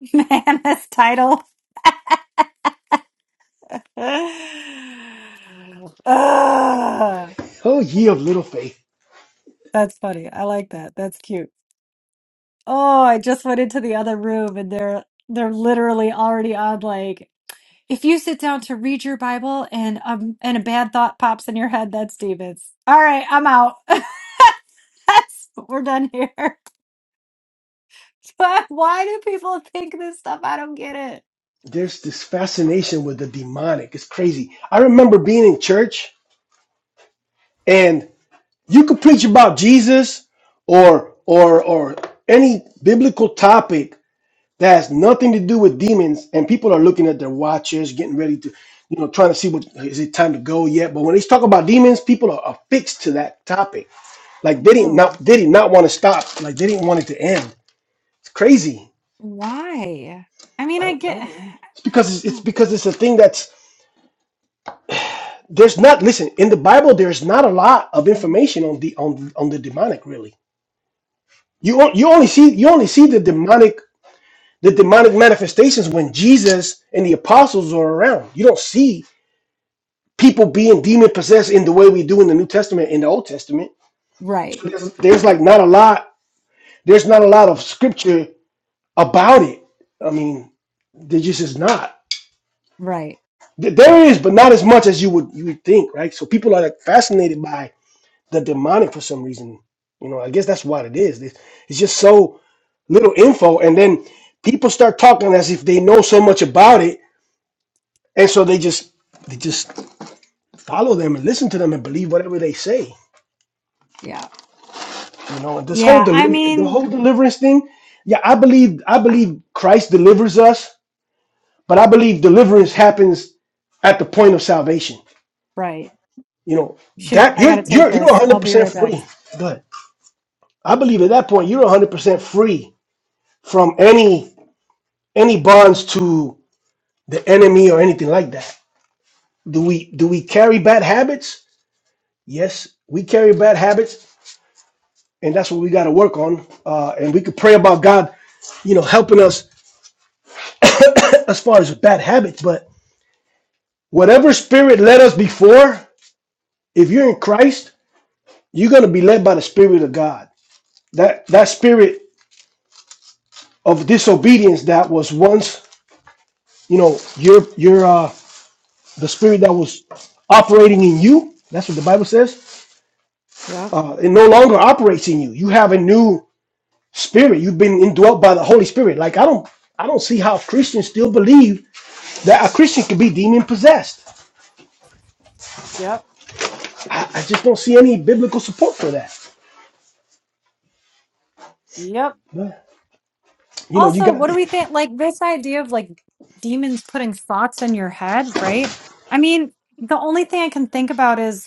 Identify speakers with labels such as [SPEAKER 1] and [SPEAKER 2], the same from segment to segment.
[SPEAKER 1] Man, this title. Ugh.
[SPEAKER 2] Oh, ye of little faith.
[SPEAKER 1] that's funny. I like that. That's cute. Oh, I just went into the other room and they're they're literally already on like if you sit down to read your Bible and um and a bad thought pops in your head, that's demons. All right, I'm out. that's we're done here. But why do people think this stuff? I don't get it.
[SPEAKER 2] There's this fascination with the demonic. It's crazy. I remember being in church and you could preach about Jesus or or or any biblical topic that has nothing to do with demons and people are looking at their watches, getting ready to, you know, trying to see what is it time to go yet. But when they talk about demons, people are affixed to that topic. Like they didn't not
[SPEAKER 1] Oh,
[SPEAKER 2] they did not want to stop. Like they didn't want it to end. It's crazy.
[SPEAKER 1] why? I mean,
[SPEAKER 2] I
[SPEAKER 1] I
[SPEAKER 2] don't
[SPEAKER 1] get
[SPEAKER 2] know, man. It's because it's, it's because it's a thing that's there's not listen in the bible there's not a lot of information on the on on the demonic really you on- you only see you only see the demonic the demonic manifestations when jesus and the apostles are around you don't see people being demon possessed in the way we do in the new testament in the old testament
[SPEAKER 1] right,
[SPEAKER 2] so there's, there's like not a lot there's not a lot of scripture about it i mean there just is not
[SPEAKER 1] right.
[SPEAKER 2] Th- there is but not as much as you would you would think right so people are like fascinated by the demonic for some reason. You know, I guess that's what it is. It- It's just so little info, and then people start talking as if they know so much about it, and so they just they just follow them and listen to them and believe whatever they say.
[SPEAKER 1] Yeah.
[SPEAKER 2] You know, and this whole
[SPEAKER 1] Yeah. I
[SPEAKER 2] deliver the
[SPEAKER 1] mean,
[SPEAKER 2] whole deliverance thing. Yeah, I believe I believe Christ delivers us, but I believe deliverance happens at the point of salvation.
[SPEAKER 1] right.
[SPEAKER 2] You know
[SPEAKER 1] Shoot,
[SPEAKER 2] that
[SPEAKER 1] I got
[SPEAKER 2] you're
[SPEAKER 1] to take
[SPEAKER 2] you're you're
[SPEAKER 1] this. I'll
[SPEAKER 2] 100
[SPEAKER 1] be
[SPEAKER 2] percent
[SPEAKER 1] right back.
[SPEAKER 2] free. But I believe at that point you're 100 percent free from any any bonds to the enemy or anything like that. Do we do we carry bad habits? Yes, we carry bad habits, and that's what we got to work on. Uh, and we could pray about God, you know, helping us as far as bad habits. But whatever spirit led us before, if you're in Christ, you're gonna be led by the Spirit of God. That that spirit of disobedience that was once, you know, your your uh, the spirit that was operating in you. That's what the Bible says
[SPEAKER 1] Yep.
[SPEAKER 2] uh, it no longer operates in you. You have a new spirit. You've been indwelt by the Holy Spirit. Like I don't, I don't see how Christians still believe that a Christian can be demon possessed.
[SPEAKER 1] Yep.
[SPEAKER 2] I, I just don't see any biblical support for that.
[SPEAKER 1] Yep.
[SPEAKER 2] But, you know, you
[SPEAKER 1] Also,
[SPEAKER 2] got
[SPEAKER 1] what do we think? Like, this idea of like demons putting thoughts in your head, right? I mean, the only thing I can think about is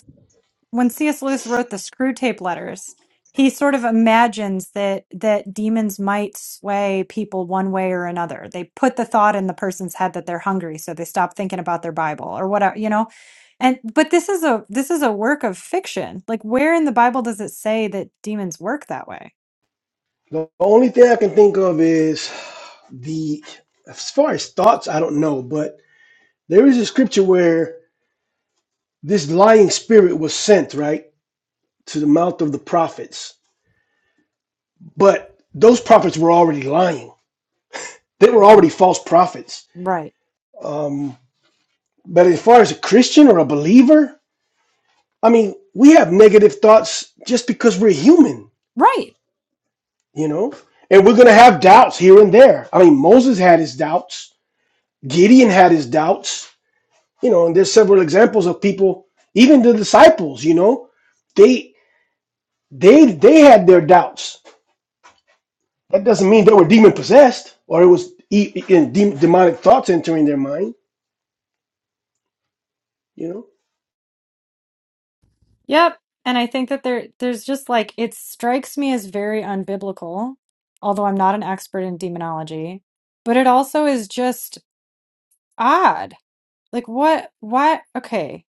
[SPEAKER 1] when C.S. Lewis wrote the Screw Tape Letters, he sort of imagines that that demons might sway people one way or another. They put the thought in the person's head that they're hungry, so they stop thinking about their Bible or whatever, you know. And but this is a this is a work of fiction. Like where in the Bible does it say that demons work that way?
[SPEAKER 2] the only thing I can think of is the as far as thoughts. I don't know, but there is a scripture where this lying spirit was sent right to the mouth of the prophets, but those prophets were already lying. They were already
[SPEAKER 1] Right,
[SPEAKER 2] false prophets.
[SPEAKER 1] right,
[SPEAKER 2] Um, But as far as a Christian or a believer, I mean, we have negative thoughts just because we're human,
[SPEAKER 1] right.
[SPEAKER 2] you know? And we're going to have doubts here and there. I mean, Moses had his doubts, Gideon had his doubts, you know, and there's several examples of people, even the disciples, you know, they they they had their doubts. That doesn't mean they were demon possessed or it was e- in de- demonic thoughts entering their mind, you know?
[SPEAKER 1] Yep. And I think that there there's just like it strikes me as very unbiblical, although I'm not an expert in demonology, but it also is just odd. Like what what okay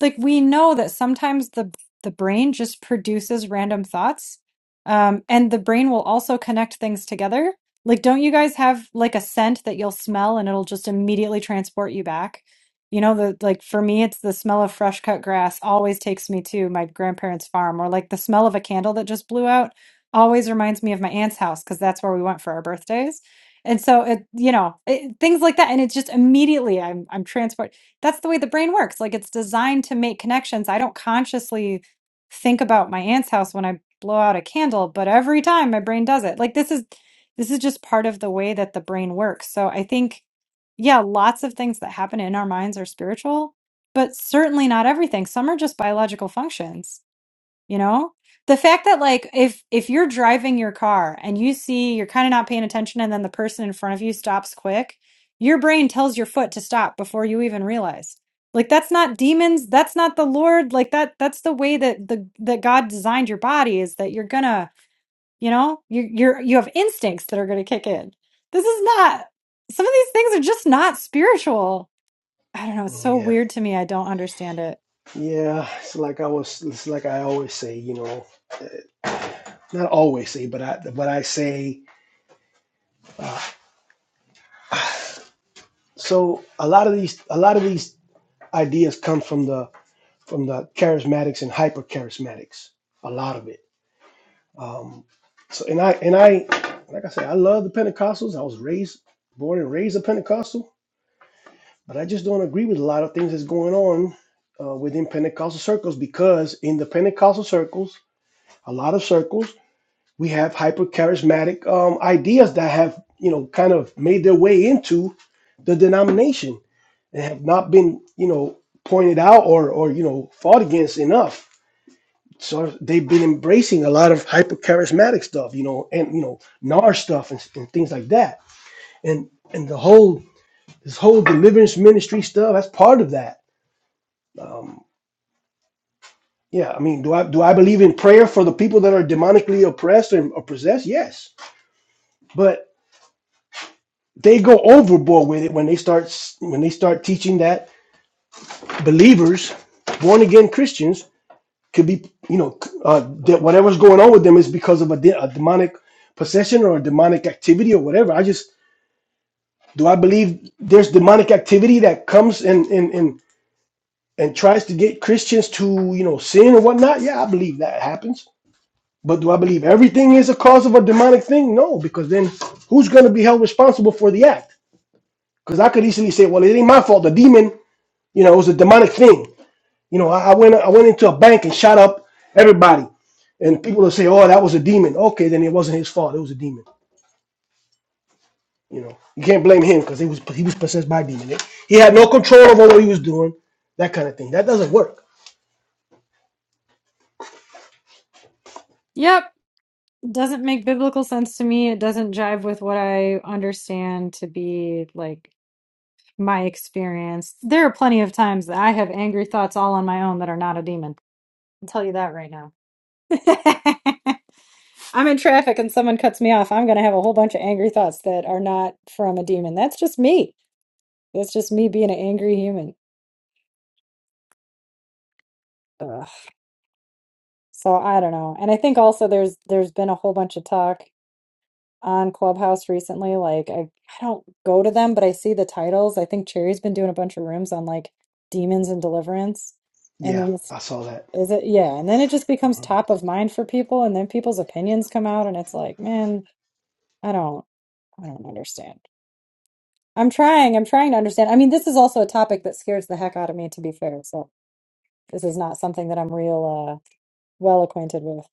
[SPEAKER 1] like we know that sometimes the the brain just produces random thoughts um and the brain will also connect things together like don't you guys have like a scent that you'll smell and it'll just immediately transport you back you know the like for me it's the smell of fresh cut grass always takes me to my grandparents farm or like the smell of a candle that just blew out always reminds me of my aunt's house because that's where we went for our birthdays and so it you know it, things like that and it's just immediately i'm i'm transported that's the way the brain works. Like it's designed to make connections. I don't consciously think about my aunt's house when I blow out a candle, but every time my brain does it. Like this is this is just part of the way that the brain works. So I think yeah, lots of things that happen in our minds are spiritual, but certainly not everything. Some are just biological functions you know the fact that like if if you're driving your car and you see you're kind of not paying attention and then the person in front of you stops quick your brain tells your foot to stop before you even realize like that's not demons that's not the lord like that that's the way that the that god designed your body is that you're gonna you know you you're you have instincts that are gonna kick in this is not some of these things are just not spiritual I don't know. It's
[SPEAKER 2] Mm,
[SPEAKER 1] so
[SPEAKER 2] Yeah.
[SPEAKER 1] weird to me. I don't understand it.
[SPEAKER 2] Yeah, it's like I was it's like I always say, you know. not always say, but I but I say so a lot of these a lot of these ideas come from the from the charismatics and hyper charismatics. A lot of it. Um, so and I and I like I said, I love the Pentecostals. I was raised, born and raised a Pentecostal, but I just don't agree with a lot of things that's going on uh, within Pentecostal circles because in the Pentecostal circles, a lot of circles we have hypercharismatic um, ideas that have you know kind of made their way into the denomination and have not been you know pointed out or or you know fought against enough so they've been embracing a lot of hypercharismatic stuff you know and you know nar stuff and, and things like that and and the whole this whole deliverance ministry stuff that's part of that um yeah i mean do i do i believe in prayer for the people that are demonically oppressed and or possessed yes but they go overboard with it when they start when they start teaching that believers, born again Christians, could be you know uh, that whatever's going on with them is because of a, de- a demonic possession or a demonic activity or whatever. I just do I believe there's demonic activity that comes and and and and tries to get Christians to you know sin or whatnot. Yeah, I believe that happens. But do I believe everything is a cause of a demonic thing? No, because then who's going to be held responsible for the act? Because I could easily say, well, it ain't my fault. The demon You know, it was a demonic thing. You know, I, I went I went into a bank and shot up everybody, and people will say, "Oh, that was a demon." Okay, then it wasn't his fault. It was a demon. You know, you can't blame him because he was he was possessed by a demon. He had no control over what he was doing. That kind of thing. That doesn't work.
[SPEAKER 1] Yep. It doesn't make biblical sense to me. It doesn't jive with what I understand to be like my experience. There are plenty of times that I have angry thoughts all on my own that are not a demon. I'll tell you that right now. I'm in traffic and someone cuts me off, I'm going to have a whole bunch of angry thoughts that are not from a demon. That's just me. That's just me being an angry human. Ugh. So I don't know. And I think also there's there's been a whole bunch of talk on Clubhouse recently. Like I, I don't go to them, but I see the titles. I think Cherry's been doing a bunch of rooms on like demons and deliverance. And
[SPEAKER 2] Yeah,
[SPEAKER 1] then it's,
[SPEAKER 2] I saw that.
[SPEAKER 1] is it yeah, and then it just becomes top of mind for people and then people's opinions come out and it's like, man, I don't I don't understand. I'm trying. I'm trying to understand. I mean, this is also a topic that scares the heck out of me, to be fair. So this is not something that I'm real uh, well acquainted with.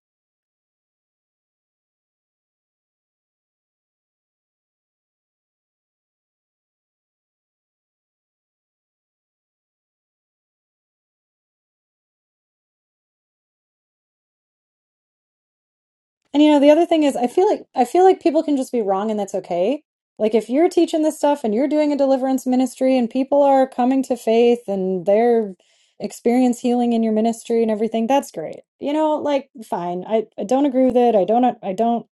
[SPEAKER 1] And you know, the other thing is, I feel like I feel like people can just be wrong, and that's okay. Like if you're teaching this stuff and you're doing a deliverance ministry, and people are coming to faith and they're experience healing in your ministry and everything, that's great. You know, like fine. I, I don't agree with it. I don't. I don't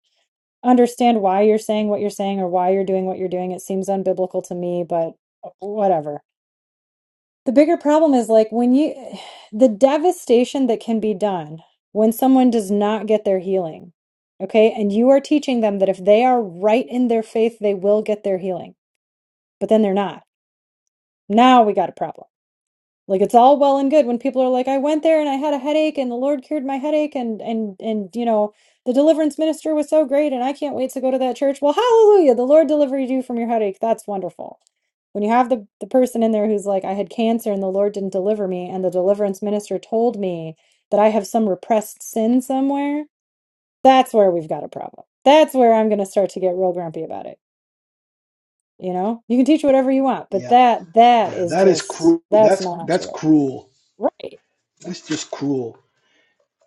[SPEAKER 1] understand why you're saying what you're saying or why you're doing what you're doing. It seems unbiblical to me, but uh, whatever The bigger problem is like when you, the devastation that can be done when someone does not get their healing. Okay. And you are teaching them that if they are right in their faith, they will get their healing, but then they're not. Now we got a problem. Like it's all well and good when people are like, I went there and I had a headache and the Lord cured my headache and and and you know, the deliverance minister was so great and I can't wait to go to that church. Well, hallelujah, the Lord delivered you from your headache. That's wonderful. When you have the, the person in there who's like, I had cancer and the Lord didn't deliver me, and the deliverance minister told me that I have some repressed sin somewhere, that's where we've got a problem. That's where I'm gonna start to get real grumpy about it. You know? You can teach whatever you want, but
[SPEAKER 2] Yeah,
[SPEAKER 1] that that
[SPEAKER 2] yeah,
[SPEAKER 1] is
[SPEAKER 2] that is
[SPEAKER 1] just
[SPEAKER 2] cruel.
[SPEAKER 1] that's
[SPEAKER 2] That's
[SPEAKER 1] not
[SPEAKER 2] that's
[SPEAKER 1] good.
[SPEAKER 2] cruel.
[SPEAKER 1] Right.
[SPEAKER 2] That's just cruel.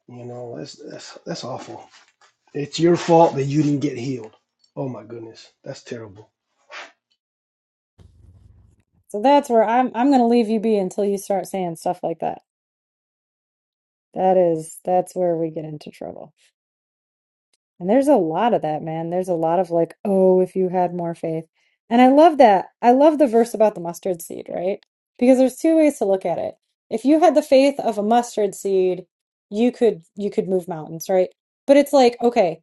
[SPEAKER 2] You know, that's that's that's awful. It's your fault that you didn't get healed. Oh my goodness, that's terrible.
[SPEAKER 1] So that's where I'm I'm gonna leave you be until you start saying stuff like that. That is that's where we get into trouble. And there's a lot of that, man. There's a lot of like, oh, if you had more faith. And I love that. I love the verse about the mustard seed, right? Because there's two ways to look at it. If you had the faith of a mustard seed, you could you could move mountains, right? But it's like, okay,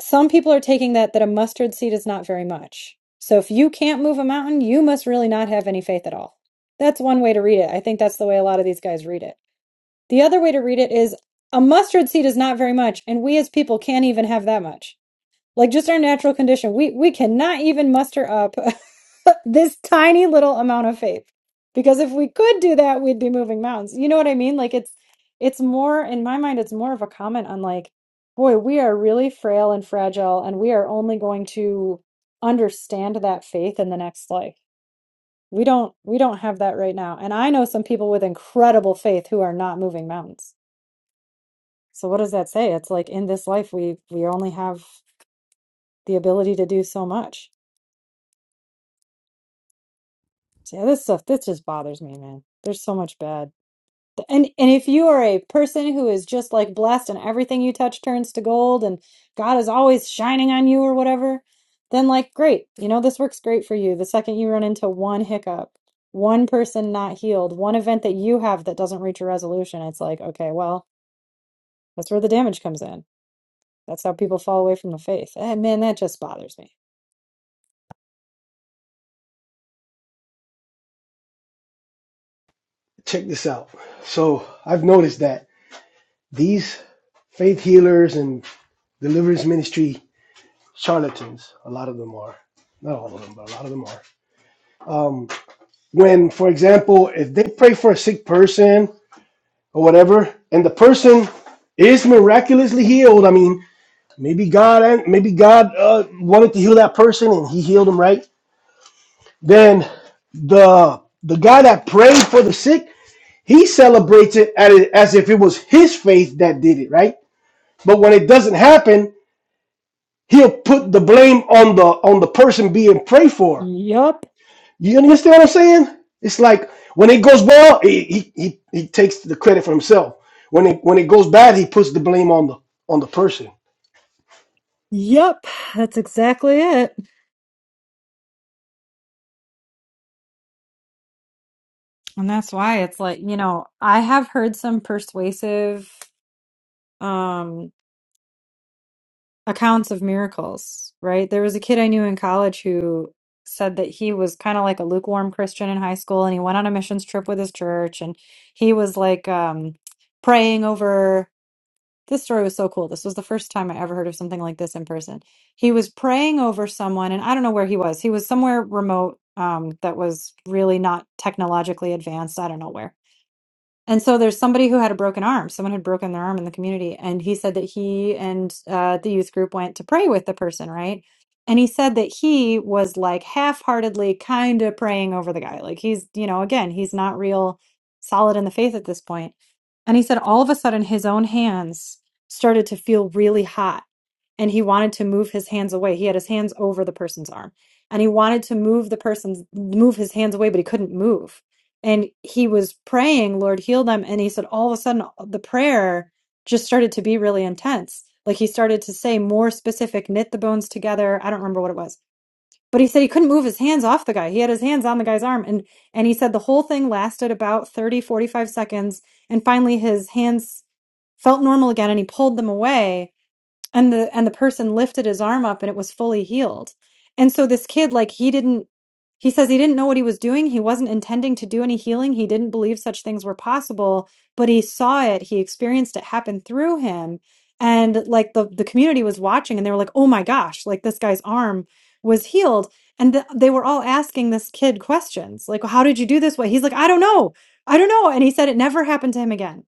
[SPEAKER 1] some people are taking that that a mustard seed is not very much. So if you can't move a mountain, you must really not have any faith at all. That's one way to read it. I think that's the way a lot of these guys read it. The other way to read it is a mustard seed is not very much, and we as people can't even have that much like just our natural condition we we cannot even muster up this tiny little amount of faith because if we could do that we'd be moving mountains you know what i mean like it's it's more in my mind it's more of a comment on like boy we are really frail and fragile and we are only going to understand that faith in the next life we don't we don't have that right now and i know some people with incredible faith who are not moving mountains so what does that say it's like in this life we we only have the ability to do so much So, yeah, this stuff this just bothers me, man. There's so much bad. And and if you are a person who is just like blessed and everything you touch turns to gold and God is always shining on you or whatever, then like great. You know, this works great for you. The second you run into one hiccup, one person not healed, one event that you have that doesn't reach a resolution, it's like, okay, well, that's where the damage comes in. That's how people fall away from the faith. And man, that just bothers me.
[SPEAKER 2] Check this out. So I've noticed that. These faith healers and deliverance ministry charlatans, a lot of them are. Not all of them, but a lot of them are. Um, when, for example, if they pray for a sick person or whatever, and the person is miraculously healed, I mean, maybe God and maybe God uh, wanted to heal that person and He healed him, right? Then the the guy that prayed for the sick, he celebrates it as if it was his faith that did it, right? But when it doesn't happen, he'll put the blame on the on the person being prayed for.
[SPEAKER 1] Yup.
[SPEAKER 2] You understand what I'm saying? It's like when it goes well, he he he, he takes the credit for himself. When it when it goes bad, he puts the blame on the on the person.
[SPEAKER 1] Yup. That's exactly it. And that's why it's like, you know, I have heard some persuasive um accounts of miracles, right? There was a kid I knew in college who said that he was kind of like a lukewarm Christian in high school and he went on a missions trip with his church and he was like um praying over this story was so cool. This was the first time I ever heard of something like this in person. He was praying over someone and I don't know where he was. He was somewhere remote um that was really not technologically advanced. I don't know where And so there's somebody who had a broken arm. Someone had broken their arm in the community. And he said that he and uh, the youth group went to pray with the person, right? And he said that he was like half heartedly kind of praying over the guy. Like he's, you know, again, he's not real solid in the faith at this point. And he said all of a sudden his own hands started to feel really hot and he wanted to move his hands away. He had his hands over the person's arm and he wanted to move the person's, move his hands away, but he couldn't move and he was praying lord heal them and he said all of a sudden uh, the prayer just started to be really intense like he started to say more specific knit the bones together i don't remember what it was but he said he couldn't move his hands off the guy he had his hands on the guy's arm and and he said the whole thing lasted about 30, 45 seconds and finally his hands felt normal again and he pulled them away and the and the person lifted his arm up and it was fully healed and so this kid like he didn't he says he didn't know what he was doing he wasn't intending to do any healing he didn't believe such things were possible but he saw it he experienced it happen through him and like the the community was watching and they were like oh my gosh like this guy's arm was healed and th- they were all asking this kid questions like how did you do this way he's like i don't know i don't know and he said it never happened to him again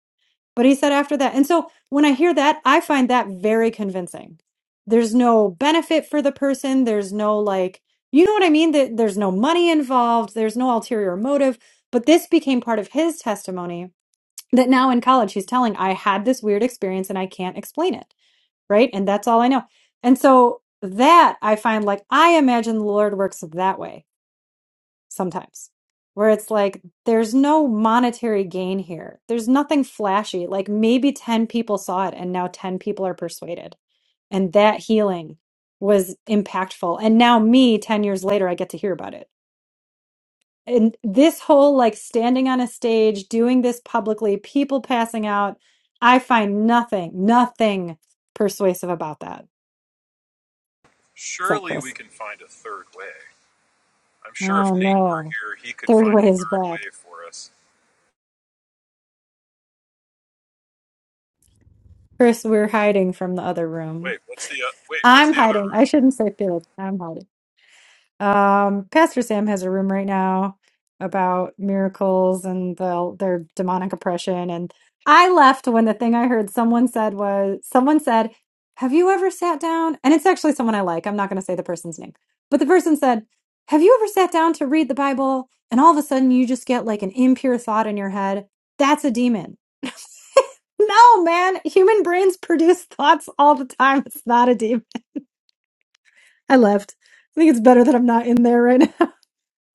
[SPEAKER 1] but he said after that. And so when I hear that, I find that very convincing. There's no benefit for the person. There's no like, you know what I mean? That there's no money involved. There's no ulterior motive. But this became part of his testimony that now in college he's telling, I had this weird experience and I can't explain it. Right. And that's all I know. And so that I find like, I imagine the Lord works that way sometimes where it's like there's no monetary gain here. There's nothing flashy. Like maybe 10 people saw it and now 10 people are persuaded. And that healing was impactful. And now me 10 years later I get to hear about it. And this whole like standing on a stage doing this publicly, people passing out, I find nothing, nothing persuasive about that. So
[SPEAKER 3] Surely we
[SPEAKER 1] Chris,
[SPEAKER 3] can find a third way. I'm sure if
[SPEAKER 1] oh
[SPEAKER 3] Nate were
[SPEAKER 1] no,
[SPEAKER 3] here, he could
[SPEAKER 1] third
[SPEAKER 3] find
[SPEAKER 1] way
[SPEAKER 3] a
[SPEAKER 1] is
[SPEAKER 3] third
[SPEAKER 1] back.
[SPEAKER 3] way for us.
[SPEAKER 1] Chris, we're hiding from the other room.
[SPEAKER 3] Wait, what's the uh, wait? What's
[SPEAKER 1] I'm
[SPEAKER 3] the other
[SPEAKER 1] hiding. I
[SPEAKER 3] room?
[SPEAKER 1] shouldn't say Felix. I'm hiding. Um, Pastor Sam has a room right now about miracles and the, their demonic oppression. And I left when the thing I heard someone said was someone said, Have you ever sat down? And it's actually someone I like. I'm not going to say the person's name. But the person said, Have you ever sat down to read the Bible and all of a sudden you just get like an impure thought in your head? That's a demon. No, man. Human brains produce thoughts all the time. It's not a demon. I left. I think it's better that I'm not in there right now.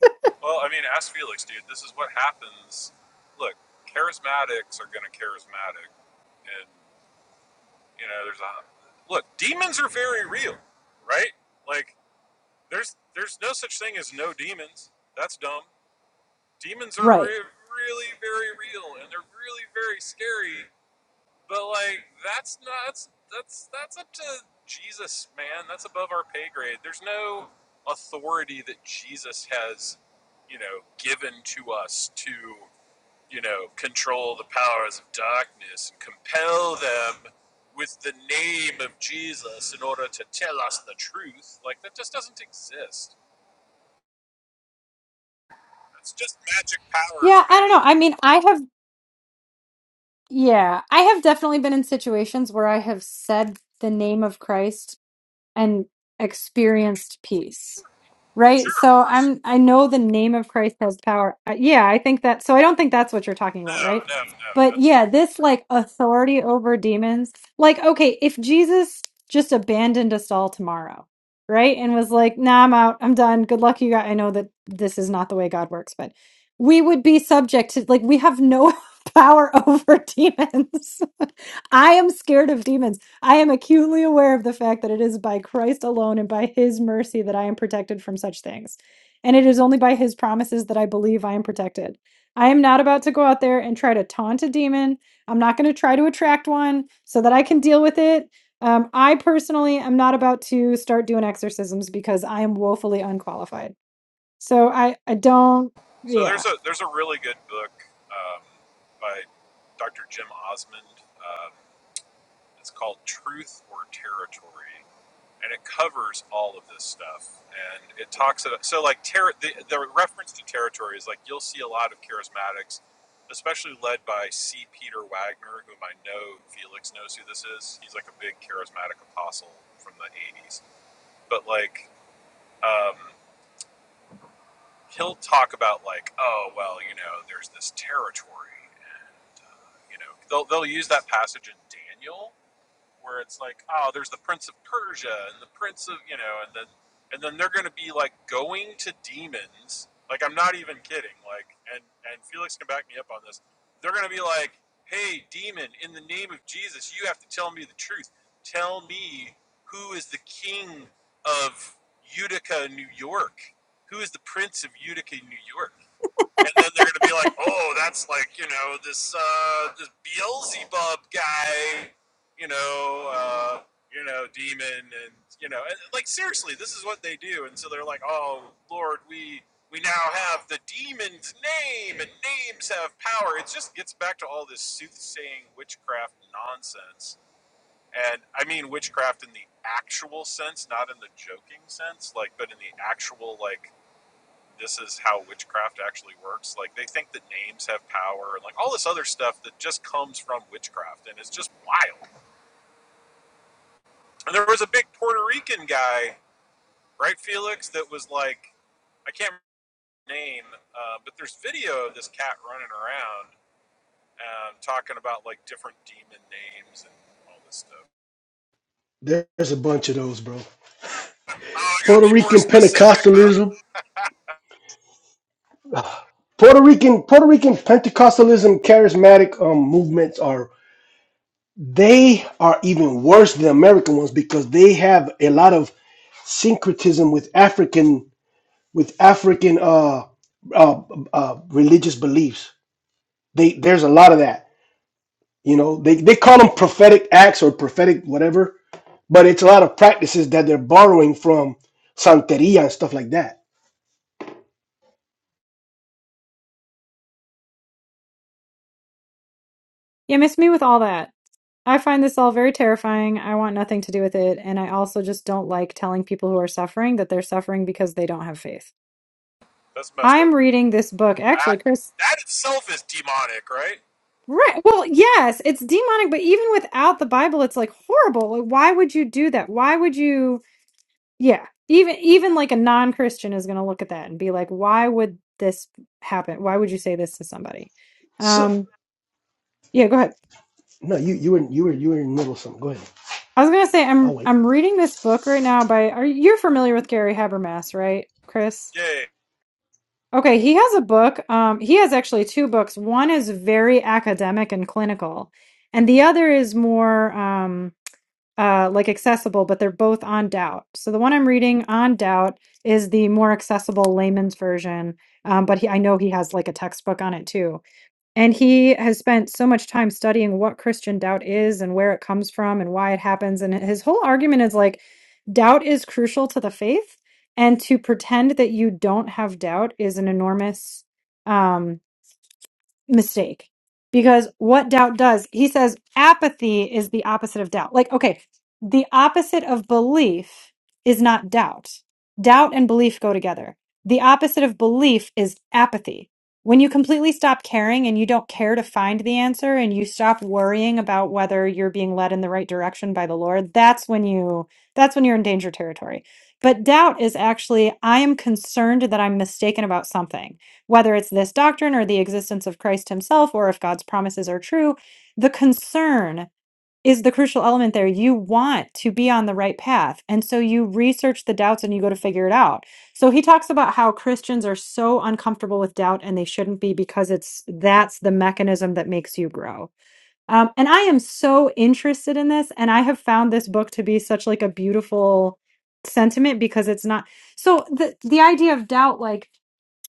[SPEAKER 3] Well, I mean, ask Felix, dude. This is what happens. Look, charismatics are gonna charismatic, and you know, there's a look. Demons are very real, right? Like, there's there's no such thing as no demons. That's dumb. Demons are
[SPEAKER 1] Right.
[SPEAKER 3] re- really very real, and they're really very scary. But like that's not that's that's that's up to Jesus, man. That's above our pay grade. There's no authority that Jesus has, you know, given to us to, you know, control the powers of darkness and compel them with the name of Jesus in order to tell us the truth. Like that just doesn't exist. It's just magic powers,
[SPEAKER 1] Yeah, I don't
[SPEAKER 3] man.
[SPEAKER 1] know. I mean, I have, yeah, I have definitely been in situations where I have said the name of Christ and experienced peace right
[SPEAKER 3] Sure, of
[SPEAKER 1] so
[SPEAKER 3] course.
[SPEAKER 1] i'm i know the name of christ has power Uh, yeah i think that so i don't think that's what you're talking about
[SPEAKER 3] No,
[SPEAKER 1] right
[SPEAKER 3] no, no.
[SPEAKER 1] but
[SPEAKER 3] That's not.
[SPEAKER 1] yeah this like authority over demons like okay if jesus just abandoned us all tomorrow right and was like nah i'm out i'm done good luck you guys i know that this is not the way god works but we would be subject to like we have no power over demons i am scared of demons I am acutely aware of the fact that it is by Christ alone and by his mercy that I am protected from such things. And it is only by his promises that I believe I am protected. I am not about to go out there and try to taunt a demon. I'm not going to try to attract one so that I can deal with it. Um, I personally am not about to start doing exorcisms because I am woefully unqualified. So I, I don't,
[SPEAKER 3] So
[SPEAKER 1] yeah.
[SPEAKER 3] there's a there's a really good book um, by Dr. Jim Osmond. Um, it's called Truth or Territory, and it covers all of this stuff. And it talks about so like ter- the the reference to territory is like you'll see a lot of charismatics, especially led by C. Peter Wagner, whom I know Felix knows who this is. He's like a big charismatic apostle from the '80s, but like. Um, he'll talk about like, oh well, you know, there's this territory, and uh, you know, they'll they'll use that passage in Daniel where it's like, oh, there's the Prince of Persia and the Prince of you know, and then and then they're going to be like going to demons. Like I'm not even kidding. Like and and Felix can back me up on this. They're going to be like, hey, demon, in the name of Jesus, you have to tell me the truth. Tell me who is the king of Utica, New York? Who is the prince of Utica, New York? and then they're gonna be like, "Oh, that's like you know this uh, this Beelzebub guy, you know, uh, you know, demon, and you know, and, like seriously, this is what they do." And so they're like, "Oh Lord, we we now have the demon's name, and names have power." It just gets back to all this soothsaying witchcraft nonsense. And I mean witchcraft in the actual sense, not in the joking sense, like, but in the actual like this is how witchcraft actually works. Like they think that names have power and like all this other stuff that just comes from witchcraft and it's just wild. And there was a big Puerto Rican guy, right, Felix, that was like I can't remember his name, uh, but there's video of this cat running around um, talking about like different demon names and all this stuff.
[SPEAKER 2] There's a bunch of those, bro.
[SPEAKER 3] Oh, I gotta
[SPEAKER 2] Puerto
[SPEAKER 3] be more
[SPEAKER 2] Rican
[SPEAKER 3] specific, huh?
[SPEAKER 2] Pentecostalism, Puerto Rican Puerto Rican Pentecostalism, charismatic um, movements are they are even worse than American ones because they have a lot of syncretism with African with African uh, uh, uh, religious beliefs. They there's a lot of that. You know, they they call them prophetic acts or prophetic whatever, but it's a lot of practices that they're borrowing from Santeria and stuff like that.
[SPEAKER 1] Yeah, miss me with all that. I find this all very terrifying. I want nothing to do with it. And I also just don't like telling people who are suffering that they're suffering because they don't have faith.
[SPEAKER 3] That's messed up.
[SPEAKER 1] I'm reading this book. Actually,
[SPEAKER 3] That
[SPEAKER 1] Chris,
[SPEAKER 3] that itself is demonic, right?
[SPEAKER 1] right. Well, yes, it's demonic, but even without the Bible, it's like horrible. Like, why would you do that? Why would you? Yeah. Even, even like a non Christian is going to look at that and be like, why would this happen? Why would you say this to somebody?
[SPEAKER 2] So
[SPEAKER 1] Um, yeah, go ahead.
[SPEAKER 2] no, you you were you were you were in the middle of something. Go ahead.
[SPEAKER 1] I was gonna say
[SPEAKER 2] I'll
[SPEAKER 1] I'm
[SPEAKER 2] wait.
[SPEAKER 1] I'm reading this book right now by are you're familiar with Gary Habermas, right, Chris?
[SPEAKER 3] Yay.
[SPEAKER 1] Okay, he has a book. Um, he has actually two books. One is very academic and clinical, and the other is more um uh like accessible, but they're both on doubt. So the one I'm reading on doubt is the more accessible layman's version. Um, but he, I know he has like a textbook on it too. And he has spent so much time studying what Christian doubt is and where it comes from and why it happens. And his whole argument is like, doubt is crucial to the faith. And to pretend that you don't have doubt is an enormous, um, mistake because what doubt does he says apathy is the opposite of doubt like okay the opposite of belief is not doubt doubt and belief go together the opposite of belief is apathy when you completely stop caring and you don't care to find the answer and you stop worrying about whether you're being led in the right direction by the lord that's when you that's when you're in danger territory but doubt is actually i am concerned that i'm mistaken about something whether it's this doctrine or the existence of Christ himself or if God's promises are true, the concern is the crucial element there. You want to be on the right path. And so you research the doubts and you go to figure it out. So he talks about how Christians are so uncomfortable with doubt and they shouldn't be because it's that's the mechanism that makes you grow. Um, and I am so interested in this, and I have found this book to be such like a beautiful sentiment because it's not so the the idea of doubt like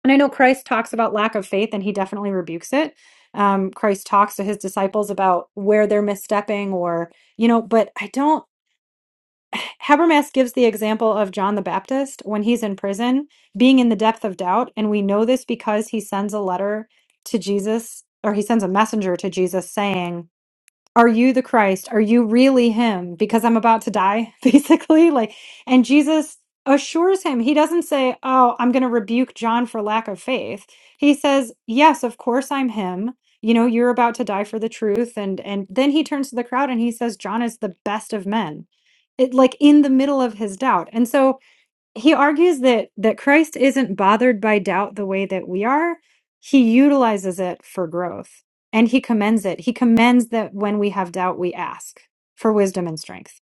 [SPEAKER 1] and I know Christ talks about lack of faith and he definitely rebukes it. Um, Christ talks to his disciples about where they're misstepping or, you know, but I don't. Habermas gives the example of John the Baptist when he's in prison, being in the depth of doubt. And we know this because he sends a letter to Jesus or he sends a messenger to Jesus saying, are you the Christ? Are you really him? Because I'm about to die, basically. Like, and Jesus assures him. He doesn't say, Oh, I'm going to rebuke John for lack of faith. He says, Yes, of course I'm him. You know, you're about to die for the truth. And, and then he turns to the crowd and he says, John is the best of men. It, like in the middle of his doubt. And so he argues that that Christ isn't bothered by doubt the way that we are. He utilizes it for growth and he commends it. He commends that when we have doubt we ask for wisdom and strength.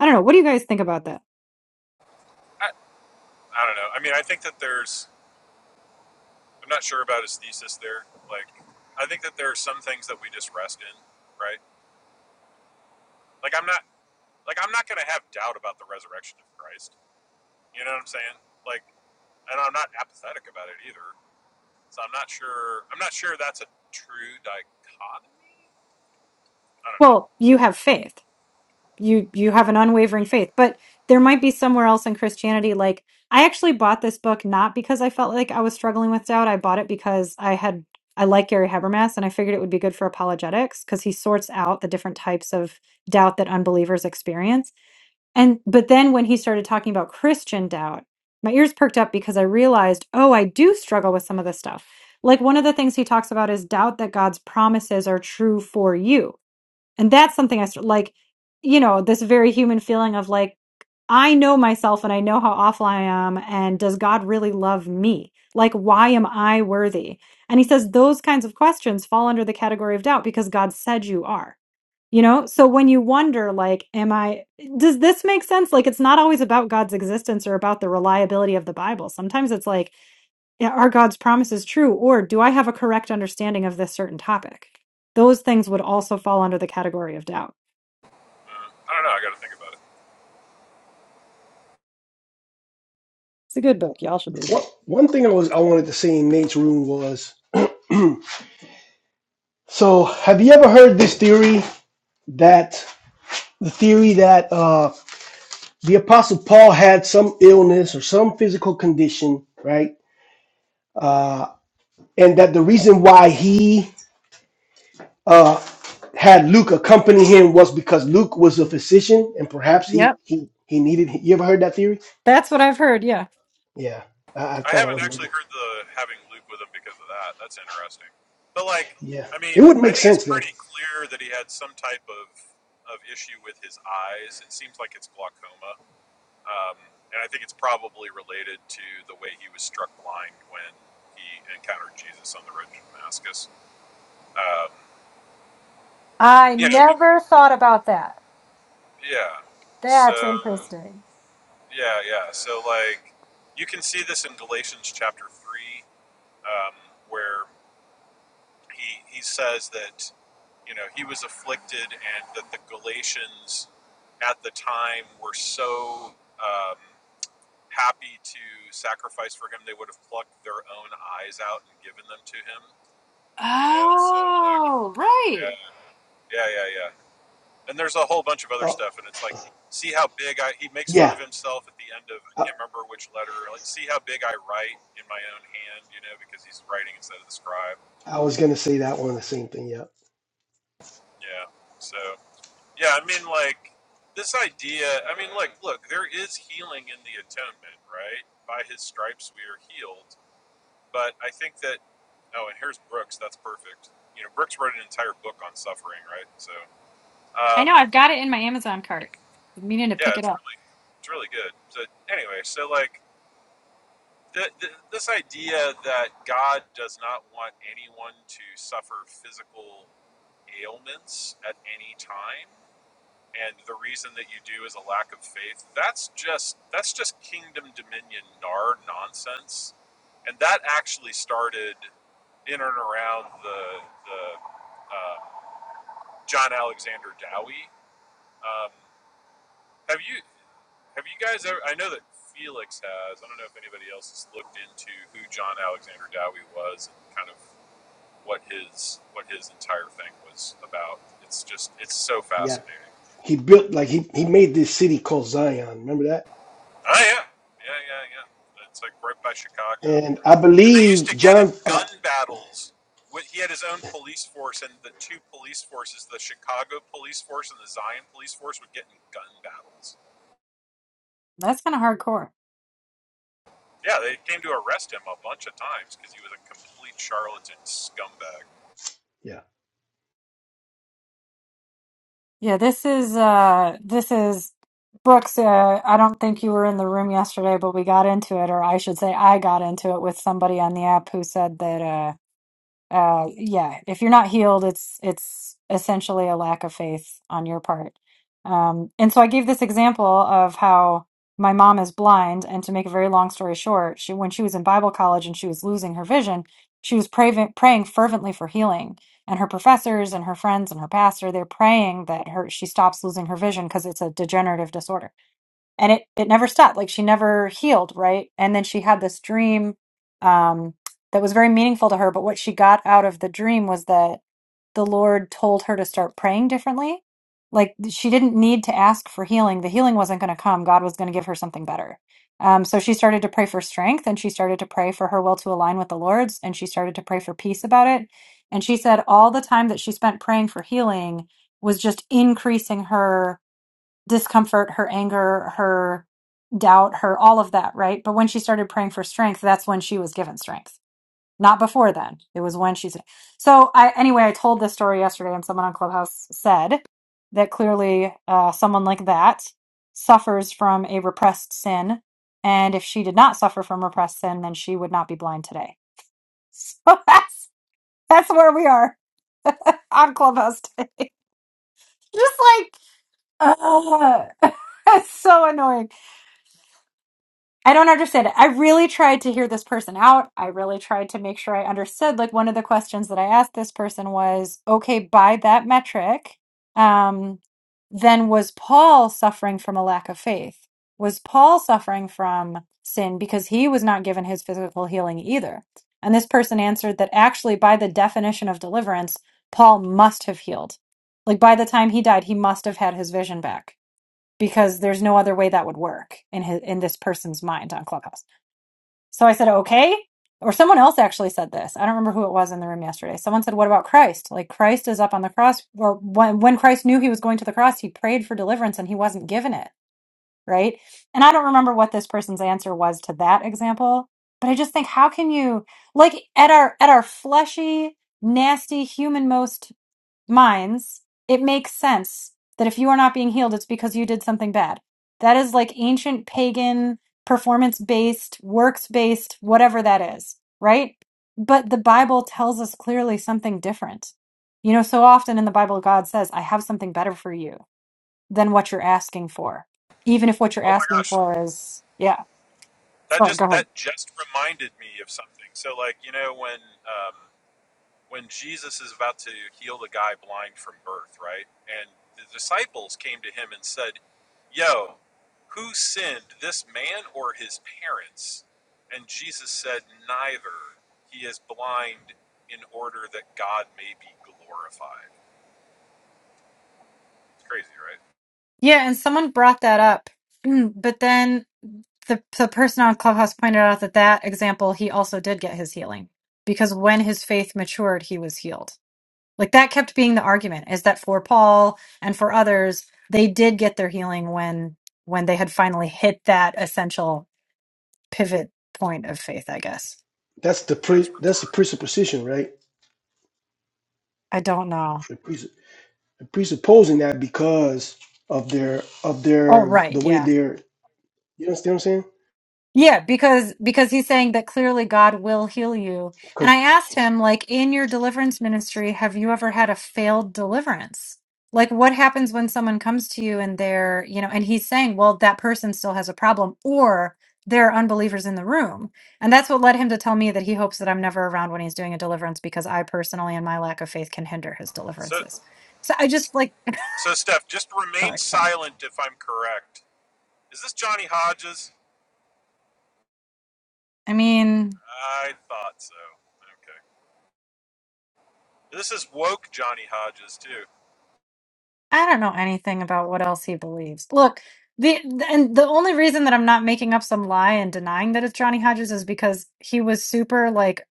[SPEAKER 1] I don't know, what do you guys think about that?
[SPEAKER 3] I, I don't know. I mean, I think that there's I'm not sure about his thesis there. Like, I think that there are some things that we just rest in, right? Like, I'm not like I'm not going to have doubt about the resurrection of Christ. You know what I'm saying? Like, and I'm not apathetic about it either. So I'm not sure. I'm not sure that's a true dichotomy. I don't know.
[SPEAKER 1] Well, you have faith. you you have an unwavering faith but there might be somewhere else in christianity like i actually bought this book not because i felt like i was struggling with doubt i bought it because i had i like gary habermas and i figured it would be good for apologetics because he sorts out the different types of doubt that unbelievers experience and but then when he started talking about christian doubt my ears perked up because i realized oh i do struggle with some of this stuff like one of the things he talks about is doubt that god's promises are true for you and that's something I start like, you know, this very human feeling of like, I know myself and I know how awful I am. And does God really love me? Like, why am I worthy? And he says those kinds of questions fall under the category of doubt because God said you are, you know? So when you wonder, like, am I, does this make sense? Like, it's not always about God's existence or about the reliability of the Bible. Sometimes it's like, "Yeah, are God's promises true? Or do I have a correct understanding of this certain topic? Those things would also fall under the category of doubt.
[SPEAKER 3] Uh, I don't know. I got to think about it.
[SPEAKER 1] It's a good book. Y'all should read
[SPEAKER 2] What
[SPEAKER 1] it.
[SPEAKER 2] one thing I was I wanted to say in Nate's room was so have you ever heard this theory that the theory that uh, the apostle Paul had some illness or some physical condition, right? Uh, and that the reason why he uh, had Luke accompany him was because Luke was a physician and perhaps he
[SPEAKER 1] Yep,
[SPEAKER 2] he he needed. You ever heard that theory?
[SPEAKER 1] that's what I've heard. Yeah.
[SPEAKER 2] Yeah, I, I
[SPEAKER 3] I
[SPEAKER 2] thought I
[SPEAKER 3] haven't
[SPEAKER 2] would
[SPEAKER 3] actually
[SPEAKER 2] maybe.
[SPEAKER 3] heard the having Luke with him because of that. That's interesting. But like,
[SPEAKER 2] Yeah,
[SPEAKER 3] I mean,
[SPEAKER 2] it would
[SPEAKER 3] I
[SPEAKER 2] make
[SPEAKER 3] think it's
[SPEAKER 2] sense though.
[SPEAKER 3] pretty clear that he had some type of of issue with his eyes. It seems like it's glaucoma Um, and I think it's probably related to the way he was struck blind when he encountered Jesus on the road to Damascus. Um,
[SPEAKER 1] I
[SPEAKER 3] you know, be,
[SPEAKER 1] never thought about that.
[SPEAKER 3] yeah. So,
[SPEAKER 1] That's interesting.
[SPEAKER 3] yeah, yeah. So, like, you can see this in Galatians chapter 3, um, where he, he says that, you know, he was afflicted and that the Galatians at the time were so. Um, happy to sacrifice for him. They would have plucked their own eyes out and given them to him, you know? So, like,
[SPEAKER 1] Oh, right.
[SPEAKER 3] yeah, yeah, yeah, yeah. And there's a whole bunch of other
[SPEAKER 2] Uh,
[SPEAKER 3] stuff, and it's like, see how big I, he makes fun
[SPEAKER 2] yeah,
[SPEAKER 3] of himself at the end of, I
[SPEAKER 2] I,
[SPEAKER 3] can't remember which letter, like, see how big I write in my own hand, you know, because he's writing instead of the scribe.
[SPEAKER 2] I was gonna say that one the same thing. Yeah,
[SPEAKER 3] Yeah. So, yeah, I mean, like, this idea, I mean, like, look, there is healing in the atonement, right? By his stripes we are healed But I think that oh, and here's Brooks. That's perfect. You know, Brooks wrote an entire book on suffering, right? So,
[SPEAKER 1] I
[SPEAKER 3] um,
[SPEAKER 1] know. I've got it in my Amazon cart. I'm meaning to
[SPEAKER 3] yeah,
[SPEAKER 1] pick it
[SPEAKER 3] it's
[SPEAKER 1] up.
[SPEAKER 3] really it's really good. So anyway, so like the, the, this idea that God does not want anyone to suffer physical ailments at any time and the reason that you do is a lack of faith that's just that's just kingdom dominion nar nonsense and that actually started in and around the the uh, john alexander dowie um, have you have you guys ever i know that felix has i don't know if anybody else has looked into who john alexander dowie was and kind of what his what his entire thing was about it's just it's so
[SPEAKER 2] yeah.
[SPEAKER 3] fascinating
[SPEAKER 2] He built like he he made this city called Zion. Remember that?
[SPEAKER 3] Oh yeah, yeah, yeah, yeah. It's like right by Chicago.
[SPEAKER 2] And I
[SPEAKER 3] And they used to
[SPEAKER 2] believe
[SPEAKER 3] get in
[SPEAKER 2] John. Uh,
[SPEAKER 3] gun battles. He had his own police force, and the two police forces, the Chicago police force and the Zion police force, would get in gun battles.
[SPEAKER 1] That's kind of hardcore.
[SPEAKER 3] Yeah, they came to arrest him a bunch of times because he was a complete charlatan scumbag.
[SPEAKER 2] yeah.
[SPEAKER 1] Yeah, this is uh this is Brooks, uh, I don't think you were in the room yesterday, but we got into it, or I should say I got into it with somebody on the app who said that uh, uh yeah if you're not healed it's it's essentially a lack of faith on your part um and so i gave this example of how my mom is blind and to make a very long story short she when she was in bible college and she was losing her vision she was praying praying fervently for healing and her professors and her friends and her pastor they're praying that her she stops losing her vision because it's a degenerative disorder and it it never stopped like she never healed right and then she had this dream um that was very meaningful to her but what she got out of the dream was that the lord told her to start praying differently like she didn't need to ask for healing the healing wasn't going to come god was going to give her something better um, so she started to pray for strength and she started to pray for her will to align with the lord's and she started to pray for peace about it and she said all the time that she spent praying for healing was just increasing her discomfort, her anger, her doubt, her all of that, right? But when she started praying for strength, that's when she was given strength. Not before then. It was when she's so. I anyway, I told this story yesterday, and someone on Clubhouse said that clearly, uh, someone like that suffers from a repressed sin, and if she did not suffer from repressed sin, then she would not be blind today. So that's that's where we are on Clubhouse. Just like, ugh, it's so annoying. I don't understand it. I really tried to hear this person out. I really tried to make sure I understood. Like one of the questions that I asked this person was, okay, by that metric, um, then was Paul suffering from a lack of faith? Was Paul suffering from sin because he was not given his physical healing either? And this person answered that actually, by the definition of deliverance, Paul must have healed. Like by the time he died, he must have had his vision back because there's no other way that would work in his, in this person's mind on Clubhouse. So I said, okay. Or someone else actually said this. I don't remember who it was in the room yesterday. Someone said, what about Christ? Like Christ is up on the cross, or when, when Christ knew he was going to the cross, he prayed for deliverance and he wasn't given it. Right. And I don't remember what this person's answer was to that example, but I just think, how can you, like at our, at our fleshy, nasty human most minds, it makes sense that if you are not being healed, it's because you did something bad. That is like ancient pagan, performance based, works based, whatever that is, right? But the Bible tells us clearly something different. You know, so often in the Bible, God says, I have something better for you than what you're asking for, even if what you're
[SPEAKER 3] Oh my
[SPEAKER 1] asking
[SPEAKER 3] gosh,
[SPEAKER 1] for is, yeah.
[SPEAKER 3] that
[SPEAKER 1] So go
[SPEAKER 3] just
[SPEAKER 1] ahead.
[SPEAKER 3] that just reminded me of something. So like you know when um, when Jesus is about to heal the guy blind from birth, right? And the disciples came to him and said, Yo, who sinned, this man or his parents? And Jesus said, Neither. He is blind in order that God may be glorified. It's crazy, right?
[SPEAKER 1] Yeah, and someone brought that up, Mm, but then the the person on Clubhouse pointed out that that example he also did get his healing because when his faith matured, he was healed. Like that kept being the argument is that for Paul and for others, they did get their healing when when they had finally hit that essential pivot point of faith. I guess
[SPEAKER 2] That's the pre
[SPEAKER 3] That's
[SPEAKER 2] that's the
[SPEAKER 3] retarded.
[SPEAKER 2] presupposition, right?
[SPEAKER 1] I don't know.
[SPEAKER 2] The pres- presupposing that because of their of
[SPEAKER 1] Oh,
[SPEAKER 2] their
[SPEAKER 1] right,
[SPEAKER 2] the way
[SPEAKER 1] yeah.
[SPEAKER 2] they're you understand what I'm saying?
[SPEAKER 1] Yeah, because because he's saying that clearly God will heal you. And I
[SPEAKER 2] Because
[SPEAKER 1] asked him like in your deliverance ministry, have you ever had a failed deliverance? Like what happens when someone comes to you and they're, you know, and he's saying, well, that person still has a problem or there are unbelievers in the room. And that's what led him to tell me that he hopes that I'm never around when he's doing a deliverance because I personally and my lack of faith can hinder his
[SPEAKER 3] So,
[SPEAKER 1] deliverances. So I just like
[SPEAKER 3] so Steph, just remain
[SPEAKER 1] sorry.
[SPEAKER 3] silent if I'm correct. Is this Johnny Hodges?
[SPEAKER 1] I mean,
[SPEAKER 3] I thought so. Okay. This is woke Johnny Hodges, too.
[SPEAKER 1] I don't know anything about what else he believes. Look, the and the only reason that I'm not making up some lie and denying that it's Johnny Hodges is because he was super like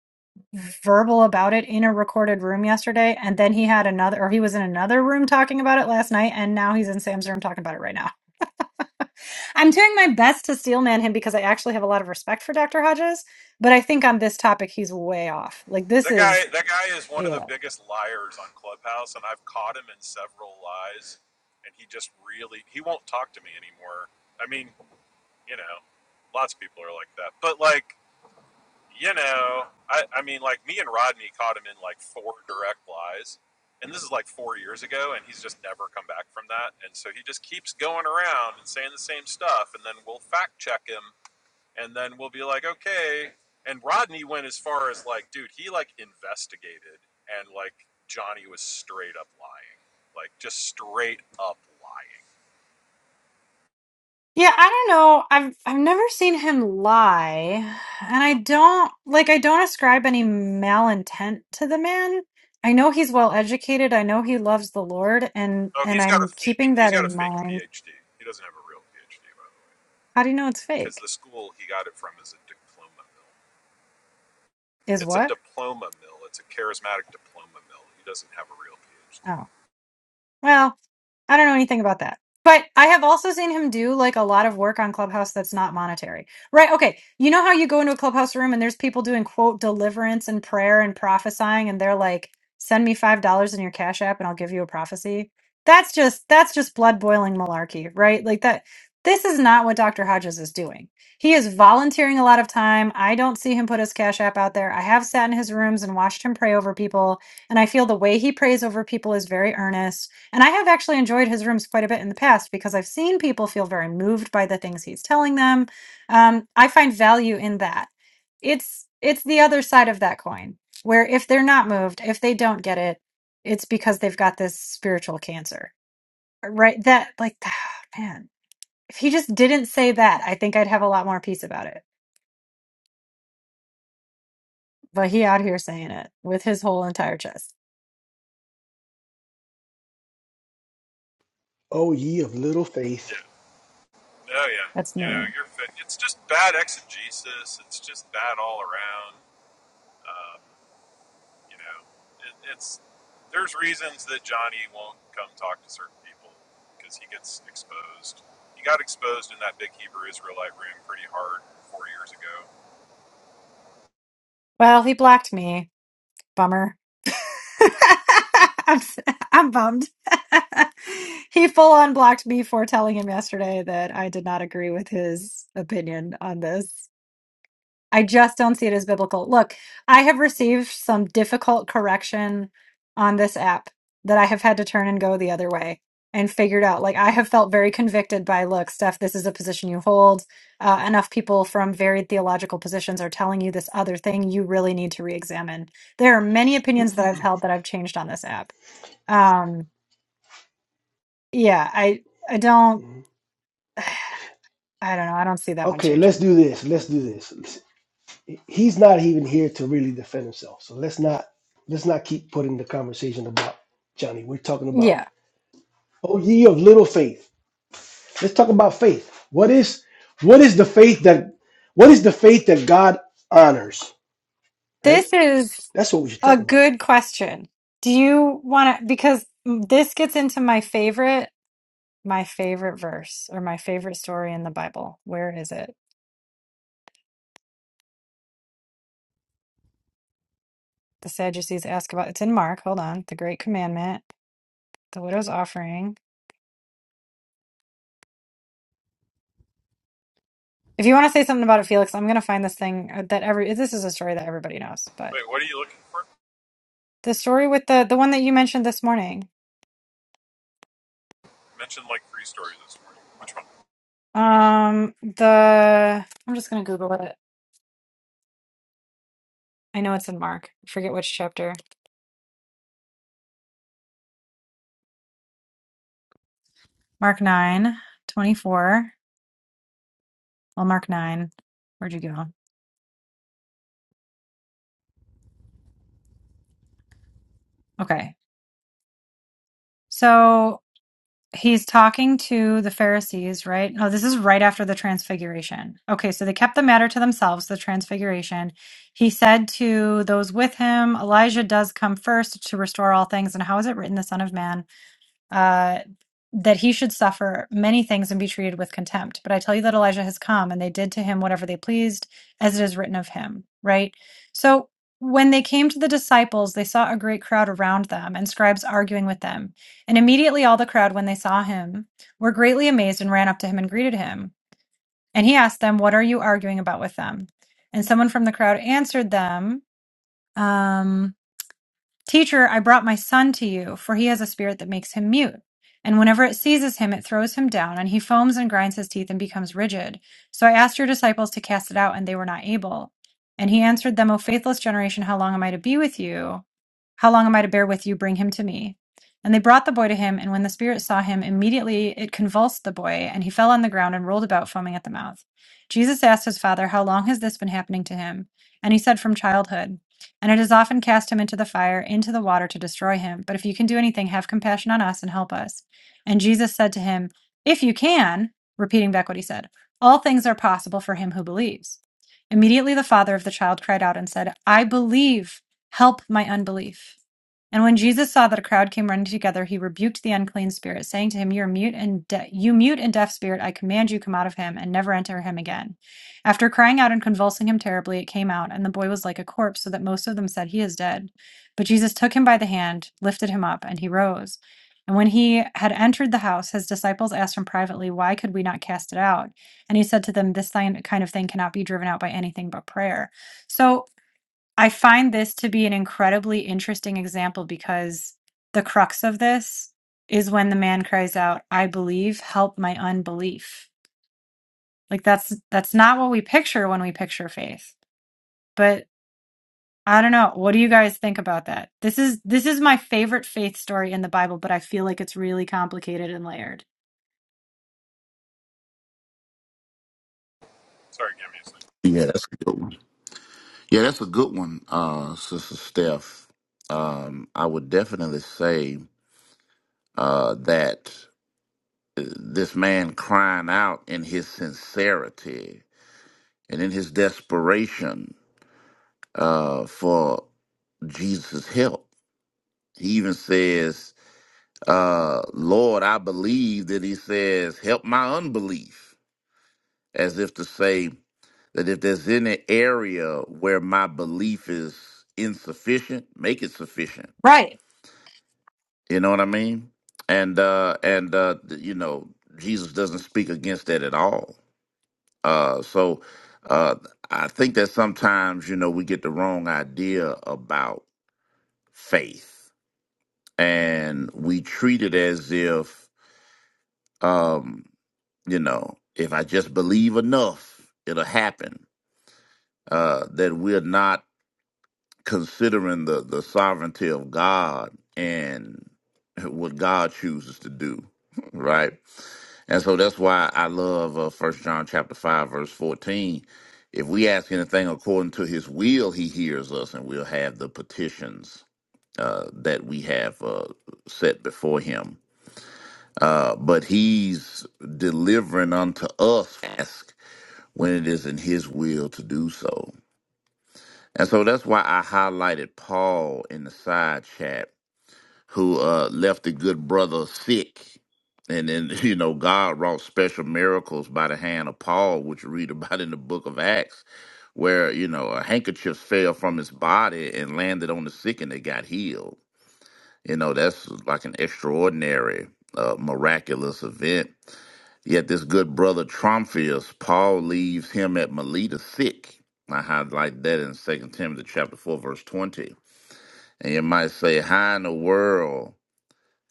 [SPEAKER 1] verbal about it in a recorded room yesterday, and then he had another, or he was in another room talking about it last night, and now he's in Sam's room talking about it right now. I'm doing my best to steel man him because I actually have a lot of respect for Dr. Hodges, but I think on this topic he's way off. Like this
[SPEAKER 3] That guy,
[SPEAKER 1] is.
[SPEAKER 3] that guy is one of the biggest liars on Clubhouse, and I've caught him in several lies. And he just really, he won't talk to me anymore. I mean, you know, lots of people are like that, but like, you know, I, I mean, like me and Rodney caught him in like four direct lies, and this is like four years ago, and he's just never come back from that. And so he just keeps going around and saying the same stuff, and then we'll fact check him and then we'll be like, okay. And Rodney went as far as like, dude, he like investigated, and like Johnny was straight up lying, like just straight up lying.
[SPEAKER 1] Yeah, I don't know. I've I've never seen him lie, and I don't like I don't ascribe any malintent to the man. I know he's well educated. I know he loves the Lord, and
[SPEAKER 3] Oh,
[SPEAKER 1] and
[SPEAKER 3] he's got a
[SPEAKER 1] I'm
[SPEAKER 3] fake.
[SPEAKER 1] keeping
[SPEAKER 3] He's
[SPEAKER 1] that
[SPEAKER 3] got a
[SPEAKER 1] in
[SPEAKER 3] fake
[SPEAKER 1] mind.
[SPEAKER 3] PhD. He doesn't have a real PhD, by the way,
[SPEAKER 1] How do you know it's
[SPEAKER 3] because
[SPEAKER 1] fake?
[SPEAKER 3] the school he got it from is a diploma mill.
[SPEAKER 1] Is
[SPEAKER 3] It's a
[SPEAKER 1] what?
[SPEAKER 3] diploma mill. It's a charismatic diploma mill. He doesn't have a real PhD.
[SPEAKER 1] Oh. Well, I don't know anything about that. But I have also seen him do like a lot of work on Clubhouse that's not monetary. Right. Okay. You know how you go into a Clubhouse room and there's people doing quote deliverance and prayer and prophesying and they're like, send me five dollars in your cash app and I'll give you a prophecy. That's just that's just blood boiling malarkey, right? Like that this is not what Dr. Hodges is doing. He is volunteering a lot of time. I don't see him put his cash app out there. I have sat in his rooms and watched him pray over people, and I feel the way he prays over people is very earnest and I have actually enjoyed his rooms quite a bit in the past because I've seen people feel very moved by the things he's telling them. Um, I find value in that. It's it's the other side of that coin where if they're not moved, if they don't get it, it's because they've got this spiritual cancer, right? That like, man, if he just didn't say that, I think I'd have a lot more peace about it. But he out here saying it with his whole entire chest.
[SPEAKER 2] oh ye of little faith.
[SPEAKER 3] Yeah. Oh yeah.
[SPEAKER 1] That's
[SPEAKER 3] You know,
[SPEAKER 1] me.
[SPEAKER 3] you're fit. It's just bad exegesis. It's just bad all around. You know, it, it's there's reasons that Johnny won't come talk to certain people because he gets exposed. He got exposed in that big Hebrew Israelite room pretty hard four years ago.
[SPEAKER 1] Well, he blocked me. Bummer. I'm, s- I'm bummed. he full on blocked me for telling him yesterday that I did not agree with his opinion on this. I just don't see it as biblical. Look, I have received some difficult correction on this app that I have had to turn and go the other way and figured out. Like, I have felt very convicted by, look, Steph, this is a position you hold. Uh, enough people from varied theological positions are telling you this other thing you really need to re examine. There are many opinions that I've held that I've changed on this app. Um, yeah, I, I don't,
[SPEAKER 2] Mhm.
[SPEAKER 1] I don't know. I don't see that one
[SPEAKER 2] Okay, let's
[SPEAKER 1] changing.
[SPEAKER 2] do this. Let's do this. He's not even here to really defend himself. So let's not let's not keep putting the conversation about Johnny. We're talking about
[SPEAKER 1] Yeah.
[SPEAKER 2] oh ye of little faith. Let's talk about faith. What is what is the faith that what is the faith that God honors, right?
[SPEAKER 1] This is
[SPEAKER 2] That's what we should
[SPEAKER 1] a
[SPEAKER 2] talk about.
[SPEAKER 1] good question. Do you want to? Because this gets into my favorite, my favorite verse or my favorite story in the Bible. Where is it? The Sadducees ask about it's in Mark. Hold on. The Great Commandment, the widow's offering. If you want to say something about it, Felix, I'm going to find this thing uh, that every this is a story that everybody knows, but
[SPEAKER 3] Wait, what are you looking for? I
[SPEAKER 1] the story with the the one that you mentioned this morning.
[SPEAKER 3] mentioned like three stories this morning. Which one?
[SPEAKER 1] Um, the I'm just going to Google it. I know it's in Mark. I forget which chapter Mark 9 24. Well, Mark 9. Where'd you go? Okay. So he's talking to the Pharisees, right? Oh, this is right after the transfiguration. Okay. So they kept the matter to themselves, the transfiguration. He said to those with him, Elijah does come first to restore all things. And how is it written, the Son of Man? uh, that he should suffer many things and be treated with contempt. But I tell you that Elijah has come, and they did to him whatever they pleased, as it is written of him. Right? So when they came to the disciples, they saw a great crowd around them and scribes arguing with them. And immediately all the crowd, when they saw him, were greatly amazed and ran up to him and greeted him. And he asked them, What are you arguing about with them? And someone from the crowd answered them. um, Teacher, I brought my son to you, for he has a spirit that makes him mute. And whenever it seizes him, it throws him down, and he foams and grinds his teeth and becomes rigid. So I asked your disciples to cast it out, and they were not able. And he answered them, O faithless generation, how long am I to be with you? How long am I to bear with you? Bring him to me. And they brought the boy to him, and when the spirit saw him, immediately it convulsed the boy, and he fell on the ground and rolled about, foaming at the mouth. Jesus asked his father, How long has this been happening to him? And he said, From childhood and it has often cast him into the fire, into the water to destroy him. But if you can do anything, have compassion on us and help us. And Jesus said to him, If you can, repeating back what he said, all things are possible for him who believes. Immediately the father of the child cried out and said, I believe, help my unbelief. And when Jesus saw that a crowd came running together, he rebuked the unclean spirit, saying to him, "You are mute and de- you mute and deaf spirit, I command you come out of him and never enter him again." After crying out and convulsing him terribly, it came out, and the boy was like a corpse, so that most of them said, "He is dead." But Jesus took him by the hand, lifted him up, and he rose. And when he had entered the house, his disciples asked him privately, "Why could we not cast it out?" And he said to them, "This kind of thing cannot be driven out by anything but prayer." So I find this to be an incredibly interesting example because the crux of this is when the man cries out, "I believe, help my unbelief." Like that's that's not what we picture when we picture faith. But I don't know. What do you guys think about that? This is this is my favorite faith story in the Bible, but I feel like it's really complicated and layered.
[SPEAKER 3] Sorry, give me a second.
[SPEAKER 4] Yeah, that's a good one. Yeah, that's a good one, uh, Sister Steph. Um, I would definitely say uh, that uh, this man crying out in his sincerity and in his desperation uh, for Jesus' help. He even says, uh, Lord, I believe that he says, help my unbelief, as if to say that if there's any area where my belief is insufficient, make it sufficient.
[SPEAKER 1] Right.
[SPEAKER 4] You know what I mean? And uh and uh th- you know, Jesus doesn't speak against that at all. Uh so uh I think that sometimes, you know, we get the wrong idea about faith and we treat it as if um, you know, if I just believe enough, it'll happen. Uh that we're not considering the, the sovereignty of God and what God chooses to do, right? And so that's why I love uh, 1 John chapter 5 verse 14. If we ask anything according to his will, he hears us and we'll have the petitions uh, that we have uh, set before him. Uh, but he's delivering unto us ask when it is in his will to do so and so that's why I highlighted Paul in the side chat, who uh, left the good brother sick. And then, you know, God wrought special miracles by the hand of Paul, which you read about in the book of Acts, where, you know, a handkerchief fell from his body and landed on the sick and they got healed. You know, that's like an extraordinary, uh, miraculous event Yet this good brother Tromphius, Paul leaves him at Melita sick. I highlight that in Second Timothy chapter 4, verse 20. And you might say, how in the world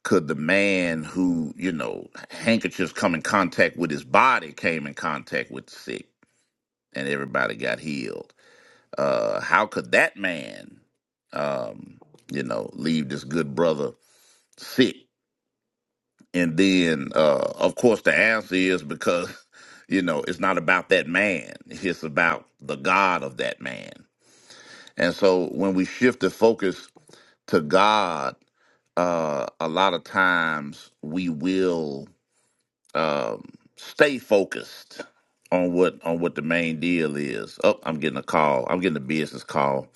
[SPEAKER 4] could the man who, you know, handkerchiefs come in contact with his body came in contact with the sick and everybody got healed? Uh, how could that man, um, you know, leave this good brother sick? And then, uh, of course, the answer is because, you know, it's not about that man, it's about the God of that man. And so when we shift the focus to God, uh, a lot of times we will um, stay focused on what on what the main deal is. Oh, I'm getting a call. I'm getting a business call.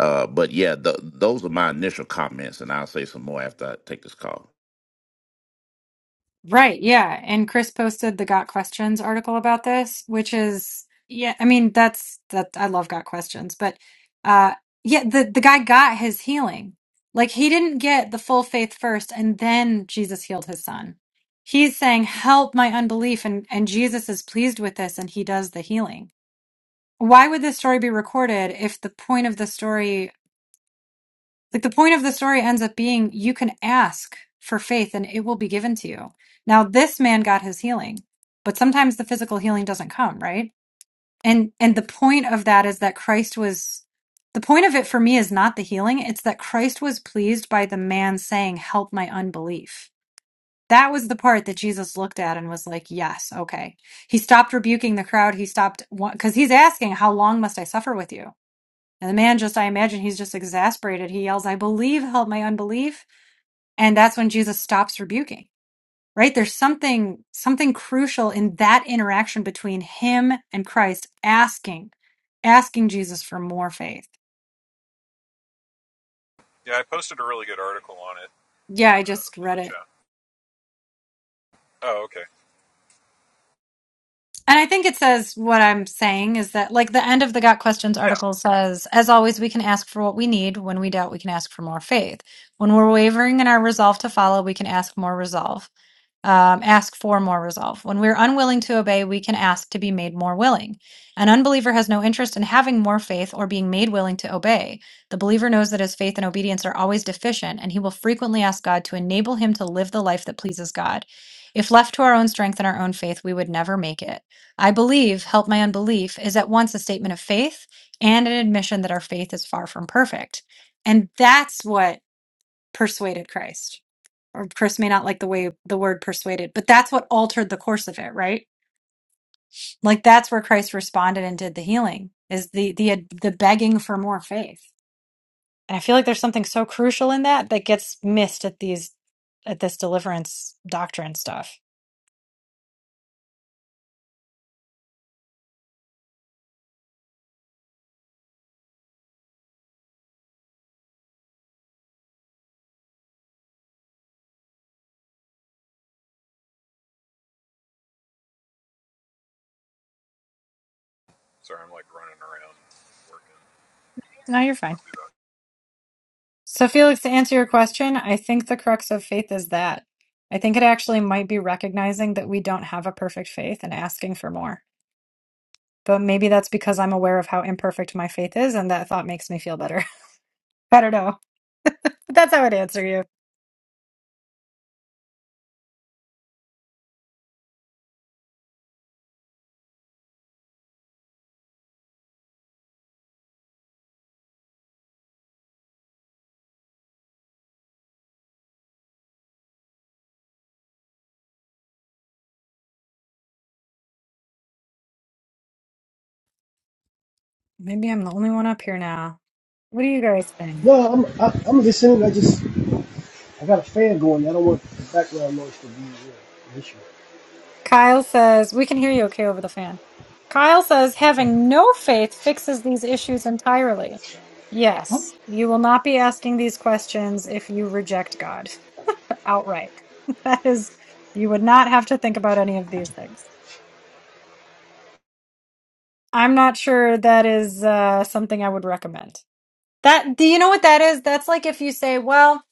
[SPEAKER 4] Uh, but yeah, th- those are my initial comments, and I'll say some more after I take this call.
[SPEAKER 1] Right, yeah. And Chris posted the Got Questions article about this, which is yeah, I mean that's that I love Got Questions, but uh yeah, the the guy got his healing. Like he didn't get the full faith first and then Jesus healed his son. He's saying, "Help my unbelief," and and Jesus is pleased with this and he does the healing. Why would this story be recorded if the point of the story like the point of the story ends up being you can ask for faith and it will be given to you. Now this man got his healing, but sometimes the physical healing doesn't come, right? And and the point of that is that Christ was the point of it for me is not the healing, it's that Christ was pleased by the man saying, "Help my unbelief." That was the part that Jesus looked at and was like, "Yes, okay." He stopped rebuking the crowd. He stopped cuz he's asking, "How long must I suffer with you?" And the man just, I imagine he's just exasperated. He yells, I believe, help my unbelief. And that's when Jesus stops rebuking, right? There's something, something crucial in that interaction between him and Christ asking, asking Jesus for more faith.
[SPEAKER 3] Yeah, I posted a really good article on it
[SPEAKER 1] Yeah, I
[SPEAKER 3] uh,
[SPEAKER 1] just
[SPEAKER 3] in
[SPEAKER 1] read
[SPEAKER 3] the
[SPEAKER 1] it.
[SPEAKER 3] chat. Oh, okay.
[SPEAKER 1] And I think it says what I'm saying is that, like, the end of the Got Questions
[SPEAKER 3] Yeah.
[SPEAKER 1] article says, as always, we can ask for what we need. When we doubt, we can ask for more faith. When we're wavering in our resolve to follow, we can ask more resolve. um, ask for more resolve. When we're unwilling to obey, we can ask to be made more willing. An unbeliever has no interest in having more faith or being made willing to obey. The believer knows that his faith and obedience are always deficient, and he will frequently ask God to enable him to live the life that pleases God. If left to our own strength and our own faith, we would never make it. I believe, help my unbelief, is at once a statement of faith and an admission that our faith is far from perfect. And that's what persuaded Christ. Or Chris may not like the way the word persuaded, but that's what altered the course of it, right? Like that's where Christ responded and did the healing is the the the begging for more faith. And I feel like there's something so crucial in that that gets missed at these at this deliverance doctrine stuff.
[SPEAKER 3] Sorry, I'm like running around working.
[SPEAKER 1] No, you're fine.
[SPEAKER 3] I'll be back.
[SPEAKER 1] So, Felix, to answer your question, I think the crux of faith is that. I think it actually might be recognizing that we don't have a perfect faith and asking for more. But maybe that's because I'm aware of how imperfect my faith is, and that thought makes me feel better. I don't know. But that's how I'd answer you. Maybe I'm the only one up here now. What do you guys think?
[SPEAKER 2] No, I'm I, I'm listening. I just I got a fan going. I don't want the background noise to be uh, an issue.
[SPEAKER 1] Kyle says, We can hear you okay over the fan. Kyle says, Having no faith fixes these issues entirely.
[SPEAKER 2] Huh?
[SPEAKER 1] Yes, you will not be asking these questions if you reject God. outright. That is, you would not have to think about any of these things. I'm not sure that is uh, something I would recommend. That do you know what that is? That's like if you say, well,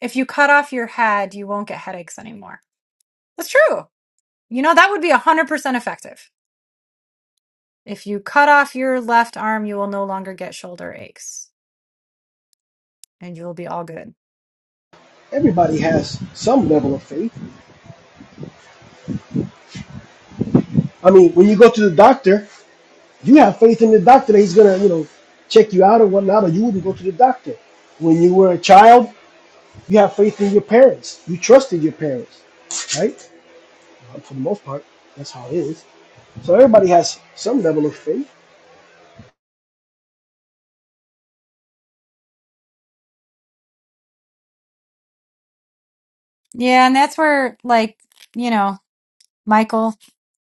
[SPEAKER 1] if you cut off your head, you won't get headaches anymore. That's true. You know, that would be 100% effective. If you cut off your left arm, you will no longer get shoulder aches and you'll be all good.
[SPEAKER 2] Everybody has some level of faith. I mean, when you go to the doctor, you have faith in the doctor that he's gonna you know check you out or whatnot, or you wouldn't go to the doctor. When you were a child, you have faith in your parents. You trusted your parents, right? Uh, For the most part, that's how it is. So everybody has some level of faith.
[SPEAKER 1] Yeah, and that's where like, you know, Michael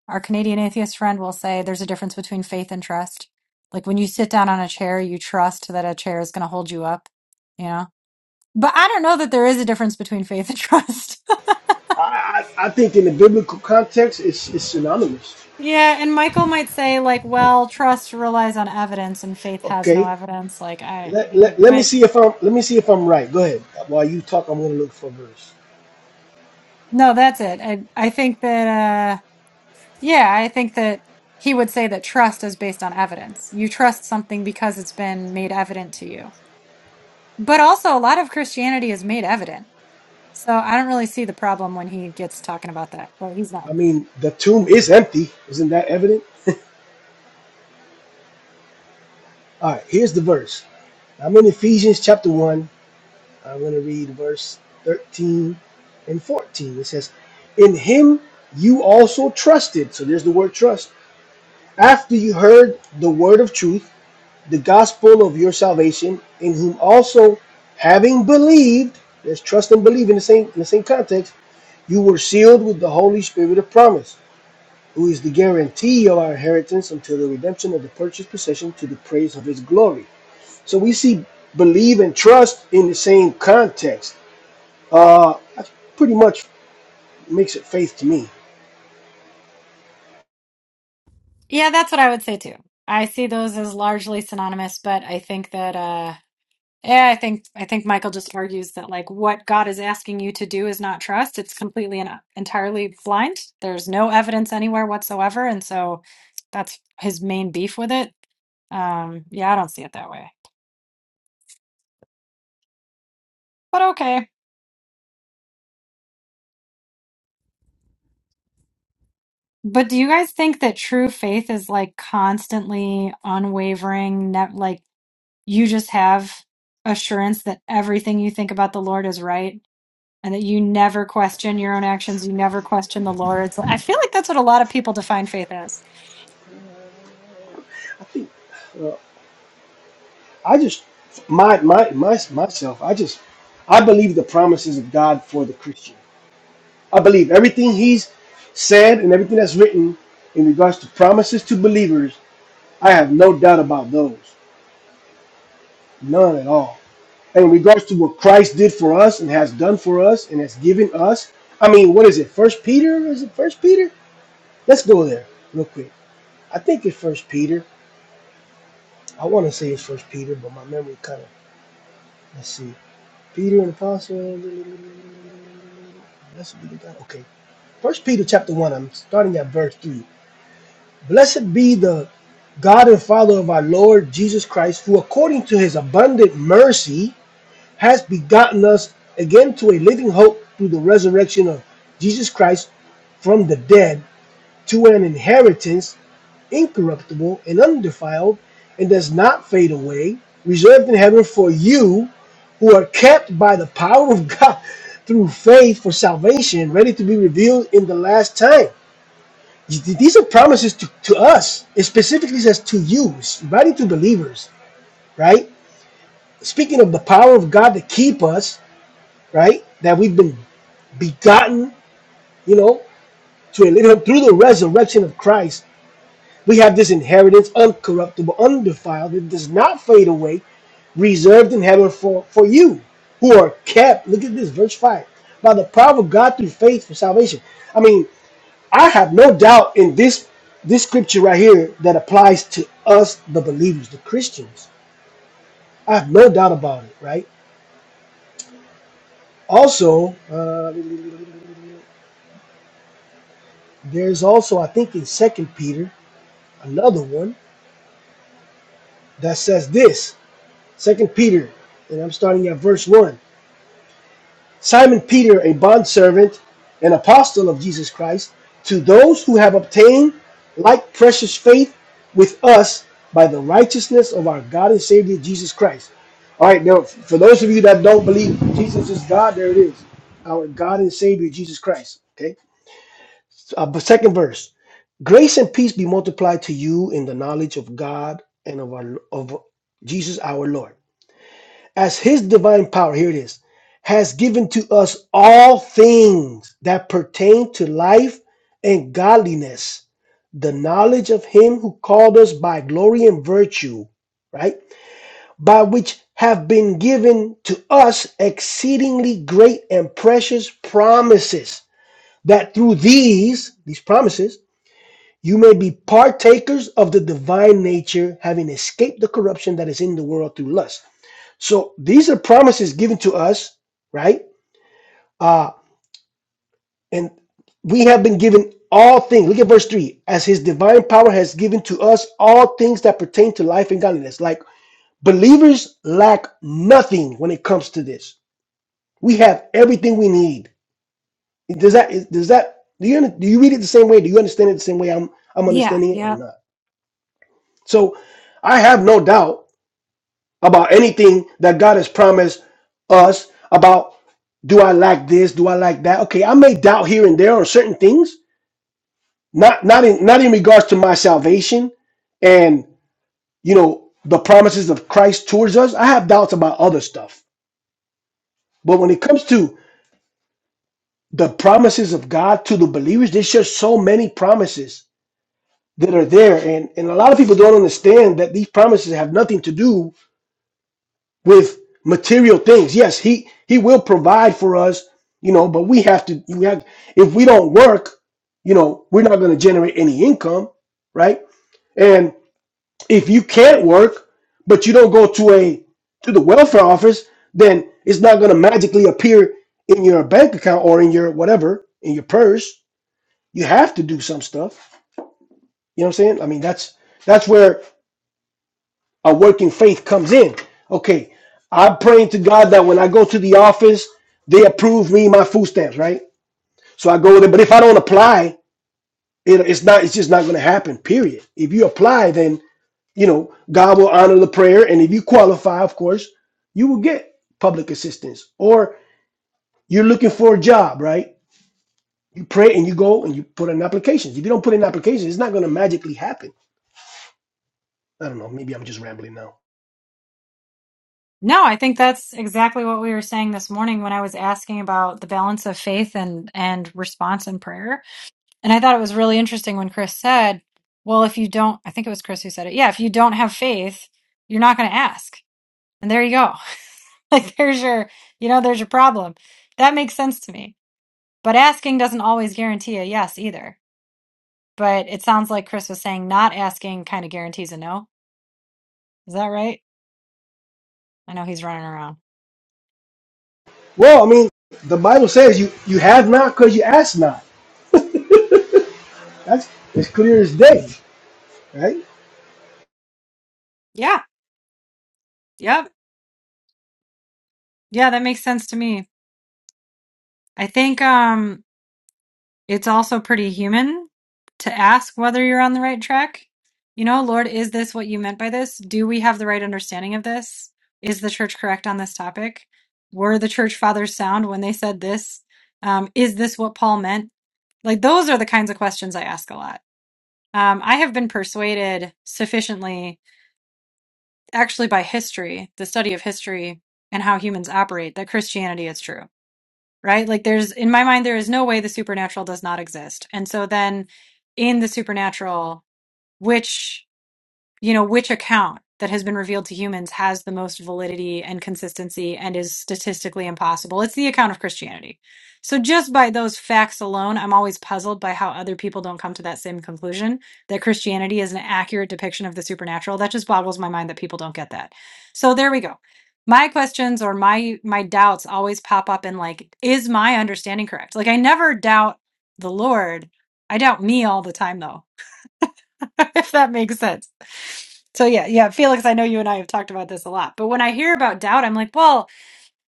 [SPEAKER 1] Our Canadian atheist friend will say there's a difference between faith and trust. Like when you sit down on a chair, you trust that a chair is going to hold you up, you know? But I don't know that there is a difference between faith and trust.
[SPEAKER 2] I I, I think in the biblical context, it's it's synonymous.
[SPEAKER 1] yeah. And Michael might say, like, well, trust relies on evidence and faith has no
[SPEAKER 2] Okay,
[SPEAKER 1] evidence. Like, I,
[SPEAKER 2] let, let, let me
[SPEAKER 1] but
[SPEAKER 2] see if I'm let me see if I'm right. Go ahead. While you talk, I'm gonna look for a verse.
[SPEAKER 1] no, that's it. I, I think that, uh, yeah, I think that he would say that trust is based on evidence. You trust something because it's been made evident to you. But also, a lot of Christianity is made evident So I don't really see the problem when he gets talking about that, but he's not.
[SPEAKER 2] I mean, the tomb is empty. Isn't that evident? All right, here's the verse. I'm in Ephesians chapter one. I'm gonna read verse 13 and 14. It says, "In Him you also trusted." So there's the word trust. After you heard the word of truth, the gospel of your salvation, in whom also having believed, there's trust and believe in the same in the same context You were sealed with the Holy Spirit of promise, who is the guarantee of our inheritance until the redemption of the purchased possession to the praise of his glory. So we see believe and trust in the same context. Uh, that pretty much makes it faith to me.
[SPEAKER 1] Yeah, that's what I would say too. I see those as largely synonymous, but I think that uh yeah, I think I think Michael just argues that like what God is asking you to do is not trust. It's completely and uh, entirely blind. There's no evidence anywhere whatsoever, and so that's his main beef with it. Um, yeah, I don't see it that way. But okay. But do you guys think that true faith is like constantly unwavering, ne- like you just have assurance that everything you think about the Lord is right and that you never question your own actions, you never question the Lord's. I feel like that's what a lot of people define faith as.
[SPEAKER 2] I think uh, I just my my my myself. I just I believe the promises of God for the Christian. I believe everything He's said and everything that's written in regards to promises to believers. I have no doubt about those. None at all. in regards to what Christ did for us and has done for us and has given us. I mean, what is it? First Peter? Is it First Peter? Let's go there real quick. I think it's First Peter. I want to say it's First Peter, but my memory kind of. Let's see. Peter and Apostle. Blessed be the God. Okay. First Peter chapter one. I'm starting at verse three. Blessed be the God and Father of our Lord Jesus Christ, who according to His abundant mercy has begotten us again to a living hope through the resurrection of Jesus Christ from the dead to an inheritance incorruptible and undefiled and does not fade away, reserved in heaven for you who are kept by the power of God through faith for salvation, ready to be revealed in the last time. These are promises to, to us. It specifically says to you, it's writing to believers, right? Speaking of the power of God to keep us, right? That we've been begotten, you know, to him through the resurrection of Christ, we have this inheritance, uncorruptible, undefiled, that does not fade away, reserved in heaven for, for you, who are kept. Look at this, verse 5. By the power of God through faith for salvation. I mean, I have no doubt in this this scripture right here that applies to us, the believers, the Christians. I have no doubt about it, right? Also, uh, there's also, I think, in Second Peter, another one that says this. Second Peter, and I'm starting at verse 1. Simon Peter, a bondservant and apostle of Jesus Christ, to those who have obtained like precious faith with us by the righteousness of our God and Savior Jesus Christ. All right, now, for those of you that don't believe Jesus is God, there it is. Our God and Savior Jesus Christ. Okay. So, uh, but second verse Grace and peace be multiplied to you in the knowledge of God and of, our, of Jesus our Lord as his divine power, here it is, has given to us all things that pertain to life and godliness, the knowledge of him who called us by glory and virtue, right? By which have been given to us exceedingly great and precious promises, that through these, these promises, you may be partakers of the divine nature, having escaped the corruption that is in the world through lust. So these are promises given to us, right? Uh, and we have been given all things. Look at verse 3. As his divine power has given to us all things that pertain to life and godliness. Like believers lack nothing when it comes to this. We have everything we need. Does that, is- does that, do you, do you read it the same way? Do you understand it the same way I'm, I'm
[SPEAKER 1] Yeah,
[SPEAKER 2] understanding it or
[SPEAKER 1] yeah.
[SPEAKER 2] not? So I have no doubt about anything that God has promised us about do I lack this? Do I lack that? Okay, I may doubt here and there on certain things, not not in not in regards to my salvation and you know the promises of Christ towards us. I have doubts about other stuff. But when it comes to the promises of God to the believers, there's just so many promises that are there. And and a lot of people don't understand that these promises have nothing to do with material things. Yes, he he will provide for us, you know, but we have to we have if we don't work, you know, we're not going to generate any income, right? And if you can't work, but you don't go to a to the welfare office, then it's not going to magically appear in your bank account or in your whatever, in your purse. You have to do some stuff. You know what I'm saying? I mean, that's that's where a working faith comes in. Okay, I'm praying to God that when I go to the office, they approve me my food stamps, right? So I go there. But if I don't apply, it, it's not. It's just not going to happen. Period. If you apply, then you know God will honor the prayer, and if you qualify, of course, you will get public assistance. Or you're looking for a job, right? You pray and you go and you put in applications. If you don't put in applications, it's not going to magically happen. I don't know. Maybe I'm just rambling now.
[SPEAKER 1] No, I think that's exactly what we were saying this morning when I was asking about the balance of faith and and response in prayer. And I thought it was really interesting when Chris said, Well, if you don't, I think it was Chris who said it. Yeah, if you don't have faith, you're not going to ask. And there you go. like, there's your, you know, there's your problem. That makes sense to me. But asking doesn't always guarantee a yes either. But it sounds like Chris was saying not asking kind of guarantees a no. Is that right? I know he's running around.
[SPEAKER 2] Well, I mean, the Bible says you you have not because you ask not. That's as clear as day, right?
[SPEAKER 1] Yeah. Yep. Yeah, that makes sense to me. I think um it's also pretty human to ask whether you're on the right track. You know, Lord, is this what you meant by this? Do we have the right understanding of this? Is the church correct on this topic? Were the church fathers sound when they said this? Um, is this what Paul meant? Like those are the kinds of questions I ask a lot. Um, I have been persuaded sufficiently, actually by history, the study of history and how humans operate, that Christianity is true right? Like there's in my mind there is no way the supernatural does not exist. And so then in the supernatural, which you know, which account that has been revealed to humans has the most validity and consistency and is statistically impossible. It's the account of Christianity. So just by those facts alone, I'm always puzzled by how other people don't come to that same conclusion that Christianity is an accurate depiction of the supernatural. That just boggles my mind that people don't get that. So there we go. My questions or my my doubts always pop up in like is my understanding correct? Like I never doubt the Lord. I doubt me all the time though if that makes sense. So yeah, yeah, Felix, I know you and I have talked about this a lot, but when I hear about doubt, I'm like, well,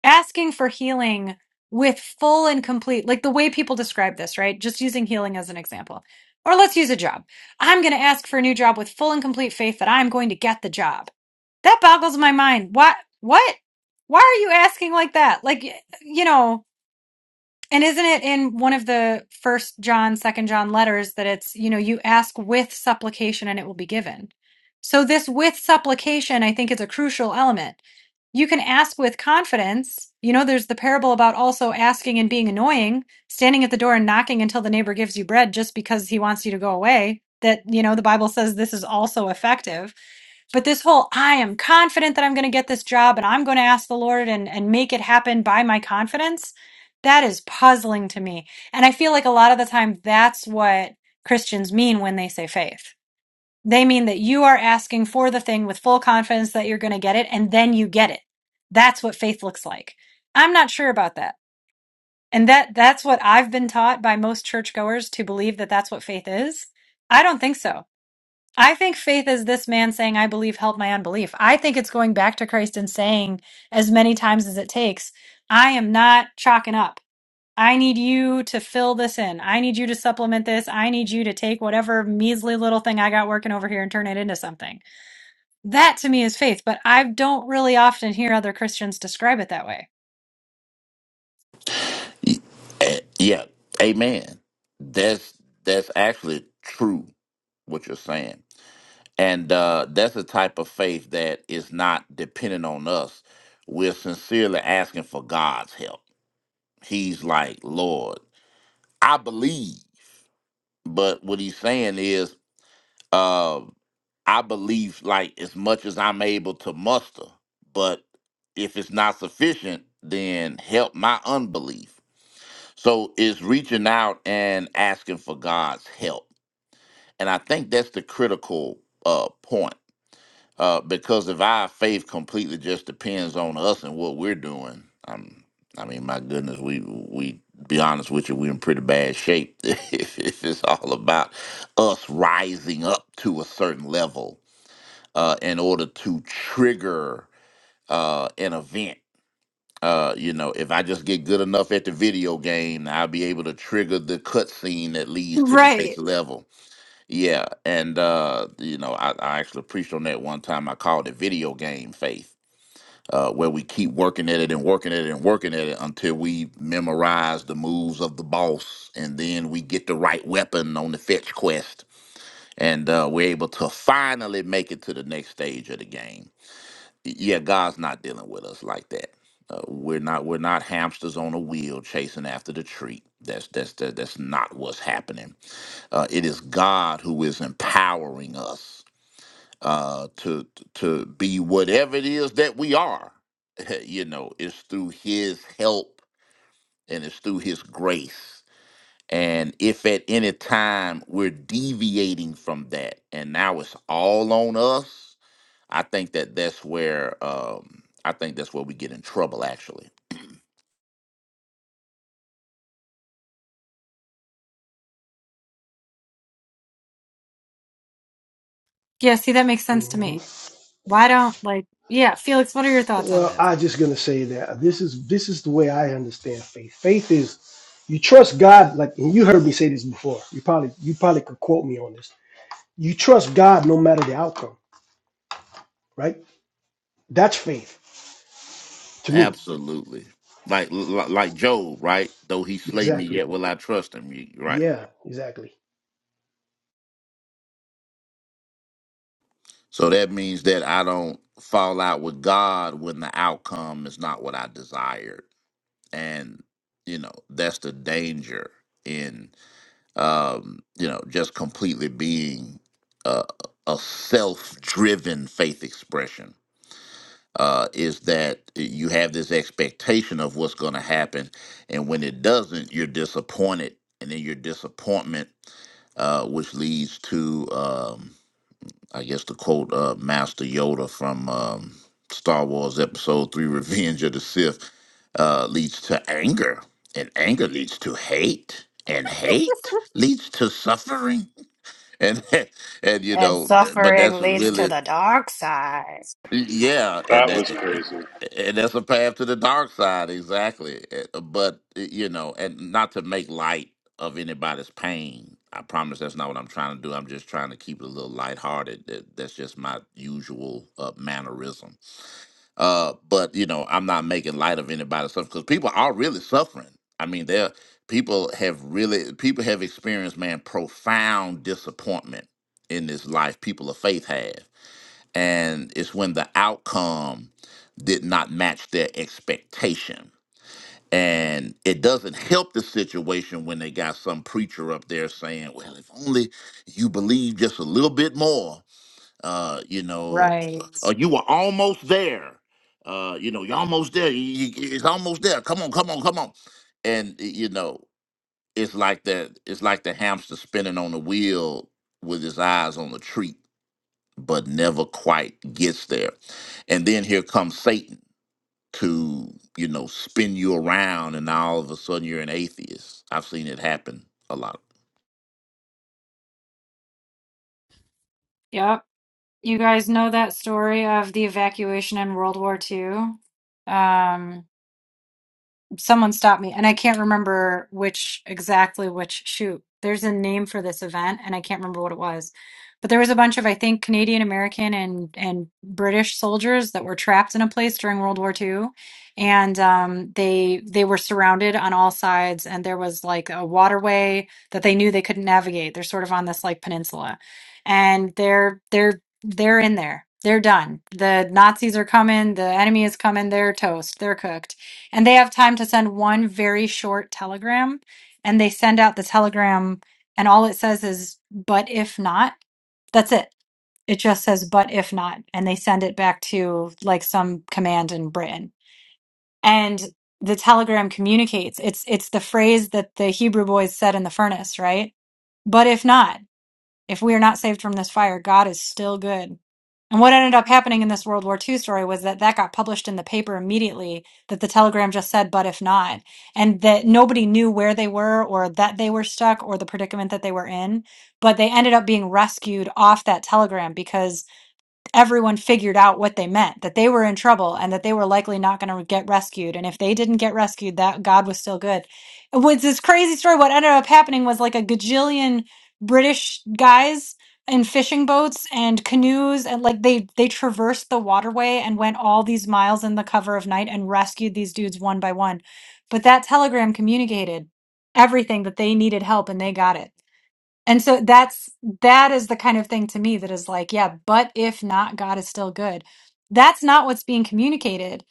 [SPEAKER 1] asking for healing with full and complete, like the way people describe this, right? Just using healing as an example. Or let's use a job. I'm going to ask for a new job with full and complete faith that I'm going to get the job. That boggles my mind. What what? Why are you asking like that? Like you know, and isn't it in one of the first John, second John letters that it's, you know, you ask with supplication and it will be given. So this with supplication, I think is a crucial element. You can ask with confidence. You know, there's the parable about also asking and being annoying, standing at the door and knocking until the neighbor gives you bread just because he wants you to go away. That, you know, the Bible says this is also effective but this whole i am confident that i'm going to get this job and i'm going to ask the lord and and make it happen by my confidence that is puzzling to me and i feel like a lot of the time that's what christians mean when they say faith they mean that you are asking for the thing with full confidence that you're going to get it and then you get it that's what faith looks like i'm not sure about that and that that's what i've been taught by most churchgoers to believe that that's what faith is i don't think so I think faith is this man saying, I believe, help my unbelief. I think it's going back to Christ and saying as many times as it takes, I am not chalking up. I need you to fill this in. I need you to supplement this. I need you to take whatever measly little thing I got working over here and turn it into something. That to me is faith, but I don't really often hear other Christians describe it that way.
[SPEAKER 4] Eh, yeah, amen. That's that's actually true what you're saying, and uh, that's a type of faith that is not dependent on us. We're sincerely asking for God's help. He's like, Lord, I believe, but what he's saying is, uh, I believe like as much as I'm able to muster, but if it's not sufficient, then help my unbelief. So it's reaching out and asking for God's help And I think that's the critical uh, point uh, because if our faith completely just depends on us and what we're doing, um, I mean, my goodness, we we be honest with you, we're in pretty bad shape if, if it's all about us rising up to a certain level uh, in order to trigger uh, an event. Uh, you know, if I just get good enough at the video game, I'll be able to trigger the cutscene that leads to the next
[SPEAKER 1] Right.
[SPEAKER 4] level yeah, and uh, you know, I, I actually preached on that one time. I called it video game faith, uh, where we keep working at it and working at it and working at it until we memorize the moves of the boss, and then we get the right weapon on the fetch quest, and uh, we're able to finally make it to the next stage of the game. Y- Yeah, God's not dealing with us like that. Uh, we're not we're not hamsters on a wheel chasing after the treat. That's that's that, that's not what's happening uh, it is God who is empowering us uh, to to be whatever it is that we are. you know, it's through His help and it's through His grace. And if at any time we're deviating from that, and now it's all on us, I think that that's where um, I think that's where we get in trouble. Actually,
[SPEAKER 1] Yeah, see, that makes sense to
[SPEAKER 2] hmm
[SPEAKER 1] me. Why don't, like, yeah, Felix, what are your thoughts on
[SPEAKER 2] Well,
[SPEAKER 1] this?
[SPEAKER 2] I'm just gonna say that this is this is the way I understand faith. Faith is you trust God, like and you heard me say this before. You probably you probably could quote me on this. You trust God no matter the outcome, right? That's faith to me.
[SPEAKER 4] absolutely. Like like Job, right? Though he slay me,
[SPEAKER 2] Exactly.
[SPEAKER 4] yet will I trust him. You- Right.
[SPEAKER 2] Yeah, exactly.
[SPEAKER 4] So that means that I don't fall out with God when the outcome is not what I desired. And, you know, that's the danger in, um, you know, just completely being a, a self driven faith expression. Uh, is that you have this expectation of what's going to happen. And when it doesn't, you're disappointed. And then your disappointment, uh, which leads to. um, I guess to quote uh, Master Yoda from um, Star Wars Episode Three: Revenge of the Sith, uh, leads to anger, and anger leads to hate, and hate leads to suffering, and and you
[SPEAKER 1] And
[SPEAKER 4] know, but
[SPEAKER 1] suffering
[SPEAKER 4] that's
[SPEAKER 1] leads to
[SPEAKER 4] really
[SPEAKER 1] the dark side.
[SPEAKER 4] yeah, and
[SPEAKER 3] That
[SPEAKER 4] that,
[SPEAKER 3] was crazy.
[SPEAKER 4] and that's a path to the dark side, exactly. eh, Uh, But eh, you know, and not to make light of anybody's pain. I promise that's not what I'm trying to do. I'm just trying to keep it a little lighthearted. That that's just my usual uh, mannerism. Uh, but you know, I'm not making light of anybody's suffering because people are really suffering. I mean, they're people have really people have experienced man profound disappointment in this life. People of faith have and it's when the outcome did not match their expectation. And it doesn't help the situation when they got some preacher up there saying, "Well, if only you believe just a little bit more, uh, you know,
[SPEAKER 1] Right.
[SPEAKER 4] uh, you were almost there. Uh, you know, you're almost there. You, you- it's almost there. Come on, come on, come on." And y- you know, it's like that. It's like the hamster spinning on the wheel with his eyes on the treat but never quite gets there. And then here comes Satan to, you know, spin you around and now all of a sudden you're an atheist. I've seen it happen a lot.
[SPEAKER 1] Yep. You guys know that story of the evacuation in World War Two. Um, someone stopped me and i can't remember which exactly which shoot there's a name for this event and i can't remember what it was but there was a bunch of i think canadian american and and british soldiers that were trapped in a place during world war Two, and um, they they were surrounded on all sides and there was like a waterway that they knew they couldn't navigate they're sort of on this like peninsula and they're they're they're in there they're done the nazis are coming the enemy is coming they're toast they're cooked and they have time to send one very short telegram and they send out the telegram and all it says is but if not that's it it just says but if not and they send it back to like some command in britain and the telegram communicates it's it's the phrase that the hebrew boys said in the furnace right but if not if we are not saved from this fire, God is still good. And what ended up happening in this World War II story was that that got published in the paper immediately that the telegram just said, but if not, and that nobody knew where they were or that they were stuck or the predicament that they were in. But they ended up being rescued off that telegram because everyone figured out what they meant that they were in trouble and that they were likely not going to get rescued and if they didn't get rescued that god was still good it was this crazy story what ended up happening was like a gajillion british guys in fishing boats and canoes and like they they traversed the waterway and went all these miles in the cover of night and rescued these dudes one by one but that telegram communicated everything that they needed help and they got it and so that's that is the kind of thing to me that is like, yeah, but if not, God is still good. That's not what's being communicated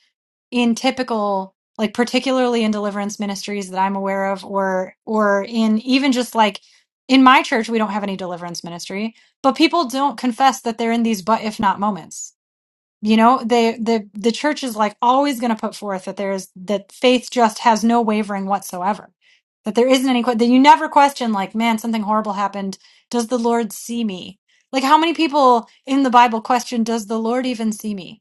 [SPEAKER 1] in typical, like particularly in deliverance ministries that I'm aware of, or or in even just like in my church, we don't have any deliverance ministry, but people don't confess that they're in these but if not moments you know, they the the church is like always going to put forth that there is that faith just has no wavering whatsoever. That there isn't any que- that you never question like, man, something horrible happened. Does the Lord see me? Like how many people in the Bible question, does the Lord even see me?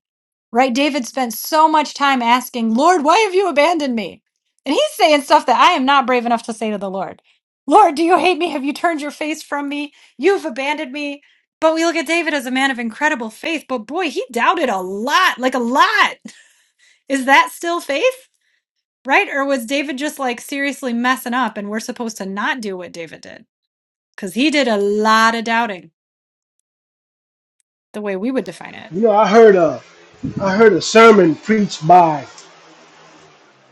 [SPEAKER 1] Right? David spent so much time asking, Lord, why have you abandoned me? And he's saying stuff that I am not brave enough to say to the Lord. Lord, do you hate me? Have you turned your face from me? You've abandoned me. But we look at David as a man of incredible faith, but boy, he doubted a lot, like a lot. Is that still faith? Right? Or was David just like seriously messing up and we're supposed to not do what David did? Because he did a lot of doubting, the way we would define it.
[SPEAKER 2] You know, I heard a I heard a sermon preached by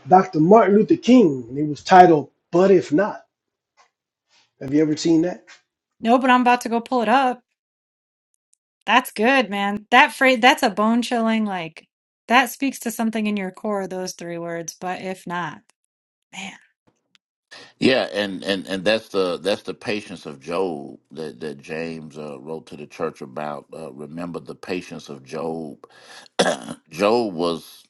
[SPEAKER 2] Dr. Martin Luther King, and it was titled "But If Not." Have you ever seen that?
[SPEAKER 1] No, but I'm about to go pull it up. That's good, man. That phrase, that's a bone chilling, like that speaks to something in your core, those three words. But if not, man.
[SPEAKER 4] Yeah, and, and, and that's the that's the patience of Job that, that James uh, wrote to the church about. Uh, remember the patience of Job. Job was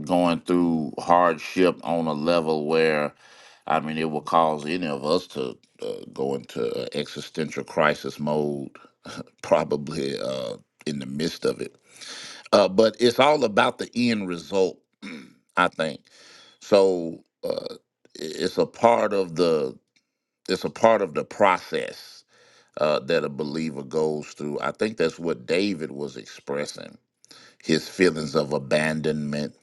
[SPEAKER 4] going through hardship on a level where, I mean, it will cause any of us to uh, go into uh, existential crisis mode probably uh, in the midst of it. Uh, but it's all about the end result, I think. So uh, it's a part of the it's a part of the process uh, that a believer goes through. I think that's what David was expressing his feelings of abandonment,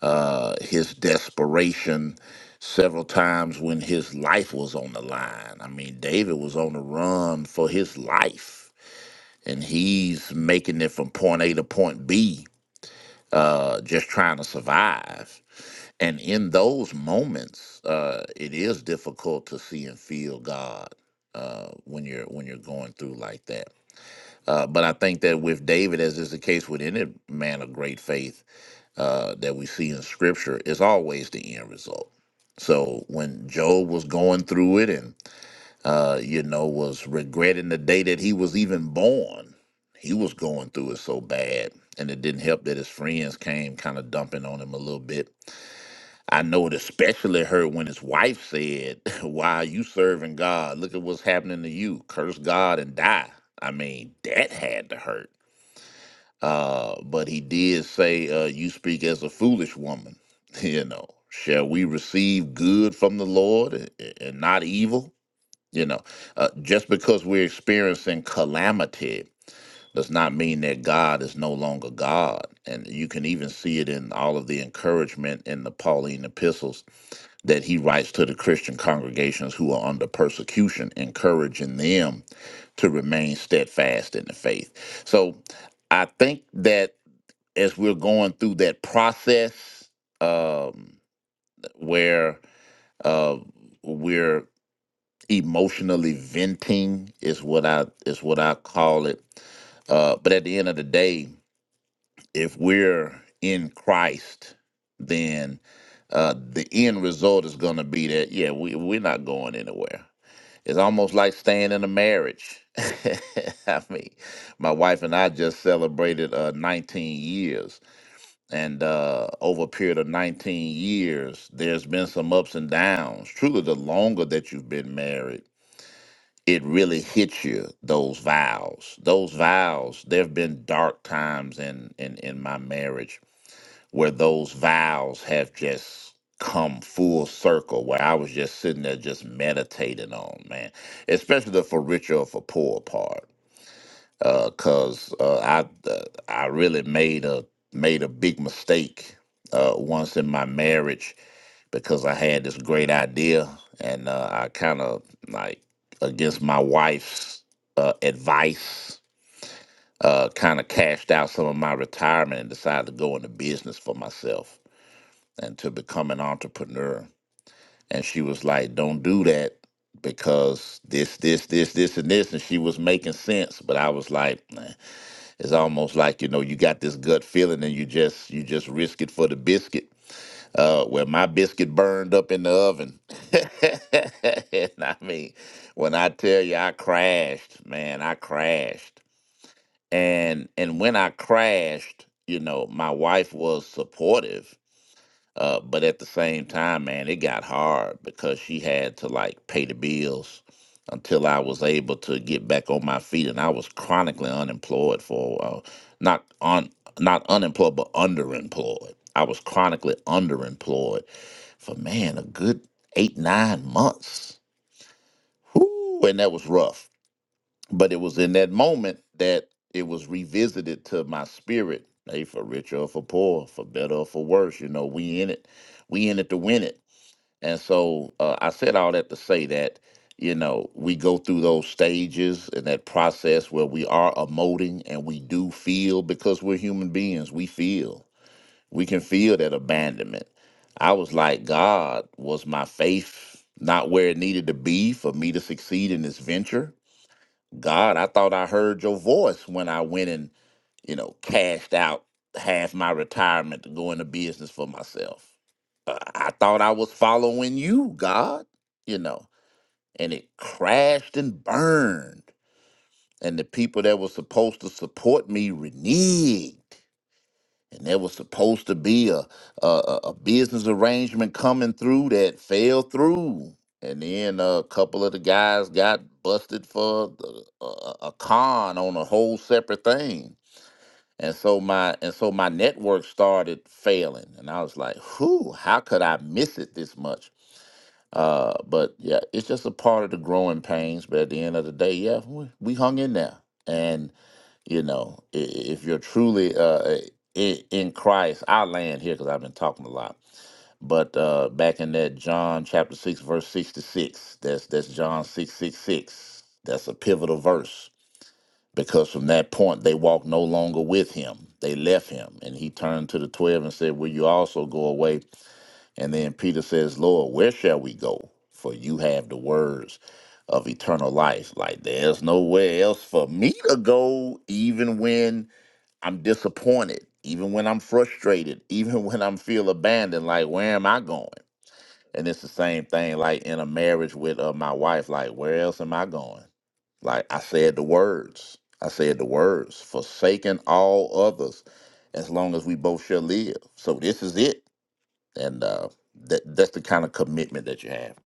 [SPEAKER 4] uh, his desperation. Several times when his life was on the line. I mean, David was on the run for his life and he's making it from point A to point B, uh, just trying to survive. And in those moments, uh, it is difficult to see and feel God uh, when you're when you're going through like that. Uh, but I think that with David, as is the case with any man of great faith uh, that we see in Scripture, is always the end result. So when Job was going through it, and uh, you know, was regretting the day that he was even born. He was going through it so bad. And it didn't help that his friends came kind of dumping on him a little bit. I know it especially hurt when his wife said, Why are you serving God? Look at what's happening to you. Curse God and die. I mean, that had to hurt. Uh, but he did say, uh, You speak as a foolish woman. You know, shall we receive good from the Lord and and not evil? You know, uh, just because we're experiencing calamity does not mean that God is no longer God. And you can even see it in all of the encouragement in the Pauline epistles that he writes to the Christian congregations who are under persecution, encouraging them to remain steadfast in the faith. So I think that as we're going through that process um, where uh, we're emotionally venting is what I is what I call it. Uh, but at the end of the day, if we're in Christ, then uh, the end result is going to be that yeah, we we're not going anywhere. It's almost like staying in a marriage. I mean, my wife and I just celebrated uh, 19 years, and uh, over a period of 19 years, there's been some ups and downs. Truly, the longer that you've been married it really hits you those vows those vows there have been dark times in in in my marriage where those vows have just come full circle where i was just sitting there just meditating on man especially the for richer or for poor part Because Uh, 'cause uh, i uh, i really made a made a big mistake uh once in my marriage because I had this great idea, and uh, I kind of like against my wife's uh, advice, uh, kind of cashed out some of my retirement and decided to go into business for myself and to become an entrepreneur. And she was like, "Don't do that." Because this, this, this, this, and this, and she was making sense, but I was like, "Nah." it's almost like you know, you got this gut feeling, and you just, you just risk it for the biscuit uh, where my biscuit burned up in the oven. and I mean, when I tell you I crashed, man, I crashed. And and when I crashed, you know, my wife was supportive. Uh, but at the same time, man, it got hard because she had to like pay the bills until I was able to get back on my feet. And I was chronically unemployed for a while. Not on not unemployed, but underemployed. I was chronically underemployed for man a good eight nine months Whew, and that was rough but it was in that moment that it was revisited to my spirit hey for richer or for poor for better or for worse you know we in it we in it to win it and so uh, i said all that to say that you know we go through those stages and that process where we are emoting and we do feel because we're human beings we feel we can feel that abandonment. I was like, God, was my faith not where it needed to be for me to succeed in this venture? God, I thought I heard your voice when I went and, you know, cashed out half my retirement to go into business for myself. Uh, I thought I was following you, God, you know, and it crashed and burned. And the people that were supposed to support me reneged and there was supposed to be a, a a a business arrangement coming through that fell through, and then uh, a couple of the guys got busted for the- a, a a con on a whole separate thing, and so my and so my network started failing, and I was like, "Whew, how could I miss it this much?" Uh, but yeah, it's just a part of the growing pains. But at the end of the day, yeah, we, we hung in there, you know i- i- if you're truly uh i- in christ i land here because i've been talking a lot but uh back in that john chapter 6 verse 66 that's that's john 666 that's a pivotal verse because from that point they walked no longer with him they left him and he turned to the 12 and said will you also go away and then peter says lord where shall we go for you have the words of eternal life like there's nowhere else for me to go even when I'm disappointed, even when I'm frustrated, even when I'm feel abandoned. Like, where am I going? And it's the same thing, like in a marriage with uh, my wife. Like, where else am I going? Like, I said the words. I said the words, forsaken all others, as long as we both shall live. So this is it, and uh, that that's the kind of commitment that you have.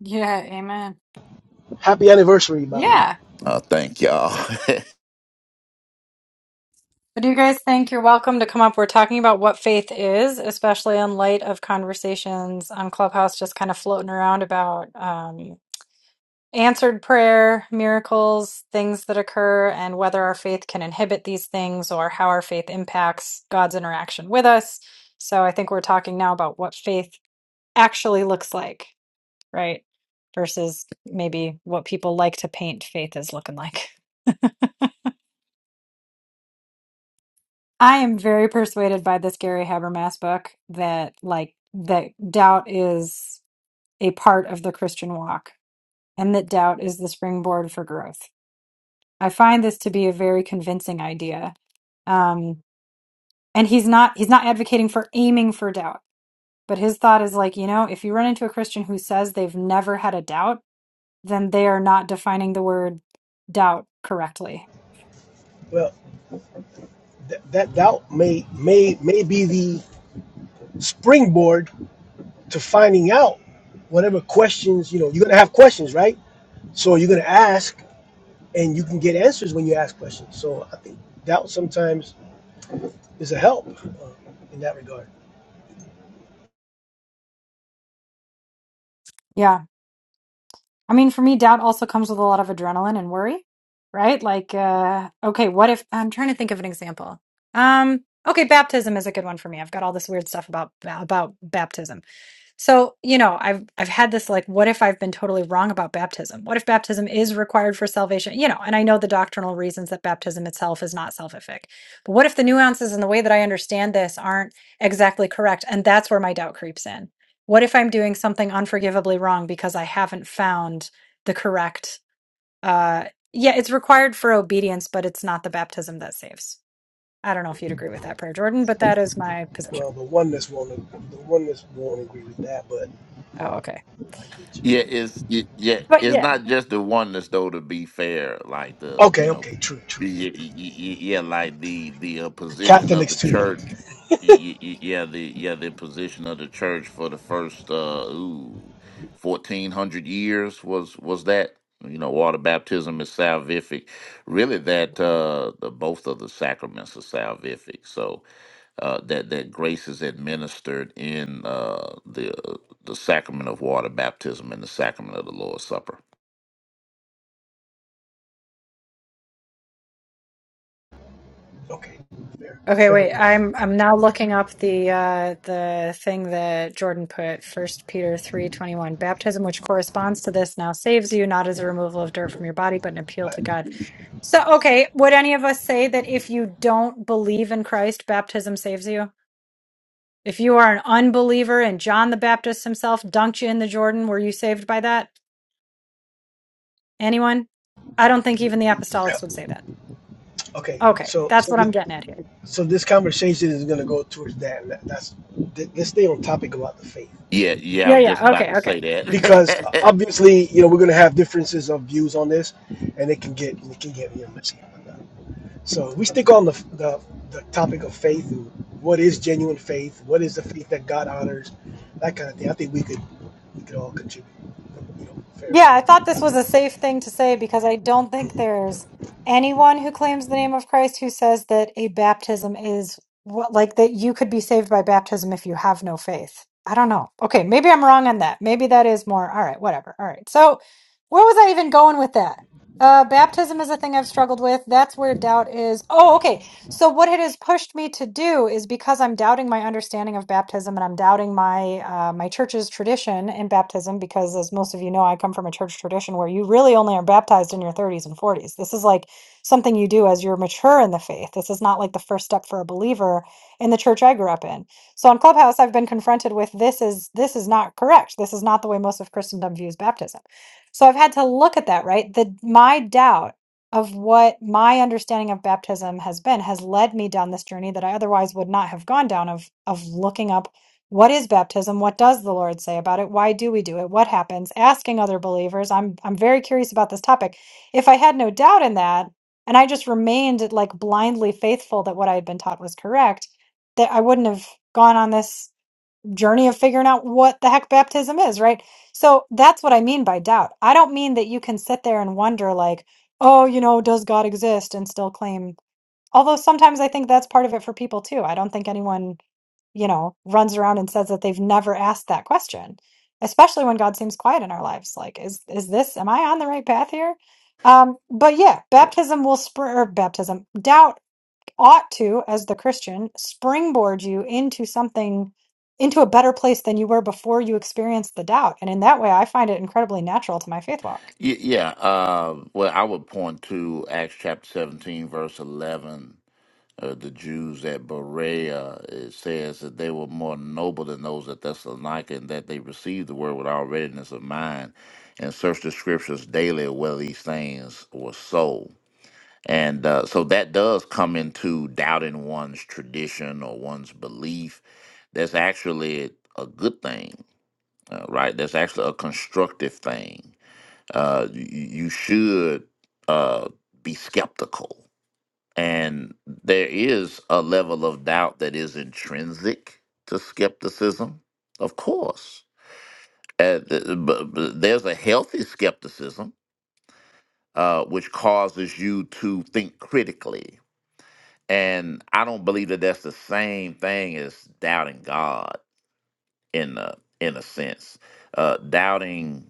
[SPEAKER 1] Yeah, amen.
[SPEAKER 2] Happy anniversary, by the way.
[SPEAKER 1] Yeah.
[SPEAKER 4] Uh, thank y'all.
[SPEAKER 1] What do you guys think? You're welcome to come up. We're talking about what faith is, especially in light of conversations on Clubhouse just kind of floating around about um, answered prayer, miracles, things that occur, and whether our faith can inhibit these things or how our faith impacts God's interaction with us. So I think we're talking now about what faith actually looks like, right? Versus maybe what people like to paint faith as looking like. I am very persuaded by this Gary Habermas book that like that doubt is a part of the Christian walk and that doubt is the springboard for growth. I find this to be a very convincing idea. Um, and he's not he's not advocating for aiming for doubt, but his thought is like, you know, if you run into a Christian who says they've never had a doubt, then they are not defining the word doubt correctly.
[SPEAKER 2] Well. Th- that doubt may may may be the springboard to finding out whatever questions you know you're gonna have questions right so you're gonna ask and you can get answers when you ask questions so i think doubt sometimes is a help uh, in that regard
[SPEAKER 1] Yeah. I mean, for me, doubt also comes with a lot of adrenaline and worry, right? Like, uh, okay, what if I'm trying to think of an example? Um, okay, baptism is a good one for me. I've got all this weird stuff about about baptism So, you know, I've I've had this like what if I've been totally wrong about baptism? What if baptism is required for salvation? You know, and I know the doctrinal reasons that baptism itself is not selfific. But what if the nuances and the way that I understand this aren't exactly correct? And that's where my doubt creeps in. What if I'm doing something unforgivably wrong because I haven't found the correct uh yeah, it's required for obedience, but it's not the baptism that saves. I don't know if you'd agree with that prayer, Jordan, but that is my position.
[SPEAKER 2] well the oneness won't the oneness won't agree with that but
[SPEAKER 1] Oh, okay.
[SPEAKER 2] i get you
[SPEAKER 4] Yeah, it's y- yeah,
[SPEAKER 1] But
[SPEAKER 4] it's
[SPEAKER 1] yeah,
[SPEAKER 4] not just the oneness though. To be fair, like the you
[SPEAKER 2] okay
[SPEAKER 4] know,
[SPEAKER 2] okay true true
[SPEAKER 4] yeah, y- y- y- yeah, like the the uh,
[SPEAKER 2] the
[SPEAKER 4] position of
[SPEAKER 2] catholics
[SPEAKER 4] the
[SPEAKER 2] too
[SPEAKER 4] church. y- y- y- Yeah, the yeah the position of the church for the first uh ooh, fourteen hundred years was was that you know water baptism is salvific. Really, that uh the, both of the sacraments are salvific. So uh, that that grace is administered in uh, the the sacrament of water baptism and the sacrament of the Lord's Supper.
[SPEAKER 2] okay fair
[SPEAKER 1] Okay,
[SPEAKER 2] fair
[SPEAKER 1] wait.
[SPEAKER 2] enough
[SPEAKER 1] I'm I'm now looking up the uh the thing that Jordan put, First Peter 3:21. Baptism which corresponds to this now saves you not as a removal of dirt from your body, but an appeal to God. So, okay, would any of us say that if you don't believe in Christ, baptism saves you? If you are an unbeliever and John the Baptist himself dunked you in the Jordan, were you saved by that? Anyone? I don't think even the
[SPEAKER 2] Yeah,
[SPEAKER 1] apostolics would say that.
[SPEAKER 2] okay
[SPEAKER 1] Okay,
[SPEAKER 2] so
[SPEAKER 1] that's
[SPEAKER 2] so
[SPEAKER 1] what I'm
[SPEAKER 2] the,
[SPEAKER 1] getting at here.
[SPEAKER 2] So this conversation is going to go towards that. That- That's th- let's stay on topic about the faith
[SPEAKER 4] Yeah, yeah, I
[SPEAKER 1] Yeah,
[SPEAKER 4] was just
[SPEAKER 1] yeah.
[SPEAKER 4] about
[SPEAKER 1] Okay,
[SPEAKER 4] to
[SPEAKER 1] okay.
[SPEAKER 4] say
[SPEAKER 2] because uh,
[SPEAKER 4] that.
[SPEAKER 2] obviously you know we're going to have differences of views on this, and it can get it can get you know messy. and whatnot. So we stick on the, the the topic of faith and what is genuine faith, what is the faith that God honors, that kind of thing. I think we could we could all contribute, you know, fairly.
[SPEAKER 1] Yeah, I
[SPEAKER 2] And
[SPEAKER 1] thought this was a safe thing to say because I don't think there's anyone who claims the name of Christ who says that a baptism is what, like that you could be saved by baptism if you have no faith. I don't know. Okay, maybe I'm wrong on that. Maybe that is more. All right, whatever. All right. So, where was I even going with that? Uh, baptism is a thing I've struggled with. That's where doubt is. Oh, okay. So, what it has pushed me to do is because I'm doubting my understanding of baptism and I'm doubting my uh, my church's tradition in baptism, because as most of you know, I come from a church tradition where you really only are baptized in your 30s and 40s. This is like something you do as you're mature in the faith. This is not like the first step for a believer in the church I grew up in. So, on Clubhouse, I've been confronted with this is this is not correct. This is not the way most of Christendom views baptism. So, I've had to look at that. Right, the my doubt of what my understanding of baptism has been has led me down this journey that I otherwise would not have gone down of of looking up what is baptism what does the lord say about it why do we do it what happens asking other believers i'm i'm very curious about this topic if i had no doubt in that and i just remained like blindly faithful that what i had been taught was correct that i wouldn't have gone on this journey of figuring out what the heck baptism is, right? So that's what I mean by doubt. I don't mean that you can sit there and wonder, like, oh, you know, does God exist and still claim. Although sometimes I think that's part of it for people too. I don't think anyone, you know, runs around and says that they've never asked that question, especially when God seems quiet in our lives. Like, is is this? Am I on the right path here? Um, but yeah,
[SPEAKER 4] Oh,
[SPEAKER 1] baptism will spur or baptism. Doubt ought to, as the Christian, springboard you into something, into a better place than you were before you experienced the doubt. And in that way, I find it incredibly natural to my faith walk.
[SPEAKER 4] y- yeah, uh, well, I would point to Acts chapter 17, verse 11. Uh, the Jews at Berea, it says that they were more noble than those at Thessalonica, and that they received the word with all readiness of mind and searched the scriptures daily whether these things were so. And uh, so that does come into doubting one's tradition or one's belief. That's actually a good thing, uh, right? That's actually a constructive thing. Uh, you, you should uh, be skeptical. And there is a level of doubt that is intrinsic to skepticism, of course. Uh, th- but, but there's a healthy skepticism, uh, which causes you to think critically, and I don't believe that that's the same thing as doubting God in a in a sense. Uh, doubting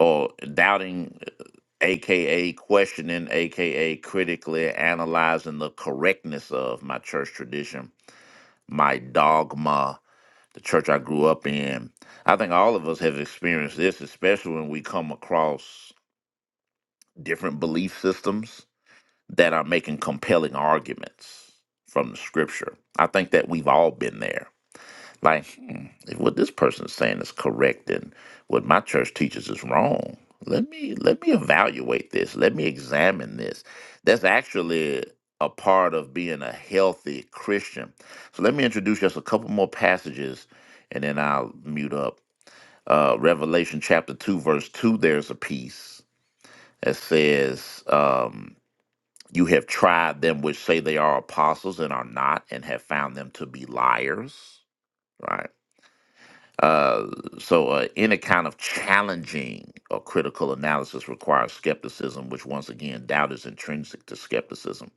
[SPEAKER 4] or doubting, uh, aka questioning, aka critically analyzing the correctness of my church tradition, my dogma, the church I grew up in. I think all of us have experienced this, especially when we come across different belief systems that are making compelling arguments from the scripture. I think that we've all been there. Like, hmm, if what this person is saying is correct and what my church teaches is wrong, let me let me evaluate this. Let me examine this. That's actually a part of being a healthy Christian. So let me introduce just a couple more passages and then I'll mute up. Uh, Revelation chapter 2, verse 2, there's a piece that says, Um, you have tried them which say they are apostles and are not, and have found them to be liars, right? Uh, so, uh, any kind of challenging or critical analysis requires skepticism, which once again, doubt is intrinsic to skepticism.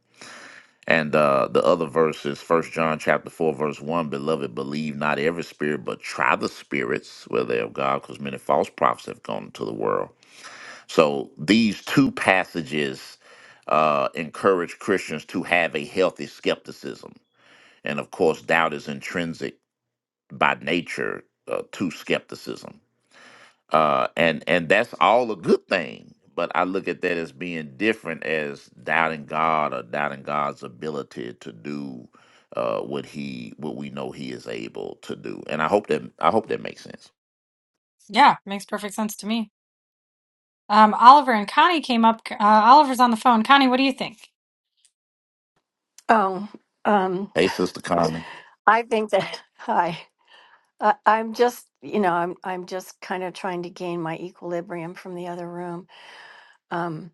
[SPEAKER 4] And uh, the other verse is First John chapter four, verse one. Beloved, believe not every spirit, but try the spirits whether they of God, because many false prophets have gone into the world. So these two passages uh, encourage Christians to have a healthy skepticism. And of course, doubt is intrinsic by nature uh, to skepticism. Uh, and, and that's all a good thing. But I look at that as being different as doubting God or doubting God's ability to do uh, what he what we know he is able to do. And I hope that I hope that makes sense.
[SPEAKER 1] Yeah, makes perfect sense to me. Um, Oliver and Connie came up. Uh, Oliver's on the phone. Connie, what do you think?
[SPEAKER 5] Oh, um,
[SPEAKER 4] Hey, Sister Connie,
[SPEAKER 5] I think that hi. I, I'm just, you know, I'm I'm just kind of trying to gain my equilibrium from the other room. Um,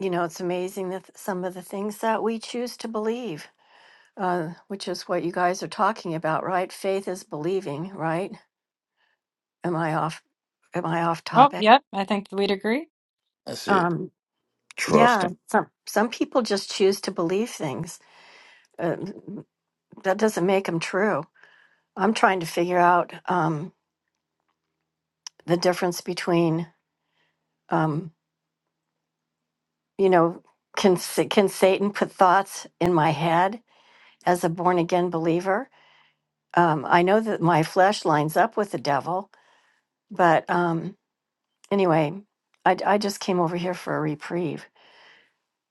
[SPEAKER 5] you know, it's amazing that th- some of the things that we choose to believe, uh, which is what you guys are talking about, right? Faith is believing, right? Am I off? Am I off
[SPEAKER 1] Oh,
[SPEAKER 5] topic?
[SPEAKER 1] yep, I think we'd agree.
[SPEAKER 4] that's it.
[SPEAKER 5] Um, yeah,
[SPEAKER 4] Trusting.
[SPEAKER 5] some some people just choose to believe things. Uh, that doesn't make them true. I'm trying to figure out um, the difference between um, you know, can Sa- can Satan put thoughts in my head as a born again believer? Um, I know that my flesh lines up with the devil, but um, anyway, I, I just came over here for a reprieve,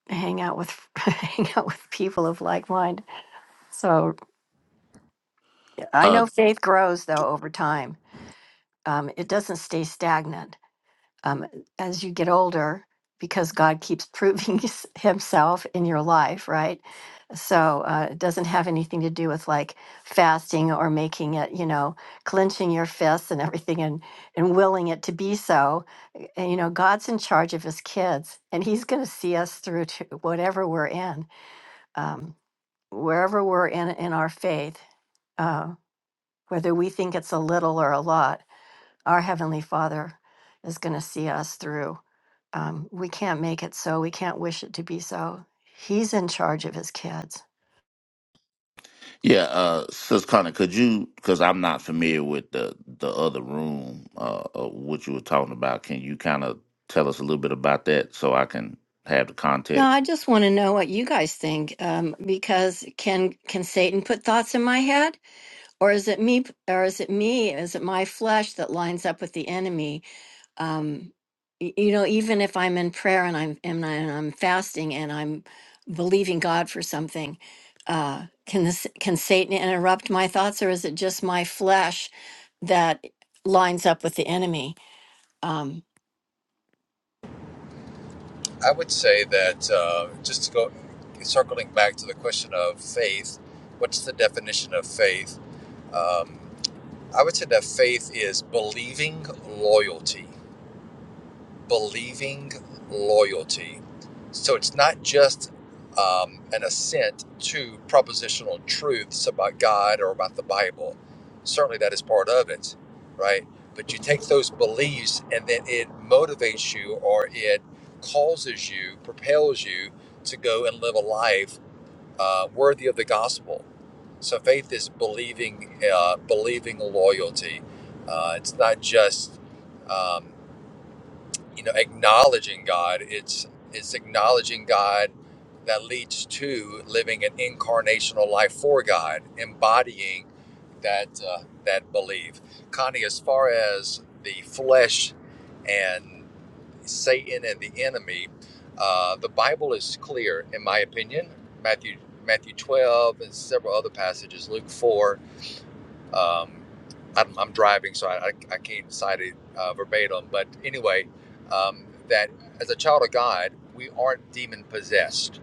[SPEAKER 5] hang out with hang out with people of like mind. So I know faith grows though over time. Um, it doesn't stay stagnant. um, as you get older because God keeps proving his- himself in your life, right? So uh, it doesn't have anything to do with like fasting or making it, you know, clenching your fists and everything and, and willing it to be so. Uh, And, you know, God's in charge of his kids and he's going to see us through to whatever we're in, um, wherever we're in, in our faith, uh, whether we think it's a little or a lot, our Heavenly Father is going to see us through um, we can't make it so. We can't wish it to be so. He's in charge of his kids.
[SPEAKER 4] Yeah, uh, Sis Connor, could you? Because I'm not familiar with the the other room, uh, of what you were talking about. Can you kind of tell us a little bit about that so I can have the
[SPEAKER 5] No,
[SPEAKER 4] context?
[SPEAKER 5] I just want to know what you guys think, um, because can can Satan put thoughts in my head, or is it me, or is it me, is it my flesh that lines up with the enemy? Um, y- you know, even if I'm in prayer and I'm and, I, and I'm fasting and I'm believing God for something, uh, can this can Satan interrupt my thoughts, or is it just my flesh that lines up with the enemy? Um,
[SPEAKER 6] I would say that uh, just to go circling back to the question of faith, what's the definition of faith? Um, I would say that faith is believing loyalty believing loyalty. So it's not just um, an assent to propositional truths about God or about the Bible. Certainly that is part of it, right? But you take those beliefs and then it motivates you or it causes you, propels you to go and live a life uh, worthy of the gospel. So faith is believing, uh, believing loyalty. Uh, it's not just um, you know acknowledging god it's it's acknowledging god that leads to living an incarnational life for god embodying that uh, that belief connie as far as the flesh and satan and the enemy uh, the bible is clear in my opinion matthew matthew 12 and several other passages luke 4 um, I'm, I'm driving, so I, I, can't cite it uh, verbatim. But anyway, um, that as a child of God, we aren't demon possessed.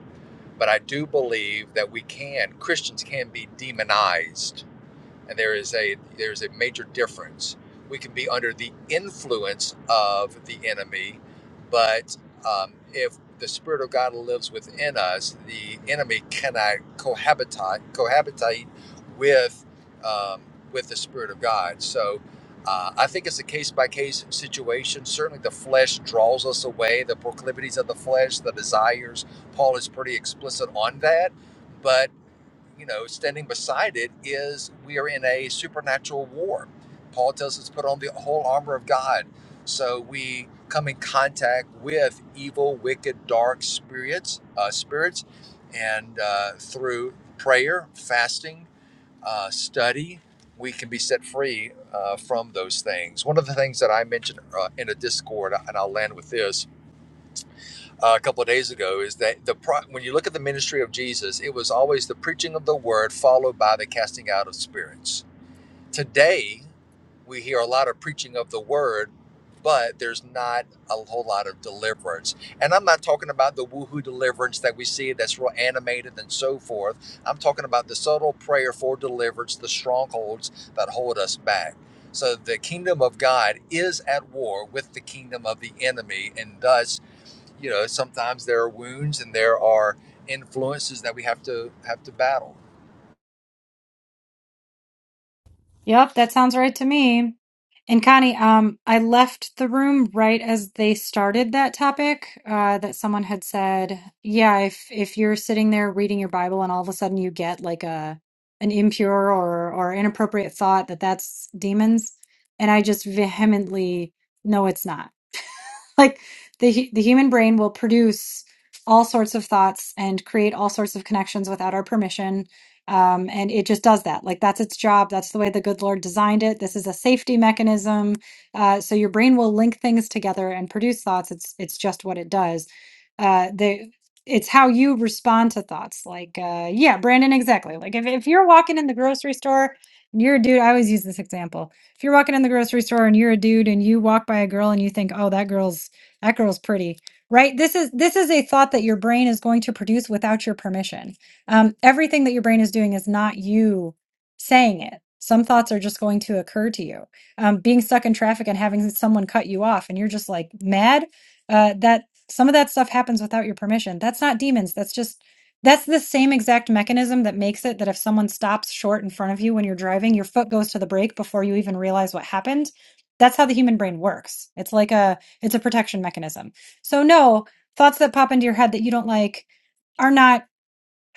[SPEAKER 6] But I do believe that we can, Christians can be demonized and there is a there is a major difference. We can be under the influence of the enemy, but um, if the Spirit of God lives within us, the enemy cannot cohabitate cohabitate with um, with the Spirit of God. So. Uh, I think it's a case by case situation. Certainly, the flesh draws us away, the proclivities of the flesh, the desires. Paul is pretty explicit on that. But you know, standing beside it is we are in a supernatural war. Paul tells us to put on the whole armor of God. So we come in contact with evil, wicked, dark spirits, uh, spirits, and uh, through prayer, fasting, uh, study, we can be set free uh, from those things. One of the things that I mentioned uh, in a Discord, and I'll land with this, uh, a couple of days ago is that the pro- when you look at the ministry of Jesus, it was always the preaching of the word followed by the casting out of spirits. Today, we hear a lot of preaching of the word, but there's not a whole lot of deliverance. And I'm not talking about the woohoo deliverance that we see that's real animated and so forth. I'm talking about the subtle prayer for deliverance, the strongholds that hold us back. So the kingdom of God is at war with the kingdom of the enemy, and thus you know sometimes there are wounds and there are influences that we have to have to battle
[SPEAKER 1] Yep, that sounds right to me. And Connie, um, I left the room right as they started that topic. Uh, that someone had said, yeah, if if you're sitting there reading your Bible and all of a sudden you get like a an impure or or inappropriate thought, that that's demons. And I just vehemently, no, it's not like the hu- the human brain will produce all sorts of thoughts and create all sorts of connections without our permission um, and it just does that like that's its job that's the way the good lord designed it this is a safety mechanism uh, so your brain will link things together and produce thoughts it's it's just what it does uh, the it's how you respond to thoughts like uh, yeah brandon exactly like if, if you're walking in the grocery store and you're a dude i always use this example if you're walking in the grocery store and you're a dude and you walk by a girl and you think, "Oh, that girl's that girl's pretty right this is this is a thought that your brain is going to produce without your permission um, everything that your brain is doing is not you saying it some thoughts are just going to occur to you um, being stuck in traffic and having someone cut you off and you're just like mad uh, that some of that stuff happens without your permission that's not demons that's just that's the same exact mechanism that makes it that if someone stops short in front of you when you're driving your foot goes to the brake before you even realize what happened that's how the human brain works it's like a it's a protection mechanism. So no, thoughts that pop into your head that you don't like are not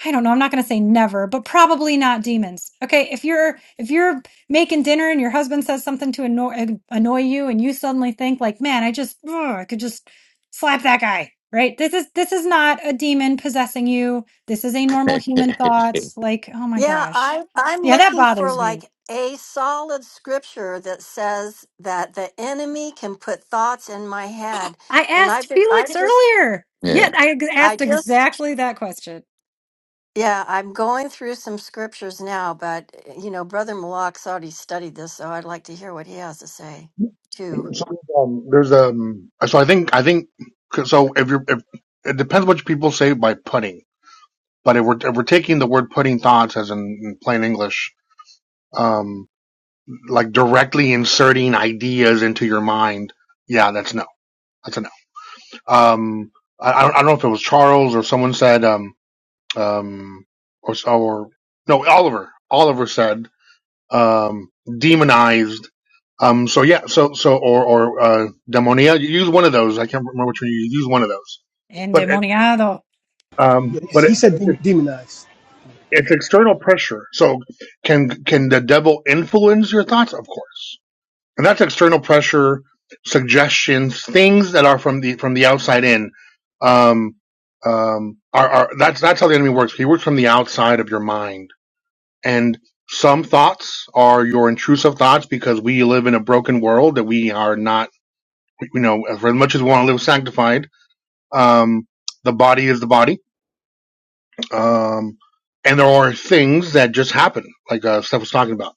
[SPEAKER 1] I don't know, I'm not going to say never, but probably not demons. Okay, if you're if you're making dinner and your husband says something to annoy annoy you and you suddenly think like, "Man, I just ugh, I could just slap that guy." Right? This is this is not a demon possessing you. This is a normal
[SPEAKER 4] yeah,
[SPEAKER 1] human thought like, "Oh my
[SPEAKER 5] Yeah,
[SPEAKER 1] gosh."
[SPEAKER 5] I I'm
[SPEAKER 1] Yeah, that
[SPEAKER 5] looking for
[SPEAKER 1] bothers me.
[SPEAKER 5] like a solid scripture that says that the enemy can put thoughts in my head.
[SPEAKER 1] I
[SPEAKER 5] And I've
[SPEAKER 1] asked
[SPEAKER 5] been I
[SPEAKER 1] Felix
[SPEAKER 5] just
[SPEAKER 1] earlier.
[SPEAKER 4] yeah,
[SPEAKER 1] Yet I ex-
[SPEAKER 5] I
[SPEAKER 1] asked
[SPEAKER 5] just
[SPEAKER 1] exactly that question.
[SPEAKER 5] yeah, I'm going through some scriptures now, but eh, you know, Brother Malak's already studied this, so I'd like to hear what he has to say too.
[SPEAKER 7] So um, there's um. So I think I think so. If you're if it depends what people say by putting, but if we're if we're taking the word putting thoughts as in, in plain English, um, like directly inserting ideas into your mind, yeah, that's no, that's a no. Um, I I don't, I don't know if it was Charles or someone said um um or or no Oliver Oliver said um, demonized. Um, so yeah, so so or or uh, demonia. You use one of those. I can't remember which one you use. Use one of those. But it,
[SPEAKER 1] Endemoniado.
[SPEAKER 7] um,
[SPEAKER 2] you know,
[SPEAKER 7] but it,
[SPEAKER 2] he said dem-
[SPEAKER 7] it,
[SPEAKER 2] demonized.
[SPEAKER 7] it's external pressure. So can can the devil influence your thoughts? Of course, and that's external pressure, suggestions, things that are from the from the outside in. Um, um, are, are that's that's how the enemy works. He works from the outside of your mind and some thoughts are your intrusive thoughts because we live in a broken world that we are not, you know, for as much as we want to live sanctified, um, the body is the body. Um, and there are things that just happen, like uh, Steph was talking about.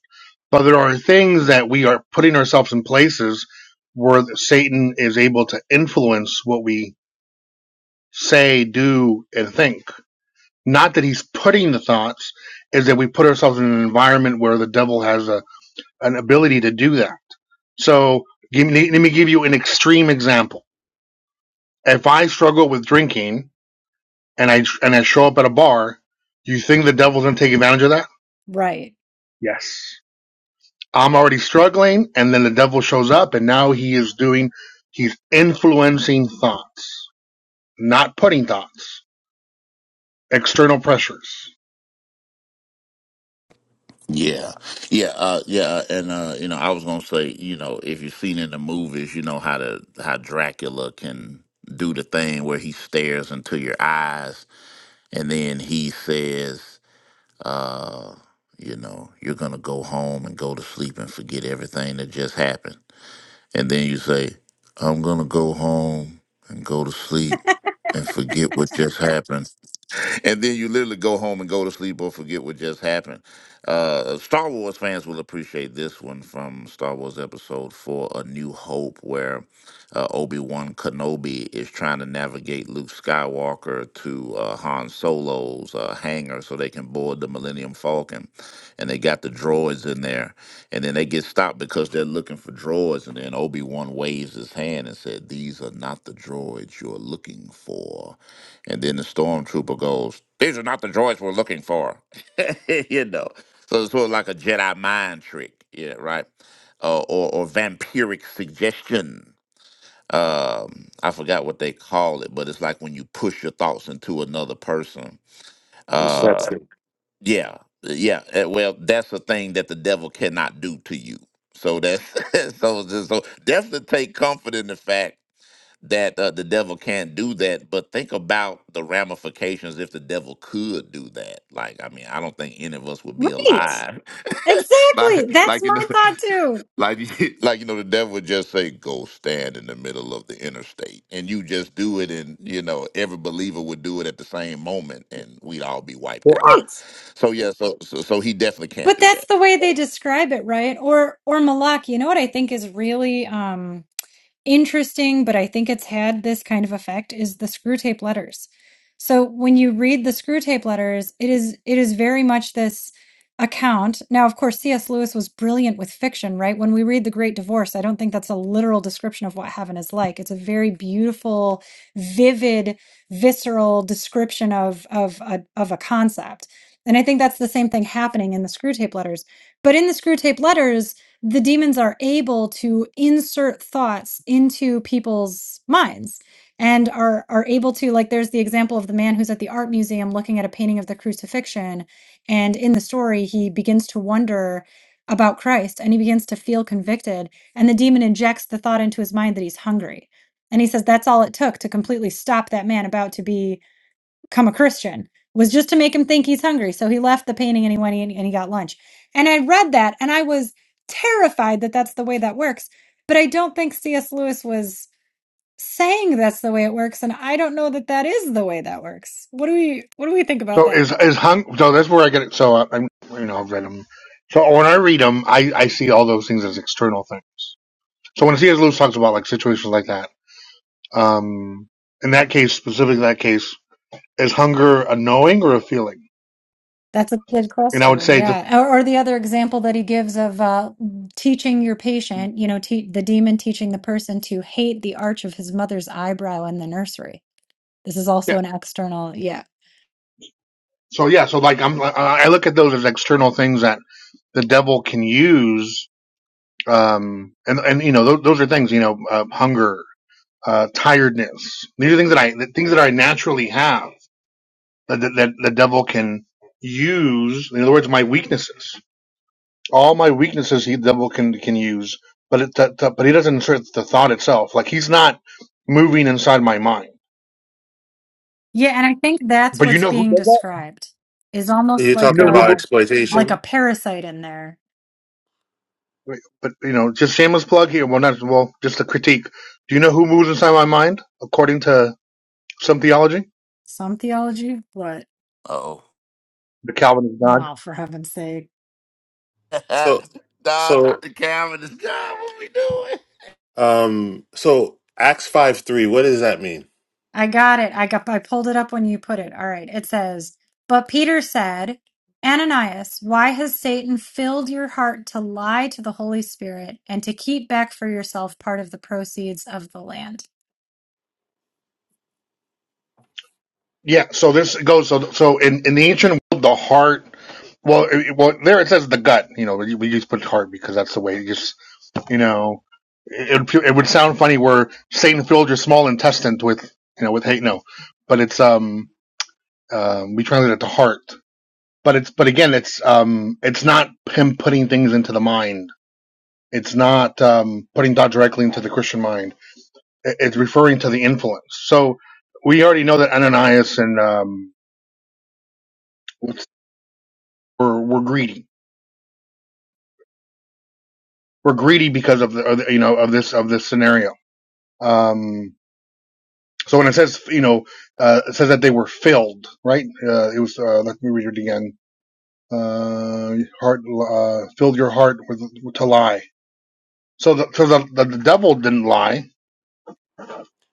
[SPEAKER 7] But there are things that we are putting ourselves in places where Satan is able to influence what we say, do, and think. Not that he's putting the thoughts, is that we put ourselves in an environment where the devil has a, an ability to do that So give me, let me give you an extreme example. If I struggle with drinking and I and I show up at a bar, do you think the devil's gonna take advantage of that?
[SPEAKER 1] Right.
[SPEAKER 7] Yes. I'm already struggling, and then the devil shows up, and now he is doing, he's influencing thoughts, not putting thoughts, external pressures.
[SPEAKER 4] yeah, uh, yeah. And uh, you know, I was gonna say, you know, if you've seen in the movies, you know how to how Dracula can do the thing where he stares into your eyes, and then he says. uh, you know, you're going to go home and go to sleep and forget everything that just happened. And then you say, I'm going to go home and go to sleep and forget what just happened and then you literally go home and go to sleep or forget what just happened. Uh, Star Wars fans will appreciate this one from Star Wars Episode 4 A New Hope, where uh, Obi Wan Kenobi is trying to navigate Luke Skywalker to uh, Han Solo's uh, hangar so they can board the Millennium Falcon. And they got the droids in there. And then they get stopped because they're looking for droids. And then Obi Wan waves his hand and said, These are not the droids you're looking for and then the stormtrooper goes, These are not the droids we're looking for. you know. So it's sort of like a Jedi mind trick, yeah, right? Uh, or, or vampiric suggestion. Um, I forgot what they call it, but it's like when you push your thoughts into another person.
[SPEAKER 8] and
[SPEAKER 4] Uh,
[SPEAKER 8] Stephen.
[SPEAKER 4] yeah, yeah. eh, Well, that's a thing that the devil cannot do to you. So that's so, so definitely take comfort in the fact that uh, the devil can't do that but think about the ramifications if the devil could do that like i mean i don't think any of us would be
[SPEAKER 1] Right.
[SPEAKER 4] alive
[SPEAKER 1] Exactly.
[SPEAKER 4] like
[SPEAKER 1] That's
[SPEAKER 4] like you
[SPEAKER 1] my
[SPEAKER 4] know
[SPEAKER 1] thought too.
[SPEAKER 4] like you- like you know the devil would just say go stand in the middle of the interstate and you just do it and you know every believer would do it at the same moment and we'd all be wiped
[SPEAKER 7] Well,
[SPEAKER 4] out
[SPEAKER 7] I,
[SPEAKER 1] Right.
[SPEAKER 4] so yeah so so, so he definitely can't
[SPEAKER 1] But
[SPEAKER 4] do
[SPEAKER 1] that's
[SPEAKER 4] that
[SPEAKER 1] the way they describe it, right? Or or Malak, you know what I think is really um interesting, but I think it's had this kind of effect is the screw tape letters. So when you read the screw tape letters, it is it is very much this account. Now, of course, C.S. Lewis was brilliant with fiction, right? When we read The Great Divorce, I don't think that's a literal description of what heaven is like. It's a very beautiful, vivid, visceral description of of a, of a concept. And I think that's the same thing happening in the screw tape letters. But in the screw tape letters, the demons are able to insert thoughts into people's minds and are are able to like there's the example of the man who's at the art museum looking at a painting of the crucifixion and in the story he begins to wonder about Christ and he begins to feel convicted and the demon injects the thought into his mind that he's hungry and he says that's all it took to completely stop that man about to be become a Christian was just to make him think he's hungry. So he left the painting and he went and and he got lunch. And I read that and I was terrified that that's the way that works. But I don't think C.S. Lewis was saying that's the way it works, and I don't know that that is the way that works. What do we What do we think about
[SPEAKER 7] So
[SPEAKER 1] that?
[SPEAKER 7] is is hung? So that's where I get it. So I, I'm you know I've read them. So when I read them, I I see all those things as external things. So when C.S. Lewis talks about like situations like that Um, in that case, specifically in that case, is hunger a knowing or a feeling?
[SPEAKER 1] That's a good
[SPEAKER 7] And I would
[SPEAKER 1] question.
[SPEAKER 7] say, the,
[SPEAKER 1] Yeah. Or, or the other example that he gives of uh, teaching your patient, you know, te- the demon teaching the person to hate the arch of his mother's eyebrow in the nursery This is
[SPEAKER 7] yeah.
[SPEAKER 1] also an external, yeah.
[SPEAKER 7] So yeah, so like I'm, I look at those as external things that the devil can use. Um, and and you know those, those are things you know uh, hunger, uh, tiredness. These are things that I things that I naturally have that that, that the devil can use. In other words, my weaknesses. all my weaknesses he devil can can use, but it that, that- but he doesn't insert the thought itself. Like he's not moving inside my mind.
[SPEAKER 1] Yeah, and I think that's
[SPEAKER 7] But you
[SPEAKER 1] what's
[SPEAKER 7] know who
[SPEAKER 1] being
[SPEAKER 7] does that?
[SPEAKER 1] described is almost
[SPEAKER 8] You're
[SPEAKER 7] You
[SPEAKER 1] like
[SPEAKER 7] know
[SPEAKER 8] talking
[SPEAKER 7] who
[SPEAKER 8] about
[SPEAKER 7] moves
[SPEAKER 1] a
[SPEAKER 7] inside my mind?
[SPEAKER 1] like a
[SPEAKER 8] exploitation.
[SPEAKER 1] parasite in there.
[SPEAKER 7] Wait, But you know, just shameless plug here. Well, not well, just a critique. Do you know who moves inside my mind? According to some theology,
[SPEAKER 1] Some theology, but
[SPEAKER 4] oh
[SPEAKER 7] the Calvinist God.
[SPEAKER 1] oh, for heaven's sake.
[SPEAKER 8] So
[SPEAKER 4] nah,
[SPEAKER 8] so
[SPEAKER 4] dr calvin is god what we doing
[SPEAKER 8] um so Acts five three. What does that mean?
[SPEAKER 1] I got it. I got I pulled it up when you put it. All right. It says, "But Peter said, Ananias, why has Satan filled your heart to lie to the Holy Spirit and to keep back for yourself part of the proceeds of the land?"
[SPEAKER 7] Yeah. So this goes. So so in in the ancient world, the heart. Well, it, well, there it says the gut. You know, we, we just put heart because that's the way. it just. You know, it, it would- sound funny where Satan filled your small intestine with you know with hate. No, but it's um um we translate it to heart. But it's but again it's um it's not him putting things into the mind. It's not um putting thought directly into the Christian mind. it's referring to the influence. So we already know that Ananias and um were were greedy. We're greedy because of the, of the you know of this of this scenario. Um So when it says, you know, uh, it says that they were filled, right? Uh, it was, uh, let me read it again. Uh, heart, uh, filled your heart with, to lie. So the, so the, the, the devil didn't lie.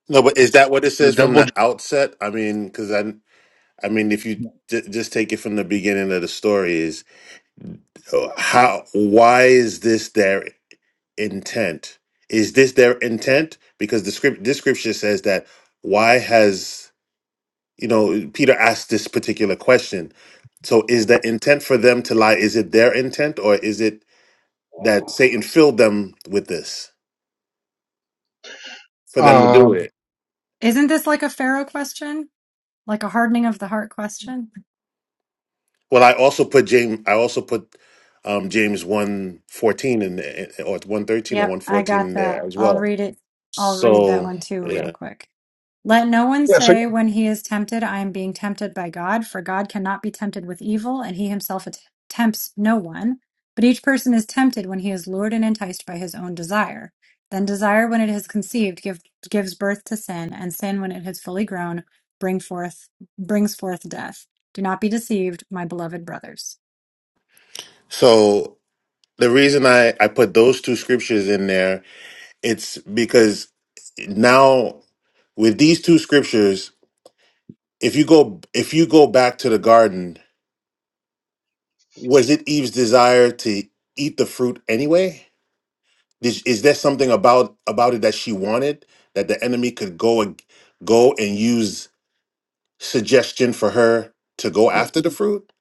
[SPEAKER 8] No, but is that what it
[SPEAKER 7] The
[SPEAKER 8] says from
[SPEAKER 7] devil,
[SPEAKER 8] the outset? I mean, because I I mean, if you j- just take it from the beginning of the story, is uh, how why is this there? intent. Is this their intent? Because the script this scripture says that why has you know Peter asked this particular question. So is the intent for them to lie? Is it their intent or is it that Satan filled them with this for them to do
[SPEAKER 7] um,
[SPEAKER 8] it?
[SPEAKER 1] Isn't this like a Pharaoh question? Like a hardening of the heart question?
[SPEAKER 8] Well, I also put James I also put um, James 114 in there eh, or 113 or
[SPEAKER 1] Yep, I
[SPEAKER 8] 114
[SPEAKER 1] got
[SPEAKER 8] in there
[SPEAKER 1] that.
[SPEAKER 8] as
[SPEAKER 1] I'll
[SPEAKER 8] well.
[SPEAKER 1] read it. I'll read that
[SPEAKER 8] So
[SPEAKER 1] one too, real
[SPEAKER 8] yeah.
[SPEAKER 1] quick. Let no one
[SPEAKER 7] yeah, so,
[SPEAKER 1] say when he is tempted, I am being tempted by God, for God cannot be tempted with evil, and he himself att- tempts no one. But each person is tempted when he is lured and enticed by his own desire. Then desire, when it has conceived, give, gives birth to sin, and sin, when it has fully grown, bring forth brings forth death. Do not be deceived, my beloved brothers.
[SPEAKER 8] So the reason I, I put those two scriptures in there It's because now with these two scriptures, if you go if you go back to the garden, was it Eve's desire to eat the fruit anyway? Is, is there something about about it that she wanted that the enemy could go and go and use suggestion for her to go after the fruit?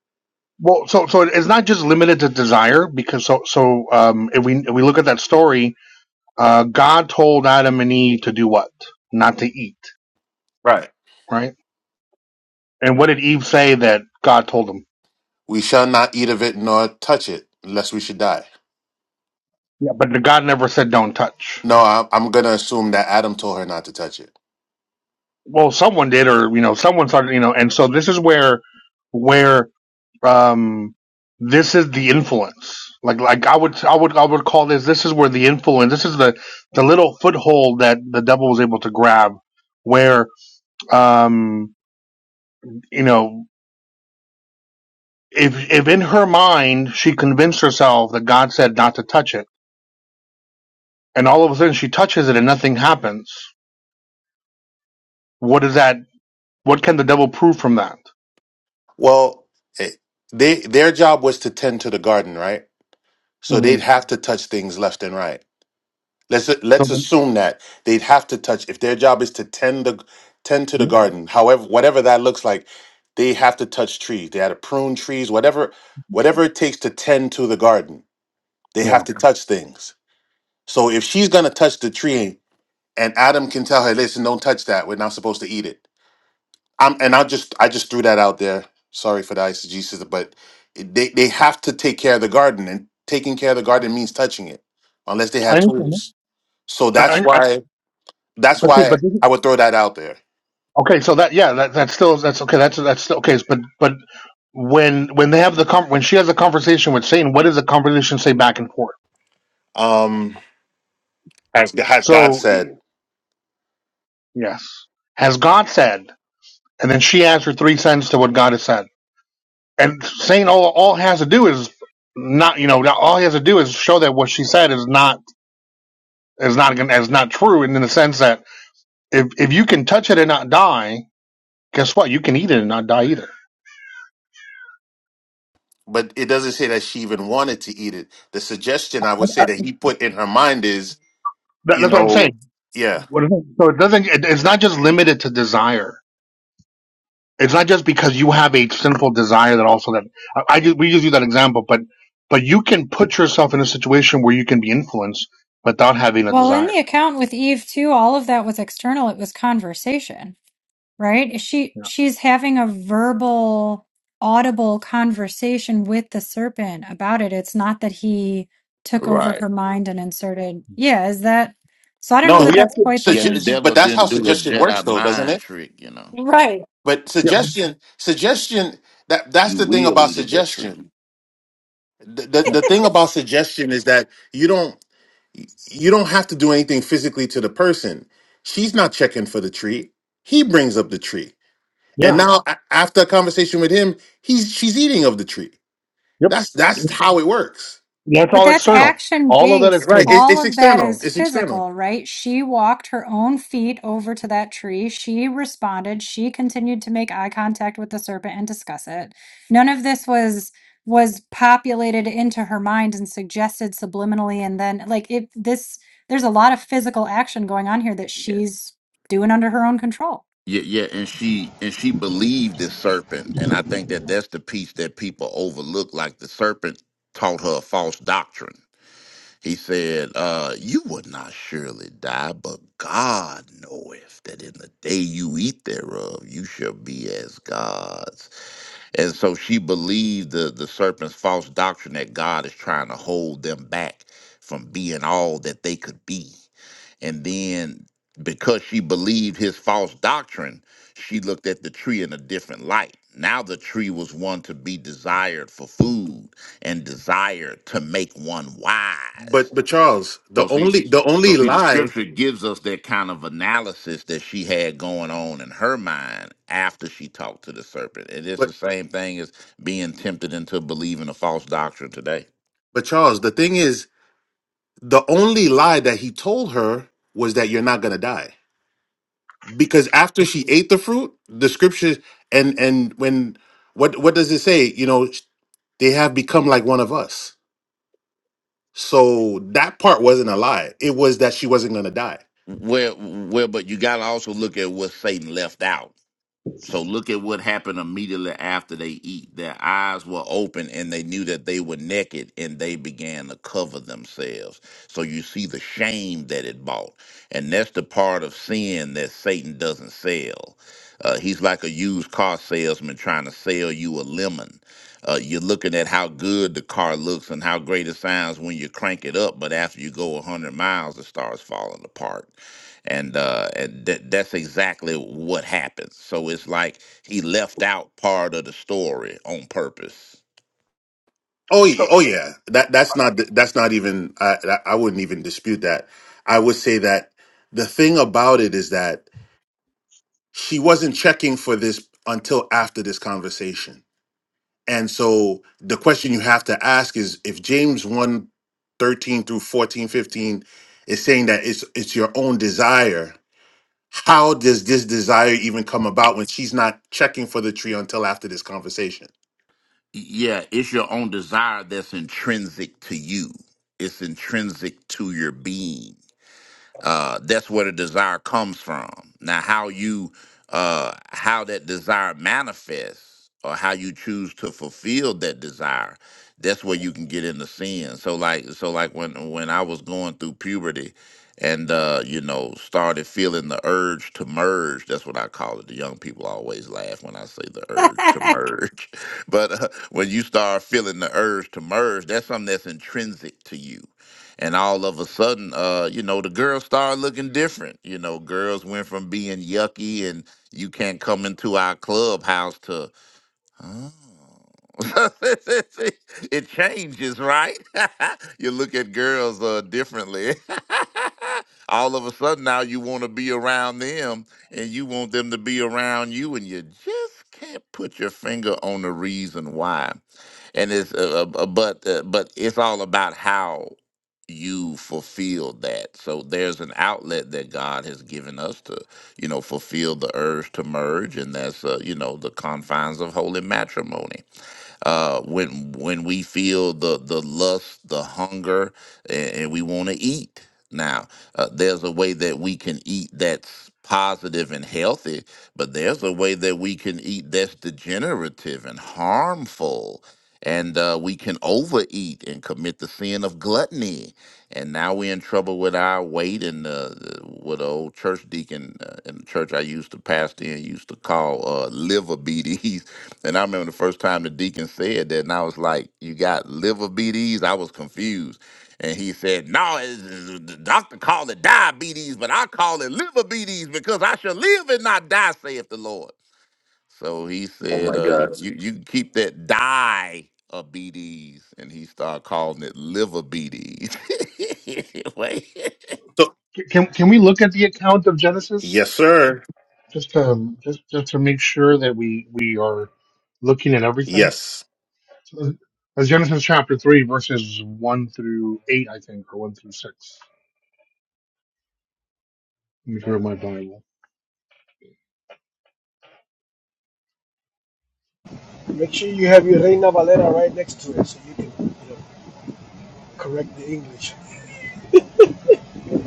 [SPEAKER 7] well, so, so it's not just limited to desire because so, so, um, if we, if we look at that story, uh, God told Adam and Eve to do what? Not to eat,
[SPEAKER 8] Right.
[SPEAKER 7] right? And what did Eve say that God told them?
[SPEAKER 8] We shall not eat of it nor touch it, lest we should die.
[SPEAKER 7] Yeah. But God never said don't touch.
[SPEAKER 8] No, I, I'm gonna assume that Adam told her not to touch it.
[SPEAKER 7] well someone did or you know someone started you know and so this is where where um this is the influence like like i would i would i would call this this is where the influence this is the the little foothold that the devil was able to grab where um you know if if in her mind she convinced herself that god said not to touch it and all of a sudden she touches it and nothing happens what is that what can the devil prove from that
[SPEAKER 8] Well, eh, they their job was to tend to the garden, right? So
[SPEAKER 7] hmm
[SPEAKER 8] they'd have to touch things left and right. Let's
[SPEAKER 7] so,
[SPEAKER 8] let's assume that they'd have to touch if their job is to tend the tend to the garden. However, whatever that looks like, they have to touch trees. They had to prune trees, whatever whatever it takes to tend to the garden. They have
[SPEAKER 7] yeah
[SPEAKER 8] to touch things. So if she's gonna touch the tree and Adam can tell her, "Listen, don't touch that. We're not supposed to eat it." I'm, and I just I just threw that out there. Sorry for the eisegesis, but they they have to take care of the garden, and taking care of the garden means touching it, unless they
[SPEAKER 7] i
[SPEAKER 8] had
[SPEAKER 7] understand
[SPEAKER 8] tools. So
[SPEAKER 7] that.
[SPEAKER 8] that's
[SPEAKER 7] I,
[SPEAKER 8] why that's
[SPEAKER 7] But see,
[SPEAKER 8] why
[SPEAKER 7] but didn't-
[SPEAKER 8] I would throw that out there.
[SPEAKER 7] okay, so that yeah, that that's still that's okay. That's that's still okay. But but when when they have the com- when she has a conversation with Satan, what does the conversation say back and forth?
[SPEAKER 8] Um, as has God
[SPEAKER 7] So
[SPEAKER 8] said,
[SPEAKER 7] yes, has God said, and then she adds her three cents to what God has said, and Satan all all has to do is not you know all he has to do is show that what she said is not is not gonna- is not true, and in the sense that if if you can touch it and not die, guess what? You can eat it and not die either.
[SPEAKER 8] but it doesn't say that she even wanted to eat it. The suggestion I would say
[SPEAKER 7] That-
[SPEAKER 8] that he put in her mind is, you
[SPEAKER 7] that's what I'm saying.
[SPEAKER 8] know, yeah,
[SPEAKER 7] What is it? So it doesn't. It, it's not just limited to desire. It's not just because you have a sinful desire that also that I, I ju- we just use that example, but but you can put yourself in a situation where you can be influenced without having a
[SPEAKER 1] Well, in
[SPEAKER 7] desire.
[SPEAKER 1] the account with Eve too, all of that was external. It was conversation, right? She
[SPEAKER 7] Yeah.
[SPEAKER 1] she's having a verbal, audible conversation with the serpent about it. It's not that he took over
[SPEAKER 4] right
[SPEAKER 1] her mind and inserted. Yeah, is that? So I don't know
[SPEAKER 7] So
[SPEAKER 1] that
[SPEAKER 8] no,
[SPEAKER 7] we have
[SPEAKER 1] that's
[SPEAKER 7] to.
[SPEAKER 1] quite the
[SPEAKER 4] Yeah, the
[SPEAKER 1] same
[SPEAKER 8] suggest,
[SPEAKER 1] thing.
[SPEAKER 8] but
[SPEAKER 4] devil
[SPEAKER 8] that's how
[SPEAKER 4] didn't do a
[SPEAKER 8] suggestion works,
[SPEAKER 4] Jedi
[SPEAKER 8] though, doesn't
[SPEAKER 4] mind
[SPEAKER 8] it?
[SPEAKER 4] trick, you know.
[SPEAKER 1] right?
[SPEAKER 8] But
[SPEAKER 7] Yeah.
[SPEAKER 8] suggestion, suggestion that that's
[SPEAKER 4] You
[SPEAKER 8] the thing
[SPEAKER 4] will
[SPEAKER 8] about
[SPEAKER 4] eat of that tree.
[SPEAKER 8] suggestion the, the
[SPEAKER 7] Yeah.
[SPEAKER 8] the thing about suggestion is that you don't you don't have to do anything physically to the person. She's not checking for the treat. He brings up the treat, and
[SPEAKER 7] Yeah.
[SPEAKER 8] now a- after a conversation with him, he's she's eating of the treat.
[SPEAKER 7] Yep.
[SPEAKER 8] That's that's how it works,
[SPEAKER 7] That's
[SPEAKER 1] But
[SPEAKER 7] all
[SPEAKER 1] that's
[SPEAKER 7] external.
[SPEAKER 1] action
[SPEAKER 7] All of that
[SPEAKER 1] based.
[SPEAKER 8] right?
[SPEAKER 7] external.
[SPEAKER 8] It,
[SPEAKER 1] All
[SPEAKER 8] it's
[SPEAKER 1] of that
[SPEAKER 8] external.
[SPEAKER 1] is
[SPEAKER 8] It's external.
[SPEAKER 1] physical, right? She walked her own feet over to that tree. She responded. She continued to make eye contact with the serpent and discuss it. None of this was was populated into her mind and suggested subliminally and then like it this there's a lot of physical action going on here that
[SPEAKER 4] Yeah.
[SPEAKER 1] she's doing under her own control.
[SPEAKER 4] Yeah, yeah, and she and she believed the serpent, and I think that that's the piece that people overlook. Like the serpent taught her a false doctrine. He said, uh, You would not surely die, but God knoweth that in the day you eat thereof, you shall be as gods. And so she believed the, the serpent's false doctrine that God is trying to hold them back from being all that they could be. And then because she believed his false doctrine, she looked at the tree in a different light. Now the tree was one to be desired for food and desire to make one wise.
[SPEAKER 8] But but Charles, the
[SPEAKER 4] So see,
[SPEAKER 8] only the
[SPEAKER 4] so
[SPEAKER 8] only
[SPEAKER 4] see, the
[SPEAKER 8] lie,
[SPEAKER 4] scripture gives us that kind of analysis that she had going on in her mind after she talked to the serpent, and it's
[SPEAKER 8] but
[SPEAKER 4] the same thing as being tempted into believing a false doctrine today.
[SPEAKER 8] but Charles, the thing is, the only lie that he told her was that you're not gonna die. because after she ate the fruit, the scriptures and and when what what does it say? You know, they have become like one of us. So that part wasn't a lie. It was that she wasn't going to die.
[SPEAKER 4] Well, well, but you got to also look at what Satan left out. So look at what happened immediately after they eat. Their eyes were open and they knew that they were naked and they began to cover themselves. So you see the shame that it bought. And that's the part of sin that Satan doesn't sell. Uh, he's like a used car salesman trying to sell you a lemon. Uh, you're looking at how good the car looks and how great it sounds when you crank it up, but after you go 100 miles, it starts falling apart and uh and that that's exactly what happens so it's like he left out part of the story on purpose
[SPEAKER 8] Oh, y- oh yeah. That that's not that's not even I I I wouldn't even dispute that. I would say that the thing about it is that she wasn't checking for this until after this conversation And so the question you have to ask is if James one, 13 through 14, 15, is saying that it's it's your own desire, how does this desire even come about when she's not checking for the tree until after this conversation?
[SPEAKER 4] yeah it's your own desire that's intrinsic to you it's intrinsic to your being uh, that's where the desire comes from. Now, how you uh, how that desire manifests or how you choose to fulfill that desire, that's where you can get into sin. So like so like when when I was going through puberty and uh, you know started feeling the urge to merge that's what i call it the young people always laugh when i say the urge to merge but uh, when you start feeling the urge to merge that's something that's intrinsic to you and all of a sudden uh you know the girls started looking different you know girls went from being yucky and you can't come into our clubhouse to oh. it changes right you look at girls uh differently all of a sudden now you want to be around them and you want them to be around you and you just can't put your finger on the reason why and it's uh, uh, uh, but uh, but it's all about how you fulfill that so there's an outlet that god has given us to you know fulfill the urge to merge and that's uh, you know the confines of holy matrimony uh, when when we feel the the lust, the hunger, and, and we want to eat. Now, uh, there's a way that we can eat that's positive and healthy, but there's a way that we can eat that's degenerative and harmful. And uh, we can overeat and commit the sin of gluttony. And now we're in trouble with our weight. And uh, the- what an old church deacon uh, in the church I used to pastor in used to call uh, liver beaties And I remember the first time the deacon said that, and I was like, "You got liver BDs?" I was confused, and he said, "No, it's, it's- the doctor called it diabetes, but I call it liver BDs because I shall live and not die," saith the Lord. So he
[SPEAKER 8] Oh
[SPEAKER 4] said,
[SPEAKER 8] my
[SPEAKER 4] uh, Mhm.
[SPEAKER 8] God.
[SPEAKER 4] "You you can keep that die of BDs," and he started calling it liver BDs. Wait.
[SPEAKER 8] So
[SPEAKER 7] C- Can can we look at the account of Genesis
[SPEAKER 8] yes, sir.
[SPEAKER 7] just to just just to make sure that we we are looking at everything?
[SPEAKER 8] Yes.
[SPEAKER 7] So that's Genesis chapter 3, verses 1 through 8, I think, or 1 through 6. Let me grab my Bible.
[SPEAKER 2] Make sure you have your Reina Valera right next to it so you can you know correct the English.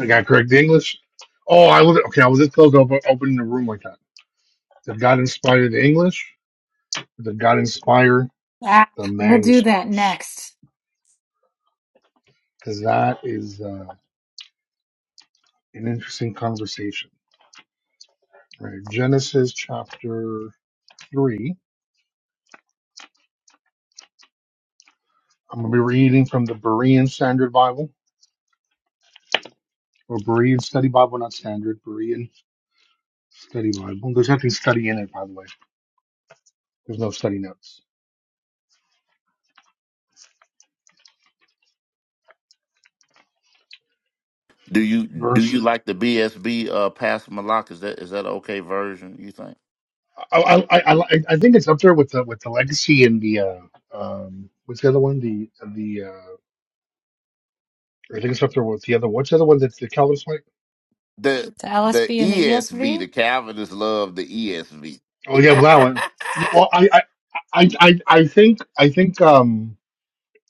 [SPEAKER 7] I got to correct the English. Oh, I was, okay, I was just close to op- opening the room like that. Did God inspire the English? Did God inspire
[SPEAKER 1] Ah,
[SPEAKER 7] the
[SPEAKER 1] we'll do that
[SPEAKER 7] manuscripts?
[SPEAKER 1] next.
[SPEAKER 7] Because that is uh, an interesting conversation. All Right, Genesis chapter 3. I'm going to be reading from the Berean Standard Bible, or Berean Study Bible, not Standard, Berean Study Bible. There's nothing study in it, by the way. There's no study notes.
[SPEAKER 4] Do you do you
[SPEAKER 7] Verse.
[SPEAKER 4] like the BSB uh, Pastor Malak? Is that is that an okay version? You think?
[SPEAKER 7] I I I, I I think it's up there with the with the legacy and the uh, um what's the other one? The the uh, I think it's up there with the other. What's the other one that's the Calvinist like?
[SPEAKER 4] The
[SPEAKER 1] The
[SPEAKER 4] the
[SPEAKER 1] LSB and the
[SPEAKER 4] ESV,
[SPEAKER 1] ESV.
[SPEAKER 4] the Calvinists love the ESV.
[SPEAKER 7] Oh yeah, that one. No, Well, I I I I I think I think um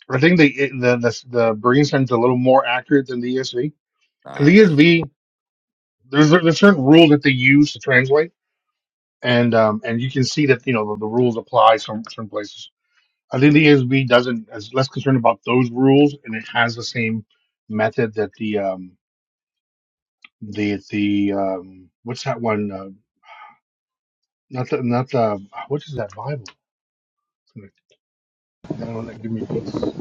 [SPEAKER 7] I think the the the, the Berean sentence a little more accurate than the ESV because the
[SPEAKER 4] Nice.
[SPEAKER 7] ESV there's a- there's certain rule that they use to translate and um and you can see that you know the, the rules apply some certain places I think the ASB doesn't is less concerned about those rules, and it has the same method that the um the the um what's that one? Uh, not the not the what is that Bible? That one that give me peace.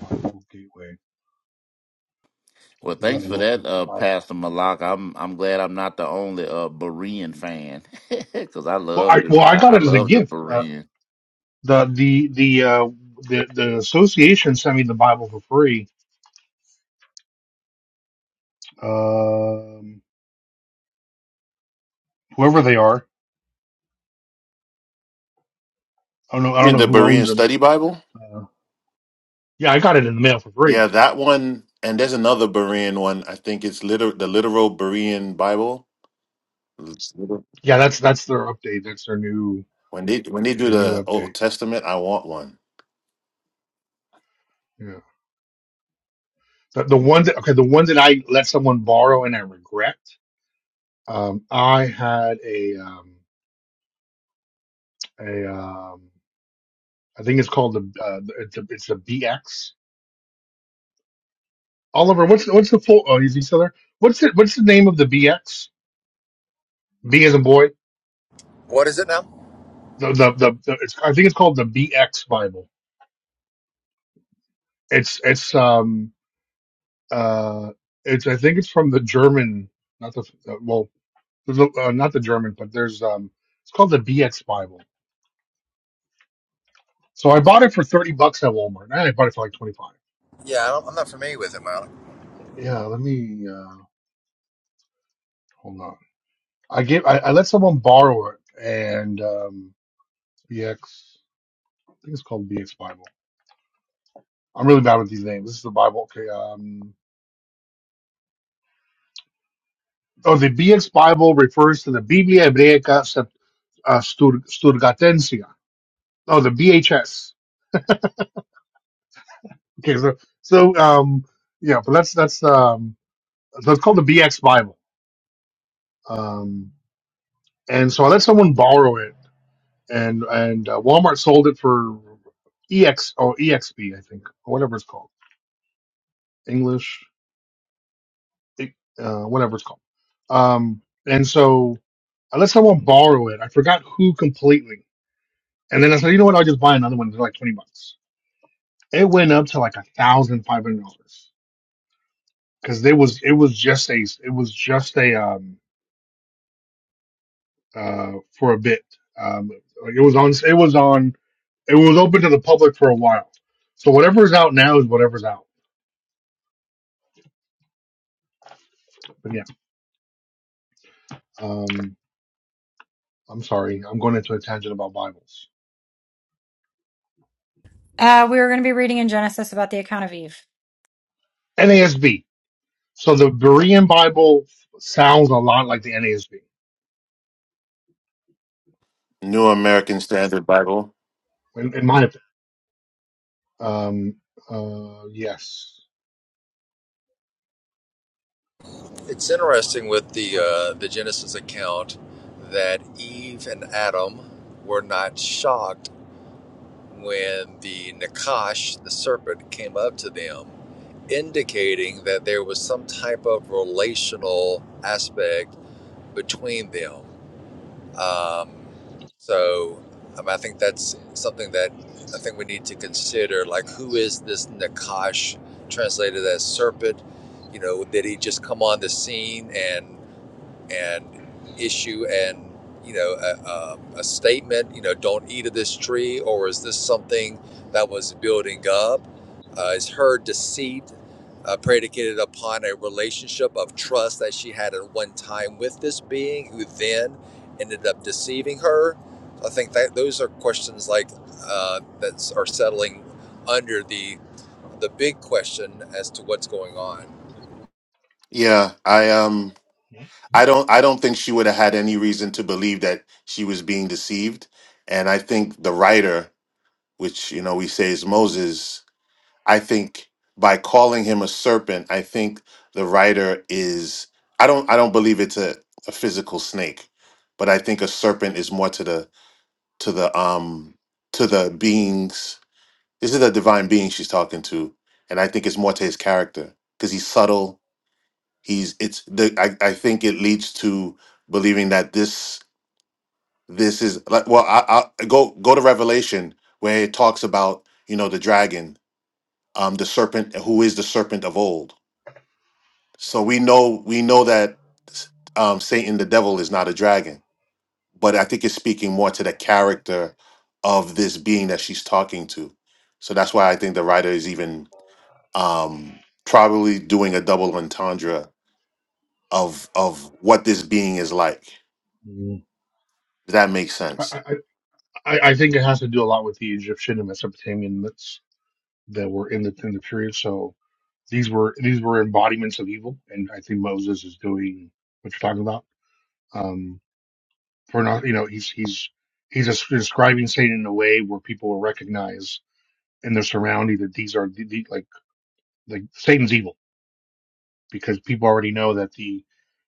[SPEAKER 7] Bible Gateway.
[SPEAKER 4] Well,
[SPEAKER 7] I
[SPEAKER 4] thanks
[SPEAKER 7] gotta
[SPEAKER 4] for
[SPEAKER 7] look
[SPEAKER 4] that,
[SPEAKER 7] up the
[SPEAKER 4] uh,
[SPEAKER 7] Bible.
[SPEAKER 4] Pastor Malak. I'm I'm glad I'm not the only uh, Berean fan because I
[SPEAKER 7] Well,
[SPEAKER 4] love
[SPEAKER 7] I
[SPEAKER 4] the
[SPEAKER 7] well I
[SPEAKER 4] I
[SPEAKER 7] got
[SPEAKER 4] I
[SPEAKER 7] it as a
[SPEAKER 4] love the
[SPEAKER 7] gift. Uh,
[SPEAKER 4] Bereans.
[SPEAKER 7] the the the uh the the association sent me the Bible for free. Um, whoever they are, I don't know. I
[SPEAKER 8] I
[SPEAKER 7] don't
[SPEAKER 8] mean
[SPEAKER 7] know
[SPEAKER 8] the
[SPEAKER 7] who owns
[SPEAKER 8] Berean
[SPEAKER 7] them.
[SPEAKER 8] study Bible?
[SPEAKER 7] Uh, yeah, I got it in the mail for free
[SPEAKER 8] Yeah, that one and there's another Berean one. I think it's liter the literal Berean Bible. It's literal.
[SPEAKER 7] Yeah, that's that's their update. That's their new
[SPEAKER 8] When they when they do
[SPEAKER 7] their new
[SPEAKER 8] the Old
[SPEAKER 7] update.
[SPEAKER 8] Testament, I want one.
[SPEAKER 7] Yeah. The, the ones that okay, the ones that I let someone borrow and I regret. Um, I had a um, a um, I think it's called the uh, it's a it's a BX. Oliver, what's what's the full? Oh, is he still there? What's it? What's the name of the BX? B as in boy.
[SPEAKER 6] What is it now?
[SPEAKER 7] The the the, the it's, I think it's called the BX Bible. It's it's um uh it's I think it's from the German, not the uh, well There's a, uh, not the German, but there's um, it's called the BX Bible. So I bought it for thirty bucks at Walmart. Eh, I bought it for like twenty five.
[SPEAKER 6] Yeah, I don't, I'm not familiar with it, Malik.
[SPEAKER 7] Yeah, let me uh, hold on. I gave I, I let someone borrow it, and um, BX. I think it's called BX Bible. I'm really bad with these names. This is the Bible. Okay. Um, oh, the BX Bible refers to the Biblia Hebraica Sept- uh, Stur- Sturgatensia. Oh, the BHS. Okay, so so um, yeah, but that's that's um, so it's called the BX Bible. Um, and so I let someone borrow it, and and uh, Walmart sold it for ex or exp, I think, or whatever it's called, English, E, uh, whatever it's called. Um, and so I let someone borrow it. I forgot who completely, and then I said, you know what, I'll just buy another one. They're like twenty bucks. It went up to like a thousand five hundred dollars because there was it was just a it was just a um uh for a bit um it was on it was on it was open to the public for a while. So whatever's out now is whatever's out. But yeah, um, I'm sorry, I'm going into a tangent about Bibles.
[SPEAKER 1] Uh, we were going to be reading in Genesis about the account of Eve.
[SPEAKER 7] NASB. So the Berean Bible sounds a lot like the NASB,
[SPEAKER 8] New American Standard Bible.
[SPEAKER 7] in, in my opinion. Um, uh, yes.
[SPEAKER 6] it's interesting with the
[SPEAKER 7] All Right.
[SPEAKER 6] uh, the genesis account that eve and adam were not shocked when the nakash the serpent came up to them indicating that there was some type of relational aspect between them Um, so um, I think that's something that I think we need to consider. Like, who is this Nakash translated as serpent? You know, did he just come on the scene and and issue and you know a, um, a statement you know don't eat of this tree or is this something that was building up uh, is her deceit uh, predicated upon a relationship of trust that she had at one time with this being who then ended up deceiving her i think that those are questions like uh, that are settling under the the big question as to what's going on
[SPEAKER 8] Yeah, I um I don't I don't think she would have had any reason to believe that she was being deceived. And I think the writer, which you know we say is Moses, I think by calling him a serpent, I think the writer is I don't I don't believe it's a, a physical snake, but I think a serpent is more to the to the um to the beings this is a divine being she's talking to, and I think it's more to his character because he's subtle he's it's the I, I think it leads to believing that this this is like well I, I go go to Revelation where it talks about you know the dragon um the serpent who is the serpent of old so we know we know that um Satan the devil is not a dragon but I think it's speaking more to the character of this being that she's talking to so that's why I think the writer is even um probably doing a double entendre of of what this being is like
[SPEAKER 7] Mm.
[SPEAKER 8] Does that make
[SPEAKER 7] I,
[SPEAKER 8] sense?
[SPEAKER 7] I, I I think it has to do a lot with the Egyptian and Mesopotamian myths that were in the in the period. So these were these were embodiments of evil, and I think Moses is doing what you're talking about. Um, for not you know he's he's he's just describing Satan in a way where people will recognize in their surrounding that these are the, the, like like Satan's evil because people already know that the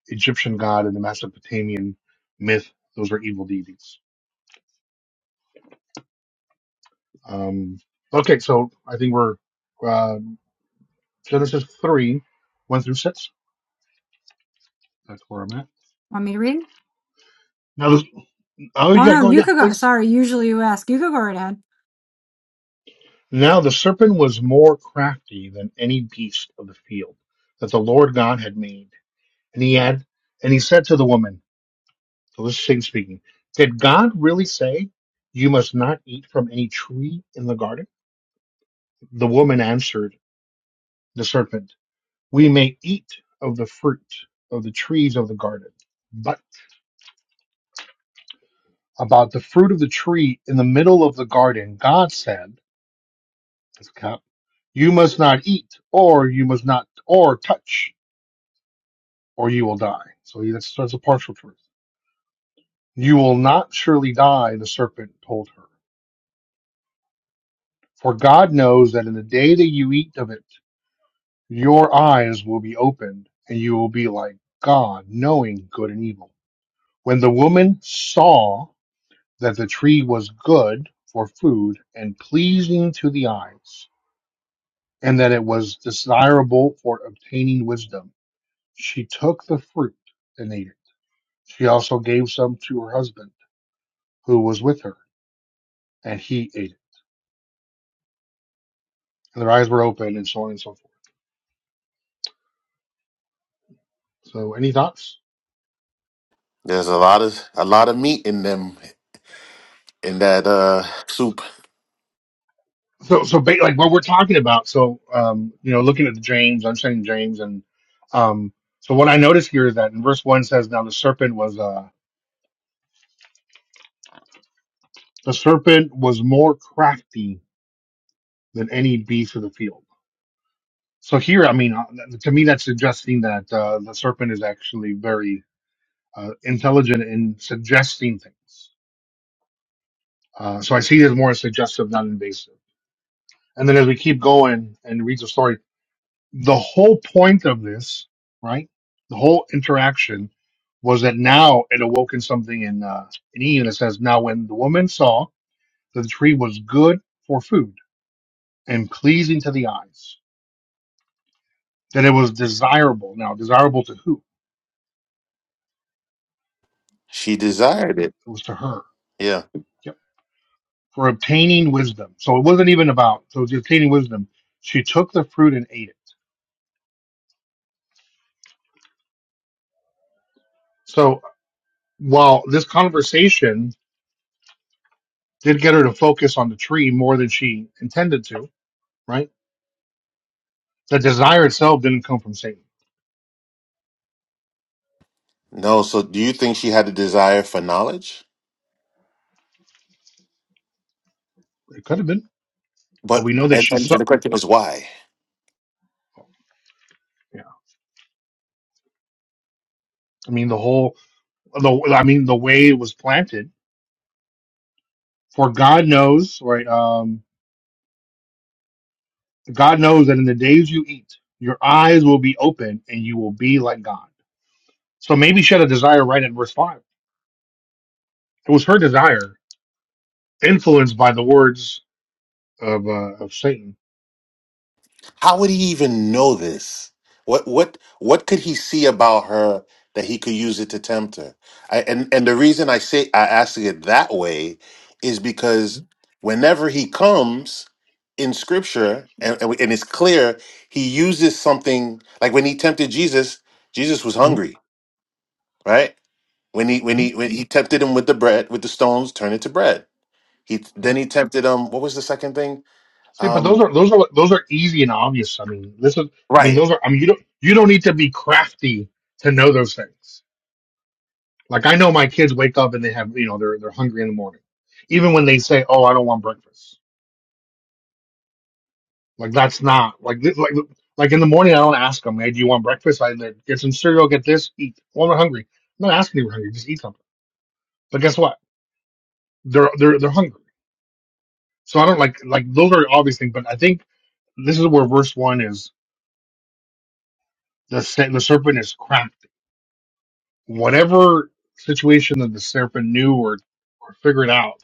[SPEAKER 7] Egyptian god and the Mesopotamian myth those are evil deities. Um, okay, so I think we're uh, Genesis three one through six. That's where I'm at
[SPEAKER 1] Want me to read?
[SPEAKER 7] now. This, oh
[SPEAKER 1] Oh
[SPEAKER 7] yeah,
[SPEAKER 1] no,
[SPEAKER 7] go
[SPEAKER 1] you
[SPEAKER 7] yeah,
[SPEAKER 1] could go.
[SPEAKER 7] please.
[SPEAKER 1] Sorry, usually you ask. You could go right ahead.
[SPEAKER 7] Now the serpent was more crafty than any beast of the field that the Lord God had made. And he had, and he said to the woman, so this is Satan speaking, did God really say you must not eat from any tree in the garden? The woman answered the serpent, we may eat of the fruit of the trees of the garden, but about the fruit of the tree in the middle of the garden, God said, this cup, you must not eat or you must not, or touch or you will die. So that's, that's a partial truth. You will not surely die, the serpent told her. For God knows that in the day that you eat of it, your eyes will be opened, and you will be like God, knowing good and evil. When the woman saw that the tree was good for food and pleasing to the eyes, and that it was desirable for obtaining wisdom, she took the fruit and ate it. She also gave some to her husband, who was with her, and he ate it. And their eyes were open, and so on and so forth. So, any thoughts?
[SPEAKER 8] There's a lot of a lot of meat in them in that uh soup.
[SPEAKER 7] so so ba- like what we're talking about so um you know looking at the james i'm saying james and um so what i notice here is that in verse one says now the serpent was uh the serpent was more crafty than any beast of the field so here i mean uh, to me that's suggesting that uh, the serpent is actually very uh, intelligent in suggesting things uh, so i see it as more suggestive not invasive and then as we keep going and read the story the whole point of this right the whole interaction was that now it awoken something in uh, in Eve, and it says, "Now when the woman saw that the tree was good for food and pleasing to the eyes, that it was desirable. Now, desirable to who?
[SPEAKER 8] She desired it.
[SPEAKER 7] It was to her.
[SPEAKER 8] Yeah.
[SPEAKER 7] Yep. For obtaining wisdom. So it wasn't even about. So it was obtaining wisdom. She took the fruit and ate it. So while this conversation did get her to focus on the tree more than she intended to, right? The desire itself didn't come from Satan.
[SPEAKER 8] No, so do you think she had a desire for knowledge?
[SPEAKER 7] It could have been, but
[SPEAKER 8] But
[SPEAKER 7] we know that
[SPEAKER 8] and,
[SPEAKER 7] she
[SPEAKER 8] and
[SPEAKER 7] saw.
[SPEAKER 8] the question is why?
[SPEAKER 7] Yeah. I mean, the whole the I mean the way it was planted. For God knows, right? Um, God knows that in the days you eat, your eyes will be open and you will be like God. So maybe she had a desire right at verse five. It was her desire, influenced by the words of uh, of Satan.
[SPEAKER 8] How would he even know this? What what what could he see about her that he could use it to tempt her? I, and and the reason I say I ask it that way is because whenever he comes in Scripture and and and it's clear he uses something like when he tempted Jesus, Jesus was
[SPEAKER 7] Mhm.
[SPEAKER 8] hungry, right? When he when
[SPEAKER 7] Mhm.
[SPEAKER 8] he when he tempted him with the bread with the stones, turn it to bread. He
[SPEAKER 7] Yeah.
[SPEAKER 8] then he tempted him. What was the second thing?
[SPEAKER 7] See, but those
[SPEAKER 8] Um,
[SPEAKER 7] are those are those are easy and obvious. I mean, this is. I mean,
[SPEAKER 8] right.
[SPEAKER 7] those are. I mean, you don't you don't need to be crafty to know those things. Like I know my kids wake up and they have, you know, they're they're hungry in the morning. Even when they say, "Oh, I don't want breakfast," like that's not like th- like like in the morning I don't ask them, "Hey, do you want breakfast?" I like, get some cereal, get this, eat. Well, they're hungry. I'm not asking if you're hungry, just eat something. But guess what? They're they're they're hungry. So I don't like like those are obvious things. But I think this is where verse one is the se- the serpent is crafty. Whatever situation that the serpent knew or or figured out,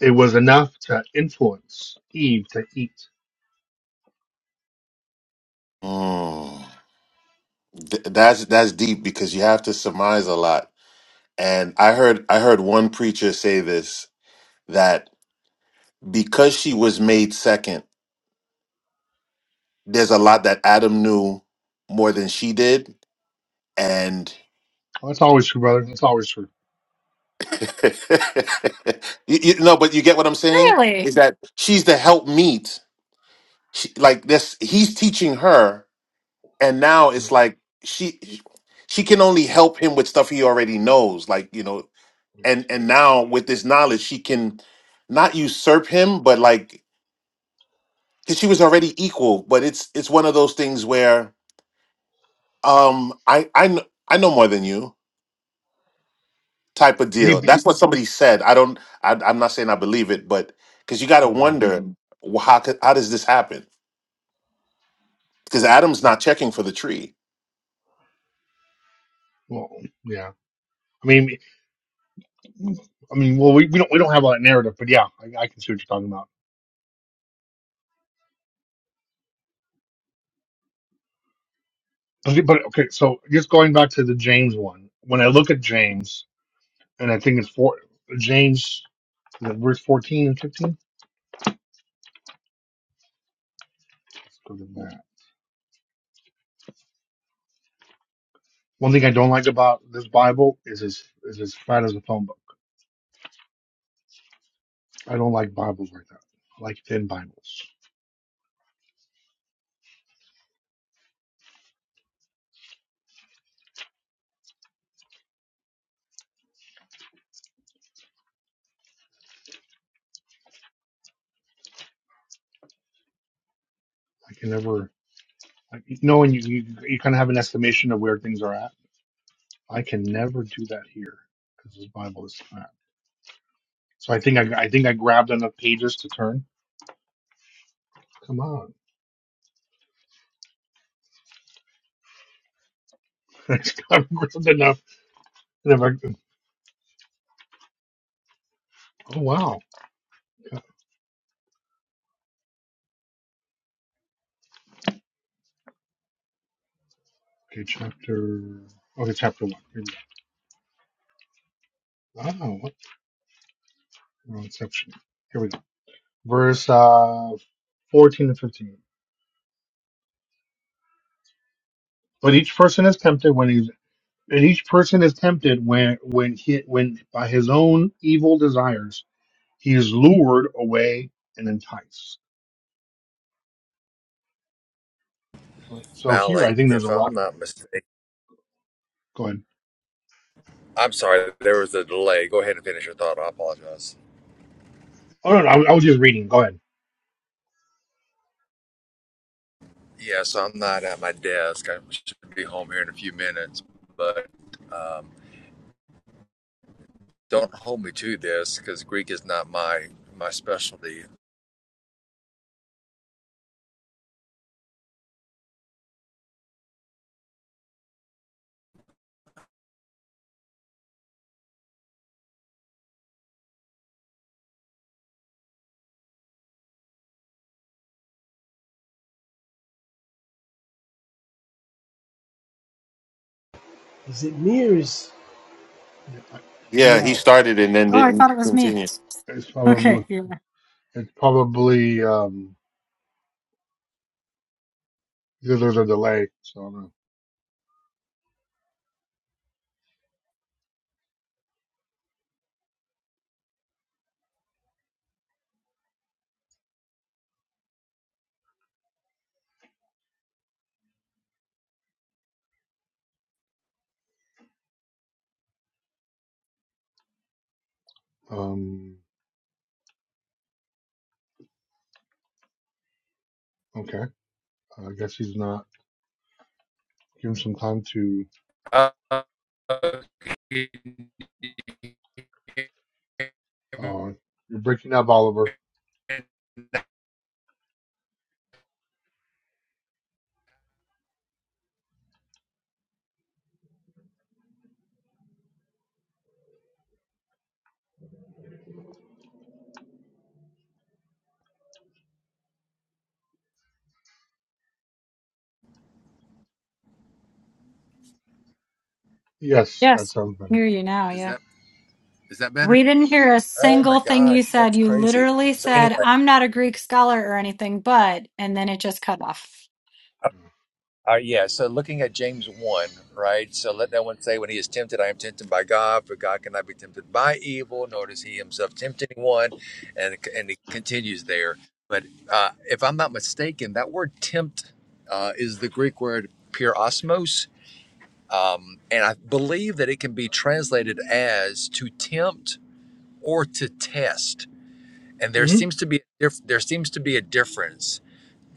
[SPEAKER 7] it was enough to influence Eve to eat
[SPEAKER 8] Mm. Th- that's that's deep because you have to surmise a lot. And I heard I heard one preacher say this that because she was made second, there's a lot that Adam knew more than she did. And
[SPEAKER 7] Well, that's always true, brother. That's always true.
[SPEAKER 8] you, you no, but you get what I'm saying is
[SPEAKER 1] Really?
[SPEAKER 8] that she's the help meet. She, like this, he's teaching her, and now
[SPEAKER 7] Yeah,
[SPEAKER 8] it's like she she can only help him with stuff he already knows. Like you know,
[SPEAKER 7] yeah,
[SPEAKER 8] and and now with
[SPEAKER 7] yeah.
[SPEAKER 8] this knowledge she can not usurp him but like because she was already equal but it's it's one of those things where um i i, kn- I know more than you type of deal
[SPEAKER 7] He- he-
[SPEAKER 8] that's what somebody said i don't I, i'm not saying i believe it but because you got to
[SPEAKER 7] mm,
[SPEAKER 8] wonder Mhm. well, how could how does this happen because adam's not checking for the tree
[SPEAKER 7] well, yeah. I mean, I mean, well, we, we don't we don't have all that narrative, but yeah, I, I can see what you're talking about. But, but okay, so just going back to the James one. When I look at James, and I think it's four James, is it verse fourteen and fifteen. Let's go to that. One thing I don't like about this Bible is as is as fat as a phone book. I don't like Bibles like that. I like thin Bibles. I can never like knowing you you, you kind of have an estimation of where things are at I can never do that here because this Bible is fat. So I think I, I think I grabbed enough pages to turn. Come on, I have grabbed enough. And if i oh wow. Yeah. Okay, chapter. Okay, chapter one. Here we go. Oh, what wrong section? Here we go. Verse uh, fourteen and fifteen. But each person is tempted when he's and each person is tempted when when he when by his own evil desires he is lured away and enticed. Right. So here
[SPEAKER 6] Malik,
[SPEAKER 7] I think there's
[SPEAKER 6] if
[SPEAKER 7] a
[SPEAKER 6] I'm
[SPEAKER 7] lot.
[SPEAKER 6] not mistaken.
[SPEAKER 7] Go ahead.
[SPEAKER 6] I'm sorry, there was a delay. Go ahead and finish your thought. I apologize.
[SPEAKER 7] Oh no, no I, was- I was just reading. Go ahead.
[SPEAKER 6] Yeah, so I'm not at my desk. I should be home here in a few minutes, but um, don't hold me to this because Greek is not my my specialty.
[SPEAKER 2] Is Zamir is,
[SPEAKER 7] Yeah, I-
[SPEAKER 2] is he
[SPEAKER 8] yeah he
[SPEAKER 2] out.
[SPEAKER 8] started and then
[SPEAKER 1] Oh, I
[SPEAKER 8] didn't
[SPEAKER 1] thought it was me.
[SPEAKER 8] continue
[SPEAKER 7] it's probably
[SPEAKER 1] Okay, you
[SPEAKER 7] it's probably um because there's a delay, so I don't know. Um, okay, I guess he's not giving some time to. Uh, you're breaking up, Oliver. Yes, that
[SPEAKER 1] Yes. I
[SPEAKER 7] sounds
[SPEAKER 1] can
[SPEAKER 7] better.
[SPEAKER 1] Hear you now,
[SPEAKER 6] Is
[SPEAKER 1] yeah.
[SPEAKER 6] that is that better?
[SPEAKER 1] We didn't hear a
[SPEAKER 6] Oh my
[SPEAKER 1] single thing you
[SPEAKER 6] gosh,
[SPEAKER 1] said.
[SPEAKER 6] that's
[SPEAKER 1] You
[SPEAKER 6] crazy.
[SPEAKER 1] literally
[SPEAKER 6] So
[SPEAKER 1] said,
[SPEAKER 6] anyway,
[SPEAKER 1] I'm not a Greek scholar or anything, but, and then it just cut off.
[SPEAKER 6] Uh, yeah, so looking at James 1, right? So let that one say, When he is tempted, I am tempted by God, for God cannot be tempted by evil, nor does he himself tempt anyone. And, and it continues there. But uh, if I'm not mistaken, that word tempt uh, is the Greek word pyrosmos. Um, and I believe that it can be translated as to tempt or to test. And there
[SPEAKER 7] hmm
[SPEAKER 6] seems to be a diff- there seems to be a difference.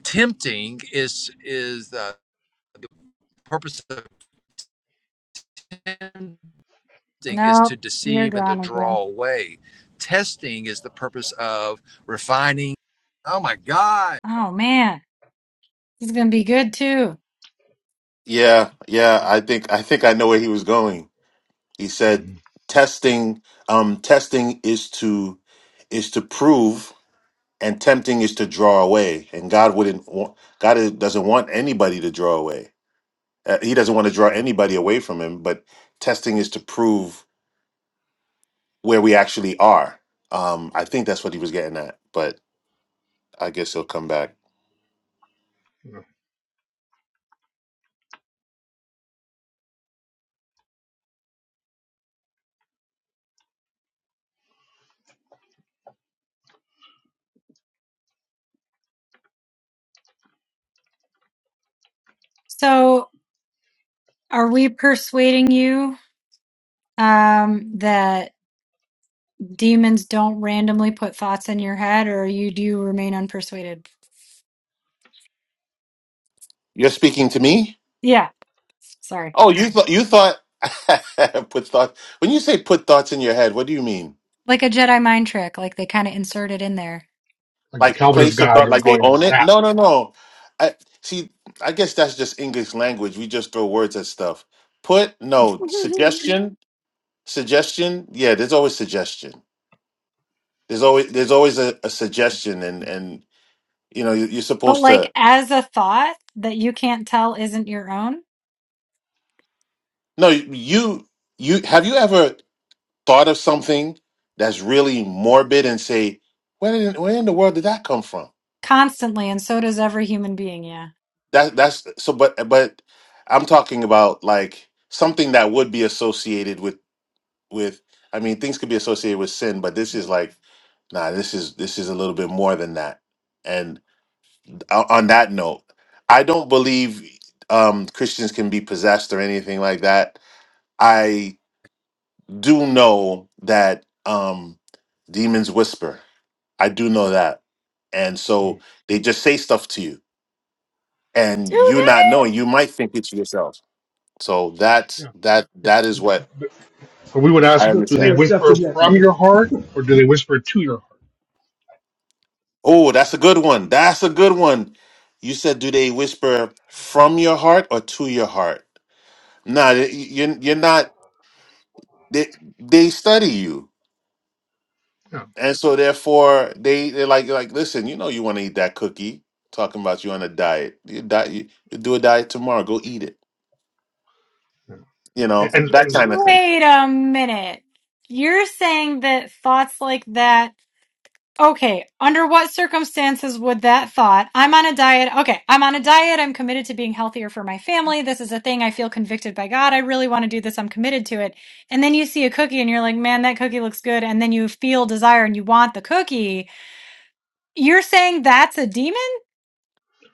[SPEAKER 6] Tempting is is uh, the purpose of tempting is
[SPEAKER 1] Nope,
[SPEAKER 6] to
[SPEAKER 1] you're
[SPEAKER 6] deceive and to
[SPEAKER 1] gone
[SPEAKER 6] draw
[SPEAKER 1] again.
[SPEAKER 6] away. Testing is the purpose of refining. Oh my God.
[SPEAKER 1] Oh man. This is going to be good too.
[SPEAKER 8] yeah yeah i think i think i know where he was going He said
[SPEAKER 7] hmm
[SPEAKER 8] testing um testing is to is to prove and tempting is to draw away and God wouldn't want God doesn't want anybody to draw away. Uh, he doesn't want to draw anybody away from him, but testing is to prove where we actually are. Um I think that's what he was getting at, but I guess he'll come back.
[SPEAKER 7] Yeah.
[SPEAKER 1] So, are we persuading you um, that demons don't randomly put thoughts in your head, or you do remain unpersuaded?
[SPEAKER 8] You're speaking to me?
[SPEAKER 1] Yeah. Sorry.
[SPEAKER 8] Oh, you thought you thought put thought when you say put thoughts in your head, what do you mean?
[SPEAKER 1] Like a Jedi mind trick, like they kind of insert it in there.
[SPEAKER 7] Like the
[SPEAKER 8] like
[SPEAKER 7] Calvinist
[SPEAKER 8] place the
[SPEAKER 7] guy
[SPEAKER 8] thought
[SPEAKER 7] just
[SPEAKER 8] like they
[SPEAKER 7] going
[SPEAKER 8] own it.
[SPEAKER 7] zap.
[SPEAKER 8] No, no, no. I see. I guess that's just English language. We just throw words at stuff. Put no suggestion. Suggestion. Yeah, there's always suggestion. There's always there's always a, a suggestion, and and you know you- you're
[SPEAKER 1] but,
[SPEAKER 8] supposed
[SPEAKER 1] like,
[SPEAKER 8] to.
[SPEAKER 1] as a thought that you can't tell isn't your own
[SPEAKER 8] No, you you have you ever thought of something that's really morbid and say, where in, where in the world did that come from?
[SPEAKER 1] constantly, and so does every human being. Yeah.
[SPEAKER 8] That that's so. But but I'm talking about like something that would be associated with with i mean things could be associated with sin but this is like nah this is this is a little bit more than that and o- on that note i don't believe um christians can be possessed or anything like that i do know that um demons whisper i do know that and so
[SPEAKER 7] Mm.
[SPEAKER 8] they just say stuff to you and you not knowing you might think it's yourself so that
[SPEAKER 7] Yeah,
[SPEAKER 8] that
[SPEAKER 7] yeah.
[SPEAKER 8] that is what
[SPEAKER 7] But we would
[SPEAKER 8] i
[SPEAKER 7] ask,
[SPEAKER 2] Look,
[SPEAKER 7] do
[SPEAKER 2] too
[SPEAKER 8] understand
[SPEAKER 7] they
[SPEAKER 2] much stuff to
[SPEAKER 7] whisper
[SPEAKER 2] that,
[SPEAKER 7] from
[SPEAKER 2] man.
[SPEAKER 7] your heart or do they whisper to your heart?
[SPEAKER 8] Oh, that's a good one. That's a good one. You said, do they whisper from your heart or to your heart? No, you're you're not. They they study you,
[SPEAKER 7] Yeah.
[SPEAKER 8] and so therefore they they're like like listen. You know you want to eat that cookie. Talking about you on a diet. You diet. You, you do a diet tomorrow. Go eat it. You
[SPEAKER 7] And,
[SPEAKER 8] know
[SPEAKER 7] and
[SPEAKER 8] that
[SPEAKER 7] as
[SPEAKER 8] kind of thing.
[SPEAKER 1] Wait a minute. You're saying that thoughts like that. Okay, under what circumstances would that thought, I'm on a diet. Okay, I'm on a diet. I'm committed to being healthier for my family. This is a thing I feel convicted by God. I really want to do this. I'm committed to it. And then you see a cookie and you're like, man, that cookie looks good. And then you feel desire and you want the cookie. You're saying that's a demon?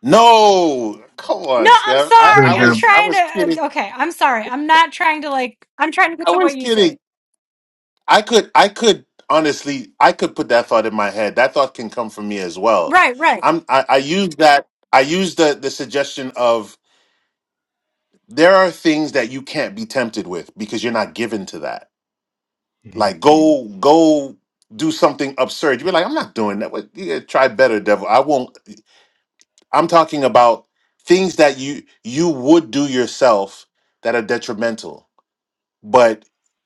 [SPEAKER 8] No, come
[SPEAKER 1] No,
[SPEAKER 8] on,
[SPEAKER 1] I'm
[SPEAKER 8] Steph. I
[SPEAKER 7] an
[SPEAKER 8] I
[SPEAKER 1] sorry. I'm
[SPEAKER 8] was
[SPEAKER 7] example.
[SPEAKER 8] I
[SPEAKER 1] trying to.
[SPEAKER 8] was kidding.
[SPEAKER 1] uh, Okay, I'm sorry. I'm not trying to like, I'm trying to get
[SPEAKER 8] I
[SPEAKER 1] to
[SPEAKER 8] was
[SPEAKER 1] what you
[SPEAKER 8] kidding.
[SPEAKER 1] say.
[SPEAKER 8] I could I could honestly I could put that thought in my head. That thought can come from me as well.
[SPEAKER 1] Right, right,
[SPEAKER 8] I'm I, I use that I use the the suggestion of there are things that you can't be tempted with because you're not given to that.
[SPEAKER 7] Mhm.
[SPEAKER 8] Like Mm. go go do something absurd. You're like I'm not doing that. What- You gotta try better, devil. I won't. I'm talking about things that you you would do yourself that are detrimental, but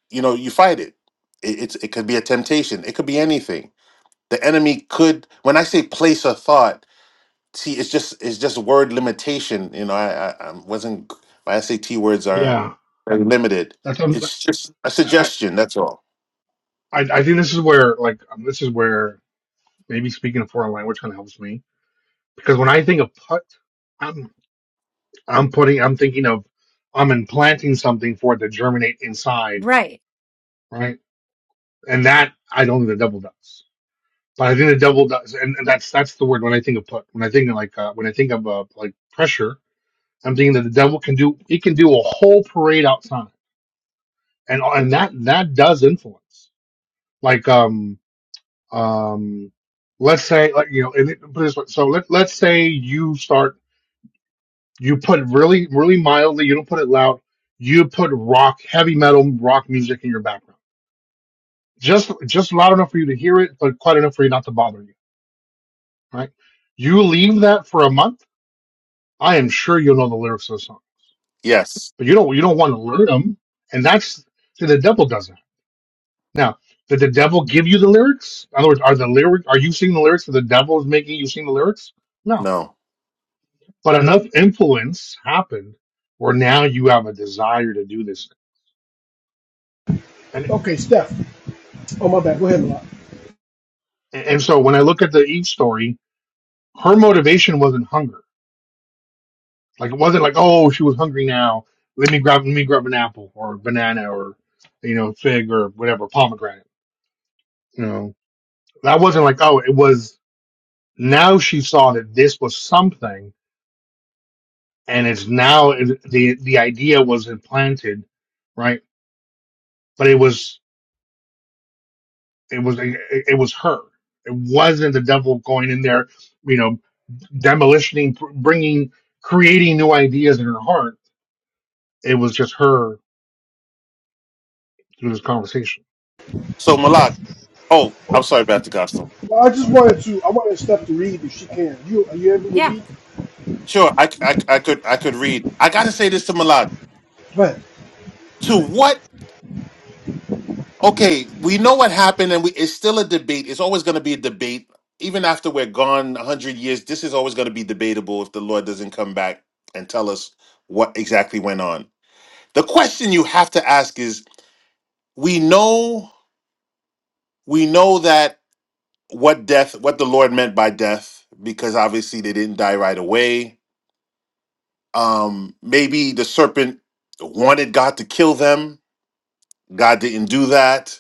[SPEAKER 8] you know you fight it. it it's it could be a temptation. It could be anything the enemy could when i say place a thought see it's just it's just word limitation you know i i, I wasn't my sat words are
[SPEAKER 7] Yeah,
[SPEAKER 8] are limited
[SPEAKER 7] that sounds.
[SPEAKER 8] it's just a
[SPEAKER 7] I,
[SPEAKER 8] suggestion that's all
[SPEAKER 7] I, I think this is where like um, this is where maybe speaking a foreign language kind of helps me because when I think of put, I'm I'm putting I'm thinking of I'm implanting something for it to germinate inside,
[SPEAKER 1] right.
[SPEAKER 7] right? And that I don't think the devil does, but I think the devil does, and, and that's that's the word when I think of put. When I think of like uh, when I think of uh, like pressure, I'm thinking that the devil can do he can do a whole parade outside, and and that that does influence like um um, let's say, like, you know, and it, put it this way. So let, let's say you start, you put really, really mildly, you don't put it loud, you put rock, heavy metal rock music in your background. Just, just loud enough for you to hear it, but quite enough for you not to bother you, right? You leave that for a month. I am sure you'll know the lyrics of the song,
[SPEAKER 8] yes
[SPEAKER 7] but you don't, you don't want to learn them. And that's, see, the devil does that. Now, did the devil give you the lyrics? In other words, are the lyric, are you singing the lyrics? So the devil is making you sing the lyrics? No
[SPEAKER 8] no
[SPEAKER 7] But enough influence happened where now you have a desire to do this. And
[SPEAKER 2] Okay, Steph. Oh my bad. Go ahead, Malak.
[SPEAKER 7] and so when I look at the Eve story, her motivation wasn't hunger. Like it wasn't like, oh, she was hungry now. Let me grab let me grab an apple or a banana or you know, fig or whatever, pomegranate. You know. That wasn't like, oh, it was now she saw that this was something and it's now the the idea was implanted, right? But it was It was it, it was her. It wasn't the devil going in there, you know, demolishing, bringing, creating new ideas in her heart. It was just her through this conversation.
[SPEAKER 8] so
[SPEAKER 2] Okay.
[SPEAKER 8] malak oh i'm sorry about the gospel
[SPEAKER 2] Well, I just
[SPEAKER 7] God,
[SPEAKER 2] wanted to. I wanted Steph to read if she can. You are you able to
[SPEAKER 1] Yeah.
[SPEAKER 2] read?
[SPEAKER 8] sure I, I i could i could read i gotta say this to malak
[SPEAKER 2] Go ahead.
[SPEAKER 8] to
[SPEAKER 2] Go ahead.
[SPEAKER 8] what okay, we know what happened, and we it's still a debate. It's always going to be a debate, even after we're gone a hundred years. This is always going to be debatable if the Lord doesn't come back and tell us what exactly went on. The question you have to ask is: We know, we know that what death, what the Lord meant by death, because obviously they didn't die right away. Um, maybe the serpent wanted God to kill them. God didn't do that.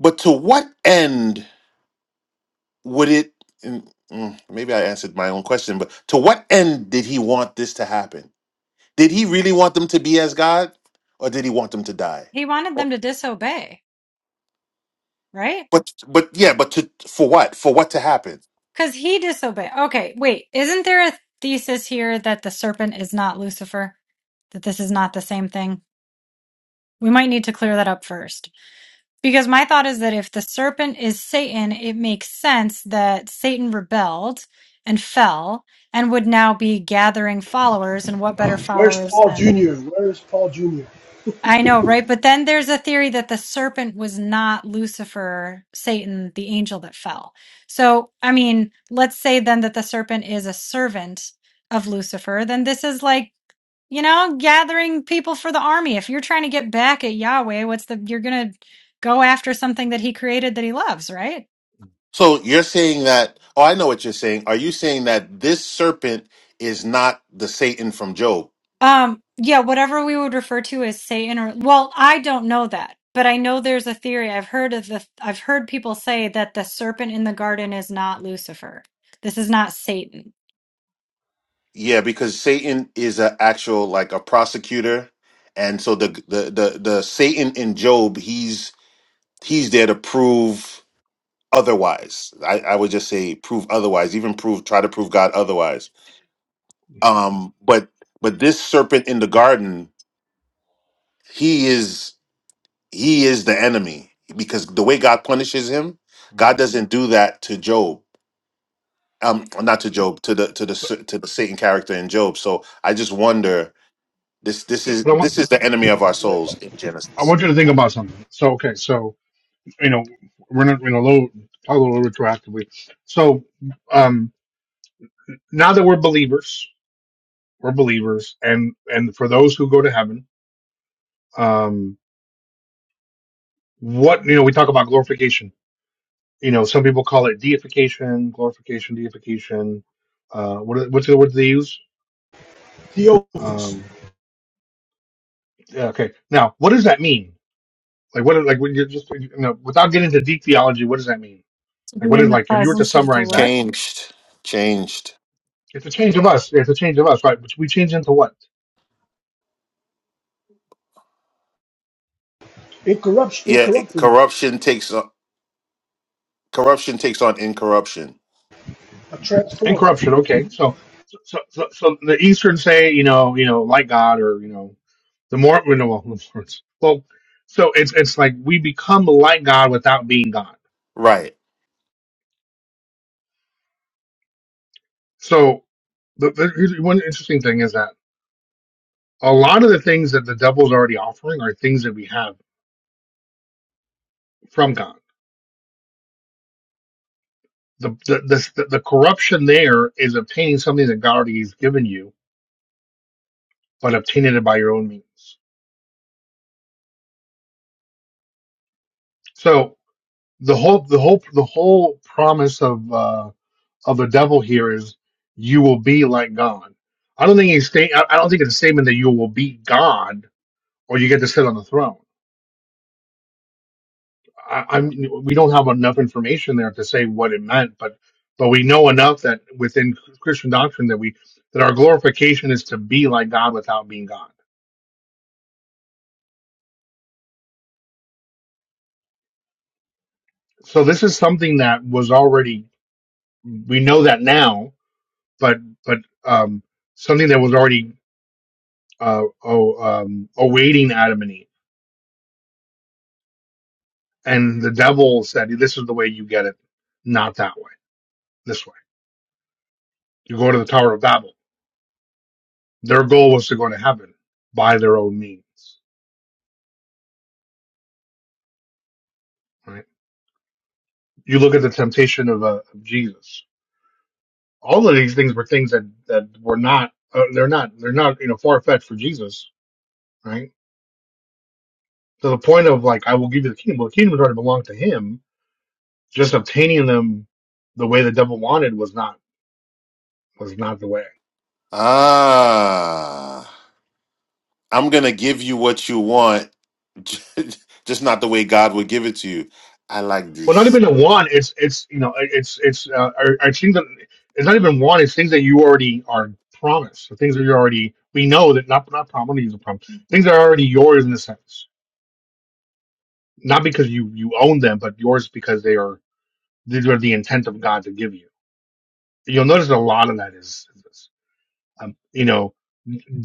[SPEAKER 8] But to what end would it mm, mm, maybe i answered my own question but to what end did he want this to happen did he really want them to be as god or did he want them to die
[SPEAKER 1] He wanted
[SPEAKER 8] Or-
[SPEAKER 1] them to disobey, right?
[SPEAKER 8] but but yeah but to for what for what to happen
[SPEAKER 1] Because he disobeyed. Okay, wait. Isn't there a thesis here that the serpent is not Lucifer? That this is not the same thing? We might need to clear that up first. Because my thought is that if the serpent is Satan, it makes sense that Satan rebelled and fell and would now be gathering followers. And what
[SPEAKER 2] Uh,
[SPEAKER 1] better
[SPEAKER 2] where's
[SPEAKER 1] followers
[SPEAKER 2] Paul
[SPEAKER 1] than.
[SPEAKER 2] Junior? Where's Paul Junior?
[SPEAKER 1] I know, right? But then there's a theory that the serpent was not Lucifer, Satan, the angel that fell. So, I mean, let's say then that the serpent is a servant of Lucifer, then this is like, you know, gathering people for the army. If you're trying to get back at Yahweh, what's the, you're going to go after something that he created that he loves, right?
[SPEAKER 8] so you're saying that oh i know what you're saying are you saying that this serpent is not the satan from job
[SPEAKER 1] Um, yeah, whatever we would refer to as Satan or well, I don't know that, but I know there's a theory. I've heard of the I've heard people say that the serpent in the garden is not Lucifer. This is not Satan.
[SPEAKER 8] yeah because satan is an actual like a prosecutor and so the the the, the satan in job he's he's there to prove otherwise. I, I would just say prove otherwise, even prove try to prove God otherwise. Um, but but this serpent in the garden, he is he is the enemy because the way God punishes him, God doesn't do that to Job. Um, not to Job, to the to the s- to the Satan character in Job. So I just wonder this this is
[SPEAKER 7] but I want,
[SPEAKER 8] this is the enemy of our souls in
[SPEAKER 7] I
[SPEAKER 8] Genesis.
[SPEAKER 7] want you to think about something. So okay, so you know, we're not you know low, talk a little retroactively. So um, now that we're believers, we're believers, and and for those who go to heaven, um, what you know, we talk about glorification you know, some people call it deification, glorification, deification. Uh, what what's the word they use?
[SPEAKER 2] Theophilus,
[SPEAKER 7] Um, yeah, okay. Now, what does that mean? Like, what like when you're just you know, without getting into deep theology, what does that mean?
[SPEAKER 1] To
[SPEAKER 7] Like,
[SPEAKER 1] be
[SPEAKER 7] what
[SPEAKER 1] in
[SPEAKER 7] is
[SPEAKER 1] the
[SPEAKER 7] like if you were to
[SPEAKER 1] presence of the
[SPEAKER 7] summarize that?
[SPEAKER 1] Lord.
[SPEAKER 8] Changed, changed.
[SPEAKER 7] It's a change of us. It's a change of us, right? Which we change into what?
[SPEAKER 2] incorruption,
[SPEAKER 8] Yeah, it-
[SPEAKER 2] incorruptible,
[SPEAKER 8] corruption takes on corruption takes on incorruption.
[SPEAKER 2] a transformer.
[SPEAKER 7] Incorruption. Okay, so so so, so so the Eastern say you know you know like God or you know the more well, no, well, well so it's it's like we become like God without being God
[SPEAKER 8] Right.
[SPEAKER 7] So the, the here's one interesting thing is that a lot of the things that the devil's already offering are things that we have from God. The the the, the, the corruption there is obtaining something that God already has given you, but obtaining it by your own means. So the whole the whole the whole promise of uh, of the devil here is you will be like God. I don't think he's saying. I I don't think it's a statement that you will be God or you get to sit on the throne I, I'm we don't have enough information there to say what it meant, but but we know enough that within Christian doctrine that we that our glorification is to be like God without being God. So this is something that was already we know that now, but but um, something that was already uh, oh, um, awaiting Adam and Eve, and the devil said, "This is the way you get it, not that way. This way, you go to the Tower of Babel." Their goal was to go to heaven by their own means, right? You look at the temptation of, uh, of Jesus. All of these things were things that that were not. Uh, they're not. They're not. You know, far fetched for Jesus, right? To the point of like, I will give you the kingdom. Well, the kingdom already belonged to Him. Just obtaining them the way the devil wanted was not was not the way.
[SPEAKER 8] Ah, I'm going to give you what you want, just not the way God would give it to you. I like
[SPEAKER 7] Well, not
[SPEAKER 8] this.
[SPEAKER 7] even a want. It's it's you know it's it's uh, are, are things that it's not even want. It's things that you already are promised. The things that you already we know that not not promise. I'm gonna use a promise. Things that are already yours in a sense, not because you you own them, but yours because they are. these are the intent of God to give you. You'll notice a lot of that is, is, um, you know,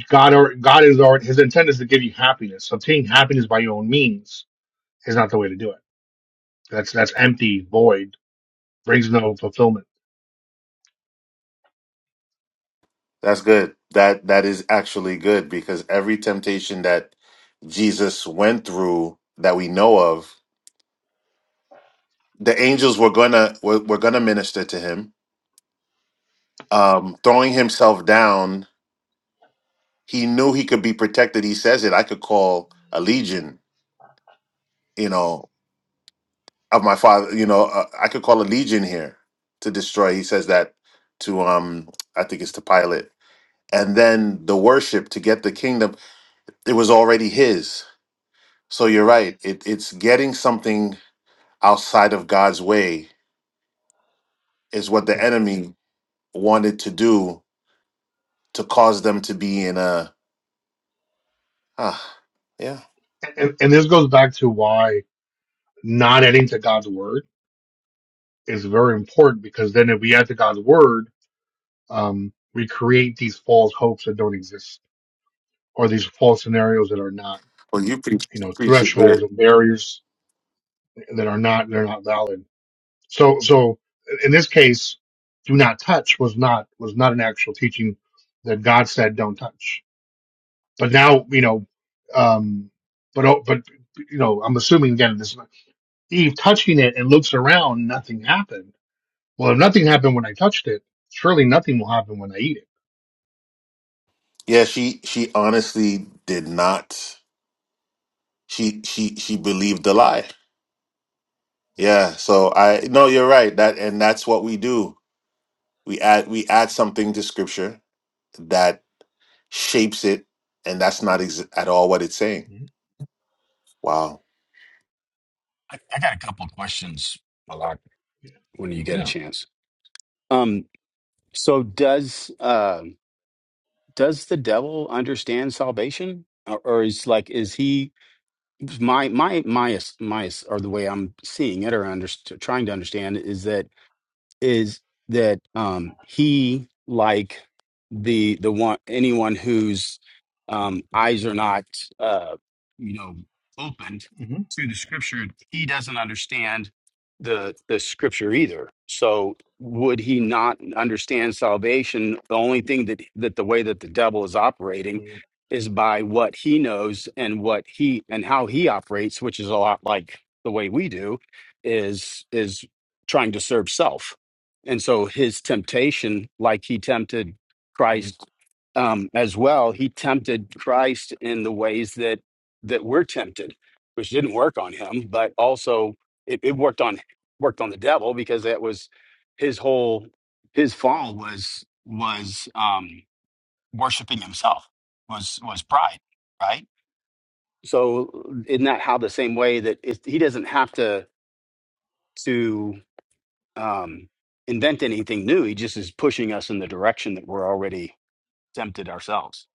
[SPEAKER 7] God or God is already His intent is to give you happiness. So Obtaining happiness by your own means is not the way to do it. That's that's empty, void, brings no fulfillment.
[SPEAKER 8] That's good. That that is actually good because every temptation that Jesus went through that we know of, the angels were going to were, were going to minister to him. Um throwing himself down, he knew he could be protected. He says it, I could call a legion, you know, of my father you know uh, i could call a legion here to destroy he says that to um i think it's to pilate and then the worship to get the kingdom it was already his so
[SPEAKER 7] You
[SPEAKER 8] you're right it, it's getting something outside of god's way is what the
[SPEAKER 7] know,
[SPEAKER 8] enemy wanted to do to cause them to be in a ah yeah
[SPEAKER 7] and, and this goes back to why not adding to God's word is very important because then if we add to God's word, um, we create these false hopes that don't exist or these false scenarios that are not,
[SPEAKER 8] well you preach
[SPEAKER 7] you
[SPEAKER 8] you
[SPEAKER 7] know,
[SPEAKER 8] preach it good
[SPEAKER 7] thresholds and barriers that are not they're not valid. So so in this case, do not touch was not was not an actual teaching that God said don't touch. But now you know, um, but oh, but you know, I'm assuming again this Eve touching it and looks around, nothing happened. Well, if nothing happened when I touched it, surely nothing will happen when I eat it.
[SPEAKER 8] yeah she she honestly did not she she she believed the lie Yeah, so I no, you're right. That and that's what we do. We add we add something to scripture that shapes it, and that's not ex- at all what it's saying.
[SPEAKER 7] Mhm.
[SPEAKER 8] Wow.
[SPEAKER 9] I, I got a couple of questions, Malak, when you get a
[SPEAKER 7] Yeah.
[SPEAKER 9] chance. Um, so does uh, does the devil understand salvation, or, or is like is he my my my my or the way I'm seeing it or under, trying to understand is that is that um, he like the the one anyone whose um, eyes are not uh, you know opened
[SPEAKER 7] hmm
[SPEAKER 9] to the scripture he doesn't understand the the scripture either so would he not understand salvation the only thing that that the way that the devil is operating
[SPEAKER 7] hmm
[SPEAKER 9] is by what he knows and what he and how he operates which is a lot like the way we do is is trying to serve self and so his temptation, like he tempted Christ um, as well, he tempted Christ in the ways that that we're tempted, which didn't work on him, but also it, it worked on worked on the devil because that was his whole his fall was was um, worshiping himself was was pride, right? So isn't that how the same way that it, he doesn't have to to um, invent anything new. He just is pushing us in the direction that we're already tempted ourselves.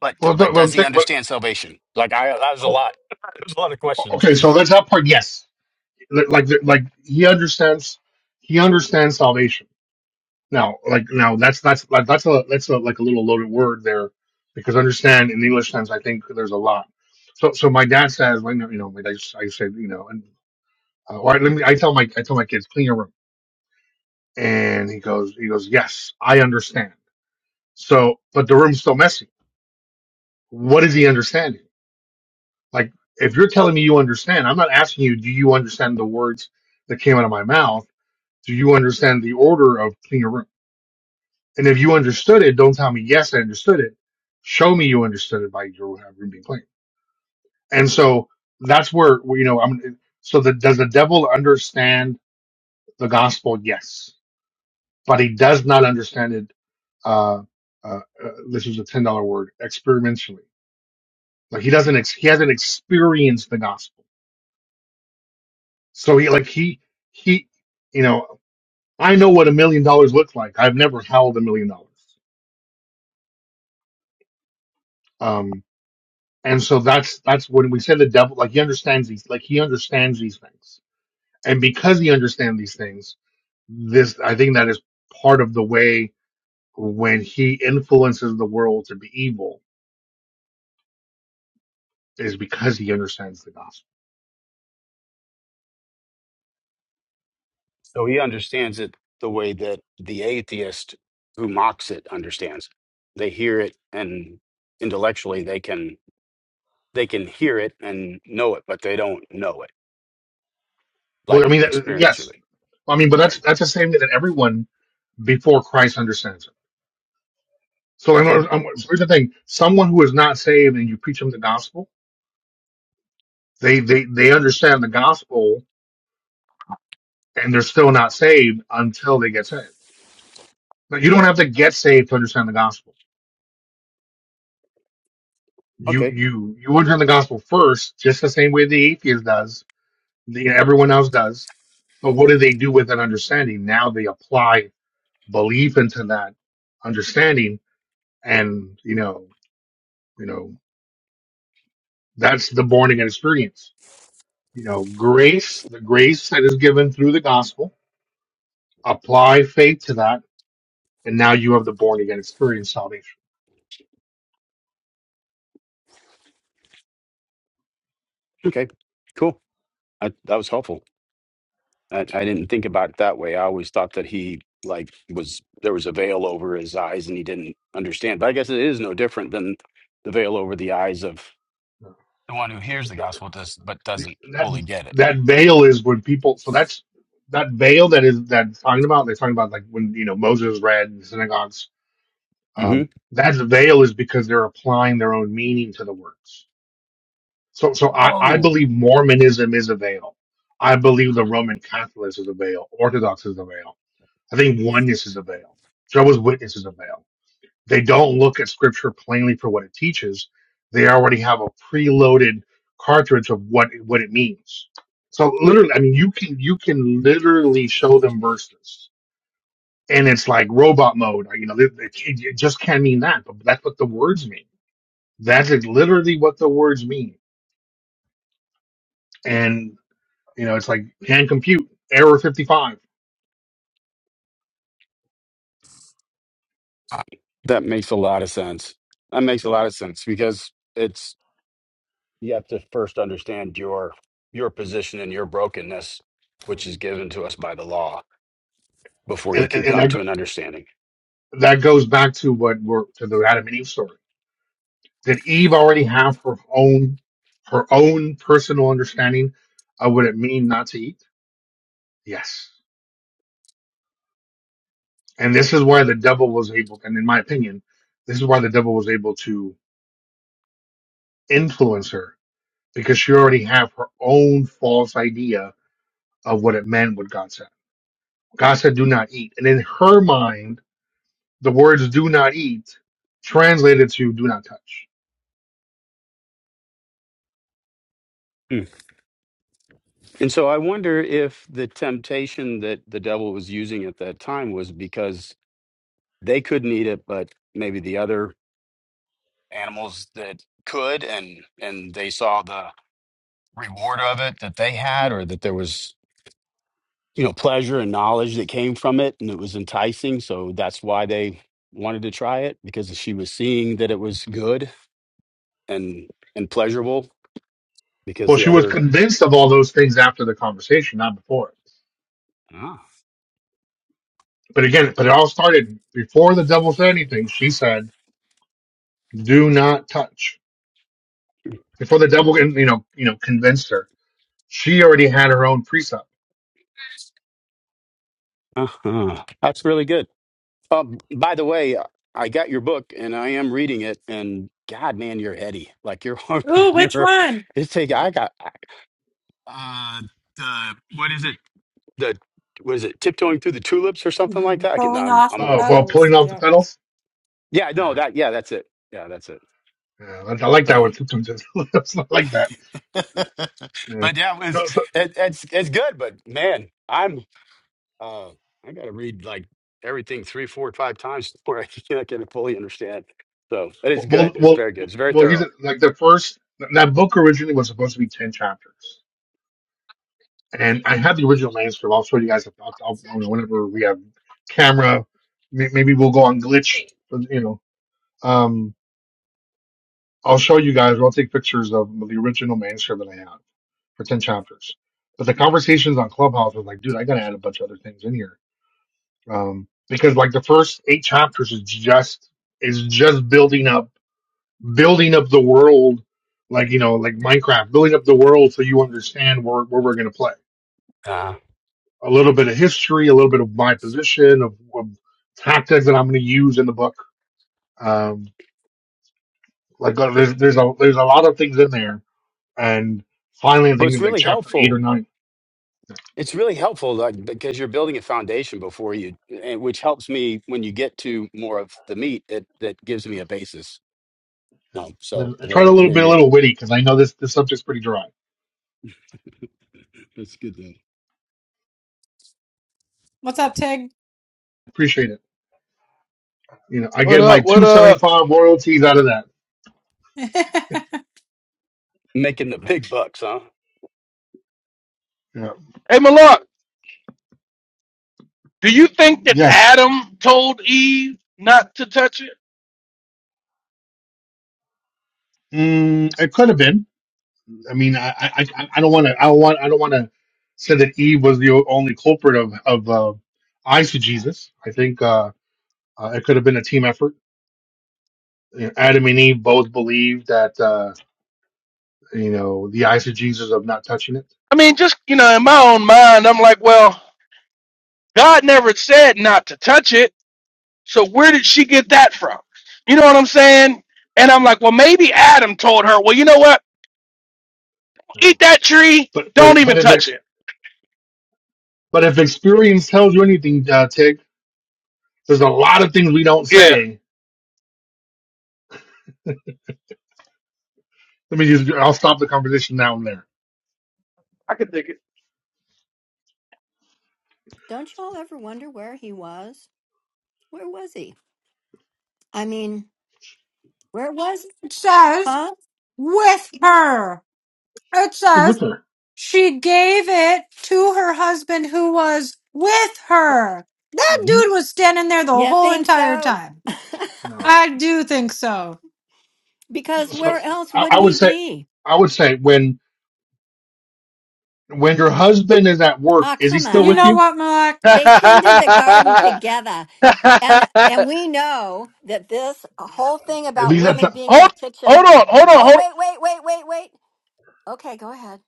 [SPEAKER 9] But
[SPEAKER 7] Well,
[SPEAKER 9] but
[SPEAKER 7] but what I'm
[SPEAKER 9] does he
[SPEAKER 7] saying, what,
[SPEAKER 9] understand salvation? Like I that was a
[SPEAKER 7] oh,
[SPEAKER 9] lot. There's a lot of questions.
[SPEAKER 7] okay, so that's that part. Yes, like like he understands, he understands salvation. Now, like now, that's that's like that's a that's a like a little loaded word there, because understand in the English sense, I think there's a lot. So so my dad says, like, you know, like, I just, I said, you know, and uh, all right, let me. I tell my I tell my kids clean your room, and he goes he goes yes, I understand. So, but the room's still messy. What is he understanding? Like, if you're So telling me you understand, I'm not asking you, do you understand the words that came out of my mouth? Do you understand the order of clean your room? And if you understood it, don't tell me, yes, I understood it. Show me you understood it by your room being clean. And so that's where, you know, I'm, so the, does the devil understand the gospel? Yes. But he does not understand it, uh, uh, uh, this is a $10 word, experimentally. Like he doesn't, ex- he hasn't experienced the gospel. So he, like he, he, you know, I know what a million dollars looks like. I've never held a million dollars. Um, and so that's that's when we say the devil, like he understands these, like he understands these things, and because he understands these things, this I think that is part of the way when he influences the world to be evil is because he understands the gospel.
[SPEAKER 9] So he understands it the way that the atheist who mocks it understands. They hear it and intellectually they can they can hear it and know it, but they don't know it
[SPEAKER 7] Well, I
[SPEAKER 9] like
[SPEAKER 7] mean, uh, yes,
[SPEAKER 9] experientially.
[SPEAKER 7] I mean, but
[SPEAKER 9] Okay.
[SPEAKER 7] that's that's the same thing that everyone before Christ understands it. So
[SPEAKER 9] Okay.
[SPEAKER 7] I'm, I'm, here's the thing: someone who is not saved and you preach them the gospel They they they understand the gospel and they're still not saved until they get saved. But you don't have to get saved to understand the gospel. You
[SPEAKER 9] Okay.
[SPEAKER 7] you you understand the gospel first, just the same way the atheist does, the, everyone else does. But what do they do with that understanding? Now they apply belief into that understanding, and you know, you know, that's the born again experience. You know, grace, the grace that is given through the gospel, apply faith to that, and now you have the born again experience salvation.
[SPEAKER 9] Okay. Cool. I, that was helpful. I, I didn't think about it that way. I always thought that he like was there was a veil over his eyes and he didn't understand. But I guess it is no different than the veil over the eyes of the one who hears the gospel does but
[SPEAKER 7] The-
[SPEAKER 9] doesn't
[SPEAKER 7] that
[SPEAKER 9] fully get it.
[SPEAKER 7] that veil is when people so that's that veil that is that talking about they're talking about like when you know Moses read in synagogues
[SPEAKER 9] hmm
[SPEAKER 7] um that veil is because they're applying their own meaning to the words so so I, I
[SPEAKER 9] Oh,
[SPEAKER 7] believe Mormonism is a veil I believe the Roman Catholics is a veil Orthodox is a veil I think oneness is a veil Jehovah's Witness is a veil They don't look at scripture plainly for what it teaches. They already have a preloaded cartridge of what what it means. So literally, I mean, you can you can literally show them verses, and it's like robot mode. You know, it, it, it just can't mean that, but that's what the words mean. That is literally what the words mean, and you know, it's like can compute error fifty five,
[SPEAKER 9] that makes a lot of sense. That makes a lot of sense because it's you have to first understand your your position and your brokenness, which is given to us by the law, before you
[SPEAKER 7] and, and,
[SPEAKER 9] can
[SPEAKER 7] and
[SPEAKER 9] come
[SPEAKER 7] that go-
[SPEAKER 9] to an understanding.
[SPEAKER 7] that goes back to what we're to the Adam and Eve story Did Eve already have her own her own personal understanding of what it mean not to eat? Yes. And this is why the devil was able, and in my opinion, this is why the devil was able to influence her because she already had her own false idea of what it meant what God said. God said, do not eat. And in her mind, the words do not eat translated to do not touch.
[SPEAKER 9] Mm. And so I wonder if the temptation that the devil was using at that time was because they couldn't eat it, but maybe the other animals that could, and and they saw the reward of it that they had, or that there was you know pleasure and knowledge that came from it and it was enticing so that's why they wanted to try it because she was seeing that it was good and and pleasurable because
[SPEAKER 7] Well,
[SPEAKER 9] the
[SPEAKER 7] she was
[SPEAKER 9] other
[SPEAKER 7] convinced of all those things after the conversation, not before.
[SPEAKER 9] ah,
[SPEAKER 7] But again, but it all started before the devil said anything. She said, "Do not touch." Before the devil, you know, you know, convinced her, she already had her own precept.
[SPEAKER 9] uh-huh. that's really good um, by the way i got your book and i am reading it and god man you're heady like you're
[SPEAKER 1] Ooh, which
[SPEAKER 9] you're
[SPEAKER 1] one?
[SPEAKER 9] it's take i got uh the what is it the was it tiptoeing through the tulips or something like
[SPEAKER 1] Mhm.
[SPEAKER 9] that I can,
[SPEAKER 1] Pulling
[SPEAKER 9] I'm,
[SPEAKER 1] off
[SPEAKER 9] I'm
[SPEAKER 1] the
[SPEAKER 9] gonna
[SPEAKER 7] Oh, well,
[SPEAKER 1] petals.
[SPEAKER 7] pulling off the
[SPEAKER 1] yeah.
[SPEAKER 7] petals.
[SPEAKER 9] yeah no
[SPEAKER 7] Yeah,
[SPEAKER 9] that yeah that's it yeah that's it
[SPEAKER 7] yeah, I, I like that
[SPEAKER 9] Oh.
[SPEAKER 7] one. It's not like that. Yeah.
[SPEAKER 9] but yeah, it
[SPEAKER 7] No,
[SPEAKER 9] was
[SPEAKER 7] it's
[SPEAKER 9] it, it's it's good. But man, I'm uh I gotta read like everything three, four, five times before I can, I can fully understand. So but it's
[SPEAKER 7] not- well,
[SPEAKER 9] good. It's
[SPEAKER 7] well,
[SPEAKER 9] very good. It's very
[SPEAKER 7] well, he's
[SPEAKER 9] thorough.
[SPEAKER 7] like the first. That book originally was supposed to be ten chapters, and I have the original manuscript. I'll show you guys. I'll, I'll, you know, whenever we have camera, may- maybe we'll go on glitch. You know, um, I'll show you guys. or I'll take pictures of the original manuscript that I have for ten chapters. But the conversations on Clubhouse was like, dude, I gotta add a bunch of other things in here um, because like the first eight chapters is just is just building up building up the world, like you know, like Minecraft, building up the world so you understand where where we're gonna play.
[SPEAKER 9] Uh,
[SPEAKER 7] A little bit of history, a little bit of my position, of, of tactics that I'm gonna use in the book. Um, like uh, there's there's a there's a lot of things in there and finally I
[SPEAKER 9] but
[SPEAKER 7] think
[SPEAKER 9] it's
[SPEAKER 7] it's like
[SPEAKER 9] really
[SPEAKER 7] chapter eight or
[SPEAKER 9] helpful.
[SPEAKER 7] nine.
[SPEAKER 9] It's really helpful like, because you're building a foundation before you, and which helps me when you get to more of the meat. It that gives me a basis. Um, so
[SPEAKER 7] I tried
[SPEAKER 9] where
[SPEAKER 7] a little
[SPEAKER 9] where
[SPEAKER 7] bit, a
[SPEAKER 9] you're,
[SPEAKER 7] little witty because I know this this subject's pretty dry.
[SPEAKER 9] that's good. To,
[SPEAKER 1] What's up, Tig?
[SPEAKER 7] Appreciate it. You know, I
[SPEAKER 10] What
[SPEAKER 7] get my
[SPEAKER 10] up? What
[SPEAKER 7] two seventy
[SPEAKER 10] up?
[SPEAKER 7] five royalties out of that.
[SPEAKER 9] making the big bucks, huh?
[SPEAKER 7] Yeah.
[SPEAKER 10] Hey, Malak, do you think that
[SPEAKER 7] Yes,
[SPEAKER 10] Adam told Eve not to touch it?
[SPEAKER 7] mm, it could have been. I mean, I I, I I don't want to. I don't want. I don't want to say that Eve was the only culprit of of uh, eyes to Jesus. I think uh, uh, it could have been a team effort. You know, Adam and Eve both believed that uh, you know the eyes of Jesus of not touching it.
[SPEAKER 10] I mean, just, you know, in my own mind, I'm like, well, God never said not to touch it. So where did she get that from? You know what I'm saying? And I'm like, well, maybe Adam told her, well, you know what? Eat that tree.
[SPEAKER 7] But but
[SPEAKER 10] Don't even
[SPEAKER 7] but if
[SPEAKER 10] touch
[SPEAKER 7] it's
[SPEAKER 10] it.
[SPEAKER 7] But if experience tells you anything, uh, Tig, there's a lot of things we don't
[SPEAKER 10] Yeah,
[SPEAKER 7] say. Let me just, I'll stop the conversation now and there.
[SPEAKER 10] I can dig it.
[SPEAKER 5] don't you all ever wonder where he was? Where was he? I mean, where was?
[SPEAKER 1] It says
[SPEAKER 5] Huh?
[SPEAKER 1] with her. It
[SPEAKER 7] With
[SPEAKER 1] says
[SPEAKER 7] her.
[SPEAKER 1] she gave it to her husband who was with her. That
[SPEAKER 7] hmm
[SPEAKER 1] dude was standing there the
[SPEAKER 5] You
[SPEAKER 1] whole
[SPEAKER 5] think
[SPEAKER 1] entire
[SPEAKER 5] so?
[SPEAKER 1] time.
[SPEAKER 7] No.
[SPEAKER 1] I do think so.
[SPEAKER 5] because
[SPEAKER 7] So
[SPEAKER 5] where else
[SPEAKER 7] I,
[SPEAKER 5] would
[SPEAKER 7] I
[SPEAKER 5] he
[SPEAKER 7] would say,
[SPEAKER 5] be?
[SPEAKER 7] I would say when, when your husband is at work,
[SPEAKER 5] Ah,
[SPEAKER 7] is he
[SPEAKER 5] come
[SPEAKER 7] still
[SPEAKER 1] You
[SPEAKER 7] with
[SPEAKER 1] know
[SPEAKER 5] on.
[SPEAKER 7] you?
[SPEAKER 1] what, Malak?
[SPEAKER 5] They tended the garden together. And and we know that this whole thing
[SPEAKER 7] If
[SPEAKER 5] about
[SPEAKER 7] he's at,
[SPEAKER 5] women
[SPEAKER 7] the-
[SPEAKER 5] being in the
[SPEAKER 10] hold, hold
[SPEAKER 5] kitchen.
[SPEAKER 10] on, hold on, hold on.
[SPEAKER 5] Oh, wait, wait, wait, wait, wait. Okay, go ahead.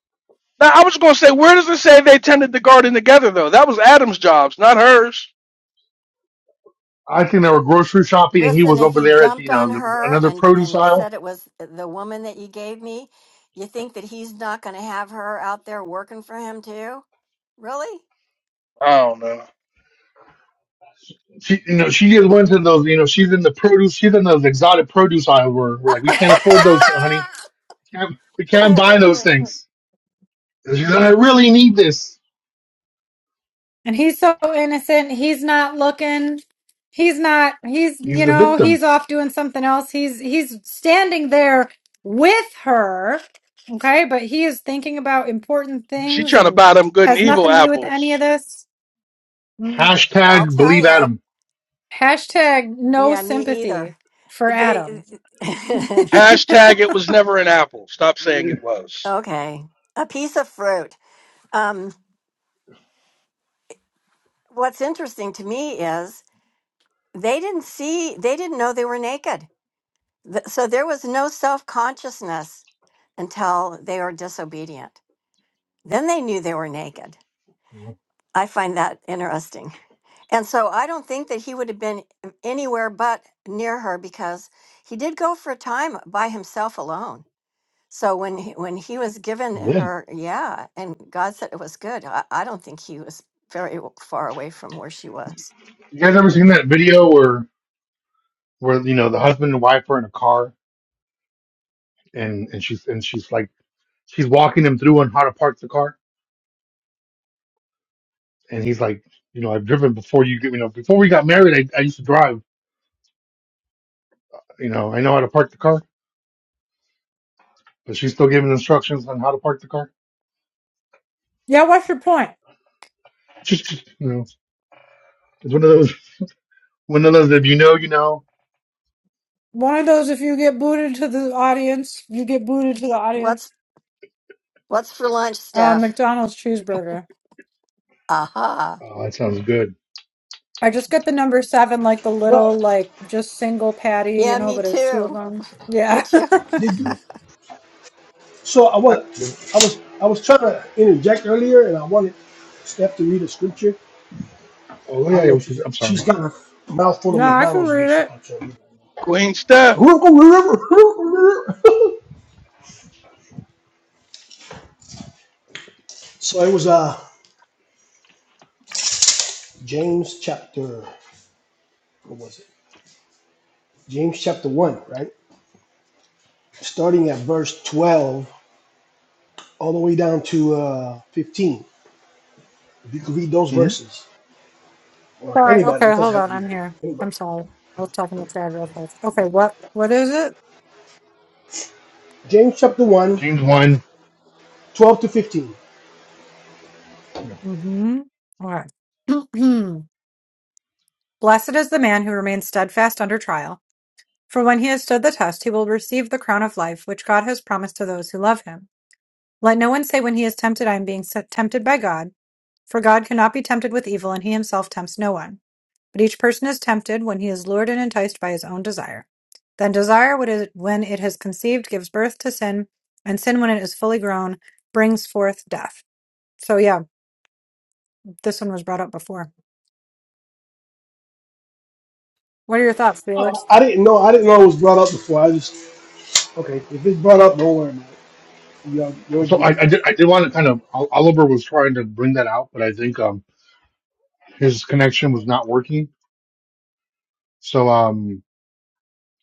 [SPEAKER 10] Now I was gonna say, where does it say they tended the garden together though? That was Adam's jobs, not hers.
[SPEAKER 7] I think they were grocery shopping and he
[SPEAKER 5] Listen,
[SPEAKER 7] was
[SPEAKER 5] if
[SPEAKER 7] over
[SPEAKER 5] he
[SPEAKER 7] there at the,
[SPEAKER 5] dumped
[SPEAKER 7] you
[SPEAKER 5] on
[SPEAKER 7] know, the,
[SPEAKER 5] her
[SPEAKER 7] another
[SPEAKER 5] and
[SPEAKER 7] produce
[SPEAKER 5] and
[SPEAKER 7] aisle.
[SPEAKER 5] said it was the woman that you gave me, you think that he's not going to have her out there working for him too? Really?
[SPEAKER 10] I don't know.
[SPEAKER 7] She, you know, she just went to those, you know, she's in the produce, she's in those exotic produce aisle where we're like, we can't afford those, honey. Can't, we can't buy those things. And she's like, I really need this.
[SPEAKER 1] And he's so innocent. He's not looking. He's not he's
[SPEAKER 7] He's
[SPEAKER 1] you
[SPEAKER 7] the
[SPEAKER 1] know,
[SPEAKER 7] victim.
[SPEAKER 1] he's off doing something else. He's he's standing there with her. Okay, but he is thinking about important
[SPEAKER 10] She
[SPEAKER 1] things
[SPEAKER 10] trying to
[SPEAKER 1] and
[SPEAKER 10] buy them good and
[SPEAKER 1] has
[SPEAKER 7] Yep.
[SPEAKER 10] evil
[SPEAKER 1] nothing to do with any of
[SPEAKER 10] apples.
[SPEAKER 1] this.
[SPEAKER 5] I'll
[SPEAKER 7] Hashtag
[SPEAKER 5] tell
[SPEAKER 7] believe
[SPEAKER 5] you.
[SPEAKER 7] Adam.
[SPEAKER 1] Hashtag no
[SPEAKER 5] Yeah, me
[SPEAKER 1] sympathy
[SPEAKER 5] either.
[SPEAKER 1] for
[SPEAKER 5] They
[SPEAKER 1] Adam.
[SPEAKER 10] Hashtag it was never an apple. Stop saying
[SPEAKER 7] Yeah,
[SPEAKER 10] it was.
[SPEAKER 5] Okay. A piece of fruit. Um, what's interesting to me is they didn't see, they didn't know they were naked. Th- So there was no self consciousness until they were disobedient. Then they knew they were naked. I find that interesting. And so I don't think that he would have been anywhere but near her because he did go for a time by himself alone. So when he, when he was given
[SPEAKER 7] He did.
[SPEAKER 5] her, yeah, and God said it was good. I, I don't think he was very w- far away from where she was.
[SPEAKER 7] You guys ever seen that video where where you know the husband and wife are in a car and and she's and she's like she's walking him through on how to park the car and he's like you know I've driven before you get you know before we got married I, I used to drive you know I know how to park the car but she's still giving instructions on how to park the car
[SPEAKER 1] yeah, what's your point?
[SPEAKER 7] you know it's one of those one of those if you know you know
[SPEAKER 1] One of those, if you get booted to the audience, you get booted to the audience.
[SPEAKER 5] What's what's for lunch,
[SPEAKER 1] Uh,
[SPEAKER 5] Steph?
[SPEAKER 1] McDonald's cheeseburger.
[SPEAKER 5] Aha.
[SPEAKER 7] oh that sounds good
[SPEAKER 1] I just get the number seven, like the
[SPEAKER 2] Well,
[SPEAKER 1] little, like just single patty, you
[SPEAKER 5] Yeah,
[SPEAKER 1] know,
[SPEAKER 5] me
[SPEAKER 1] but it's two of
[SPEAKER 5] too.
[SPEAKER 1] them.
[SPEAKER 5] Me
[SPEAKER 1] Yeah.
[SPEAKER 5] too.
[SPEAKER 2] did
[SPEAKER 7] Yeah.
[SPEAKER 2] you? So I
[SPEAKER 10] I,
[SPEAKER 2] was, I was, I was trying to interject earlier, and I wanted Steph to read a scripture.
[SPEAKER 7] oh
[SPEAKER 2] I
[SPEAKER 7] yeah
[SPEAKER 2] don't know
[SPEAKER 7] yeah,
[SPEAKER 2] if she's
[SPEAKER 7] I'm
[SPEAKER 2] she's
[SPEAKER 7] sorry
[SPEAKER 2] got a mouthful of
[SPEAKER 1] no, I can
[SPEAKER 2] McDonald's, which
[SPEAKER 1] read
[SPEAKER 2] she
[SPEAKER 1] it.
[SPEAKER 2] probably can't read.
[SPEAKER 10] Queen Steph,
[SPEAKER 2] So it was uh James chapter what was it? James chapter one, right? Starting at verse twelve all the way down to uh fifteen. If you could read those
[SPEAKER 7] hmm
[SPEAKER 2] verses, or
[SPEAKER 1] Sorry.
[SPEAKER 2] anybody, it
[SPEAKER 1] Okay,
[SPEAKER 2] doesn't
[SPEAKER 1] hold
[SPEAKER 2] have to
[SPEAKER 1] on.
[SPEAKER 2] be
[SPEAKER 1] I'm
[SPEAKER 2] her.
[SPEAKER 1] here.
[SPEAKER 2] Anybody.
[SPEAKER 1] I'm sorry. I was talking to Dad real quick. Okay, what what is it?
[SPEAKER 2] James chapter one,
[SPEAKER 7] James one
[SPEAKER 2] twelve to fifteen.
[SPEAKER 7] yeah
[SPEAKER 1] Mm-hmm. All right. Blessed is the man who remains steadfast under trial. For when he has stood the test, he will receive the crown of life, which God has promised to those who love him. Let no one say when he is tempted, I am being tempted by God. For God cannot be tempted with evil, and he himself tempts no one. But each person is tempted when he is lured and enticed by his own desire. Then desire, what is- when it has conceived, gives birth to sin, and sin, when it is fully grown, brings forth death. So, yeah, this one was brought up before. What are your thoughts,
[SPEAKER 2] Oh,
[SPEAKER 1] Felix?
[SPEAKER 2] I didn't know. I didn't know it was brought up before. I just okay. If it's brought up, don't worry about it. You're you're
[SPEAKER 7] so I, I did I
[SPEAKER 2] disgusting.
[SPEAKER 7] did want to kind of Ol- Oliver was trying to bring that out, but I think um his connection was not working. So um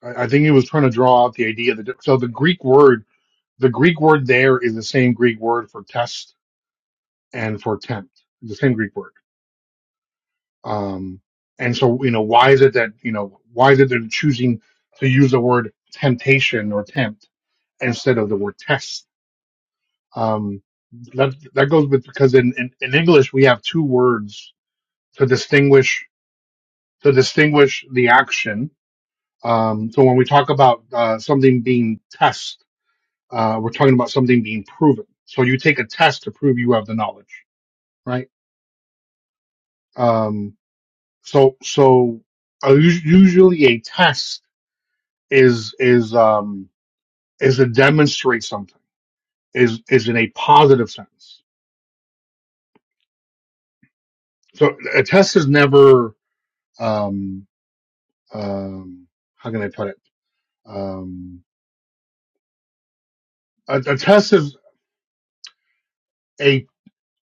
[SPEAKER 7] I, I think he was trying to draw out the idea that so the Greek word the Greek word there is the same Greek word for test and for tempt, the same Greek word. Um and so you know why is it that you know why is it they're choosing to use the word temptation or tempt instead of the word test? Um that that goes with because in, in, in English we have two words to distinguish to distinguish the action. Um, so when we talk about uh, something being test, uh, we're talking about something being proven. So you take a test to prove you have the knowledge, right? Um, so so uh, us- usually a test is is um, is to demonstrate something is is in a positive sense. So a test is never um, um, how can I put it? Um, a, a test is a.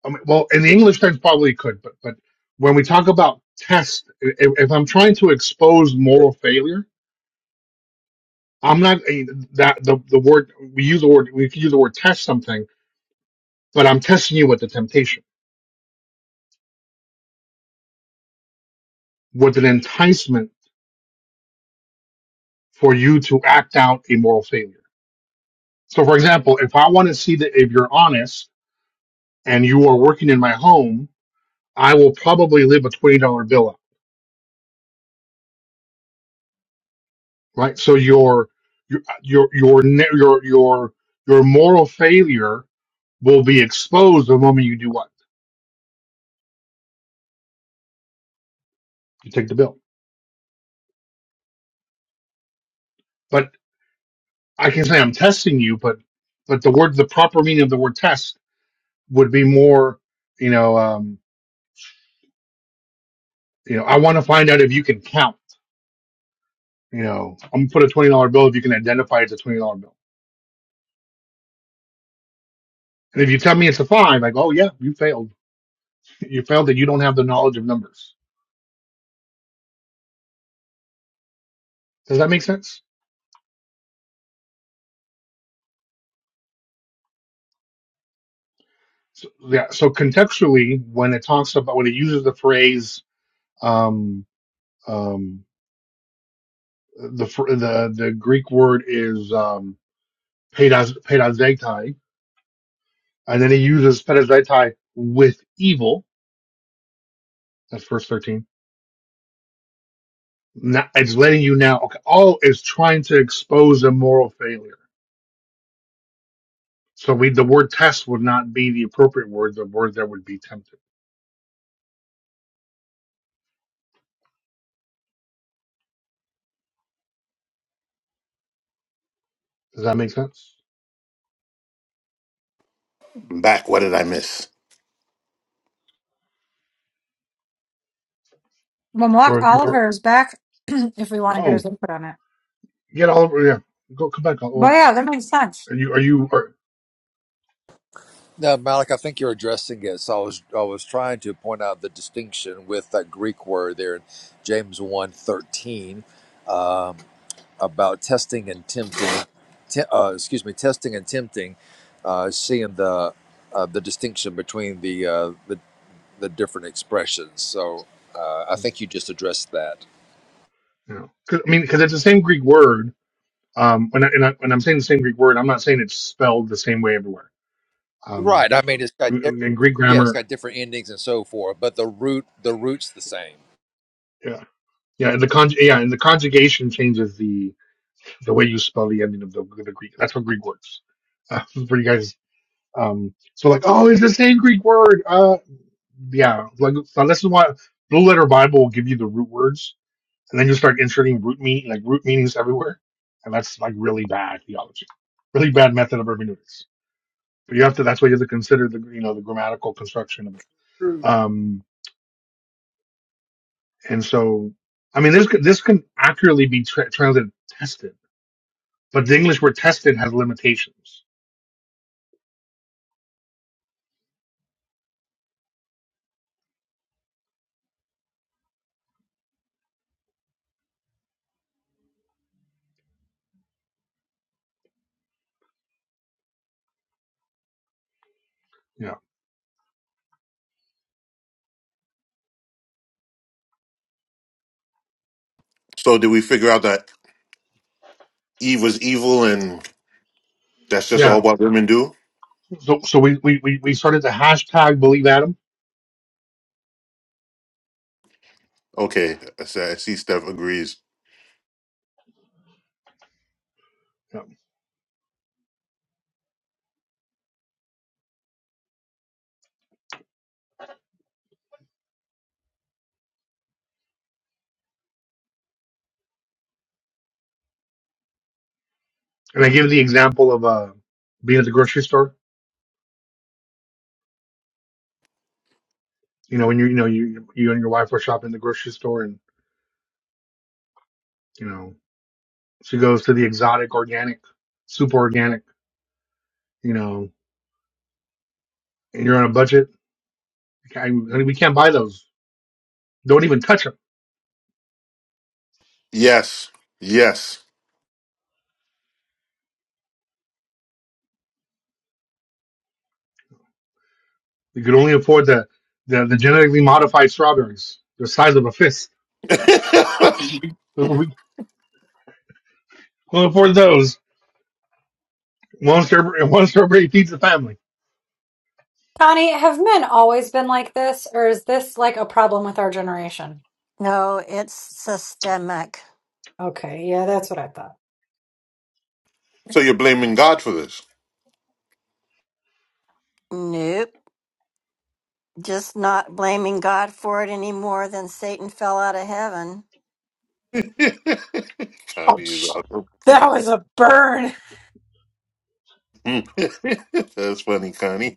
[SPEAKER 7] I mean, well, in the English text probably could, but but when we talk about test, if, if I'm trying to expose moral failure, I'm not I mean, that the the word we use the word we could use the word test something, but I'm testing you with the temptation, with an enticement for you to act out a moral failure. So, for example, if I want to see that if you're honest and you are working in my home, I will probably live a twenty dollar bill up, right? So your your your your ne- your your your moral failure will be exposed the moment you do what? You take the bill. But I can say I'm testing you, but but the word the proper meaning of the word test would be more, you know, um, you know, I want to find out if you can count. You know, I'm gonna put a twenty dollar bill if you can identify it's a twenty dollar bill. And if you tell me it's a five, I go, oh yeah, you failed. You failed that you don't have the knowledge of numbers. Does that make sense? So, yeah. So contextually, when it talks about when it uses the phrase, um, um, the fr- the the Greek word is um, Paydaz Paydaz Vegtai, and then he uses Paydaz Vegtai with evil. That's verse thirteen. Now, it's letting you now. Okay, all is trying to expose a moral failure. So we the word test would not be the appropriate word. The word that would be tempted. Does that make sense?
[SPEAKER 8] I'm back. What did I miss?
[SPEAKER 1] Mamak
[SPEAKER 7] We're,
[SPEAKER 1] Oliver is back if we want to get
[SPEAKER 7] oh
[SPEAKER 1] his input on it.
[SPEAKER 7] get all over yeah. Go come back.
[SPEAKER 1] But
[SPEAKER 7] Well,
[SPEAKER 1] yeah, that makes sense.
[SPEAKER 7] are you are you are
[SPEAKER 6] Now, Malik, I think you're addressing it. So I was I was trying to point out the distinction with that Greek word there in James one thirteen um, about testing and tempting. Te- uh, excuse me, testing and tempting. Uh, seeing the uh, the distinction between the, uh, the the different expressions. So uh, I
[SPEAKER 7] hmm,
[SPEAKER 6] think you just addressed that.
[SPEAKER 7] you know? 'Cause- I mean, because it's the same Greek word. Um, when I, and I, when I'm saying the same Greek word, I'm not saying it's spelled the same way everywhere. Um,
[SPEAKER 6] Right. I mean, it's got di-
[SPEAKER 7] in Greek
[SPEAKER 6] yeah, it's
[SPEAKER 7] grammar,
[SPEAKER 6] got different endings and so forth, but the root the root's the same.
[SPEAKER 7] yeah. Yeah, the con yeah, and the conjugation changes the the way you spell the ending of the, the Greek. That's what Greek words uh, for you guys. Um, so like, oh, it's the same Greek word. Uh, yeah, like so this is why Blue Letter Bible will give you the root words, and then you start inserting root meaning like root meanings everywhere, and that's like really bad theology, really bad method of hermeneutics. But you have to. That's why you have to consider the you know the grammatical construction of it.
[SPEAKER 6] True.
[SPEAKER 7] Um, and so I mean this could this can accurately be tra- translated tested but the English we're tested has limitations. Yeah.
[SPEAKER 8] So did we figure out that Eve was evil and that's just all
[SPEAKER 7] Yeah.
[SPEAKER 8] what women do?
[SPEAKER 7] So, so we, we, we we started the hashtag believe Adam.
[SPEAKER 8] Okay, I see I see Steph agrees.
[SPEAKER 7] Yeah. And I gave the example of, uh, being at the grocery store, you know, when you, you know, you, you and your wife were shopping at the grocery store and, you know, she goes to the exotic organic, super organic, you know, and you're on a budget. I, I mean, we can't buy those. Don't even touch them.
[SPEAKER 8] Yes. Yes.
[SPEAKER 7] You could only afford the, the, the genetically modified strawberries, the size of a fist. Those- We can't afford those. One strawberry, one strawberry feeds the family
[SPEAKER 1] Connie, have men always been like this, or is this like a problem with our generation?
[SPEAKER 5] No, it's systemic.
[SPEAKER 1] Okay, yeah, that's what I thought.
[SPEAKER 8] so you're blaming God for this.
[SPEAKER 5] Nope. Just not blaming God for it any more than Satan fell out of heaven.
[SPEAKER 8] Connie is
[SPEAKER 1] Ouch.
[SPEAKER 8] awesome.
[SPEAKER 1] That was a burn.
[SPEAKER 8] that's funny, Connie.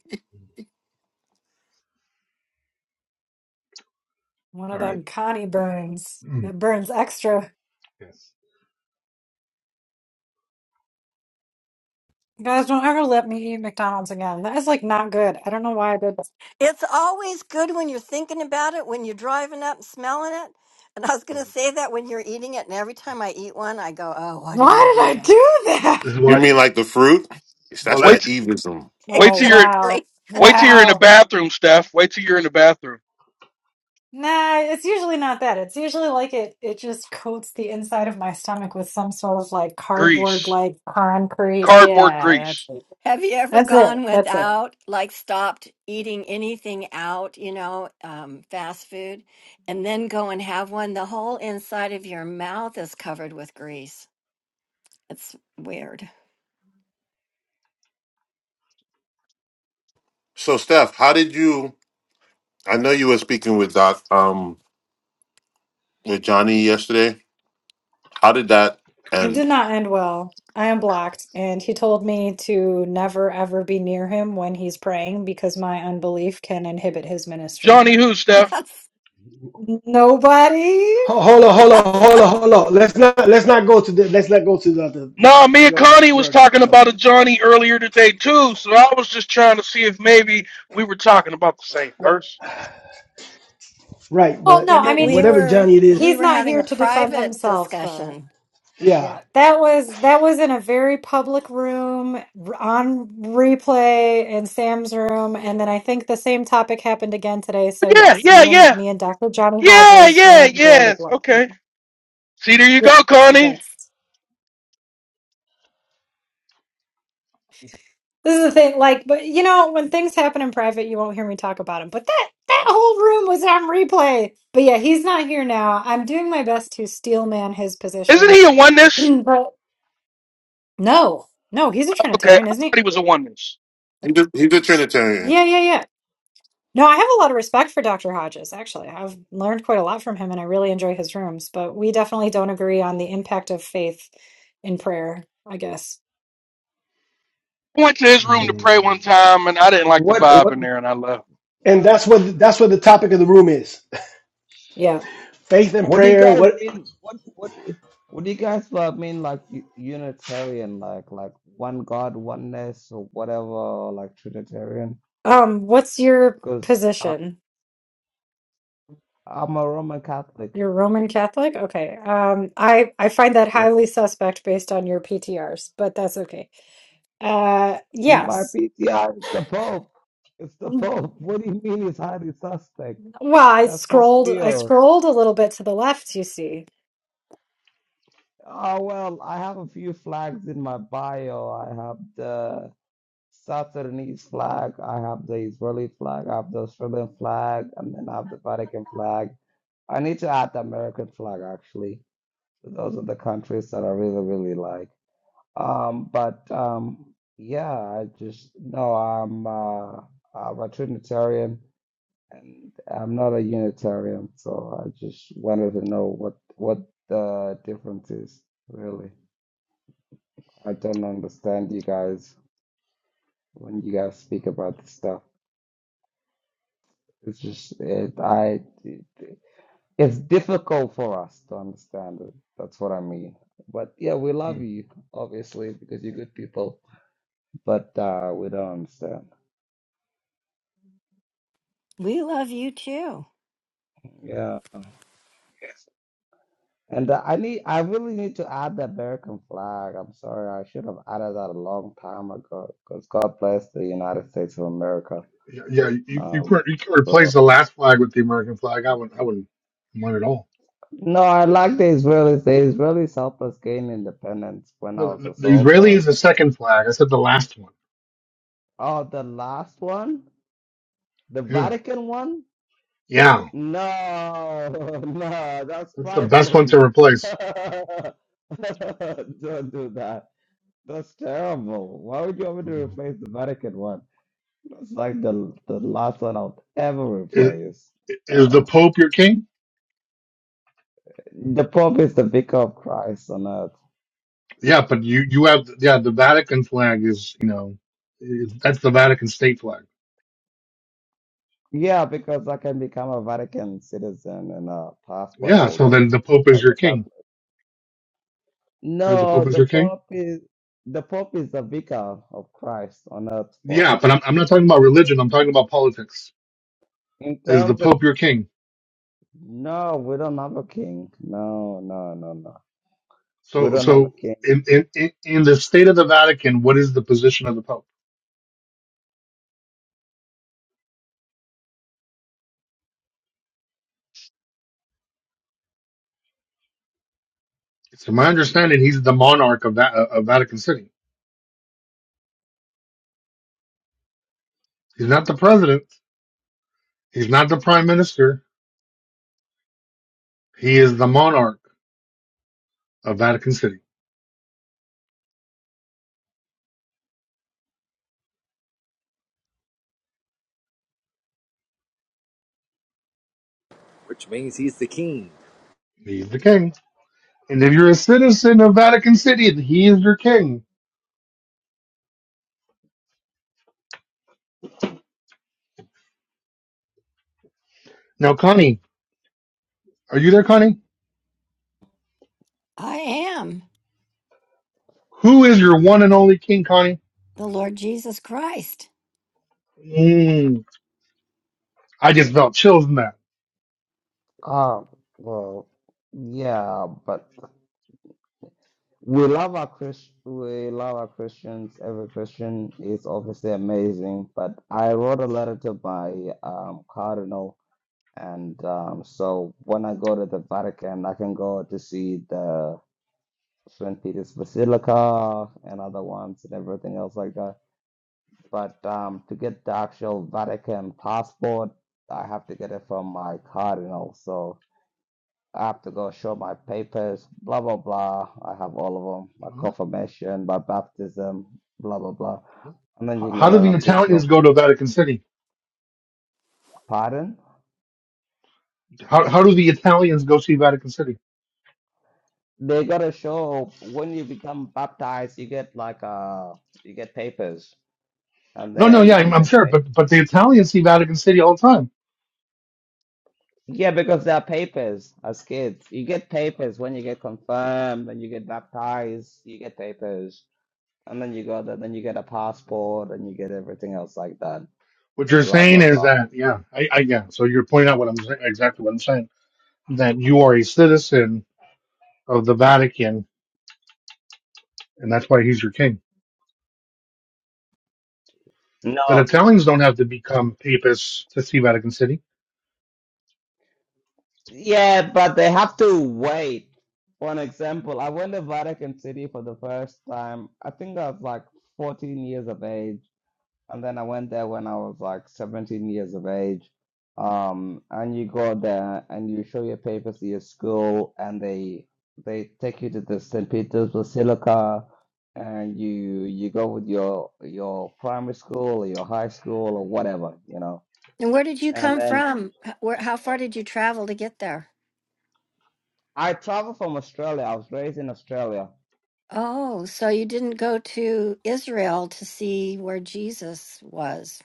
[SPEAKER 1] One of
[SPEAKER 7] All right.
[SPEAKER 1] them Connie burns.
[SPEAKER 7] Mm.
[SPEAKER 1] That burns extra.
[SPEAKER 7] Yes.
[SPEAKER 1] You guys don't ever let me eat McDonald's again. That is like not good. I don't know why I did that.
[SPEAKER 5] It's always good when you're thinking about it, when you're driving up and smelling it. And I was
[SPEAKER 7] Mm.
[SPEAKER 5] going to say that when you're eating it. And every time I eat one, I go, oh, why did I do
[SPEAKER 1] Why did I
[SPEAKER 5] that?
[SPEAKER 1] do that?
[SPEAKER 7] This is
[SPEAKER 8] You
[SPEAKER 7] why.
[SPEAKER 8] mean like the fruit? Yes,
[SPEAKER 7] Well,
[SPEAKER 8] That's
[SPEAKER 7] that.
[SPEAKER 8] that
[SPEAKER 10] wait,
[SPEAKER 8] evism.
[SPEAKER 10] wait
[SPEAKER 1] Oh
[SPEAKER 10] till you're,
[SPEAKER 1] wow.
[SPEAKER 5] Exactly.
[SPEAKER 10] wait till you're in the
[SPEAKER 1] Wow.
[SPEAKER 10] bathroom, Steph. Wait till you're in the bathroom.
[SPEAKER 1] Nah, it's usually not that. It's usually like it it just coats the inside of my stomach with some sort of like cardboard
[SPEAKER 10] Grease,
[SPEAKER 1] like concrete.
[SPEAKER 10] cardboard
[SPEAKER 1] Yeah, that's
[SPEAKER 10] grease.
[SPEAKER 1] it.
[SPEAKER 5] Have you ever
[SPEAKER 1] That's it.
[SPEAKER 5] gone
[SPEAKER 1] That's it.
[SPEAKER 5] without, like stopped eating anything out, you know, um, fast food, and then go and have one? The whole inside of your mouth is covered with grease. It's weird.
[SPEAKER 8] So, Steph, how did you? I know you were speaking with Doc, um, with Johnny yesterday. How did that
[SPEAKER 1] It
[SPEAKER 8] end?
[SPEAKER 1] did not end well. I am blocked, and he told me to never ever be near him when he's praying because my unbelief can inhibit his ministry.
[SPEAKER 10] Johnny, who, Steph?
[SPEAKER 5] That's
[SPEAKER 1] Nobody?
[SPEAKER 2] Ho- Hold on, hold on, hold on, hold on. Let's not let's not go to the let's not go to the, the, the
[SPEAKER 10] No, me
[SPEAKER 2] we
[SPEAKER 10] and
[SPEAKER 2] already
[SPEAKER 10] Connie
[SPEAKER 2] we
[SPEAKER 10] was
[SPEAKER 2] already
[SPEAKER 10] talking
[SPEAKER 2] no
[SPEAKER 10] about
[SPEAKER 2] no
[SPEAKER 10] a Johnny earlier today too. So I was just trying to see if maybe we were talking about the same person.
[SPEAKER 2] Right,
[SPEAKER 1] Well,
[SPEAKER 2] but
[SPEAKER 1] no,
[SPEAKER 5] yeah,
[SPEAKER 1] I
[SPEAKER 2] it,
[SPEAKER 5] but
[SPEAKER 2] That's
[SPEAKER 1] mean,
[SPEAKER 5] we
[SPEAKER 2] whatever
[SPEAKER 5] were
[SPEAKER 2] Johnny it
[SPEAKER 5] we
[SPEAKER 2] is,
[SPEAKER 1] he's
[SPEAKER 5] were
[SPEAKER 1] not
[SPEAKER 5] having
[SPEAKER 1] here
[SPEAKER 5] a
[SPEAKER 1] to defend
[SPEAKER 5] private
[SPEAKER 1] himself, but
[SPEAKER 5] discussion.
[SPEAKER 2] yeah.
[SPEAKER 1] yeah. That was that was in a very public room r- on replay in Sam's room, and then I think the same topic happened again today. So
[SPEAKER 10] But yeah,
[SPEAKER 1] yes,
[SPEAKER 10] yeah,
[SPEAKER 1] me and
[SPEAKER 10] yeah.
[SPEAKER 1] me and Dr. Johnny
[SPEAKER 10] Yeah,
[SPEAKER 1] Hodges
[SPEAKER 10] yeah,
[SPEAKER 1] went blow to
[SPEAKER 10] yes.
[SPEAKER 1] blow. Yeah.
[SPEAKER 10] Okay. See, there you
[SPEAKER 1] yeah.
[SPEAKER 10] go,
[SPEAKER 1] So
[SPEAKER 10] Connie.
[SPEAKER 1] that's This is the thing, like, but you know, when things happen in private, you won't hear me talk about him. But that that whole room was on replay. But yeah, he's not here now. I'm doing my best to steel man his
[SPEAKER 10] Isn't
[SPEAKER 1] position.
[SPEAKER 10] he a oneness?
[SPEAKER 1] but no, no, he's a
[SPEAKER 10] Okay, I
[SPEAKER 1] Trinitarian, isn't
[SPEAKER 10] thought
[SPEAKER 1] he?
[SPEAKER 10] he was a oneness.
[SPEAKER 8] He's a, he's a Trinitarian.
[SPEAKER 1] Yeah, yeah, yeah. No, I have a lot of respect for Dr. Hodges, actually. I've learned quite a lot from him and I really enjoy his rooms, but we definitely don't agree on the impact of faith in prayer, I guess.
[SPEAKER 10] I went to his room to pray one
[SPEAKER 7] Mm,
[SPEAKER 10] time, and I didn't like the
[SPEAKER 11] What
[SPEAKER 10] vibe
[SPEAKER 11] what
[SPEAKER 10] in there, and I left.
[SPEAKER 2] And that's what that's what the topic of the room is.
[SPEAKER 1] Yeah.
[SPEAKER 2] Faith and
[SPEAKER 11] what do you
[SPEAKER 2] prayer.
[SPEAKER 11] guys
[SPEAKER 2] What
[SPEAKER 11] mean? What what what do you guys uh, mean like u- Unitarian, like like one God, oneness, or whatever, or like Trinitarian?
[SPEAKER 1] Um, what's your
[SPEAKER 11] Because um,
[SPEAKER 1] position?
[SPEAKER 11] I'm a Roman Catholic.
[SPEAKER 1] You're Roman Catholic? Okay. Um, I I find that
[SPEAKER 11] Yeah,
[SPEAKER 1] highly suspect based on your PTRs, but that's okay. Uh,
[SPEAKER 11] my
[SPEAKER 1] yes.
[SPEAKER 11] PTI is the Pope. It's the Pope. What do you mean he's highly suspect?
[SPEAKER 1] Well, I
[SPEAKER 11] That's Pope
[SPEAKER 1] scrolled I
[SPEAKER 11] Leo.
[SPEAKER 1] scrolled a little bit to the left, you see.
[SPEAKER 11] Oh well, I have a few flags in my bio. I have the South Sudanese flag. I have the Israeli flag. I have the Australian flag, and then I have the Vatican flag. I need to add the American flag actually. So those are the countries that I really, really like. Um, but um, yeah, I just no. I'm uh, I'm a Trinitarian, and I'm not a Unitarian. So I just wanted to know what what the difference is really. I don't understand you guys when you guys speak about this stuff. It's just it, I it, it's difficult for us to understand it. That's what I mean. But yeah, we love
[SPEAKER 7] mm.
[SPEAKER 11] you obviously because you're good people, but uh, we don't understand.
[SPEAKER 5] We love you too.
[SPEAKER 11] Yeah. And uh, I need, I really need to add the American flag. I'm sorry, I should have added that a long time ago. Because God bless the United States of America.
[SPEAKER 7] Yeah, yeah, you you
[SPEAKER 11] Um,
[SPEAKER 7] can you can
[SPEAKER 11] so
[SPEAKER 7] replace the last flag with the American flag. I wouldn't I wouldn't mind at all.
[SPEAKER 11] no, I like the Israelis. The Israelis helped us gain independence when I
[SPEAKER 7] No,
[SPEAKER 11] was a
[SPEAKER 7] the, the Israeli
[SPEAKER 11] soldier.
[SPEAKER 7] is the second flag. I said the last one.
[SPEAKER 11] Oh, the last one? The
[SPEAKER 7] Yeah,
[SPEAKER 11] Vatican one?
[SPEAKER 7] yeah,
[SPEAKER 11] No, no, that's
[SPEAKER 7] that's the best one to
[SPEAKER 11] trifling.
[SPEAKER 7] replace.
[SPEAKER 11] Don't do that. That's terrible. Why would you want me to
[SPEAKER 7] Mm.
[SPEAKER 11] replace the Vatican one? That's like the the last one I'll ever
[SPEAKER 7] Is,
[SPEAKER 11] replace.
[SPEAKER 7] is the
[SPEAKER 11] Uh,
[SPEAKER 7] Pope your king?
[SPEAKER 11] the Pope is the vicar of Christ on earth.
[SPEAKER 7] Yeah, but you you have yeah the Vatican flag is you know is, that's the Vatican state flag.
[SPEAKER 11] Yeah, because I can become a Vatican citizen and a passport
[SPEAKER 7] Yeah, so
[SPEAKER 11] holder
[SPEAKER 7] then the Pope is
[SPEAKER 11] as
[SPEAKER 7] your
[SPEAKER 11] a
[SPEAKER 7] king,
[SPEAKER 11] Catholic.
[SPEAKER 7] right? The
[SPEAKER 11] No,
[SPEAKER 7] Pope is
[SPEAKER 11] the
[SPEAKER 7] your king.
[SPEAKER 11] Pope is the Pope is the vicar of Christ on earth for
[SPEAKER 7] Yeah, but
[SPEAKER 11] us.
[SPEAKER 7] I'm, I'm not talking about religion. I'm talking about politics.
[SPEAKER 11] In
[SPEAKER 7] Is the
[SPEAKER 11] terms of
[SPEAKER 7] Pope your king?
[SPEAKER 11] no, we don't have a king. No, no, no, no. We
[SPEAKER 7] So,
[SPEAKER 11] don't have a
[SPEAKER 7] so
[SPEAKER 11] king.
[SPEAKER 7] in, in, in in the state of the Vatican, what is the position of the Pope? To my understanding, he's the monarch of that of Vatican City. He's not the president. He's not the prime minister. He is the monarch of Vatican City.
[SPEAKER 6] Which means he's the king.
[SPEAKER 7] He's the king. And if you're a citizen of Vatican City, then he is your king. Now, Connie, are you there, Connie?
[SPEAKER 5] I am
[SPEAKER 7] Who is your one and only king, Connie?
[SPEAKER 5] the Lord Jesus Christ.
[SPEAKER 7] Mm, I just felt chills in that.
[SPEAKER 11] ah, well, yeah, but we love our Chris. We love our Christians. Every Christian is obviously amazing. But I wrote a letter to my um, cardinal, and um, so when I go to the Vatican, I can go to see the St. Peter's Basilica and other ones and everything else like that. But um, to get the actual Vatican passport, I have to get it from my cardinal. So I have to go show my papers, blah, blah, blah. I have all of them my confirmation, my baptism, blah, blah, blah. And then you
[SPEAKER 7] How,
[SPEAKER 11] can
[SPEAKER 7] how
[SPEAKER 11] get
[SPEAKER 7] do
[SPEAKER 11] an
[SPEAKER 7] the Italians
[SPEAKER 11] official
[SPEAKER 7] go to Vatican City?
[SPEAKER 11] pardon.
[SPEAKER 7] How, how do the Italians go see Vatican City?
[SPEAKER 11] They got to show when you become baptized, you get like uh you get papers, and
[SPEAKER 7] No, no, yeah,
[SPEAKER 11] then you
[SPEAKER 7] I'm, I'm
[SPEAKER 11] get papers.
[SPEAKER 7] sure, but but the Italians see Vatican City all the time.
[SPEAKER 11] Yeah, because there are papers as kids. You get papers when you get confirmed, when you get baptized, you get papers. And then you got that, then you get a passport and you get everything else like that.
[SPEAKER 7] What you're
[SPEAKER 11] Blah, blah,
[SPEAKER 7] saying is
[SPEAKER 11] blah.
[SPEAKER 7] that, yeah, I, I yeah. So you're pointing out what I'm saying, exactly what I'm saying, that you are a citizen of the Vatican, and that's why he's your king. But
[SPEAKER 11] No,
[SPEAKER 7] Italians don't have to become papists to see Vatican City.
[SPEAKER 11] yeah, but they have to wait. For an example, I went to Vatican City for the first time. I think I was like 14 years of age. And then I went there when I was like 17 years of age. Um, and you go there and you show your papers to your school, and they they take you to the St. Peter's Basilica, and you you go with your your primary school or your high school or whatever, you know.
[SPEAKER 5] And where did you
[SPEAKER 11] And
[SPEAKER 5] come
[SPEAKER 11] then
[SPEAKER 5] from? H- Where, how far did you travel to get there?
[SPEAKER 11] I traveled from Australia. I was raised in Australia.
[SPEAKER 5] Oh, so you didn't go to Israel to see where Jesus was,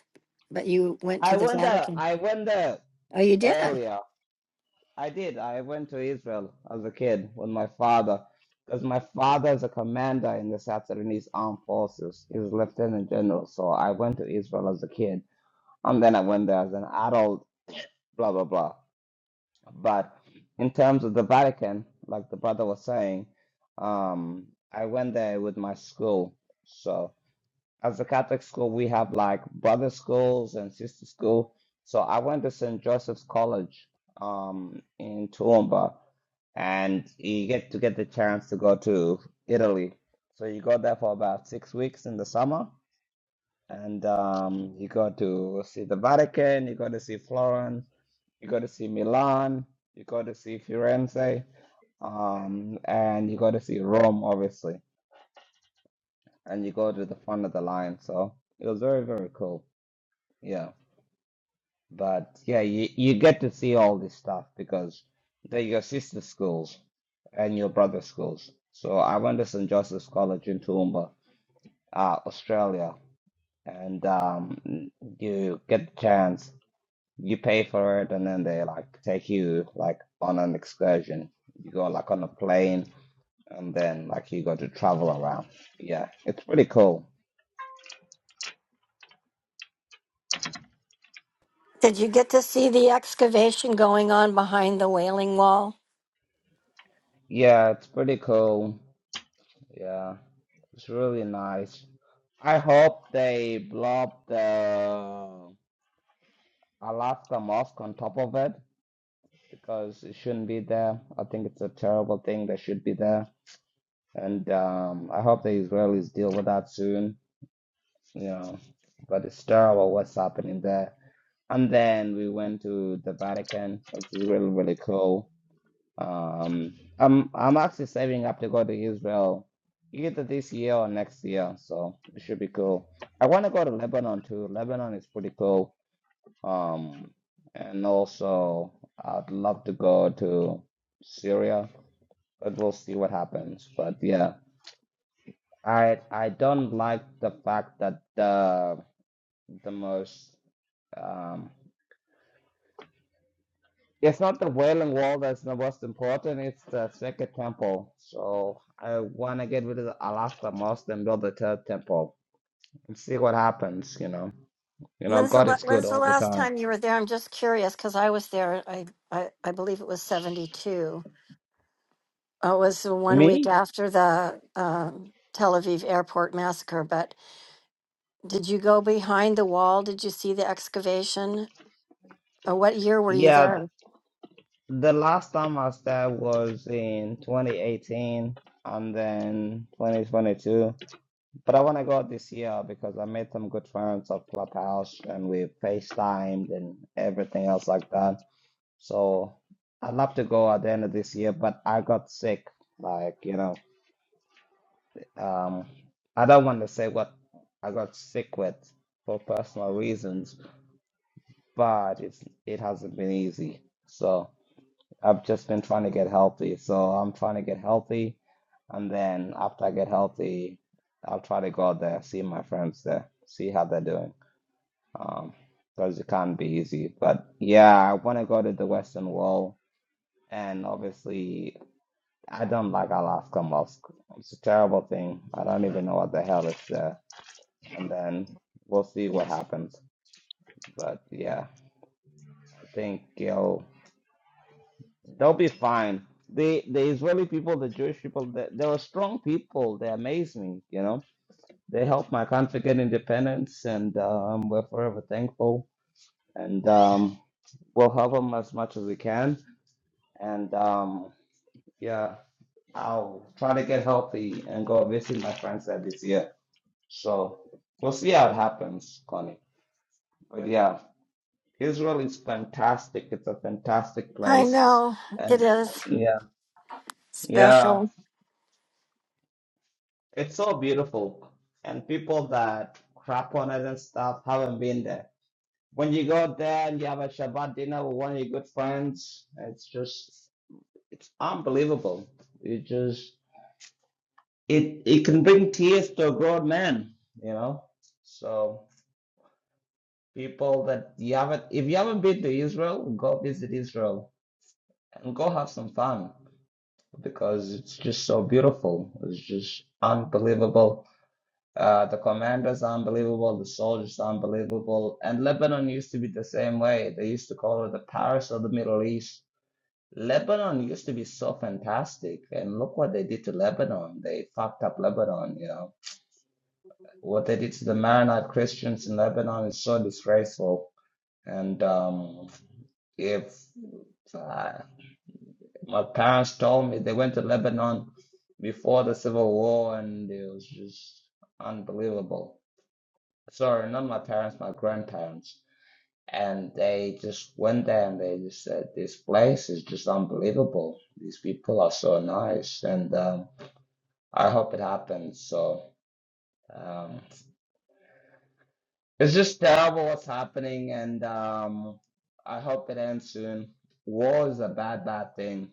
[SPEAKER 5] but you went
[SPEAKER 11] I
[SPEAKER 5] to the
[SPEAKER 11] went there.
[SPEAKER 5] Vatican.
[SPEAKER 11] I went there
[SPEAKER 5] Oh, you did.
[SPEAKER 11] earlier. I did. I went to Israel as a kid with my father because my father is a commander in the South Sudanese Armed Forces. He's a lieutenant general. So I went to Israel as a kid and then I went there as an adult, blah, blah, blah. But in terms of the Vatican, like the brother was saying, um, I went there with my school. So as a Catholic school, we have like brother schools and sister school. So I went to St. Joseph's College um, in Toowoomba, and you get to get the chance to go to Italy. So you go there for about six weeks in the summer, and um, you go to see the Vatican, you go to see Florence, you go to see Milan, you go to see Firenze, um, and you go to see Rome, obviously, and you go to the front of the line. So it was very, very cool. Yeah, but yeah, you, you get to see all this stuff because they're your sister schools and your brother schools. So I went to St. Joseph's College in Toowoomba, uh, Australia, and um, you get the chance, you pay for it, and then they like take you like on an excursion. You go like on a plane, and then like you go to travel around. Yeah, it's pretty cool.
[SPEAKER 5] Did you get to see the excavation going on behind the Wailing Wall?
[SPEAKER 11] Yeah, it's pretty cool. Yeah, it's really nice. I hope they blow up the Alaska Mosque on top of it because it shouldn't be there. I think it's a terrible thing that should be there. And um, I hope the Israelis deal with that soon, you know. But it's terrible what's happening there. And then we went to the Vatican, which is really, really cool. Um, I'm I'm actually saving up to go to Israel either this year or next year, so it should be cool. I want to go to Lebanon too. Lebanon is pretty cool. Um, and also I'd love to go to Syria, but we'll see what happens. But yeah, I I don't like the fact that the the most um It's not the Wailing Wall that's the most important, it's the second temple. So I want to get rid of the Alaska most and build the third temple and see what happens, you know. You know,
[SPEAKER 5] When's the,
[SPEAKER 11] God
[SPEAKER 5] la-
[SPEAKER 11] is good
[SPEAKER 5] when's the
[SPEAKER 11] all the
[SPEAKER 5] last
[SPEAKER 11] time.
[SPEAKER 5] time you were there? I'm just curious because I was there. I, I, I believe it was 72. Oh, It was the one week
[SPEAKER 11] Me?
[SPEAKER 5] after the um, Tel Aviv airport massacre. But did you go behind the wall? Did you see the excavation? Uh, what year were you
[SPEAKER 11] Yeah,
[SPEAKER 5] there?
[SPEAKER 11] th- the last time I was there was in 2018 and then 2022. But I want to go this year because I made some good friends of Clubhouse and we FaceTimed and everything else like that. So I'd love to go at the end of this year, but I got sick. Like, you know, um, I don't want to say what I got sick with for personal reasons, but it's it hasn't been easy. So I've just been trying to get healthy. So I'm trying to get healthy, and then after I get healthy, I'll try to go out there, see my friends there, see how they're doing. Um, because it can't be easy. But yeah, I want to go to the Western Wall and obviously. I don't like Alaska Musk. It's a terrible thing. I don't even know what the hell it's there. And then we'll see what happens. But yeah, I think you'll they'll be fine. The the Israeli people, the Jewish people, they, they were strong people. They amaze me, you know. They helped my country get independence, and um, we're forever thankful. And um, we'll help them as much as we can. And um, yeah, I'll try to get healthy and go visit my friends there this year. So we'll see how it happens, Connie. But yeah, Israel is fantastic. It's a fantastic
[SPEAKER 5] I
[SPEAKER 11] place.
[SPEAKER 5] know it
[SPEAKER 11] And
[SPEAKER 5] is
[SPEAKER 11] yeah, yeah,
[SPEAKER 5] special.
[SPEAKER 11] it's so beautiful. And people that crap on it and stuff haven't been there. When you go there and you have a Shabbat dinner with one of your good friends, it's just, it's unbelievable. It just, it, it can bring tears to a grown man, you know? So. people that you haven't if you haven't been to Israel, go visit Israel and go have some fun because it's just so beautiful. It's just unbelievable. Uh, the commanders are unbelievable, the soldiers are unbelievable, and Lebanon used to be the same way. They used to call it the Paris of the Middle East. Lebanon used to be so fantastic, and look what they did to Lebanon. They fucked up Lebanon, you know. What they did to the Maronite Christians in Lebanon is so disgraceful And um, if uh, my parents told me they went to Lebanon before the Civil War, and it was just unbelievable. Sorry, not my parents, my grandparents. And they just went there and they just said, This place is just unbelievable. These people are so nice, and um, I hope it happens. So um, it's just terrible what's happening, and um, I hope it ends soon. War is a bad, bad thing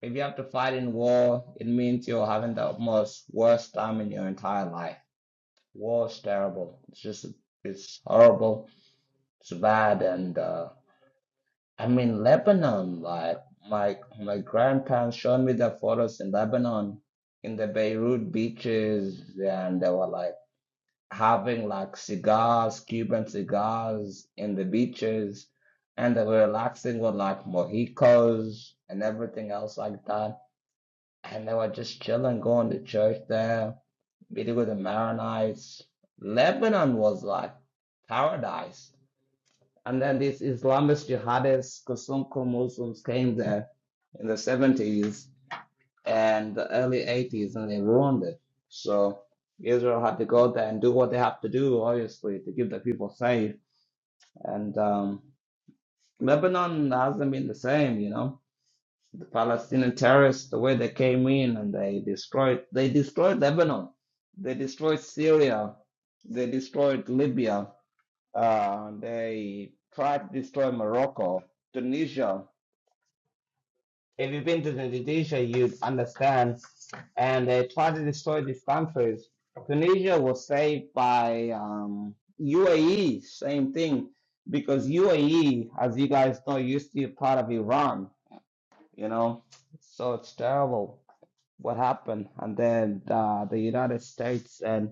[SPEAKER 11] If you have to fight in war, it means you're having the most worst time in your entire life. War is terrible. It's just, it's horrible. It's bad. And, uh, I mean, Lebanon, like, my, my grandparents showed me the photos in Lebanon, in the Beirut beaches, and they were like having like cigars, Cuban cigars in the beaches, and they were relaxing with like mojitos and everything else like that and they were just chilling, going to church there, meeting with the Maronites. Lebanon was like paradise. And then these Islamist jihadists, Kasumko Muslims came there in the 70s and the early 80s and they ruined it. So Israel had to go there and do what they have to do, obviously, to keep the people safe. And um, Lebanon hasn't been the same, you know Palestinian terrorists, the way they came in and they destroyed, they destroyed Lebanon, they destroyed Syria, they destroyed Libya, uh, they tried to destroy Morocco, Tunisia. If you've been to Tunisia, you'd understand. And they tried to destroy these countries. Tunisia was saved by um, UAE, same thing, because UAE, as you guys know, used to be part of Iran, you know, so it's terrible what happened. And then uh, the United States and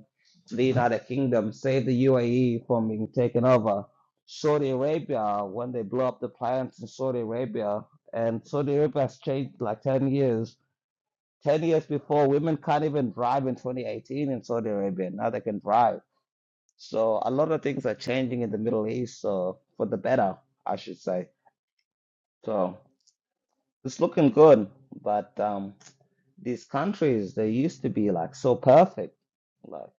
[SPEAKER 11] the United Kingdom saved the UAE from being taken over. Saudi Arabia, when they blew up the plants in Saudi Arabia, and Saudi Arabia has changed like 10 years. 10 years before, women can't even drive in 2018 in Saudi Arabia. Now they can drive. So a lot of things are changing in the Middle East, so for the better, I should say. So it's looking good, but um, these countries they used to be like so perfect like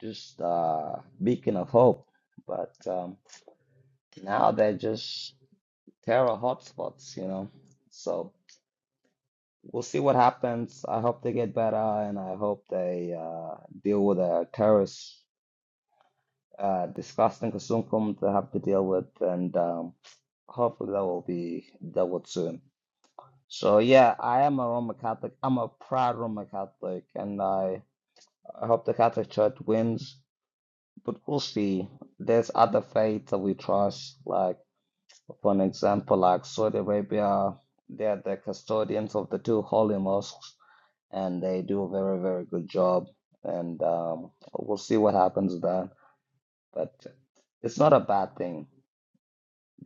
[SPEAKER 11] just uh beacon of hope but um now they're just terror hotspots you know so we'll see what happens i hope they get better and i hope they uh deal with the terrorist uh disgusting consuncum they have to deal with and um hopefully that will be dealt with soon so yeah i am a roman catholic i'm a proud roman catholic and i I hope the Catholic Church wins But we'll see. There's other faiths that we trust, like for an example, like Saudi Arabia, they are the custodians of the two holy mosques, and they do a very, very good job. And um, we'll see what happens with that. But it's not a bad thing,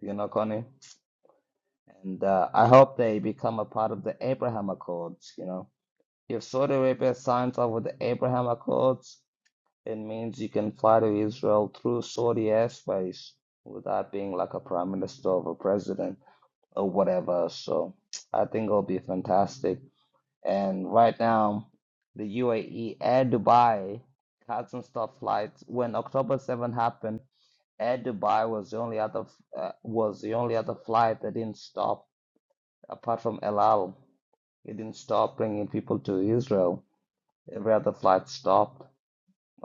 [SPEAKER 11] you know, Connie. And uh, I hope they become a part of the Abraham Accords, you know. If Saudi Arabia signs up with the Abraham Accords, It means you can fly to Israel through Saudi airspace without being like a prime minister or a president or whatever. So I think it'll be fantastic. And right now, the UAE Air Dubai hasn't stopped flights. When October 7 happened, Air Dubai was the only other uh, was the only other flight that didn't stop apart from El Al. It didn't stop bringing people to Israel. Every other flight stopped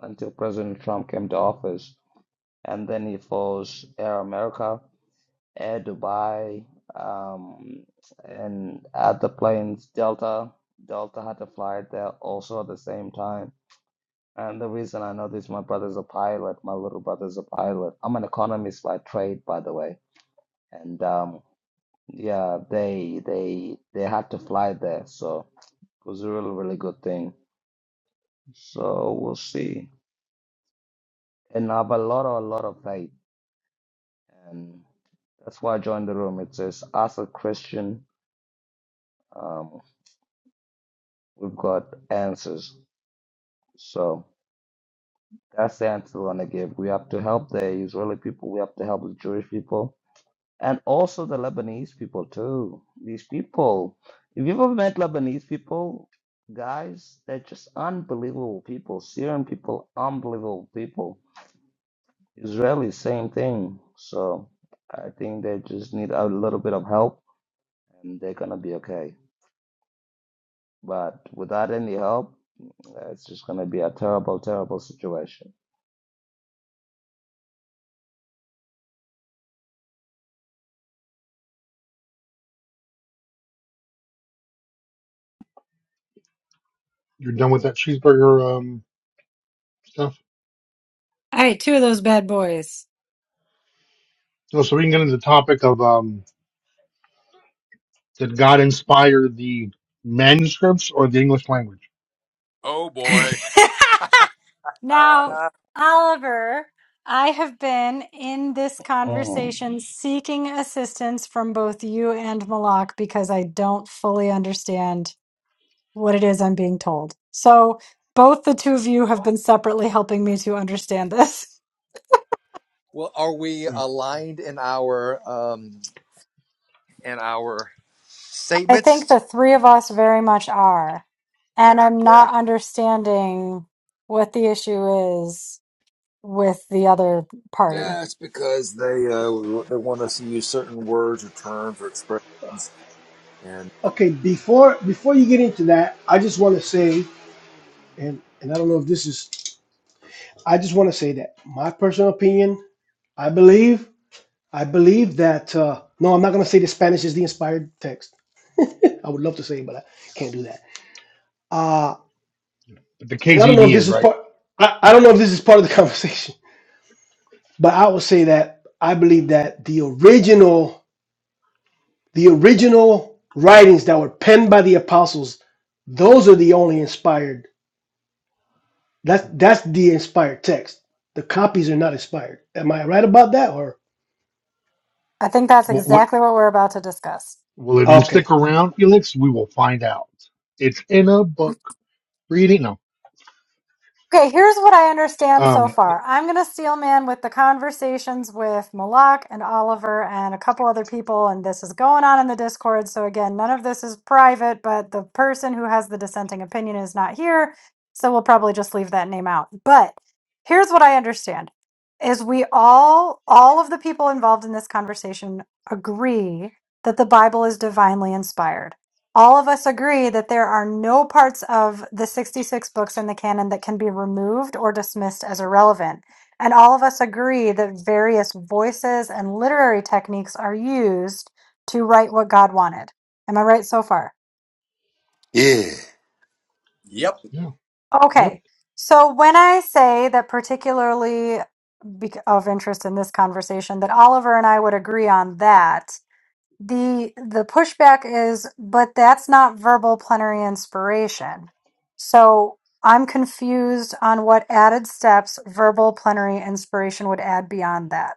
[SPEAKER 11] until President Trump came to office and then it follows Air America, Air Dubai, um, and other planes, Delta. Delta had to fly there also at the same time. And the reason I know this, my brother's a pilot. My little brother's a pilot. I'm an economist by trade, by the way. And um, yeah, they they they had to fly there, so it was a really really good thing. So we'll see. And I have a lot a lot of faith. and that's why I joined the room. It says, ask a question. Um, we've got answers. So that's the answer I want to give. We have to help the Israeli people. We have to help the Jewish people, and also the Lebanese people too. These people, if you've ever met Lebanese people, guys, they're just unbelievable people. Syrian people, unbelievable people. Israelis, same thing. So I think they just need a little bit of help, and they're gonna be okay. But without any help, uh, it's just going to be a terrible, terrible situation.
[SPEAKER 7] You're done with that cheeseburger um, stuff.
[SPEAKER 1] Hey, two of those bad boys.
[SPEAKER 7] So, so we can get into the topic of um, did God inspire the manuscripts or the English language?
[SPEAKER 6] Oh boy.
[SPEAKER 1] Now,
[SPEAKER 6] Uh,
[SPEAKER 1] Oliver, I have been in this
[SPEAKER 11] Mm.
[SPEAKER 1] conversation seeking assistance from both you and Malak because I don't fully understand. what it is I'm being told. So both the two of you have been separately helping me to understand this.
[SPEAKER 6] well, are we
[SPEAKER 7] Yeah.
[SPEAKER 6] aligned in our um in our
[SPEAKER 1] I think
[SPEAKER 6] statements?
[SPEAKER 1] the three of us very much are. And I'm
[SPEAKER 6] Yeah.
[SPEAKER 1] not understanding what the issue is with the other party.
[SPEAKER 6] Yeah, it's because they uh they want us to use certain words or terms or expressions and uh,
[SPEAKER 2] okay, before before you get into that, I just want to say and and I don't know if this is I just want to say that my personal opinion, I believe I believe that uh no, I'm not going to say the Spanish is the inspired text. I would love to say it, but I can't do that. Uh
[SPEAKER 7] But the
[SPEAKER 2] and I don't know if
[SPEAKER 7] KGB is
[SPEAKER 2] this is
[SPEAKER 7] right.
[SPEAKER 2] part I, I don't know if this is part of the conversation, but I will say that I believe that the original The original writings that were penned by the apostles, those are the only inspired. That's that's the inspired text. The copies are not inspired. Am I right about that? Or
[SPEAKER 1] I think that's
[SPEAKER 7] What, what,
[SPEAKER 1] exactly what we're about to discuss.
[SPEAKER 7] well, if you
[SPEAKER 2] okay,
[SPEAKER 7] stick around, Felix, we will find out. It's in a book. Read it. No.
[SPEAKER 1] Okay, here's what I understand so
[SPEAKER 7] Um.
[SPEAKER 1] far. I'm going to steel man with the conversations with Malak and Oliver and a couple other people, and this is going on in the Discord. So, again, none of this is private, but the person who has the dissenting opinion is not here. So, we'll probably just leave that name out. But here's what I understand is we all all of the people involved in this conversation agree that the bible is divinely inspired all of us agree that there are no parts of the 66 books in the canon that can be removed or dismissed as irrelevant. And all of us agree that various voices and literary techniques are used to write what God wanted. Am I right so far?
[SPEAKER 8] Yeah,
[SPEAKER 6] Yep.
[SPEAKER 7] Yeah. Yep.
[SPEAKER 1] Okay. So when I say that, particularly bec- of interest in this conversation, that Oliver and I would agree on that, The the pushback is, but that's not verbal plenary inspiration. So I'm confused on what added steps verbal plenary inspiration would add beyond that.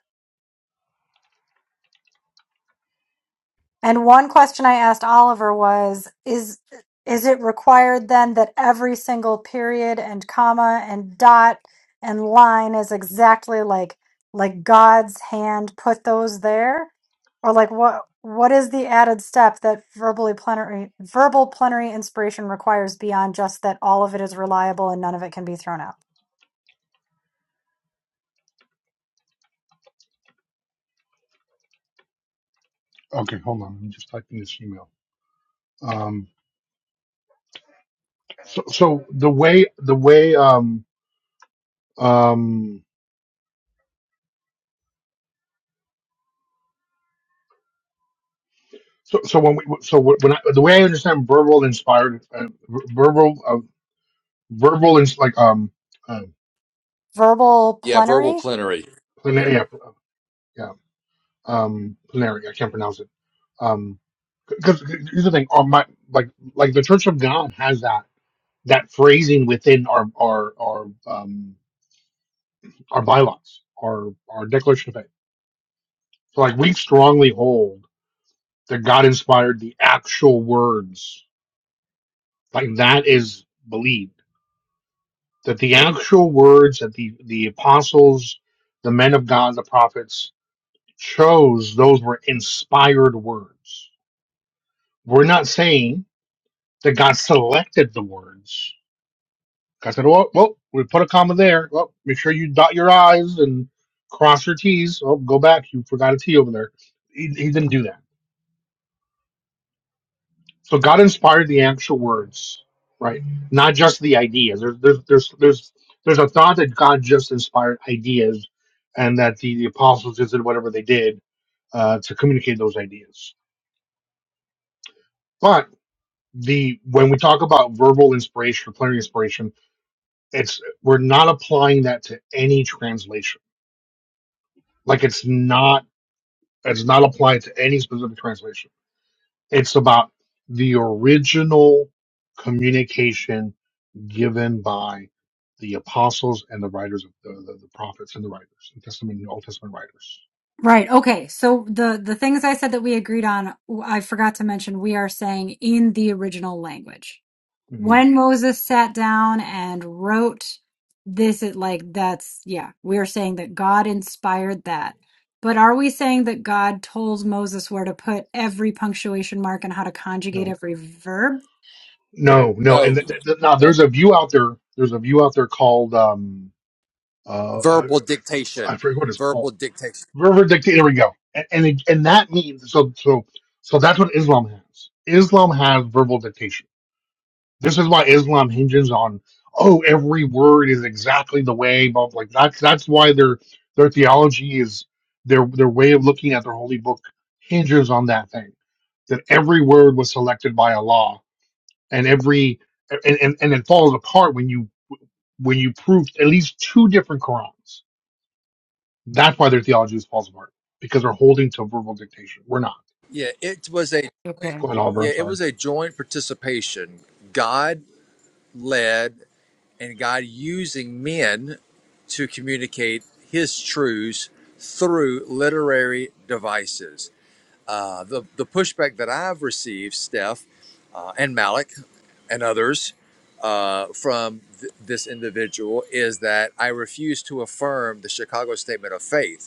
[SPEAKER 1] And one question I asked Oliver was, is is it required then that every single period and comma and dot and line is exactly like like God's hand put those there? Or like what what is the added step that verbally plenary verbal plenary inspiration requires beyond just that all of it is reliable and none of it can be thrown out?
[SPEAKER 7] Okay. Hold on. I'm just typing this email. Um. So, so the way the way um um so so when we so when I, the way I understand verbal inspired uh, verbal uh, verbal is like um uh,
[SPEAKER 1] Verbal
[SPEAKER 6] yeah, verbal
[SPEAKER 1] plenary?
[SPEAKER 6] plenary. Yeah.
[SPEAKER 7] yeah yeah. um Plenary, I can't pronounce it. Um because here's the thing, our my like like the Church of God has that that phrasing within our our our um our bylaws, our our declaration of faith. So like we strongly hold that God inspired the actual words. Like that is believed. That the actual words that the the apostles, the men of God, the prophets chose, those were inspired words. We're not saying that God selected the words. God said, "Well, well, we put a comma there. Well, make sure you dot your I's and cross your T's. Oh, go back. You forgot a T over there." He, he didn't do that. So God inspired the actual words, right? Not just the ideas. There's there's there's there's there's a thought that God just inspired ideas, and that the, the apostles just did whatever they did uh, to communicate those ideas. But the when we talk about verbal inspiration or plenary inspiration, it's we're not applying that to any translation like it's not it's not applied to any specific translation it's about the original communication given by the apostles and the writers of the, the, the prophets and the writers the testament and old testament writers
[SPEAKER 1] Right. Okay. So the the things I said that we agreed on, w- I forgot to mention we are saying in the original language.
[SPEAKER 7] Mhm.
[SPEAKER 1] When Moses sat down and wrote this it like that's yeah, we're saying that God inspired that. But are we saying that God told Moses where to put every punctuation mark and how to conjugate
[SPEAKER 7] no
[SPEAKER 1] every verb?
[SPEAKER 7] no no and
[SPEAKER 6] No.
[SPEAKER 7] th- th- th- now
[SPEAKER 6] No.
[SPEAKER 7] there's a view out there there's a view out there called um uh
[SPEAKER 6] Verbal
[SPEAKER 7] i
[SPEAKER 6] dictation.
[SPEAKER 7] forget what it's called
[SPEAKER 6] Verbal dictation.
[SPEAKER 7] River dictate. There we go. And and, it, and that means so so so that's what Islam has. Islam has verbal dictation. This is why Islam hinges on oh every word is exactly the way. But like that's that's why their their theology is their their way of looking at their holy book hinges on that thing that every word was selected by Allah and every and and, and it falls apart when you when you prove at least two different Qurans that's why their theology just falls apart because they're holding to verbal dictation. We're not.
[SPEAKER 6] Yeah, it was a
[SPEAKER 1] Okay.
[SPEAKER 7] Go ahead, Oliver.
[SPEAKER 6] yeah,
[SPEAKER 7] I'm
[SPEAKER 6] it
[SPEAKER 7] sorry.
[SPEAKER 6] was a joint participation. God led and God using men to communicate his truths through literary devices. Uh, the, the pushback that I've received, Steph uh, and Malik and others uh, from th- this individual is that I refuse to affirm the Chicago Statement of Faith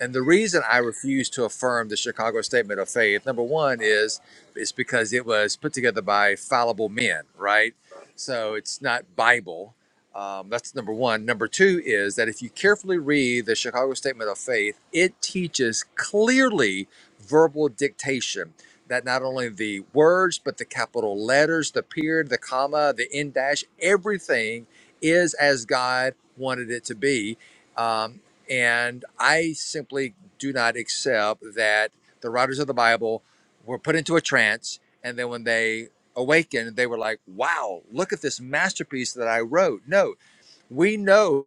[SPEAKER 6] and the reason I refuse to affirm the Chicago Statement of Faith, number one, is is because it was put together by fallible men, right? So it's not Bible. Um, that's number one. Number two is that if you carefully read the Chicago Statement of Faith, it teaches clearly verbal dictation. That not only the words, but the capital letters, the period, the comma, the end dash, everything is as God wanted it to be Um, and I simply do not accept that the writers of the Bible were put into a trance. And then when they awakened, they were like, wow, look at this masterpiece that I wrote. No, we know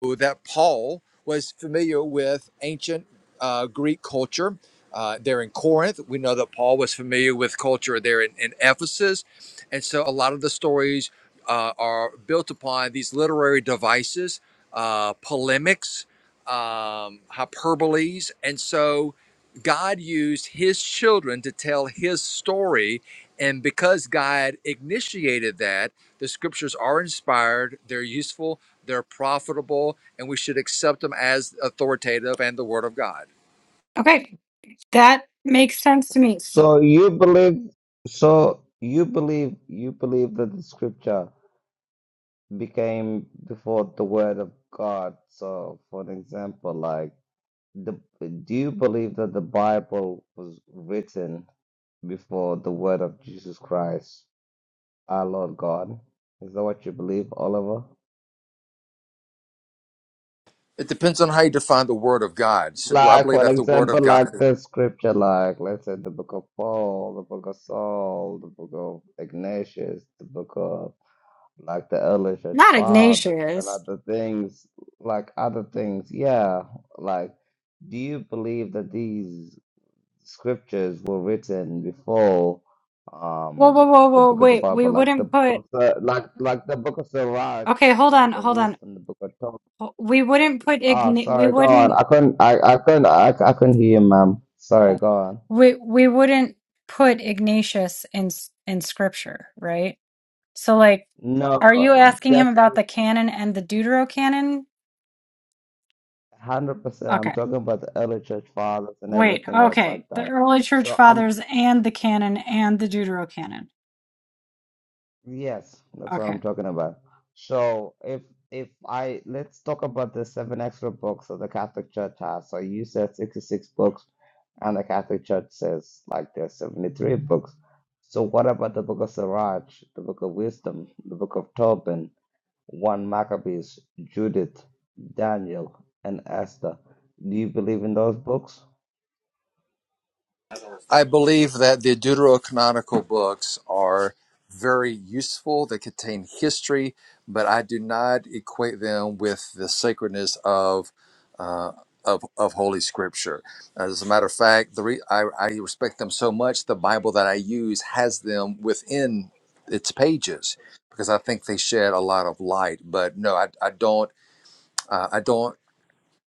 [SPEAKER 6] that Paul was familiar with ancient uh, Greek culture. Uh, there in Corinth, we know that Paul was familiar with culture there in, in Ephesus, and so a lot of the stories uh, are built upon these literary devices, uh, polemics, um, hyperboles, and so God used His children to tell His story, and because God initiated that, the scriptures are inspired, they're useful, they're profitable, and we should accept them as authoritative and the Word of God.
[SPEAKER 1] Okay, that makes sense to me. So
[SPEAKER 11] So you believe, so you believe, you believe that the scripture became before the word of God. So, for an example, like, the, do you believe that the Bible was written before the word of Jesus Christ, our Lord God? Is that what you believe, Oliver?
[SPEAKER 6] It depends on how you define the Word of God. So, do I
[SPEAKER 11] Like,
[SPEAKER 6] believe
[SPEAKER 11] for
[SPEAKER 6] that the Word
[SPEAKER 11] example,
[SPEAKER 6] of God?
[SPEAKER 11] like the scripture, like, let's say the book of Paul, the book of Saul, the book of Ignatius, the book of like the early church
[SPEAKER 1] not
[SPEAKER 11] fathers and
[SPEAKER 1] Ignatius.
[SPEAKER 11] other things, like other things. Yeah. Like, do you believe that these scriptures were written before
[SPEAKER 1] Whoa,
[SPEAKER 11] um
[SPEAKER 1] whoa, whoa,
[SPEAKER 11] the
[SPEAKER 1] whoa,
[SPEAKER 11] book of the
[SPEAKER 1] wait. We
[SPEAKER 11] Bible, like the
[SPEAKER 1] wouldn't
[SPEAKER 11] book
[SPEAKER 1] put.
[SPEAKER 11] of, Sir- like like the book of Sirach,
[SPEAKER 1] Okay, hold
[SPEAKER 11] the
[SPEAKER 1] on,
[SPEAKER 11] book of
[SPEAKER 1] hold on.
[SPEAKER 11] wisdom, the book of Torah?
[SPEAKER 1] Well, we wouldn't put
[SPEAKER 11] Oh,
[SPEAKER 1] Ign- we
[SPEAKER 11] sorry, go on.
[SPEAKER 1] wouldn't
[SPEAKER 11] I couldn't, I, I couldn't, I, I couldn't hear you, ma'am. Sorry, go on.
[SPEAKER 1] we we wouldn't put Ignatius in s- in scripture, right? So like are
[SPEAKER 11] No,
[SPEAKER 1] you asking him about
[SPEAKER 11] definitely,
[SPEAKER 1] the canon and the deuterocanon?
[SPEAKER 11] 100%. I'm
[SPEAKER 1] Okay.
[SPEAKER 11] talking about the early church fathers and
[SPEAKER 1] Wait.
[SPEAKER 11] everything else like
[SPEAKER 1] Okay. The
[SPEAKER 11] that.
[SPEAKER 1] early church
[SPEAKER 11] So I'm,
[SPEAKER 1] fathers and the canon and the deuterocanon.
[SPEAKER 11] yes, that's what
[SPEAKER 1] Okay.
[SPEAKER 11] I'm talking about. So if, if I, let's talk about the seven extra books that the Catholic Church has. So you said 66 books, and the Catholic Church says like there's 73 books. So what about the book of Sirach, the book of wisdom, the book of Tobin? 1 Maccabees, Judith, Daniel, and Esther. Do you believe in those books?
[SPEAKER 6] I believe that the deuterocanonical books are very useful. They contain history, but I do not equate them with the sacredness of uh, of of Holy Scripture. As a matter of fact, the re- I, I respect them so much. The Bible that I use has them within its pages because I think they shed a lot of light. But no, I, I don't uh, I don't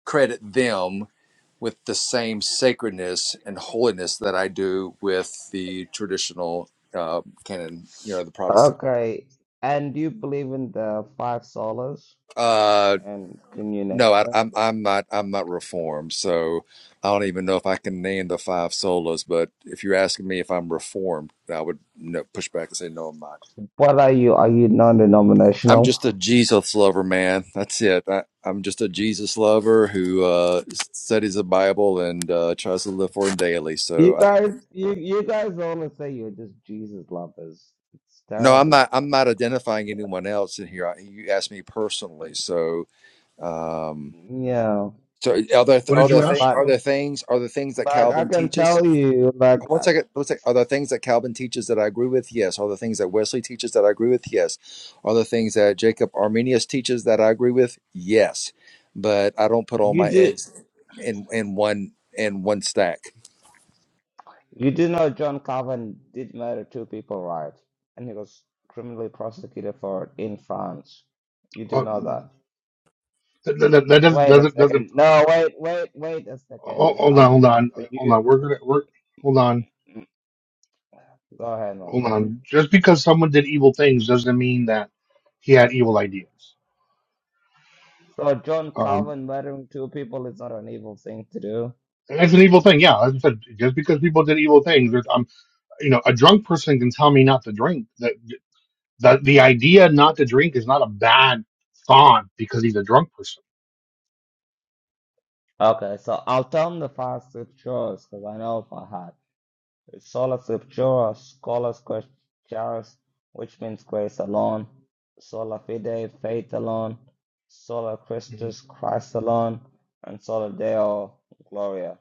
[SPEAKER 6] credit them with the same sacredness and holiness that I do with the traditional uh, canon, you know, the Protestant.
[SPEAKER 11] Okay. And do you believe in the five solas?
[SPEAKER 6] uh,
[SPEAKER 11] And can you name
[SPEAKER 6] No, I,
[SPEAKER 11] them?
[SPEAKER 6] I'm I'm not I'm not reformed, so I don't even know if I can name the five solas. But if you're asking me if I'm reformed, I would no, push back and say no, I'm not.
[SPEAKER 11] What are you? Are you
[SPEAKER 6] I'm
[SPEAKER 11] non-denominational?
[SPEAKER 6] just a Jesus lover, man. That's it. I, I'm just a Jesus lover who uh, studies the Bible and uh, tries to live for it daily.
[SPEAKER 11] You
[SPEAKER 6] So I,
[SPEAKER 11] guys, you you guys only say you're just Jesus lovers. It's
[SPEAKER 6] no, I'm
[SPEAKER 11] terrible.
[SPEAKER 6] not I'm not identifying
[SPEAKER 11] Yeah,
[SPEAKER 6] anyone else in here. I, you asked me personally, so um,
[SPEAKER 11] Yeah.
[SPEAKER 6] so are there
[SPEAKER 7] What
[SPEAKER 6] are
[SPEAKER 7] did
[SPEAKER 6] there
[SPEAKER 7] you
[SPEAKER 6] thing,
[SPEAKER 7] ask?
[SPEAKER 11] but
[SPEAKER 6] are
[SPEAKER 7] Uh,
[SPEAKER 6] there things are there things that
[SPEAKER 11] like I
[SPEAKER 6] Calvin
[SPEAKER 11] can
[SPEAKER 6] teaches?
[SPEAKER 11] tell you, like
[SPEAKER 6] One
[SPEAKER 11] I-
[SPEAKER 6] second, one second. Are there things that Calvin teaches that I agree with? Yes. Are there things that Wesley teaches that I agree with? Yes. Are there things that Jacob Arminius teaches that I agree with? Yes. But I don't put all
[SPEAKER 11] you
[SPEAKER 6] my
[SPEAKER 11] just.
[SPEAKER 6] eggs in in one in one stack.
[SPEAKER 11] You do know John Calvin did murder two people, right? And he was criminally prosecuted for it in France. You do
[SPEAKER 7] uh,
[SPEAKER 11] know that.
[SPEAKER 7] that, that, that doesn't
[SPEAKER 11] Wait a
[SPEAKER 7] doesn't doesn't.
[SPEAKER 11] second. No, wait, wait, wait a
[SPEAKER 7] Oh,
[SPEAKER 11] second.
[SPEAKER 7] hold
[SPEAKER 11] I
[SPEAKER 7] on,
[SPEAKER 11] was
[SPEAKER 7] hold on,
[SPEAKER 11] asking
[SPEAKER 7] hold
[SPEAKER 11] you.
[SPEAKER 7] on. We're gonna we're hold on,
[SPEAKER 11] Go ahead, my
[SPEAKER 7] hold
[SPEAKER 11] brother.
[SPEAKER 7] on. Just because someone did evil things doesn't mean that he had evil ideas.
[SPEAKER 11] So John
[SPEAKER 7] Um,
[SPEAKER 11] Calvin murdering two people is not an evil thing to do.
[SPEAKER 7] and that's an evil thing, yeah. As I said, just because people did evil things, there's, um, you know, a drunk person can tell me not to drink. That that the idea not to drink is not a bad thought because he's a drunk person.
[SPEAKER 11] Okay, so I'll tell him the facts it shows because I know if I had. The sola scriptura, sola scripturis, which means grace alone, sola fide, faith alone, sola Christus,
[SPEAKER 7] Mhm.
[SPEAKER 11] Christ alone, and sola Deo, Gloria.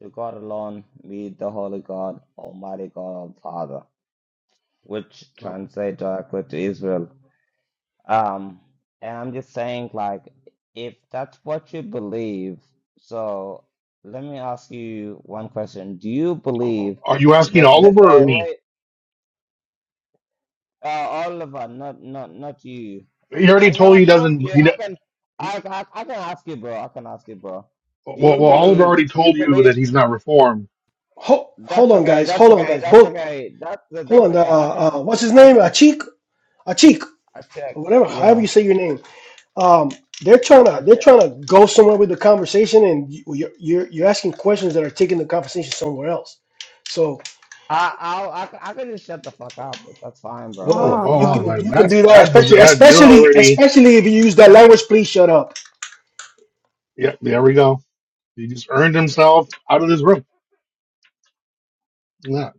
[SPEAKER 11] To God alone be the Holy God, Almighty God, all Father, which translate directly to Israel. Um, and I'm just saying, like, if that's what you believe, so let me ask you one question: Do you believe
[SPEAKER 7] Are you asking
[SPEAKER 11] that that,
[SPEAKER 7] Oliver or
[SPEAKER 11] that wait,
[SPEAKER 7] me?
[SPEAKER 11] Uh, Oliver, not not not you.
[SPEAKER 7] He already
[SPEAKER 11] Well,
[SPEAKER 7] told
[SPEAKER 11] I
[SPEAKER 7] you he
[SPEAKER 11] can ask
[SPEAKER 7] doesn't.
[SPEAKER 11] you.
[SPEAKER 7] He,
[SPEAKER 11] I can,
[SPEAKER 7] he
[SPEAKER 11] I, I I can ask you, bro. I can ask you, bro. Do
[SPEAKER 7] well,
[SPEAKER 11] you
[SPEAKER 7] well, Oliver
[SPEAKER 11] believe?
[SPEAKER 7] already
[SPEAKER 11] Do you
[SPEAKER 7] told you that
[SPEAKER 11] believe?
[SPEAKER 7] he's not reformed.
[SPEAKER 2] Ho- hold
[SPEAKER 11] That's
[SPEAKER 2] on,
[SPEAKER 11] okay.
[SPEAKER 2] guys.
[SPEAKER 11] That's
[SPEAKER 2] Hold on,
[SPEAKER 11] okay.
[SPEAKER 2] guys.
[SPEAKER 11] That's
[SPEAKER 2] Both
[SPEAKER 11] okay. That's that's
[SPEAKER 2] hold on. Uh,
[SPEAKER 11] okay. I can
[SPEAKER 2] uh,
[SPEAKER 11] ask
[SPEAKER 2] what's
[SPEAKER 11] you.
[SPEAKER 2] his
[SPEAKER 11] I
[SPEAKER 2] name?
[SPEAKER 11] can.
[SPEAKER 2] Achik, Achik,
[SPEAKER 11] I check.
[SPEAKER 2] or whatever. However
[SPEAKER 11] Yeah,
[SPEAKER 2] you say your name. Um, they're trying to
[SPEAKER 11] I
[SPEAKER 2] they're
[SPEAKER 11] check.
[SPEAKER 2] trying to go somewhere with the conversation, and you- you're you're, you're asking questions that are taking the conversation somewhere else. So
[SPEAKER 11] I I I, can- I can just shut the fuck up. If That's fine, bro.
[SPEAKER 7] Oh,
[SPEAKER 2] Well,
[SPEAKER 7] oh,
[SPEAKER 2] you
[SPEAKER 7] wow,
[SPEAKER 1] Whoa.
[SPEAKER 2] can
[SPEAKER 7] that,
[SPEAKER 2] you can do
[SPEAKER 7] that's
[SPEAKER 2] that,
[SPEAKER 7] that is
[SPEAKER 2] especially
[SPEAKER 7] that you're
[SPEAKER 2] especially
[SPEAKER 7] already.
[SPEAKER 2] especially if you use that language. Please shut up.
[SPEAKER 7] Yeah, there we go. He just earned himself out of this room. Yeah,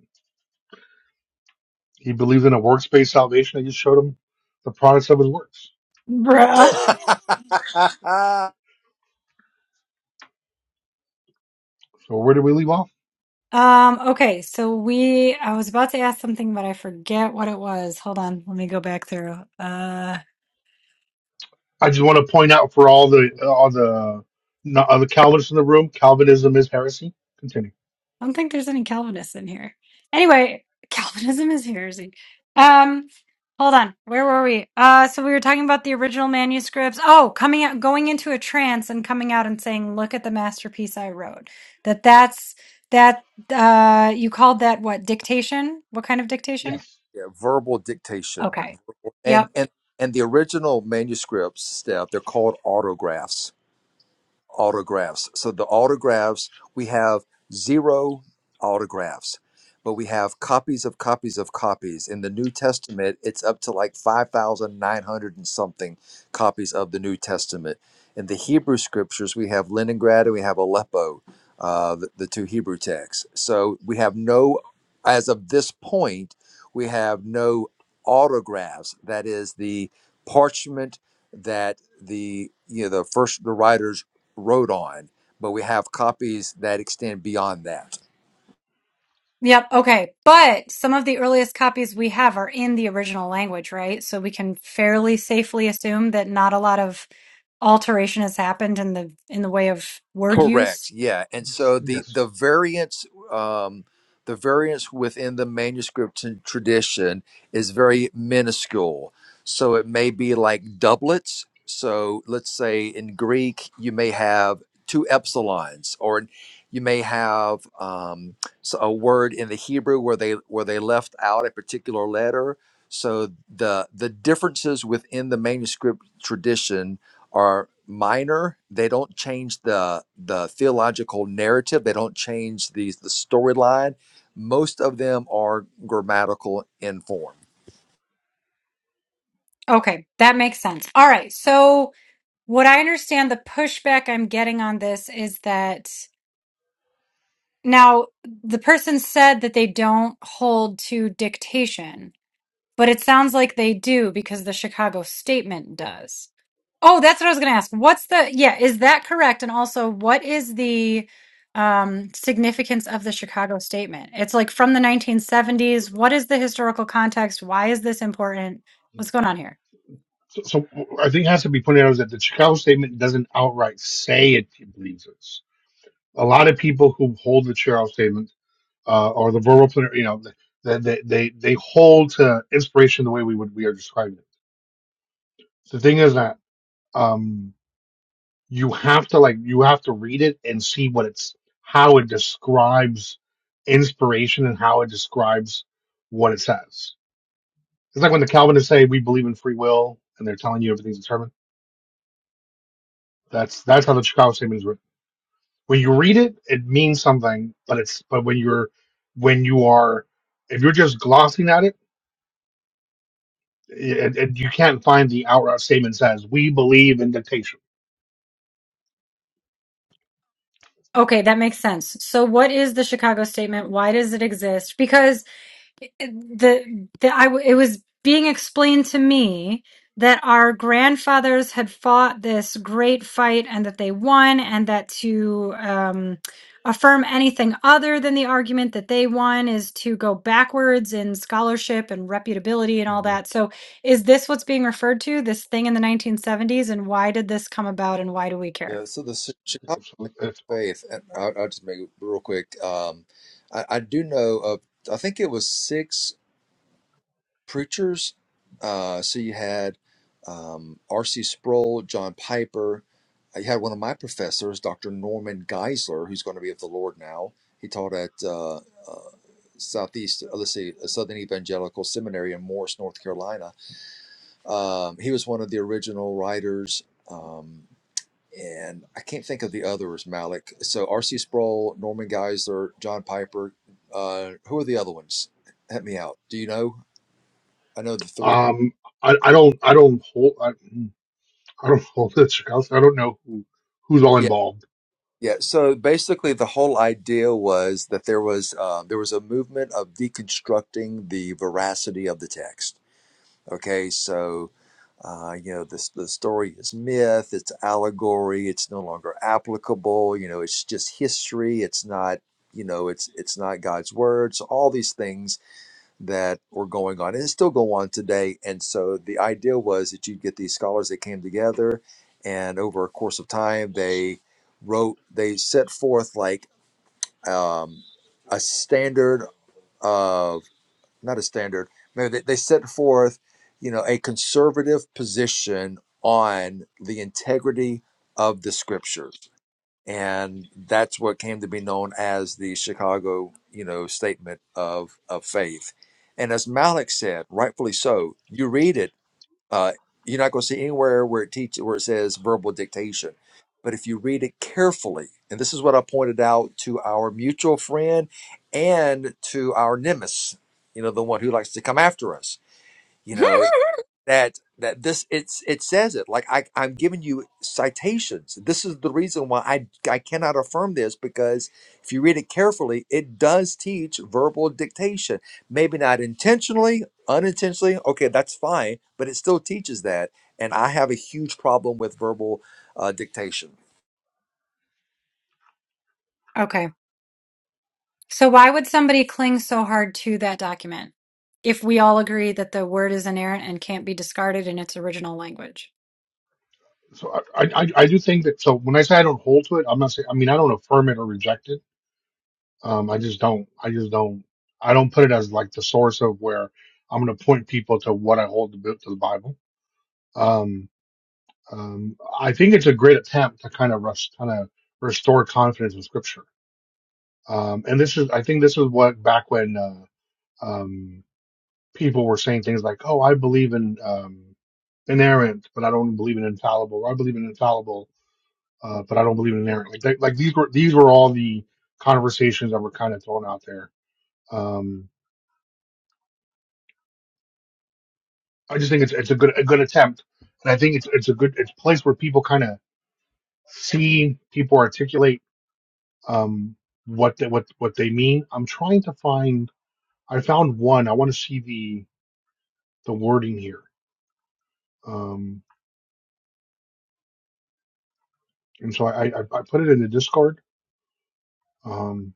[SPEAKER 7] he believes in a workspace salvation. I just showed him the products of his works.
[SPEAKER 1] Bruh.
[SPEAKER 6] yeah,
[SPEAKER 7] So where did we leave off?
[SPEAKER 1] Um okay, so we I was about to ask something but I forget what it was. Hold on. Let me go back through. Uh.
[SPEAKER 7] I just want to point out for all the all the no, all the Calvinists in the room, Calvinism is heresy. Continue.
[SPEAKER 1] I don't think there's any Calvinists in here. Anyway, Calvinism is heresy. Um, hold on. Where were we? Uh, so we were talking about the original manuscripts. Oh, coming out, going into a trance and coming out and saying, "Look at the masterpiece I wrote." That that's that. Uh, you called that what? Dictation? What kind of dictation?
[SPEAKER 7] Yes.
[SPEAKER 6] verbal dictation,
[SPEAKER 1] Okay. Yep.
[SPEAKER 6] and and and the original manuscripts, Steph, they're called autographs. autographs. So the autographs, we have zero autographs, but we have copies of copies of copies. In the New Testament, it's up to like 5,900 and something copies of the New Testament. In the Hebrew scriptures, we have Leningrad and we have Aleppo, uh, the, the two Hebrew texts. So we have no, as of this point, we have no autographs. That is the parchment that the you know the first the writers wrote on, but we have copies that extend beyond that.
[SPEAKER 1] Yep. Okay. But some of the earliest copies we have are in the original language, right? So we can fairly safely assume that not a lot of alteration has happened in the in the way of word
[SPEAKER 6] Correct.
[SPEAKER 1] use.
[SPEAKER 6] Yeah. And so the the
[SPEAKER 7] Yes.
[SPEAKER 6] variance um the variance within the manuscript and tradition is very minuscule. So it may be like doublets. So let's say in Greek you may have two epsilons or you may have um, so a word in the Hebrew where they where they left out a particular letter. So the the differences within the manuscript tradition are minor. They don't change the the theological narrative. They don't change the the storyline. Most of them are grammatical in form.
[SPEAKER 1] Okay, that makes sense. All right. So what I understand the pushback I'm getting on this is that now the person said that they don't hold to dictation But it sounds like they do because the Chicago Statement does. Oh, that's what I was going to ask. What's the, yeah, is that correct? And also, what is the um, significance of the Chicago Statement? It's like from the 1970s. What is the historical context? Why is this important? What's going on here?
[SPEAKER 7] So, so I think it has to be pointed out is that the Chicago Statement doesn't outright say it believes this. A lot of people who hold the Chicago Statement uh, or the verbal plenary, you know, they, they they they hold to inspiration the way we would we are describing it. The thing is that um, you have to like you have to read it and see what it's how it describes inspiration and how it describes what it says. It's like when the Calvinists say we believe in free will and they're telling you everything's determined. That's that's how the Chicago Statement is written. When you read it, it means something, but it's but when you're when you are if you're just glossing at it, it, it you can't find the outright statement says we believe in dictation.
[SPEAKER 1] Okay, that makes sense. So, what is the Chicago Statement? Why does it exist? Because the the I w- it was being explained to me that our grandfathers had fought this great fight and that they won and that to um affirm anything other than the argument that they won is to go backwards in scholarship and reputability and all
[SPEAKER 7] Mhm.
[SPEAKER 1] that. So is this what's being referred to this thing in the 1970s and why did this come about and why do we care?
[SPEAKER 6] Yeah. So the Chi- Chicago
[SPEAKER 7] So it's,
[SPEAKER 6] Faith. and I'll, I'll just make it real quick. Um, I, I do know of. I think it was six preachers. Uh, so you had um, R.C. Sproul, John Piper. You had one of my professors, Dr. Norman Geisler, who's going to be of the Lord now. He taught at uh, uh, Southeast, uh, let's see, Southern Evangelical Seminary in Morris, North Carolina. Um, he was one of the original writers, um, and I can't think of the others, Malik. So R.C. Sproul, Norman Geisler, John Piper. Uh, who are the other ones? Help me out. Do you know? I know the three.
[SPEAKER 7] um, I, I don't I don't hold I, I don't hold this. I don't know who who's all
[SPEAKER 6] Yeah,
[SPEAKER 7] involved.
[SPEAKER 6] yeah. So basically, the whole idea was that there was uh, there was a movement of deconstructing the veracity of the text Okay, so uh, you know the the story is myth, it's allegory, it's no longer applicable. You know, it's just history. It's not you know it's it's not God's word. So all these things that were going on and still go on today. And so the idea was that you'd get these scholars that came together, and over a course of time they wrote they set forth like um, a standard. uh, not a standard. Maybe they, they set forth, you know, a conservative position on the integrity of the scriptures, and that's what came to be known as the Chicago, you know, statement of of faith. And as Malik said, rightfully so, you read it uh, you're not going to see anywhere where it teach where it says verbal dictation. But if you read it carefully, and this is what I pointed out to our mutual friend and to our nemesis, you know, the one who likes to come after us. You know, that that this it's it says it like I, i'm giving you citations this is the reason why i i cannot affirm this because if you read it carefully it does teach verbal dictation maybe not intentionally unintentionally okay that's fine but it still teaches that and i have a huge problem with verbal uh, dictation
[SPEAKER 1] okay. So why would somebody cling so hard to that document if we all agree that the word is inerrant and can't be discarded in its original language?
[SPEAKER 7] So I I I do think that. So when I say I don't hold to it, I'm not saying. I mean I don't affirm it or reject it Um, I just don't, I just don't, I don't put it as like the source of where I'm going to point people to what I hold to, to the Bible. Um, um, I think it's a great attempt to kind of rest, kind of restore confidence in scripture. Um, and this is, I think this is what back when, uh, um, people were saying things like, Oh, I believe in, um, inerrant, but I don't believe in infallible. Or I believe in infallible, uh, but I don't believe in inerrant. Like, they, like these were, these were all the conversations that were kind of thrown out there. Um, I just think it's it's a good a good attempt, and I think it's it's a good it's a place where people kind of see people articulate um what they, what what they mean. I'm trying to find. I found one. I want to see the the wording here. Um, and so I, I I put it in the Discord. Um,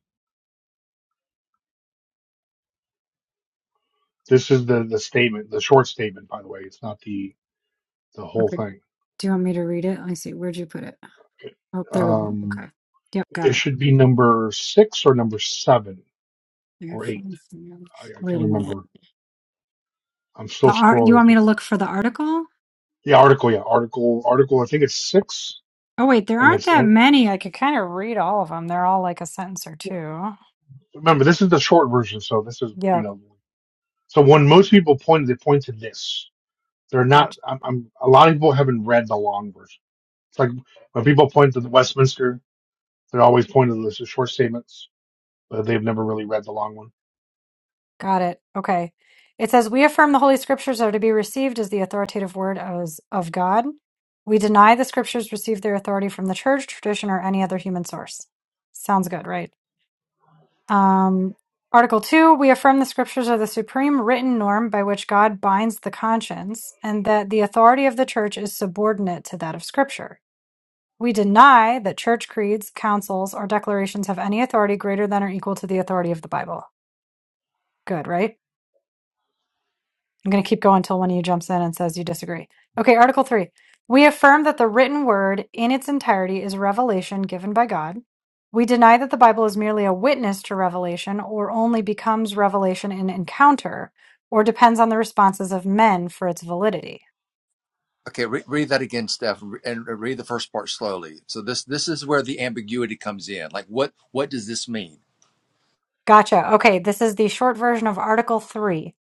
[SPEAKER 7] this is the the statement, the short statement, by the way. It's not the the whole
[SPEAKER 1] Okay.
[SPEAKER 7] thing.
[SPEAKER 1] Do you want me to read it? Let me see. Where'd you put it? Oh, there we go.
[SPEAKER 7] Um,
[SPEAKER 1] Okay. Yep, got
[SPEAKER 7] it
[SPEAKER 1] it.
[SPEAKER 7] should be number six or number seven
[SPEAKER 1] I got
[SPEAKER 7] or eight.
[SPEAKER 1] from-
[SPEAKER 7] I, I
[SPEAKER 1] Wait
[SPEAKER 7] can't
[SPEAKER 1] a minute.
[SPEAKER 7] remember. I'm still
[SPEAKER 1] The art. You
[SPEAKER 7] scrolling
[SPEAKER 1] want
[SPEAKER 7] through.
[SPEAKER 1] me to look for the article?
[SPEAKER 7] The article, yeah, article, article. I think it's six,
[SPEAKER 1] Oh wait, there
[SPEAKER 7] and
[SPEAKER 1] aren't
[SPEAKER 7] it's
[SPEAKER 1] that
[SPEAKER 7] and
[SPEAKER 1] many. I could kind of read all of them. They're all like a sentence or
[SPEAKER 7] you know,
[SPEAKER 1] two.
[SPEAKER 7] remember this is the short version, so this is you
[SPEAKER 1] Yep.
[SPEAKER 7] know, so when most people point, they point to this. They're
[SPEAKER 1] gotcha.
[SPEAKER 7] not. I'm, I'm a lot of people haven't read the long version. It's like when people point to the Westminster, they're always pointing to this, the short statements, but they've never really read the long one.
[SPEAKER 1] Got it. Okay. It says, We affirm the Holy Scriptures are to be received as the authoritative word as of God. We deny the Scriptures receive their authority from the church, tradition, or any other human source. Sounds good, right? Um, Article 2 We affirm the Scriptures are the supreme written norm by which God binds the conscience, and that the authority of the church is subordinate to that of Scripture. We deny that church creeds, councils, or declarations have any authority greater than or equal to the authority of the Bible. Good, right? I'm going to keep going until one of you jumps in and says you disagree. Okay, Article 3. We affirm that the written word in its entirety is revelation given by God. We deny that the Bible is merely a witness to revelation or only becomes revelation in encounter or depends on the responses of men for its validity.
[SPEAKER 6] Okay, re- read that again, Steph, re- and read the first part slowly. So this this is where the ambiguity comes in. Like, what what does this mean?
[SPEAKER 1] Gotcha. Okay, this is the short version of Article 3.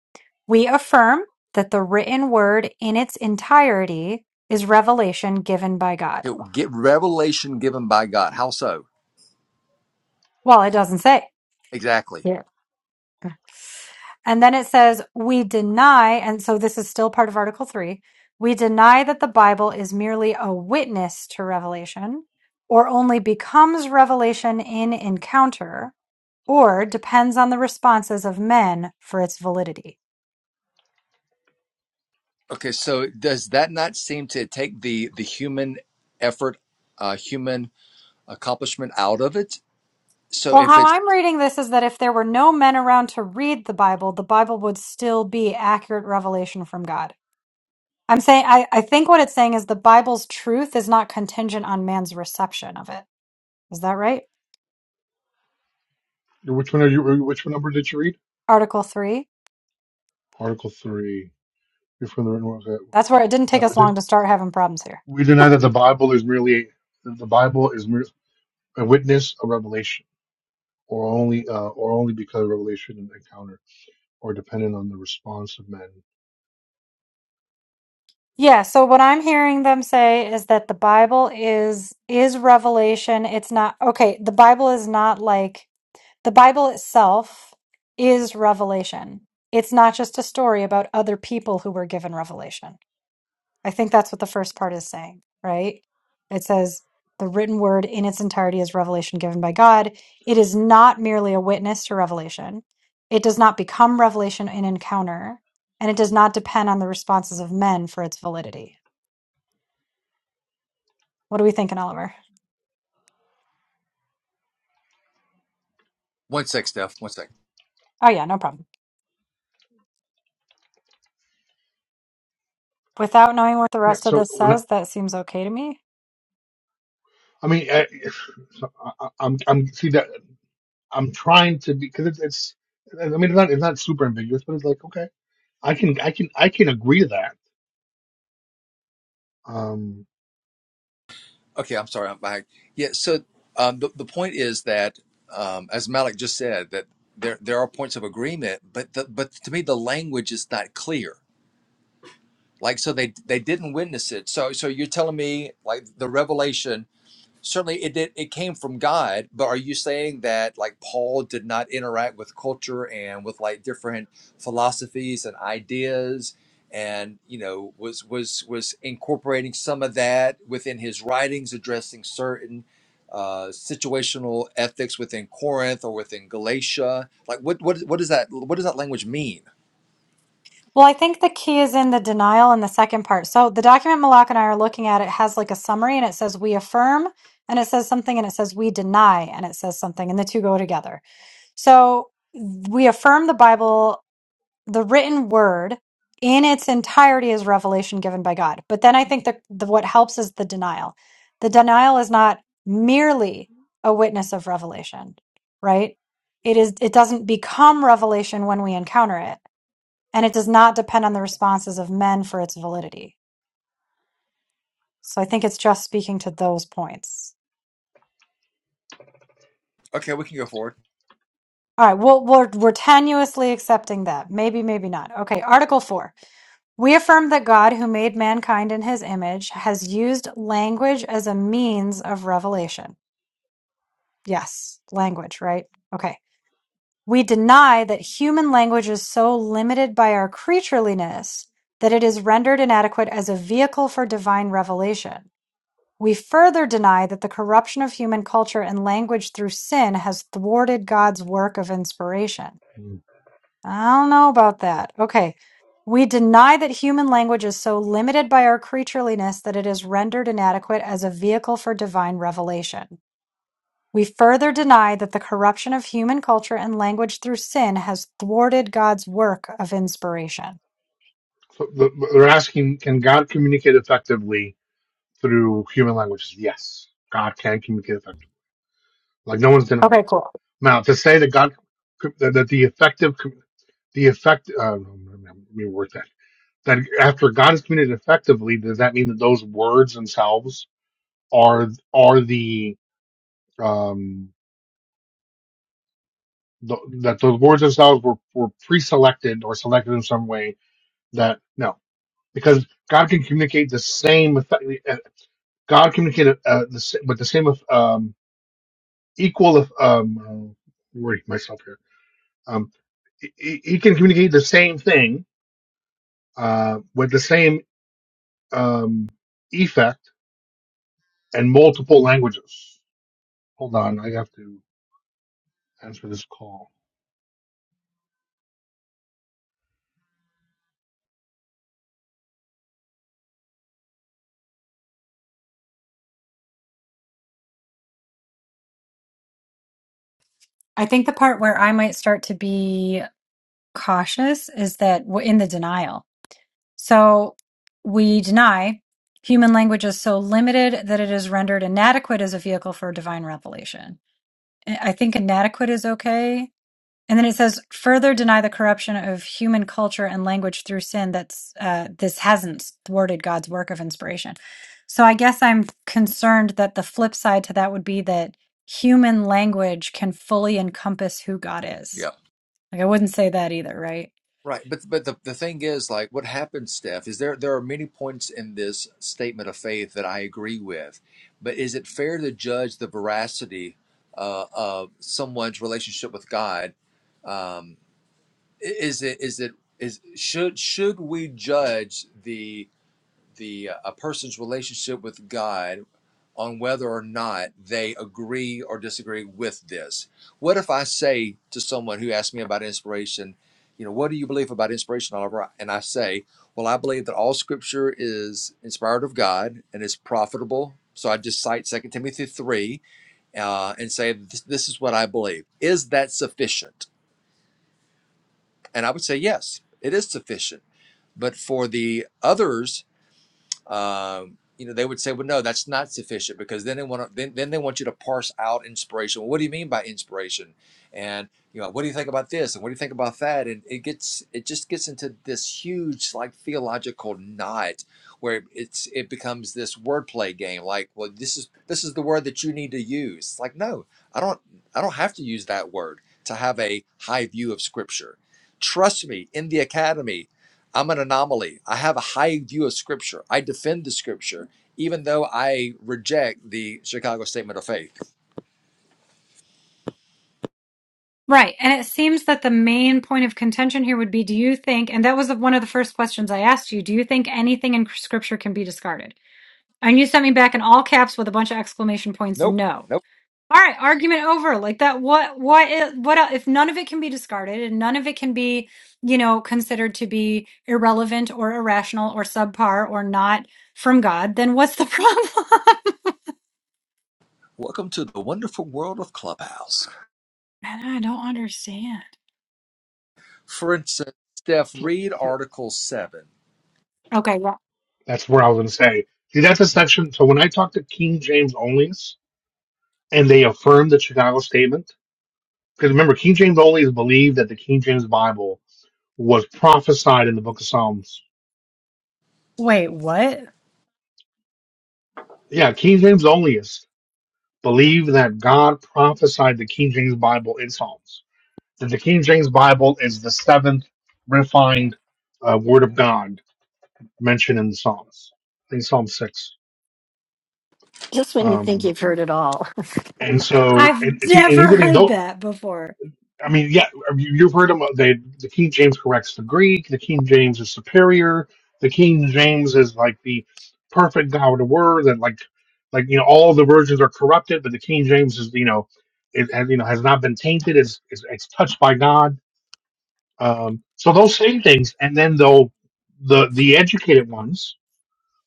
[SPEAKER 1] We affirm that the written word in its entirety is revelation given by God.
[SPEAKER 6] Okay, get revelation given by God. How so?
[SPEAKER 1] Well, it doesn't say.
[SPEAKER 6] Exactly.
[SPEAKER 1] Yeah. And then it says, we deny, and so this is still part of Article 3. We deny that the Bible is merely a witness to revelation, or only becomes revelation in encounter, or depends on the responses of men for its validity.
[SPEAKER 6] Okay, so does that not seem to take the the human effort, uh, human accomplishment out of it? So
[SPEAKER 1] Well,
[SPEAKER 6] if
[SPEAKER 1] how
[SPEAKER 6] it's
[SPEAKER 1] I'm reading this is that if there were no men around to read the Bible, the Bible would still be accurate revelation from God. I'm saying, I, I think what it's saying is the Bible's truth is not contingent on man's reception of it. Is that right?
[SPEAKER 7] Which one are you? Which one number did you read?
[SPEAKER 1] Article 3.
[SPEAKER 7] Article three. You're from the written word. Okay.
[SPEAKER 1] That's where it didn't
[SPEAKER 7] Uh,
[SPEAKER 1] take
[SPEAKER 7] we,
[SPEAKER 1] us long
[SPEAKER 7] did,
[SPEAKER 1] to start having problems here.
[SPEAKER 7] we deny that the Bible is merely that the Bible is mer- a witness, a revelation or only uh, or only because of revelation and encounter, or dependent on the response of men.
[SPEAKER 1] Yeah, so what I'm hearing them say is that the Bible is is revelation. It's not okay, the Bible is not like the Bible itself is revelation. It's not just a story about other people who were given revelation. I think that's what the first part is saying, right? It says, the written word in its entirety is revelation given by God. It is not merely a witness to revelation. It does not become revelation in encounter, and it does not depend on the responses of men for its validity. What are we thinking, Oliver?
[SPEAKER 6] one sec, Steph, one sec.
[SPEAKER 1] Oh, yeah, no problem. Without knowing what the
[SPEAKER 7] Yeah.
[SPEAKER 1] rest of
[SPEAKER 7] So
[SPEAKER 1] this
[SPEAKER 7] when I,
[SPEAKER 1] says, that seems okay to me.
[SPEAKER 7] I mean, I, so I, I- I'm I'm see that I'm trying to be because it's, it's I mean it's not it's not super ambiguous, but it's like okay, I can I can I can agree to that. Um,
[SPEAKER 6] Okay, I'm sorry, I'm back. Yeah. So um, the the point is that, um, as Malik just said, that there there are points of agreement, but the, but to me the language is not clear. Like so, they they didn't witness it. So so you're telling me like the revelation. certainly it did it came from god but are you saying that like paul did not interact with culture and with like different philosophies and ideas and you know was was was incorporating some of that within his writings addressing certain uh, situational ethics within corinth or within galatia like what what what does that what does that language mean
[SPEAKER 1] Well, I think the key is in the denial in the second part. So the document Malak and I are looking at, it has like a summary and it says we affirm and it says something and it says we deny and it says something and the two go together. So we affirm the Bible, the written word in its entirety is revelation given by God. But then I think that the, what helps is the denial. The denial is not merely a witness of revelation, right? It is it doesn't become revelation when we encounter it and it does not depend on the responses of men for its validity. So I think it's just speaking to those points.
[SPEAKER 6] okay we can go forward
[SPEAKER 1] All right, well, we're, we're tenuously accepting that. Maybe, maybe not. Okay, Article 4. We affirm that God, who made mankind in his image, has used language as a means of revelation. Yes, language, right? Okay. We deny that human language is so limited by our creatureliness that it is rendered inadequate as a vehicle for divine revelation. We further deny that the corruption of human culture and language through sin has thwarted God's work of inspiration. I don't know about that. Okay. We deny that human language is so limited by our creatureliness that it is rendered inadequate as a vehicle for divine revelation. We further deny that the corruption of human culture and language through sin has thwarted God's work of inspiration.
[SPEAKER 7] so the- they're asking, can God communicate effectively through human languages? Yes, God can communicate effectively Like no one's denying
[SPEAKER 1] Okay,
[SPEAKER 7] that.
[SPEAKER 1] cool.
[SPEAKER 7] Now to say that God that, the effective the effect uh, no, no, no, let me word that that after God is committed effectively, does that mean that those words themselves are are the um the, that those words themselves were were pre-selected or selected in some way? That no, because God can communicate the same effect. uh, God communicated uh, the, sa- with the same um equal um uh, worry myself here um. he, he can communicate the same thing uh, with the same um, effect in multiple languages. Hold on, I have to answer this call.
[SPEAKER 1] I think the part where I might start to be cautious is that w- in the denial. So we deny human language is so limited that it is rendered inadequate as a vehicle for divine revelation. I think inadequate is okay. And then it says further deny the corruption of human culture and language through sin. That's uh, this hasn't thwarted God's work of inspiration. So I guess I'm concerned that the flip side to that would be that human language can fully encompass who God is. Like I wouldn't say that either, right?
[SPEAKER 6] Right, but but the, the thing is, like, what happens, Steph, is there there are many points in this statement of faith that I agree with, but is it fair to judge the veracity uh, of someone's relationship with God? Um, i- is it is it is should should we judge the the uh, a person's relationship with God? on whether or not they agree or disagree with this. What if I say to someone who asks me about inspiration, you know, what do you believe about inspiration, Oliver? And I say, well, I believe that all scripture is inspired of God and is profitable. So I just cite Second Timothy 3 uh, and say, this, this is what I believe. Is that sufficient? And I would say, yes, it is sufficient. But for the others um, you know, they would say, "Well, no, that's not sufficient," because then they want to, then, then they want you to parse out inspiration. Well, what do you mean by inspiration? And you know, what do you think about this? And what do you think about that? And it gets, it just gets into this huge like theological knot where it's it becomes this wordplay game. Like, well, this is this is the word that you need to use. It's like, no, I don't, I don't have to use that word to have a high view of Scripture. Trust me, in the academy, I'm an anomaly. I have a high view of Scripture. I defend the Scripture, even though I reject the Chicago Statement of Faith.
[SPEAKER 1] Right. And it seems that the main point of contention here would be do you think, and that was one of the first questions I asked you, do you think anything in scripture can be discarded? And you sent me back in all caps with a bunch of exclamation points,
[SPEAKER 6] Nope,
[SPEAKER 1] no.
[SPEAKER 6] nope.
[SPEAKER 1] All right, argument over. Like that what what i- what el- if none of it can be discarded and none of it can be, you know, considered to be irrelevant or irrational or subpar or not from God, then what's the problem?
[SPEAKER 6] Welcome to the wonderful world of Clubhouse.
[SPEAKER 1] Man, I don't understand.
[SPEAKER 6] For instance, Steph,
[SPEAKER 7] So,
[SPEAKER 6] read
[SPEAKER 7] so
[SPEAKER 6] Article 7.
[SPEAKER 1] Okay, yeah.
[SPEAKER 7] that's where I was going to say. See, that's a section. So when I talk to King James onlys and they affirm the Chicago statement, because remember, King James onlys believe that the King James Bible was prophesied in the book of Psalms.
[SPEAKER 1] Wait, what?
[SPEAKER 7] Yeah, King James onlys believe that God prophesied the King James Bible in Psalms. that the King James Bible is the seventh refined uh, Word of God mentioned in the Psalms. I think Psalm six.
[SPEAKER 5] Just when you think
[SPEAKER 7] Um,
[SPEAKER 5] you've heard it all.
[SPEAKER 7] and so, and,
[SPEAKER 1] I've
[SPEAKER 7] and see, and here's the
[SPEAKER 1] never
[SPEAKER 7] thing:
[SPEAKER 1] heard
[SPEAKER 7] don't.
[SPEAKER 1] that before.
[SPEAKER 7] I mean, yeah, you- you've heard them. They, the King James corrects the Greek. The King James is superior. The King James is like the perfect God of Word, and like, like you know, all the versions are corrupted, but the King James is you know, it has you know has not been tainted. It's it's, it's touched by God Um, so those same things, and then they'll the the educated ones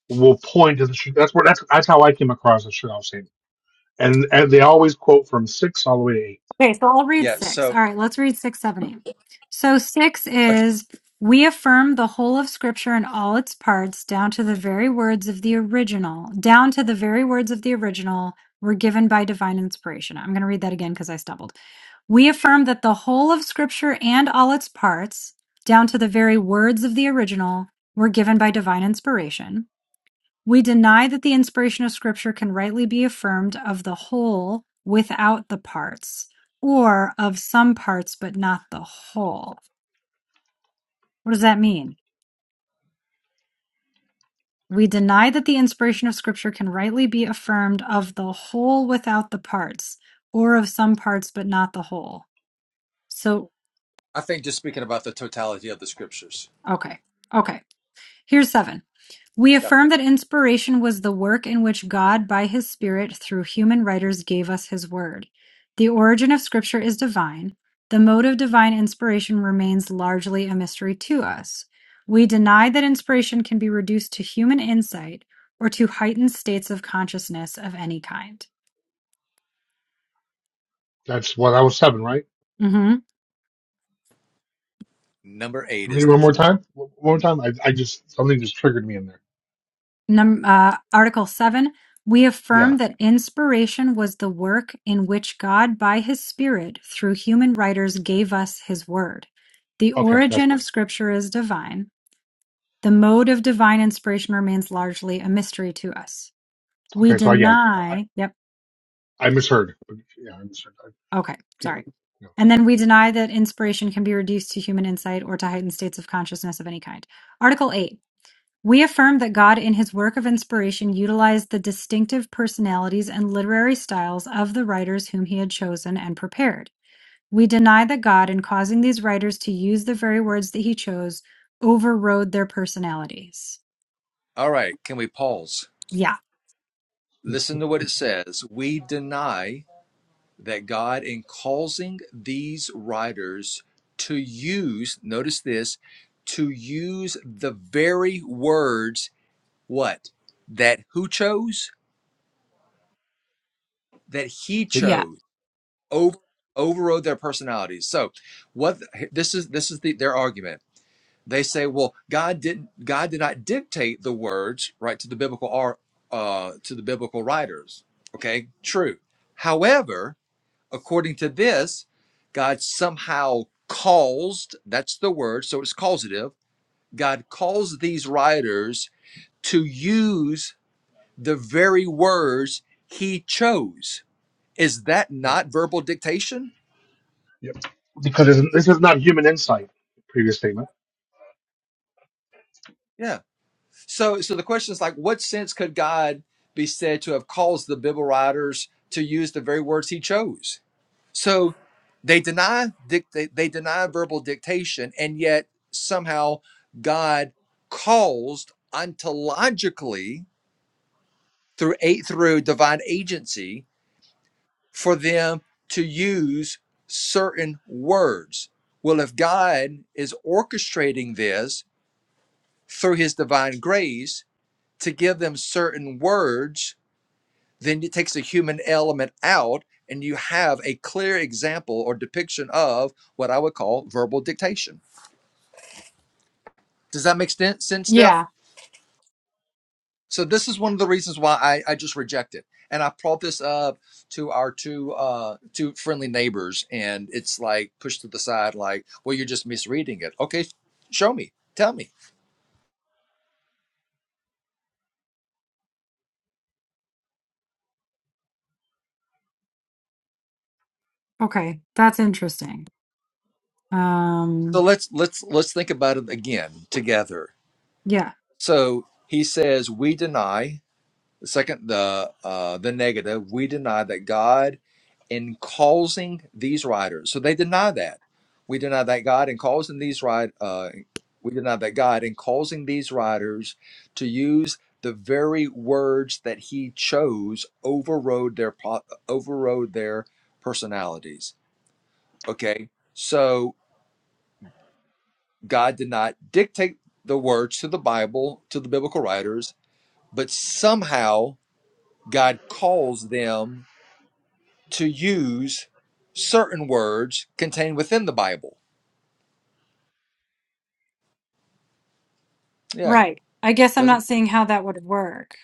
[SPEAKER 7] will point to the Sh- that's where that's that's how I came across the Shadal statement, and, and they always quote from six all the way to eight.
[SPEAKER 1] Okay, so I'll read
[SPEAKER 6] Yeah,
[SPEAKER 1] six. All
[SPEAKER 6] so,
[SPEAKER 1] right, let's read six, seven, eight. So six
[SPEAKER 6] okay,
[SPEAKER 1] is we affirm the whole of Scripture and all its parts, down to the very words of the original, down to the very words of the original were given by divine inspiration. I'm going to read that again because I stumbled. We
[SPEAKER 7] Mm.
[SPEAKER 1] affirm that the whole of Scripture and all its parts, down to the very words of the original, were given by divine inspiration. We deny that the inspiration of Scripture can rightly be affirmed of the whole without the parts, or of some parts but not the whole. What does that mean? We deny that the inspiration of Scripture can rightly be affirmed of the whole without the parts, or of some parts but not the whole. So,
[SPEAKER 6] I think just speaking about the totality of the Scriptures.
[SPEAKER 1] okay, okay. Here's seven. We
[SPEAKER 6] Yep.
[SPEAKER 1] affirm that inspiration was the work in which God by his Spirit through human writers gave us his word. The origin of scripture is divine. The mode of divine inspiration remains largely a mystery to us. We deny that inspiration can be reduced to human insight or to heightened states of consciousness of any kind.
[SPEAKER 7] That's what I was seven, right?
[SPEAKER 1] Mm-hmm.
[SPEAKER 6] Number 8
[SPEAKER 7] Read it
[SPEAKER 6] is the
[SPEAKER 7] one
[SPEAKER 6] key.
[SPEAKER 7] more time. One more time. I, I just something just triggered me in there.
[SPEAKER 1] Num- uh, Article 7, we affirm
[SPEAKER 7] Yeah.
[SPEAKER 1] that inspiration was the work in which God, by his Spirit, through human writers, gave us his word. The
[SPEAKER 7] Okay, that's
[SPEAKER 1] origin
[SPEAKER 7] fine.
[SPEAKER 1] of Scripture is divine. The mode of divine inspiration remains largely a mystery to us. We
[SPEAKER 7] Okay, so I, yeah, okay, I,
[SPEAKER 1] deny, yep,
[SPEAKER 7] I misheard. Yeah, I misheard. I,
[SPEAKER 1] okay,
[SPEAKER 7] okay,
[SPEAKER 1] sorry.
[SPEAKER 7] no,
[SPEAKER 1] And then we deny that inspiration can be reduced to human insight or to heightened states of consciousness of any kind. Article 8. We affirm that God in his work of inspiration utilized the distinctive personalities and literary styles of the writers whom he had chosen and prepared. We deny that God, in causing these writers to use the very words that he chose, overrode their personalities.
[SPEAKER 6] All right, can we pause?
[SPEAKER 1] Yeah.
[SPEAKER 6] Listen to what it says. We deny. that God, in causing these writers to use, notice this, to use the very words, what? That who chose? That he
[SPEAKER 7] take,
[SPEAKER 1] Yeah.
[SPEAKER 6] chose over overrode their personalities. So what this is this is the, their argument. They say, well, God didn't God did not dictate the words, right, to the biblical ar- uh to the biblical writers. Okay, true. However, according to this, God somehow caused, that's the word, so it's causative. God caused these writers to use the very words he chose. Is that
[SPEAKER 7] yeah,
[SPEAKER 6] not verbal dictation?
[SPEAKER 7] yep. because this, this is not human insight. Previous statement.
[SPEAKER 6] Yeah. So so the question is like what sense could God be said to have caused the Bible writers to use the very words he chose? So they deny dictate they deny verbal dictation, and yet somehow God caused ontologically through eight through divine agency for them to use certain words. Well, if God is orchestrating this through his divine grace to give them certain words then it takes a human element out and you have a clear example or depiction of what I would call verbal dictation. Does that make sense, Steph?
[SPEAKER 1] Yeah.
[SPEAKER 6] So this is one of the reasons why I, I just reject it. And I brought this up to our two uh, two friendly neighbors, and it's like pushed to the side, like, well, you're just misreading it. Okay, show me, tell me.
[SPEAKER 1] Okay. That's interesting.
[SPEAKER 6] So
[SPEAKER 1] Um
[SPEAKER 6] let's let's let's think about it again together.
[SPEAKER 1] yeah.
[SPEAKER 6] So he says, we deny The second, the uh, the negative, we deny that God, in causing these writers, so they deny that we deny that God in causing these right, uh, we deny that God in causing these writers to use the very words that He chose overrode their pro- overrode their personalities. Okay, so God did not dictate the words to the Bible to the biblical writers, but somehow God calls them to use certain words contained within the Bible. Yeah,
[SPEAKER 1] Right. I guess I'm not
[SPEAKER 6] doesn't
[SPEAKER 1] seeing how that would work.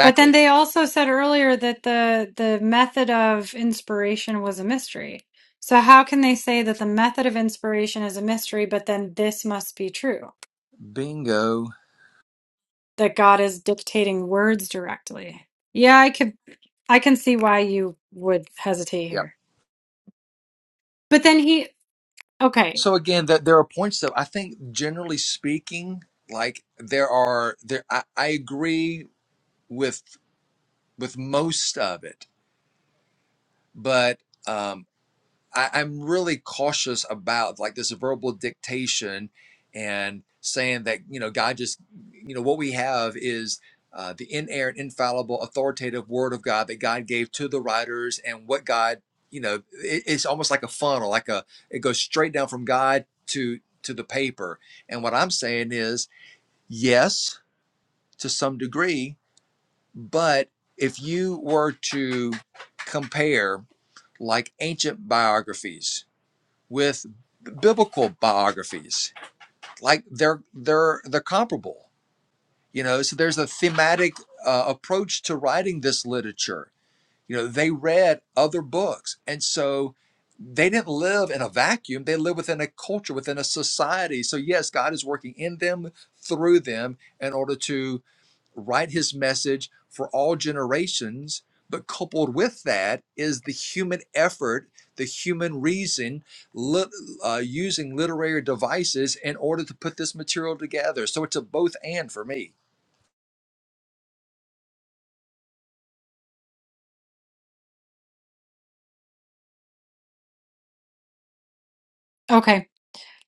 [SPEAKER 1] But then they also said earlier that the the method of inspiration was a mystery. So how can they say that the method of inspiration is a mystery, but then this must be true,
[SPEAKER 6] Bingo.
[SPEAKER 1] that God is dictating words directly? Yeah, I could I can see why you would hesitate
[SPEAKER 6] Yeah.
[SPEAKER 1] here. But then he okay,
[SPEAKER 6] So again, that there are points that I think, generally speaking, like there are there. I, I agree with with most of it, but. um, I, I'm really cautious about like this verbal dictation and saying that you know God just you know what we have is uh, the inerrant, infallible, authoritative Word of God that God gave to the writers, and what God you know it, it's almost like a funnel, like a it goes straight down from God to to the paper. And what I'm saying is yes to some degree, but if you were to compare like ancient biographies with biblical biographies like they're they're they're comparable you know so there's a thematic uh, approach to writing this literature you know they read other books and so they didn't live in a vacuum they lived within a culture within a society so yes god is working in them through them in order to write his message for all generations. But coupled with that is the human effort, the human reason, lit, uh, using literary devices in order to put this material together. So it's a both and for me.
[SPEAKER 1] okay.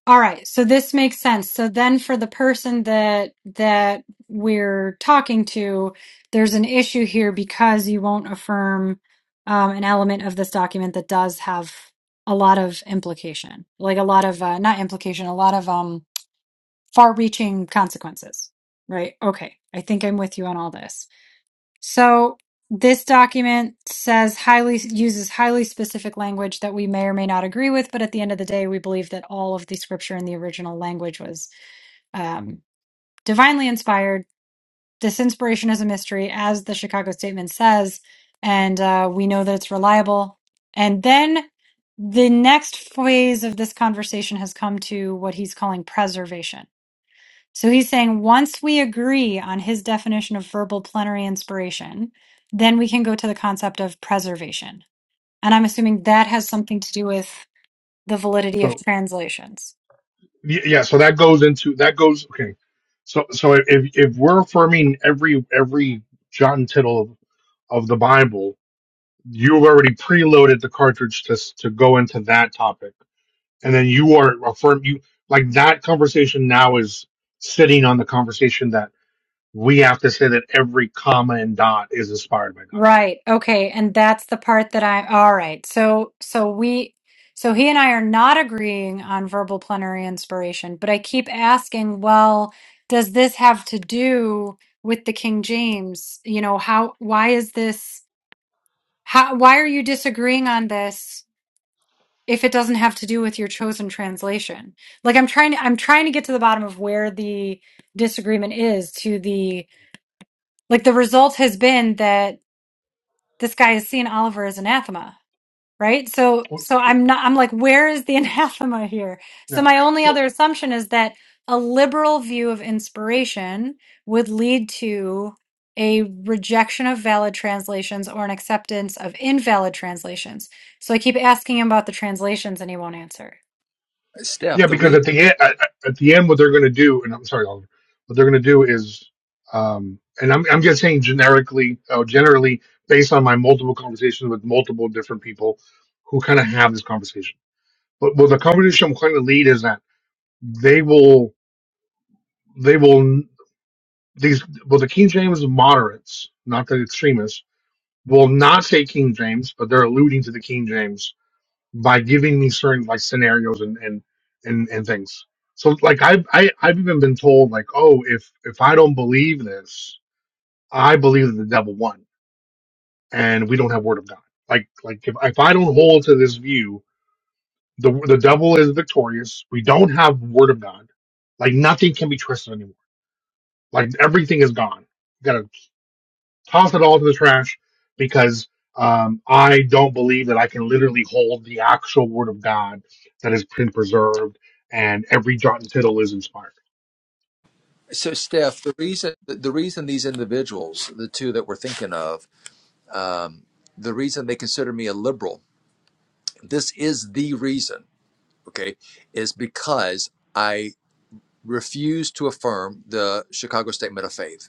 [SPEAKER 1] All right, so this makes sense. So then for the person that that we're talking to, there's an issue here because you won't affirm um, an element of this document that does have a lot of implication, like a lot of uh, not implication, a lot of um far-reaching consequences, right? Okay, I think I'm with you on all this. So this document says highly uses highly specific language that we may or may not agree with, but at the end of the day, we believe that all of the scripture in the original language was um, divinely inspired. This inspiration is a mystery, as the Chicago Statement says, and uh, we know that it's reliable. And then the next phase of this conversation has come to what he's calling preservation so he's saying once we agree on his definition of verbal plenary inspiration, then we can go to the concept of preservation. And I'm assuming that has something to do with the validity of
[SPEAKER 7] So
[SPEAKER 1] translations.
[SPEAKER 7] y- yeah, so that goes into that goes okay. So so if if we're affirming every every jot and tittle of, of the Bible, you've already preloaded the cartridge to s- to go into that topic, and then you are affirm you like that conversation now is sitting on the conversation that we have to say that every comma and dot is inspired by God.
[SPEAKER 1] Right. Okay. And that's the part that I, all right. So, so we, so he and I are not agreeing on verbal plenary inspiration, but I keep asking, well, does this have to do with the King James? You know, how, why is this, how, why are you disagreeing on this if it doesn't have to do with your chosen translation? Like I'm trying to, I'm trying to get to the bottom of where the disagreement is to the, like the result has been that this guy is seeing Oliver as anathema right so
[SPEAKER 7] Well,
[SPEAKER 1] so i'm not i'm like where is the anathema here so
[SPEAKER 7] Yeah.
[SPEAKER 1] my only
[SPEAKER 7] So
[SPEAKER 1] other assumption is that a liberal view of inspiration would lead to a rejection of valid translations or an acceptance of invalid translations so i keep asking him about the translations and he won't answer
[SPEAKER 6] Steph,
[SPEAKER 7] yeah,
[SPEAKER 6] the
[SPEAKER 7] because
[SPEAKER 6] reason.
[SPEAKER 7] at the end, at, at the end, what they're going to do, and I'm sorry, Oliver, what they're going to do is, um, and I'm I'm just saying generically, uh, generally based on my multiple conversations with multiple different people who kind of have this conversation. But well, the conversation I'm trying to lead is that they will they will these well the King James moderates, not the extremists, will not say King James, but they're alluding to the King James by giving me certain like scenarios and and and, and things. So like I've I, I've even been told like oh if if I don't believe this I believe that the devil won and we don't have word of God like like if if I don't hold to this view the the devil is victorious we don't have word of God like nothing can be trusted anymore like everything is gone Got to. toss it all to the trash because um, I don't believe that I can literally hold the actual word of God that has been preserved and every jot and tittle is inspired.
[SPEAKER 6] So, Steph, the reason the, the reason these individuals, the two that we're thinking of, um, the reason they consider me a liberal, this is the reason. Okay, is because I refuse to affirm the Chicago Statement of Faith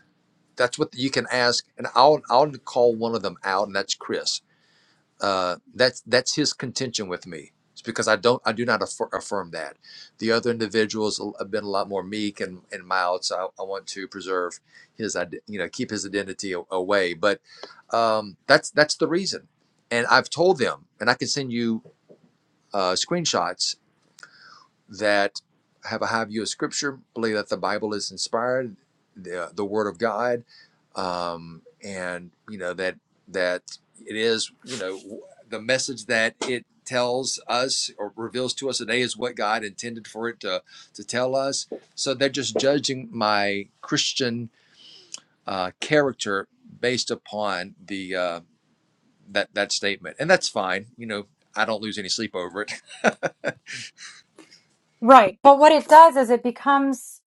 [SPEAKER 6] that's what you can ask and i'll i'll call one of them out and that's chris uh that's that's his contention with me it's because i don't i do not affir- affirm that the other individuals have been a lot more meek and, and mild so I, I want to preserve his ide- you know keep his identity a- away but um that's that's the reason and i've told them and i can send you uh screenshots that have a high view of Scripture, believe that the Bible is inspired, the, the Word of God, um, and you know that that it is you know the message that it tells us or reveals to us today is what God intended for it to to tell us. So they're just judging my Christian uh, character based upon the uh, that that statement, and that's fine. You know, I don't lose any sleep over it
[SPEAKER 1] right but what it does is it becomes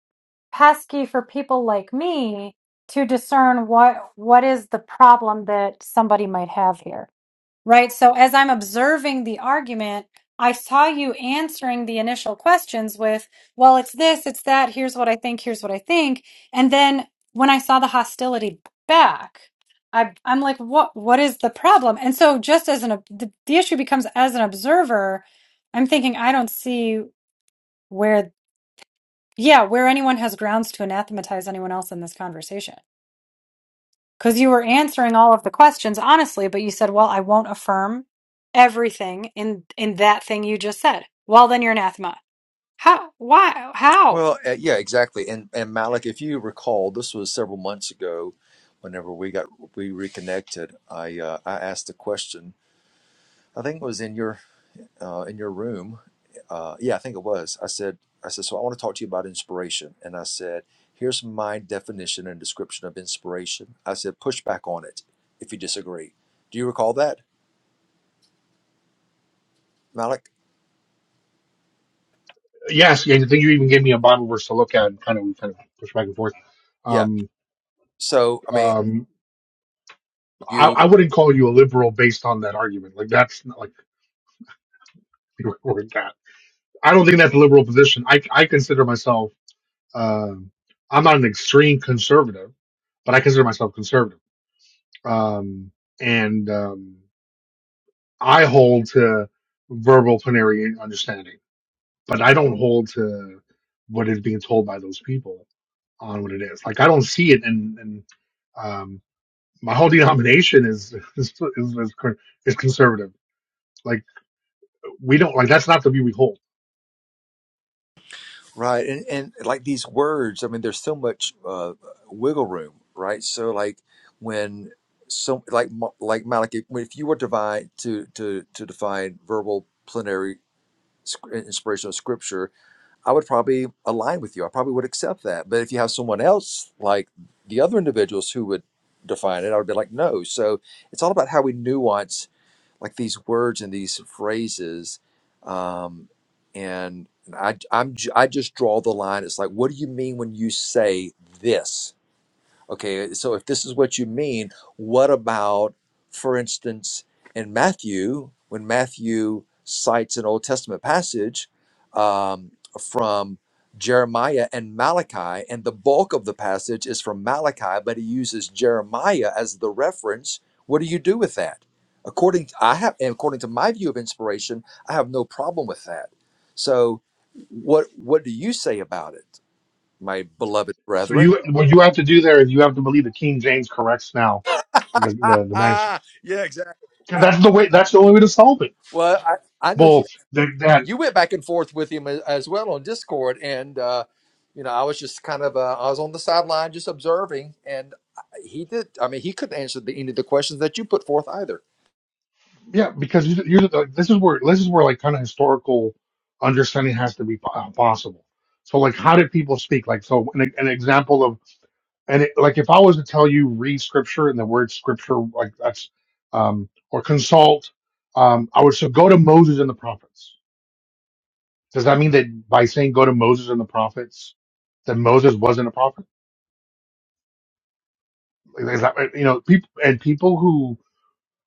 [SPEAKER 1] pesky for people like me to discern what what is the problem that somebody might have here right? So as I'm observing the argument, I saw you answering the initial questions with, well, it's this, it's that, here's what I think, here's what I think. And then when I saw the hostility back, I, I'm like, what, what is the problem? And so just as an, ob- the, the issue becomes as an observer, I'm thinking, I don't see where, yeah, where anyone has grounds to anathematize anyone else in this conversation because you were answering all of the questions honestly, but you said, "Well, I won't affirm everything in in that thing you just said." Well, then you're anathema. How? Why? How?
[SPEAKER 6] Well, uh, yeah, exactly. And and Malik, if you recall, this was several months ago. Whenever we got we reconnected, I uh, I asked a question. I think it was in your uh, in your room. Uh, yeah, I think it was. I said I said so. I want to talk to you about inspiration, and I said, here's my definition and description of inspiration. I said, push back on it if you disagree. Do you recall that, Malik?
[SPEAKER 7] Yes, yeah, I think you even gave me a Bible verse to look at and kind of we kind of push back and forth.
[SPEAKER 6] Yeah.
[SPEAKER 7] Um,
[SPEAKER 6] So I mean,
[SPEAKER 7] um, I,
[SPEAKER 6] you.
[SPEAKER 7] I wouldn't call you a liberal based on that argument. Like that's not like you were that. I don't think that's a liberal position. I I consider myself. um I'm not an extreme conservative, but I consider myself conservative um, and um, I hold to verbal plenary understanding, but I don't hold to what is being told by those people on what it is. Like I don't see it, and and um, my whole denomination is is, is is con- is conservative. Like we don't like that's not the view we hold.
[SPEAKER 6] Right, and and like these words, I mean, there's so much uh, wiggle room, right? So like when so like Mo- like Malachi, when- if you were to divide to to to define verbal plenary sc- inspiration of scripture, I would probably align with you. I probably would accept that. But if you have someone else like the other individuals who would define it, I would be like, no. So it's all about how we nuance like these words and these phrases um, and I, I'm, I just draw the line. It's like, what do you mean when you say this? Okay, so if this is what you mean, what about, for instance, in Matthew, when Matthew cites an Old Testament passage um, from Jeremiah and Malachi, and the bulk of the passage is from Malachi, but he uses Jeremiah as the reference. What do you do with that? According I have, and according to my view of inspiration, I have no problem with that. So, what what do you say about it, my beloved
[SPEAKER 7] So
[SPEAKER 6] brethren?
[SPEAKER 7] you what you have to do there is you have to believe that King James corrects now the the, the manuscript.
[SPEAKER 6] yeah, exactly.
[SPEAKER 7] 'Cause That's the way. That's the only way to solve it.
[SPEAKER 6] Well, I, I know
[SPEAKER 7] Well,
[SPEAKER 6] you, you
[SPEAKER 7] that
[SPEAKER 6] you went back and forth with him as, as well on Discord, and uh, you know I was just kind of uh, I was on the sideline just observing, and he did. I mean, he couldn't answer the any of the questions that you put forth either.
[SPEAKER 7] Yeah, because you, you like, this is where this is where like kind of historical understanding has to be po- uh, possible. So like, how did people speak? Like, so an, an example of and it, like if I was to tell you read scripture and the word scripture like that's um, or consult, um, I would say go to Moses and the prophets. Does that mean that by saying go to Moses and the prophets, that Moses wasn't a prophet? Like, is that you know people and people who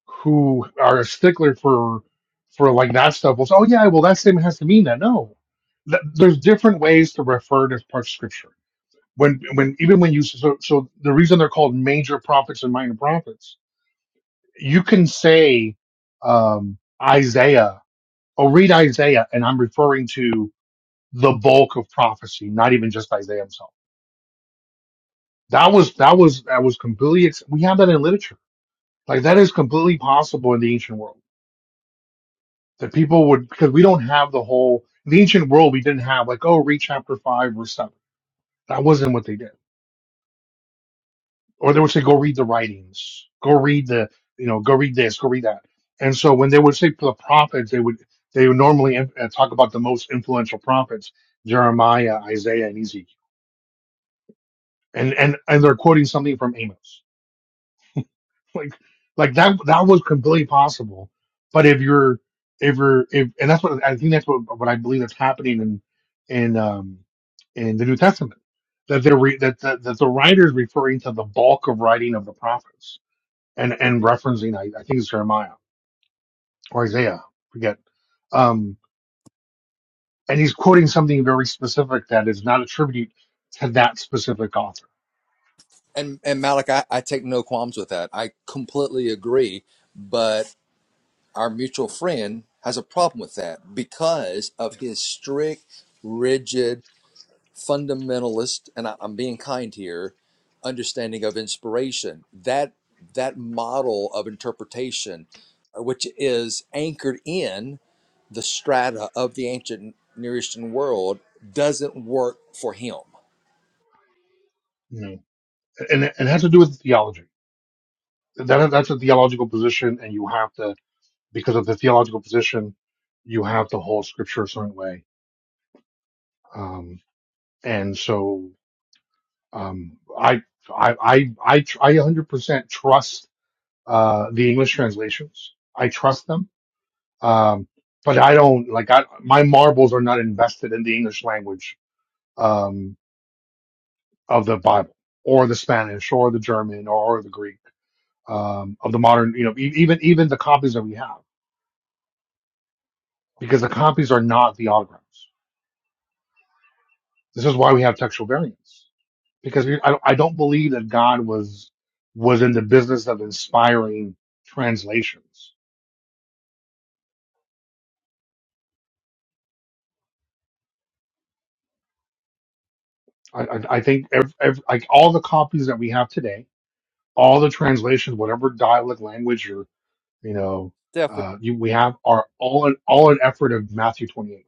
[SPEAKER 7] who are a stickler for for like that stuff will say, "Oh yeah, well that statement has to mean that." No, Th- there's different ways to refer to parts of scripture. When when even when you so so the reason they're called major prophets and minor prophets, you can say um, Isaiah Oh, read Isaiah, and I'm referring to the bulk of prophecy, not even just Isaiah himself. That was that was that was completely. ex- We have that in literature. Like that is completely possible in the ancient world that people would because we don't have the whole in the ancient world we didn't have like oh read chapter five or seven that wasn't what they did or they would say go read the writings go read the you know go read this go read that and so when they would say for the prophets they would they would normally uh, talk about the most influential prophets Jeremiah Isaiah and Ezekiel and and and they're quoting something from Amos like like that that was completely possible but if you're if you're if and that's what i think that's what what i believe that's happening in in um in the new testament that they're re, that, that that the writer is referring to the bulk of writing of the prophets and and referencing i, I think it's jeremiah or isaiah forget um and he's quoting something very specific that is not attributed to that specific author
[SPEAKER 6] And and Malik, I, I take no qualms with that. I completely agree. But our mutual friend has a problem with that because of
[SPEAKER 7] you
[SPEAKER 6] his strict, rigid fundamentalist, and I, I'm being kind here, understanding of inspiration. That that model of interpretation, uh, which is anchored in the strata of the ancient Near Eastern world, doesn't work for him.
[SPEAKER 7] know and it, and it has to do with theology that that's a theological position, and you have to because of the theological position, you have to hold scripture a certain way. Um, and so um, I I I I tr- I 100% trust uh, the English translations. I trust them, um, but I don't like I, my marbles are not invested in the English language um, of the Bible or the Spanish or the German or the Greek um, of the modern you know e- even even the copies that we have because the copies are not the autographs. This is why we have textual variants because we, I, I don't believe that God was was in the business of inspiring translations. I, I, I think ev ev like all the copies that we have today, all the translations, whatever dialect language or you know
[SPEAKER 6] Steph, we-
[SPEAKER 7] uh, you, we have, are all an all an effort of Matthew 28.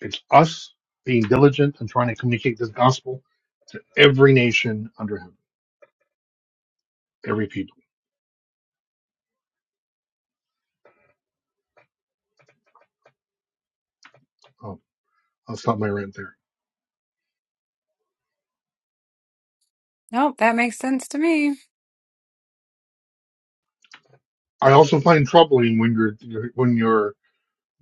[SPEAKER 7] It's us being diligent and trying to communicate this gospel to every nation under heaven, every people. Oh, I'll stop my rant there.
[SPEAKER 1] Nope, that makes sense to me.
[SPEAKER 7] I also find troubling when you're when you're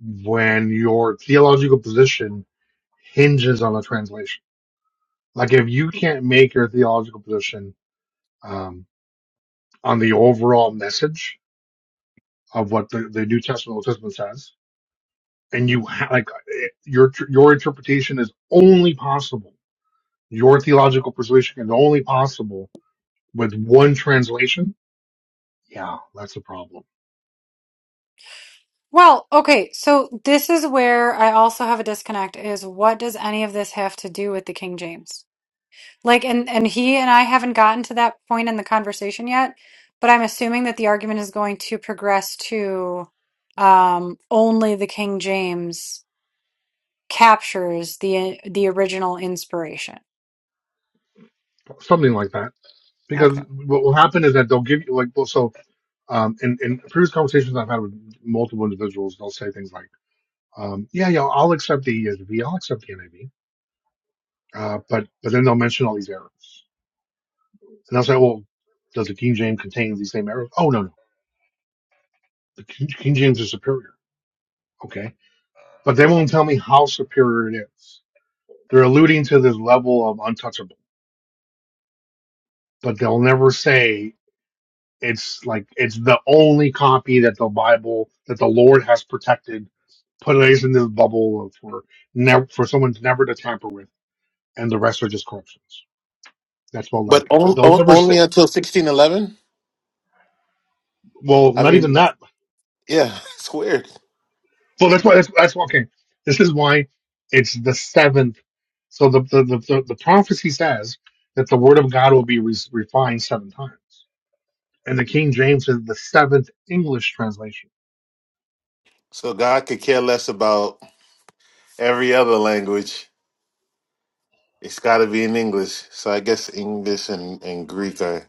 [SPEAKER 7] when your theological position hinges on a translation. Like if you can't make your theological position um, on the overall message of what the, the New Testament Old Testament says, and you ha- like it- your tr- your interpretation is only possible, your theological persuasion is only possible with one translation. Yeah, that's a problem.
[SPEAKER 1] Well, okay, so this is where I also have a disconnect is what does any of this have to do with the King James? Like and and he and I haven't gotten to that point in the conversation yet, but I'm assuming that the argument is going to progress to um only the King James captures the the original inspiration.
[SPEAKER 7] Something like that. Because
[SPEAKER 1] Okay.
[SPEAKER 7] what will happen is that they'll give you like well, so um, in, in previous conversations I've had with multiple individuals, they'll say things like Um, yeah, yeah, I'll accept the ESV, I'll accept the NIV, uh, but but then they'll mention all these errors, and I'll say, well, does the King James contain these same errors? Oh no, no, the King, King James is superior. Okay, but they won't tell me how superior it is. They're alluding to this level of untouchable, but they'll never say it's like it's the only copy that the Bible that the Lord has protected, put it in this bubble for never for someone never to tamper with, and the rest are just corruptions. That's all. Like
[SPEAKER 8] but on,
[SPEAKER 7] they'll
[SPEAKER 8] on,
[SPEAKER 7] never.
[SPEAKER 8] only until sixteen eleven.
[SPEAKER 7] Well,
[SPEAKER 8] I
[SPEAKER 7] not even
[SPEAKER 8] mean,
[SPEAKER 7] that.
[SPEAKER 8] yeah, it's weird.
[SPEAKER 7] So that's why that's, that's why- okay. This is why it's the seventh. So the the, the, the the prophecy says that the word of God will be re- refined seven times, and the King James is the seventh English translation.
[SPEAKER 8] So God could care less about every other language. It's got to be in English. So I guess English and, and Greek are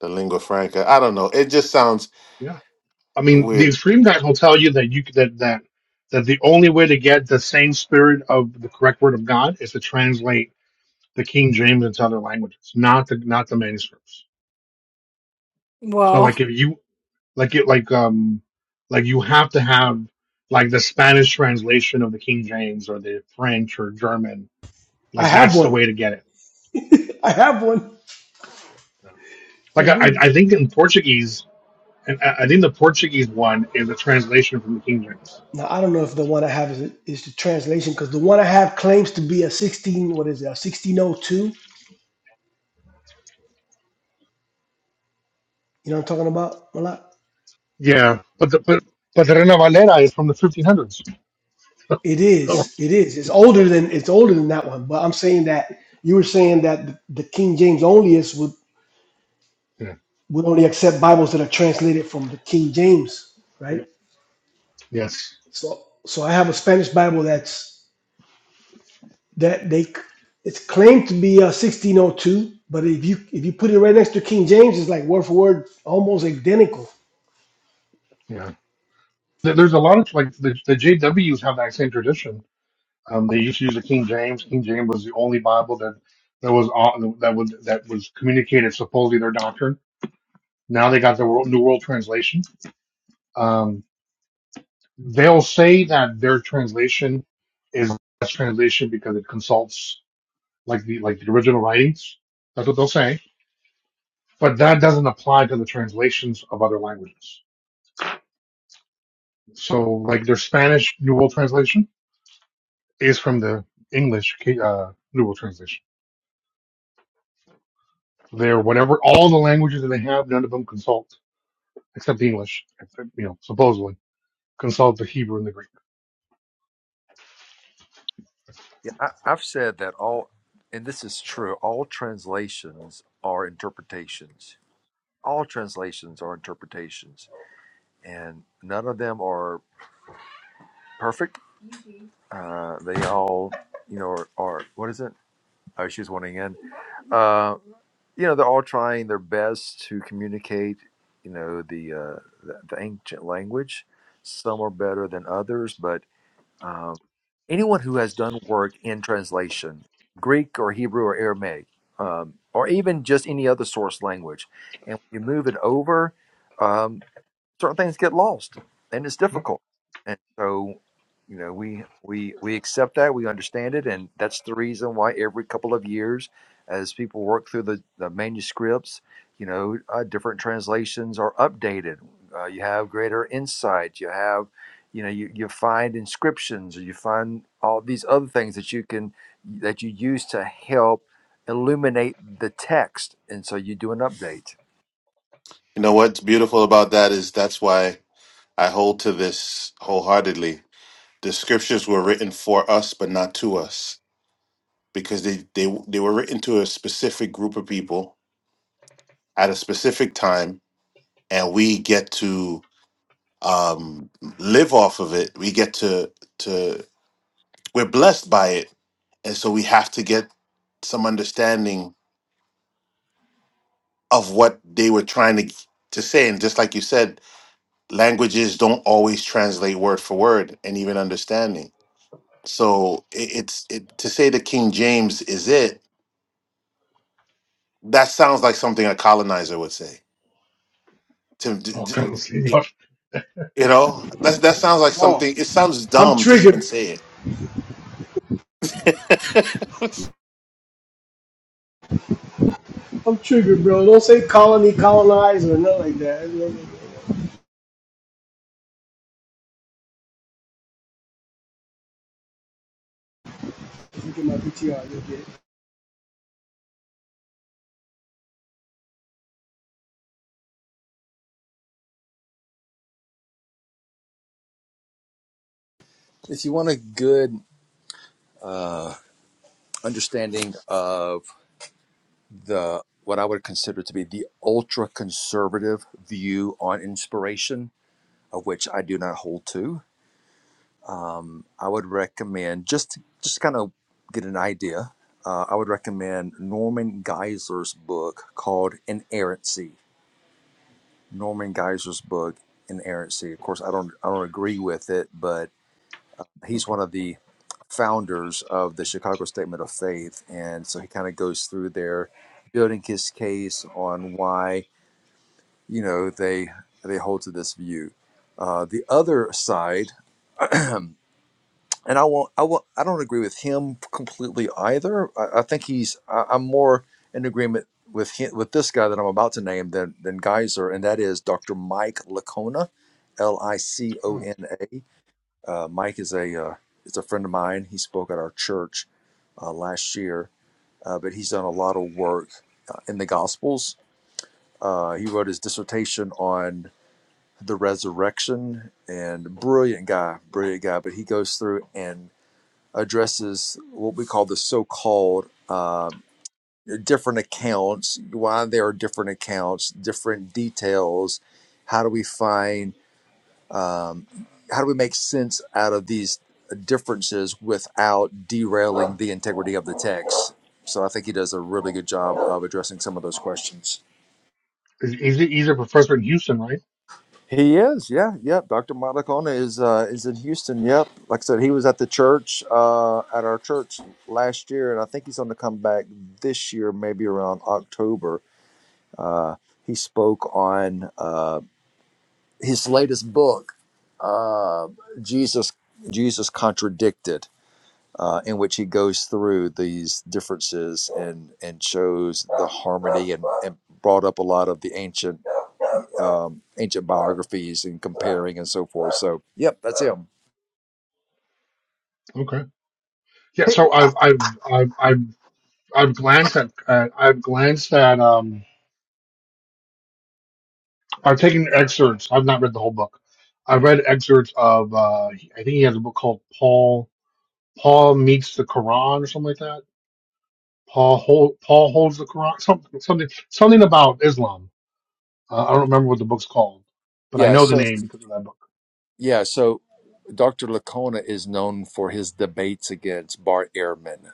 [SPEAKER 8] the lingua franca. I don't know. It just sounds
[SPEAKER 7] Yeah, I mean the
[SPEAKER 8] weird.
[SPEAKER 7] extreme guys will tell you that you that that that the only way to get the same spirit of the correct word of God is to translate the King James into other languages, not the not the manuscripts. So
[SPEAKER 1] Well,
[SPEAKER 7] like if you like it like um like you have to have like the Spanish translation of the King James or the French or German.
[SPEAKER 2] I
[SPEAKER 7] Like
[SPEAKER 2] have
[SPEAKER 7] that's the
[SPEAKER 2] one.
[SPEAKER 7] way to get it.
[SPEAKER 2] I have one. I
[SPEAKER 7] Like I
[SPEAKER 2] do.
[SPEAKER 7] I think in Portuguese and I I think the Portuguese one is a translation from the King James.
[SPEAKER 2] Now I don't know if the one I have is is the translation because the one I have claims to be a sixteen. What is it? A sixteen oh two. You know what I'm talking about? Malak?
[SPEAKER 7] Yeah, but the but but the Reina Valera is from the 1500s.
[SPEAKER 2] It
[SPEAKER 7] So
[SPEAKER 2] is. It is. It's older than it's older than that one. But I'm saying that you were saying that the, the King James Onlyists would
[SPEAKER 7] yeah,
[SPEAKER 2] would only accept Bibles that are translated from the King James,
[SPEAKER 7] yeah.
[SPEAKER 2] right?
[SPEAKER 7] yes,
[SPEAKER 2] So so I have a Spanish Bible that's that they it's claimed to be uh, 1602, but if you if you put it right next to King James, it's like word for word, almost identical.
[SPEAKER 7] yeah. There- There's a lot of like the, the JWs have that same tradition. Um, they used to use the King James. King James was the only Bible that that was on, that would that was communicated supposedly their doctrine. Now they got the world, New World Translation. Um, they'll say that their translation is the best translation because it consults like the like the original writings. That's what they'll say, but that doesn't apply to the translations of other languages. So, like their Spanish New World Translation is from the English uh, New World Translation. They're whatever all the languages that they have, none of them consult except English, except, you know, supposedly. Consult the Hebrew and the Greek.
[SPEAKER 6] Yeah, I, I've said that all, and this is true, all translations are interpretations. All translations are interpretations, and none of them are perfect. Uh, they all, you know, are, are what is it? Oh, she's wanting in. Uh, you know, they're all trying their best to communicate. You know, the uh, the, the ancient language. Some are better than others, but um, anyone who has done work in translation, Greek or Hebrew or Aramaic, um, or even just any other source language, and when you move it over. um, certain things get lost and it's
[SPEAKER 7] Yep.
[SPEAKER 6] difficult and so you know we we we accept that we understand it and that's the reason why every couple of years as people work through the, the manuscripts you know uh, different translations are updated uh, you have greater insight you have you know you, you find inscriptions or you find all these other things that you can that you use to help illuminate the text and so you do an update
[SPEAKER 8] You know what's beautiful about that is that's why I hold to this wholeheartedly. The scriptures were written for us, but not to us, because they, they, they were written to a specific group of people at a specific time, and we get to um, live off of it. We get to, to, we're blessed by it. And so we have to get some understanding of what they were trying to, to say. And just like you said, languages don't always translate word for word and even understanding So it, it's it, to say that King James is it. That sounds like something a colonizer would say. To d-
[SPEAKER 7] Oh, God,
[SPEAKER 8] d-
[SPEAKER 7] let's see.
[SPEAKER 8] it- you know, that that sounds like
[SPEAKER 2] Bro,
[SPEAKER 8] something. It sounds
[SPEAKER 2] I'm
[SPEAKER 8] dumb to even
[SPEAKER 2] triggered.
[SPEAKER 8] say it.
[SPEAKER 2] I'm triggered, bro. Don't say colony, colonize, or nothing like that. Look at my PTR. You'll get it.
[SPEAKER 6] If you want a good understanding of the what I would consider to be the ultra conservative view on inspiration, of which I do not hold to. I would recommend just just kind of get an idea. Uh, I would recommend Norman Geisler's book called Inerrancy. Norman Geisler's book Inerrancy. Of course, I don't I don't agree with it, but he's one of the founders of the Chicago Statement of Faith, and so he kind of goes through there, building his case on why you know they they hold to this view. Uh, the other side, and I won't, I won't, I don't agree with him completely either. I, I think he's, I, I'm more in agreement with him, with this guy that I'm about to name than than Geyser, and that is Dr. Mike Licona, L I C O
[SPEAKER 7] Oh.
[SPEAKER 6] N A. Uh, Mike is a uh, is a friend of mine. He spoke at our church uh, last year, uh, but he's done a lot of work uh, in the Gospels. Uh, he wrote his dissertation on the resurrection, and brilliant guy, brilliant guy. But he goes through and addresses what we call the so-called uh, different accounts, why there are different accounts, different details. How do we find um, how do we make sense out of these differences without derailing the integrity of the text? So I think he does a really good job of addressing some of those questions.
[SPEAKER 7] He's, he's he's a professor in Houston, right?
[SPEAKER 6] He is, yeah, yep. Dr. Matacona is uh, is in Houston. Yep, like I said, he was at the church uh, at our church last year, and I think he's going to come back this year, maybe around October. Uh, he spoke on uh, his latest book, uh, Jesus Jesus contradicted uh, in which he goes through these differences and and shows the harmony and, and brought up a lot of the ancient um, ancient biographies and comparing and so forth. So yep, that's him.
[SPEAKER 7] Okay. Yeah. So I've I've I've I've, I've glanced at uh, I've glanced at um I've taken excerpts. I've not read the whole book. I've read excerpts of uh I think he has a book called Paul Paul meets the Quran or something like that. Paul hold, Paul holds the Quran something something something about Islam. Uh, I don't remember what the book's called, but I
[SPEAKER 6] Yeah.
[SPEAKER 7] know the
[SPEAKER 6] So
[SPEAKER 7] name because of that book.
[SPEAKER 6] yeah. So Dr. Lacona is known for his debates against Bart Ehrman.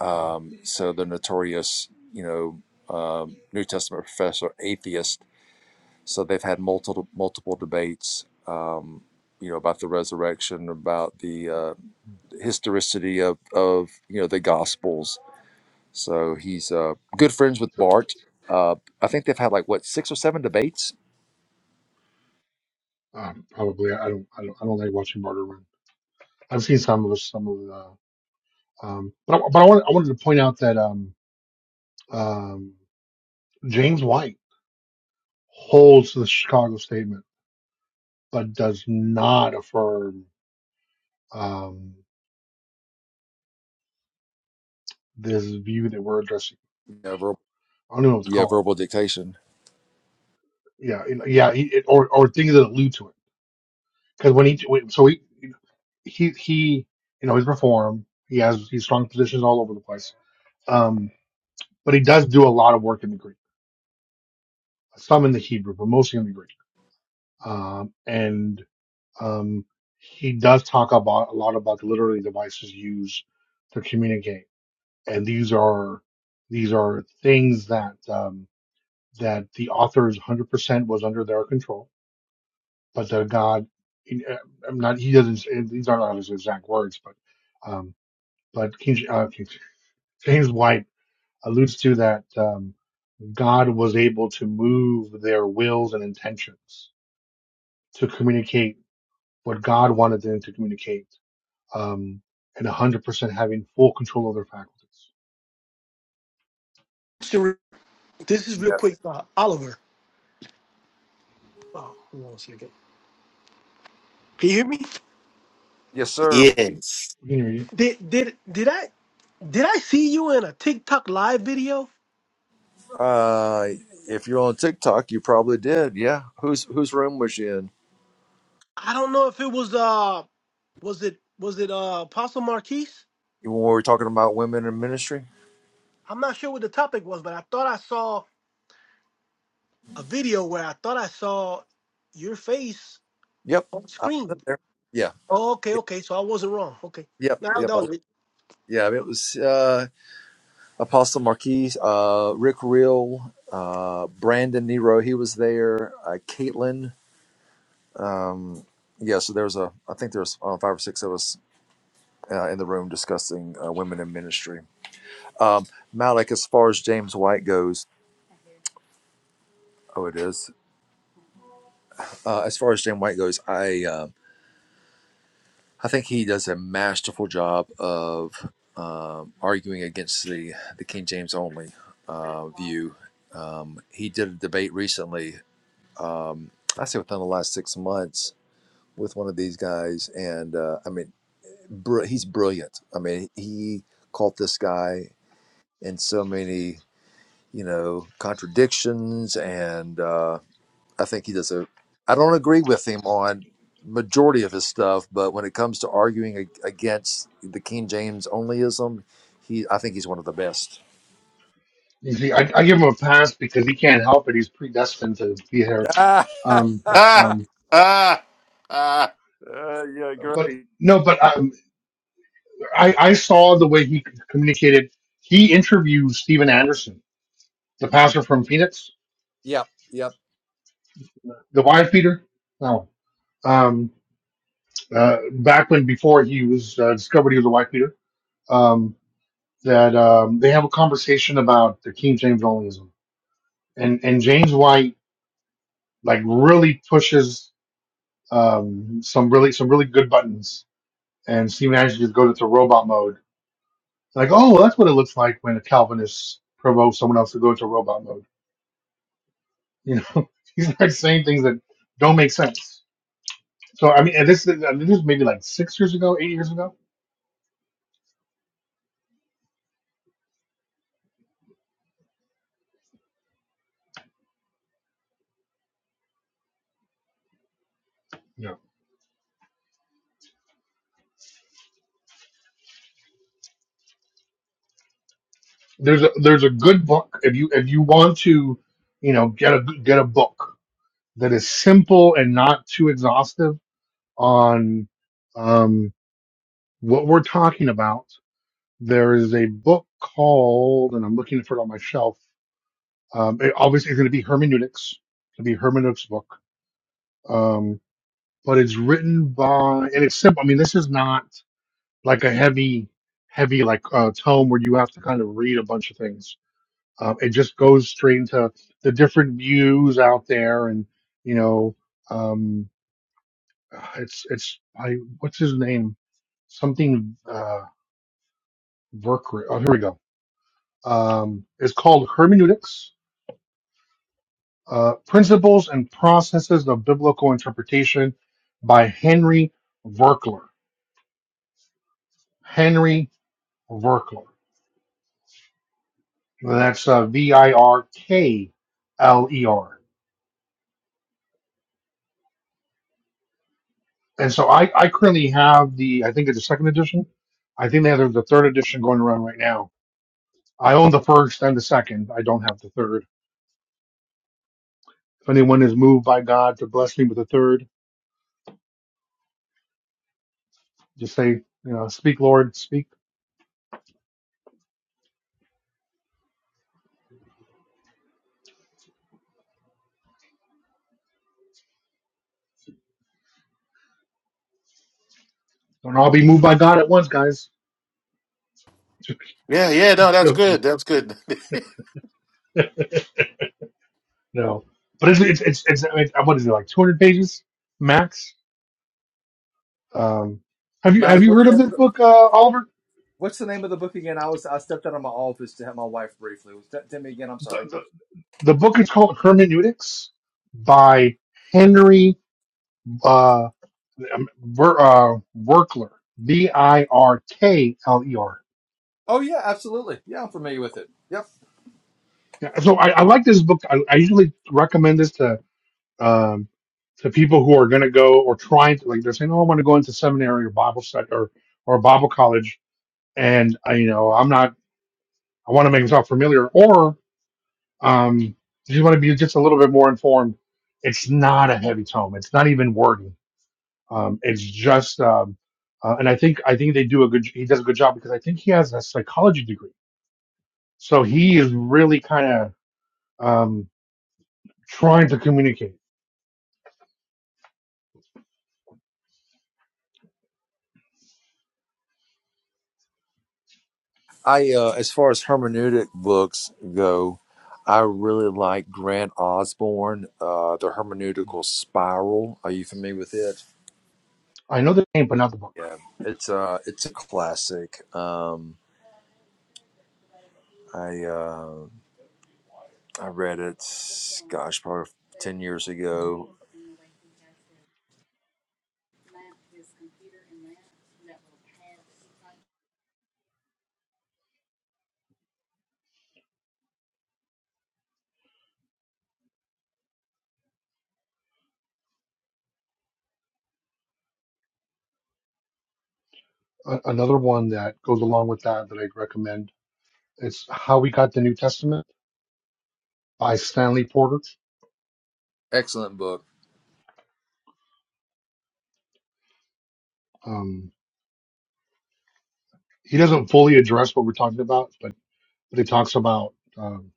[SPEAKER 6] Um, so the notorious, you know, um, New Testament professor atheist. So they've had multiple multiple debates. Um, you know about the resurrection, about the uh, historicity of of you know the gospels so he's uh good friends with
[SPEAKER 7] So,
[SPEAKER 6] bart uh i think they've had like what six or seven debates
[SPEAKER 7] Um, probably. I don't, I don't. I don't like watching Barter Run. I've seen some of the, some of the. Um, but I, but I wanted, I wanted to point out that um, um, James White holds the Chicago statement, but does not affirm um, this view that we're addressing.
[SPEAKER 6] yeah verbal,
[SPEAKER 7] I don't even know what to
[SPEAKER 6] yeah,
[SPEAKER 7] call it.
[SPEAKER 6] verbal dictation
[SPEAKER 7] Yeah, it- yeah, he, it, or or things that allude to it. Because when he when, so he he he you know he's reform. He has he's strong positions all over the place. Um, but he does do a lot of work in the green some in the Hebrew, but mostly in the Greek. Um, and um, he does talk about a lot about the literary devices used to communicate, and these are these are things that um, that the author's 100% was under their control, but that God, he- uh, I'm not he doesn't these are not his exact words, but um, but King, uh, King, James White alludes to that um, God was able to move their wills and intentions to communicate what God wanted them to communicate, um, and 100% having full control of their faculties.
[SPEAKER 2] Just a re- This is real
[SPEAKER 6] yeah
[SPEAKER 2] quick, uh, Oliver. Oh, hold on a second. Can you hear me?
[SPEAKER 6] yes
[SPEAKER 8] Yeah.
[SPEAKER 6] sir
[SPEAKER 7] We can you.
[SPEAKER 2] Did did did I did I see you in a TikTok live video?
[SPEAKER 6] uh if you're on tiktok you probably did yeah whose whose room was you in
[SPEAKER 2] I don't know if it was uh was it was it uh Apostle Marquise?
[SPEAKER 6] when we were talking about women in ministry
[SPEAKER 2] I'm not sure what the topic was, but I thought I saw a video where I thought I saw your face
[SPEAKER 6] yep
[SPEAKER 2] on
[SPEAKER 6] i was in
[SPEAKER 2] screen.
[SPEAKER 6] there yeah
[SPEAKER 2] Oh, okay,
[SPEAKER 6] yep
[SPEAKER 2] okay. So I wasn't wrong. Okay.
[SPEAKER 6] yep,
[SPEAKER 2] Now
[SPEAKER 6] yep I
[SPEAKER 2] that
[SPEAKER 6] was,
[SPEAKER 2] was it.
[SPEAKER 6] yeah it was uh apostle marquis uh rick real uh brandon nero he was there uh caitlin Um, yeah, so there's a, I think there's uh, five or six of us uh, in the room discussing uh, women in ministry. Um, Malik, as far as James White goes, oh, it is. Uh, as far as James White goes, I, uh, I think he does a masterful job of um arguing against the the King James only uh, view. Um, he did a debate recently. Um, I say within the last six months with one of these guys, and uh, I mean. br- he's brilliant. I mean, he caught this guy in so many, you know, contradictions, and uh, I think he does a. I don't agree with him on majority of his stuff, but when it comes to arguing ag- against the King James onlyism, he I think he's one of the best.
[SPEAKER 7] You see, I, I give him a pass because he can't help it. He's predestined to be here.
[SPEAKER 6] uh,
[SPEAKER 7] Um, no,
[SPEAKER 8] ah,
[SPEAKER 7] um,
[SPEAKER 8] ah, ah.
[SPEAKER 6] yeah,
[SPEAKER 7] but
[SPEAKER 6] great.
[SPEAKER 7] no, but um, I, I saw the way he communicated. He interviewed Steven Anderson, the pastor from Phoenix,
[SPEAKER 6] Yep, yep.
[SPEAKER 7] the wife beater. No, um, uh, back when before he was uh, discovered, he was a wife beater. Um, that um, they have a conversation about the King James onlyism and and James White like really pushes um, some really some really good buttons, and Steve Nash just goes into robot mode. Like, oh, well, that's what it looks like when a Calvinist provokes someone else to go into robot mode. You know, he's like saying things that don't make sense. So I mean, and this is I mean, this is maybe like six years ago, eight years ago. Yeah, there's a there's a good book if you if you want to, you know, get a get a book that is simple and not too exhaustive on. Um, what we're talking about, there is a book called, and I'm looking for it on my shelf. Um, it obviously is going to be hermeneutics. It's going to be hermeneutics book. Um, but it's written by, and it's simple. I mean, this is not like a heavy, heavy like uh, tome where you have to kind of read a bunch of things. Um, it just goes straight into the different views out there, and you know, um, it's it's I what's his name? Something uh, Verkri. Oh, here we go Um, it's called Hermeneutics uh, Principles and Processes of Biblical Interpretation by Henry Virkler. Henry Virkler. That's uh, V I R K L E R. And so I, I currently have the, I think it's the second edition. I think they have the third edition going around right now. I own the first and the second. I don't have the third. If anyone is moved by God to bless me with the third, just say, you know, speak, Lord, speak. Don't all be moved by God at once, guys.
[SPEAKER 8] Yeah, yeah. No, that's good. That's good.
[SPEAKER 7] no, but it's it's it's, it's I what is it like two hundred pages max? Um, Have you have
[SPEAKER 6] Malik,
[SPEAKER 7] you
[SPEAKER 6] what's
[SPEAKER 7] heard
[SPEAKER 6] the
[SPEAKER 7] of
[SPEAKER 6] name of
[SPEAKER 7] this
[SPEAKER 6] the
[SPEAKER 7] book, uh, Oliver?
[SPEAKER 6] What's the name of the book again? I was I stepped out of my office to help my wife briefly. Was that- Tell me again. I'm
[SPEAKER 7] The,
[SPEAKER 6] sorry.
[SPEAKER 7] the the book is called Hermeneutics by Henry uh, um, Wer- uh Werkler V I R K L E R.
[SPEAKER 6] Oh yeah, absolutely. Yeah, I'm familiar with it. Yep.
[SPEAKER 7] Yeah, So I, I like this book. I, I usually recommend this to um, to people who are going to go or trying to like they're saying, "Oh, I want to go into seminary or Bible study or or Bible college," and I, you know, I'm not. I want to make myself familiar, or um, if you want to be just a little bit more informed, it's not a heavy tome. It's not even wordy. Um, it's just, um, uh, and I think I think they do a good. He does a good job because I think he has a psychology degree, so he is really kind of um, trying to communicate.
[SPEAKER 6] I, uh, as far as hermeneutic books go, I really like Grant Osborne, uh, The Hermeneutical Spiral. Are you familiar with it?
[SPEAKER 7] I know the name, but not the book.
[SPEAKER 6] Yeah, it's a it's a classic. Um, I uh, I read it, gosh, probably ten years ago.
[SPEAKER 7] A- another one that goes along with that that I'd recommend is How We Got the New Testament by Stanley Porter.
[SPEAKER 6] Excellent book.
[SPEAKER 7] Um, he doesn't fully address what we're talking about, but but he talks about um,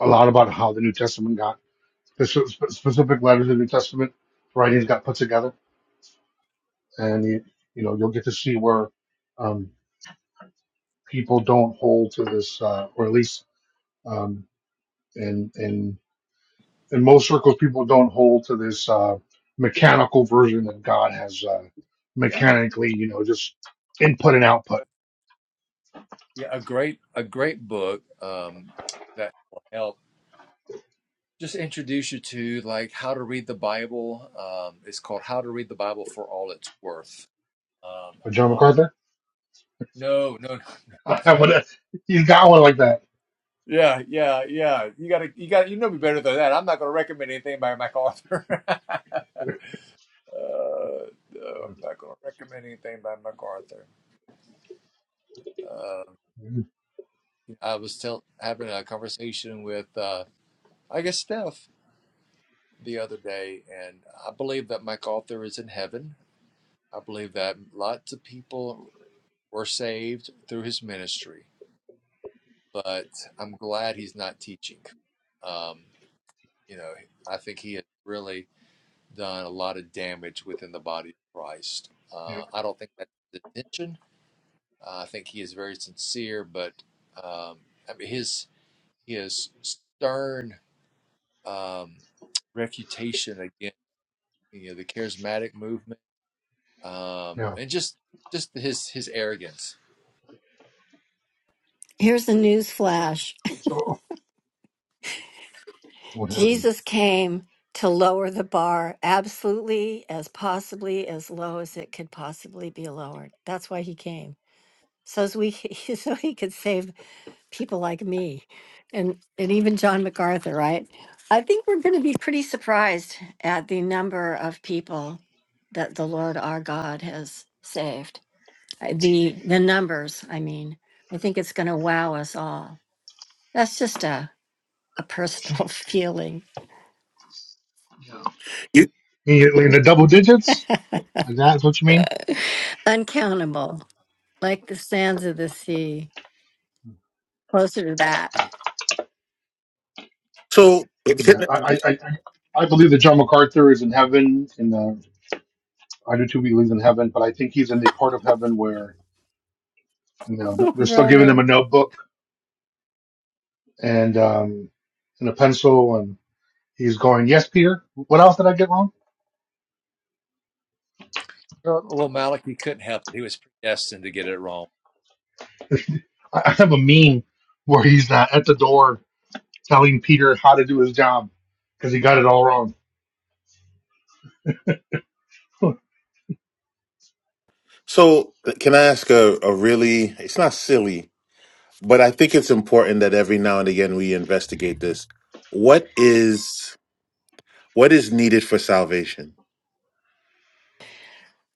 [SPEAKER 7] a lot about how the New Testament got spe- spe- specific letters of the New Testament writings got put together, and you, you know you'll get to see where um, people don't hold to this, uh, or at least um, in in in most circles, people don't hold to this uh, mechanical version that God has uh,
[SPEAKER 6] Yeah.
[SPEAKER 7] mechanically, you know, just input and output.
[SPEAKER 6] Yeah, a great a great book um that will help. just introduce you to like how to read the Bible. Um, it's called How to Read the Bible for All It's Worth. Um,
[SPEAKER 7] But John
[SPEAKER 6] how to read?
[SPEAKER 7] MacArthur,
[SPEAKER 6] No, no, no, no.
[SPEAKER 7] I would, he's got one like that.
[SPEAKER 6] Yeah, yeah, yeah. You gotta, you gotta, you know me better than that. I'm not gonna recommend anything by MacArthur. uh, no, I'm not gonna recommend anything by MacArthur. Um
[SPEAKER 7] Mm-hmm.
[SPEAKER 6] I was tell, having a conversation with, uh, I guess, Steph the other day, and I believe that MacArthur is in heaven. I believe that lots of people were saved through his ministry, but I'm glad he's not teaching. Um, you know, I think he has really done a lot of damage within the body of Christ.
[SPEAKER 7] Yeah,
[SPEAKER 6] Uh, I don't think that's his intention. Uh, I think he is very sincere, but um, I mean, his his stern um, refutation against you know the charismatic movement um,
[SPEAKER 7] yeah.
[SPEAKER 6] and just just his his arrogance.
[SPEAKER 5] Here's a news flash
[SPEAKER 7] So what happened?
[SPEAKER 5] Jesus came to lower the bar absolutely as possibly as low as it could possibly be lowered. That's why he came. So as we so he could save people like me and and even John MacArthur, right? I think we're going to be pretty surprised at the number of people that the Lord our God has saved. I- the the numbers i mean i think it's going to wow us all that's just a, a personal feeling
[SPEAKER 8] You
[SPEAKER 7] Immediately into double digits? Like that's what you mean?
[SPEAKER 5] uncountable like the sands of the sea closer to that
[SPEAKER 8] so
[SPEAKER 7] Yeah, I, I, I, I believe that John MacArthur is in heaven. In the, I do too. He lives in heaven, but I think he's in the part of heaven where you know th-
[SPEAKER 5] oh
[SPEAKER 7] they're still giving him a
[SPEAKER 5] brother
[SPEAKER 7] notebook and um, and a pencil, and he's going, "Yes, Peter. What else did I get wrong?"
[SPEAKER 6] Well, well, Malik, he couldn't help it. He was predestined to get it wrong.
[SPEAKER 7] I, I have a meme where he's uh, at the door telling Peter how to do his job because he got it all wrong.
[SPEAKER 8] so. Can I ask a, a really? It's not silly, but I think it's important that every now and again we investigate this. What is What is needed for salvation?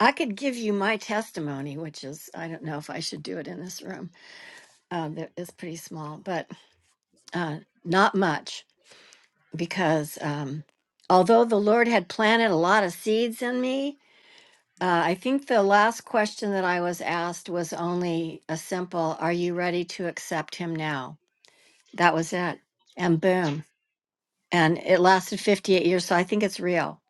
[SPEAKER 5] i could give you my testimony which is i don't know if i should do it in this room um, that is pretty small but uh, not much because um, although the lord had planted a lot of seeds in me Uh, I think the last question that I was asked was only a simple, are you ready to accept him now? That was it. And boom. And it lasted 58 years. So I think it's real.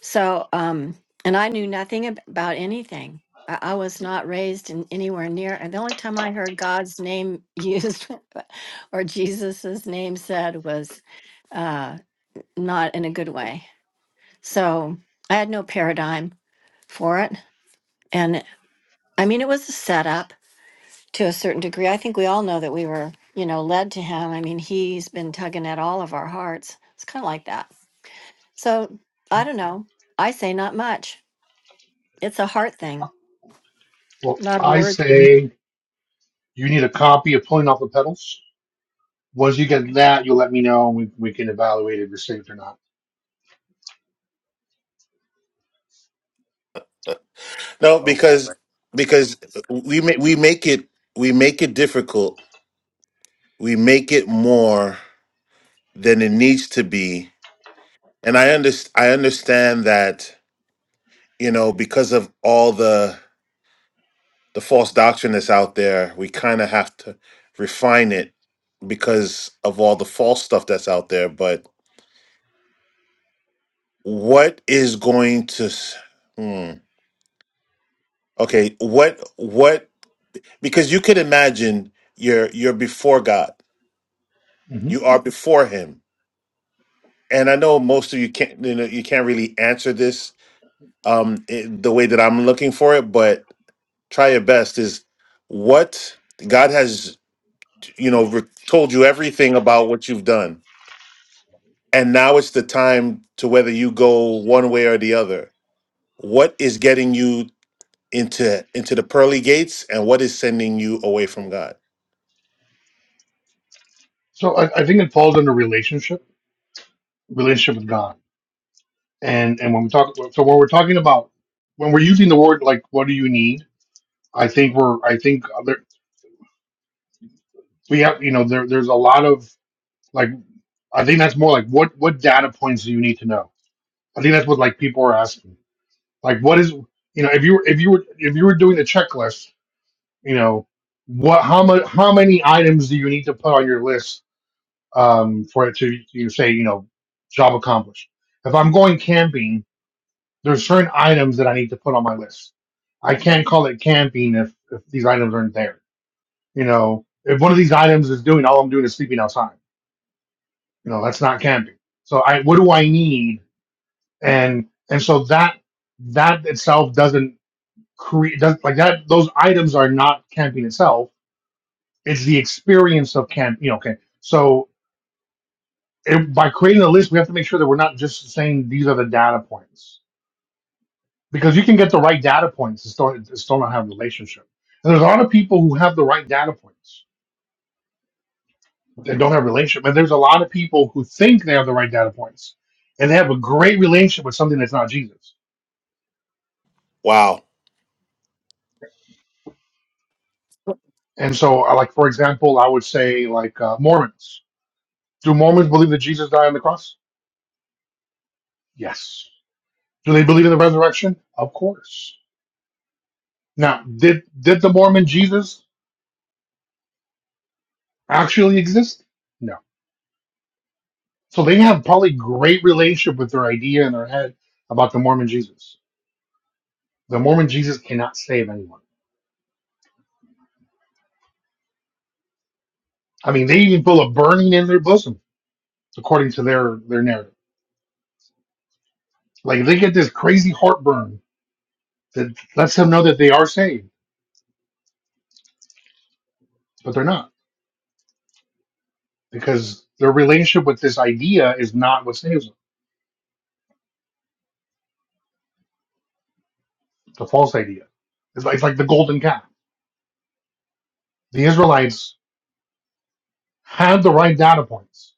[SPEAKER 5] So, um, and I knew nothing ab- about anything. I, I was not raised in anywhere near. And the only time I heard God's name used or Jesus's name said was uh, not in a good way. So I had no paradigm for it. And I mean, it was a setup to a certain degree. I think we all know that we were, you know, led to him. I mean, he's been tugging at all of our hearts. It's kind of like that. So I don't know. I say not much. It's a heart thing,
[SPEAKER 7] well,
[SPEAKER 5] not a
[SPEAKER 7] I
[SPEAKER 5] word thing.
[SPEAKER 7] say you need a copy of Pulling Off the Pedals Once you get that, you'll let me know and we, we can evaluate if you're saved or not.
[SPEAKER 8] No,
[SPEAKER 6] Oh boy.
[SPEAKER 8] because because we make we make it we make it difficult. We make it more than it needs to be. And I under, I understand that, you know, because of all the the false doctrine that's out there, we kind of have to refine it because of all the false stuff that's out there. But what is going to? s- Hmm, okay, what what? Because you could imagine you're you're before God,
[SPEAKER 7] hmm
[SPEAKER 8] you are before Him, and I know most of you can't you know you can't really answer this um it, the way that I'm looking for it, but try your best. Is what God has you know re- told you everything about what you've done and now it's the time to whether you go one way or the other what is getting you into into the pearly gates and what is sending you away from god
[SPEAKER 7] So I, I think it falls under relationship, relationship with God. And and when we talk, so when we're talking about when we're using the word like, what do you need? I think we're, I think there, we have, you know, there there's a lot of like, I think that's more like what what data points do you need to know? I think that's what like people are asking. Like, what is you know, if you were if you were if you were doing the checklist, you know, what how much how many items do you need to put on your list um, for it to you say, you know, job accomplished. If I'm going camping, there's certain items that I need to put on my list. I can't call it camping if, if these items aren't there. You know, if one of these items is doing all I'm doing is sleeping outside, you know, that's not camping. So I, what do I need? And, and so that, that itself doesn't create, does, like that, those items are not camping itself. It's the experience of camp, you know, okay. So. it, by creating a list, we have to make sure that we're not just saying these are the data points because you can get the right data points and still, and still not have a relationship. And there's a lot of people who have the right data points that don't have a relationship. And there's a lot of people who think they have the right data points and they have a great relationship with something that's not Jesus.
[SPEAKER 8] wow
[SPEAKER 7] And so, uh, like, for example, I would say, like, uh, Mormons. Do Mormons believe that Jesus died on the cross? Yes. Do they believe in the resurrection? Of course. Now, did, did the Mormon Jesus actually exist? No So they have probably great relationship with their idea in their head about the Mormon Jesus. The Mormon Jesus cannot save anyone. I mean, they even feel a burning in their bosom, according to their their narrative. Like they get this crazy heartburn that lets them know that they are saved, but they're not because their relationship with this idea is not what saves them. It's a false idea. It's like, it's like the golden calf. The Israelites had the right data points,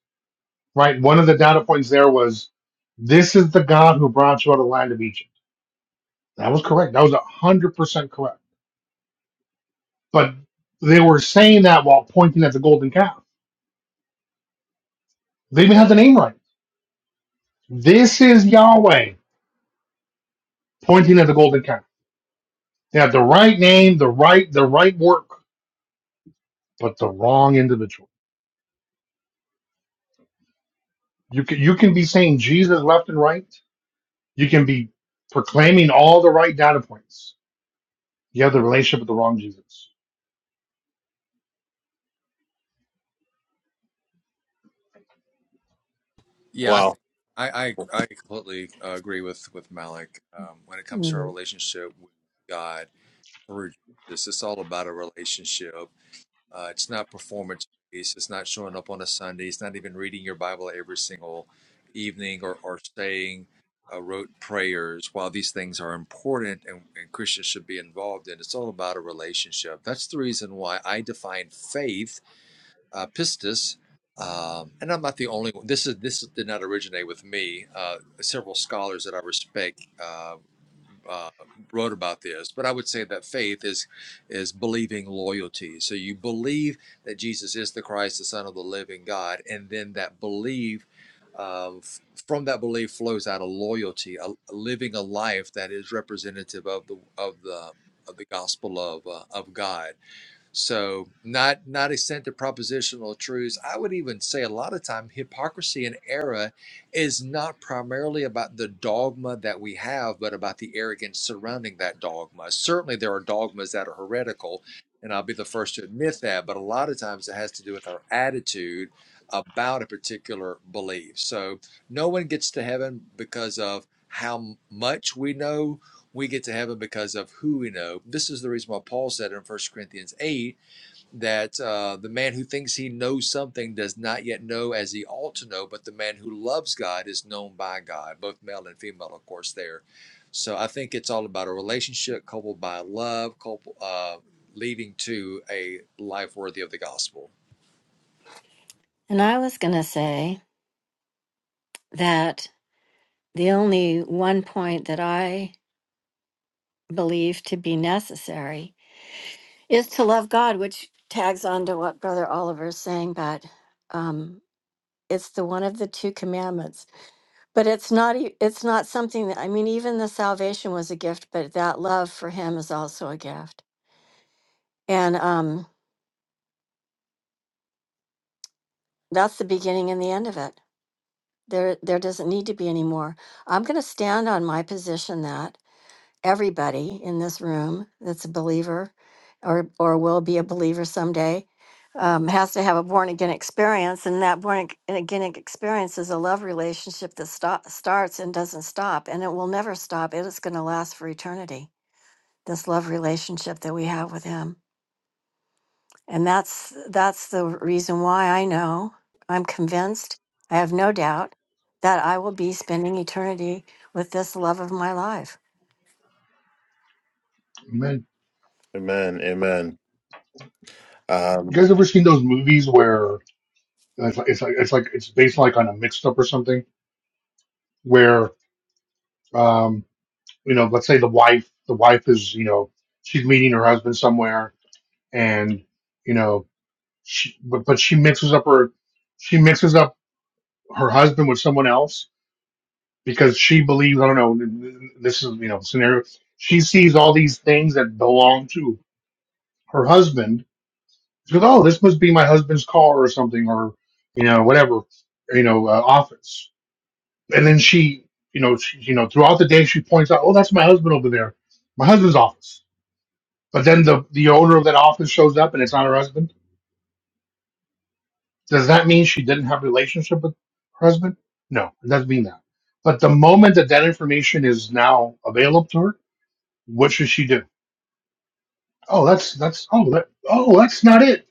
[SPEAKER 7] right? One of the data points there was, "This is the God who brought you out of the land of Egypt." That was correct. That was one hundred percent correct. But they were saying that while pointing at the golden calf. They even had the name right. This is Yahweh pointing at the golden calf. They had the right name, the right, the right work, but the wrong individual. You can you can be saying Jesus left and right. You can be proclaiming all the right data points. You have the relationship with the wrong Jesus.
[SPEAKER 6] Yeah, I
[SPEAKER 8] wow
[SPEAKER 6] think I I, I completely uh, agree with with Malik um, when it comes to our
[SPEAKER 5] Mm.
[SPEAKER 6] relationship with God through Jesus. It's all about a relationship. Uh, it's not performance based. It's not showing up on a Sunday. It's not even reading your Bible every single evening or or saying uh, rote prayers. While these things are important and, and Christians should be involved in, it's all about a relationship. That's the reason why I define faith uh, pistis. Um, and I'm not the only one. This is this did not originate with me. Uh, several scholars that I respect uh, uh, wrote about this, but I would say that faith is is believing loyalty. So you believe that Jesus is the Christ, the Son of the Living God, and then that belief. Uh, f- from that belief flows out a loyalty, a, living a life that is representative of the of the of the gospel of uh, of God so not not extent to propositional truths. I would even say a lot of time hypocrisy and error is not primarily about the dogma that we have, but about the arrogance surrounding that dogma. Certainly there are dogmas that are heretical, and I'll be the first to admit that, but a lot of times it has to do with our attitude about a particular belief. So no one gets to heaven because of how much we know we get to heaven because of who we know. This is the reason why Paul said in First Corinthians 8 that uh, the man who thinks he knows something does not yet know as he ought to know, but the man who loves God is known by God, both male and female, of course, there. So I think it's all about a relationship coupled by love, coupled, uh, leading to a life worthy of the gospel.
[SPEAKER 5] And I was going to say that the only one point that I believe to be necessary is to love God, which tags on to what Brother Oliver is saying, but um, it's the one of the two commandments But it's not e- it's not something that I mean even the salvation was a gift, but that love for him is also a gift. And um that's the beginning and the end of it. There there doesn't need to be any more. I'm going to stand on my position that everybody in this room that's a believer or or will be a believer someday um, has to have a born again experience, and that born ag- again experience is a love relationship that sto- starts and doesn't stop, and it will never stop. It is going to last for eternity this love relationship that we have with him and that's that's the reason why i know i'm convinced i have no doubt that i will be spending eternity with this love of my life
[SPEAKER 7] Man,
[SPEAKER 8] amen amen
[SPEAKER 7] you
[SPEAKER 8] um
[SPEAKER 7] guys ever seen those movies where it's like it's like it's like it's based like on a mixed up or something where um. you know, let's say the wife, the wife is, you know, she's meeting her husband somewhere and, you know, she, but, but she mixes up her, she mixes up her husband with someone else because she believes, I don't know, this is, you know, scenario. She sees all these things that belong to her husband. She goes, oh, this must be my husband's car or something or, you know, whatever, you know, uh, office. And then she, you know, she, you know, throughout the day, she points out, oh, that's my husband over there, my husband's office But then the the owner of that office shows up and it's not her husband. Does that mean she didn't have a relationship with her husband? No, it doesn't mean that. But the moment that that information is now available to her, what should she do? Oh, that's that's oh that, oh that's not it.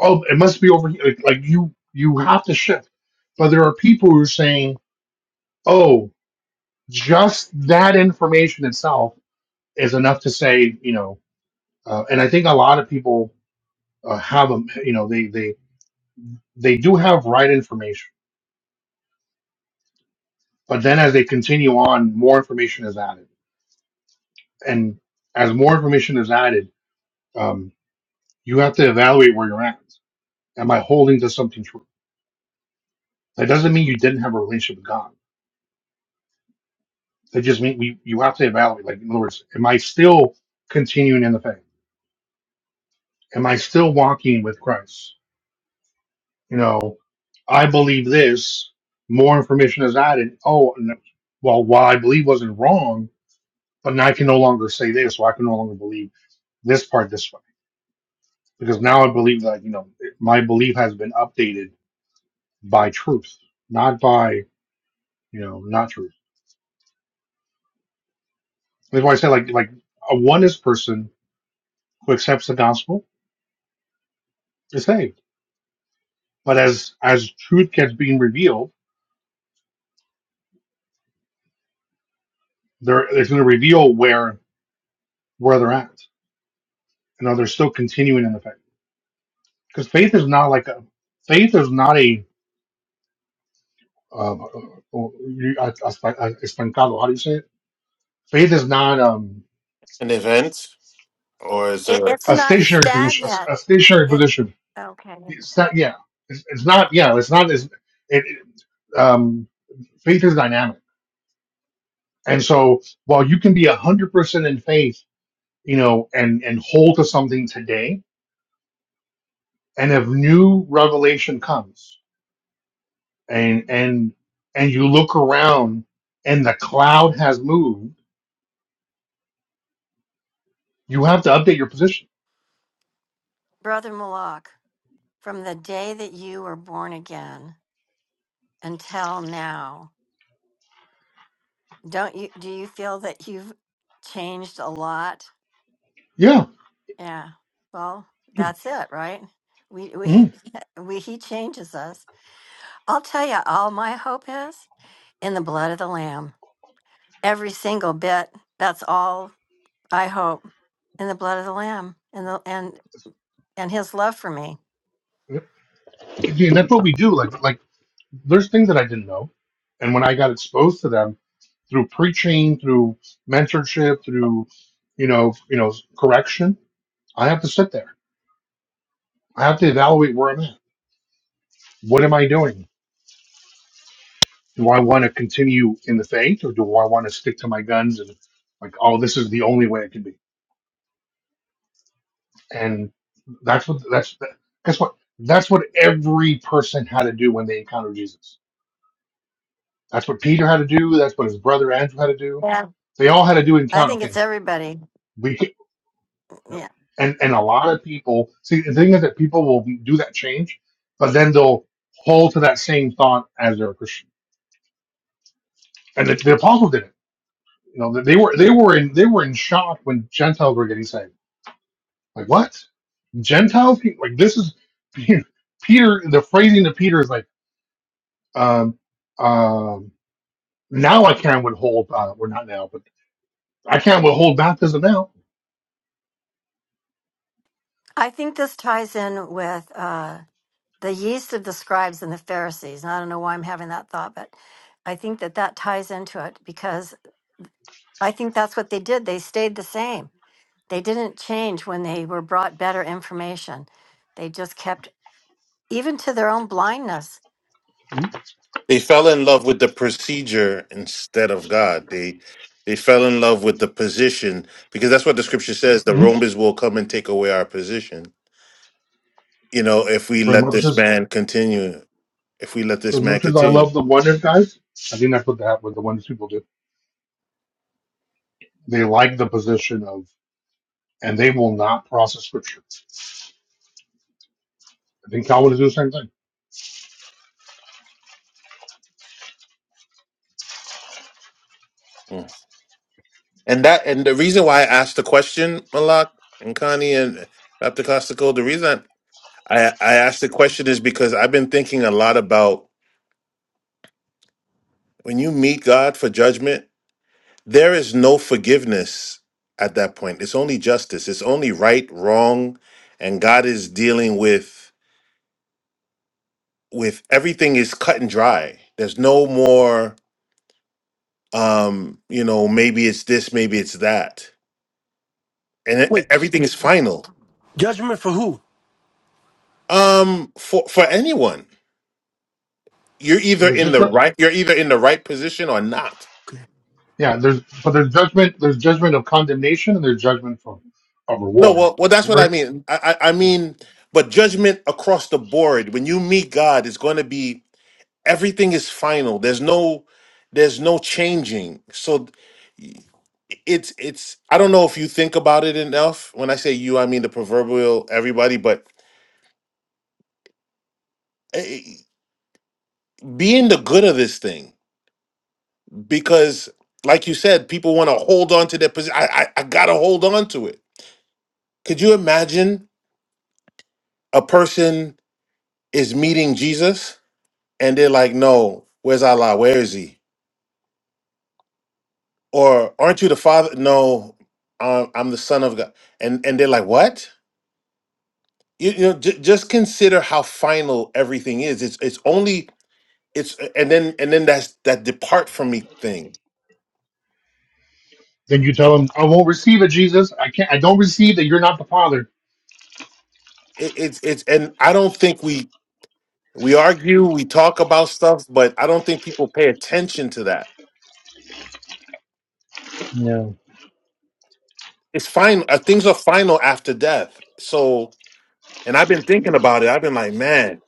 [SPEAKER 7] Oh, it must be over here. Like, like you you have to shift. But there are people who are saying, oh, just that information itself is enough to say you know. Uh, and I think a lot of people uh, have a you know they they they do have right information But then as they continue on, more information is added. And as more information is added, um, you have to evaluate where you're at. Am I holding to something true? That doesn't mean you didn't have a relationship with God. That just means we, you have to evaluate. Like, in other words, am I still continuing in the faith? Am I still walking with Christ? You know, I believe this. More information is added. Oh, no. well, what I believe wasn't wrong, but now I can no longer say this, or I can no longer believe this part this way because now I believe that you know my belief has been updated by truth, not by you know not truth. That's why I say like like a oneness person who accepts the gospel is saved, but as as truth gets being revealed, they're it's going to reveal where where they're at. You know, they're still continuing in the faith because faith is not like a faith is not a um, uh, you- uh, estancado. How do you say it? Faith is not um,
[SPEAKER 8] an event or is
[SPEAKER 5] it,
[SPEAKER 8] a
[SPEAKER 5] it's
[SPEAKER 7] a
[SPEAKER 5] not
[SPEAKER 7] stationary position.
[SPEAKER 5] stagnant
[SPEAKER 7] A, a stationary
[SPEAKER 5] it,
[SPEAKER 7] position
[SPEAKER 5] okay
[SPEAKER 7] It's not. Yeah. It's, it's not. Yeah. It's not as it. it, Um, faith is dynamic, and so while you can be a hundred percent in faith, you know, and and hold to something today, and if new revelation comes, and and and you look around, and the cloud has moved, you have to update your position.
[SPEAKER 5] brother malak from the day that you were born again until now don't you do you feel that you've changed a lot
[SPEAKER 7] Yeah.
[SPEAKER 5] yeah well that's it right we we
[SPEAKER 7] Mhm.
[SPEAKER 5] we he changes us I'll tell you, all my hope is in the blood of the Lamb. Every single bit. That's all I hope in the blood of the Lamb and the and and His love for me.
[SPEAKER 7] Yep. And that's what we do. Like like there's things that I didn't know, and when I got exposed to them. through preaching, through mentorship, through you know, you know, correction. I have to sit there. I have to evaluate where I'm at. What am I doing? Do I want to continue in the faith, or do I want to stick to my guns and like, oh, this is the only way it can be? And that's what that's that, guess what that's what every person had to do when they encountered Jesus. That's what Peter had to do. That's what his brother Andrew had to do.
[SPEAKER 5] Yeah,
[SPEAKER 7] They all had to do
[SPEAKER 5] I
[SPEAKER 7] encounter.
[SPEAKER 5] think it's
[SPEAKER 7] Okay,
[SPEAKER 5] everybody.
[SPEAKER 7] we.
[SPEAKER 5] Yeah,
[SPEAKER 7] and and a lot of people see the thing is that people will do that change, but then they'll hold to that same thought as they're a Christian. And the, the apostles did not You know, they were they were in they were in shock when Gentiles were getting saved. Like what? Gentiles? Like this is Peter. The phrasing to Peter is like, um, um, now I can not withhold. Uh, well, not now, but I can't withhold baptism now.
[SPEAKER 5] I think this ties in with uh, the yeast of the scribes and the Pharisees. And I don't know why I'm having that thought, but I think that that ties into it because I think that's what they did. They stayed the same. They didn't change when they were brought better information. They just kept even to their own blindness.
[SPEAKER 8] they fell in love with the procedure instead of god they they fell in love with the position because that's what the scripture says the
[SPEAKER 7] Mhm.
[SPEAKER 8] romans will come and take away our position you know if we
[SPEAKER 7] For as
[SPEAKER 8] let
[SPEAKER 7] much
[SPEAKER 8] this
[SPEAKER 7] as
[SPEAKER 8] man continue if we let
[SPEAKER 7] for
[SPEAKER 8] this
[SPEAKER 7] as
[SPEAKER 8] man
[SPEAKER 7] much as I
[SPEAKER 8] continue
[SPEAKER 7] love the wonders, guys, I think that's what that what the wonders people do They like the position of, and they will not process scripture. I think Calvin is doing the same thing.
[SPEAKER 8] Mm. And that and the reason why I asked the question, Malak and Connie and Dr. Costico, the reason I, I asked the question is because I've been thinking a lot about when you meet God for judgment, There is no forgiveness at that point. It's only justice. It's only right, wrong, and God is dealing with with everything is cut and dry. There's no more um, you know, maybe it's this, maybe it's that. And e-
[SPEAKER 2] Wait,
[SPEAKER 8] everything is final.
[SPEAKER 2] judgment for who?
[SPEAKER 8] Um for for anyone. You're
[SPEAKER 7] But
[SPEAKER 8] either
[SPEAKER 7] there's
[SPEAKER 8] in the
[SPEAKER 7] judgment,
[SPEAKER 8] right you're either in the right position or not.
[SPEAKER 2] Okay.
[SPEAKER 7] yeah. There's but there's judgment. There's judgment of condemnation, and there's judgment for of
[SPEAKER 8] No,
[SPEAKER 7] reward.
[SPEAKER 8] well well that's what I
[SPEAKER 7] Word.
[SPEAKER 8] mean. I I, I
[SPEAKER 7] yeah.
[SPEAKER 8] mean but judgment across the board when you meet God is going to be everything is final there's no there's no changing so it's it's i don't know if you think about it enough when i say you i mean the proverbial everybody but eh, be in the good of this thing because like you said people want to hold on to their position I, I i gotta hold on to it could you imagine a person is meeting jesus and they're like no where's allah where is he or aren't you the father no um, i'm the son of god and and they're like what you, you know j- just consider how final everything is it's it's only it's and then and then that's that depart from me thing
[SPEAKER 7] Then you
[SPEAKER 8] I-
[SPEAKER 7] tell him, "I won't receive it, Jesus. I can't. I don't receive that. You're not the Father.
[SPEAKER 8] it, it's it's and i don't think we we argue we talk about stuff but i don't think people pay attention to that it's fine uh, things are final after death so and i've been thinking about it i've been like man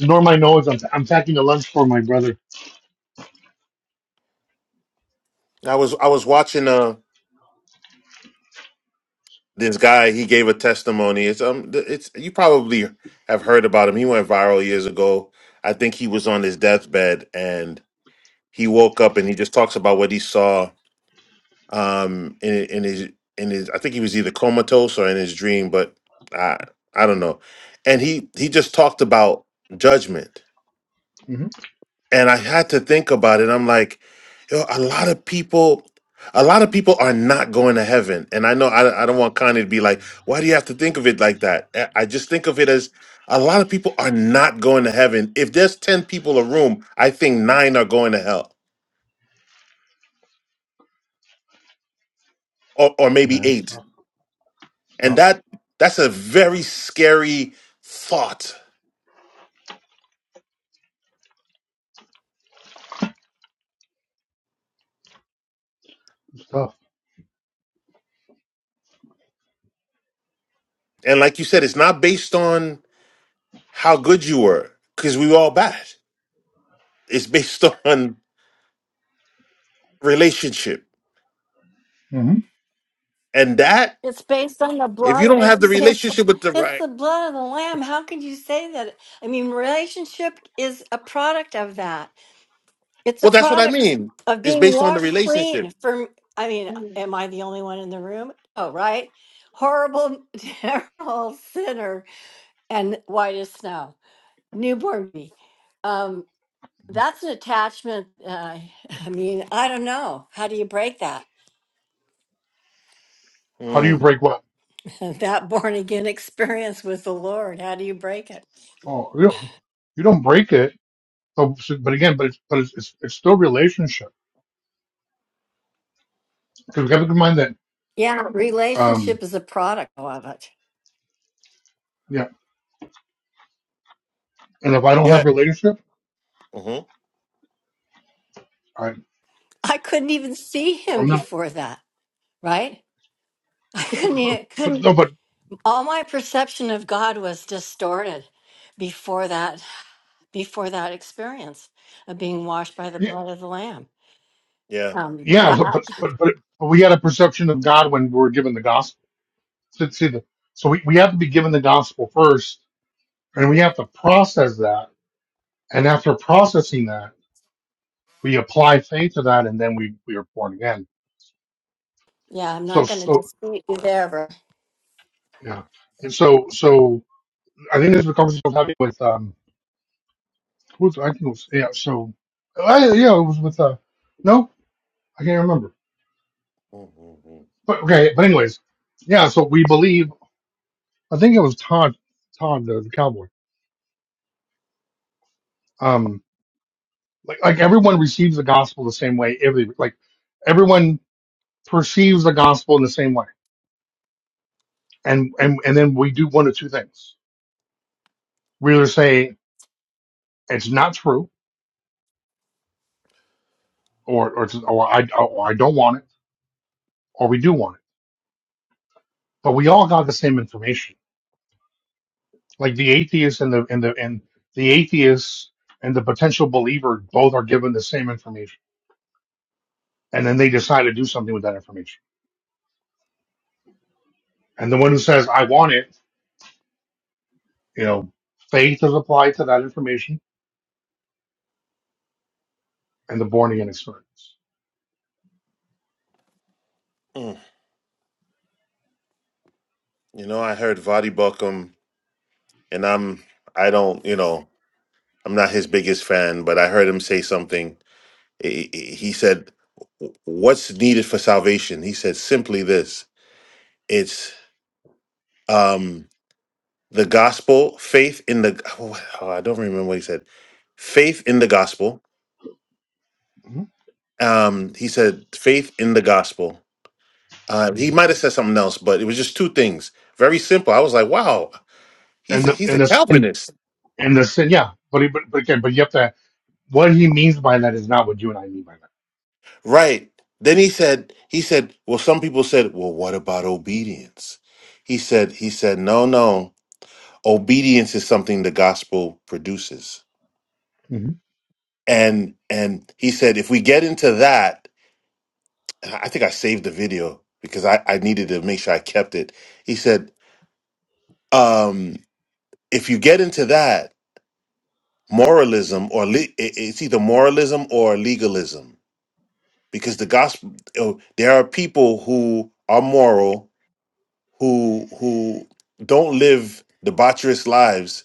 [SPEAKER 7] Nor my nose. I'm I'm packing a lunch for my brother.
[SPEAKER 8] i was i was watching uh this guy he gave a testimony it's um th- it's you probably have heard about him he went viral years ago i think he was on his deathbed and he woke up and he just talks about what he saw um in in his in his I think he was either comatose or in his dream, but I I don't know. And he he just talked about judgment.
[SPEAKER 7] hmm
[SPEAKER 8] And I had to think about it. I'm like, yo, a lot of people a lot of people are not going to heaven. And I know I, I don't want Kanye to be like, why do you have to think of it like that? I I just think of it as a lot of people are not going to heaven. If there's 10 people a room, I think nine are going to hell or, or maybe
[SPEAKER 7] Yeah, it's
[SPEAKER 8] eight
[SPEAKER 7] tough. It's
[SPEAKER 8] And
[SPEAKER 7] tough.
[SPEAKER 8] that that's a very scary thought.
[SPEAKER 7] It's tough.
[SPEAKER 8] And like you said, it's not based on how good you were, because we were all bad. It's based on relationship.
[SPEAKER 7] hmm
[SPEAKER 8] And that,
[SPEAKER 5] It's based on the
[SPEAKER 8] if you
[SPEAKER 5] blood.
[SPEAKER 8] don't have the
[SPEAKER 5] It's it's,
[SPEAKER 8] relationship with the
[SPEAKER 5] it's
[SPEAKER 8] right,
[SPEAKER 5] the blood of the lamb. How can you say that? I mean, relationship is a product of that. It's a
[SPEAKER 8] well, that's what I
[SPEAKER 5] product
[SPEAKER 8] mean.
[SPEAKER 5] of
[SPEAKER 8] It's
[SPEAKER 5] being
[SPEAKER 8] based on the
[SPEAKER 5] washed
[SPEAKER 8] relationship.
[SPEAKER 5] clean. From I mean, am I the only one in the room? Oh, right. Horrible, terrible sinner and white as snow, newborn baby. Um, that's an attachment. Uh, I mean, I don't know. How do you break that?
[SPEAKER 7] How do you
[SPEAKER 8] Mm.
[SPEAKER 7] break what?
[SPEAKER 5] that born again experience with the Lord. How do you break it?
[SPEAKER 7] Oh, you don't, you don't break it. So, so- but again, but it's but it's it's, it's still relationship because we have to keep in mind that
[SPEAKER 5] Yeah,
[SPEAKER 7] um,
[SPEAKER 5] relationship is a product of it.
[SPEAKER 7] yeah. And if I don't have
[SPEAKER 8] Yeah.
[SPEAKER 7] a relationship,
[SPEAKER 8] hmm
[SPEAKER 7] I
[SPEAKER 5] I couldn't even see him
[SPEAKER 7] I'm not.
[SPEAKER 5] before that, right? I
[SPEAKER 7] But,
[SPEAKER 5] couldn't,
[SPEAKER 7] but,
[SPEAKER 5] e-
[SPEAKER 7] but
[SPEAKER 5] couldn't,
[SPEAKER 7] no, but
[SPEAKER 5] all my perception of God was distorted before that, before that experience of being washed by the
[SPEAKER 7] yeah,
[SPEAKER 5] blood of the Lamb.
[SPEAKER 8] Yeah.
[SPEAKER 5] Um,
[SPEAKER 7] yeah.
[SPEAKER 5] I,
[SPEAKER 7] so-
[SPEAKER 5] I,
[SPEAKER 7] But but but but we had a perception of God when we were given the gospel. So, see the, so we, we have to be given the gospel first, and we have to process that. And after processing that, we apply faith to that, and then we we are born again.
[SPEAKER 5] yeah, I'm
[SPEAKER 7] So
[SPEAKER 5] not going to
[SPEAKER 7] so
[SPEAKER 5] dispute you there, bro.
[SPEAKER 7] yeah. And so so I think this is a conversation I was having with um who's I think it was yeah so I, yeah it was with uh no I can't remember
[SPEAKER 8] Mm-hmm, mm-hmm.
[SPEAKER 7] But okay, but anyways, yeah. So we believe. I think it was Todd, Todd the, the cowboy. Um, like like everyone receives the gospel the same way. Every like everyone perceives the gospel in the same way, and and and then we do one of two things. We either say it's not true, or or, it's, or I or I don't want it, or we do want it. But we all got the same information. Like the atheist and the and the and the atheist and the potential believer both are given the same information, and then they decide to do something with that information And the one who says, I want it, you know, faith is applied to that information and the born again experience.
[SPEAKER 8] Mm. You know, I heard Vadi Buckham, and I'm, I don't, you know, I'm not his biggest fan, but I heard him say something. He he- said, "What's needed for salvation?" He said simply this: "It's um, the gospel, faith in the." Oh, I don't remember what he said. Faith in the gospel.
[SPEAKER 7] hmm
[SPEAKER 8] Um, he said, "Faith in the gospel." Uh, he might have said something else, but it was just two things. Very simple. I was like, "Wow, he's
[SPEAKER 7] And
[SPEAKER 8] a,
[SPEAKER 7] the
[SPEAKER 8] he's a
[SPEAKER 7] and the sin
[SPEAKER 8] Calvinist."
[SPEAKER 7] and the sin, yeah. But, he, but but again, but you have to what he means by that is not what you and I mean by
[SPEAKER 8] Right. Then he said, he said, well, some people said, well, what about obedience? He said, he said, no, no, obedience is something the gospel produces.
[SPEAKER 7] that. hmm
[SPEAKER 8] And, and he said, if we get into that, and I think I saved the video because I, I needed to make sure I kept it. He said, um, if you get into that moralism or le- it- it's either moralism or legalism because the gospel, oh, there are people who are moral who who don't live debaucherous lives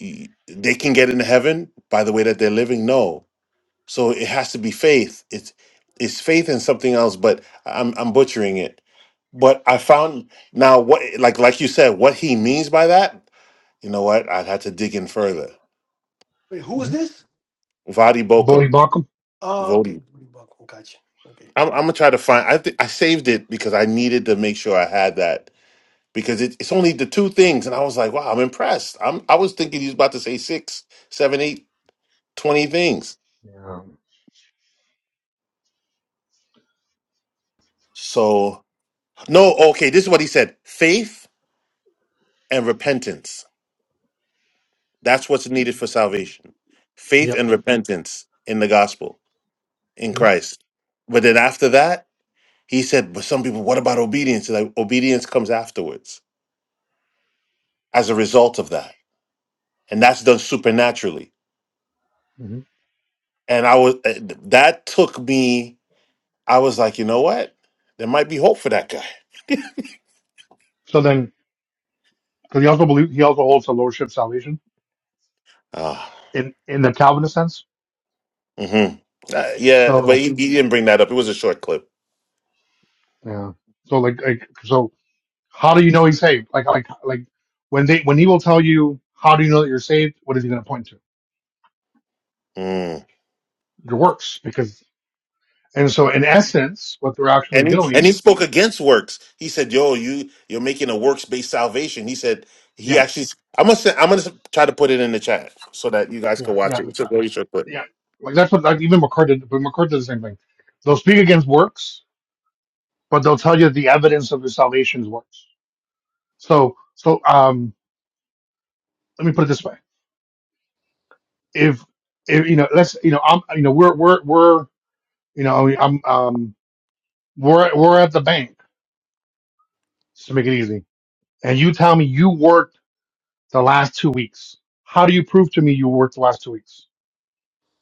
[SPEAKER 8] y- they can get into heaven by the way that they're living no so it has to be faith it's it's faith in something else but i'm i'm butchering it but i found now what like like you said what he means by that you know what i'd have to dig in further
[SPEAKER 2] Wait, who is
[SPEAKER 7] hmm
[SPEAKER 2] this?
[SPEAKER 8] vadi
[SPEAKER 7] Bodhi
[SPEAKER 8] bokum
[SPEAKER 7] Bakum.
[SPEAKER 2] Oh, okay.
[SPEAKER 8] vodi
[SPEAKER 2] Gotcha. Okay.
[SPEAKER 8] i'm, I'm gonna try to find i think i saved it because i needed to make sure i had that because it, it's only the two things. And I was like, wow, I'm impressed. I'm I was thinking he's about to say six, seven, eight, twenty things.
[SPEAKER 7] Yeah.
[SPEAKER 8] So no, okay, this is what he said. Faith and repentance. That's what's needed for salvation. Faith
[SPEAKER 7] Yep.
[SPEAKER 8] and repentance in the gospel, in
[SPEAKER 7] hmm
[SPEAKER 8] Christ. But then after that, he said, but some people, what about obedience? And like obedience comes afterwards as a result of that. And that's done supernaturally.
[SPEAKER 7] hmm
[SPEAKER 8] And I was eh, that took me I was like, you know what? There might be hope for that guy.
[SPEAKER 7] So then because he also believes he also holds the lordship salvation
[SPEAKER 8] Ah,
[SPEAKER 7] in in the Calvinist sense.
[SPEAKER 8] hmm yeah, but
[SPEAKER 7] So
[SPEAKER 8] he, he didn't bring that up. It was a short clip.
[SPEAKER 7] yeah. So like like so How do you know he's saved? Like like like when they when he will tell you how do you know that you're saved? What is he going to point to?
[SPEAKER 8] Mm.
[SPEAKER 7] Your works, because and so in essence, what they're actually
[SPEAKER 8] And he, and
[SPEAKER 7] doing.
[SPEAKER 8] he spoke against works. He said, "Yo, you you're making a works based salvation." He said he
[SPEAKER 7] Yeah,
[SPEAKER 8] actually. I'm gonna send, I'm gonna try to put it in the chat so that you guys can
[SPEAKER 7] yeah,
[SPEAKER 8] watch
[SPEAKER 7] yeah,
[SPEAKER 8] it. It's a very short clip.
[SPEAKER 7] yeah. Like that's what like even McCord did. But McCord did the same thing. They'll speak against works, but they'll tell you the evidence of your salvation is works. So so um, let me put it this way: if if you know, let's you know, I'm you know, we're we're we're you know, I'm um, we're we're at the bank. Just to make it easy, and you tell me you worked the last two weeks. How do you prove to me you worked the last two weeks?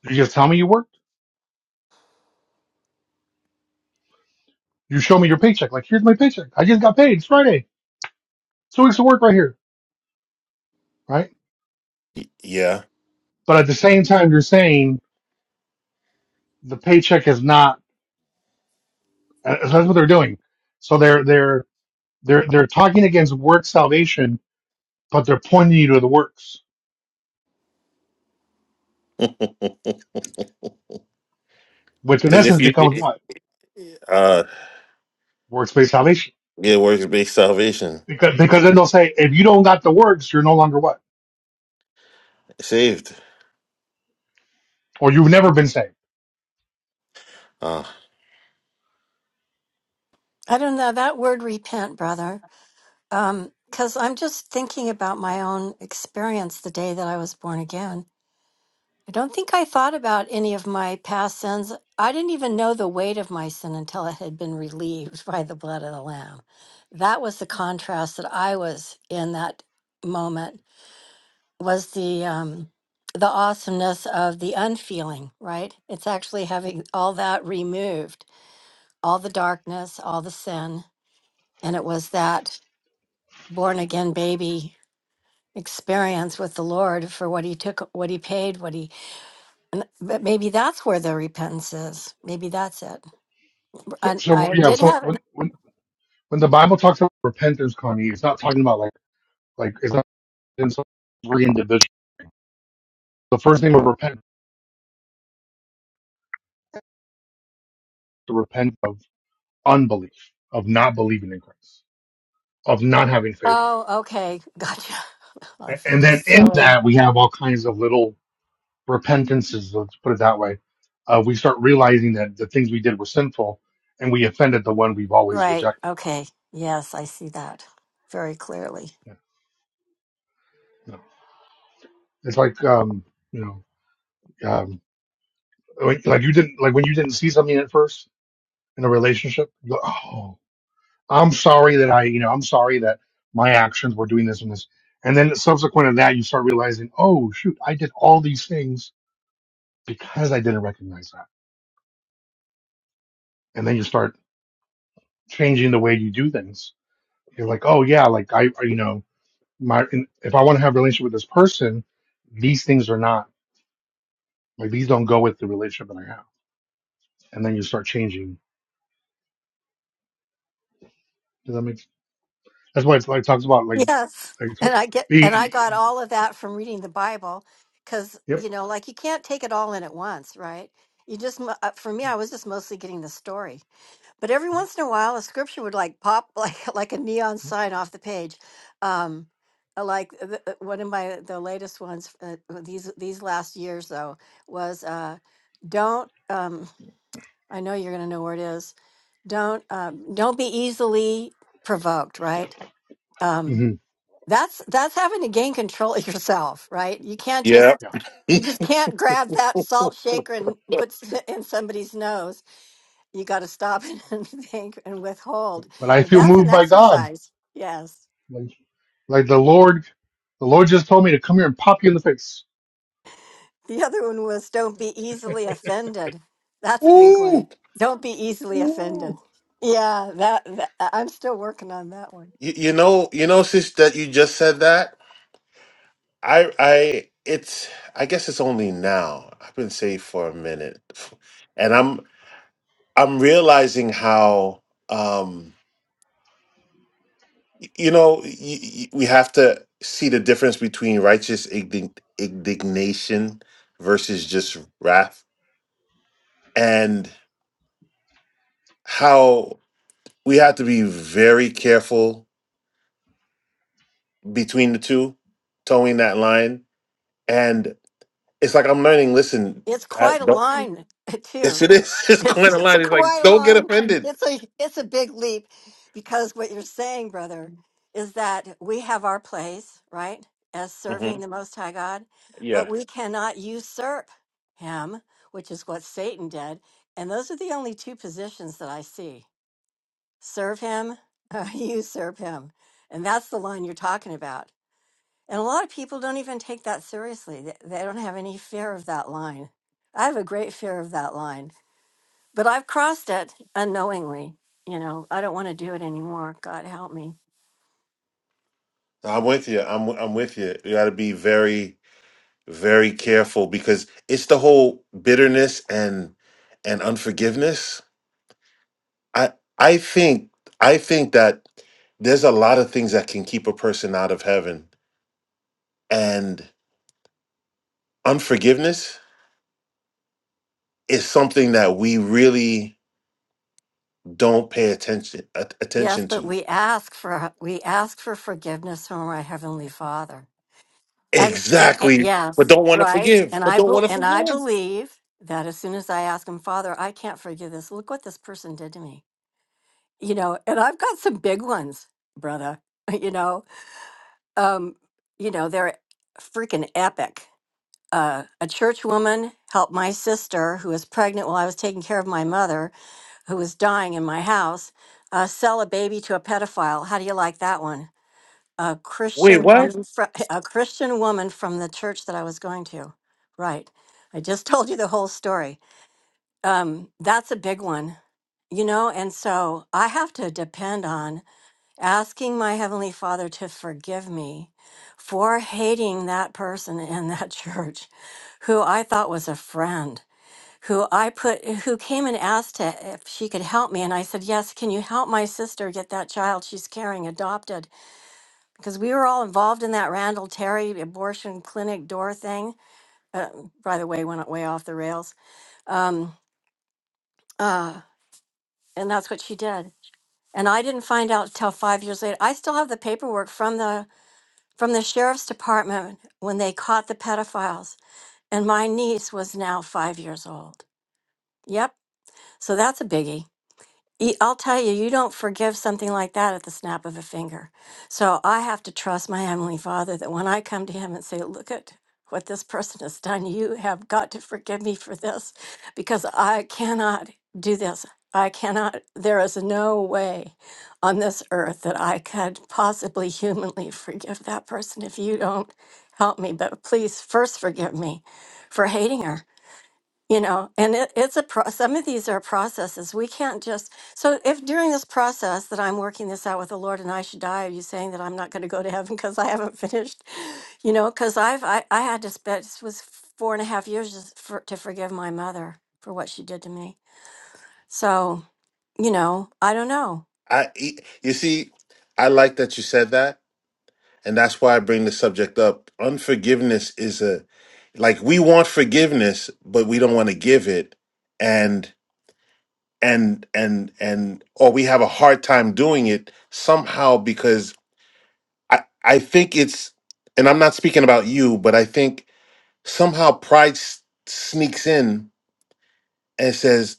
[SPEAKER 7] You just tell me you worked. You show me your paycheck. Like, here's my paycheck. I just got paid. It's Friday. Two weeks of work right here. Right.
[SPEAKER 8] Y- Yeah,
[SPEAKER 7] But at the same time, you're saying the paycheck is not, uh, that's what they're doing. So they're, they're, they're, they're talking against work salvation, but they're pointing you to the works, which in
[SPEAKER 8] 'Cause if
[SPEAKER 7] essence
[SPEAKER 8] you
[SPEAKER 7] becomes what?
[SPEAKER 8] uh
[SPEAKER 7] Works-based salvation.
[SPEAKER 8] yeah works based salvation
[SPEAKER 7] Because, because then they'll say, if you don't got the works, you're no longer what?
[SPEAKER 8] saved.
[SPEAKER 7] Or you've never been saved.
[SPEAKER 8] Uh,
[SPEAKER 5] I don't know that word repent, brother. Um, because I'm just thinking about my own experience the day that I was born again I don't think I thought about any of my past sins. I didn't even know the weight of my sin until it had been relieved by the blood of the lamb. That was the contrast that I was in that moment was the um the awesomeness of the unfeeling, right? It's actually having all that removed, all the darkness, all the sin, and it was that born again baby experience with the Lord for what he took, what he paid, what he And, th- but maybe that's where the repentance is. Maybe that's it.
[SPEAKER 7] So,
[SPEAKER 5] And
[SPEAKER 7] so
[SPEAKER 5] I
[SPEAKER 7] yeah.
[SPEAKER 5] did
[SPEAKER 7] So
[SPEAKER 5] have an.
[SPEAKER 7] when, when when the Bible talks about repentance, Connie, it's not talking about like like it's not in some three individuals. The first thing of repent to repent of unbelief, of not believing in Christ, of not having faith in
[SPEAKER 5] Oh, okay. Gotcha. I
[SPEAKER 7] Him, A-
[SPEAKER 5] feel
[SPEAKER 7] and then in
[SPEAKER 5] silly.
[SPEAKER 7] that we have all kinds of little repentances. Let's put it that way. Uh, we start realizing that the things we did were sinful, and we offended the one we've always
[SPEAKER 5] Right.
[SPEAKER 7] rejected.
[SPEAKER 5] Okay. Yes, I see that very clearly.
[SPEAKER 7] Yeah, you know. It's like um, you know, um, like, like you didn't like when you didn't see something at first in a relationship. You go, oh. I'm sorry that I, you know, I'm sorry that my actions were doing this and this. And then subsequent to that, you start realizing, oh, shoot, I did all these things because I didn't recognize that. And then you start changing the way you do things. You're like, oh, yeah, like I, you know, my, if I want to have a relationship with this person, these things are not, like, these don't go with the relationship that I have. And then you start changing. Does that make That's why it's like, talks about like,
[SPEAKER 5] Yes.
[SPEAKER 7] like
[SPEAKER 5] And I get, and I
[SPEAKER 7] being,
[SPEAKER 5] got all of that from reading the Bible because,
[SPEAKER 7] yep.
[SPEAKER 5] you know, like you can't take it all in at once, right? You just, mo- uh, for me, I was just mostly getting the story. But every once in a while, a scripture would like pop like like a neon sign off the page. Um, uh, like uh, the, uh, one of my the latest ones uh, uh, these these last years though was uh, don't um, I know you're gonna know where it is. Don't um, don't be easily provoked. Right. Um,
[SPEAKER 7] hmm
[SPEAKER 5] that's that's having to gain control of yourself. Right. You can't
[SPEAKER 8] yeah.
[SPEAKER 5] just
[SPEAKER 7] Yeah.
[SPEAKER 5] you just can't grab that salt shaker and put in somebody's nose you got to stop and think and withhold.
[SPEAKER 7] But I feel
[SPEAKER 5] That's an
[SPEAKER 7] moved by God.
[SPEAKER 5] exercise. Yes.
[SPEAKER 7] Like, Like the Lord, the Lord just told me to come here and pop you in the face.
[SPEAKER 5] The other one was don't be easily offended. That's a big one. Don't be easily
[SPEAKER 8] Woo!
[SPEAKER 5] offended. Yeah, that, that I- I'm still working on that one.
[SPEAKER 8] You, you know, you know, sis, that you just said that. I, I, it's. I guess it's only now. I've been saved for a minute, and I'm, I'm realizing how, um, y- you know, y- y- we have to see the difference between righteous igni- indignation versus just wrath, and how we have to be very careful between the two, towing that line. And it's like I'm learning. Listen,
[SPEAKER 5] It's quite
[SPEAKER 8] Pat,
[SPEAKER 5] a
[SPEAKER 8] don't.
[SPEAKER 5] line
[SPEAKER 8] Yes,
[SPEAKER 5] too.
[SPEAKER 8] it is. It's
[SPEAKER 5] It's,
[SPEAKER 8] going
[SPEAKER 5] it's a
[SPEAKER 8] online. It's like,
[SPEAKER 5] Kawhi
[SPEAKER 8] don't get
[SPEAKER 5] line.
[SPEAKER 8] offended.
[SPEAKER 5] It's a it's a big leap because what you're saying, brother, is that we have our place, right, as
[SPEAKER 8] hmm
[SPEAKER 5] serving the Most High God, but
[SPEAKER 8] Yeah.
[SPEAKER 5] we cannot usurp Him, which is what Satan did. And those are the only two positions that I see: serve Him, usurp Him, and that's the line you're talking about. And a lot of people don't even take that seriously. They, they don't have any fear of that line. I have a great fear of that line but I've crossed it unknowingly. You know, I don't want to do it anymore. God help me.
[SPEAKER 8] I'm with you. I'm I'm with you. You got to be very very careful because it's the whole bitterness and and unforgiveness. I I think I think that there's a lot of things that can keep a person out of heaven and unforgiveness is something that we really don't pay attention at-
[SPEAKER 5] Yes,
[SPEAKER 8] attention
[SPEAKER 5] but
[SPEAKER 8] to.
[SPEAKER 5] we ask for we ask for forgiveness from our heavenly Father. And a- a-
[SPEAKER 8] Exactly. But
[SPEAKER 5] yes,
[SPEAKER 8] don't want to
[SPEAKER 5] right?
[SPEAKER 8] forgive.
[SPEAKER 5] And
[SPEAKER 8] But
[SPEAKER 5] I
[SPEAKER 8] don't
[SPEAKER 5] bel
[SPEAKER 8] want to
[SPEAKER 5] and I
[SPEAKER 8] forgive.
[SPEAKER 5] believe that as soon as I ask him, Father, I can't forgive this. Look what this person did to me. You know, and I've got some big ones, brother. You know, um, you know, they're freaking epic. Uh, a church woman helped my sister who was pregnant while I was taking care of my mother who was dying in my house, uh, sell a baby to a pedophile. How do you like that one? A
[SPEAKER 8] Wait,
[SPEAKER 5] Christian
[SPEAKER 8] what?
[SPEAKER 5] woman, fr- a Christian woman from the church that I was going to. Right. I just told you the whole story. Um, that's a big one, you know. And so I have to depend on asking my heavenly Father to forgive me for hating that person in that church, who I thought was a friend who I put who came and asked to, if she could help me and I said, "Yes, can you help my sister get that child she's carrying adopted?" Because we were all involved in that Randall Terry abortion clinic door thing. Uh, by the way, went way off the rails. Um, uh, and that's what she did. And I didn't find out till 5 years later. I still have the paperwork from the from the sheriff's department when they caught the pedophiles and my niece was now 5 years old. Yep. So that's a biggie. you- I'll tell you, you don't forgive something like that at the snap of a finger. So I have to trust my Heavenly Father that when I come to Him and say, Look at what this person has done, you have got to forgive me for this because I cannot do this. I cannot, there is no way on this earth that I could possibly humanly forgive that person if you don't help me. But please first forgive me for hating her you know and it, it's a pro- some of these are processes we can't just so if during this process that i'm working this out with the lord and i should die are you saying that i'm not going to go to heaven because i haven't finished you know because i've I, I had to spend this was four and a half years just for, to forgive my mother for what she did to me so you know i don't know
[SPEAKER 8] I e, you see, I like that you said that, and that's why I bring the subject up. Unforgiveness is a like we want forgiveness, but we don't want to give it, and and and and or we have a hard time doing it somehow because I I think it's and I'm not speaking about you, but I think somehow pride s- sneaks in and says,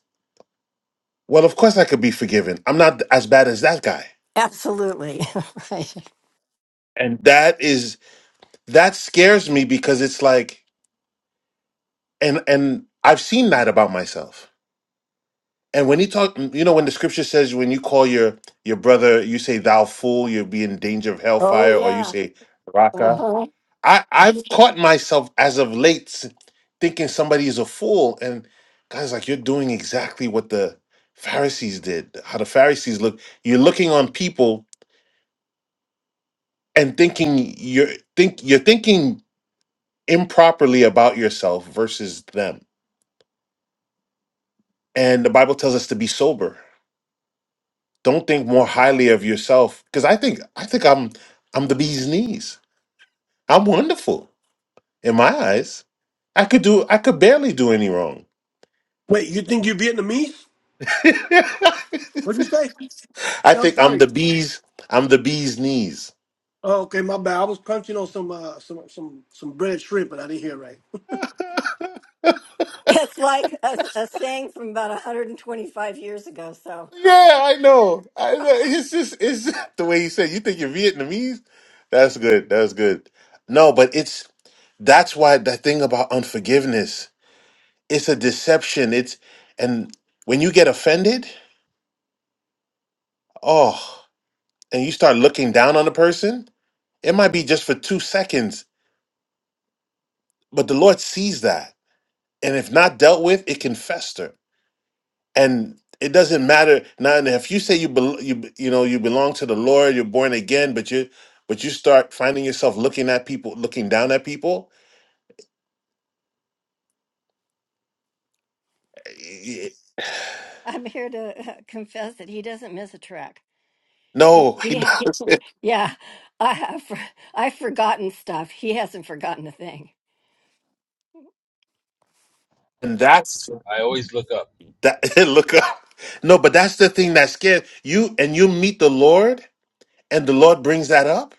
[SPEAKER 8] "Well, of course I could be forgiven. I'm not as bad as that guy."
[SPEAKER 5] absolutely right
[SPEAKER 8] And that is that scares me because it's like and and I've seen that about myself. And when you talk you know when the scripture says when you call your your brother you say thou fool you'll be in danger of
[SPEAKER 5] Oh,
[SPEAKER 8] hellfire or you
[SPEAKER 5] yeah.
[SPEAKER 8] say raka
[SPEAKER 5] Uh-huh.
[SPEAKER 8] I I've caught myself as of late s- thinking somebody is a fool and guys like you're doing exactly what the Pharisees did how the Pharisees look you're looking on people and thinking you're think you're thinking improperly about yourself versus them and the bible tells us to be sober don't think more highly of yourself because i think i think i'm i'm the bee's knees i'm wonderful in my eyes i could do i could barely do any wrong
[SPEAKER 2] Wait, you think you're Vietnamese? What'd you say?
[SPEAKER 8] i
[SPEAKER 2] No, I'm
[SPEAKER 8] think i'm
[SPEAKER 2] sorry.
[SPEAKER 8] the bee's i'm the bee's knees
[SPEAKER 2] Oh, okay, my bad. I was crunching on some uh, some some some bread shrimp, but I didn't hear right.
[SPEAKER 5] it's like a, a saying from about 125 years ago so
[SPEAKER 8] yeah i know i know it's just it's just the way you said you think you're vietnamese that's good that's good no but it's that's why the thing about unforgiveness it's a deception it's and when you get offended oh and you start looking down on the person it might be just for two seconds but the lord sees that and if not dealt with it can fester and it doesn't matter now and if you say you bel you b- you know you belong to the lord you're born again but you but you start finding yourself looking at people looking down at people eh,
[SPEAKER 5] I'm here to uh, confess that he doesn't miss a track.
[SPEAKER 8] no
[SPEAKER 5] He yeah, I have. for- I've forgotten stuff. He hasn't forgotten a thing.
[SPEAKER 8] and that's
[SPEAKER 12] I always look up.
[SPEAKER 8] that look up no but that's the thing that scares you and you meet the lord and the lord brings that up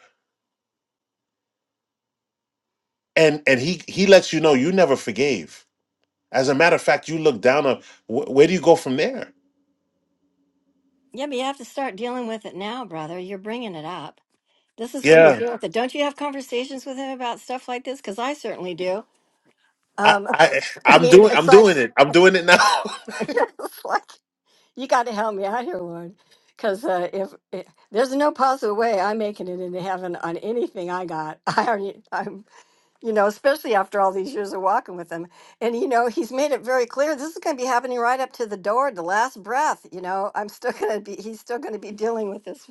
[SPEAKER 8] and and he he lets you know you never forgave as a matter of fact you look down on wh- where do you go from there
[SPEAKER 5] Yeah, but you have to start dealing with it now, brother. You're bringing it up. This is where you
[SPEAKER 8] yeah
[SPEAKER 5] deal with it. Don't you have conversations with him about stuff like this? Because I certainly do.
[SPEAKER 8] i
[SPEAKER 5] Um,
[SPEAKER 8] i
[SPEAKER 5] I
[SPEAKER 8] i'm
[SPEAKER 5] mean,
[SPEAKER 8] doing
[SPEAKER 5] it's
[SPEAKER 8] i'm
[SPEAKER 5] like,
[SPEAKER 8] doing it i'm doing it now
[SPEAKER 5] it's like you got to help me out here, Lord. Because uh, if, if there's no possible way I'm making it into heaven on anything I got, I already, I'm you know, especially after all these years of walking with him. And, you know, he's made it very clear this is going to be happening right up to the door, the last breath. You know, I'm still going to be, he's still going to be dealing with this.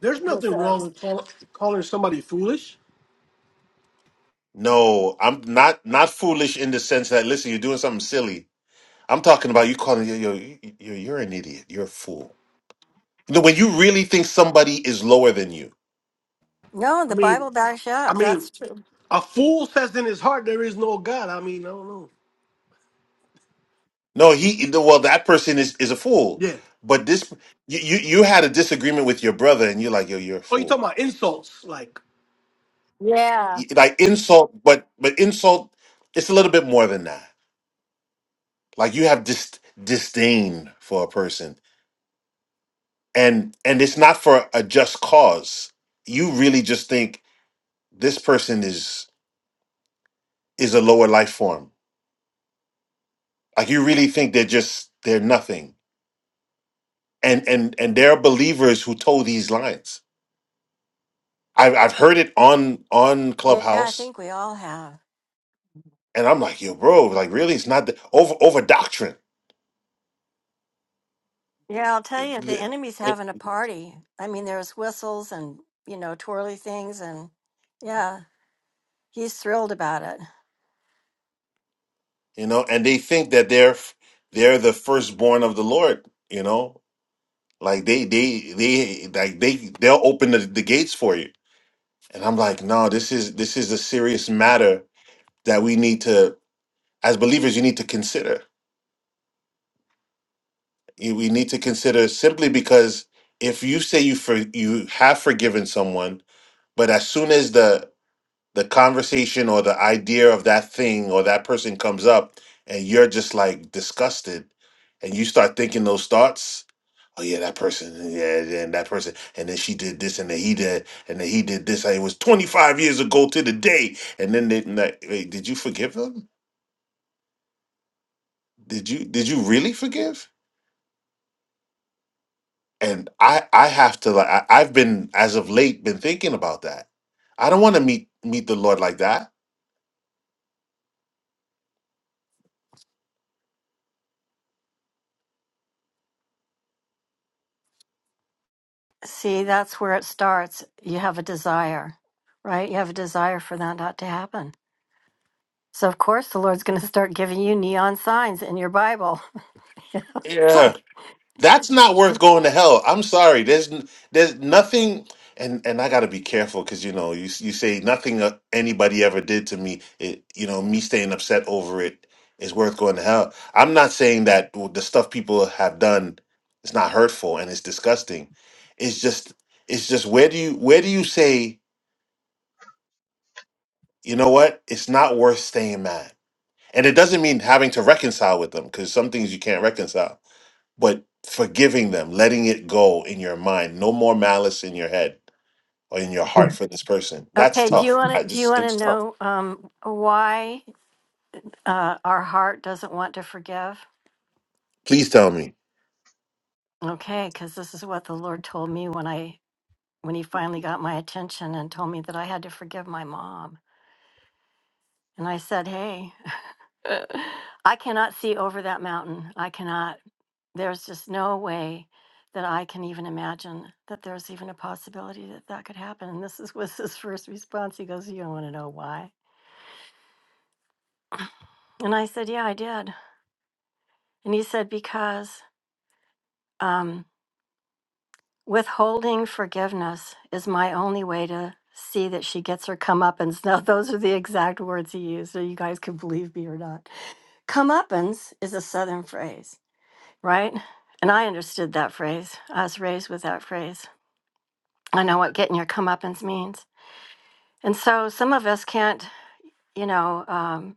[SPEAKER 2] There's
[SPEAKER 5] this
[SPEAKER 2] nothing
[SPEAKER 5] uh,
[SPEAKER 2] wrong with call, calling somebody foolish.
[SPEAKER 8] no i'm not not foolish in the sense that listen you're doing something silly i'm talking about you calling you you're, you're, you're an idiot you're a fool you know when you really think somebody is lower than you
[SPEAKER 5] no,
[SPEAKER 2] I
[SPEAKER 5] the
[SPEAKER 2] mean,
[SPEAKER 5] Bible backs you
[SPEAKER 2] I
[SPEAKER 5] up.
[SPEAKER 2] mean,
[SPEAKER 5] That's true.
[SPEAKER 2] A fool says in his heart there is no God. I mean, I don't know.
[SPEAKER 8] no he no, well that person is is a fool
[SPEAKER 2] Yeah.
[SPEAKER 8] but this you, you you had a disagreement with your brother and you're like yo you're a
[SPEAKER 2] Oh, you
[SPEAKER 8] fool
[SPEAKER 2] talking about insults? Like
[SPEAKER 5] Yeah.
[SPEAKER 8] y- like insult but but insult it's a little bit more than that like you have dis- disdain for a person and and it's not for a just cause you really just think this person is is a lower life form like you really think they're just they're nothing and and and there are believers who told these lines i've, I've heard it on on
[SPEAKER 5] Yeah, I
[SPEAKER 8] clubhouse
[SPEAKER 5] think we all have.
[SPEAKER 8] and i'm like yo bro like really it's not the, over over doctrine
[SPEAKER 5] Yeah, I'll tell you, the enemy's having a party. I mean, there's whistles and, you know, twirly things. And yeah, he's thrilled about it.
[SPEAKER 8] you know, and they think that they're they're the firstborn of the Lord, you know, like they they they like they they'll open the, the gates for you. And I'm like, no, this is this is a serious matter that we need to, as believers, you need to consider. You- We need to consider simply because if you say you for you have forgiven someone, but as soon as the the conversation or the idea of that thing or that person comes up and you're just like disgusted and you start thinking those thoughts oh yeah that person yeah yeah, and that person and then she did this and then he did and then he did this it was 25 years ago to the day and then they, and like, wait, did you forgive them did you did you really forgive and i i have to like I, i've been as of late been thinking about that i don't want to meet meet the lord like that
[SPEAKER 5] See, that's where it starts. You have a desire, right? You have a desire for that not to happen. So of course the Lord's going to start giving you neon signs in your Bible. You know, it's
[SPEAKER 8] yeah
[SPEAKER 5] like,
[SPEAKER 8] That's not worth going to hell. I'm sorry. There's n- there's nothing, and and I got to be careful because you know you s- you say nothing uh, anybody ever did to me. It you know me staying upset over it is worth going to hell. I'm not saying that the stuff people have done is not hurtful and it's disgusting. It's just it's just where do you where do you say you know what it's not worth staying mad, and it doesn't mean having to reconcile with them because some things you can't reconcile but forgiving them, letting it go in your mind, no more malice in your head or in your heart for this person. That's
[SPEAKER 5] okay, do you
[SPEAKER 8] tough. I
[SPEAKER 5] want to do you
[SPEAKER 8] just
[SPEAKER 5] want to
[SPEAKER 8] it's tough.
[SPEAKER 5] know um, why uh, our heart doesn't want to forgive?
[SPEAKER 8] Please tell me.
[SPEAKER 5] Okay, because this is what the Lord told me when I when He finally got my attention and told me that I had to forgive my mom. And I said, hey, I cannot see over that mountain. I cannot. There's just no way that I can even imagine that there's even a possibility that that could happen. And this is, was his first response. He goes, You don't want to know why. And I said, Yeah, I did. And he said, Because um, withholding forgiveness is my only way to see that she gets her comeuppance. Now, those are the exact words he used. So you guys can believe me or not. Comeuppance is a Southern phrase, right? And I understood that phrase. I was raised with that phrase. I know what getting your comeuppance means. And so some of us can't, you know, um,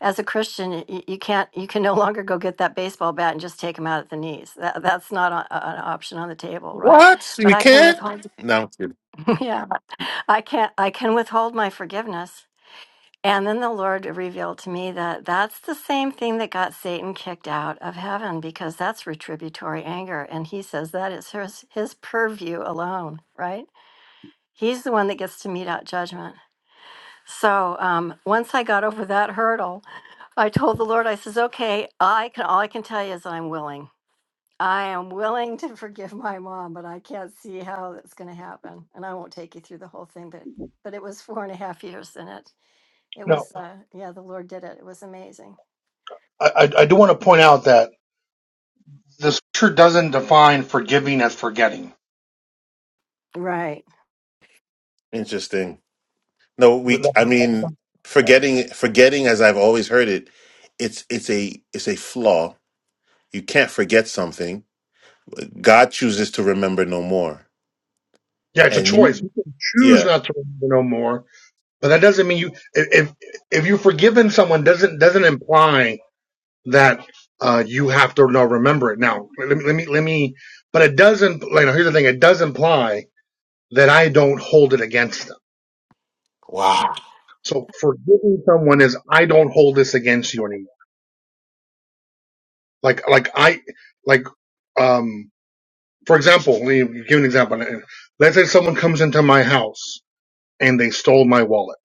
[SPEAKER 5] as a Christian, you, you can't, you can no longer go get that baseball bat and just take him out at the knees. That, that's not a, a- an option on the table, right?
[SPEAKER 8] What?
[SPEAKER 5] But
[SPEAKER 8] we
[SPEAKER 5] I can
[SPEAKER 8] can't?
[SPEAKER 5] withhold,
[SPEAKER 8] No, I'm kidding.
[SPEAKER 5] yeah, I can't, I can withhold my forgiveness. And then the Lord revealed to me that that's the same thing that got Satan kicked out of heaven because that's retributory anger. And he says that is his, his purview alone, right? He's the one that gets to mete out judgment. So um, once I got over that hurdle, I told the Lord, I says, "Okay, I can. All I can tell you is I'm willing. I am willing to forgive my mom, but I can't see how that's going to happen. And I won't take you through the whole thing, but but it was four and a half years in it. It
[SPEAKER 7] No,
[SPEAKER 5] was, uh, yeah, the Lord did it. It was amazing.
[SPEAKER 7] I, I I do want to point out that the scripture doesn't define forgiving as forgetting.
[SPEAKER 5] Right.
[SPEAKER 8] Interesting. No,
[SPEAKER 7] Th-
[SPEAKER 8] we
[SPEAKER 7] that-
[SPEAKER 8] I mean forgetting forgetting as I've always heard it, it's it's a it's a flaw. You can't forget something. God chooses to remember no more.
[SPEAKER 7] Yeah, it's a
[SPEAKER 8] And
[SPEAKER 7] choice.
[SPEAKER 8] you
[SPEAKER 7] You can choose
[SPEAKER 8] yeah.
[SPEAKER 7] not to remember no more, but that doesn't mean you. If if if you've forgiven someone, doesn't doesn't imply that uh, you have to now remember it. Now, let me let me let me. But it doesn't. Like, here's the thing: it does imply that I don't hold it against them.
[SPEAKER 8] Wow.
[SPEAKER 7] So forgiving someone is I don't hold this against you anymore. Like, like I, like, um, for example, let me give an example. Let's say someone comes into my house and they stole my wallet.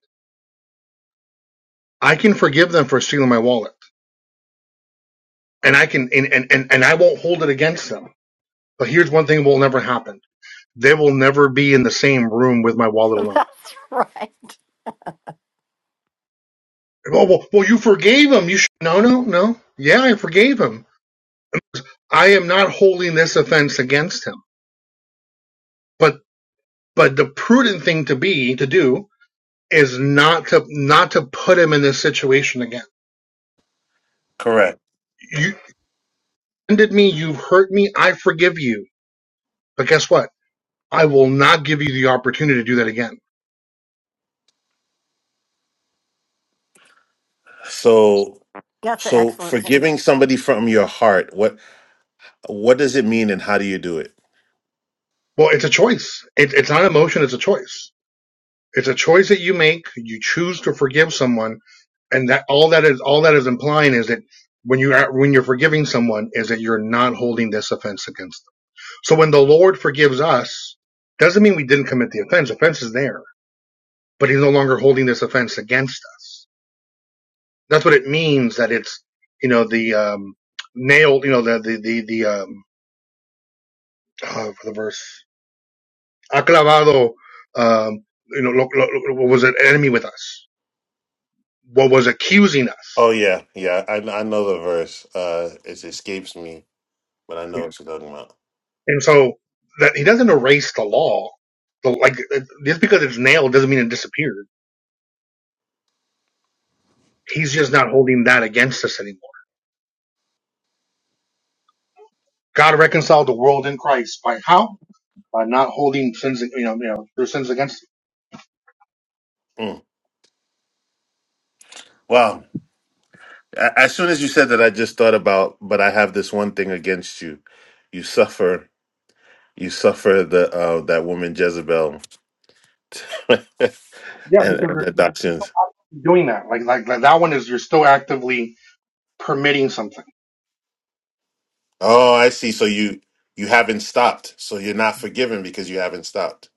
[SPEAKER 7] I can forgive them for stealing my wallet and I can, and, and, and, and I won't hold it against them. But here's one thing that will never happen. They will never be in the same room with my wallet alone.
[SPEAKER 5] that's right.
[SPEAKER 7] Oh, well, well, you forgave him. You should, no, no, no. Yeah, I forgave him. I am not holding this offense against him. But, but the prudent thing to be, to do is not to not to put him in this situation again.
[SPEAKER 8] Correct.
[SPEAKER 7] You offended me, you've hurt me, I forgive you. But guess what? I will not give you the opportunity to do that again.
[SPEAKER 8] So
[SPEAKER 5] That's an
[SPEAKER 8] so
[SPEAKER 5] excellent. point.
[SPEAKER 8] forgiving somebody from your heart, what What does it mean and how do you do it?
[SPEAKER 7] Well, it's a choice. It, it's not emotion, it's a choice. It's a choice that you make. You choose to forgive someone, and that all that is all that is implying is that when you are when you're forgiving someone is that you're not holding this offense against them. So when the Lord forgives us, doesn't mean we didn't commit the offense. Offense is there, but He's no longer holding this offense against us That's what it means that it's, you know, the, um, nailed, you know, the, the, the, the, um, oh, for the verse, aclavado, um, you know, lo, lo, lo- what was an enemy with us, what was accusing
[SPEAKER 8] Oh
[SPEAKER 7] us.
[SPEAKER 8] yeah, yeah. I I know the verse. Uh, it escapes me, but I
[SPEAKER 7] Yeah.
[SPEAKER 8] know what you're talking about.
[SPEAKER 7] And so that he doesn't erase the law. The, like uh, just because it's nailed doesn't mean it disappeared. He's just not holding that against us anymore. God reconciled the world in Christ by how? By not holding sin against. it.
[SPEAKER 8] Mm. Wow. A- As soon as you said that, I just thought about, but I have this one thing against you. You suffer, you suffer the uh, that woman Jezebel and
[SPEAKER 7] Yeah,
[SPEAKER 8] and
[SPEAKER 7] because you're
[SPEAKER 8] her doctrines.
[SPEAKER 7] doing actively permitting something.
[SPEAKER 8] Oh, I see. So you you haven't stopped. So you're not forgiven because you haven't stopped.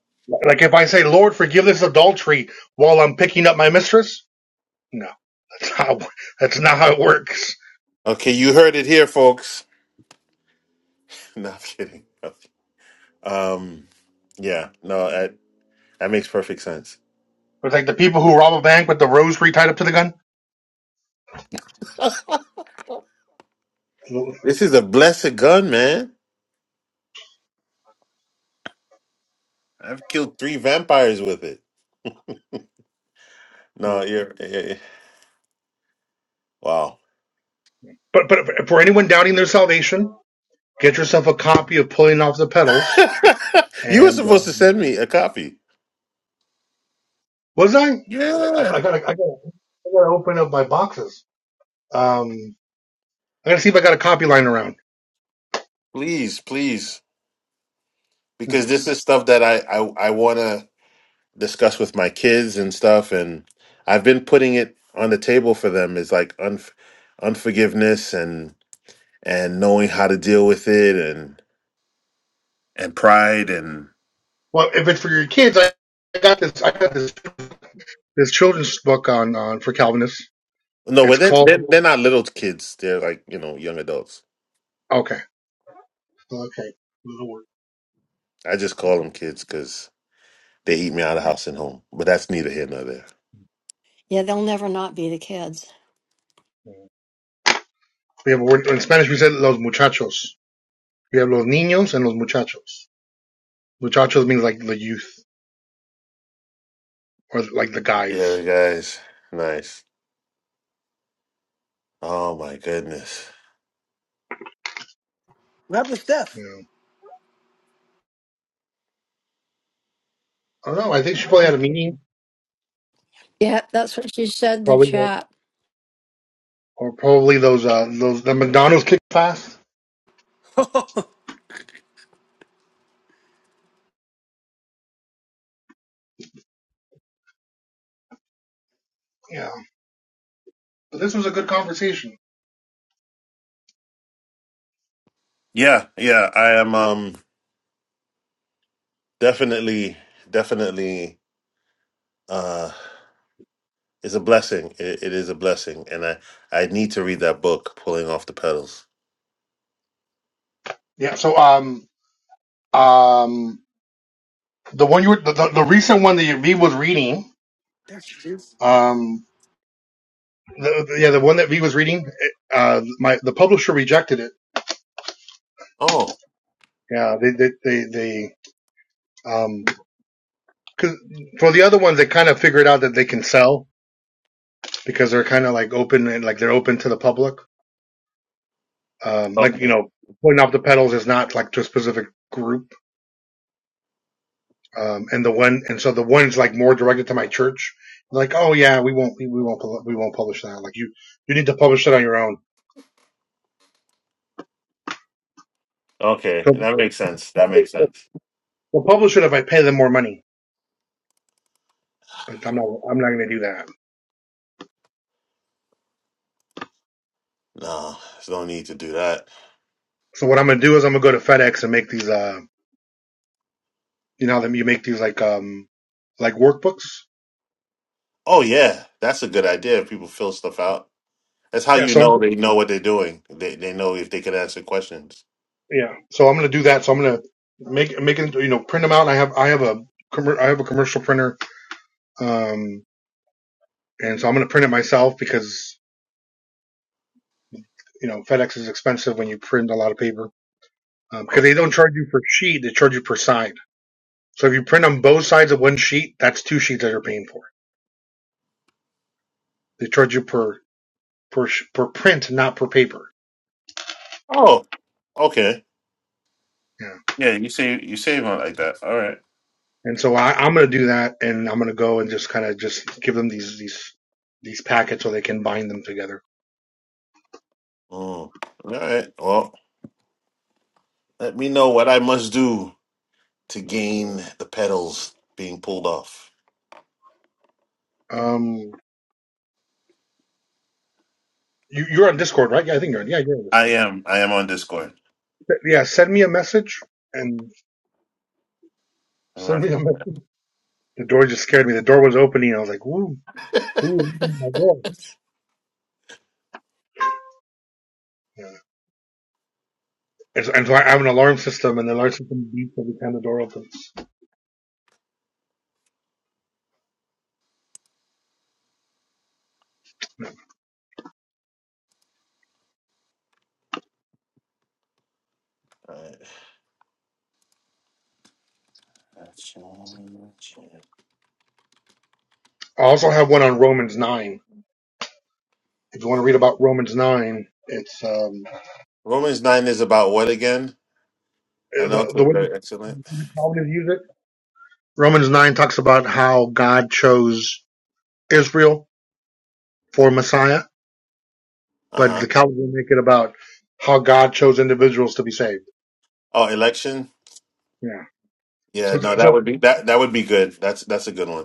[SPEAKER 7] Like if I say, Lord, forgive this adultery while I'm picking up my mistress? No. That's it's
[SPEAKER 8] Okay, you heard it here, folks. No, I'm kidding. Um, yeah, no. That makes perfect sense.
[SPEAKER 7] like the people who rob a bank with the rosary tied up to the gun.
[SPEAKER 8] This is a blessed gun, man. I've killed three vampires with it. No, you're eh, eh, eh. wow.
[SPEAKER 7] But but for anyone doubting their salvation, get yourself a copy of Pulling Off the Petals."
[SPEAKER 8] you were
[SPEAKER 7] And
[SPEAKER 8] supposed to
[SPEAKER 7] um,
[SPEAKER 8] send me a copy.
[SPEAKER 7] was I? I, I
[SPEAKER 8] Yeah.
[SPEAKER 7] gotta I gotta I gotta open up my boxes. Um, I gotta see if I got a copy lying around.
[SPEAKER 8] Please, please, because
[SPEAKER 7] Yeah.
[SPEAKER 8] this is stuff that I I, I want to discuss with my kids and stuff, and I've been putting it on the table for them. Is like unf unforgiveness and and knowing how to deal with it and and pride and
[SPEAKER 7] Well, if it's for your kids, I, I got this. I got this this children's book on on for Calvinists.
[SPEAKER 8] no,
[SPEAKER 7] It's
[SPEAKER 8] but they're,
[SPEAKER 7] called
[SPEAKER 8] they're, they're not little kids. They're like you know young adults
[SPEAKER 7] okay okay.
[SPEAKER 8] I just call them kids because they eat me out of house and home. But that's neither here nor there.
[SPEAKER 5] Yeah, they'll never not be the kids.
[SPEAKER 7] Yeah, but we're, in Spanish we said los muchachos. We have los niños and los muchachos. Muchachos means like the youth or like the guys.
[SPEAKER 8] Yeah, the guys, nice. Oh my goodness.
[SPEAKER 2] what happened to Steph?
[SPEAKER 7] You know, I don't know. I think she probably had a meeting,
[SPEAKER 5] Yeah, that's what she said in the
[SPEAKER 7] probably that,
[SPEAKER 5] chat.
[SPEAKER 7] or probably those uh those the McDonald's kick fast. But this conversation,
[SPEAKER 8] Yeah, yeah. I am um definitely, definitely. uh It's a blessing. It, it is a blessing, and I I need to read that book, Pulling Off the Pedals.
[SPEAKER 7] yeah. So um um the one you were the, the, the recent one that V was reading
[SPEAKER 2] There she is.
[SPEAKER 7] um the, the- yeah the one that V was reading it, uh my the publisher rejected it.
[SPEAKER 8] Oh.
[SPEAKER 7] Yeah, they they they, they um 'cause for the other ones they kind of figured out that they can sell because they're kind of like open and like they're open to the public. Um, like you
[SPEAKER 8] Okay.
[SPEAKER 7] know, putting off the pedals is not like to a specific group. Um, and the one and so the one's like more directed to my church. Like, oh yeah, we won't we, won't we won't publish that. Like you you need to publish it on your own.
[SPEAKER 8] Okay.
[SPEAKER 7] So
[SPEAKER 8] That makes sense. That makes sense.
[SPEAKER 7] we'll publish it if I pay them more money, but I'm not I'm not going to do that.
[SPEAKER 8] No, there's no need to do that.
[SPEAKER 7] So what I'm going to do is I'm going to go to FedEx and make these uh you know them you make these like um like workbooks.
[SPEAKER 8] Oh yeah, that's a good idea. If people fill stuff out That's how
[SPEAKER 7] Yeah,
[SPEAKER 8] you
[SPEAKER 7] so
[SPEAKER 8] know they know what they're doing. They they know if they can answer questions.
[SPEAKER 7] Yeah. So I'm gonna do that. So I'm gonna make make it you know print them out. And I have I have a commer- I have a commercial printer. Um, and so I'm gonna print it myself because you know FedEx is expensive when you print a lot of paper Um, because
[SPEAKER 8] Okay.
[SPEAKER 7] they don't charge you per sheet. They charge you per side. So if you print on both sides of one sheet, that's two sheets that you're paying for. They charge you per per sh- per print, not per paper.
[SPEAKER 8] Oh, okay.
[SPEAKER 7] Yeah.
[SPEAKER 8] Yeah, you save you save on it like that. All right.
[SPEAKER 7] And so I, I'm gonna do that, and I'm gonna go and just kind of just give them these these these packets so they can bind them together.
[SPEAKER 8] Mm. All right. Well, let me know what I must do to gain the pedals being pulled off.
[SPEAKER 7] Um, You, you're on Discord, right? Yeah, I think you're on. Yeah, you're on
[SPEAKER 8] I
[SPEAKER 7] Discord.
[SPEAKER 8] am. I am on Discord.
[SPEAKER 7] Yeah, send me a message and
[SPEAKER 8] All
[SPEAKER 7] send
[SPEAKER 8] right.
[SPEAKER 7] me a message. The door just scared me. The door was opening. And I was like, ooh, ooh. Yeah. And, so, and so I have an alarm system, and the alarm system beeps every time the door opens.
[SPEAKER 8] All right. So,
[SPEAKER 7] I also have one on Romans 9. If you want to read about Romans 9, it's um,
[SPEAKER 8] Romans nine is about what again? I know
[SPEAKER 7] the,
[SPEAKER 8] it's
[SPEAKER 7] the way
[SPEAKER 8] very
[SPEAKER 7] the
[SPEAKER 8] excellent.
[SPEAKER 7] the Calvinists use it. Romans 9 talks about how God chose Israel for Messiah,
[SPEAKER 8] Uh
[SPEAKER 7] but
[SPEAKER 8] huh.
[SPEAKER 7] the Calvinists make it about how God chose individuals to be saved.
[SPEAKER 8] Oh, election.
[SPEAKER 7] Yeah.
[SPEAKER 8] Yeah.
[SPEAKER 7] So,
[SPEAKER 8] No, that
[SPEAKER 7] so
[SPEAKER 8] would be that. That would be good. That's that's a good one.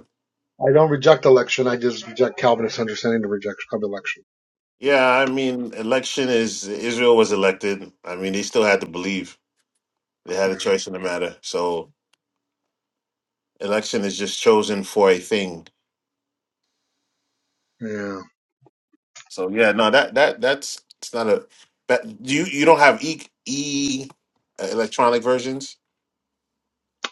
[SPEAKER 7] I don't reject election. I just reject Calvinist understanding of rejection of election.
[SPEAKER 8] Yeah, I mean, election is Israel was elected. I mean, they still had to believe they had a choice in the matter. So election is just chosen for a thing.
[SPEAKER 7] Yeah.
[SPEAKER 8] So yeah, no, that that that's it's not a that you you don't have e e uh, electronic versions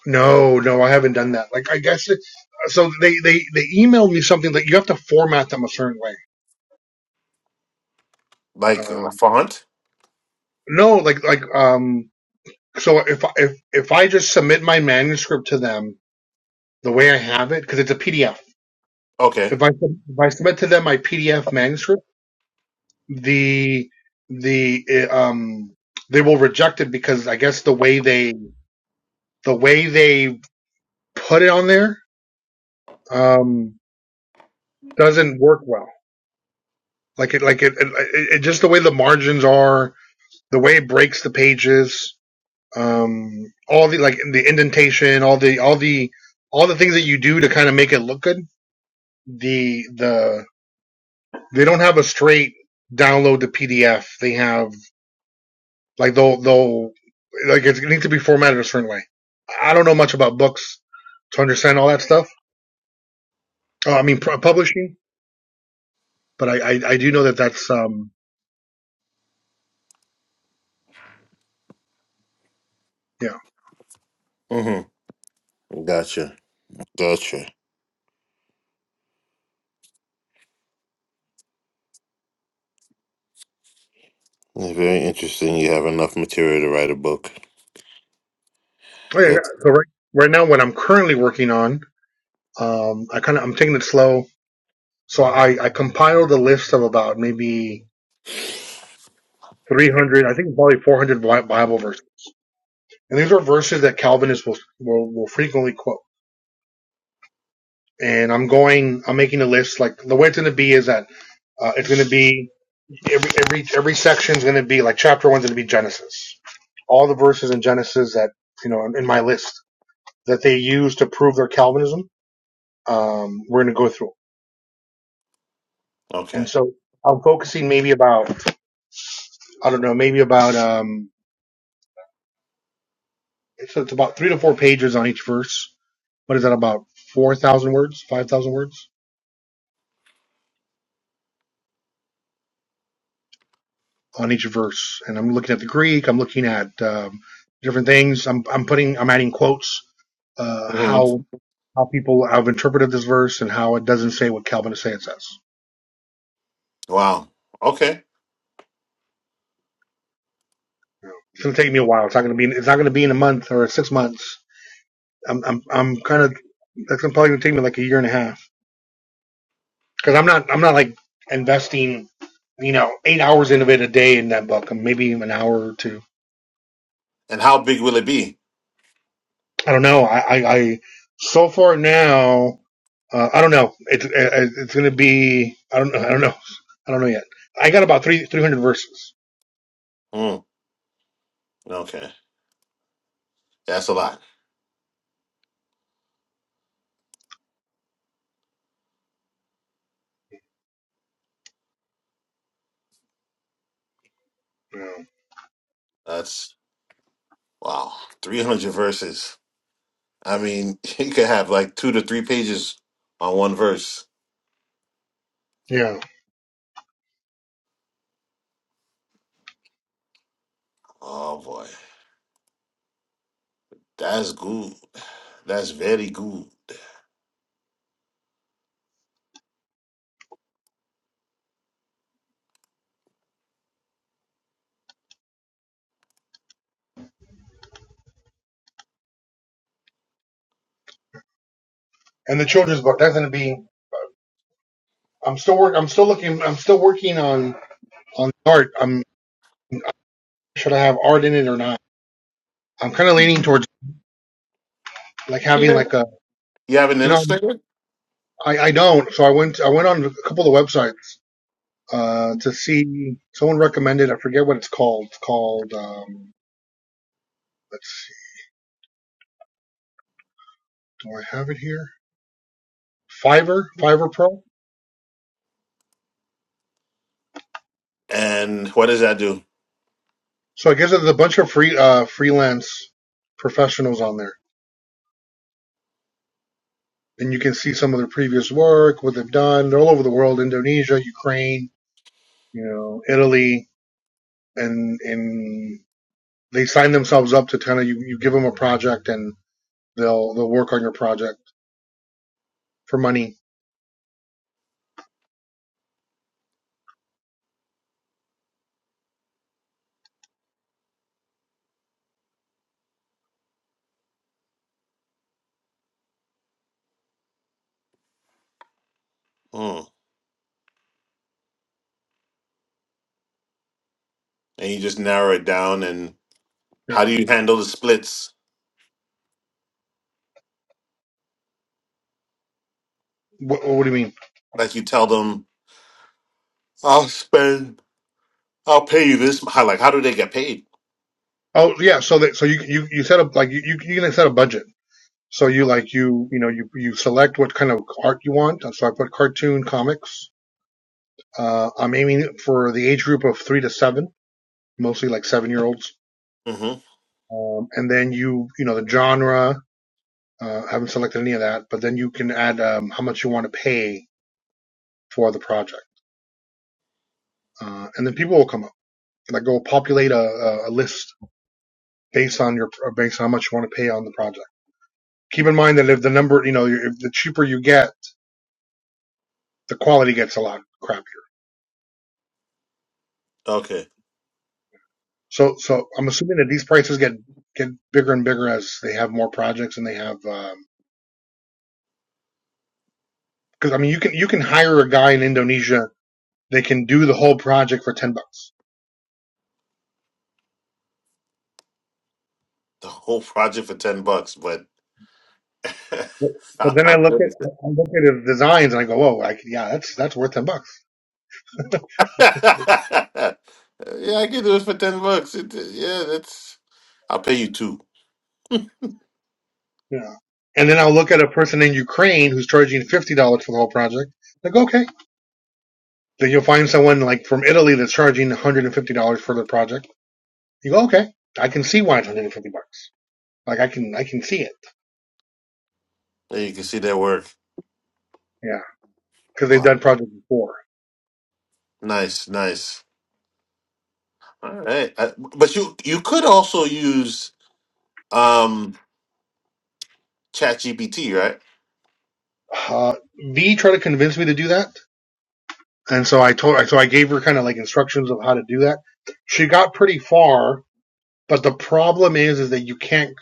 [SPEAKER 7] No, no, I haven't done that. Like, I guess it, so. They they they emailed me something that you have to format them a certain way.
[SPEAKER 8] like
[SPEAKER 7] Um,
[SPEAKER 8] font.
[SPEAKER 7] no, like like um. So if if if I just submit my manuscript to them the way I have it, because it's a PDF.
[SPEAKER 8] Okay.
[SPEAKER 7] If I sub- if I submit to them my PDF manuscript, the the uh, um they will reject it because I guess the way they the way they put it on there um, doesn't work well. Like it, like it, it, it, just the way the margins are, the way it breaks the pages, um, all the like the indentation, all the all the all the things that you do to kind of make it look good. The the they don't have a straight download the PDF. They have like they'll they'll like it's, it needs to be formatted a certain way. I don't know much about books to understand all that stuff. Oh, I mean publishing, but I, I I do know that that's um yeah,
[SPEAKER 8] Mm-hmm. Gotcha. Gotcha. Very interesting. You have enough material to write a book.
[SPEAKER 7] Okay,
[SPEAKER 8] That's
[SPEAKER 7] so right, right now, what I'm currently working on, um, I kind of I'm taking it slow. So I I compiled a list of about maybe 300, I think probably 400 Bi- Bible verses, and these are verses that Calvinists will will, will frequently quote. And I'm going, I'm making a list. Like the way it's going to be is that uh, it's going to be every every every section is going to be like chapter one's going to be Genesis, all the verses in Genesis that you know in my list that they use to prove their Calvinism. Um, we're going to go through. And
[SPEAKER 8] Okay.
[SPEAKER 7] so I'm focusing maybe about, I don't know, maybe about, um, so it's about three to four pages on each verse. What is that about? 4,000 words, 5,000 words on each verse. And I'm looking at the Greek. I'm looking at, um, different things. I'm, I'm putting, I'm adding quotes, uh,
[SPEAKER 8] hmm
[SPEAKER 7] how, how people have interpreted this verse and how it doesn't say what Calvinists say it says.
[SPEAKER 8] Wow. Okay.
[SPEAKER 7] It's going to take me a while. It's not going to be, it's not going to be in a month or six months. I'm, I'm, I'm kind of, that's gonna probably going to take me like a year and a half because I'm not I'm not like investing you know eight hours into it a day in that book, and maybe even an hour or two.
[SPEAKER 8] And how big will it be?
[SPEAKER 7] I don't know. I I, I so far now uh, I don't know. It's uh, it's gonna be I don't know I don't know I don't know yet. I got about three three hundred verses.
[SPEAKER 8] Mm. Okay. That's a lot. That's wow, 300 verses. I mean, you could have like two to three pages on one verse.
[SPEAKER 7] Yeah,
[SPEAKER 8] Oh boy, that's good. That's very good.
[SPEAKER 7] and the children's book that's gonna be. I'm still work. I'm still looking. I'm still working on on art. I'm should I have art in it or not? I'm kind of leaning towards like having like a
[SPEAKER 8] You have an
[SPEAKER 7] you know
[SPEAKER 8] illustrator,
[SPEAKER 7] I, I don't so I went I went on a couple of the websites uh, to see someone recommended. I forget what it's called. It's called. Um, let's see. Do I have it here? Fiverr, Fiverr Pro.
[SPEAKER 8] and what does that do?
[SPEAKER 7] So I guess there's a bunch of free uh, freelance professionals on there, and you can see some of their previous work, what they've done. They're all over the world: Indonesia, Ukraine, you know, Italy, and and they sign themselves up to kind of you, you give them a project and they'll they'll work on your project for money.
[SPEAKER 8] Hmm. And you just narrow it down. And
[SPEAKER 7] Yeah.
[SPEAKER 8] how do you handle the splits?
[SPEAKER 7] What, what do you mean?
[SPEAKER 8] Like you tell them, I'll spend, I'll pay you this. How, like, how do they get paid?
[SPEAKER 7] Oh yeah, so that so you you you set up like you you you can set a budget. So you like you you know you you select what kind of art you want. So I put cartoon comics. Uh, I'm aiming for the age group of three to seven, mostly like seven year olds.
[SPEAKER 8] hmm
[SPEAKER 7] Um, and then you you know the genre. Uh, I haven't selected any of that, but then you can add um, how much you want to pay for the project, uh, and then people will come up. Like go populate a, a a list based on your based on how much you want to pay on the project. Keep in mind that if the number you know if the cheaper you get, the quality gets a lot crappier.
[SPEAKER 8] Okay,
[SPEAKER 7] So, so I'm assuming that these prices get get bigger and bigger as they have more projects and they have Um, because I mean you can you can hire a guy in Indonesia they can do the whole project for ten bucks.
[SPEAKER 8] the whole project for ten bucks, but
[SPEAKER 7] But then I
[SPEAKER 8] how
[SPEAKER 7] look
[SPEAKER 8] good is
[SPEAKER 7] at I look at his designs and I go, whoa, I, yeah, that's that's worth ten bucks,
[SPEAKER 8] yeah, I can do it for ten bucks. It, yeah, that's. I'll pay you two.
[SPEAKER 7] Yeah. And then I'll look at a person in Ukraine who's charging fifty dollars for the whole project. I go, okay. Then you'll find someone like from Italy that's charging one hundred and fifty dollars for the project. You go, okay, I can see why it's one hundred and fifty bucks. Like, I can I can see it.
[SPEAKER 8] There you can see that work.
[SPEAKER 7] Yeah, because they've
[SPEAKER 8] Wow,
[SPEAKER 7] done projects before.
[SPEAKER 8] nice, nice. All right, I, but you you could also use um ChatGPT, right?
[SPEAKER 7] Uh, v tried to convince me to do that, and so I told, so I gave her kind of like instructions of how to do that. She got pretty far, but the problem is, is that you can't,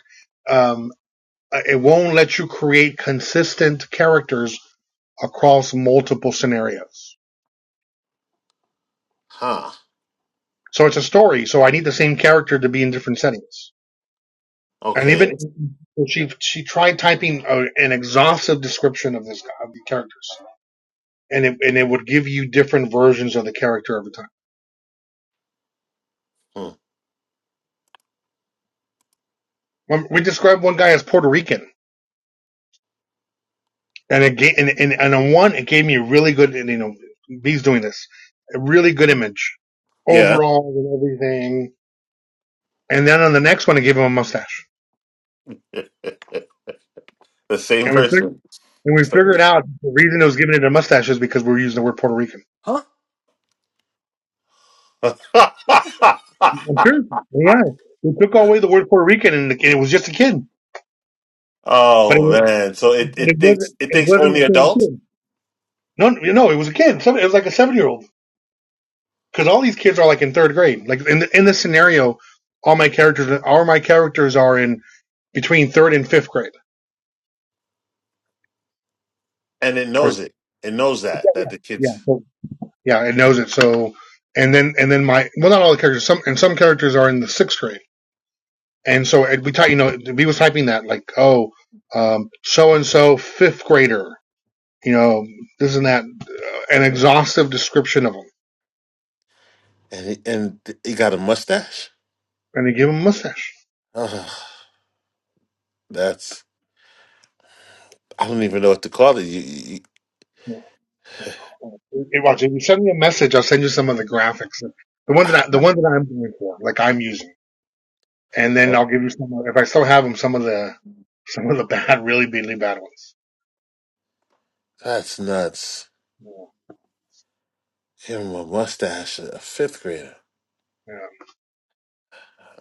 [SPEAKER 7] um, uh, it won't let you create consistent characters across multiple scenarios.
[SPEAKER 8] Huh.
[SPEAKER 7] So it's a story. So I need the same character to be in different settings. And even
[SPEAKER 8] Okay.
[SPEAKER 7] so she she tried typing a, an exhaustive description of this of the characters, and it and it would give you different versions of the character every time.
[SPEAKER 8] Hmm.
[SPEAKER 7] One- We described one guy as Puerto Rican, and it gave, and, and, and on one it gave me a really good, and, you know, B's doing this, a really good image
[SPEAKER 8] Yeah.
[SPEAKER 7] overall and everything. And then on the next one, it gave him a mustache,
[SPEAKER 8] the same
[SPEAKER 7] and we fig-
[SPEAKER 8] person.
[SPEAKER 7] and we
[SPEAKER 8] It's like
[SPEAKER 7] figured
[SPEAKER 8] this.
[SPEAKER 7] out the reason it was just because we were using the word Puerto Rican.
[SPEAKER 2] huh? What?
[SPEAKER 7] I'm sure, yeah, we took away the word Puerto Rican, and, the, and it was just a kid, but it
[SPEAKER 8] oh
[SPEAKER 7] was-
[SPEAKER 8] man, so it
[SPEAKER 7] but it
[SPEAKER 8] it thinks
[SPEAKER 7] wasn't
[SPEAKER 8] it
[SPEAKER 7] it
[SPEAKER 8] thinks
[SPEAKER 7] wasn't
[SPEAKER 8] only
[SPEAKER 7] the same
[SPEAKER 8] adults,
[SPEAKER 7] kid. No, no, no, it was a kid. Seven- It was like a seven year old because all these kids are like in third grade. Like in the, in this scenario, all my characters, all my characters are in between third and fifth grade.
[SPEAKER 8] and it
[SPEAKER 7] Or
[SPEAKER 8] knows it. It knows that that the
[SPEAKER 7] yeah,
[SPEAKER 8] kids.
[SPEAKER 7] so- yeah, it knows it. So and then and then my well, not all the characters. Some and some characters are in the sixth grade. And so we type, you know, we was typing that like, oh, um, so and so fifth grader, you know, this and that, an exhaustive description of them,
[SPEAKER 8] and he, and he got a mustache.
[SPEAKER 7] and they give them a mustache.
[SPEAKER 8] Ugh, that's I don't even know what to call it. You, you, you-
[SPEAKER 7] Hey, Roger, if you send me a message, I'll send you some of the graphics. The one that I, the one that I'm going for, like I'm using, and then I'll give you some. If I still have them, some of the some of the bad, really really bad ones.
[SPEAKER 8] that's nuts. Give him a mustache, a fifth grader.
[SPEAKER 7] Yeah.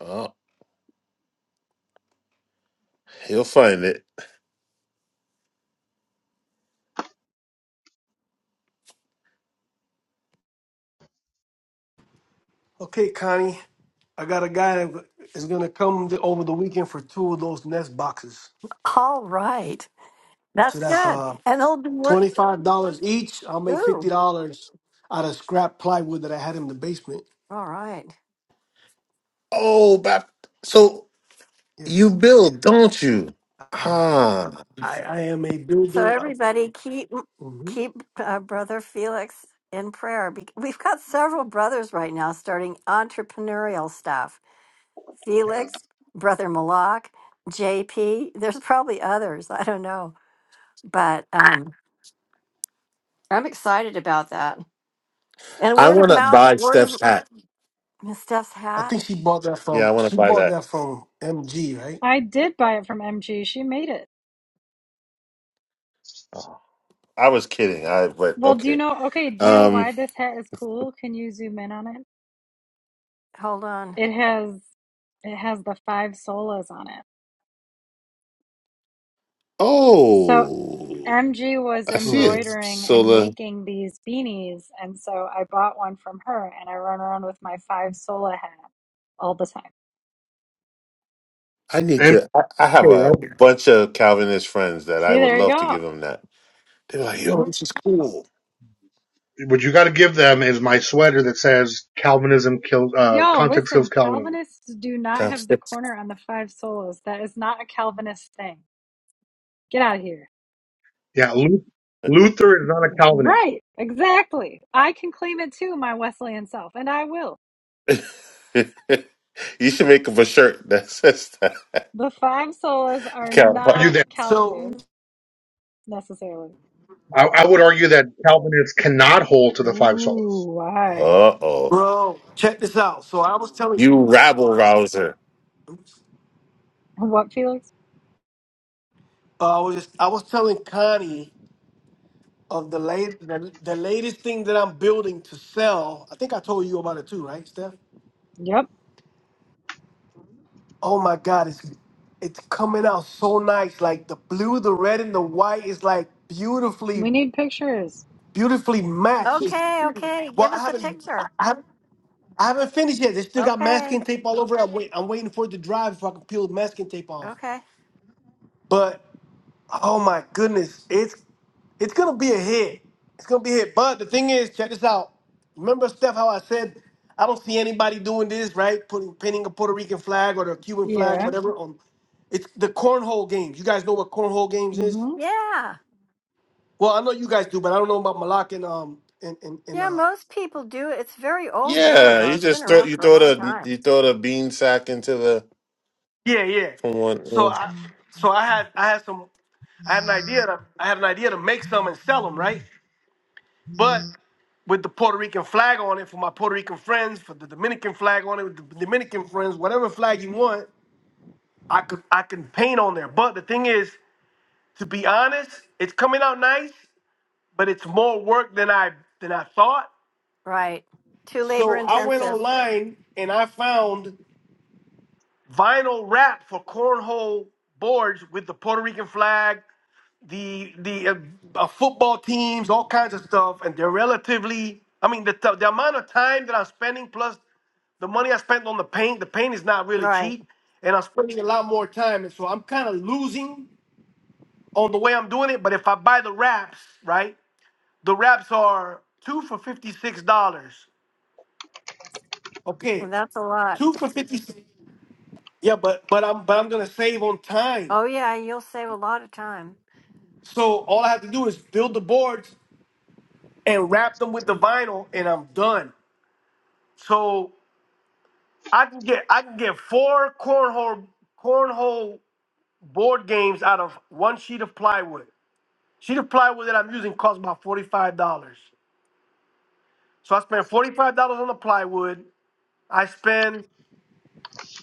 [SPEAKER 8] Oh, he'll find it.
[SPEAKER 2] Okay, Connie. I got a guy that is gonna come th- over the weekend for two of those nest boxes.
[SPEAKER 5] All right.
[SPEAKER 2] So
[SPEAKER 5] That's
[SPEAKER 2] that's
[SPEAKER 5] good.
[SPEAKER 2] uh
[SPEAKER 5] And they'll be work.
[SPEAKER 2] twenty five dollars each. I'll make fifty
[SPEAKER 5] Ooh.
[SPEAKER 2] dollars out of scrap plywood that I had in the basement.
[SPEAKER 5] All right.
[SPEAKER 8] Oh, Bap- so you
[SPEAKER 2] Yes.
[SPEAKER 8] build, don't you?
[SPEAKER 2] I
[SPEAKER 8] Ah,
[SPEAKER 2] I, I am a
[SPEAKER 5] So
[SPEAKER 2] builder of
[SPEAKER 5] everybody keep
[SPEAKER 2] Mhm.
[SPEAKER 5] keep uh, brother Felix in prayer. Be- We've got several brothers right now starting entrepreneurial stuff. Felix, brother Malak, JP. There's probably others. I don't know, but um, I'm excited about that. And
[SPEAKER 8] I
[SPEAKER 5] word
[SPEAKER 8] want
[SPEAKER 5] of
[SPEAKER 8] to
[SPEAKER 5] mouth,
[SPEAKER 8] buy
[SPEAKER 5] word of
[SPEAKER 8] Steph's hat.
[SPEAKER 5] Miss Steph's
[SPEAKER 2] I
[SPEAKER 5] hat.
[SPEAKER 2] think she bought that
[SPEAKER 8] Yeah, I
[SPEAKER 2] from
[SPEAKER 8] want to
[SPEAKER 2] she
[SPEAKER 8] buy
[SPEAKER 2] bought
[SPEAKER 8] that.
[SPEAKER 2] that from MG, right?
[SPEAKER 1] I
[SPEAKER 8] Oh, I was kidding. I but
[SPEAKER 1] well, do you
[SPEAKER 8] okay.
[SPEAKER 1] know? Okay, do you know
[SPEAKER 8] Um.
[SPEAKER 1] why this hat is cool? Can you zoom in on it?
[SPEAKER 5] Hold on.
[SPEAKER 1] It has it has the five solas on it. So
[SPEAKER 8] Oh,
[SPEAKER 1] MG was
[SPEAKER 8] I see
[SPEAKER 7] Oh, yeah.
[SPEAKER 8] it.
[SPEAKER 1] embroidering and
[SPEAKER 8] Sola
[SPEAKER 1] making these beanies, and so I bought one from her, and I run around with my five sola hat all the time.
[SPEAKER 8] I
[SPEAKER 7] and.
[SPEAKER 8] need to. I, I have
[SPEAKER 7] Okay,
[SPEAKER 8] a bunch of Calvinist friends that
[SPEAKER 1] See,
[SPEAKER 8] I would
[SPEAKER 1] there you
[SPEAKER 8] love to
[SPEAKER 1] go.
[SPEAKER 8] give them that. They're like, "Yo, this is cool."
[SPEAKER 7] what you got to give them is my sweater that says Calvinism kills, uh,
[SPEAKER 1] Yo,
[SPEAKER 7] context
[SPEAKER 1] listen,
[SPEAKER 7] kills Calvinism.
[SPEAKER 1] Calvinists do not have the
[SPEAKER 8] Constance.
[SPEAKER 1] corner on the five solas. That is not a Calvinist thing. Get out of here.
[SPEAKER 7] Yeah, Lu- Luther is not a Calvinist.
[SPEAKER 1] Right, exactly. I can claim it too, my Wesleyan self, and I will.
[SPEAKER 8] you should make up a shirt that says that.
[SPEAKER 1] The five solas are
[SPEAKER 8] Uh
[SPEAKER 7] Argue
[SPEAKER 1] not
[SPEAKER 7] that
[SPEAKER 2] So
[SPEAKER 1] Calvinist necessarily.
[SPEAKER 7] I, I would argue that Calvinists cannot hold to the five solas.
[SPEAKER 1] Ooh, why?
[SPEAKER 8] oh,
[SPEAKER 2] Bro, check this out. So I was telling,
[SPEAKER 8] you rabble rouser.
[SPEAKER 2] uh,
[SPEAKER 1] What, Felix?
[SPEAKER 2] I was I was telling Connie of the late the, the latest thing that I'm building to sell. I think I told you about it too, right, Steph?
[SPEAKER 1] Yep,
[SPEAKER 2] Oh my God, it's it's coming out so nice. Like the blue, the red, and the white is like beautifully,
[SPEAKER 1] we need pictures.
[SPEAKER 2] beautifully matched. It's-
[SPEAKER 5] Okay, okay.
[SPEAKER 2] well,
[SPEAKER 5] Give
[SPEAKER 2] I
[SPEAKER 5] us a
[SPEAKER 2] haven't I
[SPEAKER 5] picture.
[SPEAKER 2] haven't, I haven't finished yet. They still got
[SPEAKER 5] Okay,
[SPEAKER 2] masking tape all over. it. I'm wait, I'm waiting for it to dry before I can peel the masking tape off.
[SPEAKER 5] okay.
[SPEAKER 2] But Oh my goodness, it's it's gonna be a hit. It's gonna be a hit. But the thing is, check this out. Remember, Steph, how I said I don't see anybody doing this, right? Putting pinning a Puerto Rican flag or the Cuban flag,
[SPEAKER 1] Yeah.
[SPEAKER 2] whatever. On it's the cornhole games. You guys know what cornhole games is?
[SPEAKER 1] Mm-hmm.
[SPEAKER 5] Yeah,
[SPEAKER 2] Well, I know you guys do, but I don't know about Malak and um and and, and
[SPEAKER 5] yeah.
[SPEAKER 2] uh
[SPEAKER 5] Most people do. It's a very old game
[SPEAKER 8] Yeah,
[SPEAKER 5] though.
[SPEAKER 8] you
[SPEAKER 5] It's been
[SPEAKER 8] just throw
[SPEAKER 5] around
[SPEAKER 8] you
[SPEAKER 5] for a
[SPEAKER 8] throw
[SPEAKER 5] long
[SPEAKER 8] the
[SPEAKER 5] time.
[SPEAKER 8] you throw the bean sack into the
[SPEAKER 2] yeah yeah.
[SPEAKER 8] from
[SPEAKER 2] So
[SPEAKER 8] one.
[SPEAKER 2] I so I had I had some I had an idea to I had an idea to make some and sell them, right? but with the Puerto Rican flag on it for my Puerto Rican friends, for the Dominican flag on it with the Dominican friends, whatever flag you want, I could I can paint on there. But the thing is, to be honest, it's coming out nice, but it's more work than I than I thought.
[SPEAKER 5] Right. Too labor
[SPEAKER 2] So I went
[SPEAKER 5] intensive.
[SPEAKER 2] online and I found vinyl wrap for cornhole boards with the Puerto Rican flag, the the uh, uh, football teams, all kinds of stuff, and they're relatively. I mean, the t- the amount of time that I'm spending plus the money I spent on the paint, the paint is not really
[SPEAKER 5] Right.
[SPEAKER 2] cheap, and I'm spending a lot more time, and so I'm kind of losing on the way I'm doing it. But if I buy the wraps, right, the wraps are two for fifty six dollars. Okay,
[SPEAKER 5] And that's a lot.
[SPEAKER 2] two for fifty six. Yeah, but but I'm but I'm gonna save on time.
[SPEAKER 5] Oh, yeah. You'll save a lot of time.
[SPEAKER 2] So all I have to do is build the boards and wrap them with the vinyl, and I'm done. So I can get I can get four cornhole cornhole board games out of one sheet of plywood. Sheet of plywood that I'm using costs about forty five dollars. So I spent forty five dollars on the plywood. I spend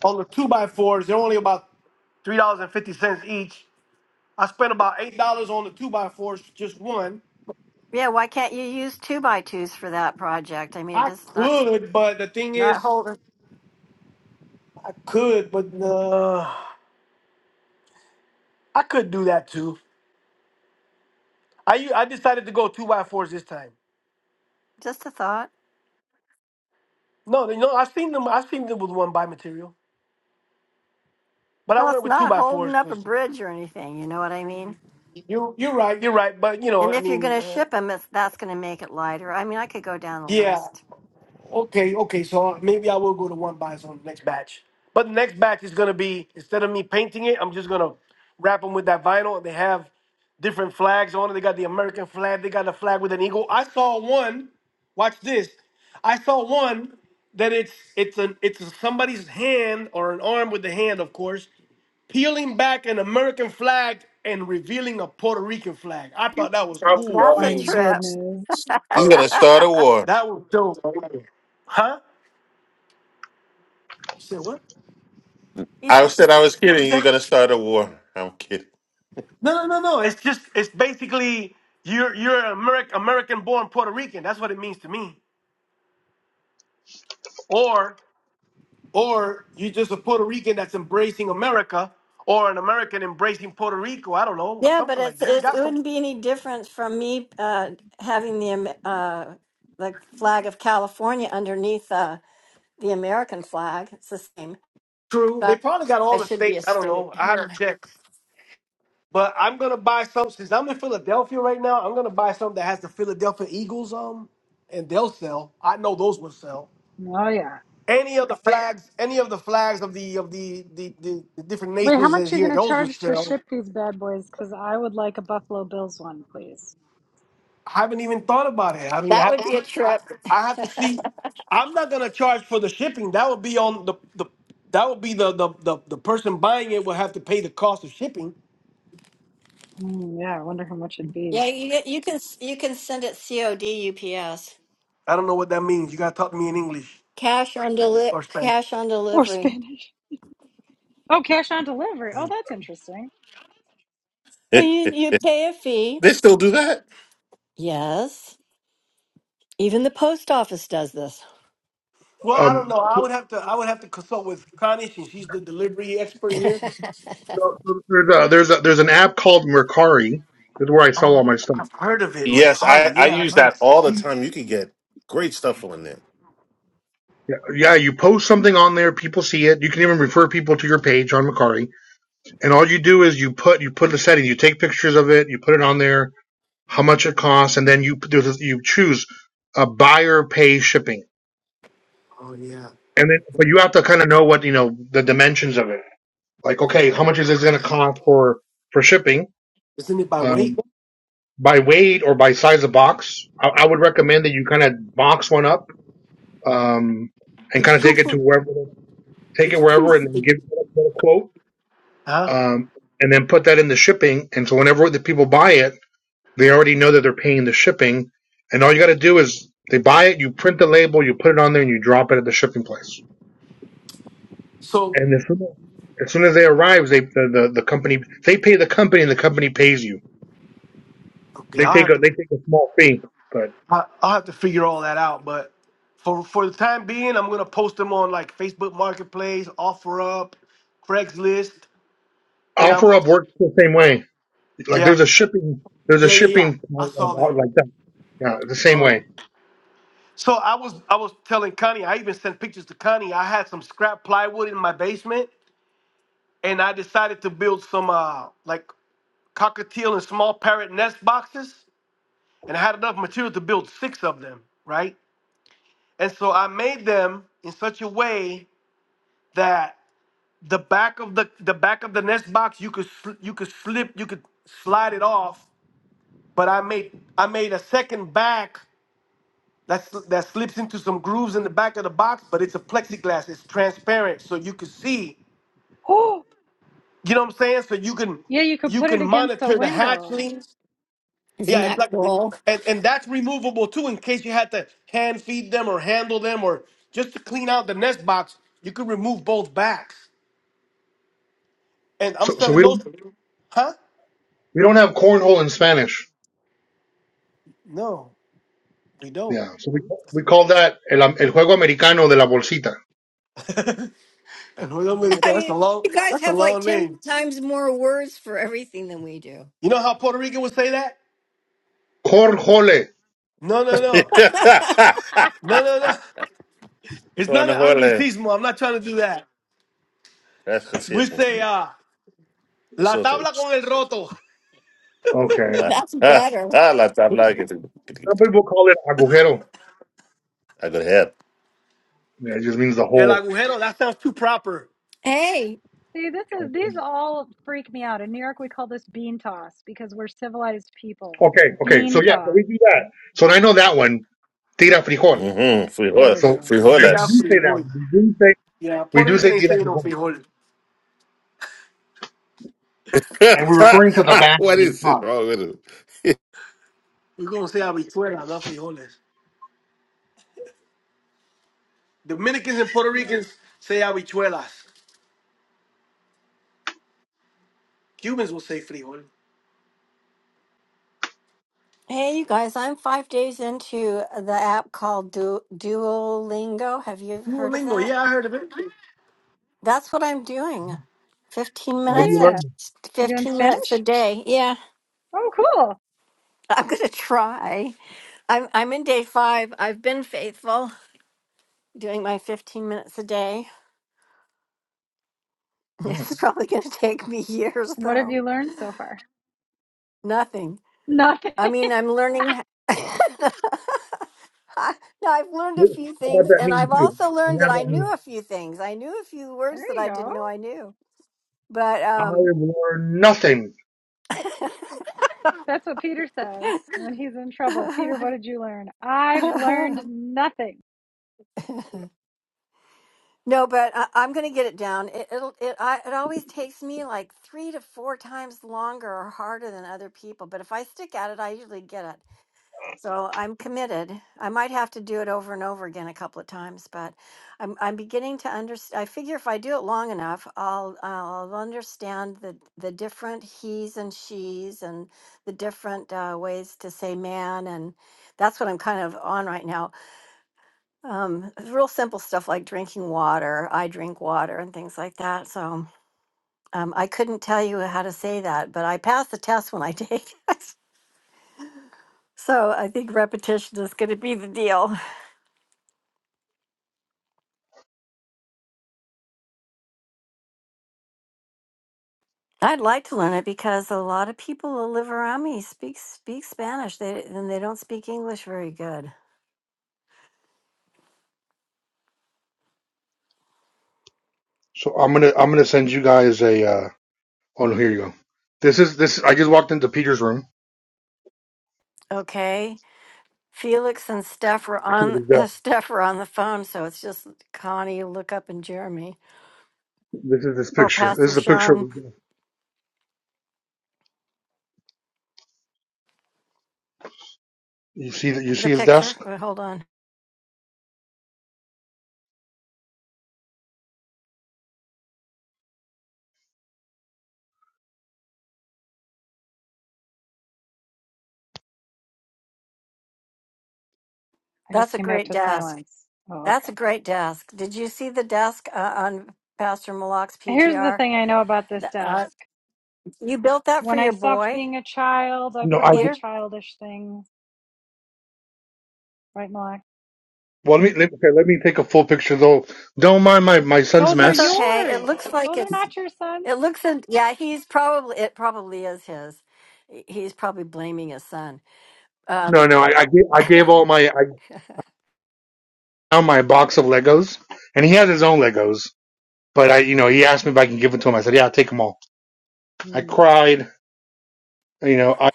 [SPEAKER 2] on the two by fours. They're only about three dollars and fifty cents each. I spent about eight dollars on the two by fours, just one.
[SPEAKER 5] Yeah. Why can't you use two by twos for that project? I mean, it
[SPEAKER 2] I
[SPEAKER 5] just not,
[SPEAKER 2] could, but the thing
[SPEAKER 5] not
[SPEAKER 2] is,
[SPEAKER 5] holding,
[SPEAKER 2] I could, but uh, I could do that too. I u- I decided to go two by fours this time.
[SPEAKER 5] just a thought.
[SPEAKER 2] No, they- no, I've seen them. I've seen them with one by material, but I
[SPEAKER 5] Well,
[SPEAKER 2] went
[SPEAKER 5] it's
[SPEAKER 2] with two
[SPEAKER 5] not
[SPEAKER 2] by fours
[SPEAKER 5] holding up a
[SPEAKER 2] because
[SPEAKER 5] bridge or anything. You know what I mean?
[SPEAKER 2] you you're right, you're right. But you know,
[SPEAKER 5] And
[SPEAKER 2] I
[SPEAKER 5] if you're
[SPEAKER 2] mean,
[SPEAKER 5] going to
[SPEAKER 2] uh,
[SPEAKER 5] ship them, it's, that's going to make it lighter. I mean, I could go down the
[SPEAKER 2] yeah,
[SPEAKER 5] list.
[SPEAKER 2] okay, okay. So maybe I will go to one buys on the next batch. But the next batch is gonna be instead of me painting it, I'm just gonna wrap them with that vinyl. They have different flags on it. They got the American flag. They got a flag with an eagle. I saw one. Watch this. I saw one that it's it's an it's somebody's hand or an arm with the hand, of course, peeling back an American flag and revealing a Puerto Rican flag. I thought that was cool.
[SPEAKER 5] That's a
[SPEAKER 1] My
[SPEAKER 8] You're
[SPEAKER 5] trip.
[SPEAKER 1] goodness.
[SPEAKER 8] gonna start a war.
[SPEAKER 2] That was dope. Huh? You said what?
[SPEAKER 5] he
[SPEAKER 8] I said
[SPEAKER 5] said.
[SPEAKER 8] I was
[SPEAKER 2] What's
[SPEAKER 8] kidding. You're
[SPEAKER 2] that?
[SPEAKER 8] gonna start a war. I'm kidding.
[SPEAKER 2] No, no, no, no. It's just it's basically you're you're an American American born Puerto Rican. That's what it means to me. Or or you're just a Puerto Rican that's embracing America, or an American embracing Puerto Rico. I don't know,
[SPEAKER 5] Yeah, but
[SPEAKER 2] something like
[SPEAKER 5] it's,
[SPEAKER 2] that. It's
[SPEAKER 5] it's it
[SPEAKER 2] got some
[SPEAKER 5] wouldn't be any difference from me uh, having the Am- uh, the flag of California underneath uh, the American flag. It's the same.
[SPEAKER 2] true. They
[SPEAKER 5] But
[SPEAKER 2] probably got
[SPEAKER 5] I
[SPEAKER 2] all the
[SPEAKER 5] should be a
[SPEAKER 2] states. I don't
[SPEAKER 5] state.
[SPEAKER 2] know. I
[SPEAKER 5] Hang
[SPEAKER 2] have to
[SPEAKER 5] on.
[SPEAKER 2] check. But I'm gonna buy some since I'm in Philadelphia right now. I'm gonna buy something that has the Philadelphia Eagles um, and they'll sell. I know those will sell.
[SPEAKER 1] Oh yeah.
[SPEAKER 2] Any of the flags, any of the flags of the of the the, the, the different
[SPEAKER 1] Wait, how
[SPEAKER 2] nations that's
[SPEAKER 1] much are you
[SPEAKER 2] here,
[SPEAKER 1] gonna
[SPEAKER 2] those will
[SPEAKER 1] charge to
[SPEAKER 2] sell.
[SPEAKER 1] ship these bad boys? Because I would like a Buffalo Bills one, please.
[SPEAKER 2] I haven't even thought about it. I mean, I
[SPEAKER 5] That
[SPEAKER 2] have
[SPEAKER 5] would
[SPEAKER 2] to
[SPEAKER 5] be
[SPEAKER 2] see.
[SPEAKER 5] a
[SPEAKER 2] I,
[SPEAKER 5] trip.
[SPEAKER 2] I have to see. I'm not gonna charge for the shipping. That would be on the the that would be the the the, the person buying it will have to pay the cost of shipping.
[SPEAKER 1] Mm, yeah, I wonder how much it'd be.
[SPEAKER 5] Yeah, you you can you can send it COD UPS
[SPEAKER 2] I don't know what that means. You gotta talk to me in English
[SPEAKER 5] cash on deli-
[SPEAKER 2] or Spanish.
[SPEAKER 5] cash on
[SPEAKER 1] Or
[SPEAKER 5] delivery.
[SPEAKER 1] Spanish. Oh, cash on delivery. Oh, that's interesting.
[SPEAKER 5] And You you
[SPEAKER 8] they
[SPEAKER 5] pay a fee.
[SPEAKER 8] still do that.
[SPEAKER 5] Yes, even the post office does this.
[SPEAKER 2] Well, I don't
[SPEAKER 7] Um,
[SPEAKER 2] know. I would have to. I would have to consult with Connie, and she's the delivery expert here.
[SPEAKER 7] there's a, there's a, there's an app called Mercari. That's where I sell
[SPEAKER 2] Um,
[SPEAKER 7] all my stuff.
[SPEAKER 2] I've heard of it,
[SPEAKER 8] Yes,
[SPEAKER 2] Mercari.
[SPEAKER 8] I, I
[SPEAKER 2] Yeah, I've
[SPEAKER 8] use
[SPEAKER 2] heard of
[SPEAKER 8] that
[SPEAKER 2] it.
[SPEAKER 8] all the time. You can get great stuff from there.
[SPEAKER 7] Yeah, yeah, you post something on there, people see it. You can even refer people to your page on Mercari. And all you do is you put you put the setting, you take pictures of it, you put it on there, how much it costs, and then you do you choose a buyer pay shipping,
[SPEAKER 2] Oh yeah,
[SPEAKER 7] and then but you have to kind of know what you know the dimensions of it. Like, okay, how much is this going to cost for for shipping
[SPEAKER 2] isn't it by weight?
[SPEAKER 7] um, by weight or by size of box? I, I would recommend that you kind of box one up um, and
[SPEAKER 2] It's
[SPEAKER 7] kind of
[SPEAKER 2] two
[SPEAKER 7] take it to
[SPEAKER 2] for.
[SPEAKER 7] wherever take it
[SPEAKER 2] It's two.
[SPEAKER 7] wherever
[SPEAKER 2] For,
[SPEAKER 7] and give it a quote.
[SPEAKER 2] huh?
[SPEAKER 7] Um, and then put that in the shipping, and so whenever the people buy it, They already know that they're paying the shipping, and all you got to do is they buy it, you print the label, you put it on there, and you drop it at the shipping place.
[SPEAKER 2] So,
[SPEAKER 7] And as soon as, as, soon as they arrive, they the, the the company they pay the company, and the company pays you.
[SPEAKER 2] okay,
[SPEAKER 7] They
[SPEAKER 2] I'll
[SPEAKER 7] take
[SPEAKER 2] have
[SPEAKER 7] a
[SPEAKER 2] to.
[SPEAKER 7] they take a small fee, but
[SPEAKER 2] I- I'll have to figure all that out. But for for the time being, I'm gonna post them on like Facebook Marketplace, OfferUp, Craigslist, and I'm
[SPEAKER 7] OfferUp works the same way. Like
[SPEAKER 2] yeah,
[SPEAKER 7] there's a shipping there's a
[SPEAKER 2] yeah, yeah, yeah.
[SPEAKER 7] shipping
[SPEAKER 2] I
[SPEAKER 7] part of,
[SPEAKER 2] saw that.
[SPEAKER 7] like that. Yeah, the same
[SPEAKER 2] Saw
[SPEAKER 7] way.
[SPEAKER 2] that. So I was I was telling Connie, I even sent pictures to Connie. I had some scrap plywood in my basement, and I decided to build some uh like cockatiel and small parrot nest boxes. And I had enough material to build six of them, right? And so I made them in such a way that the back of the the back of the nest box you could sl- you could slip you could slide it off. But I made I made a second back That's, that slips into some grooves in the back of the box, but it's a plexiglass. It's transparent, so you can see.
[SPEAKER 1] Oh.
[SPEAKER 2] You know what I'm saying? So you can
[SPEAKER 1] Yeah, you could
[SPEAKER 2] you
[SPEAKER 1] put
[SPEAKER 2] can
[SPEAKER 1] it against a
[SPEAKER 2] monitor the
[SPEAKER 1] window.
[SPEAKER 2] hatchlings.
[SPEAKER 5] Isn't
[SPEAKER 2] Yeah,
[SPEAKER 5] that
[SPEAKER 2] exactly.
[SPEAKER 5] cool?
[SPEAKER 2] and and that's removable too in case you had to hand feed them or handle them or just to clean out the nest box. You could remove both backs, and I'm
[SPEAKER 7] So so
[SPEAKER 2] selling
[SPEAKER 7] we
[SPEAKER 2] those.
[SPEAKER 7] don't
[SPEAKER 2] Huh?
[SPEAKER 7] we don't have cornhole in Spanish.
[SPEAKER 2] No, we don't.
[SPEAKER 7] Yeah, so we we call that el, el juego americano de la bolsita.
[SPEAKER 2] And we don't really-
[SPEAKER 1] What?
[SPEAKER 5] I
[SPEAKER 2] got- That's a
[SPEAKER 5] mean,
[SPEAKER 2] long.
[SPEAKER 5] you guys
[SPEAKER 2] That's a
[SPEAKER 5] have like
[SPEAKER 2] long
[SPEAKER 5] 10
[SPEAKER 2] name.
[SPEAKER 5] times more words for everything than we do.
[SPEAKER 2] You know how Puerto Rican would say that?
[SPEAKER 7] Cornhole.
[SPEAKER 2] No, no, no, no, no, no. It's not
[SPEAKER 8] Bueno,
[SPEAKER 2] an
[SPEAKER 8] jole,
[SPEAKER 2] anglicismo. I'm not trying to do that.
[SPEAKER 8] that's good to hear.
[SPEAKER 2] We say, uh,
[SPEAKER 8] What's
[SPEAKER 2] la
[SPEAKER 8] up, though?
[SPEAKER 2] tabla con el roto.
[SPEAKER 7] Okay.
[SPEAKER 8] Like,
[SPEAKER 5] That's
[SPEAKER 8] ah,
[SPEAKER 5] better.
[SPEAKER 8] ah, la tabla que te- que te- que te-
[SPEAKER 7] Agujero.
[SPEAKER 8] I go ahead.
[SPEAKER 7] Yeah, It just means the
[SPEAKER 2] El
[SPEAKER 7] whole.
[SPEAKER 2] agujero, that sounds too proper.
[SPEAKER 5] Hey,
[SPEAKER 1] See, this is these all freak me out. In New York, we call this bean toss because we're civilized people.
[SPEAKER 7] Okay, okay.
[SPEAKER 1] Bean
[SPEAKER 7] So yeah, so
[SPEAKER 1] toss.
[SPEAKER 7] we do that. So I know that one. Tira frijol.
[SPEAKER 8] Mm-hmm.
[SPEAKER 1] There
[SPEAKER 8] Frijol,
[SPEAKER 1] we
[SPEAKER 7] So
[SPEAKER 1] go.
[SPEAKER 7] and we
[SPEAKER 2] Tira
[SPEAKER 8] frijoles.
[SPEAKER 7] do say that.
[SPEAKER 2] frijol.
[SPEAKER 7] We do say
[SPEAKER 2] Yeah,
[SPEAKER 7] we
[SPEAKER 2] Puerto
[SPEAKER 7] do
[SPEAKER 2] Rican
[SPEAKER 7] say
[SPEAKER 2] ain't
[SPEAKER 7] tira
[SPEAKER 2] saying no
[SPEAKER 7] frijol,
[SPEAKER 2] frijol.
[SPEAKER 7] and we're referring to the back
[SPEAKER 8] what
[SPEAKER 7] being
[SPEAKER 8] is this
[SPEAKER 7] hot.
[SPEAKER 8] wrong with him?
[SPEAKER 2] We're going to say habichuela, not frijoles. Dominicans and Puerto Ricans say habichuelas. Cubans will say frijol.
[SPEAKER 5] hey, you guys, I'm five days into the app called du- Duolingo. Have you ever heard of
[SPEAKER 2] Duolingo,
[SPEAKER 5] that?
[SPEAKER 2] yeah, I heard of it.
[SPEAKER 5] That's what I'm doing. 15
[SPEAKER 1] Oh
[SPEAKER 7] What do you
[SPEAKER 5] minutes a
[SPEAKER 1] yeah.
[SPEAKER 7] learn?
[SPEAKER 1] You doing
[SPEAKER 5] 15 minutes a
[SPEAKER 1] Spanish?
[SPEAKER 5] day. Yeah,
[SPEAKER 1] Oh, cool.
[SPEAKER 5] I'm going to try. I'm I'm in day 5. I've been faithful doing my 15 minutes a day.
[SPEAKER 7] Hmm.
[SPEAKER 5] It's probably going to take me years
[SPEAKER 1] What have
[SPEAKER 5] though.
[SPEAKER 1] you learned so far?
[SPEAKER 5] Nothing.
[SPEAKER 1] Nothing.
[SPEAKER 5] I mean, I'm learning. I- no, I've learned a
[SPEAKER 7] What
[SPEAKER 5] few
[SPEAKER 7] what
[SPEAKER 5] things,
[SPEAKER 7] that
[SPEAKER 5] and
[SPEAKER 7] mean
[SPEAKER 5] I've
[SPEAKER 7] too?
[SPEAKER 5] also
[SPEAKER 7] And
[SPEAKER 5] learned that
[SPEAKER 7] that
[SPEAKER 5] I
[SPEAKER 7] what
[SPEAKER 5] knew a few things. I knew a few
[SPEAKER 1] There
[SPEAKER 5] words that
[SPEAKER 1] you
[SPEAKER 5] I
[SPEAKER 1] go.
[SPEAKER 5] didn't know I knew. But
[SPEAKER 7] I
[SPEAKER 5] um,
[SPEAKER 7] learned nothing.
[SPEAKER 1] That's what Peter says when he's in trouble. Peter, what did you learn? I've learned nothing.
[SPEAKER 5] no, but I, I'm going to get it down. It it'll, it I, it always takes me like three to four times longer or harder than other people. But if I stick at it, I usually get it. So I'm committed. I might have to do it over and over again a couple of times, but I'm I'm beginning to understand. I figure if I do it long enough, I'll I'll understand the the different he's and she's and the different uh, ways to say man, and that's what I'm kind of on right now. Um, real simple stuff like drinking water. I drink water and things like that. So um, I couldn't tell you how to say that, but I pass the test when I take it. So I think repetition is going to be the deal. I'd like to learn it because a lot of people who live around me speak speak Spanish. They and they don't speak English very good.
[SPEAKER 7] So I'm gonna I'm gonna send you guys a. Uh, oh no, here you go. This is this. I just walked into Peter's room.
[SPEAKER 5] Okay, Felix and Steph are on
[SPEAKER 7] This
[SPEAKER 5] Steph are on the phone, so it's just Connie, look up, and Jeremy.
[SPEAKER 7] is his
[SPEAKER 5] Oh,
[SPEAKER 7] picture. This
[SPEAKER 5] Pastor
[SPEAKER 7] is a picture. Of
[SPEAKER 5] Sean,
[SPEAKER 7] his desk. You see that? You see
[SPEAKER 5] the
[SPEAKER 7] his
[SPEAKER 5] picture.
[SPEAKER 7] desk?
[SPEAKER 5] Wait, hold on,
[SPEAKER 1] I just
[SPEAKER 5] that's a
[SPEAKER 1] came back
[SPEAKER 5] great
[SPEAKER 1] to
[SPEAKER 5] desk.
[SPEAKER 1] silence. Oh,
[SPEAKER 5] That's
[SPEAKER 1] okay.
[SPEAKER 5] a great desk. Did you see the desk uh, on Pastor Malak's
[SPEAKER 1] Here's the
[SPEAKER 5] PTR?
[SPEAKER 1] thing I know about this
[SPEAKER 5] The- Uh,
[SPEAKER 1] desk.
[SPEAKER 5] you built that for
[SPEAKER 1] When I
[SPEAKER 5] your
[SPEAKER 1] stopped
[SPEAKER 5] boy,
[SPEAKER 1] being a child, I
[SPEAKER 7] No.
[SPEAKER 1] put
[SPEAKER 7] I.
[SPEAKER 1] away
[SPEAKER 5] Peter.
[SPEAKER 1] childish things. Right, Malak?
[SPEAKER 7] Well, let me let, okay. Let me take a full picture though. Don't mind my my son's
[SPEAKER 1] Those are
[SPEAKER 5] That's
[SPEAKER 7] mess.
[SPEAKER 5] okay. It
[SPEAKER 1] yours.
[SPEAKER 5] looks like
[SPEAKER 1] Those are
[SPEAKER 5] it's
[SPEAKER 1] not your son's.
[SPEAKER 5] It looks in, yeah, he's probably, it probably is his. He- He's probably blaming his son.
[SPEAKER 7] No,
[SPEAKER 5] Um,
[SPEAKER 7] no. I I gave, I gave all now my box of Legos, and he has his own Legos. But I, you know, give it to him. I said, yeah, take them all. I
[SPEAKER 1] Hmm.
[SPEAKER 7] cried. You know, I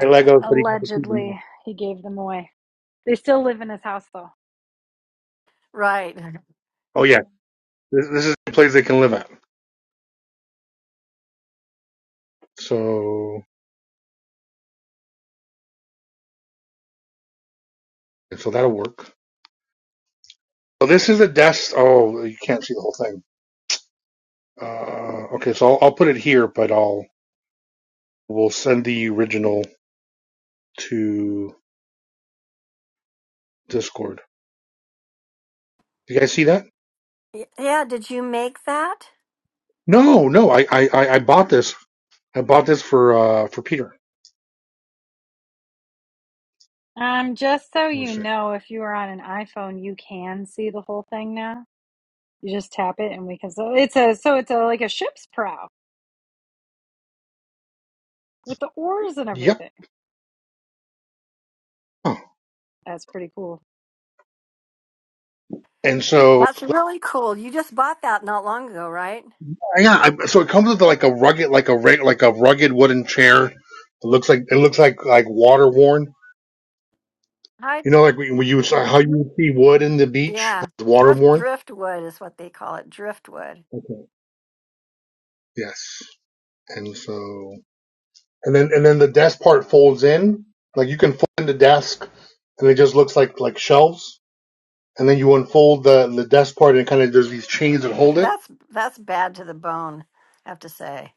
[SPEAKER 7] I Legos, but he got to keep them all.
[SPEAKER 1] Allegedly, he gave them away. They still live in his house, though.
[SPEAKER 5] right.
[SPEAKER 7] Oh yeah, this, this is a place they can live at. So so that'll work. So this is oh you can't see the whole thing. Uh, okay, so I'll, I'll put it here, but I'll we'll send the original to Discord. Do you guys see that?
[SPEAKER 5] Y- Yeah, did you make that?
[SPEAKER 7] No, no. I I I I bought this I bought this for uh for Peter.
[SPEAKER 1] Um, just so
[SPEAKER 7] Let me
[SPEAKER 1] you
[SPEAKER 7] see.
[SPEAKER 1] know, if you are on an iPhone, you can see the whole thing now. You just tap it, and we can. So it's a so it's a like a ship's prow with the oars and
[SPEAKER 7] Yep.
[SPEAKER 1] everything.
[SPEAKER 7] Oh.
[SPEAKER 1] That's pretty cool.
[SPEAKER 7] And so
[SPEAKER 5] That's really cool. You just bought that not long ago, right?
[SPEAKER 7] yeah, I, so it comes with like a rugged, like a like a rugged wooden chair. It looks like it looks like like water worn.
[SPEAKER 5] Hi.
[SPEAKER 7] You know, like when you how you see wood in the beach,
[SPEAKER 5] Yeah,
[SPEAKER 7] water
[SPEAKER 5] drift
[SPEAKER 7] worn.
[SPEAKER 5] driftwood is what they call it, driftwood.
[SPEAKER 7] Okay. Yes. And so and then and then the desk part folds in. Like you can fold in the desk, and it just looks like like shelves. And then you unfold the the desk part, and kind of there's these chains that hold it.
[SPEAKER 5] That's that's bad to the bone, I have to say.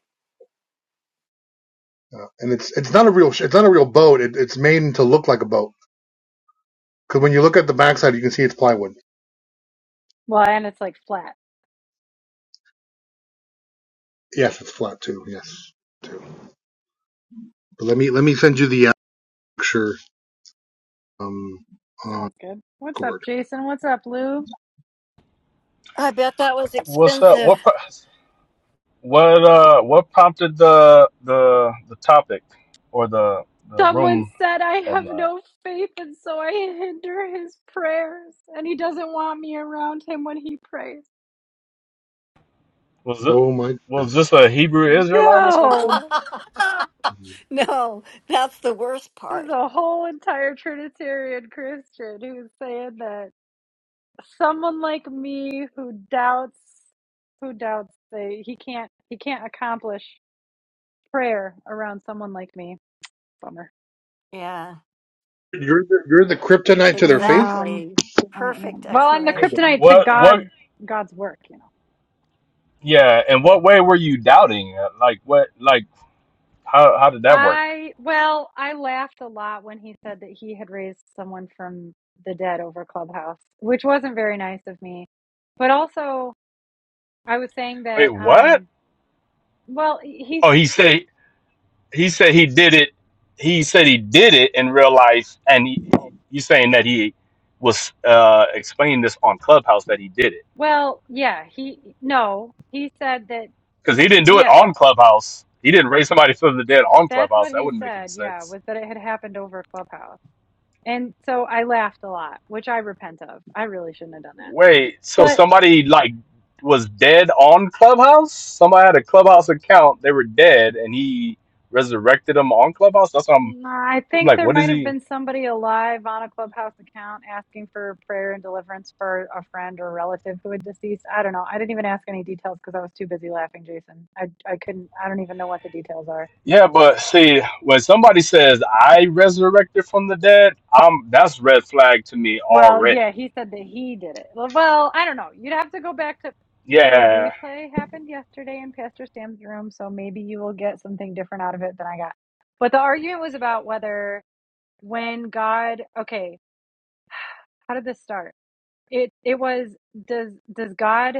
[SPEAKER 7] Uh, and it's it's not a real it's not a real boat. It, it's made to look like a boat Because when you look at the backside, you can see it's plywood.
[SPEAKER 1] Well, and it's like flat.
[SPEAKER 7] Yes, it's flat too. Yes, too. But let me let me send you the uh, picture um on
[SPEAKER 1] Sounds good. What's
[SPEAKER 7] Discord.
[SPEAKER 1] up, Jason? What's up, Lou?
[SPEAKER 5] I bet that was
[SPEAKER 13] What's up?
[SPEAKER 5] expensive.
[SPEAKER 13] What pro- what uh what prompted the the the topic or the the
[SPEAKER 1] Someone
[SPEAKER 13] room
[SPEAKER 1] said, I have
[SPEAKER 13] headline?
[SPEAKER 1] no faith, and so I hinder his prayers, and he doesn't want me around him when he prays.
[SPEAKER 13] Was it
[SPEAKER 7] Oh my
[SPEAKER 13] was
[SPEAKER 7] goodness,
[SPEAKER 13] this a Hebrew Israelite or something?
[SPEAKER 1] No!
[SPEAKER 5] no, that's the worst
[SPEAKER 1] There's
[SPEAKER 5] part.
[SPEAKER 1] a whole entire Trinitarian Christian who's saying that someone like me who doubts, who doubts they, he can't, he can't accomplish prayer around someone like me. Bummer.
[SPEAKER 5] Yeah,
[SPEAKER 7] you're the, you're the kryptonite to
[SPEAKER 1] I
[SPEAKER 7] their faith.
[SPEAKER 1] am,
[SPEAKER 5] exactly.
[SPEAKER 1] I
[SPEAKER 5] Perfect
[SPEAKER 1] am. Well, I'm the
[SPEAKER 5] explanation.
[SPEAKER 1] kryptonite to
[SPEAKER 13] What what
[SPEAKER 1] God, God's work, you know.
[SPEAKER 13] yeah, and what way were you doubting? Like what like how how did that work?
[SPEAKER 1] I well, I laughed a lot when he said that he had raised someone from the dead over Clubhouse, which wasn't very nice of me. But also, I was saying
[SPEAKER 13] Wait,
[SPEAKER 1] that
[SPEAKER 13] what?
[SPEAKER 1] um well, he's
[SPEAKER 13] Oh, he said he said he did it. He said he did it in real life and he, he you saying that he was uh explaining this on Clubhouse that he did it.
[SPEAKER 1] well, yeah, he no, he said that
[SPEAKER 13] Because he didn't do it
[SPEAKER 1] yes,
[SPEAKER 13] on Clubhouse. He didn't raise somebody from the dead on
[SPEAKER 1] that's
[SPEAKER 13] Clubhouse.
[SPEAKER 1] what
[SPEAKER 13] That
[SPEAKER 1] he
[SPEAKER 13] wouldn't make any
[SPEAKER 1] said. Yeah,
[SPEAKER 13] sense.
[SPEAKER 1] was that it had happened over Clubhouse. And so I laughed a lot, which I repent of. I really shouldn't have done that.
[SPEAKER 13] Wait, so
[SPEAKER 1] but.
[SPEAKER 13] somebody like was dead on Clubhouse? Somebody had a Clubhouse account. They were dead, and he resurrected them on Clubhouse. That's what I'm.
[SPEAKER 1] Mm, I
[SPEAKER 13] I'm
[SPEAKER 1] think
[SPEAKER 13] like,
[SPEAKER 1] there
[SPEAKER 13] what is
[SPEAKER 1] might have
[SPEAKER 13] he?
[SPEAKER 1] been somebody alive on a clubhouse account asking for prayer and deliverance for a friend or relative who had deceased. I don't know. I didn't even ask any details because I was too busy laughing, Jason. I I couldn't. I don't even know what the details are.
[SPEAKER 13] Yeah, but see, when somebody says I resurrected from the dead, um, that's red flag to me
[SPEAKER 1] Well, yeah,
[SPEAKER 13] already.
[SPEAKER 1] he said that he did it. Well, well, I don't know. You'd have to go back to the
[SPEAKER 13] Yeah.
[SPEAKER 1] replay happened yesterday in Pastor Sam's room, so maybe you will get something different out of it than I got. But the argument was about whether when God, okay, how did this start? It it was does does God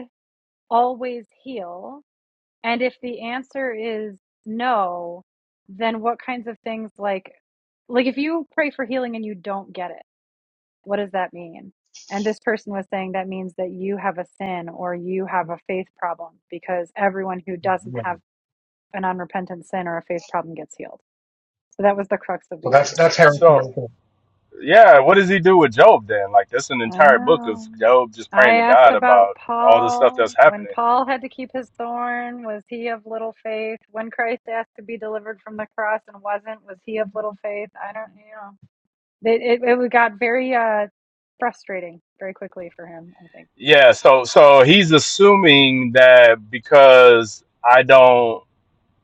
[SPEAKER 1] always heal? And if the answer is no, then what kinds of things like like if you pray for healing and you don't get it, what does that mean? And this person was saying that means that you have a sin or you have a faith problem because everyone who doesn't
[SPEAKER 7] So
[SPEAKER 1] have an unrepentant sin or a faith problem gets healed. So that was the crux of the
[SPEAKER 7] that's
[SPEAKER 1] argument.
[SPEAKER 7] that's Harry.
[SPEAKER 1] Yeah.
[SPEAKER 13] So yeah, what does he do with Job then? Like that's an
[SPEAKER 1] I
[SPEAKER 13] entire book of
[SPEAKER 1] know.
[SPEAKER 13] Job just
[SPEAKER 1] I
[SPEAKER 13] praying to
[SPEAKER 1] asked
[SPEAKER 13] God
[SPEAKER 1] about
[SPEAKER 13] about all the stuff
[SPEAKER 1] Paul.
[SPEAKER 13] that's
[SPEAKER 1] When
[SPEAKER 13] happening.
[SPEAKER 1] Paul had to keep his thorn, was he of little faith? When Christ asked to be delivered from the cross and wasn't, was he of little faith? I don't, you know. It, it, it got very uh, frustrating very quickly for him, I think.
[SPEAKER 13] Yeah, so so he's assuming that because I don't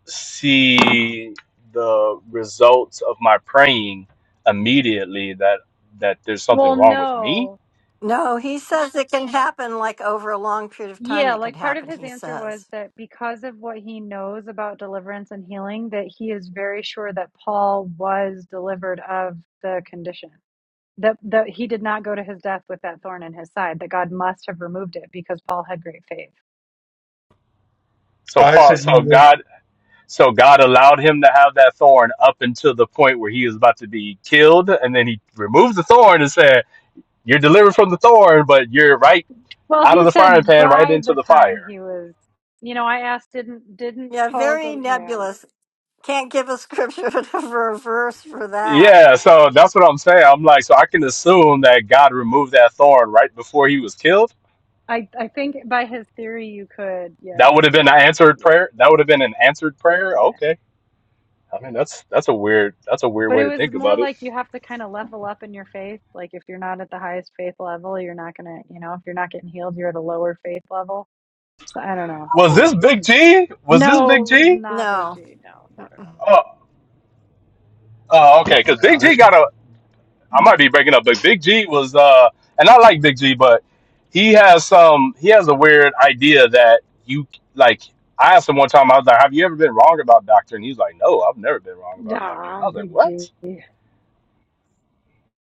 [SPEAKER 13] see the results of my praying immediately that that there's something
[SPEAKER 1] Well,
[SPEAKER 13] wrong with me.
[SPEAKER 1] no.
[SPEAKER 5] No, he says it can happen like over a long period of time,
[SPEAKER 1] Yeah,
[SPEAKER 5] it could
[SPEAKER 1] like part of
[SPEAKER 5] happen,
[SPEAKER 1] his
[SPEAKER 5] he
[SPEAKER 1] answer was
[SPEAKER 5] says.
[SPEAKER 1] that because of what he knows about deliverance and healing, that he is very sure that Paul was delivered of the condition. that that he did not go to his death with that thorn in his side that god must have removed it because paul had great faith
[SPEAKER 13] So
[SPEAKER 7] I
[SPEAKER 13] Paul
[SPEAKER 7] said
[SPEAKER 13] so
[SPEAKER 7] you were-
[SPEAKER 13] God so God allowed him to have that thorn up until the point where he was about to be killed and then he removed the thorn and said, you're delivered from the thorn, but you're right
[SPEAKER 1] well
[SPEAKER 13] out of
[SPEAKER 1] he
[SPEAKER 13] the frying
[SPEAKER 1] said
[SPEAKER 13] pan right
[SPEAKER 1] by
[SPEAKER 13] into
[SPEAKER 1] the
[SPEAKER 13] the
[SPEAKER 1] time
[SPEAKER 13] fire.
[SPEAKER 1] he was you know i asked didn't didn't
[SPEAKER 5] Yeah,
[SPEAKER 1] paul go
[SPEAKER 5] very
[SPEAKER 1] to yeah
[SPEAKER 5] nebulous. Can't give a scripture for a verse for that.
[SPEAKER 13] Yeah, so that's what I'm saying. I'm like, so I can assume that God removed that thorn right before he was killed.
[SPEAKER 1] i i think by his theory you could yeah
[SPEAKER 13] That would have been an answered
[SPEAKER 1] yeah
[SPEAKER 13] prayer. That would have been an answered prayer.
[SPEAKER 1] yeah
[SPEAKER 13] Okay. I mean, that's that's a weird that's a weird
[SPEAKER 1] but
[SPEAKER 13] way
[SPEAKER 1] it
[SPEAKER 13] to
[SPEAKER 1] was
[SPEAKER 13] think
[SPEAKER 1] more
[SPEAKER 13] about it.
[SPEAKER 1] like you have to kind of level up in your faith like if you're not at the highest faith level you're not gonna you know if you're not getting healed you're at a lower faith level so i don't know
[SPEAKER 13] Was this Big G? Was this
[SPEAKER 1] no
[SPEAKER 13] Big
[SPEAKER 1] it was
[SPEAKER 13] G?
[SPEAKER 1] not big
[SPEAKER 5] No,
[SPEAKER 1] g no no
[SPEAKER 5] Mm-mm.
[SPEAKER 1] no
[SPEAKER 13] Oh, oh okay. Because Big
[SPEAKER 7] no,
[SPEAKER 13] G
[SPEAKER 7] this
[SPEAKER 13] got a I might be breaking up, but Big G was uh and I like Big G, but he has some he has a weird idea that you like I asked him one time, I was like, Have you ever been wrong about doctor? And he's like, No, I've never been wrong
[SPEAKER 1] no no
[SPEAKER 13] about doctor. And I
[SPEAKER 1] nah,
[SPEAKER 13] was like,
[SPEAKER 1] big
[SPEAKER 13] What?
[SPEAKER 1] g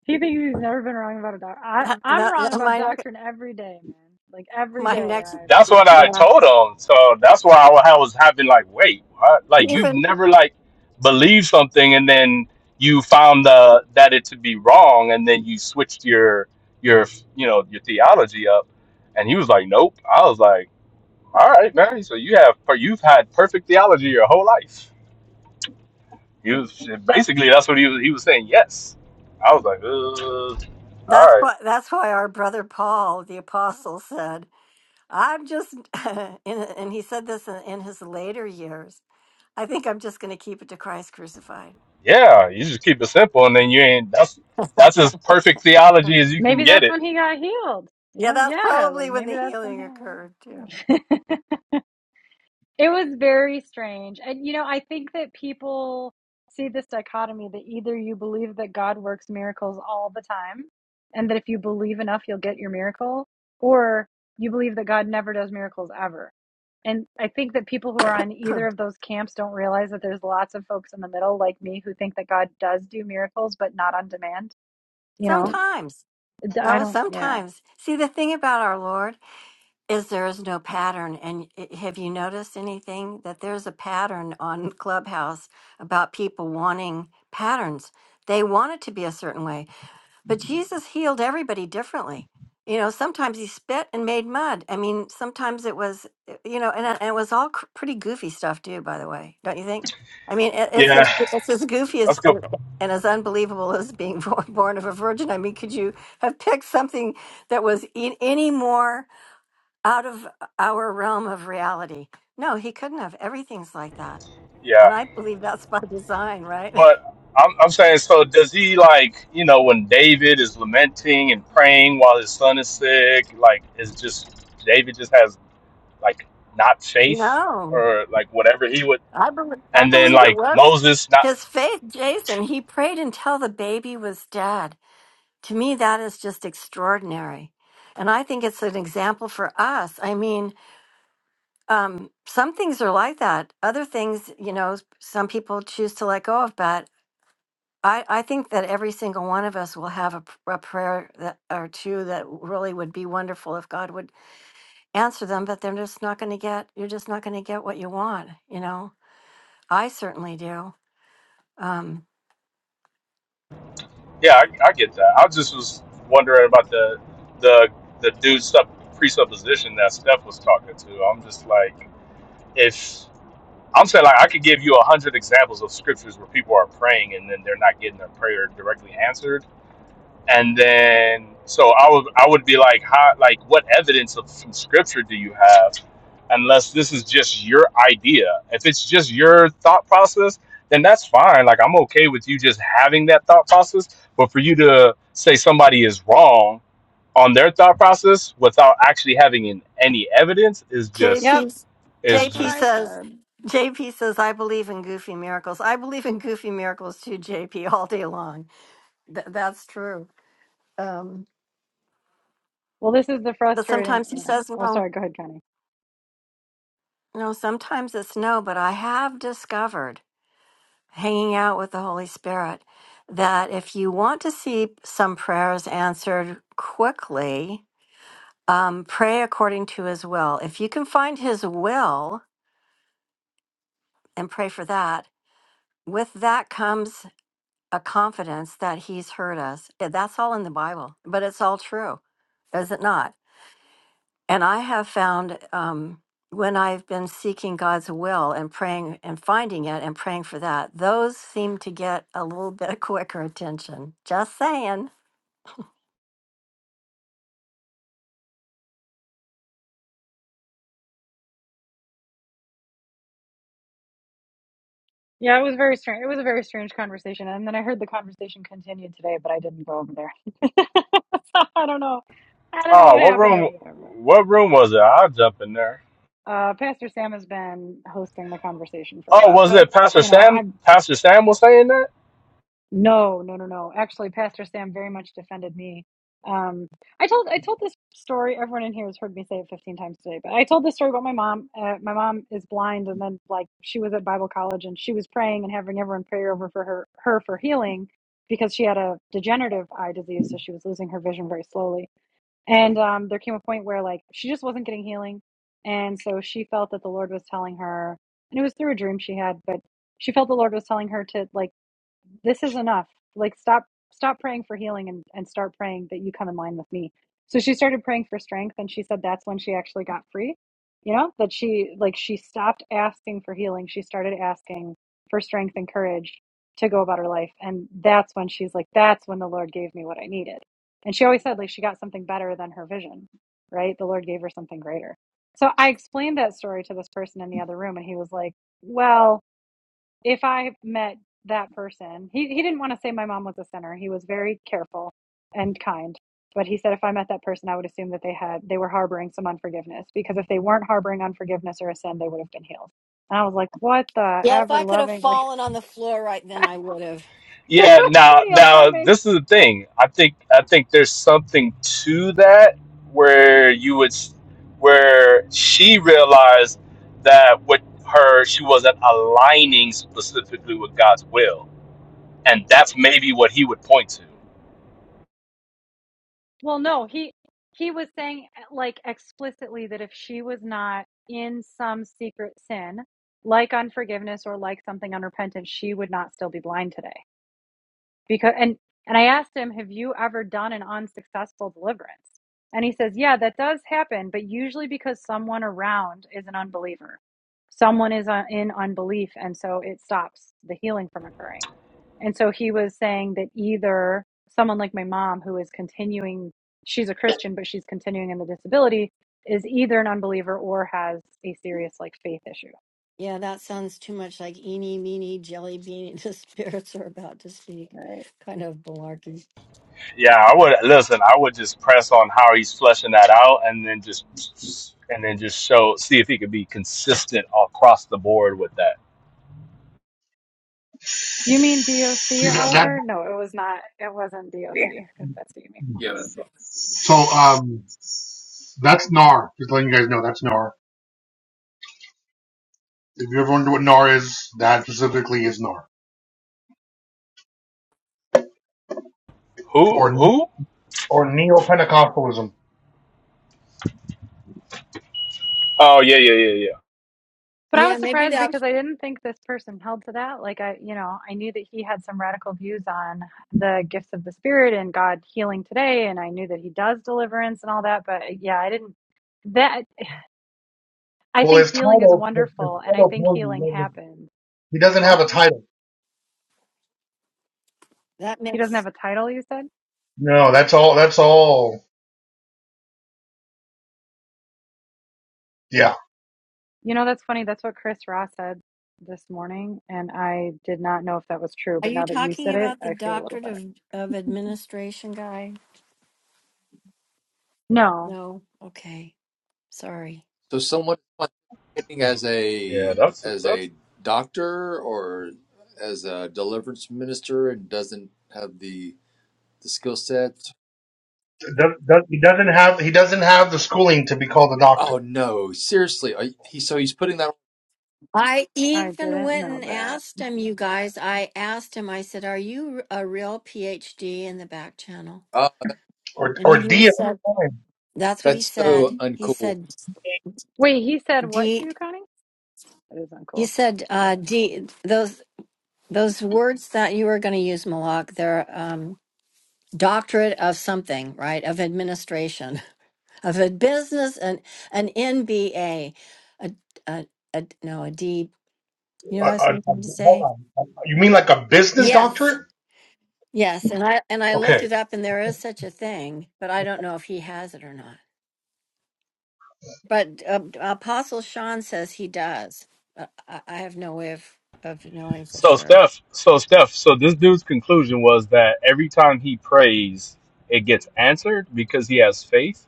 [SPEAKER 1] He thinks he's never been wrong about a doctor. I
[SPEAKER 5] that,
[SPEAKER 1] I'm
[SPEAKER 5] that,
[SPEAKER 1] wrong
[SPEAKER 5] that-
[SPEAKER 1] about
[SPEAKER 5] my next-
[SPEAKER 1] doctrine every day, man. Like every
[SPEAKER 5] my
[SPEAKER 1] day
[SPEAKER 5] next
[SPEAKER 1] I
[SPEAKER 13] That's what
[SPEAKER 1] get
[SPEAKER 13] I
[SPEAKER 1] something
[SPEAKER 5] yeah
[SPEAKER 1] wrong.
[SPEAKER 13] told him. So that's why I wa- I was having like, wait, what? like you've
[SPEAKER 5] even
[SPEAKER 13] never like believed something and then you found the that it to be wrong and then you switched your your you know your theology up and he was like, Nope. I was like All right, man. So you have per- you've had perfect theology your whole life. You was- basically that's what he was he was saying. Yes. I was like, uh, all
[SPEAKER 5] that's
[SPEAKER 13] right,
[SPEAKER 5] why that's why our brother Paul the apostle said I'm just in, and he said this in, in his later years I think I'm just going to keep it to Christ crucified.
[SPEAKER 13] yeah. You just keep it simple, and then you ain't. That's that's as perfect
[SPEAKER 5] Hmm.
[SPEAKER 13] theology as you can
[SPEAKER 1] Maybe
[SPEAKER 13] get
[SPEAKER 1] that's
[SPEAKER 13] it.
[SPEAKER 1] when he got healed. You
[SPEAKER 5] Yeah,
[SPEAKER 1] know,
[SPEAKER 5] that's
[SPEAKER 1] yeah, like
[SPEAKER 5] probably when
[SPEAKER 1] maybe
[SPEAKER 5] the
[SPEAKER 1] that's when
[SPEAKER 5] healing occurred too.
[SPEAKER 1] he, yeah. it was very strange. And you know, I think that people see this dichotomy that either you believe that God works miracles all the time and that if you believe enough you'll get your miracle, or you believe that God never does miracles ever And I think that people who are on either of those camps don't realize that there's lots of folks in the middle, like me, who think that God does do miracles, but not on demand. You know,
[SPEAKER 5] Sometimes.
[SPEAKER 1] I I
[SPEAKER 5] No,
[SPEAKER 1] don't, yeah.
[SPEAKER 5] sometimes. See, the thing about our Lord is there is no pattern. And i- have you noticed anything that there's a pattern on Clubhouse about people wanting patterns? They want it to be a certain way. But Jesus healed everybody differently. You know, sometimes he spit and made mud. I mean, sometimes it was, uh, you know, and, it- and it was all cr- pretty goofy stuff too. By the way, don't you think? I mean, it, it's
[SPEAKER 13] Yeah,
[SPEAKER 5] as, it's as goofy
[SPEAKER 13] that's
[SPEAKER 5] as
[SPEAKER 13] good.
[SPEAKER 5] and and as unbelievable as being born, born of a virgin. I mean, could you have picked something that was in, any more out of our realm of reality? No, he couldn't have. Everything's like that, and
[SPEAKER 13] Yeah,
[SPEAKER 5] I believe that's by design, right?
[SPEAKER 13] but I'm I'm saying so. Does he like you know when David is lamenting and praying while his son is sick? Like, is just David just has like not faith
[SPEAKER 5] No.
[SPEAKER 13] or like whatever he would
[SPEAKER 5] I believe, I
[SPEAKER 13] and then
[SPEAKER 5] believe it
[SPEAKER 13] like
[SPEAKER 5] was
[SPEAKER 13] Moses. not.
[SPEAKER 5] his faith, Jason. He prayed until the baby was dead. To me, that is just extraordinary. And I think it's an example for us. I mean, um, some things are like that. Other things, you know, some people choose to let go of, but I, I think that every single one of us will have a, p- a prayer that, or two that really would be wonderful if God would answer them, but they're just not going to get, you're just not going to get what you want, you know? I certainly do. Um,
[SPEAKER 13] Yeah, I, I get that. I just was wondering about the the the dude sub presupposition that Steph was talking to. I'm just like, if I'm saying like I could give you a hundred examples of scriptures where people are praying and then they're not getting their prayer directly answered and then so I would I would be like, how like what evidence of from scripture do you have? Unless this is just your idea. If it's just your thought process, then that's fine. Like I'm okay with you just having that thought process. But for you to say somebody is wrong on their thought process without actually having in any evidence is just
[SPEAKER 1] Yep,
[SPEAKER 5] JP
[SPEAKER 13] is
[SPEAKER 1] that's what
[SPEAKER 5] JP
[SPEAKER 1] I
[SPEAKER 13] just
[SPEAKER 5] says
[SPEAKER 1] said.
[SPEAKER 5] JP says I believe in goofy miracles. I believe in goofy miracles too, JP, all day long. Th- that's true. Um,
[SPEAKER 1] Well, this is the
[SPEAKER 5] but
[SPEAKER 1] frustrating,
[SPEAKER 5] sometimes he
[SPEAKER 1] yeah.
[SPEAKER 5] says
[SPEAKER 1] Oh,
[SPEAKER 5] no.
[SPEAKER 1] sorry, go ahead, Connie.
[SPEAKER 5] No, sometimes it's no. But I have discovered hanging out with the Holy Spirit that if you want to see some prayers answered quickly, um, pray according to His will. If you can find His will and pray for that, with that comes a confidence that he's heard us. Yeah, That's all in the Bible, but it's all true, is it not? And I have found um, when I've been seeking God's will and praying and finding it and praying for that, those seem to get a little bit of quicker attention. Just saying.
[SPEAKER 1] Yeah, it was very strange. It was a very strange conversation. And then I heard the conversation continued today, but I didn't go over there. so I don't know. I don't know
[SPEAKER 13] oh
[SPEAKER 1] what
[SPEAKER 13] what
[SPEAKER 1] happened
[SPEAKER 13] room
[SPEAKER 1] over there. But,
[SPEAKER 13] what room was it? I'll jump in there.
[SPEAKER 1] uh, Pastor Sam has been hosting the conversation for a
[SPEAKER 13] Oh,
[SPEAKER 1] while,
[SPEAKER 13] was
[SPEAKER 1] but,
[SPEAKER 13] it Pastor
[SPEAKER 1] you know,
[SPEAKER 13] Sam?
[SPEAKER 1] I've.
[SPEAKER 13] Pastor Sam was saying that.
[SPEAKER 1] No, no, no, no. Actually, Pastor Sam very much defended me. Um, I told I told this story. Everyone in here has heard me say it 15 times today, but I told this story about my mom. Uh, my mom is blind, and then like she was at Bible college, and she was praying and having everyone pray over for her her for healing because she had a degenerative eye disease, so she was losing her vision very slowly. And um, there came a point where like she just wasn't getting healing, and so she felt that the Lord was telling her, and it was through a dream she had, but she felt the Lord was telling her to like this is enough. Like stop stop praying for healing and, and start praying that you come in line with me. So she started praying for strength and she said that's when she actually got free. You know, that she like she stopped asking for healing. She started asking for strength and courage to go about her life. And that's when she's like, That's when the Lord gave me what I needed. And she always said like she got something better than her vision, right? The Lord gave her something greater. So I explained that story to this person in the other room and he was like, Well, if I met that person, he, he didn't want to say my mom was a sinner. He was very careful and kind. But he said if I met that person, I would assume that they had they were harboring some unforgiveness because if they weren't harboring unforgiveness or a sin, they would have been healed. And I was like, what the
[SPEAKER 5] Yeah, if
[SPEAKER 1] ever
[SPEAKER 5] I could have
[SPEAKER 1] loving? Like
[SPEAKER 5] fallen on the floor right then, I would have.
[SPEAKER 1] it
[SPEAKER 13] Yeah,
[SPEAKER 1] was
[SPEAKER 13] now
[SPEAKER 1] pretty
[SPEAKER 13] now
[SPEAKER 1] alarming.
[SPEAKER 13] this is the thing. I think I think there's something to that where you would where she realized that with her she wasn't aligning specifically with God's will. And that's maybe what he would point to.
[SPEAKER 1] Well, no, he he was saying like explicitly that if she was not in some secret sin, like unforgiveness or like something unrepentant, she would not still be blind today because and and I asked him, "Have you ever done an unsuccessful deliverance?" And he says, "Yeah, that does happen, but usually because someone around is an unbeliever. Someone is uh, in unbelief and so it stops the healing from occurring." And so he was saying that either someone like my mom who is continuing she's a Christian but she's continuing in the disability is either an unbeliever or has a serious like faith issue,
[SPEAKER 5] Yeah, that sounds too much like eeny, meeny, jelly bean. The spirits are about to speak.
[SPEAKER 1] All right?
[SPEAKER 5] Kind of malarkey.
[SPEAKER 13] Yeah, I would listen, I would just press on how he's fleshing that out and then just and then just show see if he could be consistent across the board with that.
[SPEAKER 1] Do you mean
[SPEAKER 7] you
[SPEAKER 1] DOC,
[SPEAKER 7] that.
[SPEAKER 1] Oliver? No, it was not. It wasn't DOC.
[SPEAKER 6] Yeah.
[SPEAKER 1] If that's what you mean.
[SPEAKER 6] Yeah.
[SPEAKER 7] So um, that's Nar. Just letting you guys know that's Nar. If you ever wonder what Nar is, that specifically is Nar
[SPEAKER 13] Who
[SPEAKER 7] or
[SPEAKER 13] who?
[SPEAKER 7] or neo Pentecostalism.
[SPEAKER 13] Oh yeah, yeah, yeah, yeah.
[SPEAKER 1] But I
[SPEAKER 5] Yeah,
[SPEAKER 1] was
[SPEAKER 5] maybe
[SPEAKER 1] surprised
[SPEAKER 5] that
[SPEAKER 1] because I didn't think this person held to that. Like I, you know, I knew that he had some radical views on the gifts of the spirit and God healing today, and I knew that he does deliverance and all that. But uh, yeah, I didn't. That I
[SPEAKER 7] Well,
[SPEAKER 1] think
[SPEAKER 7] his
[SPEAKER 1] healing is
[SPEAKER 7] title, his
[SPEAKER 1] wonderful, and I think
[SPEAKER 7] title,
[SPEAKER 1] healing happens.
[SPEAKER 7] he doesn't
[SPEAKER 1] What?
[SPEAKER 7] have a title.
[SPEAKER 5] that
[SPEAKER 1] He doesn't have
[SPEAKER 5] makes.
[SPEAKER 1] a title, you said?
[SPEAKER 7] No, that's all. That's all. Yeah,
[SPEAKER 1] You know, that's funny. That's what Chris Ross said this morning, and I did not know if that was true.
[SPEAKER 5] Are
[SPEAKER 1] But
[SPEAKER 5] you
[SPEAKER 1] now that you
[SPEAKER 5] talking
[SPEAKER 1] said it,
[SPEAKER 5] about the
[SPEAKER 1] I feel a little
[SPEAKER 5] doctorate
[SPEAKER 1] better.
[SPEAKER 5] of of administration guy?
[SPEAKER 1] No,
[SPEAKER 5] No. Okay. Sorry.
[SPEAKER 6] So someone participating as a
[SPEAKER 13] Yeah, that's
[SPEAKER 6] as
[SPEAKER 13] that's
[SPEAKER 6] a doctor or as a deliverance minister and doesn't have the the skill set.
[SPEAKER 7] Th- th- he doesn't have he doesn't have the schooling to be called a doctor
[SPEAKER 6] Oh no, seriously. Are, he so he's putting that
[SPEAKER 5] I
[SPEAKER 1] I
[SPEAKER 5] even
[SPEAKER 1] didn't
[SPEAKER 5] went
[SPEAKER 1] know
[SPEAKER 5] and
[SPEAKER 1] that.
[SPEAKER 5] asked him, you guys. I asked him, I said, Are you a real PhD in the back channel?
[SPEAKER 6] on. Oh,
[SPEAKER 7] or
[SPEAKER 5] And
[SPEAKER 7] or
[SPEAKER 5] he
[SPEAKER 7] D. Uh,
[SPEAKER 5] said, That's what he
[SPEAKER 6] that's so
[SPEAKER 5] said. He
[SPEAKER 6] uncool.
[SPEAKER 5] said,
[SPEAKER 1] Wait, he said what to
[SPEAKER 5] D,
[SPEAKER 1] you, Connie? That is
[SPEAKER 5] he
[SPEAKER 1] uncool.
[SPEAKER 5] said, uh, D, those. Those words that you were going to use, Malak, they're um, doctorate of something, right? Of administration, of a business, and an MBA, a, a, a, a no, a D. You know, what I was
[SPEAKER 7] uh,
[SPEAKER 5] going to
[SPEAKER 7] hold
[SPEAKER 5] say.
[SPEAKER 7] on, you mean like a business
[SPEAKER 5] Yes,
[SPEAKER 7] doctorate?
[SPEAKER 5] yes, and I and I looked
[SPEAKER 7] Okay,
[SPEAKER 5] it up, and there is such a thing, but I don't know if he has it or not. But uh, Apostle Sean says he does. Uh, I, I have no way of of knowing for
[SPEAKER 13] So
[SPEAKER 5] sure.
[SPEAKER 13] Steph, so Steph, so this dude's conclusion was that every time he prays, it gets answered because he has faith.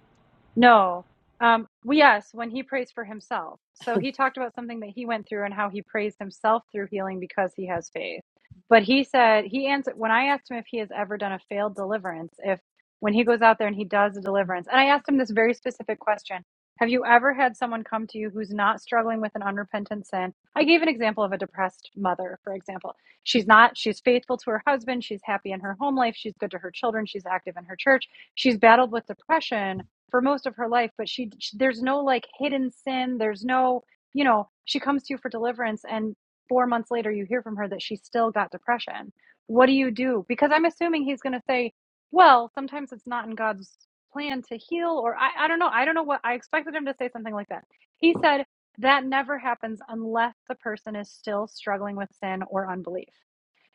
[SPEAKER 1] No. Um, well, yes, when he prays for himself. So he talked about something that he went through and how he praised himself through healing because he has faith. But he said, he answered, when I asked him if he has ever done a failed deliverance, if when he goes out there and he does a deliverance, and I asked him this very specific question Have you ever had someone come to you who's not struggling with an unrepentant sin? I gave an example of a depressed mother, for example. She's not, she's faithful to her husband, she's happy in her home life, she's good to her children, she's active in her church, she's battled with depression for most of her life, but she, she there's no like hidden sin. There's no, you know, she comes to you for deliverance and 4 months later you hear from her that she still got depression. What do you do? Because I'm assuming he's going to say, well, sometimes it's not in God's plan to heal or I I don't know. I don't know what I expected him to say something like that. He said that never happens unless the person is still struggling with sin or unbelief.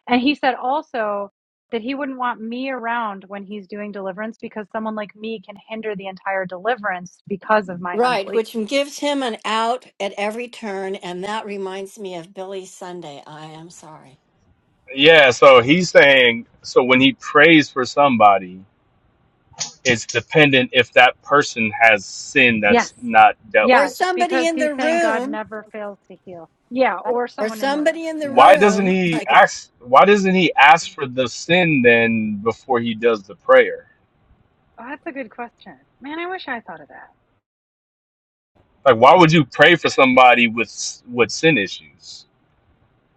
[SPEAKER 1] And he said also that he wouldn't want me around when he's doing deliverance because someone like me can hinder the entire deliverance because of my
[SPEAKER 5] Right,
[SPEAKER 1] unbelief.
[SPEAKER 5] which gives him an out at every turn. And that reminds me of Billy Sunday. I am sorry.
[SPEAKER 13] Yeah, so he's saying so when he prays for somebody, it's dependent if that person has sin
[SPEAKER 1] Yes.
[SPEAKER 13] that's not dealt
[SPEAKER 5] Or
[SPEAKER 13] with.
[SPEAKER 1] Yes.
[SPEAKER 5] somebody
[SPEAKER 1] Because
[SPEAKER 5] in
[SPEAKER 1] he's
[SPEAKER 5] the
[SPEAKER 1] saying God
[SPEAKER 5] room,
[SPEAKER 1] never fails to heal. Yeah. Or
[SPEAKER 5] or
[SPEAKER 1] someone in the room.
[SPEAKER 5] somebody in the
[SPEAKER 1] Yeah.
[SPEAKER 13] Why doesn't
[SPEAKER 5] room.
[SPEAKER 13] he
[SPEAKER 5] Like,
[SPEAKER 13] ask why doesn't he ask for the sin then before he does the prayer?
[SPEAKER 1] Oh, that's a good question. Man, I wish I thought of that.
[SPEAKER 13] Like why would you pray for somebody with with sin issues?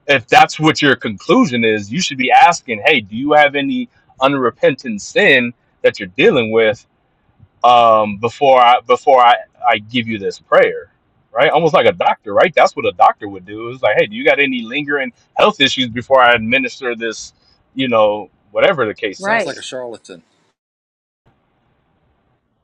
[SPEAKER 13] if that's what your conclusion is, you should be asking, hey, do you have any unrepentant sin that you're dealing with um, before I before I, I give you this prayer? Right? Almost like a doctor, right? That's what a doctor would do. It's like, hey, do you got any lingering health issues before I administer this, you know, whatever the case
[SPEAKER 6] Sounds like
[SPEAKER 1] Right.
[SPEAKER 6] a
[SPEAKER 13] is?
[SPEAKER 6] charlatan.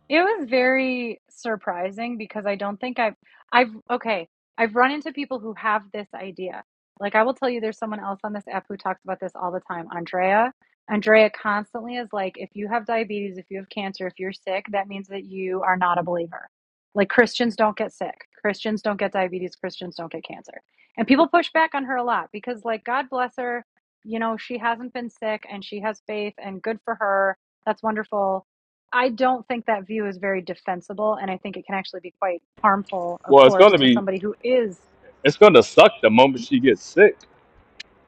[SPEAKER 1] It was very surprising because I don't think I've I've okay, I've run into people who have this idea. Like I will tell you there's someone else on this app who talks about this all the time, Andrea. Andrea constantly is like if you have diabetes, if you have cancer, if you're sick, that means that you are not a believer. Like Christians don't get sick. Christians don't get diabetes, Christians don't get cancer. And people push back on her a lot because like God bless her, you know, she hasn't been sick and she has faith and good for her. That's wonderful I don't think that view is very defensible, and I think it can actually be quite harmful, of
[SPEAKER 13] Well, it's
[SPEAKER 1] course,
[SPEAKER 13] gonna
[SPEAKER 1] to
[SPEAKER 13] be
[SPEAKER 1] somebody who is.
[SPEAKER 13] it's gonna suck the moment she gets sick.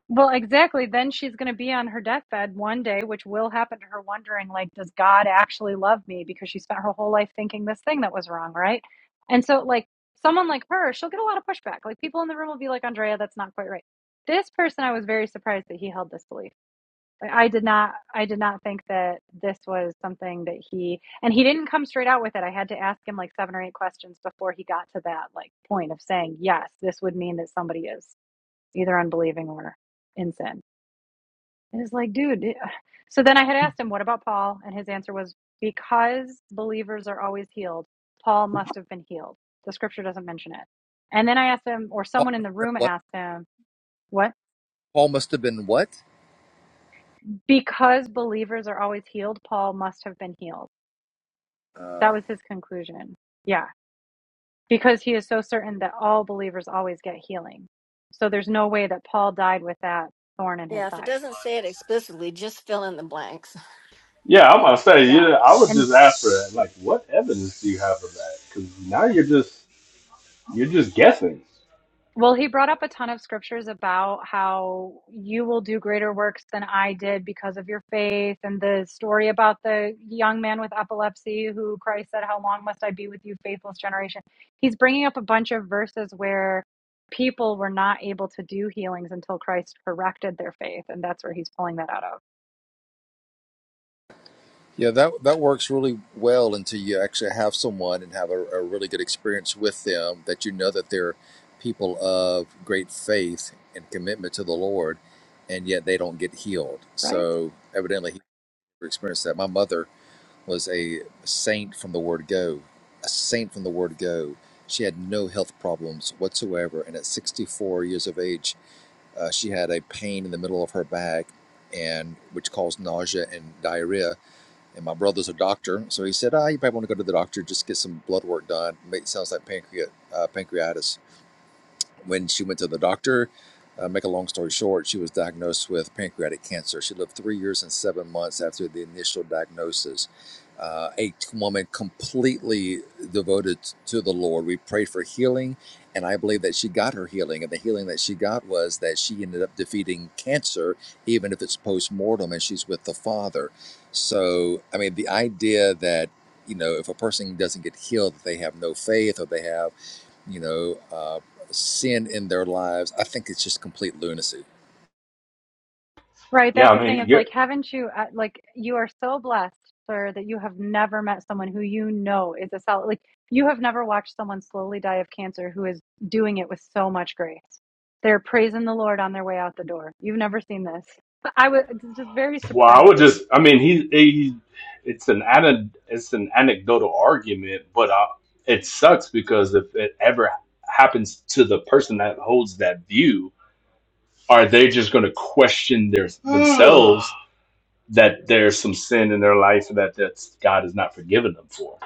[SPEAKER 1] Well, exactly. Then she's going to be on her deathbed one day, which will happen to her, wondering, like, does God actually love me? Because she spent her whole life thinking this thing that was wrong, right? And so, like, someone like her, she'll get a lot of pushback. Like, people in the room will be like, Andrea, that's not quite right. This person, I was very surprised that he held this belief. Like, I did not I did not think that this was something that he and he didn't come straight out with it. I had to ask him like seven or eight questions before he got to that like point of saying, "Yes, this would mean that somebody is either unbelieving or in sin." And it's like, dude. So then I had asked him, "What about Paul?" And his answer was, "Because believers are always healed, Paul must have been healed. The scripture doesn't mention it." And then I asked him or
[SPEAKER 6] Paul
[SPEAKER 1] someone
[SPEAKER 6] must
[SPEAKER 1] in the
[SPEAKER 6] have been
[SPEAKER 1] room
[SPEAKER 6] what?
[SPEAKER 1] asked him, "What?
[SPEAKER 6] Paul must have been what?
[SPEAKER 1] Because believers are always healed, Paul must have been healed."
[SPEAKER 6] Uh,
[SPEAKER 1] That was his conclusion. Yeah. Because he is so certain that all believers always get healing. So there's no way that Paul died with that thorn in his
[SPEAKER 5] yeah, if it
[SPEAKER 1] side.
[SPEAKER 5] doesn't say it explicitly, just fill in the blanks.
[SPEAKER 13] Yeah, I'm gonna say,
[SPEAKER 1] Yeah.
[SPEAKER 13] yeah, I would
[SPEAKER 1] And
[SPEAKER 13] just ask for that. Like, what evidence do you have of that? Because now you're just you're just guessing.
[SPEAKER 1] well, he brought up a ton of scriptures about how you will do greater works than I did because of your faith, and the story about the young man with epilepsy who Christ said, How long must I be with you, faithless generation? He's bringing up a bunch of verses where people were not able to do healings until Christ corrected their faith, and that's where he's pulling that out of.
[SPEAKER 6] Yeah, that that works really well until you actually have someone and have a, a really good experience with them that you know that they're people of great faith and commitment to the Lord, and yet they don't get healed.
[SPEAKER 1] right?
[SPEAKER 6] So evidently, he never experienced that. My mother was a saint from the word go, a saint from the word go. She had no health problems whatsoever, and at 64 years of age, uh, she had a pain in the middle of her back, and which caused nausea and diarrhea and my brother's a doctor, so he said, "Ah, you probably want to go to the doctor, just get some blood work done. It sounds like pancreat, uh, pancreatitis." When she went to the doctor, uh, make a long story short, she was diagnosed with pancreatic cancer. She lived three years and seven months after the initial diagnosis. Uh, a t- woman completely devoted to the Lord. We prayed for healing, and I believe that she got her healing. And the healing that she got was that she ended up defeating cancer, even if it's post mortem, and she's with the Father. So, I mean, the idea that you know, if a person doesn't get healed, that they have no faith or they have you know, uh, sin in their lives, I think it's just complete lunacy.
[SPEAKER 1] Right,
[SPEAKER 13] Yeah,
[SPEAKER 1] that's the
[SPEAKER 13] I
[SPEAKER 1] thing.
[SPEAKER 13] mean,
[SPEAKER 1] It's like,
[SPEAKER 13] you-
[SPEAKER 1] haven't you, uh, like, you are so blessed, sir, that you have never met someone who you know is a solid, like, you have never watched someone slowly die of cancer who is doing it with so much grace. They're praising the Lord on their way out the door. You've never seen this. I was it's just very
[SPEAKER 13] well, I would
[SPEAKER 1] surprising.
[SPEAKER 13] just, I mean, he, he it's an ana- it's an anecdotal argument, but uh it sucks because if it ever happens to the person that holds that view, are they just going to question their themselves that there's some sin in their life that that's God has not forgiven them for,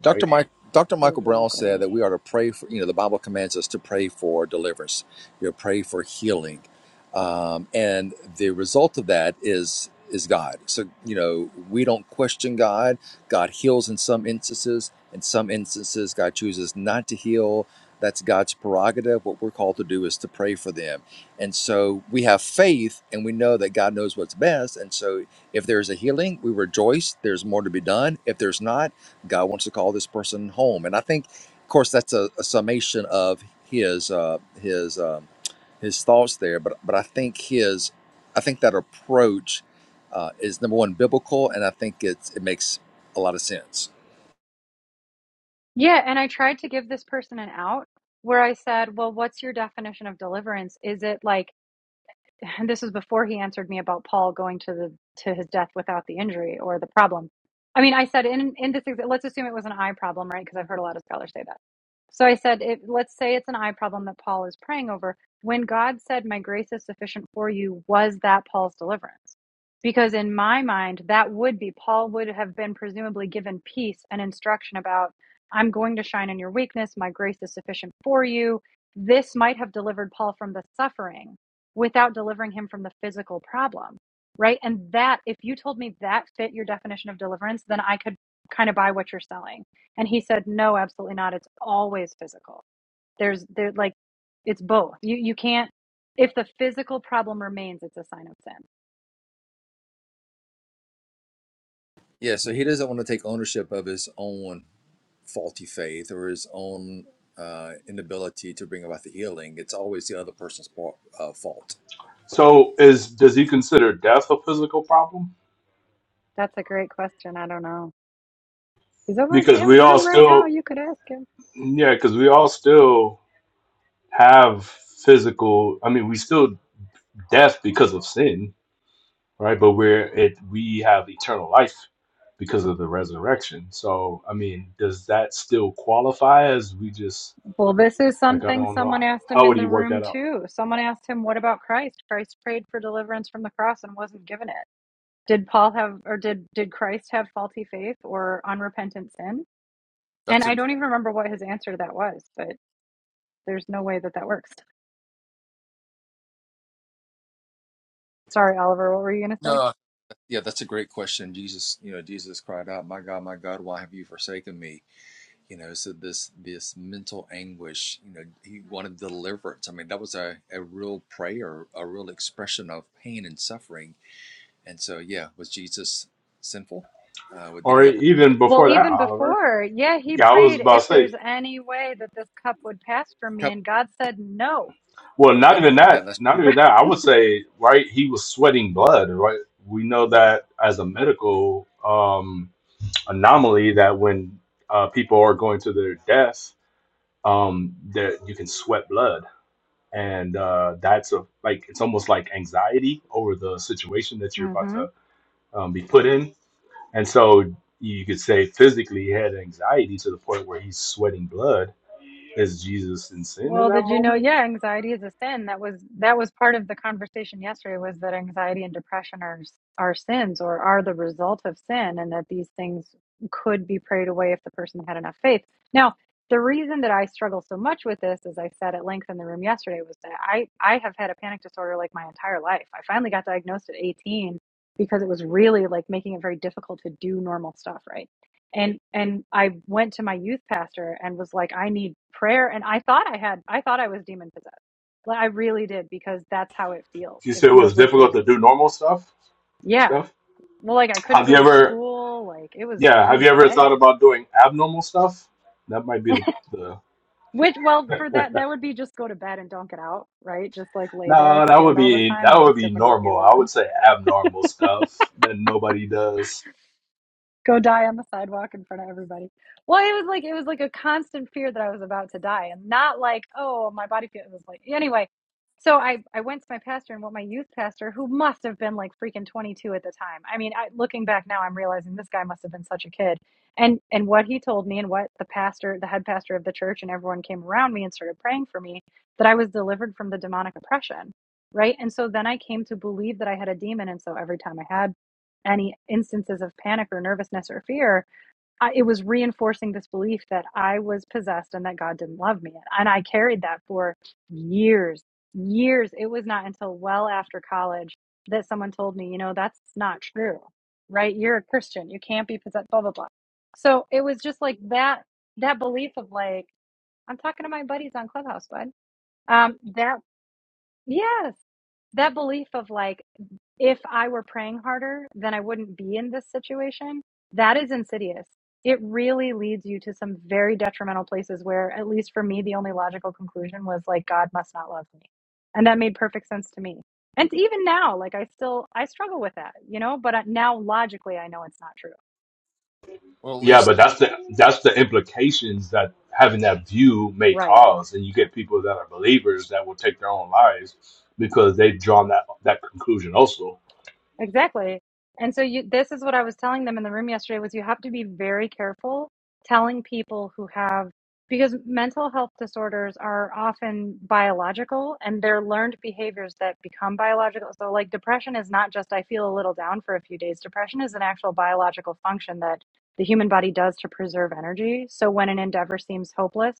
[SPEAKER 6] Dr.
[SPEAKER 13] right?
[SPEAKER 6] Mike, Dr. Michael Brown said
[SPEAKER 1] Exactly.
[SPEAKER 6] that we are to pray for, you know, the Bible commands us to pray for deliverance, you know, pray for healing. Um, and the result of that is is God. So, you know, we don't question God. God heals in some instances. In some instances, God chooses not to heal. That's God's prerogative. What we're called to do is to pray for them. And so we have faith and we know that God knows what's best. And so if there's a healing, we rejoice. There's more to be done. If there's not, God wants to call this person home. And I think, of course, that's a, a summation of his uh, his um, his thoughts there. But but I think his I think that approach uh, is number one biblical, and I think it's it makes a lot of sense.
[SPEAKER 1] Yeah, and I tried to give this person an out where I said, well, what's your definition of deliverance? Is it like, and this was before he answered me about Paul going to the to his death without the injury or the problem. I mean, I said in in this let's assume it was an eye problem, right? Because I've heard a lot of scholars say that. So I said, if, let's say it's an eye problem that Paul is praying over. When God said, "My grace is sufficient for you," was that Paul's deliverance? Because in my mind, that would be Paul would have been presumably given peace and instruction about, "I'm going to shine in your weakness. My grace is sufficient for you." This might have delivered Paul from the suffering without delivering him from the physical problem, right? And that, if you told me that fit your definition of deliverance, then I could kind of buy what you're selling. And he said, no, absolutely not. It's always physical. There's, there, like, it's both. You, you can't, if the physical problem remains, it's a sign of sin.
[SPEAKER 6] Yeah. So he doesn't want to take ownership of his own faulty faith or his own uh, inability to bring about the healing. It's always the other person's fault. Uh, fault.
[SPEAKER 13] So, is does he consider death a physical problem?
[SPEAKER 1] That's a great question. I don't know. He's over in
[SPEAKER 13] Because
[SPEAKER 1] Sam's
[SPEAKER 13] we all
[SPEAKER 1] room right now.
[SPEAKER 13] still,
[SPEAKER 1] You could ask him.
[SPEAKER 13] yeah, because we all still have physical. I mean, we still death because of sin, right? But we're it we have eternal life because of the resurrection. So I mean, does that still qualify as we just
[SPEAKER 1] Well, this is
[SPEAKER 13] like I
[SPEAKER 1] something
[SPEAKER 13] don't know
[SPEAKER 1] someone asked him
[SPEAKER 13] how
[SPEAKER 1] in
[SPEAKER 13] would he
[SPEAKER 1] the
[SPEAKER 13] work that
[SPEAKER 1] room
[SPEAKER 13] out?
[SPEAKER 1] too. Someone asked him, What about Christ? Christ prayed for deliverance from the cross and wasn't given it. Did Paul have, or did, did Christ have faulty faith or unrepentant sin? And
[SPEAKER 6] That's
[SPEAKER 1] I
[SPEAKER 6] a
[SPEAKER 1] don't even remember what his answer to that was, but there's no way that that works. Sorry, Oliver, what were you going to say?
[SPEAKER 6] no. Yeah, that's a great question. Jesus, you know, Jesus cried out, "My God, my God, why have you forsaken me?" You know, so this this mental anguish, you know, he wanted deliverance. I mean, that was a, a real prayer, a real expression of pain and suffering. And so, yeah, was Jesus sinful? Uh, what- did he
[SPEAKER 13] Or
[SPEAKER 6] have? Like,
[SPEAKER 13] even
[SPEAKER 1] Well,
[SPEAKER 13] before that,
[SPEAKER 1] even
[SPEAKER 13] Oliver.
[SPEAKER 1] before, yeah, he
[SPEAKER 13] Yeah, I was
[SPEAKER 1] prayed
[SPEAKER 13] about to
[SPEAKER 1] if
[SPEAKER 13] say,
[SPEAKER 1] there's any way that this cup would pass from me,
[SPEAKER 6] cup?
[SPEAKER 1] and God said no.
[SPEAKER 13] well, not
[SPEAKER 6] Yep,
[SPEAKER 13] even
[SPEAKER 6] yeah,
[SPEAKER 13] that,
[SPEAKER 6] that's
[SPEAKER 13] not
[SPEAKER 6] true.
[SPEAKER 13] even that. I would say, right, he was sweating blood, right? We know
[SPEAKER 1] Right.
[SPEAKER 13] that
[SPEAKER 1] Right.
[SPEAKER 13] as a medical um anomaly that when uh, people are going to their death, um, that you can sweat blood and uh, that's a like it's almost like anxiety over the situation that you're about to um, be put in, and so you could say physically he had anxiety to the point where he's sweating blood. Is Jesus in sin in
[SPEAKER 1] Well,
[SPEAKER 13] that
[SPEAKER 1] did you know?
[SPEAKER 13] moment?
[SPEAKER 1] Yeah, anxiety is a sin. That was that was part of the conversation yesterday was that anxiety and depression are s- are sins or are the result of sin and that these things could be prayed away if the person had enough faith. Now, the reason that I struggle so much with this, as I said at length in the room yesterday, was that I I have had a panic disorder like my entire life. I finally got diagnosed at 18 because it was really like making it very difficult to do normal stuff, right? and and I went to my youth pastor and was like, I need prayer. And I thought I had, I thought I was demon possessed. Like I really did because that's how it feels.
[SPEAKER 13] You
[SPEAKER 1] It
[SPEAKER 13] said it was
[SPEAKER 1] feels like
[SPEAKER 13] difficult
[SPEAKER 1] you're,
[SPEAKER 13] to do normal stuff.
[SPEAKER 1] yeah.
[SPEAKER 13] Stuff.
[SPEAKER 1] Well, like I couldn't
[SPEAKER 13] Have you
[SPEAKER 1] go to
[SPEAKER 13] ever?
[SPEAKER 1] school. Like it was,
[SPEAKER 13] Yeah.
[SPEAKER 1] it
[SPEAKER 13] Have
[SPEAKER 1] was
[SPEAKER 13] you ever thought
[SPEAKER 1] bad.
[SPEAKER 13] about doing abnormal stuff? That might be the. the
[SPEAKER 1] Which, well, for that, that would be just go to bed and don't get out, right? Just like lay there
[SPEAKER 13] no, that would
[SPEAKER 1] scared all the
[SPEAKER 13] be
[SPEAKER 1] time
[SPEAKER 13] that
[SPEAKER 1] and
[SPEAKER 13] would
[SPEAKER 1] ask
[SPEAKER 13] be
[SPEAKER 1] everyone to leave me
[SPEAKER 13] normal. I
[SPEAKER 1] alone
[SPEAKER 13] would say abnormal stuff that nobody does.
[SPEAKER 1] go die on the sidewalk in front of everybody. Well, it was like it was like a constant fear that I was about to die, and not like oh my body feel. It was like anyway. So I I went to my pastor and what my youth pastor, who must have been like freaking 22 at the time. I mean, I, looking back now, I'm realizing this guy must have been such a kid. And and what he told me and what the pastor, the head pastor of the church, and everyone came around me and started praying for me that I was delivered from the demonic oppression. Right. And so then I came to believe that I had a demon. And so every time I had any instances of panic or nervousness or fear, I, it was reinforcing this belief that I was possessed and that God didn't love me. And I carried that for years, years. It was not until well after college that someone told me, you know, that's not true, right? You're a Christian. You can't be possessed, blah, blah, blah. So it was just like that, that belief of like, I'm talking to my buddies on Clubhouse, bud. Um, that Yes. That belief of like, if I were praying harder, then I wouldn't be in this situation. That is insidious. It really leads you to some very detrimental places where, at least for me, the only logical conclusion was like, God must not love me. And that made perfect sense to me. And even now, like, I still, I struggle with that, you know, but I- now logically, I know it's not true.
[SPEAKER 6] Well, at
[SPEAKER 13] Yeah,
[SPEAKER 6] least
[SPEAKER 13] but that's the that's the implications that having that view may
[SPEAKER 1] Right.
[SPEAKER 13] cause, and you get people that are believers that will take their own lives because they've drawn that that conclusion also.
[SPEAKER 1] Exactly. And so you this is what I was telling them in the room yesterday was you have to be very careful telling people who have because mental health disorders are often biological and they're learned behaviors that become biological. So like depression is not just I feel a little down for a few days. Depression is an actual biological function that the human body does to preserve energy. So when an endeavor seems hopeless,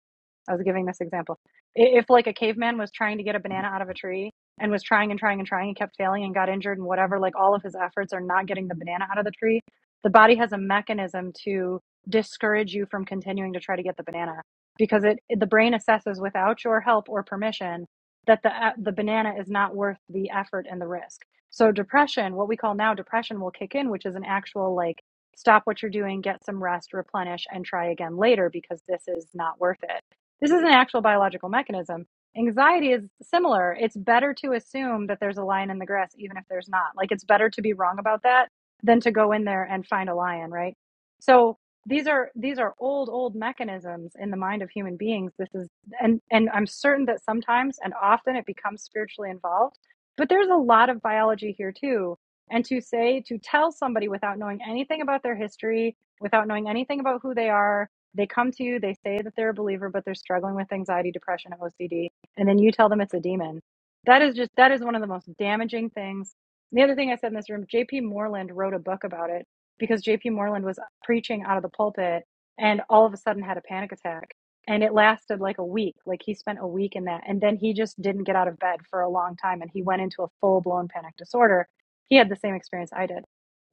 [SPEAKER 1] I was giving this example. I- If like a caveman was trying to get a banana out of a tree and was trying and trying and trying and kept failing and got injured and whatever, like all of his efforts are not getting the banana out of the tree. The body has a mechanism to discourage you from continuing to try to get the banana because it, it- the brain assesses without your help or permission that the uh, the banana is not worth the effort and the risk. So depression, what we call now depression will kick in, which is an actual like stop what you're doing, get some rest, replenish and try again later because this is not worth it. This is an actual biological mechanism Anxiety is similar. It's better to assume that there's a lion in the grass, even if there's not. Like it's better to be wrong about that than to go in there and find a lion, right? So these are these are old old mechanisms in the mind of human beings this is and and i'm certain that sometimes and often it becomes spiritually involved but there's a lot of biology here too and to say to tell somebody without knowing anything about their history without knowing anything about who they are they come to you they say that they're a believer but they're struggling with anxiety depression ocd and then you tell them it's a demon. That is just that is one of the most damaging things. And The other thing I said in this room, JP Moreland wrote a book about it because JP Moreland was preaching out of the pulpit and all of a sudden had a panic attack and it lasted like a week. Like he spent a week in that and then he just didn't get out of bed for a long time and he went into a full-blown panic disorder. He had the same experience I did.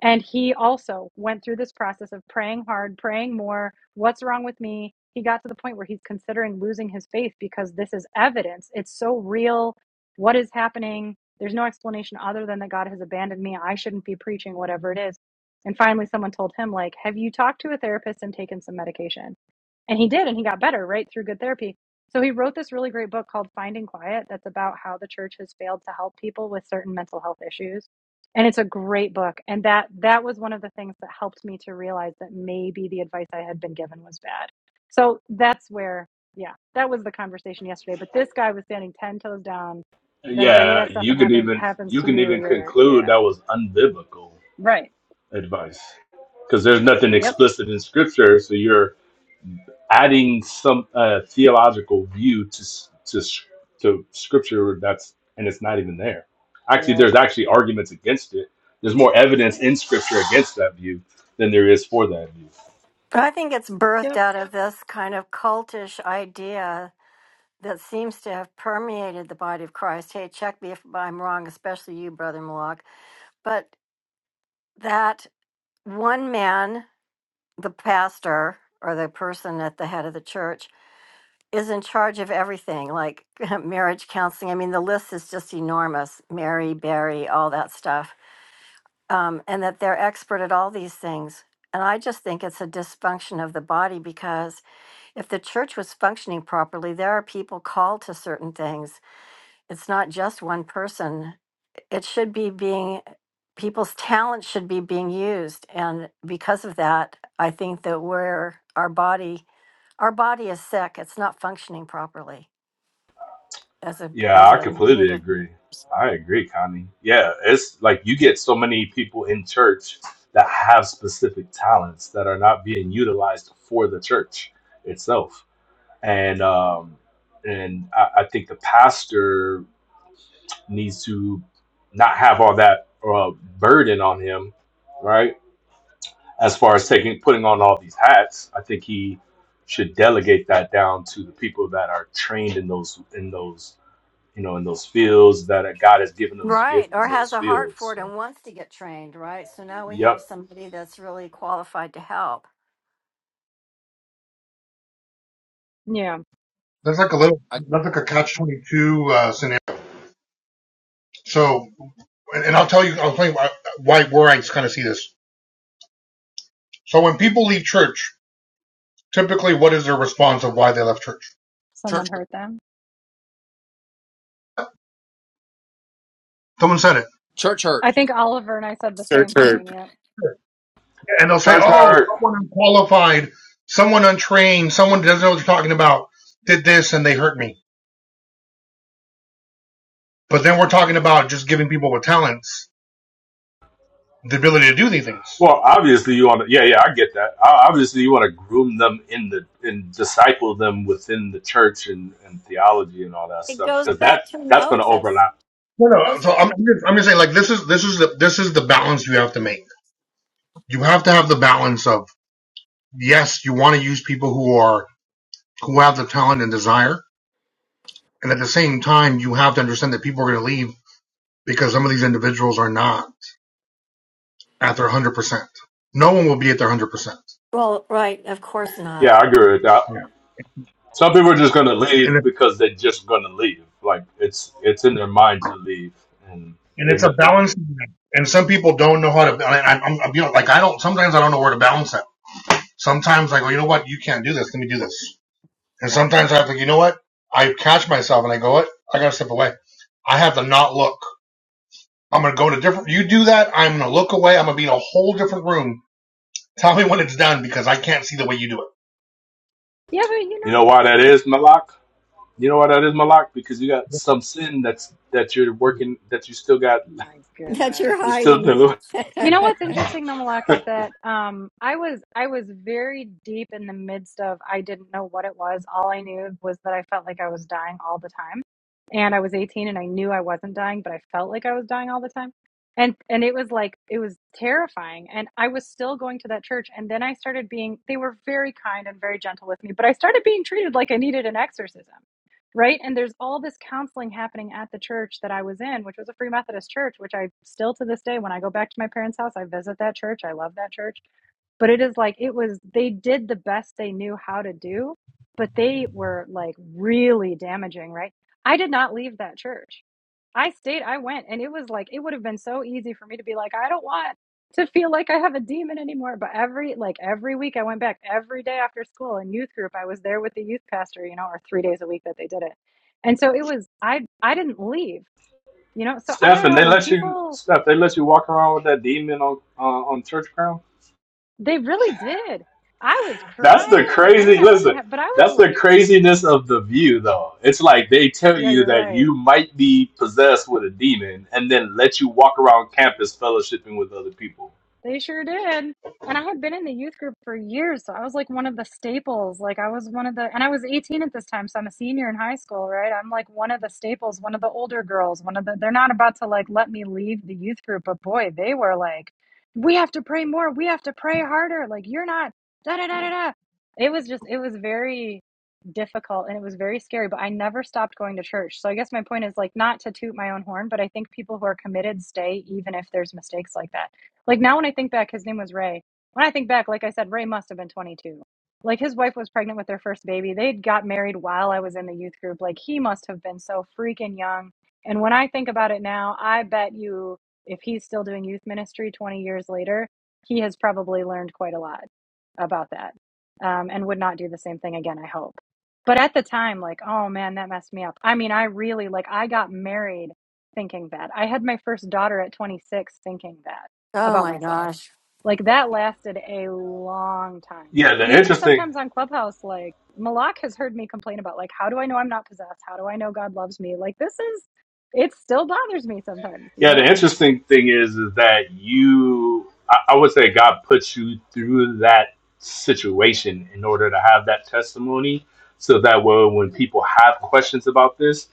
[SPEAKER 1] And he also went through this process of praying hard, praying more. What's wrong with me? He got to the point where he's considering losing his faith because this is evidence. It's so real. What is happening? There's no explanation other than that God has abandoned me. I shouldn't be preaching, whatever it is. And finally, someone told him, like, have you talked to a therapist and taken some medication? and he did and he got better right through good therapy so he wrote this really great book called finding quiet that's about how the church has failed to help people with certain mental health issues and it's a great book and that that was one of the things that helped me to realize that maybe the advice i had been given was bad so that's where yeah that was the conversation yesterday but this guy was standing 10 toes down that if any of
[SPEAKER 13] Yeah,
[SPEAKER 1] that stuff
[SPEAKER 13] you can
[SPEAKER 1] happen,
[SPEAKER 13] even
[SPEAKER 1] happens
[SPEAKER 13] you
[SPEAKER 1] to
[SPEAKER 13] can
[SPEAKER 1] you
[SPEAKER 13] even
[SPEAKER 1] you're
[SPEAKER 13] conclude
[SPEAKER 1] yeah
[SPEAKER 13] that was unbiblical
[SPEAKER 1] right
[SPEAKER 13] advice because there's nothing
[SPEAKER 1] yep
[SPEAKER 13] explicit in scripture, so you're adding some uh, theological view to s- to s- to scripture that's and it's not even there. Actually,
[SPEAKER 1] yep
[SPEAKER 13] there's actually arguments against it. There's more evidence in scripture against that view than there is for that view.
[SPEAKER 5] But I think it's birthed
[SPEAKER 1] yep
[SPEAKER 5] out of this kind of cultish idea that seems to have permeated the body of Christ. Hey, check me if I'm wrong, especially you, Brother Malak. But that one man, the pastor, or the person at the head of the church, is in charge of everything, like marriage counseling. I mean, the list is just enormous Mary, Barry, all that stuff. Um, and that they're expert at all these things. And I just think it's a dysfunction of the body because if the church was functioning properly, there are people called to certain things. It's not just one person. It should be being, people's talents should be being used. And because of that, I think that we're, our body, our body is sick. It's not functioning properly. as a
[SPEAKER 13] Yeah,
[SPEAKER 5] as
[SPEAKER 13] I
[SPEAKER 5] a unit
[SPEAKER 13] completely
[SPEAKER 5] of
[SPEAKER 13] agree. I agree, Connie. Yeah, it's like you get so many people in church that have specific talents that are not being utilized for the church itself, and um, and I, I think the pastor needs to not have all that uh, burden on him, right? As far as taking putting on all these hats, I think he should delegate that down to the people that are trained in those in those you know in those fields that God has given them the
[SPEAKER 5] right
[SPEAKER 13] gift
[SPEAKER 5] or
[SPEAKER 13] in
[SPEAKER 5] has
[SPEAKER 13] those
[SPEAKER 5] a heart for
[SPEAKER 13] fields.
[SPEAKER 5] it
[SPEAKER 13] So,
[SPEAKER 5] and wants to get trained right so now we have
[SPEAKER 13] yep.
[SPEAKER 5] somebody that's really qualified to help
[SPEAKER 1] yeah
[SPEAKER 7] that's like a little
[SPEAKER 6] I
[SPEAKER 7] that's like a catch twenty two uh, scenario. So, and, and I'll tell you, I'll tell you why, why where I kind of see this. So when people leave church, typically, what is their response of why they left church?
[SPEAKER 1] someone
[SPEAKER 6] church hurt,
[SPEAKER 1] hurt them
[SPEAKER 7] Someone said it,
[SPEAKER 6] church
[SPEAKER 1] i
[SPEAKER 6] hurt,
[SPEAKER 1] think oliver and i said the
[SPEAKER 8] Search
[SPEAKER 1] same
[SPEAKER 8] her.
[SPEAKER 1] thing Yep.
[SPEAKER 7] and they'll say,
[SPEAKER 13] Church
[SPEAKER 7] "Oh,
[SPEAKER 13] hard.
[SPEAKER 7] someone unqualified, someone untrained, someone doesn't know what they're talking about, did this, and they hurt me." But then we're talking about just giving people with talents the ability to do these things.
[SPEAKER 13] Well, obviously you want to. Yeah, yeah, I get that. O- Obviously you want to groom them in the and disciple them within the church and, and theology and all that
[SPEAKER 5] it
[SPEAKER 13] stuff
[SPEAKER 5] goes
[SPEAKER 13] because
[SPEAKER 5] back
[SPEAKER 13] that
[SPEAKER 5] to
[SPEAKER 13] that's going to
[SPEAKER 5] moses
[SPEAKER 13] overlap
[SPEAKER 7] No, no. So I'm, just, I'm just saying, like this is this is the this is the balance you have to make. You have to have the balance of yes, you want to use people who are who have the talent and desire, and at the same time, you have to understand that people are going to leave because some of these individuals are not at their one hundred percent. No one will be at their one hundred percent.
[SPEAKER 5] well right of course not
[SPEAKER 13] yeah, I agree with that.
[SPEAKER 7] Yeah,
[SPEAKER 13] Some people are just gonna leave
[SPEAKER 7] and it,
[SPEAKER 13] because they're just gonna leave. Like it's it's in their mind to leave, and
[SPEAKER 7] and
[SPEAKER 13] there's
[SPEAKER 7] it's a
[SPEAKER 13] nothing. To,
[SPEAKER 7] balance. And some people don't know how to. I, I, I'm, you know, like I don't. Sometimes I don't know where to balance that. Sometimes I go, you know what, you can't do this. Let me do this. And sometimes I think, you know what? I catch myself and I go, what? I gotta step away. I have to not look. I'm gonna go to different. You do that, I'm gonna look away. I'm gonna be in a whole different room. Tell me when it's done because I can't see the way you do
[SPEAKER 1] Yeah, but you
[SPEAKER 13] you know
[SPEAKER 1] know,
[SPEAKER 13] why that is, Malak? You know why that is, Malak? Because you got some sin that's that you're working that you still got
[SPEAKER 1] my
[SPEAKER 5] that
[SPEAKER 1] goodness.
[SPEAKER 5] you're
[SPEAKER 13] you still
[SPEAKER 5] hiding
[SPEAKER 13] do.
[SPEAKER 1] You know what's interesting though, Malak, is that um, I was I was very deep in the midst of I didn't know what it was. All I knew was that I felt like I was dying all the time, and I was 18 and I knew I wasn't dying, but I felt like I was dying all the time, and and it was like it was terrifying. And I was still going to that church, and then I started being they were very kind and very gentle with me, but I started being treated like I needed an exorcism right? And there's all this counseling happening at the church that I was in, which was a Free Methodist church, which I still to this day, when I go back to my parents' house, I visit that church. I love that church but it is like it was they did the best they knew how to do but they were like really damaging right i did not leave that church i stayed i went and it was like it would have been so easy for me to be like i don't want to feel like i have a demon anymore but every like every week i went back every day after school in youth group i was there with the youth pastor you know or 3 days a week that they did it and so it was i i didn't leave you know so i
[SPEAKER 13] Steph,
[SPEAKER 1] don't
[SPEAKER 13] and
[SPEAKER 1] know
[SPEAKER 13] they
[SPEAKER 1] when
[SPEAKER 13] let you
[SPEAKER 1] people
[SPEAKER 13] Steph, they let you walk around with that demon on uh, on church ground.
[SPEAKER 1] They really did. I was
[SPEAKER 13] That's the
[SPEAKER 1] crying. Like, I
[SPEAKER 13] crazy.
[SPEAKER 1] mean, I wasn't,
[SPEAKER 13] Listen,
[SPEAKER 1] ha- but I was
[SPEAKER 13] that's the
[SPEAKER 1] like,
[SPEAKER 13] craziness of the view, though. It's like they tell
[SPEAKER 1] yeah,
[SPEAKER 13] you
[SPEAKER 1] you're
[SPEAKER 13] that
[SPEAKER 1] right.
[SPEAKER 13] you might be possessed with a demon, and then let you walk around campus fellowshipping with other people.
[SPEAKER 1] They sure did. And I had been in the youth group for years, so I was like one of the staples. Like I was one of the, and I was 18 at this time, so I'm a senior in high school, right? I'm like one of the staples, one of the older girls, one of the, they're not about to like let me leave the youth group, but boy, they were like, we have to pray more, we have to pray harder. Like you're not, da da da da da. It was just, it was very difficult and it was very scary, but I never stopped going to church. So I guess my point is like not to toot my own horn, but I think people who are committed stay even if there's mistakes like that like now when I think back, his name was Ray. When I think back, like I said, Ray must have been 22. Like his wife was pregnant with their first baby. They got married while I was in the youth group. Like he must have been so freaking young. And when I think about it now, I bet you if he's still doing youth ministry 20 years later, he has probably learned quite a lot about that um, and would not do the same thing again, I hope. But at the time, like, oh man, that messed me up. I mean, I really, like, I got married thinking that. I had my first daughter at 26 thinking that
[SPEAKER 5] oh
[SPEAKER 1] about
[SPEAKER 5] my
[SPEAKER 1] myself.
[SPEAKER 5] gosh
[SPEAKER 1] Like that lasted a long time.
[SPEAKER 13] Yeah,
[SPEAKER 1] And
[SPEAKER 13] the
[SPEAKER 1] even
[SPEAKER 13] interesting.
[SPEAKER 1] sometimes on Clubhouse, like Malak has heard me complain about, like, how do I know I'm not possessed? How do I know God loves me? Like, this is, it still bothers me sometimes, you
[SPEAKER 13] Yeah, the
[SPEAKER 1] know?
[SPEAKER 13] interesting thing is, is that you. I, I would say God puts you through that situation in order to have that testimony, so that way when people have questions about this,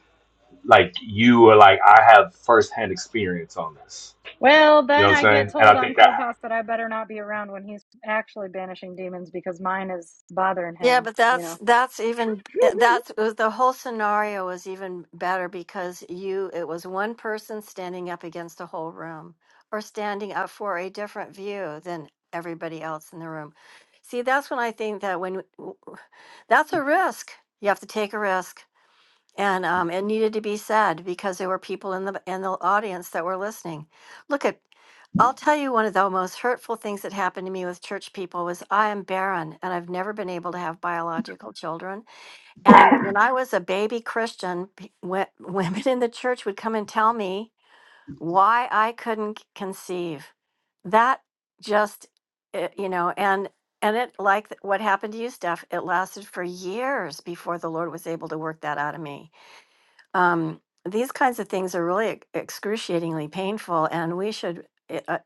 [SPEAKER 13] like you are like, I have firsthand experience on this.
[SPEAKER 1] Well,
[SPEAKER 13] You know
[SPEAKER 1] then
[SPEAKER 13] what I'm
[SPEAKER 1] I get
[SPEAKER 13] saying? And I
[SPEAKER 1] told on
[SPEAKER 13] think that
[SPEAKER 1] Clubhouse that I better not be around when he's actually banishing demons because mine is bothering
[SPEAKER 5] Yeah,
[SPEAKER 1] him,
[SPEAKER 5] but
[SPEAKER 1] you
[SPEAKER 5] that's
[SPEAKER 1] know?
[SPEAKER 5] that's even eh, that's it was- the whole scenario was even better because you it was one person standing up against a whole room or standing up for a different view than everybody else in the room. See, that's when I think that when that's a risk. You have to take a risk. And um, it needed to be said because there were people in the in the audience that were listening. Look at, I'll tell you one of the most hurtful things that happened to me with church people was I am barren and I've never been able to have biological children. And when I was a baby Christian, pe- wo- women in the church would come and tell me why I couldn't c- conceive. That just, it, you know, and and it like th- what happened to you, Steph. It lasted for years before the Lord was able to work that out of me um, these kinds of things are really ex- excruciatingly painful, and we should. I I-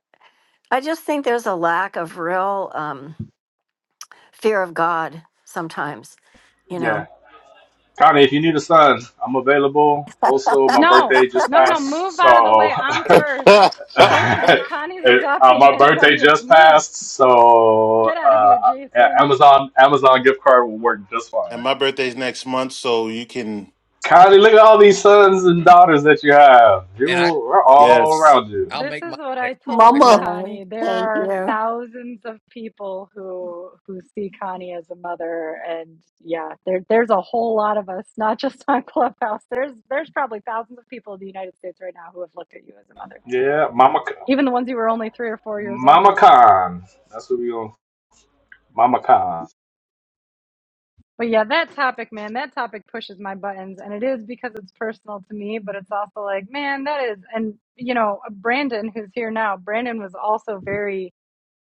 [SPEAKER 5] I just think there's a lack of real um, fear of God sometimes. You
[SPEAKER 13] Yeah.
[SPEAKER 5] know.
[SPEAKER 13] Connie, if you need a son, I'm available. Also, my
[SPEAKER 1] no,
[SPEAKER 13] birthday just
[SPEAKER 1] no, no, no.
[SPEAKER 13] passed,
[SPEAKER 1] Move
[SPEAKER 13] so
[SPEAKER 1] out of the way. I'm first. Listen,
[SPEAKER 13] uh,
[SPEAKER 1] if Connie's adopting
[SPEAKER 13] my birthday
[SPEAKER 1] anybody, it's
[SPEAKER 13] just
[SPEAKER 1] me.
[SPEAKER 13] passed, so
[SPEAKER 1] Get out of here,
[SPEAKER 13] uh,
[SPEAKER 1] Jason.
[SPEAKER 13] Amazon Amazon gift card will work just
[SPEAKER 8] and
[SPEAKER 13] fine.
[SPEAKER 8] my birthday's next month, so you can.
[SPEAKER 13] Connie, look at all these sons and daughters that you have. You
[SPEAKER 6] and I
[SPEAKER 13] we're all
[SPEAKER 8] Yes.
[SPEAKER 13] around you.
[SPEAKER 6] I'll
[SPEAKER 1] This
[SPEAKER 6] make my
[SPEAKER 1] is what I
[SPEAKER 6] next. next-
[SPEAKER 1] told
[SPEAKER 5] Uh,
[SPEAKER 8] Mama.
[SPEAKER 1] Connie. There
[SPEAKER 5] thank
[SPEAKER 1] are
[SPEAKER 5] you.
[SPEAKER 1] thousands of people who who see Connie as a mother, and yeah, there there's a whole lot of us, not just on Clubhouse. There's there's probably thousands of people in the United States right now who have looked at you as a mother,
[SPEAKER 13] Yeah, Mama,
[SPEAKER 1] even the ones who were only three or four years older
[SPEAKER 13] Mama
[SPEAKER 1] then.
[SPEAKER 13] Khan. That's what we gonna. Mama Khan.
[SPEAKER 1] But yeah, that topic, man, that topic pushes my buttons, and it is because it's personal to me. But it's also like, man, that is, and you know, Brandon, who's here now, Brandon was also very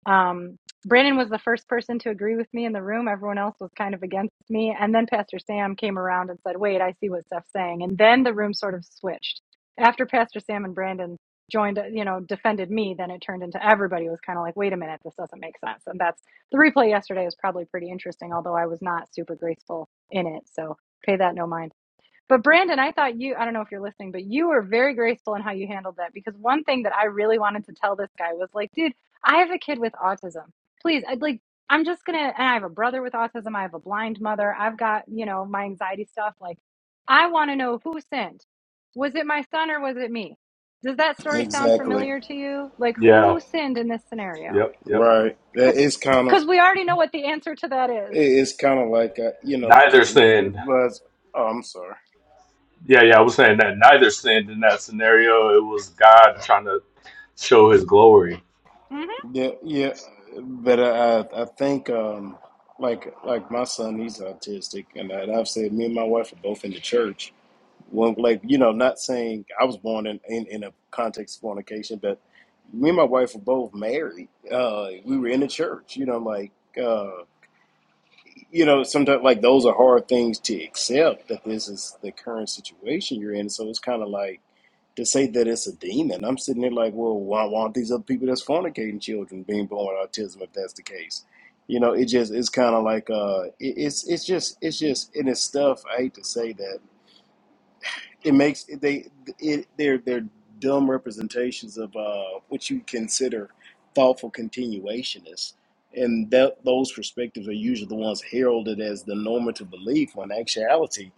[SPEAKER 1] Um, Brandon was the first person to agree with me in the room. Everyone else was kind of against me. And then Pastor Sam came around and said, Wait, I see what Steph's saying. And then the room sort of switched. After Pastor Sam and Brandon joined, you know, defended me, then it turned into everybody was kind of like, Wait a minute, this doesn't make sense. And that's the replay yesterday was probably pretty interesting, although I was not super graceful in it. So pay that no mind. But Brandon, I thought you, I don't know if you're listening, but you were very graceful in how you handled that because one thing that I really wanted to tell this guy was like, dude, I have a kid with autism. Please, I'd like, I'm just gonna, and I have a brother with autism. I have a blind mother. I've got, you know, my anxiety stuff. Like, I want to know who sinned. Was it my son or was it me? Does that story sound
[SPEAKER 14] Exactly.
[SPEAKER 1] familiar to you? Like,
[SPEAKER 13] Yeah.
[SPEAKER 1] who sinned in this scenario?
[SPEAKER 13] Yep. Yep.
[SPEAKER 14] Right. That is kind of
[SPEAKER 1] Because we already know what the answer to that is.
[SPEAKER 14] it is kind of like uh, you know
[SPEAKER 13] Neither
[SPEAKER 14] because
[SPEAKER 13] sin.
[SPEAKER 14] it was. Oh, I'm sorry.
[SPEAKER 13] Yeah, yeah, I was saying that neither sinned in that scenario. It was God trying to show his glory.
[SPEAKER 1] Mm-hmm.
[SPEAKER 14] Yeah, yeah. But I I think um like like my son he's autistic and, I, and I've said me and my wife are both in the church. Well, like you know, not saying I was born in in, in a context of fornication, but me and my wife were both married. Uh, we were in the church. You know, like. Uh, you know, sometimes like those are hard things to accept that this is the current situation you're in. So it's kind of like to say that it's a demon. I'm sitting there like, well, why why aren't these other people that's fornicating children being born with autism if that's the case? You know, it just it's kind of like uh, it, it's it's just it's just and it's stuff. I hate to say that it makes they it they're they're dumb representations of uh, what you consider thoughtful continuationists, and that those perspectives are usually the ones heralded as the normative belief. When in actuality,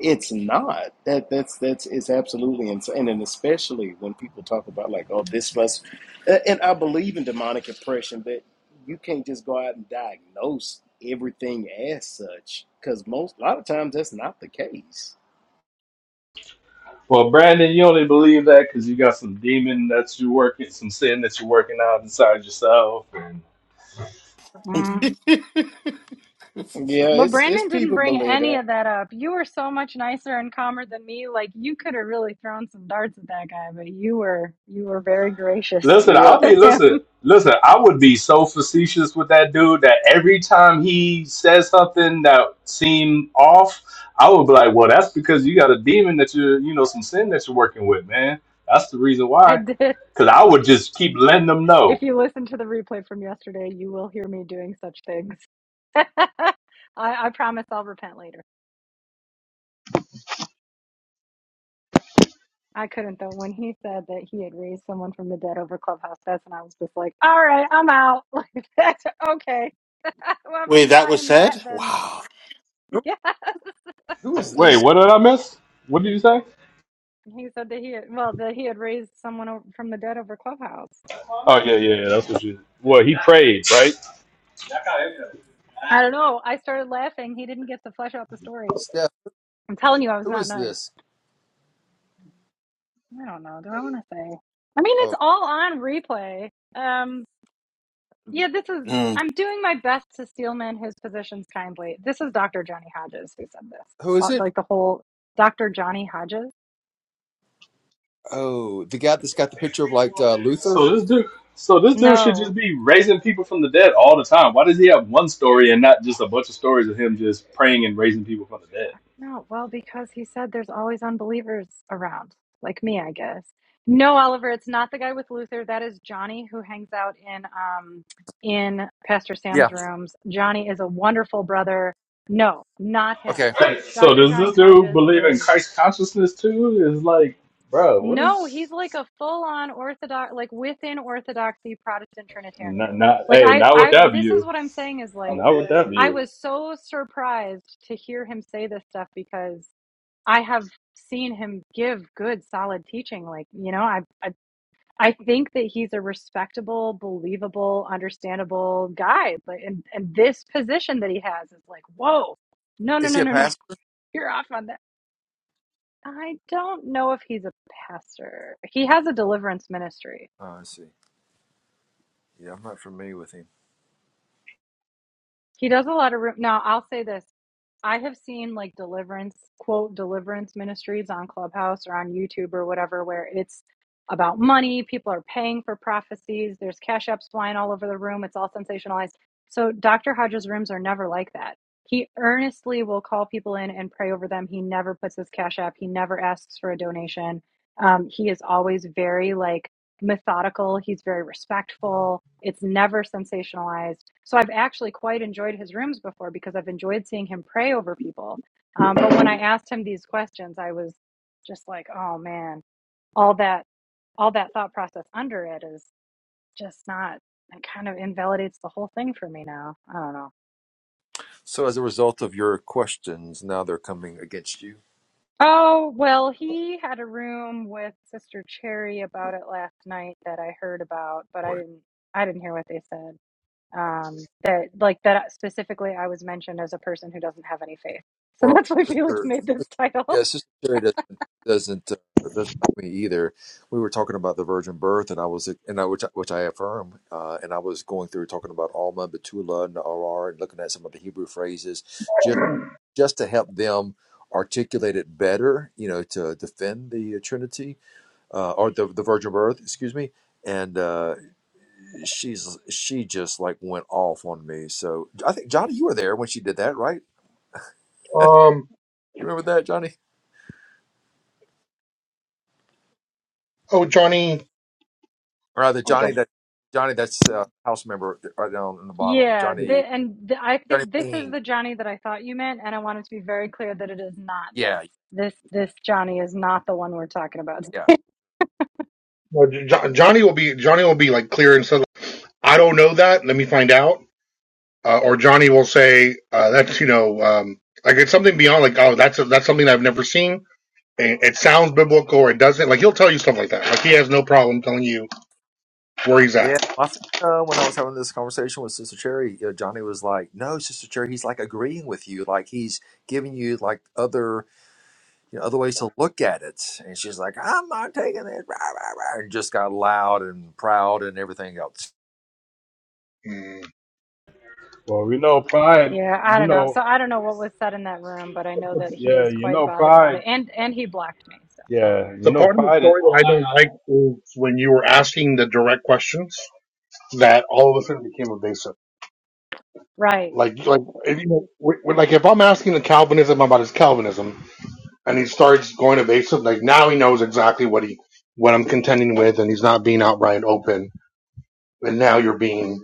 [SPEAKER 14] it's not. That that's that's it's absolutely insane, and especially when people talk about like, oh, this must. a- And I believe in demonic oppression, but you can't just go out and diagnose everything as such because most a lot of times that's not the case
[SPEAKER 13] Well, Brandon, you only believe that because you got some demon that you're working, some sin that you're working out inside yourself. And
[SPEAKER 1] Mm-hmm.
[SPEAKER 14] Yeah,
[SPEAKER 1] But
[SPEAKER 14] it's it's
[SPEAKER 1] Brandon didn't
[SPEAKER 14] people
[SPEAKER 1] bring
[SPEAKER 14] believe
[SPEAKER 1] any
[SPEAKER 14] that.
[SPEAKER 1] of that up. You were so much nicer and calmer than me. Like you could have really thrown some darts at that guy, but you were you were very gracious
[SPEAKER 13] listen,
[SPEAKER 14] Yeah,
[SPEAKER 13] I'll
[SPEAKER 1] to
[SPEAKER 13] be
[SPEAKER 1] him.
[SPEAKER 13] listen, listen. I would be so facetious with that dude that every time he says something that seemed off, I would be like, "Well, that's because you got a demon that you're, you know, some sin that you're working with, man. That's the reason
[SPEAKER 1] I
[SPEAKER 13] why."
[SPEAKER 1] did.
[SPEAKER 13] Because I would just keep letting them know.
[SPEAKER 1] If you listen to the replay from yesterday, you will hear me doing such things. I, I promise I'll repent later. I couldn't though. When he said that he had raised someone from the dead over Clubhouse, that's when I was just like, "All right, I'm out." Like that's okay.
[SPEAKER 8] Wait,
[SPEAKER 1] Whoever's
[SPEAKER 8] that was
[SPEAKER 1] buying that,
[SPEAKER 8] said?
[SPEAKER 1] then
[SPEAKER 8] Wow.
[SPEAKER 6] Who,
[SPEAKER 1] yeah.
[SPEAKER 6] who is
[SPEAKER 13] Wait,
[SPEAKER 6] this,
[SPEAKER 13] what did I miss? What did you say?
[SPEAKER 1] He said that he had, well, that he had raised someone o- from the dead over Clubhouse.
[SPEAKER 13] Oh yeah, yeah, yeah. That's what you. Well, he prayed, right?
[SPEAKER 1] I don't know. I started laughing. He didn't get to flesh out the story.
[SPEAKER 6] Steph?
[SPEAKER 1] I'm telling you, I was
[SPEAKER 6] Who
[SPEAKER 1] not
[SPEAKER 6] is
[SPEAKER 1] nice.
[SPEAKER 6] this?
[SPEAKER 1] I don't know. Do I want to say? I mean, it's
[SPEAKER 6] Oh,
[SPEAKER 1] all on replay. Um, yeah, this is.
[SPEAKER 8] Mm.
[SPEAKER 1] I'm doing my best to steelman his positions kindly. This is Dr. Johnny Hodges who said this.
[SPEAKER 6] who is
[SPEAKER 1] Uh,
[SPEAKER 6] it?
[SPEAKER 1] Like the whole Dr. Johnny Hodges.
[SPEAKER 6] Oh, the guy that's got the picture of like uh, Luther.
[SPEAKER 13] So this dude, so this dude should
[SPEAKER 1] No,
[SPEAKER 13] just be raising people from the dead all the time. Why does he have one story and not just a bunch of stories of him just praying and raising people from the
[SPEAKER 1] No, well, because he said there's always unbelievers around, like me, I guess. No, Oliver, it's not the guy with Luther. That is Johnny, who hangs out in um in Pastor
[SPEAKER 6] Yeah.
[SPEAKER 1] Sam's rooms. Johnny is a wonderful brother. No, not him.
[SPEAKER 6] Okay,
[SPEAKER 13] dead? So
[SPEAKER 1] Dr.
[SPEAKER 13] does
[SPEAKER 1] Johnny
[SPEAKER 13] this dude
[SPEAKER 1] Hodges
[SPEAKER 13] believe in
[SPEAKER 1] is
[SPEAKER 13] Christ consciousness too? Is like, bro, what
[SPEAKER 1] no,
[SPEAKER 13] is?
[SPEAKER 1] he's like a full-on Orthodox, like within Orthodoxy Protestant Trinitarian.
[SPEAKER 13] Not, not,
[SPEAKER 1] Like
[SPEAKER 13] hey,
[SPEAKER 1] I,
[SPEAKER 13] not with
[SPEAKER 1] I,
[SPEAKER 13] that
[SPEAKER 1] this is
[SPEAKER 13] view.
[SPEAKER 1] what I'm saying is like
[SPEAKER 13] Not with that
[SPEAKER 1] I
[SPEAKER 13] view.
[SPEAKER 1] was so surprised to hear him say this stuff because I have seen him give good, solid teaching. Like, you know, I, I, I think that he's a respectable, believable, understandable guy. But and and this position that he has is like, whoa, no, no,
[SPEAKER 6] is he
[SPEAKER 1] no,
[SPEAKER 6] a
[SPEAKER 1] no, no,
[SPEAKER 6] pastor?
[SPEAKER 1] you're off on that. I don't know if he's a pastor. He has a deliverance ministry.
[SPEAKER 6] Oh, I see. Yeah, I'm not familiar with him.
[SPEAKER 1] He does a lot of room. Now, I'll say this. I have seen like deliverance, quote, deliverance ministries on Clubhouse or on YouTube or whatever, where it's about money. People are paying for prophecies. There's cash apps flying all over the room. It's all sensationalized. So, Dr. Hodges' rooms are never like that. He earnestly will call people in and pray over them. He never puts his cash app, he never asks for a donation. Um, he is always very like, methodical, he's very respectful. It's never sensationalized. So I've actually quite enjoyed his rooms before because I've enjoyed seeing him pray over people. Um, but when I asked him these questions, I was just like, oh man, all that all that thought process under it is just not it kind of invalidates the whole thing for me now. I don't know.
[SPEAKER 6] So, as a result of your questions, now they're coming against you.
[SPEAKER 1] Oh, well, he had a room with Sister Cherry about it last night that I heard about, but I
[SPEAKER 6] Boy.
[SPEAKER 1] didn't I didn't hear what they said. um, that like that specifically I was mentioned as a person who doesn't have any faith. So
[SPEAKER 6] Well,
[SPEAKER 1] that's why Felix
[SPEAKER 6] sister,
[SPEAKER 1] made this
[SPEAKER 6] yeah,
[SPEAKER 1] title.
[SPEAKER 6] sister Sherry doesn't doesn't uh, doesn't like me either. We were talking about the virgin birth, and I was and I which, I- which I affirm, uh, and I was going through talking about Alma, Betula, and Arar, and looking at some of the Hebrew phrases just just to help them articulate it better, you know, to defend the uh, Trinity. uh, or the the Virgin Birth, excuse me. And uh, she's she just like went off on me. So I think Johnny, you were there when she did that, right? You remember that, Johnny? Or rather,
[SPEAKER 7] it.
[SPEAKER 6] Johnny that Johnny that's uh, house member right down in the bottom.
[SPEAKER 1] Yeah,
[SPEAKER 6] Johnny
[SPEAKER 1] th- and th- I thi-
[SPEAKER 6] Johnny
[SPEAKER 1] this is
[SPEAKER 6] Bing.
[SPEAKER 1] the Johnny that I thought you meant, and I wanted to be very clear that it is not this.
[SPEAKER 6] Yeah,
[SPEAKER 1] This this Johnny is not the one we're talking about.
[SPEAKER 6] yeah,
[SPEAKER 7] Well, Jo- Johnny will be Johnny will be like clear and said, I don't know that. Let me find out. Uh, or Johnny will say, uh, that's you know, um, like it's something beyond like, oh, that's a, that's something I've never seen. And it doesn't like he'll tell you stuff like that. Like he has no problem telling you where he's
[SPEAKER 6] yeah.
[SPEAKER 7] at.
[SPEAKER 6] I think uh, when I was having this conversation with Sister Cherry, uh, Johnny was like, "No, Sister Cherry, he's like agreeing with you. Like he's giving you like other." you know, other ways to look at it. And she's like, I'm not taking this. Rah, rah, rah, and just got loud and proud and everything else.
[SPEAKER 7] Mm.
[SPEAKER 13] Well, we know pride.
[SPEAKER 1] Yeah, I
[SPEAKER 13] You
[SPEAKER 1] don't know.
[SPEAKER 13] know,
[SPEAKER 1] So I don't know what was said in that room, but I know that he
[SPEAKER 13] yeah,
[SPEAKER 1] is
[SPEAKER 13] you
[SPEAKER 1] quite
[SPEAKER 13] know
[SPEAKER 1] bothered about
[SPEAKER 13] pride.
[SPEAKER 1] it, and and he blocked me. So
[SPEAKER 13] Yeah, you
[SPEAKER 7] The
[SPEAKER 13] know
[SPEAKER 7] part of the
[SPEAKER 13] pride.
[SPEAKER 7] story that I don't like is when you were asking the direct questions that all of a sudden became evasive.
[SPEAKER 1] right.
[SPEAKER 7] Like, like, if, you know, w- w- like if I'm asking the Calvinism about his Calvinism and he starts going evasive, like now he knows exactly what he, what I'm contending with and he's not being outright open. And now you're being,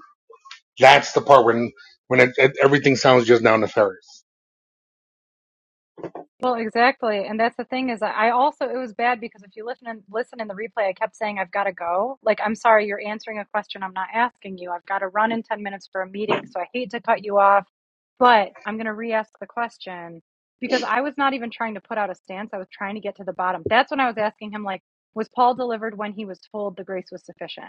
[SPEAKER 7] that's the part when, when it, it, everything sounds just now nefarious.
[SPEAKER 1] Well, exactly, and that's the thing is that I also it was bad because if you listen and listen in the replay, I kept saying I've got to go. Like I'm sorry, you're answering a question I'm not asking you. I've got to run in ten minutes for a meeting, so I hate to cut you off, but I'm going to re-ask the question because I was not even trying to put out a stance. I was trying to get to the bottom. That's when I was asking him like, was Paul delivered when he was told the grace was sufficient?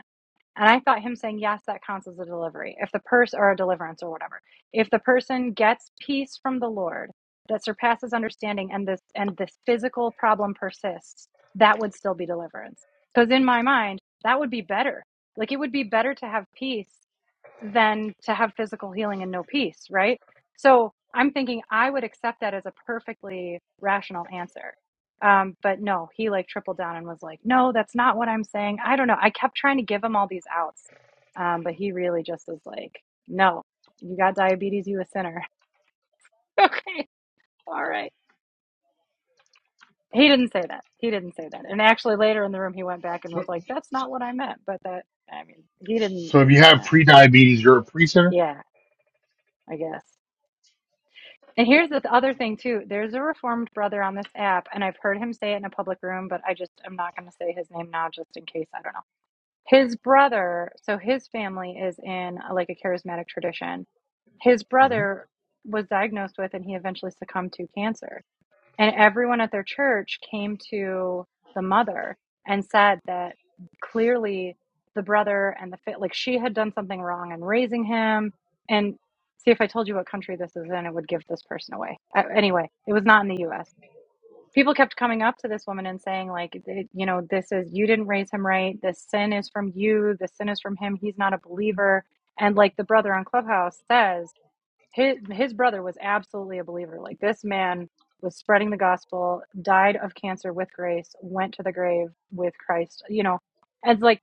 [SPEAKER 1] And I thought him saying yes, that counts as a delivery. If the person or a deliverance or whatever. If the person gets peace from the Lord that surpasses understanding and this and this physical problem persists, that would still be deliverance. Because in my mind, that would be better. Like it would be better to have peace than to have physical healing and no peace, right? So I'm thinking I would accept that as a perfectly rational answer. Um, but no, he like tripled down and was like, no, that's not what I'm saying. I don't know. I kept trying to give him all these outs. Um, but he really just was like, no, you got diabetes, you a sinner. okay, all right. He didn't say that. He didn't say that. And actually, later in the room, he went back and
[SPEAKER 7] So,
[SPEAKER 1] was like, that's not what I meant. But that, I mean, he didn't,
[SPEAKER 7] so if you have
[SPEAKER 1] no.
[SPEAKER 7] pre-diabetes, you're a pre-sinner?
[SPEAKER 1] yeah, I guess. And here's the other thing too. There's a reformed brother on this app, and I've heard him say it in a public room, but I just I'm not going to say his name now, just in case I don't know. His brother, so his family is in uh, like a charismatic tradition. His
[SPEAKER 7] hmm
[SPEAKER 1] brother was diagnosed with, and he eventually succumbed to cancer. And everyone at their church came to the mother and said that clearly the brother and the fit, like she had done something wrong in raising him. And see, if I told you what country this is in, it would give this person away. Uh, anyway, it was not in the US. People kept coming up to this woman and saying, like, you know, this is, you didn't raise him right. This sin is from you. This sin is from him. He's not a believer. And like the brother on Clubhouse says, his his brother was absolutely a believer. Like this man was spreading the gospel, died of cancer with grace, went to the grave with Christ. You know, as like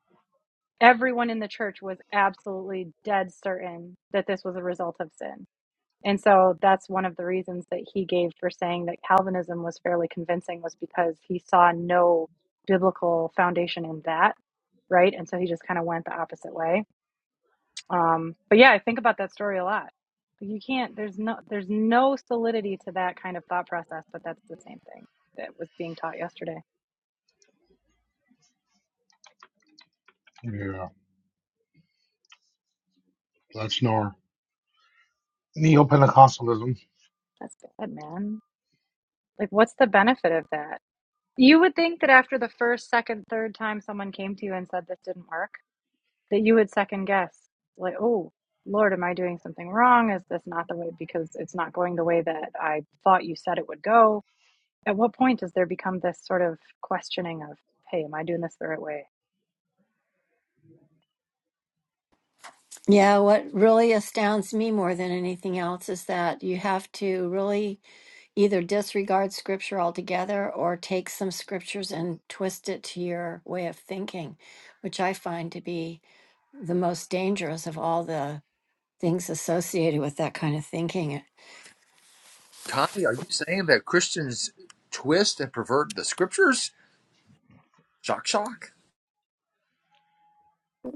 [SPEAKER 1] everyone in the church was absolutely dead certain that this was a result of sin. And so that's one of the reasons that he gave for saying that Calvinism was fairly convincing was because he saw no biblical foundation in that, right? And so he just kind of went the opposite way um, but yeah, I think about that story a lot. Like, You can't. There's no. There's no solidity to that kind of thought process. But that's the same thing that was being taught yesterday.
[SPEAKER 7] Yeah, that's nor Neo-Pentecostalism.
[SPEAKER 1] That's bad, man. Like, what's the benefit of that? You would think that after the first, second, third time someone came to you and said this didn't work, that you would second guess. Like, oh Lord, am I doing something wrong? Is this not the way? Because it's not going the way that I thought you said it would go. At what point does there become this sort of questioning of, hey, am I doing this the right way?
[SPEAKER 5] Yeah, what really astounds me more than anything else is that you have to really either disregard scripture altogether or take some scriptures and twist it to your way of thinking, which I find to be the most dangerous of all the things associated with that kind of thinking.
[SPEAKER 6] Connie, are you saying that Christians twist and pervert the scriptures? Shock, shock.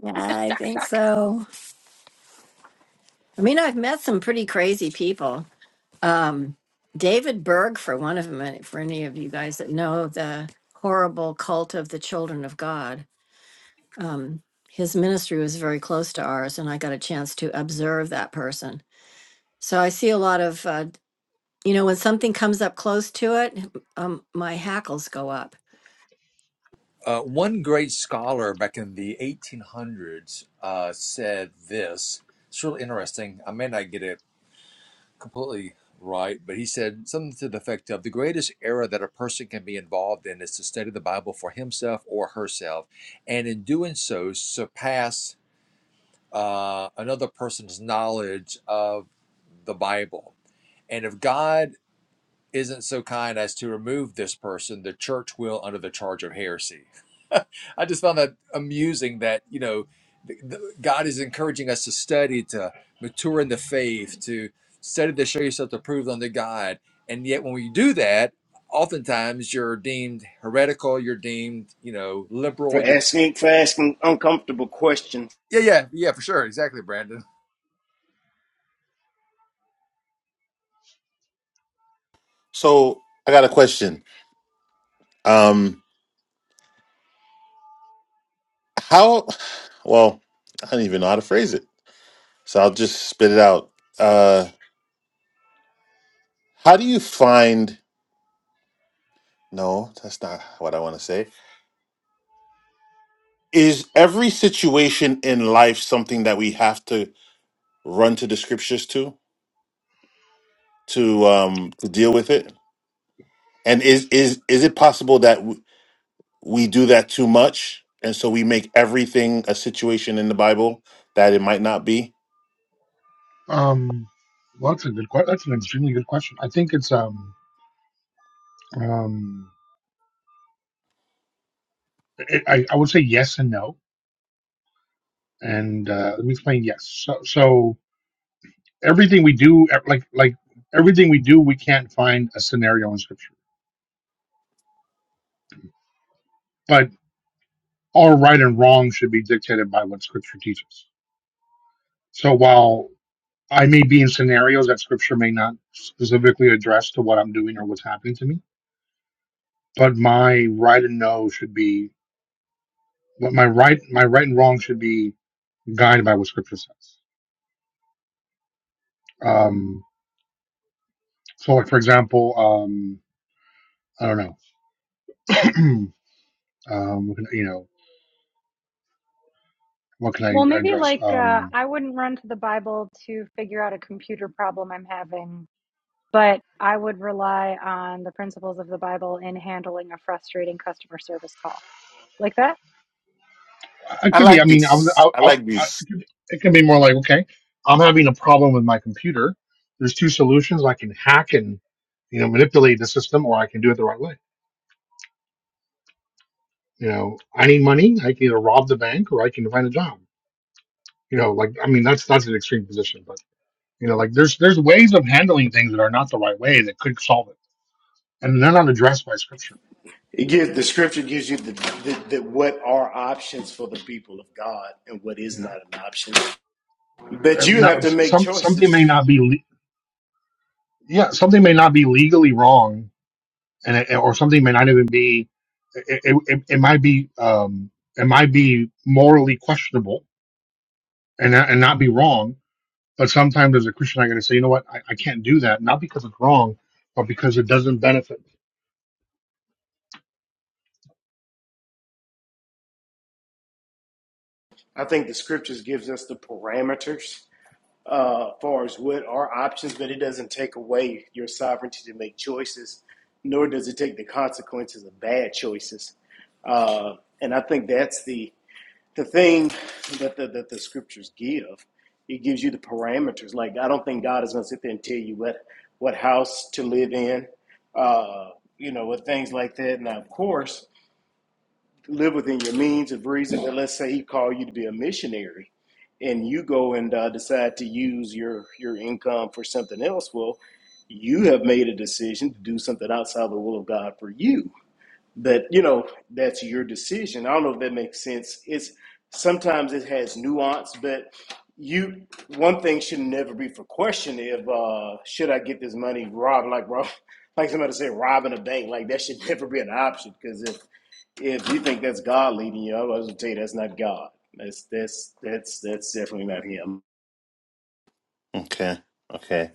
[SPEAKER 5] Yeah, I
[SPEAKER 1] shock,
[SPEAKER 5] think
[SPEAKER 1] shock
[SPEAKER 5] so. I mean, I've met some pretty crazy people. Um, David Berg, for one of them, and for any of you guys that know the horrible cult of the children of God, um, his ministry was very close to ours, and I got a chance to observe that person. So I see a lot of, uh, you know, when something comes up close to it, um, my hackles go up
[SPEAKER 6] Uh, one great scholar back in the 1800s uh, said this. It's really interesting. I may not get it completely right, but he said something to the effect of the greatest error that a person can be involved in is to study the Bible for himself or herself, and in doing so, surpass. uh, another person's knowledge of the Bible. And if God isn't so kind as to remove this person, the church will under the charge of heresy. I just found that amusing that, you know, th- th- God is encouraging us to study, to mature in the faith, to study to show yourself approved unto God. And yet, when we do that, oftentimes you're deemed heretical, you're deemed, you know,
[SPEAKER 14] for
[SPEAKER 6] liberal. You're,
[SPEAKER 14] asking for asking uncomfortable questions.
[SPEAKER 6] yeah, yeah, yeah, for sure. Exactly, Brandon.
[SPEAKER 8] So I got a question. Um, How, well, I don't even know how to phrase it. So I'll just spit it out. Uh, how do you find, no, that's not what I want to say. Is every situation in life something that we have to run to the scriptures to, to, um, to deal with it? And is, is, is it possible that w- we do that too much? And so we make everything a situation in the Bible that it might not be?
[SPEAKER 7] Um, well, that's a good question. That's an extremely good question. I think it's um, um, it, I, I would say yes and no, and uh, let me explain. Yes, so so everything we do, e- like like everything we do, we can't find a scenario in scripture. But all right and wrong should be dictated by what scripture teaches. So while I may be in scenarios that scripture may not specifically address to what I'm doing or what's happening to me, but my right and no should be what my right my right and wrong should be guided by what scripture says. Um, so, like for example, um, I don't know, um, what can- you know, what can
[SPEAKER 1] Well,
[SPEAKER 7] I
[SPEAKER 1] maybe
[SPEAKER 7] address?
[SPEAKER 1] like uh,
[SPEAKER 7] Um,
[SPEAKER 1] I wouldn't run to the Bible to figure out a computer problem I'm having, but I would rely on the principles of the Bible in handling a frustrating customer service call. Like that?
[SPEAKER 7] I
[SPEAKER 8] I
[SPEAKER 7] could be. I
[SPEAKER 8] like
[SPEAKER 7] mean, I was.
[SPEAKER 8] this.
[SPEAKER 7] I,
[SPEAKER 8] I
[SPEAKER 7] I,
[SPEAKER 8] like
[SPEAKER 7] I,
[SPEAKER 8] this.
[SPEAKER 7] it, could, it can be more like, okay, I'm having a problem with my computer. There's two solutions. I can hack and you know manipulate the system, or I can do it the right way. You know, I need money. I can either rob the bank or I can find a job. You know, like I mean, that's that's an extreme position, but you know, like there's there's ways of handling things that are not the right way that could solve it and they're not addressed by scripture.
[SPEAKER 14] It gives the scripture gives you the, the, the what are options for the people of God and what is
[SPEAKER 7] Yeah.
[SPEAKER 14] not an option. But
[SPEAKER 7] And
[SPEAKER 14] you
[SPEAKER 7] now
[SPEAKER 14] have to make
[SPEAKER 7] some something may
[SPEAKER 14] choices.
[SPEAKER 7] not be le- yeah, something may not be legally wrong and it, or something may not even be it, it, it it might be um it might be morally questionable and and not be wrong, but sometimes as a Christian I got to say, you know what? I, I can't do that not because it's wrong, but because it doesn't benefit.
[SPEAKER 14] I think the scriptures gives us the parameters uh, far as what are options, but it doesn't take away your sovereignty to make choices, nor does it take the consequences of bad choices. Uh, and I think that's the the thing that the, that the scriptures give, it gives you the parameters. Like I don't think God is going to sit there and tell you what what house to live in, uh, you know, with things like that. Now, of course, live within your means of reason. But let's say He called you to be a missionary, and you go and uh, decide to use your your income for something else. Well, you have made a decision to do something outside the will of God for you but you know, that's your decision. I don't know if that makes sense. It's sometimes it has nuance, but you one thing should never be for question if uh should I get this money robbed like rob like somebody said robbing a bank. Like that should never be an option because if if you think that's God leading you, I was gonna tell you that's not God. That's that's that's that's definitely not him.
[SPEAKER 8] Okay. Okay.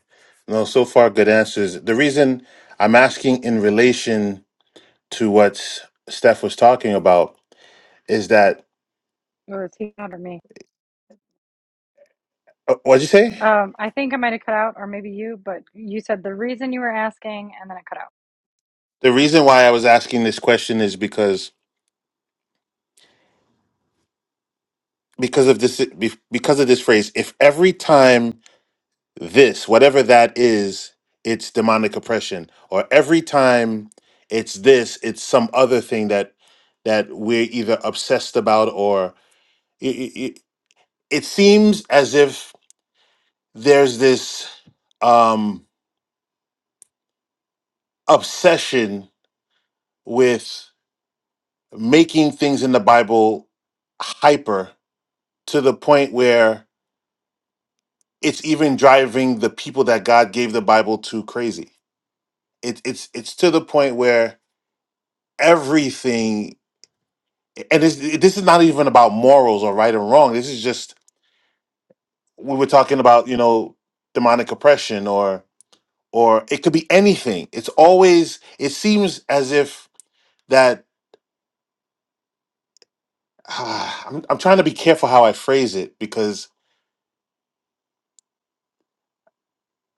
[SPEAKER 8] No, so far good answers. The reason I'm asking in relation to what Steph was talking about is that
[SPEAKER 1] Or is he out or me?
[SPEAKER 8] uh, what'd you say?
[SPEAKER 1] Um, I think I might have cut out, or maybe you, but you said the reason you were asking, and then it cut out.
[SPEAKER 8] The reason why I was asking this question is because because of this be- because of this phrase. If every time this whatever that is, it's demonic oppression, or every time it's this, it's some other thing that that we're either obsessed about or it, it, it seems as if there's this um, obsession with making things in the Bible hyper to the point where it's even driving the people that God gave the Bible to crazy. It, it's it's to the point where everything, and this, this is not even about morals or right and wrong. This is just we were talking about, you know, demonic oppression or or it could be anything. It's always it seems as if that Ah, I'm, I'm trying to be careful how I phrase it because,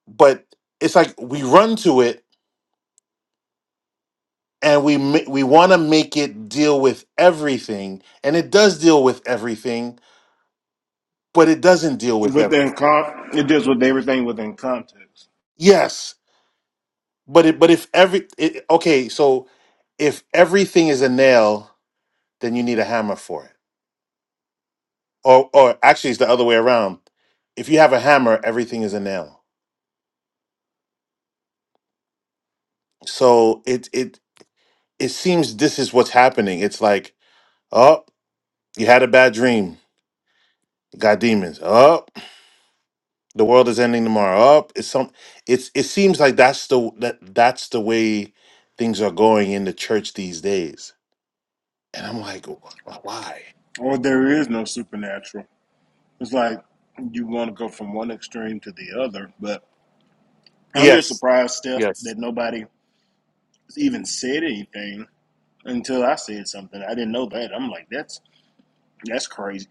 [SPEAKER 8] but it's like we run to it and we ma- we want to make it deal with everything, and it does deal with everything, but it doesn't deal with everything.
[SPEAKER 14] Within con- it deals with everything within context.
[SPEAKER 8] Yes, but it but if every it, okay, so if everything is a nail, then you need a hammer for it, or or actually it's the other way around. If you have a hammer, everything is a nail. So it it it seems this is what's happening. It's like. oh. You had a bad dream. You got demons. Up. the world is ending tomorrow. Up. it's some. It's. It seems like that's the that that's the way things are going in the church these days. And I'm like, "Wh- why?
[SPEAKER 14] Or there is no supernatural. It's like you want to go from one extreme to the other. But I'm just
[SPEAKER 8] Yes.
[SPEAKER 14] surprised, Steph,
[SPEAKER 8] Yes.
[SPEAKER 14] that nobody even said anything until I said something. I didn't know that. I'm like, that's that's crazy.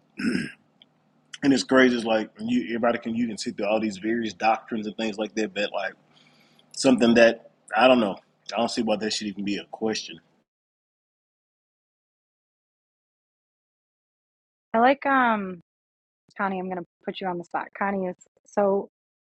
[SPEAKER 14] And it's crazy. It's like you, everybody can you can see through all these various doctrines and things like that. But like something that I don't know. I don't see why that should even be a question.
[SPEAKER 1] I like um Connie, I'm going to put you on the spot. Connie is so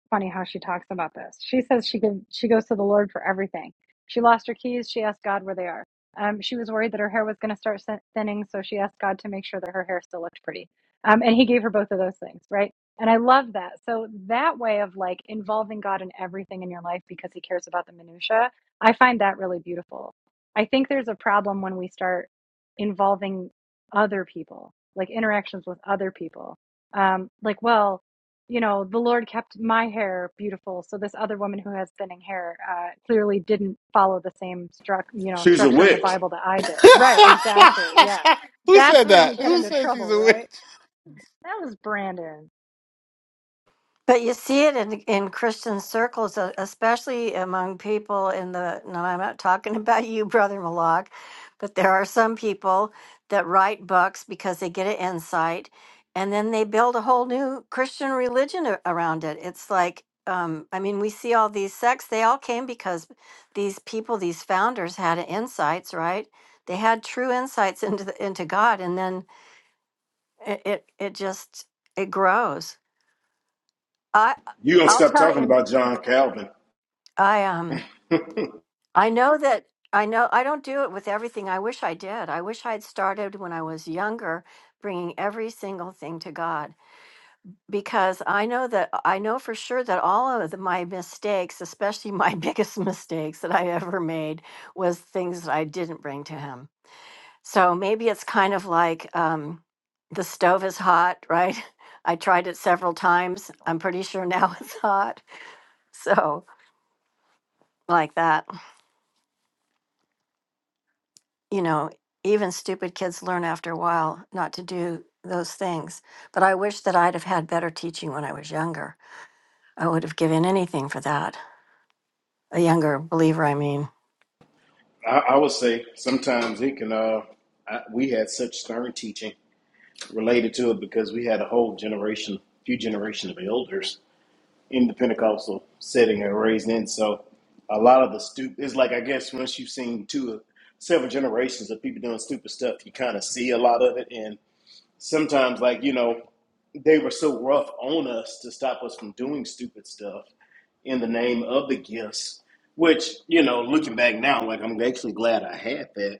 [SPEAKER 1] funny how she talks about this. She says she give, she goes to the Lord for everything. She lost her keys. She asked God where they are. Um, she was worried that her hair was going to start thinning, so she asked God to make sure that her hair still looked pretty. Um, and He gave her both of those things, right? And I love that. So that way of like involving God in everything in your life because He cares about the minutia, I find that really beautiful. I think there's a problem when we start involving other people, like interactions with other people um, like, well, you know, the Lord kept my hair beautiful, so this other woman who has thinning hair uh, clearly didn't follow the same struct, you know,
[SPEAKER 14] She's a
[SPEAKER 1] structure in the
[SPEAKER 14] witch.
[SPEAKER 1] Bible that I did. Right? Exactly. Yeah,
[SPEAKER 8] Who
[SPEAKER 1] that's
[SPEAKER 8] said
[SPEAKER 1] where
[SPEAKER 8] that?
[SPEAKER 1] you get
[SPEAKER 8] Who
[SPEAKER 1] into
[SPEAKER 8] said she's
[SPEAKER 1] trouble,
[SPEAKER 8] a witch?
[SPEAKER 1] right? That was Brandon.
[SPEAKER 5] But you see it in, in Christian circles, uh, especially among people in the. No, I'm not talking about you, Brother Malak, but there are some people that write books because they get an insight and then they build a whole new Christian religion a- around it. It's like, um, I mean, we see all these sects, they all came because these people, these founders had insights, right? They had true insights into, the, into God, and then it, it, it just it grows. I,
[SPEAKER 14] You gonna
[SPEAKER 5] I'll
[SPEAKER 14] stop
[SPEAKER 5] tell
[SPEAKER 14] talking
[SPEAKER 5] you.
[SPEAKER 14] about John Calvin?
[SPEAKER 5] I um
[SPEAKER 14] I,
[SPEAKER 5] I know that I know I don't do it with everything. I wish I did. I wish I'd started when I was younger bringing every single thing to God because I know that I know for sure that all of the, my mistakes, especially my biggest mistakes that I ever made was things that I didn't bring to him. So maybe it's kind of like um the stove is hot, right? I tried it several times. I'm pretty sure now it's hot. So like that. you know, even stupid kids learn after a while not to do those things. But I wish that I'd have had better teaching when I was younger. I would have given anything for that. A younger believer, I mean.
[SPEAKER 14] I would say sometimes he can. Uh, I, we had such stern teaching. related to it because we had a whole generation, few generation of elders in the Pentecostal setting and raised in. So a lot of the stupid it's like I guess once you've seen two several generations of people doing stupid stuff, you kind of see a lot of it. And sometimes, like you know, they were so rough on us to stop us from doing stupid stuff in the name of the gifts. Which you know, looking back now, like I'm actually glad I had that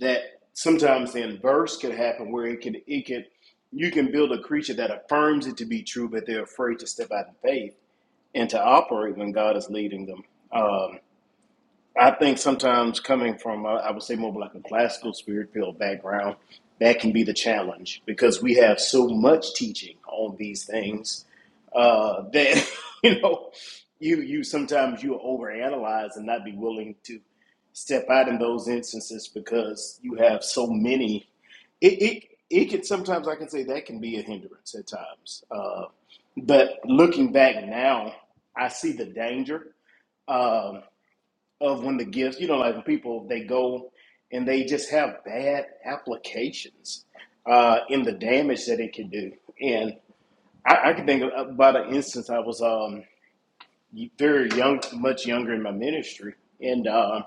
[SPEAKER 14] that sometimes the inverse can happen where it can it can you can build a creature that affirms it to be true, but they're afraid to step out in faith and to operate when God is leading them. Um, I think sometimes coming from, uh, I would say, more of like a classical spirit field background, that can be the challenge because we have so much teaching on these things uh, that you know, you you sometimes you overanalyze and not be willing to step out in those instances because you have so many. It it it can sometimes I can say that can be a hindrance at times, uh, but looking back now, I see the danger Um, of when the gifts, you know, like when people they go and they just have bad applications uh, in the damage that it can do. And I, I can think about an instance. I was um, very young, much younger in my ministry, and uh,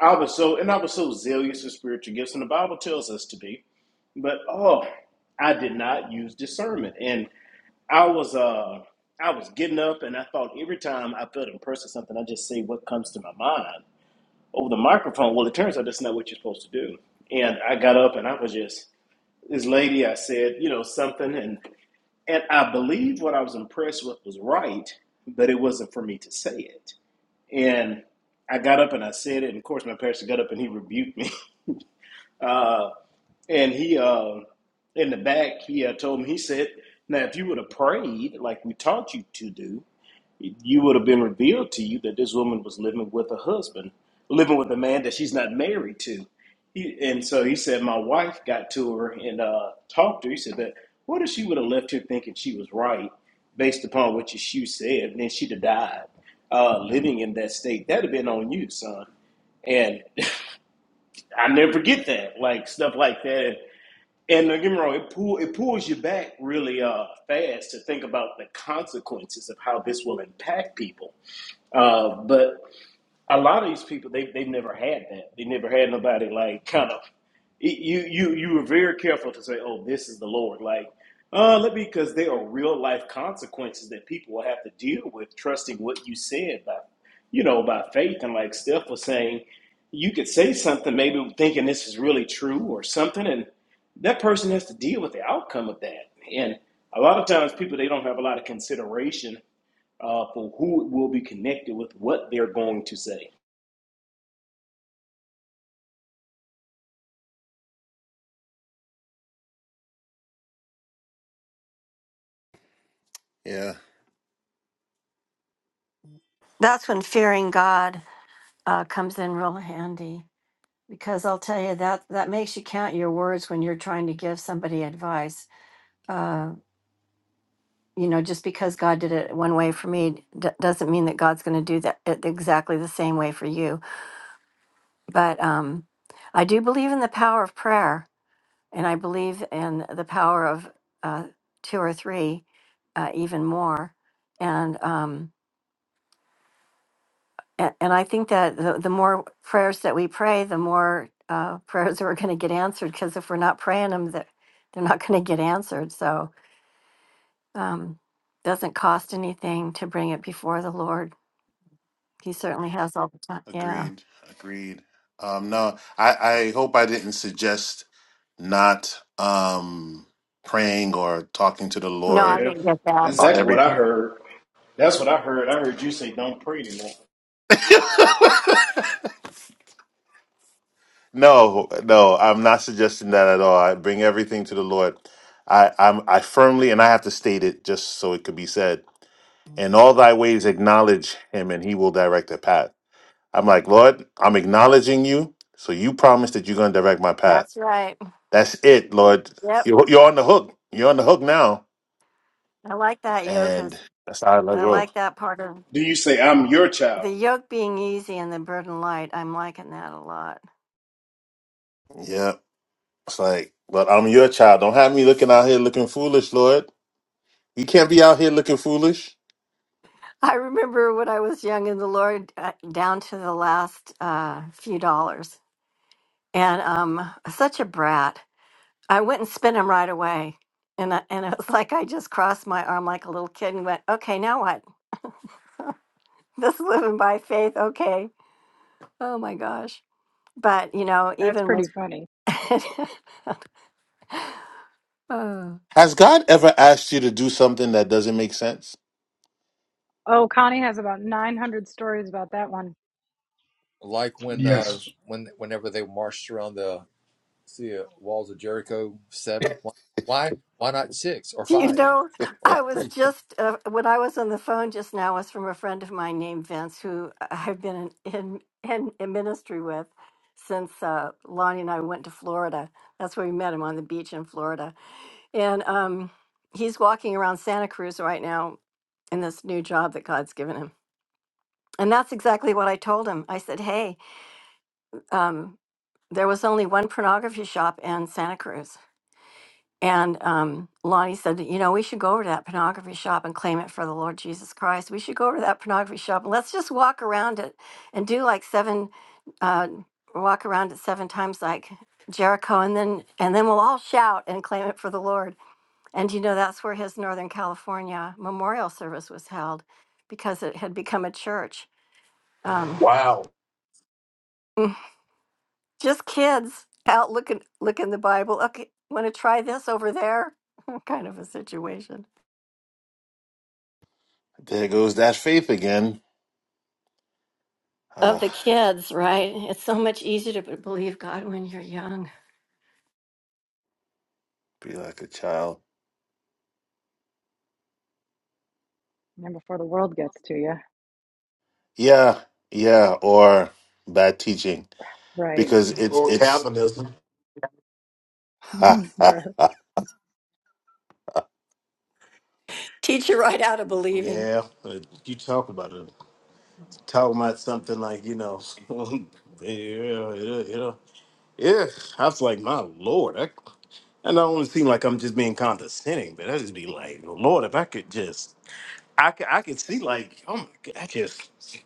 [SPEAKER 14] I was so and I was so zealous of spiritual gifts, and the Bible tells us to be. But oh, I did not use discernment, and I was uh, I was getting up, and I thought every time I felt impressed with something, I just say what comes to my mind over the microphone. Well, it turns out that's not what you're supposed to do. And I got up and I was just this lady. I said, you know, something, and and I believe what I was impressed with was right, but it wasn't for me to say it. And I got up and I said it. And of course, my pastor got up and he rebuked me. Uh, and he, uh, in the back, he uh, told me, he said, "Now, if you would have prayed like we taught you to do." you would have been revealed to you that this woman was living with a husband, living with a man that she's not married to. He, and so he said, my wife got to her and uh, talked to her. He said that what if she would have left here thinking she was right based upon what your shoe said, and then she'd have died uh, living in that state? That'd have been on you, son. And I never forget that, like stuff like that. And don't get me wrong, it pull it pulls you back really uh, fast to think about the consequences of how this will impact people uh, but a lot of these people, they they've never had that. They never had nobody like kind of. it- You you you were very careful to say, "Oh, this is the Lord." Like, uh, let me because there are real life consequences that people will have to deal with trusting what you said by, you know, by faith. And like Steph was saying, you could say something maybe thinking this is really true or something, and that person has to deal with the outcome of that. And a lot of times, people they don't have a lot of consideration uh, for who will be connected with what they're going to say.
[SPEAKER 8] Yeah.
[SPEAKER 5] That's when fearing God uh, comes in real handy because I'll tell you that that makes you count your words when you're trying to give somebody advice. Uh, you know, just because God did it one way for me d- doesn't mean that God's going to do that it exactly the same way for you. But um, I do believe in the power of prayer And I believe in the power of uh, two or three, uh, even more. And um, and, and I think that the, the more prayers that we pray, the more uh, prayers that are going to get answered. Because if we're not praying them, they're, they're not going to get answered. So um, doesn't cost anything to bring it before the Lord. He certainly has all the time. Yeah.
[SPEAKER 8] Agreed. Agreed. Um, no, I, I hope I didn't suggest not um praying or talking to the
[SPEAKER 5] No, I
[SPEAKER 8] Lord
[SPEAKER 14] Yeah,
[SPEAKER 5] didn't get that.
[SPEAKER 8] about
[SPEAKER 14] exactly what I
[SPEAKER 8] everything.
[SPEAKER 14] heard. That's what I heard. I heard you say, "Don't pray anymore."
[SPEAKER 8] No, no, I'm not suggesting that at all. I bring everything to the Lord. I, I'm, I firmly, and I have to state it just so it could be said. In all thy ways, acknowledge him, and he will direct the path. I'm like, Lord, I'm acknowledging you, so you promised that you're going to direct my path.
[SPEAKER 5] That's right.
[SPEAKER 8] That's it, Lord.
[SPEAKER 5] Yep.
[SPEAKER 8] You're, you're on the hook. You're on the hook now,
[SPEAKER 5] I like that yo, because
[SPEAKER 8] and that's how I let
[SPEAKER 5] I
[SPEAKER 8] go.
[SPEAKER 5] like that part of
[SPEAKER 14] Do you say, "I'm your child"?
[SPEAKER 5] The yoke being easy and the burden light, I'm liking that a lot.
[SPEAKER 8] Yeah, it's like, but I'm your child. Don't have me looking out here looking foolish, Lord. You can't be out here looking foolish.
[SPEAKER 5] I remember when I was young in the Lord, uh, down to the last uh, few dollars, and um, such a brat. I went and spent them right away, and I, and it was like I just crossed my arm like a little kid and went, "Okay, now what? This is living by faith." Okay. Oh my gosh. But you know,
[SPEAKER 1] That's
[SPEAKER 5] even
[SPEAKER 1] pretty
[SPEAKER 5] with.
[SPEAKER 1] funny.
[SPEAKER 5] oh.
[SPEAKER 8] Has God ever asked you to do something that doesn't make sense?
[SPEAKER 1] Oh, Connie has about nine hundred stories about that one.
[SPEAKER 6] Like when uh
[SPEAKER 7] Yes.
[SPEAKER 6] when whenever they marched around the see uh, walls of Jericho seven. Why why why not six or
[SPEAKER 5] Do you
[SPEAKER 6] five
[SPEAKER 5] know,
[SPEAKER 6] or
[SPEAKER 5] I was
[SPEAKER 6] three?
[SPEAKER 5] just, uh, when I was on the phone just now, was from a friend of mine named Vince, who I've been in, in, in, ministry with since uh, Lonnie and I went to Florida. That's where we met him on the beach in Florida. And um, he's walking around Santa Cruz right now in this new job that God's given him. And that's exactly what I told him. I said, hey, um, there was only one pornography shop in Santa Cruz. And um, Lonnie said, you know, we should go over to that pornography shop and claim it for the Lord Jesus Christ. We should go over to that pornography shop and let's just walk around it and do like seven, uh, walk around it seven times like Jericho, and then and then we'll all shout and claim it for the Lord. And you know, that's where his Northern California memorial service was held because it had become a church. Um,
[SPEAKER 14] Wow.
[SPEAKER 5] mm, just kids out looking looking the Bible. Okay, want to try this over there? kind of a situation.
[SPEAKER 8] There goes that faith again.
[SPEAKER 5] of
[SPEAKER 8] Ah,
[SPEAKER 5] the kids, right? It's so much easier to b- believe God when you're young.
[SPEAKER 8] be like a child.
[SPEAKER 1] And before the world gets to you,
[SPEAKER 8] Yeah, yeah, or bad teaching
[SPEAKER 1] right?
[SPEAKER 8] because it's it's.
[SPEAKER 1] Bruh,
[SPEAKER 5] Teach you right out of believing.
[SPEAKER 14] Yeah, uh, you talk about it. Talking about something like you know, yeah, yeah, yeah. yeah. I was like, my lord, I, and I don't want to seem like I'm just being condescending, but I just be like, Lord, if I could just, I could, I could see like, oh my god, I just.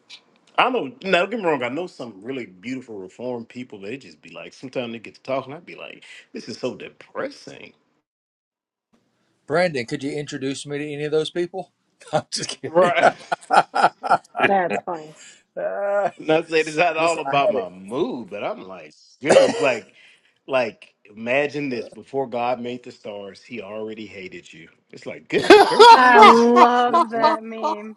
[SPEAKER 14] I know. Now, don't get me wrong. I know some really beautiful reformed people. They just be like, sometimes they get to talking. I'd be like, this is so depressing.
[SPEAKER 6] Brandon, could you introduce me to any of those people? I'm just kidding.
[SPEAKER 14] Right.
[SPEAKER 1] that's funny.
[SPEAKER 14] Not saying it's not all
[SPEAKER 6] Listen, I
[SPEAKER 14] about
[SPEAKER 6] had
[SPEAKER 14] my
[SPEAKER 6] it.
[SPEAKER 14] mood, but I'm like, goodness, like, like imagine this: before God made the stars, He already hated you. It's like, goodness gracious,
[SPEAKER 1] I
[SPEAKER 14] alive.
[SPEAKER 6] Li-
[SPEAKER 1] love
[SPEAKER 6] li-
[SPEAKER 1] that meme.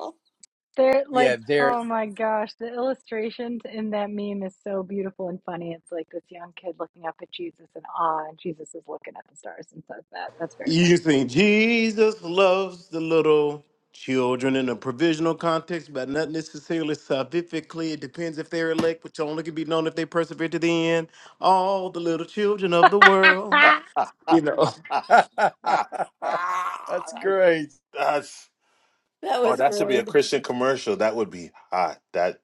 [SPEAKER 1] They're
[SPEAKER 6] Yeah,
[SPEAKER 1] like,
[SPEAKER 6] there.
[SPEAKER 1] oh my gosh, the illustrations in that meme is so beautiful and funny. It's like this young kid looking up at Jesus in awe, and Jesus is looking at the stars and says that. That's very
[SPEAKER 14] You can sing Jesus loves the little children in a provisional context, but not necessarily salvifically. It depends if they're elect, which only can be known if they persevere to the end. All the little children of
[SPEAKER 1] funny.
[SPEAKER 14] the world.
[SPEAKER 8] that's
[SPEAKER 14] You know.
[SPEAKER 6] That's great.
[SPEAKER 5] That
[SPEAKER 8] oh,
[SPEAKER 5] was
[SPEAKER 8] that should be a
[SPEAKER 5] great.
[SPEAKER 8] Christian commercial. That would be hot. That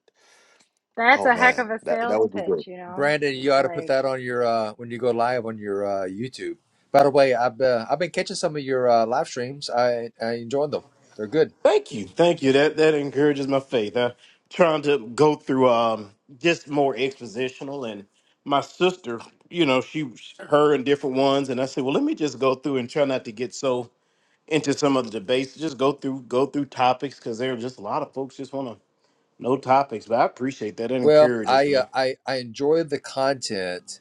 [SPEAKER 1] That's
[SPEAKER 8] oh
[SPEAKER 1] a heck
[SPEAKER 8] man,
[SPEAKER 1] of a
[SPEAKER 8] that that
[SPEAKER 1] sales
[SPEAKER 8] would be
[SPEAKER 1] pitch,
[SPEAKER 8] good.
[SPEAKER 1] you know?
[SPEAKER 6] Brandon,
[SPEAKER 1] It's
[SPEAKER 6] you ought to put
[SPEAKER 1] like,
[SPEAKER 6] that on your uh when you go live on your uh YouTube. By the way, I've uh, I've been catching some of your uh, live streams. I I enjoy them. They're good.
[SPEAKER 14] Thank you. Thank you. That that encourages my faith. I'm trying to go through um just more expositional and my sister, you know, she her and different ones, and I said, Well, let me just go through and try not to get so into some of the debates. Just go through go through topics because there are just a lot of folks just want to know topics. But I appreciate that. It
[SPEAKER 6] Well,
[SPEAKER 14] encourages
[SPEAKER 6] I uh,
[SPEAKER 14] me.
[SPEAKER 6] I I enjoy the content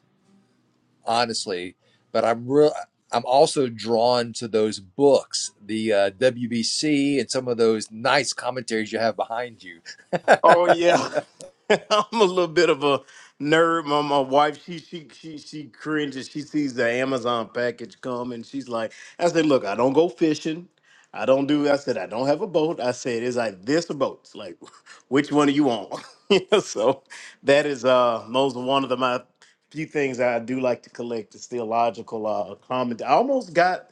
[SPEAKER 6] honestly, but I'm real. I'm also drawn to those books, the uh, WBC, and some of those nice commentaries you have behind you.
[SPEAKER 14] Oh yeah, I'm a little bit of a nerd. My, my wife, she she she she cringes. She sees the Amazon package come, and she's like, "I said, look, I don't go fishing. I don't do. I said, I don't have a boat. I said, it's like this or boats. Like, which one do you want? You know, so that is uh, those are one of the my few things that I do like to collect. is theological uh, comment. I almost got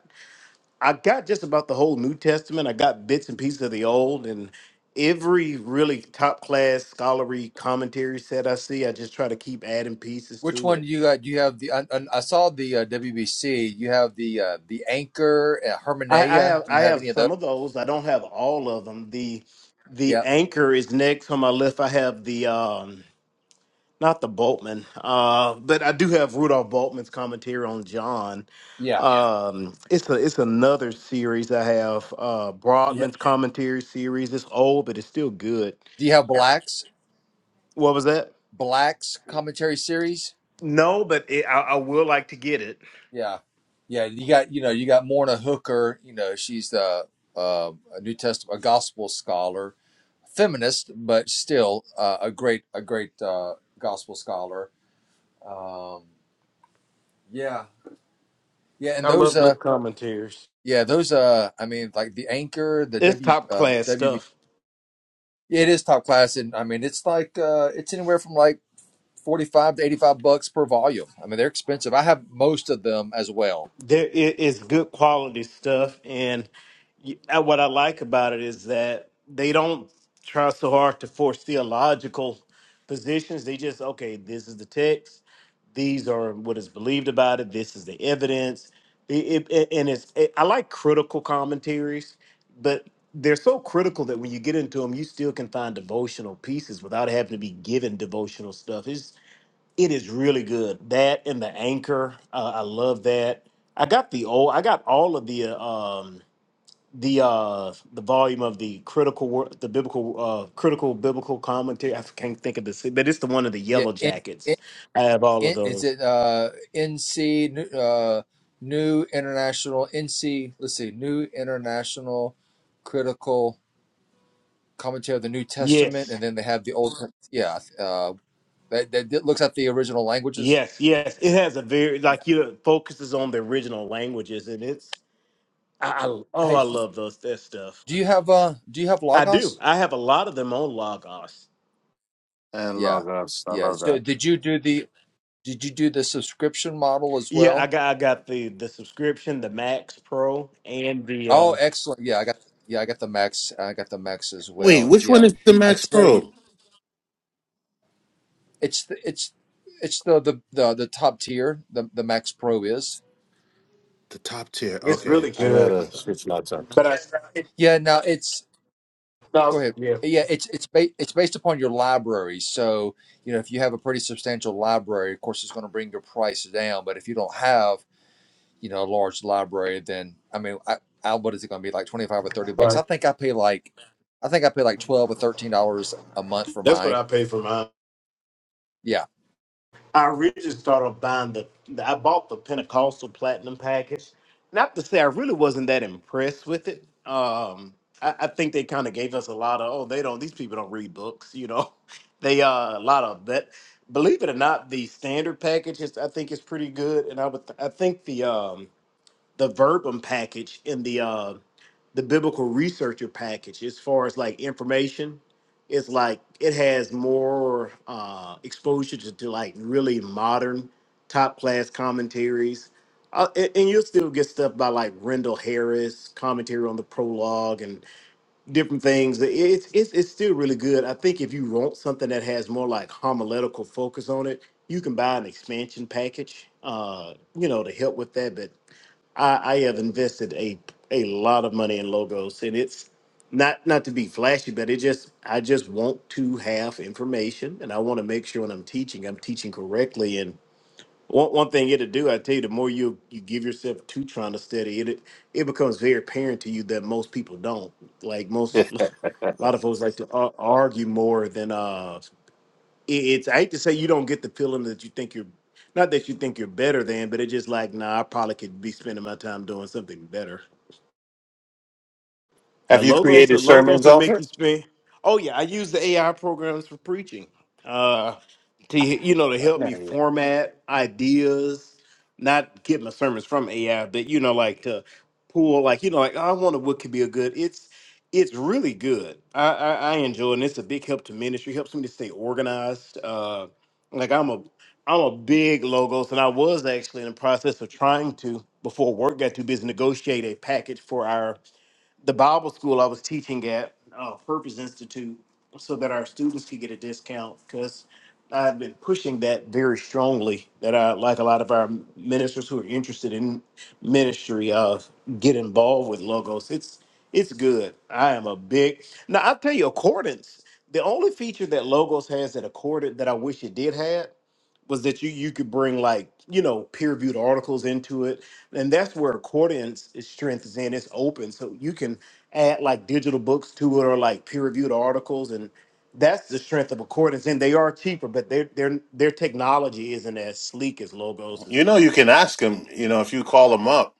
[SPEAKER 14] I got just about the whole New Testament. I got bits and pieces of the Old, and every really top class scholarly commentary set I see, I just try to keep adding pieces
[SPEAKER 6] Which
[SPEAKER 14] to
[SPEAKER 6] one
[SPEAKER 14] it.
[SPEAKER 6] you got? You have the I, I saw the uh, WBC. You have the uh, the Anchor uh,
[SPEAKER 14] I, I
[SPEAKER 6] Hermanaea.
[SPEAKER 14] have
[SPEAKER 6] Do you
[SPEAKER 14] I
[SPEAKER 6] have
[SPEAKER 14] have
[SPEAKER 6] any of those?
[SPEAKER 14] some of those. I don't have all of them. The the
[SPEAKER 6] Yep.
[SPEAKER 14] anchor is next on my list. I have the um not the Boltman, uh, but I do have Rudolph Boltman's commentary on John.
[SPEAKER 6] Yeah.
[SPEAKER 14] Um, it's a it's another series I have. Uh,
[SPEAKER 6] Yeah.
[SPEAKER 14] Broadman's commentary series. It's old, but it's still good.
[SPEAKER 6] Do you have Black's
[SPEAKER 14] What was that?
[SPEAKER 6] Black's commentary series?
[SPEAKER 14] No, but it, I, I will like to get it.
[SPEAKER 6] Yeah, yeah. You got you know you got Morna Hooker. You know she's the uh, a New Testament a gospel scholar, feminist, but still uh, a great a great uh, gospel scholar. Um, yeah, yeah. And
[SPEAKER 14] I
[SPEAKER 6] those
[SPEAKER 14] love
[SPEAKER 6] uh
[SPEAKER 14] good commentaries.
[SPEAKER 6] yeah those uh I mean like the anchor the
[SPEAKER 14] It's
[SPEAKER 6] W
[SPEAKER 14] top
[SPEAKER 6] uh,
[SPEAKER 14] class
[SPEAKER 6] WB
[SPEAKER 14] stuff.
[SPEAKER 6] it is top class and I mean it's like uh, it's anywhere from like forty five to eighty five bucks per volume. I mean they're expensive. I have most of them as well.
[SPEAKER 14] there i- is good quality stuff and y- uh, what i like about it is that they don't try so hard to force theological positions they just okay this is the text these are what is believed about it this is the evidence it, it, it- and it's it, i like critical commentaries but they're so critical that when you get into them you still can find devotional pieces without having to be given devotional stuff it is really good. That and the anchor, uh, I love that. I got the old, I got all of the uh, um, the uh, the volume of the critical work, the biblical uh, critical biblical commentary. I can't think of this, but it's the one of the
[SPEAKER 6] Yeah,
[SPEAKER 14] yellow jackets. I have all of
[SPEAKER 6] in, is
[SPEAKER 14] those.
[SPEAKER 6] it uh, NC uh, New International NC? Let's see, New International Critical Commentary of the New Testament,
[SPEAKER 14] Yes,
[SPEAKER 6] and then they have the Old. Yeah, uh, that, that that looks at the original languages.
[SPEAKER 14] yes, yes. It has a very
[SPEAKER 6] Yeah.
[SPEAKER 14] like you know, focuses on the original languages, and it's I, I oh
[SPEAKER 6] Hey,
[SPEAKER 14] I love those that stuff.
[SPEAKER 6] do you have uh do you have
[SPEAKER 14] I do.
[SPEAKER 6] Logos?
[SPEAKER 14] I have a lot of them on Logos.
[SPEAKER 8] And
[SPEAKER 6] Yeah,
[SPEAKER 8] logos, I
[SPEAKER 6] yeah.
[SPEAKER 8] love
[SPEAKER 6] So
[SPEAKER 8] that.
[SPEAKER 6] did you do the did you do the subscription model as
[SPEAKER 14] Yeah, I
[SPEAKER 6] well?
[SPEAKER 14] got I got the the subscription, the Max Pro, and the
[SPEAKER 6] Oh,
[SPEAKER 14] uh
[SPEAKER 6] excellent. Yeah, I got yeah I got the Max I got the Max as
[SPEAKER 8] Wait,
[SPEAKER 6] well.
[SPEAKER 8] which one
[SPEAKER 6] Yeah,
[SPEAKER 8] is the
[SPEAKER 6] I
[SPEAKER 8] Max
[SPEAKER 6] tell you.
[SPEAKER 8] Pro?
[SPEAKER 6] It's the it's it's the the the, the top tier. The the Max Pro is.
[SPEAKER 8] The top tier.
[SPEAKER 14] It's
[SPEAKER 8] Okay,
[SPEAKER 14] really
[SPEAKER 8] I
[SPEAKER 14] good.
[SPEAKER 6] Yeah.
[SPEAKER 8] gotta switch lots up.
[SPEAKER 14] But I
[SPEAKER 6] yeah, Now it's
[SPEAKER 14] no,
[SPEAKER 6] go ahead.
[SPEAKER 14] yeah,
[SPEAKER 6] Yeah, it's it's ba- it's based upon your library. So you know if you have a pretty substantial library, of course it's going to bring your price down. But if you don't have you know a large library, then I mean, I, I what is it going to be like twenty five or thirty bucks?
[SPEAKER 14] right.
[SPEAKER 6] I think I pay like I think I pay like twelve or thirteen dollars a month for
[SPEAKER 14] That's what
[SPEAKER 6] mine.
[SPEAKER 14] I paid for mine.
[SPEAKER 6] Yeah.
[SPEAKER 14] I originally started buying the I bought the Pentecostal Platinum package. Not to say I really wasn't that impressed with it. Um, I, I think they kind of gave us a lot of oh they don't these people don't read books, you know. They uh a lot of that. Believe it or not, the standard package is I think is pretty good, and I would I think the um the verbum package in the uh the biblical researcher package as far as like information it's like it has more uh exposure to, to like really modern top class commentaries uh, and, and you'll still get stuff by like Rendell Harris commentary on the prologue and different things. It- It's it's it's still really good. I think if you want something that has more like homiletical focus on it, you can buy an expansion package, uh, you know, to help with that. But I, I have invested a a lot of money in logos, and it's not not to be flashy, but it just I just want to have information, and I want to make sure when I'm teaching, I'm teaching correctly. And one one thing it'll do, I tell you, the more you you give yourself to trying to study it, it it becomes very apparent to you that most people don't. Like most, a lot of folks like to ar- argue more than uh it- it's I hate to say you don't get the feeling that you think you're not that you think you're better than, but it's just like, nah, I probably could be spending my time doing something better. The
[SPEAKER 8] Have you
[SPEAKER 14] logos, the
[SPEAKER 8] created
[SPEAKER 14] logos
[SPEAKER 8] sermons,
[SPEAKER 14] that make
[SPEAKER 8] author?
[SPEAKER 14] you spend. Oh yeah, I use the AI programs for preaching. Uh, to you know to help
[SPEAKER 8] Not
[SPEAKER 14] me
[SPEAKER 8] yet.
[SPEAKER 14] format ideas, not get my sermons from AI, but you know like to pull like you know like I wonder what could be a good. It's it's really good. I I, I enjoy it, and it's a big help to ministry. Helps me to stay organized. Uh, like I'm a I'm a big logos, and I was actually in the process of trying to before work got too busy negotiate a package for our the Bible school I was teaching at, uh, Purpose Institute, so that our students could get a discount because I've been pushing that very strongly. That I like a lot of our ministers who are interested in ministry uh, get involved with logos. It's it's good. I am a big now. I'll tell you, Accordance. The only feature that Logos has that Accordant that I wish it did have was that you you could bring like you know peer reviewed articles into it, and that's where Accordion's strength is in. It's open, so you can add like digital books to it or like peer reviewed articles, and that's the strength of Accordion's. And they are cheaper, but their their their technology isn't as sleek as
[SPEAKER 8] You
[SPEAKER 14] Logos's.
[SPEAKER 8] know, you can ask them. You know, if you call them up,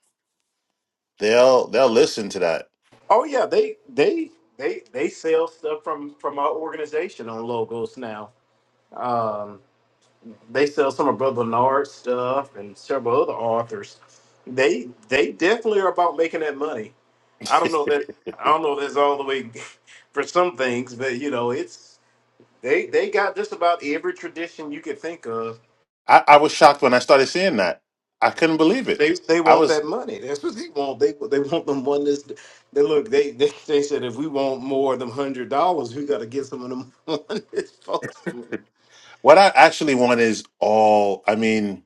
[SPEAKER 8] they'll they'll listen to that.
[SPEAKER 14] Oh yeah, they they they they sell stuff from from our organization on Logos now. Um, they sell some of Brother Bernard's stuff and several other authors. They they definitely are about making that money. I don't know that I don't know if that's all the way for some things, but you know, it's they they got just about every tradition you could think of.
[SPEAKER 8] I, I was shocked when I started seeing that. I couldn't believe it.
[SPEAKER 14] They they
[SPEAKER 8] I
[SPEAKER 14] want
[SPEAKER 8] was
[SPEAKER 14] that money. That's what they want. They they want them one this they look, they, they they said if we want more of them hundred dollars, we gotta get some of them one this folks.
[SPEAKER 8] What I actually want is all, I mean,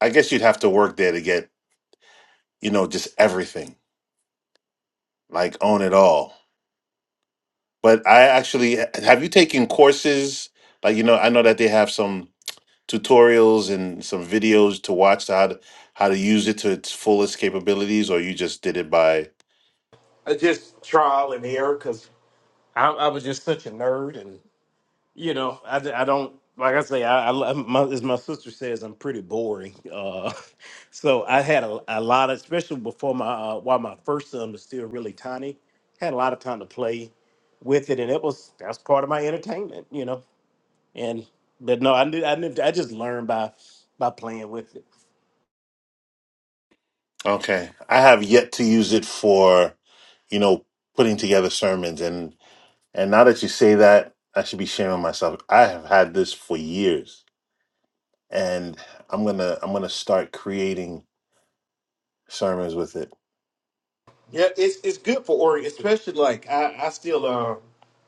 [SPEAKER 8] I guess you'd have to work there to get, you know, just everything, like own it all. But I actually, have you taken courses? Like, you know, I know that they have some tutorials and some videos to watch to how to, how to use it to its fullest capabilities, or you just did it by,
[SPEAKER 14] I just trial and error because I, I was just such a nerd you know, I, d- I don't like I say I, I i my, as my sister says I'm pretty boring. Uh, so I had a, a lot of especially before my uh, while my first son was still really tiny, had a lot of time to play with it, and it was that's part of my entertainment, you know. And but no, I knew I knew I just learned by by playing with it.
[SPEAKER 8] okay. I have yet to use it for, you know, putting together sermons. and. And now that you say that, I should be shaming myself. I have had this for years, and I'm gonna I'm gonna start creating sermons with it.
[SPEAKER 14] Yeah, it's it's good for Ori, especially like I, I still uh,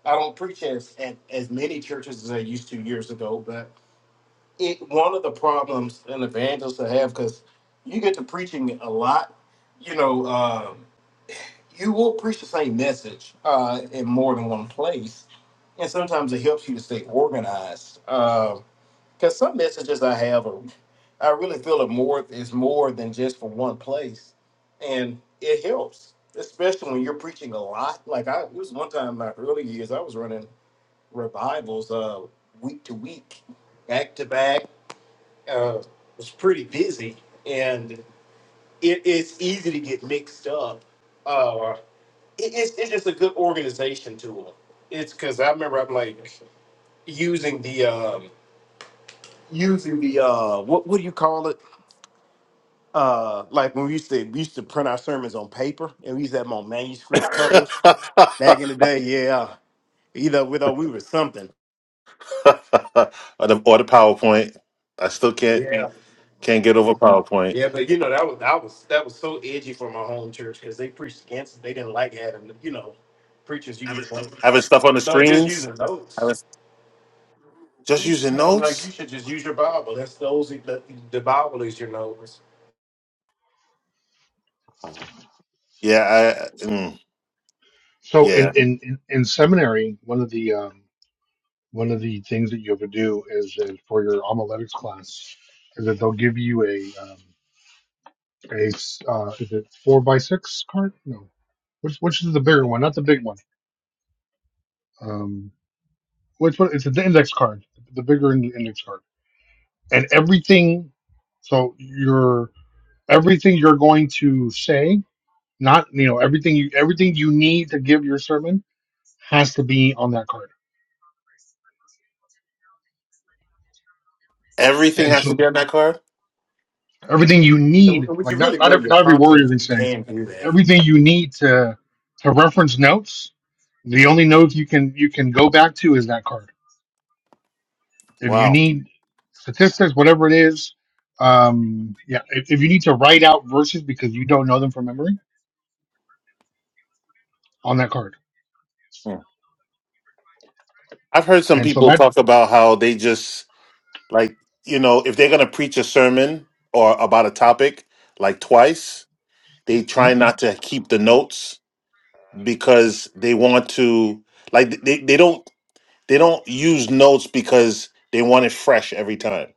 [SPEAKER 14] I don't preach as at as many churches as I used to years ago, it one of the problems an evangelist will have because you get to preaching a lot you know um, you will preach the same message uh, in more than one place and sometimes it helps you to stay organized because some messages i have are, i really feel it more is more than just for one place and it helps especially when you're preaching a lot like i it was one time in my early years i was running revivals uh, week to week back to back uh, was pretty busy, and it, it's easy to get mixed up. Uh, it, it's, it's just a good organization tool. It's because I remember I'm like using the um, using the uh, what what do you call it? Uh, like when we used to we used to print our sermons on paper and we used to have them on manuscript covers
[SPEAKER 8] or,
[SPEAKER 14] back in the day. Yeah, either with or we were something.
[SPEAKER 8] the, or the PowerPoint. I still can't
[SPEAKER 14] Yeah.
[SPEAKER 8] can't get over PowerPoint.
[SPEAKER 14] Yeah, but you know that was that was that was so edgy for my home church because they preached against it. They didn't like having you know preachers using
[SPEAKER 8] Having stuff on the
[SPEAKER 14] no, just
[SPEAKER 8] screens.
[SPEAKER 14] using notes.
[SPEAKER 8] Just using
[SPEAKER 14] No, like you
[SPEAKER 8] notes?
[SPEAKER 14] should just use your Bible. That's those the, the Bible is your notes.
[SPEAKER 8] Ah, Yeah, I, mm,
[SPEAKER 7] So in
[SPEAKER 8] yeah.
[SPEAKER 7] in in, in seminary, one of the um one of the things that you have to do is that for your homiletics class is that they'll give you a um, a s- uh, is it four by six card? No, which which is the bigger one, not the big one. Um, which one? It's an index card, the bigger in- index card, and everything. So your everything you're going to say, not you know everything you everything you need to give your sermon has to be on that card.
[SPEAKER 8] Everything
[SPEAKER 7] And
[SPEAKER 8] has to
[SPEAKER 7] so.
[SPEAKER 8] be on that card?
[SPEAKER 7] everything you
[SPEAKER 14] And
[SPEAKER 7] need
[SPEAKER 14] when
[SPEAKER 7] like
[SPEAKER 14] you
[SPEAKER 7] not
[SPEAKER 14] really
[SPEAKER 7] not
[SPEAKER 14] know
[SPEAKER 7] every
[SPEAKER 14] your
[SPEAKER 7] not every warrior
[SPEAKER 14] content,
[SPEAKER 7] they
[SPEAKER 14] you
[SPEAKER 7] say
[SPEAKER 14] can do that.
[SPEAKER 7] everything you need to to reference notes the only note you can you can go back to is that card if you
[SPEAKER 8] Wow.
[SPEAKER 7] need statistics whatever it is um yeah if, if you need to write out verses because you don't know them from memory on that card
[SPEAKER 8] Mm. I've heard some
[SPEAKER 7] and so
[SPEAKER 8] people
[SPEAKER 7] that
[SPEAKER 8] talk about how they just, like, you know, if they're going to preach a sermon or about a topic, like twice, they
[SPEAKER 7] hmm?
[SPEAKER 8] try not to keep the notes because they want to, like, they, they don't. They don't use notes because they want it fresh every time.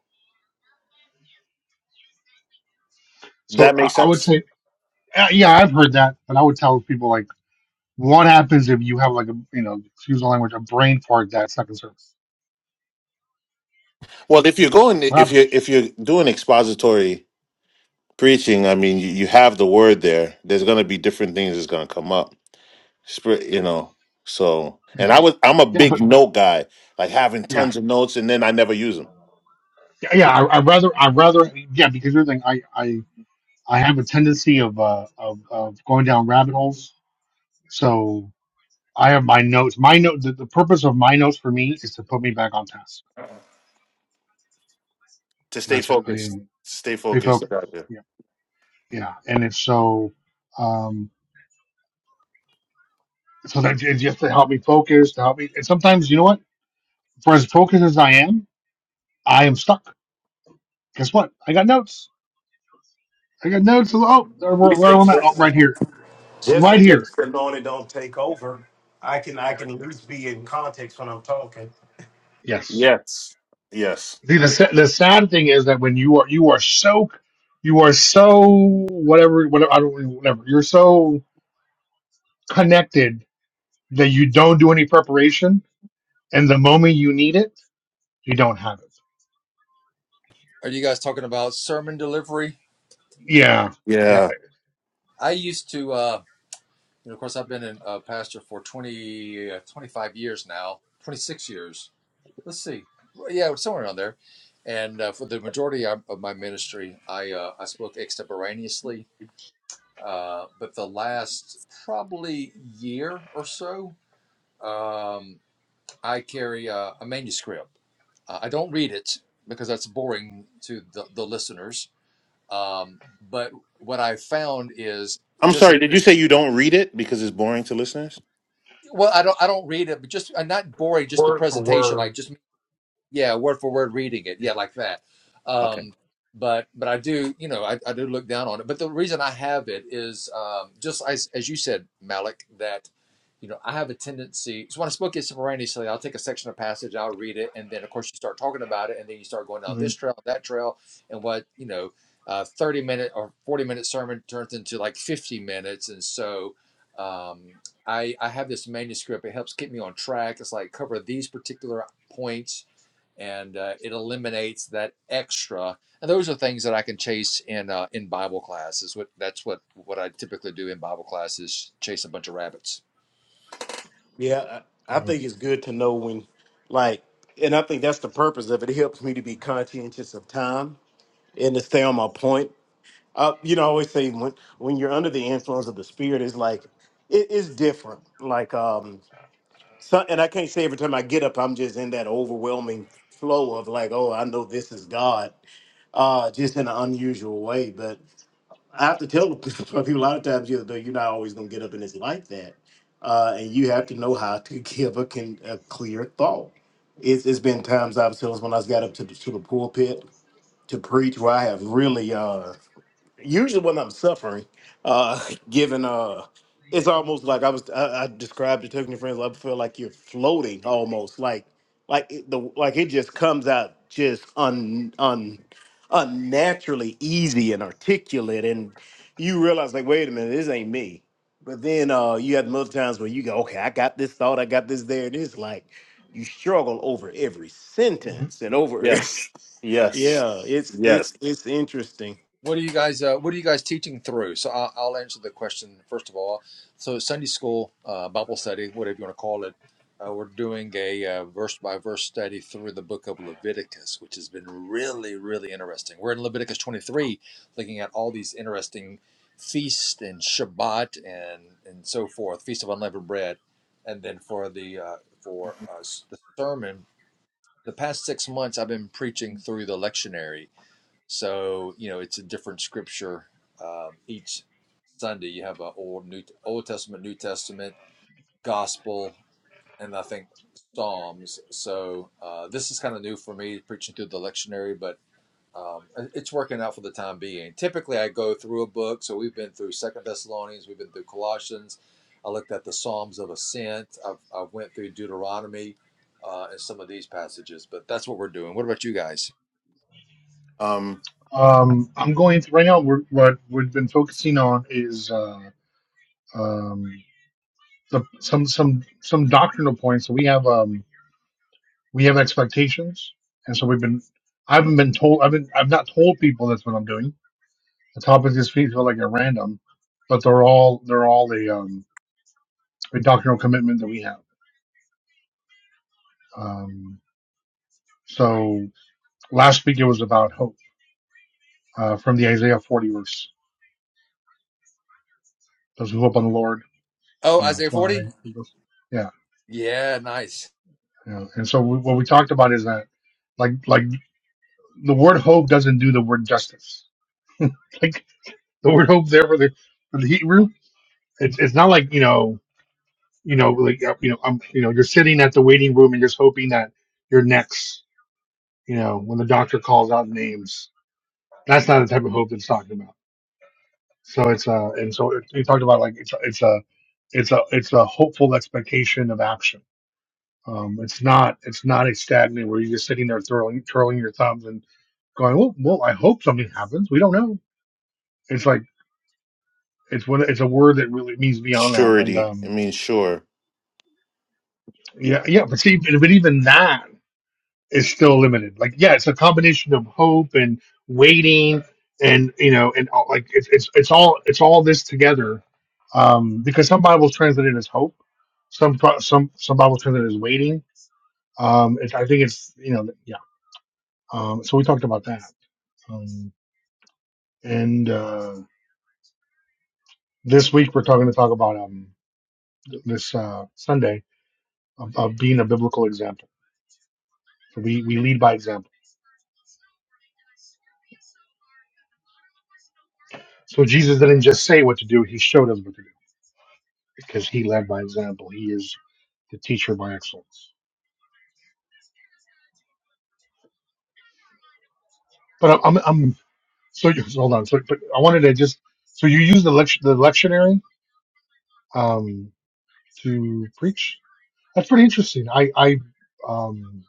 [SPEAKER 7] so
[SPEAKER 8] That
[SPEAKER 7] i
[SPEAKER 8] makes
[SPEAKER 7] I would
[SPEAKER 8] sense.
[SPEAKER 7] say uh, yeah i've heard that but i would tell people like what happens if you have like a you know excuse the language a brain fart that's second service
[SPEAKER 8] Well, if you're going,
[SPEAKER 7] what
[SPEAKER 8] if you're
[SPEAKER 7] happens
[SPEAKER 8] if you're doing expository preaching, I mean, you, you have the word there. There's going to be different things that's going to come up. Spirit, you know. So, and
[SPEAKER 7] yeah
[SPEAKER 8] I was I'm a
[SPEAKER 7] yeah
[SPEAKER 8] big
[SPEAKER 7] but
[SPEAKER 8] note guy, like having
[SPEAKER 7] yeah
[SPEAKER 8] tons of notes and then I never use them.
[SPEAKER 7] yeah, I, I'd rather, I'd rather, yeah, because here's the thing, I, I, I have a tendency of, uh, of, of going down rabbit holes. So I have my notes. My note, the, the purpose of my notes for me is to put me back on task.
[SPEAKER 8] To stay
[SPEAKER 7] That's it. I
[SPEAKER 8] focused.
[SPEAKER 7] mean,
[SPEAKER 8] Stay
[SPEAKER 7] stay
[SPEAKER 8] focused.
[SPEAKER 7] focused.
[SPEAKER 8] about
[SPEAKER 7] Yeah, yeah, and it's so, um, so that it's just to help me focus, to help me. And sometimes, you know what? For as focused as I am, I am stuck. Guess what? I got notes. I got notes. Oh, where,
[SPEAKER 14] We
[SPEAKER 7] where
[SPEAKER 14] say
[SPEAKER 7] am I? Oh,
[SPEAKER 14] just,
[SPEAKER 7] right here. I'm
[SPEAKER 14] just
[SPEAKER 7] right
[SPEAKER 14] in
[SPEAKER 7] here.
[SPEAKER 14] case the anointing don't take over, I can I
[SPEAKER 7] Yeah.
[SPEAKER 14] can at least be in context when I'm talking,
[SPEAKER 7] Yes.
[SPEAKER 8] Yes. Yes.
[SPEAKER 7] See, the sa- the sad thing is that when you are you are so you are so whatever whatever I don't whatever you're so connected that you don't do any preparation, and the moment you need it, you don't have it.
[SPEAKER 6] Are you guys talking about sermon delivery?
[SPEAKER 7] Yeah, yeah.
[SPEAKER 8] Yeah.
[SPEAKER 6] I used to. Uh, And of course, I've been in uh, pastor for 20, uh, 25 years now, 26 years. Let's see. Yeah, somewhere around there. And uh, for the majority of my ministry, I, uh, I spoke extemporaneously. Uh, but the last probably year or so, um, I carry uh, a manuscript. Uh, I don't read it because that's boring to the, the listeners. Um, but what I found is
[SPEAKER 8] I'm
[SPEAKER 6] just
[SPEAKER 8] sorry, did you say you don't read it because it's boring to listeners?
[SPEAKER 6] well i don't i don't read it but just uh, not boring just the
[SPEAKER 14] word for
[SPEAKER 6] presentation
[SPEAKER 14] word.
[SPEAKER 6] like just yeah word for word reading it
[SPEAKER 7] yeah.
[SPEAKER 6] yeah like that
[SPEAKER 8] Okay.
[SPEAKER 6] um but but i do you know i, I do look down on it but the reason i have it is um just as, as you said malik that you know i have a tendency so when i spoke extemporaneously i'll take a section of passage i'll read it and then of course you start talking about it and then you start going down
[SPEAKER 7] Mhm.
[SPEAKER 6] this trail that trail and what you know uh 30 minute or 40 minute sermon turns into like 50 minutes and so um I, I have this manuscript. It helps keep me on track. It's like cover these particular points and uh, it eliminates that extra. And those are things that I can chase in uh, in Bible class. Is what that's what what I typically do in Bible class is chase a bunch of rabbits.
[SPEAKER 14] Yeah, I I think it's good to know when, like, and I think that's the purpose of it. It helps me to be conscientious of time and to stay on my point. Uh, you know, I always say when when you're under the influence of the spirit, it's like it is different. Like, um, so, and I can't say every time I get up, I'm just in that overwhelming flow of like, oh, I know this is God, uh, just in an unusual way. I have to tell people a lot of times, you know, you're not always going to get up and it's like that. Uh, and you have to know how to give a, can, a clear thought. It's, it's been times I've told us when I got up to the, to the pulpit to preach where I have really, uh, usually when I'm suffering, uh, given uh, it's almost like I was I, I described it to your friends. I feel like you're floating almost, like like it, the like it just comes out just un un unnaturally easy and articulate, and you realize like, wait a minute, this ain't me. But then uh, you have other times where you go, okay, I got this thought, I got this there, and it's like you struggle over every
[SPEAKER 7] Mhm.
[SPEAKER 14] sentence and over.
[SPEAKER 8] Yes. Yes.
[SPEAKER 14] yeah, it's it's
[SPEAKER 8] Yes.
[SPEAKER 14] it's interesting.
[SPEAKER 6] What are you guys? Uh, what are you guys teaching through? So I'll, I'll answer the question first of all. So Sunday school, uh, Bible study, whatever you want to call it, uh, we're doing a uh, verse by verse study through the book of Leviticus, which has been really, really interesting. We're in Leviticus 23, looking at all these interesting feasts and Shabbat and and so forth, feast of unleavened bread, and then for the uh, for uh, the sermon. The past six months, I've been preaching through the lectionary so you know, it's a different scripture um, each Sunday. You have a old new Old Testament, New Testament, Gospel, and I think Psalms. So uh, this is kind of new for me preaching through the lectionary, but um, it's working out for the time being. Typically, I go through a book. So we've been through Second Thessalonians, we've been through Colossians. I looked at the Psalms of Ascent. I've, I've went through Deuteronomy uh, and some of these passages, but that's what we're doing. What about you guys?
[SPEAKER 8] Um,
[SPEAKER 7] Um, I'm going to, right now. We're, what we've been focusing on is uh, um, the, some some some doctrinal points. So we have um, we have expectations, and so we've been. I haven't been told. I've been. I've not told people that's what I'm doing The topics this week feel like at random, but they're all they're all a, um, a doctrinal commitment that we have. Um, so last week it was about hope uh, from the Isaiah 40 verse. Those who hope on the Lord,
[SPEAKER 6] Oh,
[SPEAKER 7] you know,
[SPEAKER 6] Isaiah
[SPEAKER 7] fly.
[SPEAKER 6] 40?
[SPEAKER 7] eagles. Yeah,
[SPEAKER 6] Yeah, nice.
[SPEAKER 7] yeah. And so we, what we talked about is that like like the word hope doesn't do the word justice. Like the word hope there for the for the Hebrew, it's it's not like you know you know like uh, you know I'm you know you're sitting at the waiting room and just hoping that you're next you know, when the doctor calls out names, that's not the type of hope that's talking about. So it's a, and so it, it talked about like it's a, it's a, it's a, it's a hopeful expectation of action. Um, it's not, it's not a stagnant where you're just sitting there twirling, twirling your thumbs and going, well, well, I hope something happens. We don't know. It's like it's what it's a word that really means beyond that. And
[SPEAKER 8] surety. It
[SPEAKER 7] um,
[SPEAKER 8] means sure.
[SPEAKER 7] yeah, yeah. But see, but even that. is still limited. Like, yeah, it's a combination of hope and waiting, and you know, and all- like it's it's it's all it's all this together. Um, because some Bibles translate it as hope, some pro- some some Bibles translate it as waiting. Um, it's, I think it's you know, yeah. Um, so we talked about that. Um, and uh, this week we're talking to talk about um th- this uh, Sunday of, of being a biblical example. So we we lead by example. So Jesus didn't just say what to do; he showed us what to do because he led by example. He is the teacher by excellence. But I'm, I'm, I'm so you- hold on. So, but I wanted to just so you use the lect- the lectionary um, to preach. That's pretty interesting. I I um,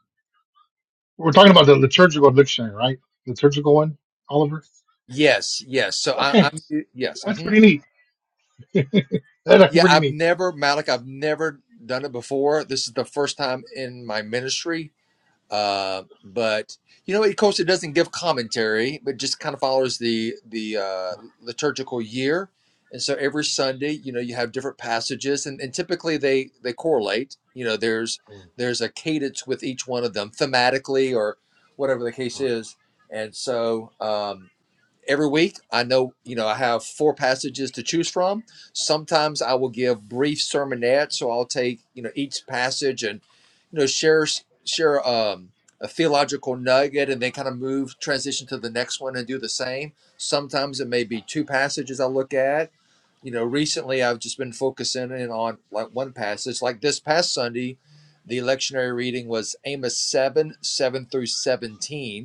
[SPEAKER 7] we're talking about the liturgical lectionary, right? Liturgical one, Oliver.
[SPEAKER 6] Yes, yes. So I,
[SPEAKER 7] Okay,
[SPEAKER 6] I'm yes,
[SPEAKER 7] that's
[SPEAKER 6] hmm
[SPEAKER 7] pretty neat. that's
[SPEAKER 6] yeah.
[SPEAKER 7] pretty
[SPEAKER 6] I've
[SPEAKER 7] neat.
[SPEAKER 6] never Malik. I've never done it before. This is the first time in my ministry. Uh, but you know, of course, it doesn't give commentary, but just kind of follows the the uh, liturgical year. And so every Sunday, you know, you have different passages, and, and typically they they correlate. You know, there's there's a cadence with each one of them thematically or whatever the case is. And so. Um, every week i know you know i have four passages to choose from sometimes i will give brief sermonettes so i'll take you know each passage and you know share share um, a theological nugget and then kind of move transition to the next one and do the same sometimes it may be two passages i look at you know recently i've just been focusing in on like one passage like this past sunday the lectionary reading was amos 7 7 through 17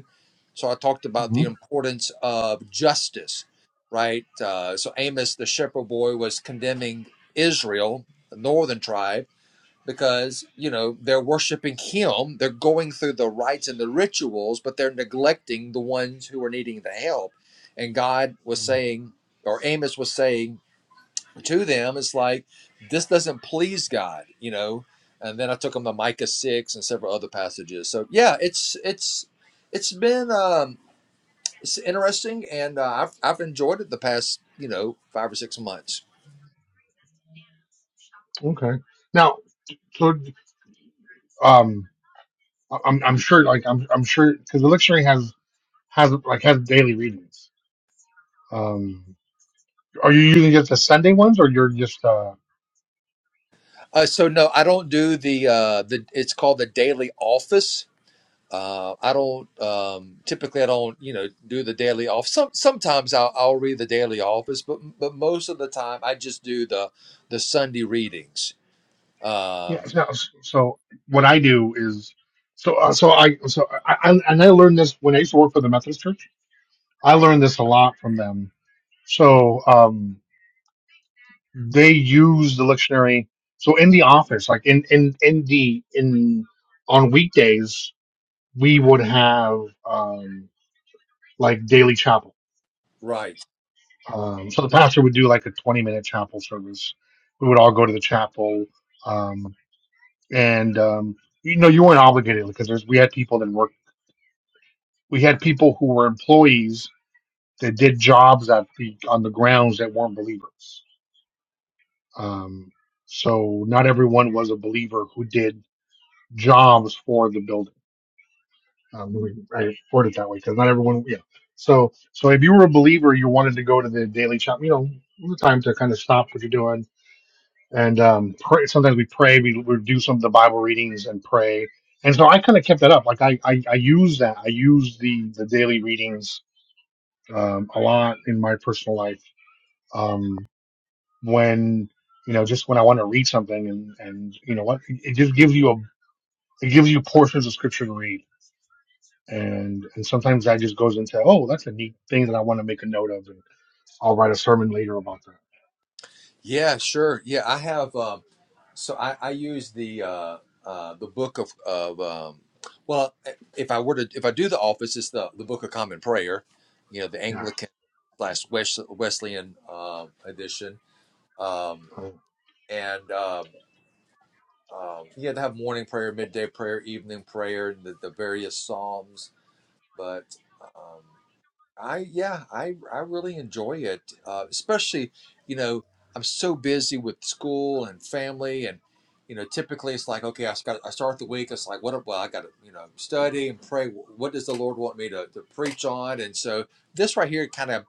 [SPEAKER 6] so I talked about
[SPEAKER 7] hmm
[SPEAKER 6] the importance of justice, right? Uh, so Amos, the shepherd boy, was condemning Israel, the northern tribe, because you know they're worshiping him. They're going through the rites and the rituals, but they're neglecting the ones who are needing the help. And God was saying, or Amos was saying to them, it's like this doesn't please God, you know. And then I took them to Micah six and several other passages. So yeah, it's it's it's been. Um, it's interesting and uh, I've, I've enjoyed it the past you know five or six months
[SPEAKER 7] Okay. Now, so um, I- I'm I'm sure like I'm I'm sure because the lectionary has has like has daily readings. Um, Are you using just the Sunday ones, or you're just uh?
[SPEAKER 6] uh, so no i don't do the uh, the it's called the daily office uh, i don't um, typically i don't you know do the daily office Some, sometimes I'll, I'll read the daily office but but most of the time i just do the the sunday readings
[SPEAKER 7] Yeah.
[SPEAKER 6] um,
[SPEAKER 7] No, so what I do is, so uh, so I so I I- and I learned this when I used to work for the Methodist Church. I learned this a lot from them. So um, they use the lectionary. So in the office, like in in in the in on weekdays, we would have um like daily chapel.
[SPEAKER 6] right
[SPEAKER 7] Um, so the pastor would do like a twenty minute chapel service. We would all go to the chapel. Um, and um, you know you weren't obligated because there's we had people that worked we had people who were employees that did jobs at the on the grounds that weren't believers um, so not everyone was a believer who did jobs for the building um, let me- I word it that way because not everyone yeah so so if you were a believer you wanted to go to the daily shop you know from the time to kind of stop what you're doing and um, pray, sometimes we pray. We, we do some of the Bible readings and pray, and so I kind of kept that up. Like I, I, I use that. I use the the daily readings um, a lot in my personal life. Um, when you know, just when I want to read something, and and you know what, it just gives you a it gives you portions of scripture to read. And and sometimes that just goes into oh that's a neat thing that I want to make a note of and I'll write a sermon later about that
[SPEAKER 6] Yeah, sure. Yeah, I have. Um, so I, I use the uh, uh, the book of of um, well, eh, if I were to if I do the office, it's the the Book of Common Prayer, you know, the
[SPEAKER 7] yeah
[SPEAKER 6] Anglican slash Wes- Wesleyan uh, edition, um,
[SPEAKER 7] Uh,
[SPEAKER 6] and um, um, yeah, they have morning prayer, midday prayer, evening prayer, and the, the various psalms, but. um, I yeah, I I really enjoy it, uh, especially you know I'm so busy with school and family, and you know typically it's like okay, I got I start the week. It's like what well I got to you know study and pray. What does the Lord want me to, to preach on? And so this right here kind of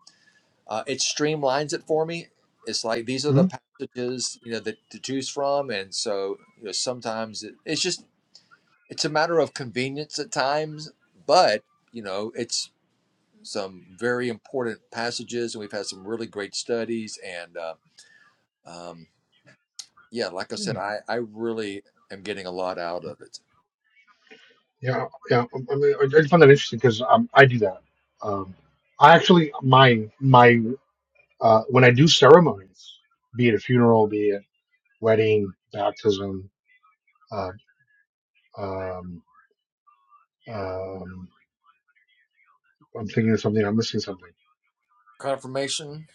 [SPEAKER 6] uh, it streamlines it for me. It's like these are the
[SPEAKER 7] mhm.
[SPEAKER 6] passages you know that to choose from, and so you know sometimes it, it's just it's a matter of convenience at times, but you know it's some very important passages, and we've had some really great studies. And uh, um, yeah, like I said, I, I really am getting a lot out of it.
[SPEAKER 7] Yeah, yeah. I, mean, I I just found that interesting because um, I do that. Um, I actually my my uh, when I do ceremonies, be it a funeral, be it wedding, baptism. Uh, um, um, I'm thinking of something. I'm missing something.
[SPEAKER 6] Confirmation?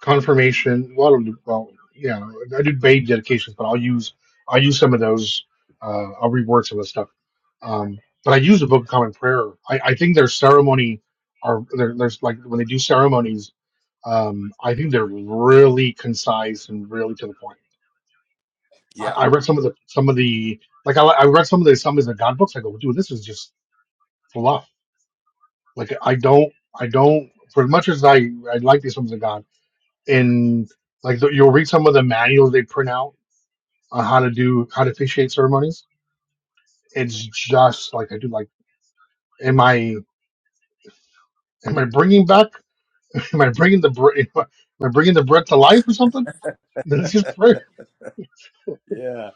[SPEAKER 7] confirmation. Well, well, yeah, I do baby dedications, but I'll use I'll use some of those. Uh, I'll reword some of the stuff. Um, but I use the Book of Common Prayer. I, I think their ceremony are there, there's like when they do ceremonies. Um, I think they're really concise and really to the point.
[SPEAKER 6] Yeah.
[SPEAKER 7] I, I read some of the some of the like I, I read some of the some of the God books. I go, dude, this is just fluff. Like I don't I don't for as much as I I like these sums of God. in like the, you'll read some of the manuals they print out on how to do how to officiate ceremonies. It's just like I do. Like, am I am I bringing back? Am I bringing the bre- am I am I bringing the bread to life or something? Then it's just prayer.
[SPEAKER 6] Yeah.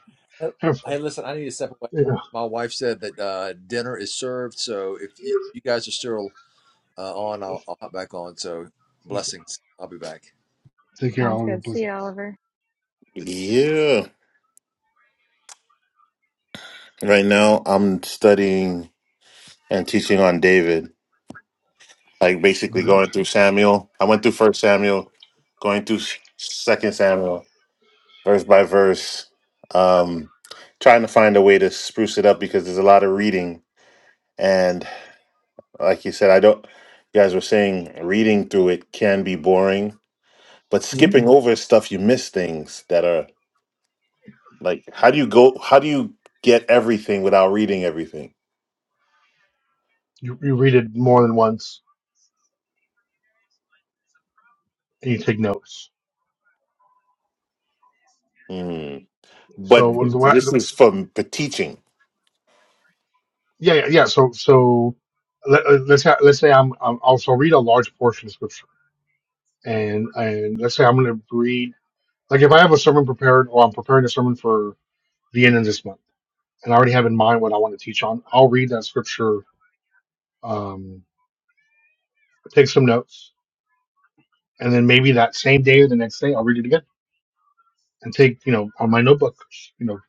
[SPEAKER 6] Hey, listen, I need to step away. My wife said that uh, dinner is served. So if you, you guys are still uh, on, I'll, I'll hop back on. So
[SPEAKER 7] Yeah.
[SPEAKER 6] blessings. I'll be back.
[SPEAKER 7] Take care,
[SPEAKER 1] sounds
[SPEAKER 7] Oliver
[SPEAKER 1] good. See you,
[SPEAKER 7] Blizzards.
[SPEAKER 1] Oliver.
[SPEAKER 8] Yeah. Right now, I'm studying and teaching on David. Like basically
[SPEAKER 7] Okay.
[SPEAKER 8] going through Samuel. I went through First Samuel, going through Second Samuel, verse by verse. Um, trying to find a way to spruce it up because there's a lot of reading, and like you said, I don't. You guys were saying reading through it can be boring, but
[SPEAKER 7] Mhm.
[SPEAKER 8] skipping over stuff, you miss things that are Like, how do you go? How do you get everything without reading everything?
[SPEAKER 7] You you read it more than once and you take notes.
[SPEAKER 8] Mm. But
[SPEAKER 7] So what the, what,
[SPEAKER 8] this is from the teaching.
[SPEAKER 7] yeah yeah yeah. So so let, uh, let's ha- let's say I'm, I'm also read a large portion of scripture and and let's say I'm going to read Like if I have a sermon prepared or I'm preparing a sermon for the end of this month and I already have in mind what I want to teach on, I'll read that scripture, um, take some notes, and then maybe that same day or the next day I'll read it again and take, you know, on my notebook, you know,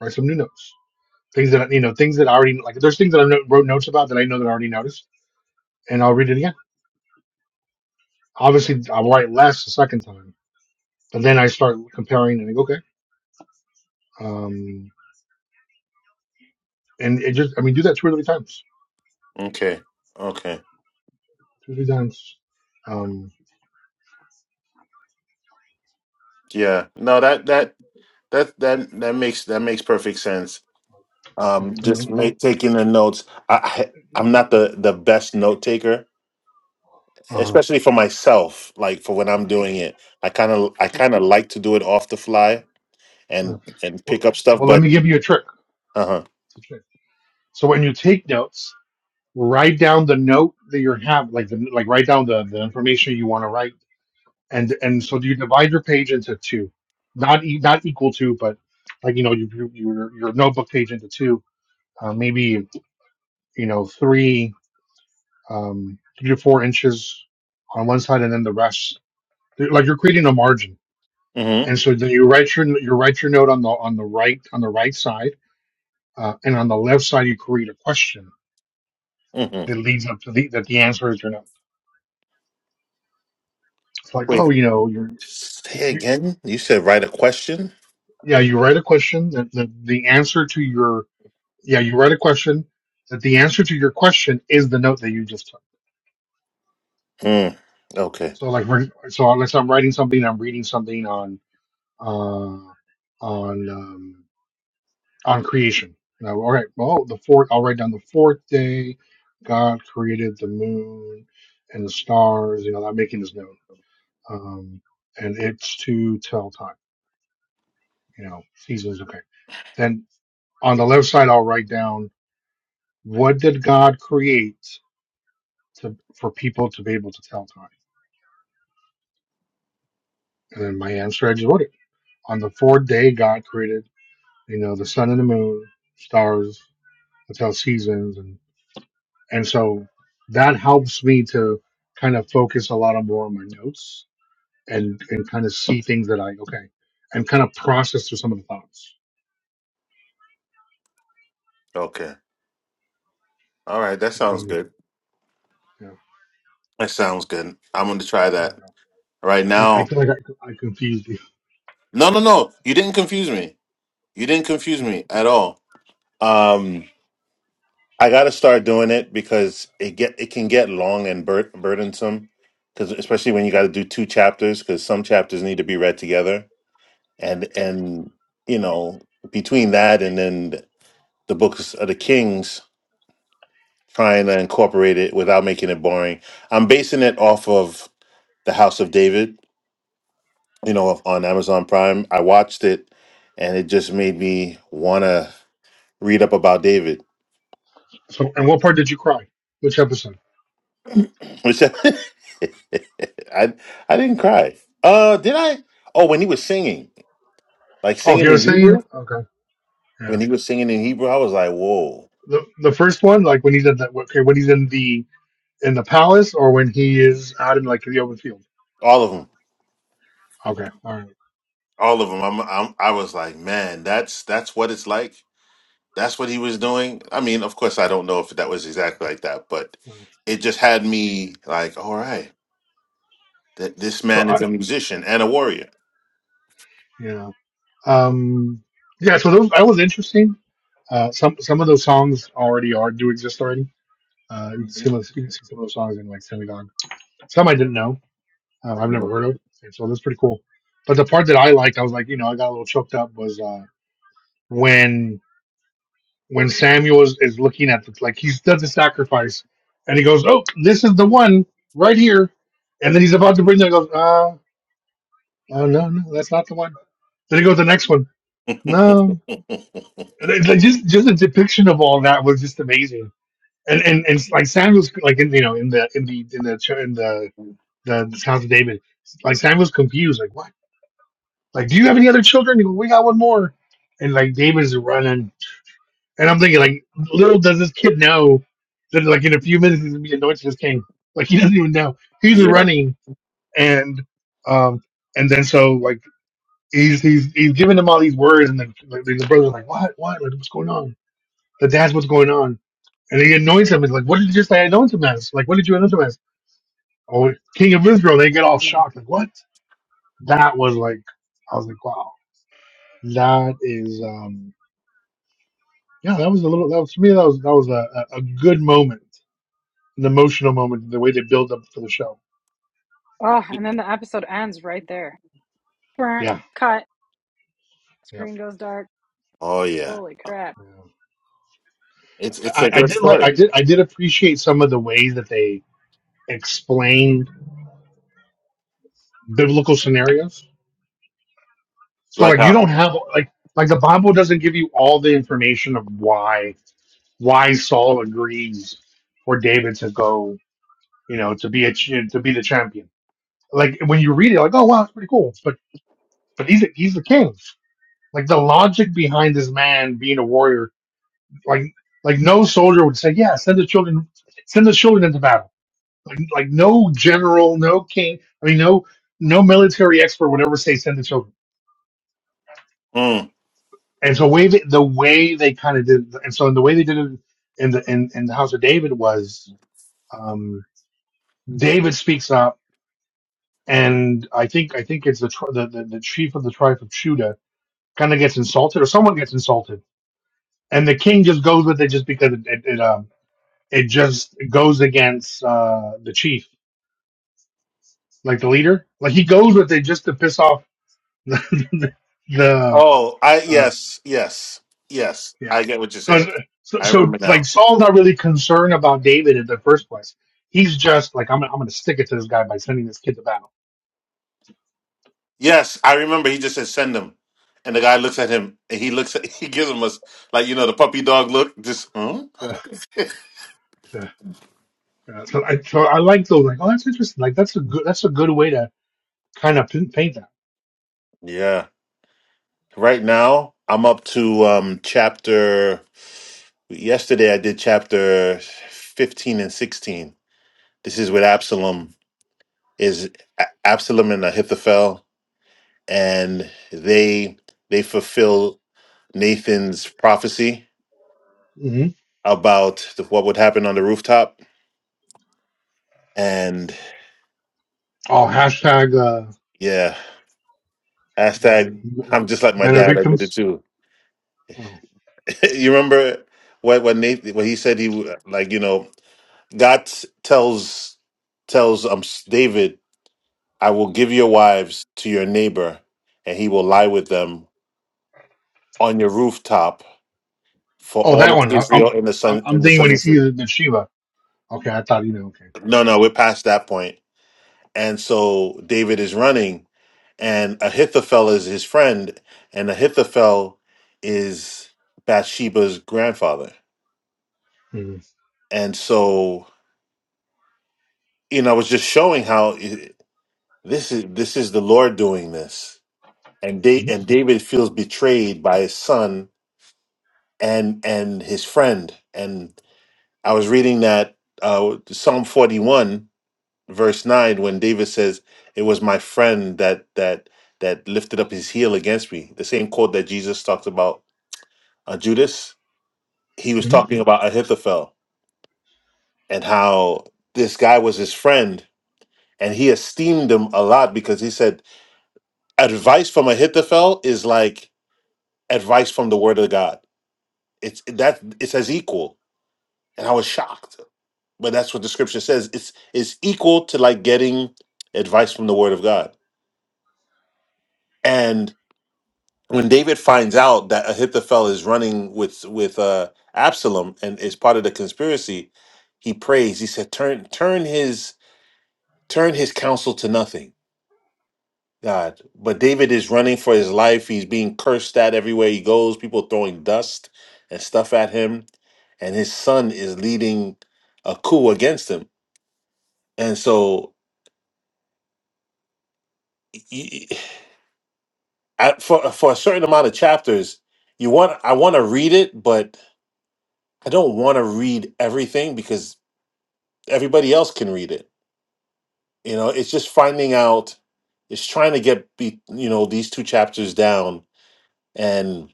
[SPEAKER 7] write some new notes. Things that I- you know, things that I already like. There's things that I no- wrote notes about that I know that I already noticed, and I'll read it again. Obviously, I'll write less the second time, but then I start comparing and I go, okay, um, and it just I mean, do that two or three times,
[SPEAKER 8] Okay. Okay.
[SPEAKER 7] two or three times. Um,
[SPEAKER 8] Yeah. No. That that that that that makes that makes perfect sense.
[SPEAKER 7] yeah,
[SPEAKER 8] Um,
[SPEAKER 7] I
[SPEAKER 8] just
[SPEAKER 7] don't
[SPEAKER 8] make, taking the notes. I, I I'm not the the best note taker,
[SPEAKER 7] Uh,
[SPEAKER 8] especially for myself. Like for when I'm doing it, I kind of I
[SPEAKER 7] so,
[SPEAKER 8] kind of like to do it off the fly
[SPEAKER 7] uh,
[SPEAKER 8] and and
[SPEAKER 7] well,
[SPEAKER 8] pick up stuff.
[SPEAKER 7] well, let
[SPEAKER 8] But
[SPEAKER 7] me give you a trick.
[SPEAKER 8] uh huh.
[SPEAKER 7] It's a trick. So when you take notes, write down the note that you have, like the like write down the, the information you want to write, and and so you divide your page into two, not e- not equal to, but like you know you, you, your your notebook page into two, uh, maybe you know three um, three to four inches on one side, and then the rest. Like you're creating a margin, and
[SPEAKER 8] Mm-hmm.
[SPEAKER 7] so then you write your you write your note on the on the right on the right side uh, and on the left side you create a question
[SPEAKER 8] Mm-hmm.
[SPEAKER 7] that leads up to the that the answer is or not. It's like, oh, you know, you're you,
[SPEAKER 8] Say
[SPEAKER 7] you-
[SPEAKER 8] again. You said write a question.
[SPEAKER 7] yeah, you write a question that the, the answer to your yeah, you write a question that the answer to your question is the note that you just took.
[SPEAKER 8] Hmm. Okay.
[SPEAKER 7] So like, for- so unless I'm writing something, I'm reading something on uh, on um, on creation. Now, all right, well, the fourth, I'll write down the fourth day. God created the moon and the stars. You know, I'm making this note um, and it's to tell time. You know, seasons. Okay. Then on the left side, I'll write down what did God create to for people to be able to tell time, and then my answer I just wrote it. On the fourth day, God created you know the sun and the moon, stars to tell seasons, and and so that helps me to kind of focus a lot more on my notes and and kind of see things that I okay and kind of process through some of the thoughts.
[SPEAKER 8] Okay. All right. That
[SPEAKER 7] I
[SPEAKER 8] sounds
[SPEAKER 7] mean,
[SPEAKER 8] good.
[SPEAKER 7] yeah,
[SPEAKER 8] That sounds good. I'm going to try
[SPEAKER 7] I
[SPEAKER 8] that
[SPEAKER 7] don't know.
[SPEAKER 8] right
[SPEAKER 7] I, mean, I
[SPEAKER 8] now.
[SPEAKER 7] feel like I, I confused you.
[SPEAKER 8] No, no, no. You didn't confuse me. You didn't confuse me at all. Um, I got to start doing it because it get it can get long and bur- burdensome. Because especially when you got to do two chapters, because some chapters need to be read together, and and you know between that and then the books of the kings trying to incorporate it without making it boring. I'm basing it off of The House of David, you know, on Amazon Prime. I watched it and it just made me want to read up about David.
[SPEAKER 7] So, and what part did you cry? Which episode?
[SPEAKER 8] Which I, I I didn't cry. Uh did I? Oh, when he was singing. Like
[SPEAKER 7] Oh, you
[SPEAKER 8] singing
[SPEAKER 7] were
[SPEAKER 8] in
[SPEAKER 7] saying
[SPEAKER 8] Hebrew?
[SPEAKER 7] okay,
[SPEAKER 8] When
[SPEAKER 7] yeah.
[SPEAKER 8] he was singing in Hebrew, I was like, "Whoa."
[SPEAKER 7] The the first one, like when he's in that okay, when he's in the in the palace, or when he is out in like the open field.
[SPEAKER 8] All of them.
[SPEAKER 7] Okay, all right.
[SPEAKER 8] All of them. I'm, I'm I was like, "Man, that's that's what it's like." that's what he was doing. I mean, of course, I don't know if that was exactly like that, but
[SPEAKER 7] all right.
[SPEAKER 8] it just had me like, all right, that this man
[SPEAKER 7] So I
[SPEAKER 8] is a musician and a warrior.
[SPEAKER 7] yeah um yeah so those, that was interesting. Uh, some some of those songs already are do exist already. Uh, you can see, you can see some of those songs in like synagogue. Some I didn't know. uh, I've never heard of. And so that's pretty cool. But the part that I liked, I was like, you know, I got a little choked up was uh, when when Samuel is, is looking at the like he does the sacrifice and he goes, Oh, this is the one right here. And then he's about to bring that He goes, uh, oh no, no, that's not the one. Then he goes to the next one. No. And it- like, Just just the depiction of all that was just amazing. And and, and like Samuel's like in you know in the in the in the in the the, the house of David, like Samuel's confused, like what? Like, do you have any other children? He goes, we got one more. And like David's running. And I'm thinking, like, little does this kid know that like in a few minutes he's gonna be anointed as king. Like he doesn't even know. He's
[SPEAKER 8] yeah.
[SPEAKER 7] running and um and then so like he's he's he's giving them all these words and then like the brother's like, What, what? Like what's going on? The dad's what's going on. And he anoints him. He's like, What did you just say I anoint him as? Like, what did you anoint him as? Oh King of Israel, they get all shocked, like, what? That was like I was like, Wow, that is um yeah, that was a little. That was for me. That was that was a, a a good moment, an emotional moment. The way they build up for the show.
[SPEAKER 1] Oh, and then the episode ends right there. Brr,
[SPEAKER 7] Yeah,
[SPEAKER 1] Cut.
[SPEAKER 7] yeah.
[SPEAKER 1] Screen goes dark.
[SPEAKER 8] Oh yeah.
[SPEAKER 1] Holy crap.
[SPEAKER 7] yeah.
[SPEAKER 8] It's it's a
[SPEAKER 7] I, I
[SPEAKER 8] good
[SPEAKER 7] did like.
[SPEAKER 8] story.
[SPEAKER 7] I did. I did appreciate some of the ways that they explained biblical scenarios. So
[SPEAKER 8] Like
[SPEAKER 7] like, you
[SPEAKER 8] how?
[SPEAKER 7] don't have like like the Bible doesn't give you all the information of why why Saul agrees for David to go. You know, to be a ch- to be the champion. Like when you read it, like, oh wow, that's pretty cool. But but he's a, he's the king. Like the logic behind this man being a warrior, like like no soldier would say, yeah, send the children, send the children into battle. Like like no general, no king, I mean no no military expert would ever say send the children.
[SPEAKER 8] Mm.
[SPEAKER 7] And so way they, the way they kind of did, and so in the way they did it in the in, in the house of David was um, David speaks up, and I think I think it's the tri- the, the, the chief of the tribe of Judah kind of gets insulted, or someone gets insulted, and the king just goes with it just because it, it, it, um, it just goes against uh, the chief, like the leader. Like he goes with it just to piss off the, the
[SPEAKER 8] Oh, I
[SPEAKER 7] uh,
[SPEAKER 8] yes, yes, yes.
[SPEAKER 7] yeah.
[SPEAKER 8] I get what you're
[SPEAKER 7] So,
[SPEAKER 8] saying.
[SPEAKER 7] it's- so
[SPEAKER 8] I
[SPEAKER 7] so
[SPEAKER 8] remember
[SPEAKER 7] it's like
[SPEAKER 8] now.
[SPEAKER 7] Saul's not really concerned about David in the first place. He's just like I'm gonna- I'm gonna stick it to this guy by sending this kid to battle.
[SPEAKER 8] Yes, I remember. He just said send him, and the guy looks at him, and he looks at he gives him a s- like you know the puppy dog look. Just hmm?
[SPEAKER 7] Ugh, ugh, ugh. So I so I like those like oh that's interesting like that's a good that's a good way to kind of paint that.
[SPEAKER 8] yeah. Right now, I'm up to um chapter yesterday I did chapter 15 and 16. This is with Absalom is A- Absalom and Ahithophel and they they fulfill Nathan's prophecy
[SPEAKER 7] hmm
[SPEAKER 8] about the, what would happen on the rooftop and
[SPEAKER 7] Oh hashtag uh,
[SPEAKER 8] yeah,
[SPEAKER 7] the
[SPEAKER 8] hashtag I'm just like my
[SPEAKER 7] men are
[SPEAKER 8] dad. I did it
[SPEAKER 7] victims.
[SPEAKER 8] too.
[SPEAKER 7] Oh.
[SPEAKER 8] you remember what what Nathan what he said he would like you know God tells tells um David, "I will give your wives to your neighbor, and he will lie with them on your rooftop for
[SPEAKER 7] Oh,
[SPEAKER 8] all
[SPEAKER 7] that
[SPEAKER 8] of
[SPEAKER 7] one. I, I'm
[SPEAKER 8] Israel in the
[SPEAKER 7] I'm
[SPEAKER 8] sun
[SPEAKER 7] I'm
[SPEAKER 8] in the
[SPEAKER 7] thinking when
[SPEAKER 8] southern
[SPEAKER 7] he's
[SPEAKER 8] city."
[SPEAKER 7] here the Shiva. Okay, I thought you know. Okay.
[SPEAKER 8] No, no, we're past that point. And so David is running, and Ahithophel is his friend, and Ahithophel is Bathsheba's grandfather.
[SPEAKER 7] Mm-hmm.
[SPEAKER 8] And so, you know, I was just showing how it, this is this is the Lord doing this and da- and David feels betrayed by his son and and his friend. And I was reading that uh, Psalm forty one verse nine when David says, "It was my friend that that that lifted up his heel against me." The same quote that Jesus talked about uh, Judas. He was
[SPEAKER 7] hmm
[SPEAKER 8] talking about Ahithophel and how this guy was his friend, and he esteemed him a lot because he said, "Advice from Ahithophel is like advice from the Word of God." It's that it says equal, and I was shocked. But that's what the scripture says. It's it's equal to like getting advice from the Word of God. And when David finds out that Ahithophel is running with with uh, Absalom and is part of the conspiracy, he prays. He said, "Turn turn his turn his counsel to nothing." God, but David is running for his life. He's being cursed at everywhere he goes. People throwing dust and stuff at him, and his son is leading a coup against him and so y- y- at, for for a certain amount of chapters you want i want to read it but i don't want to read everything because everybody else can read it you know it's just finding out it's trying to get be, you know these two chapters down and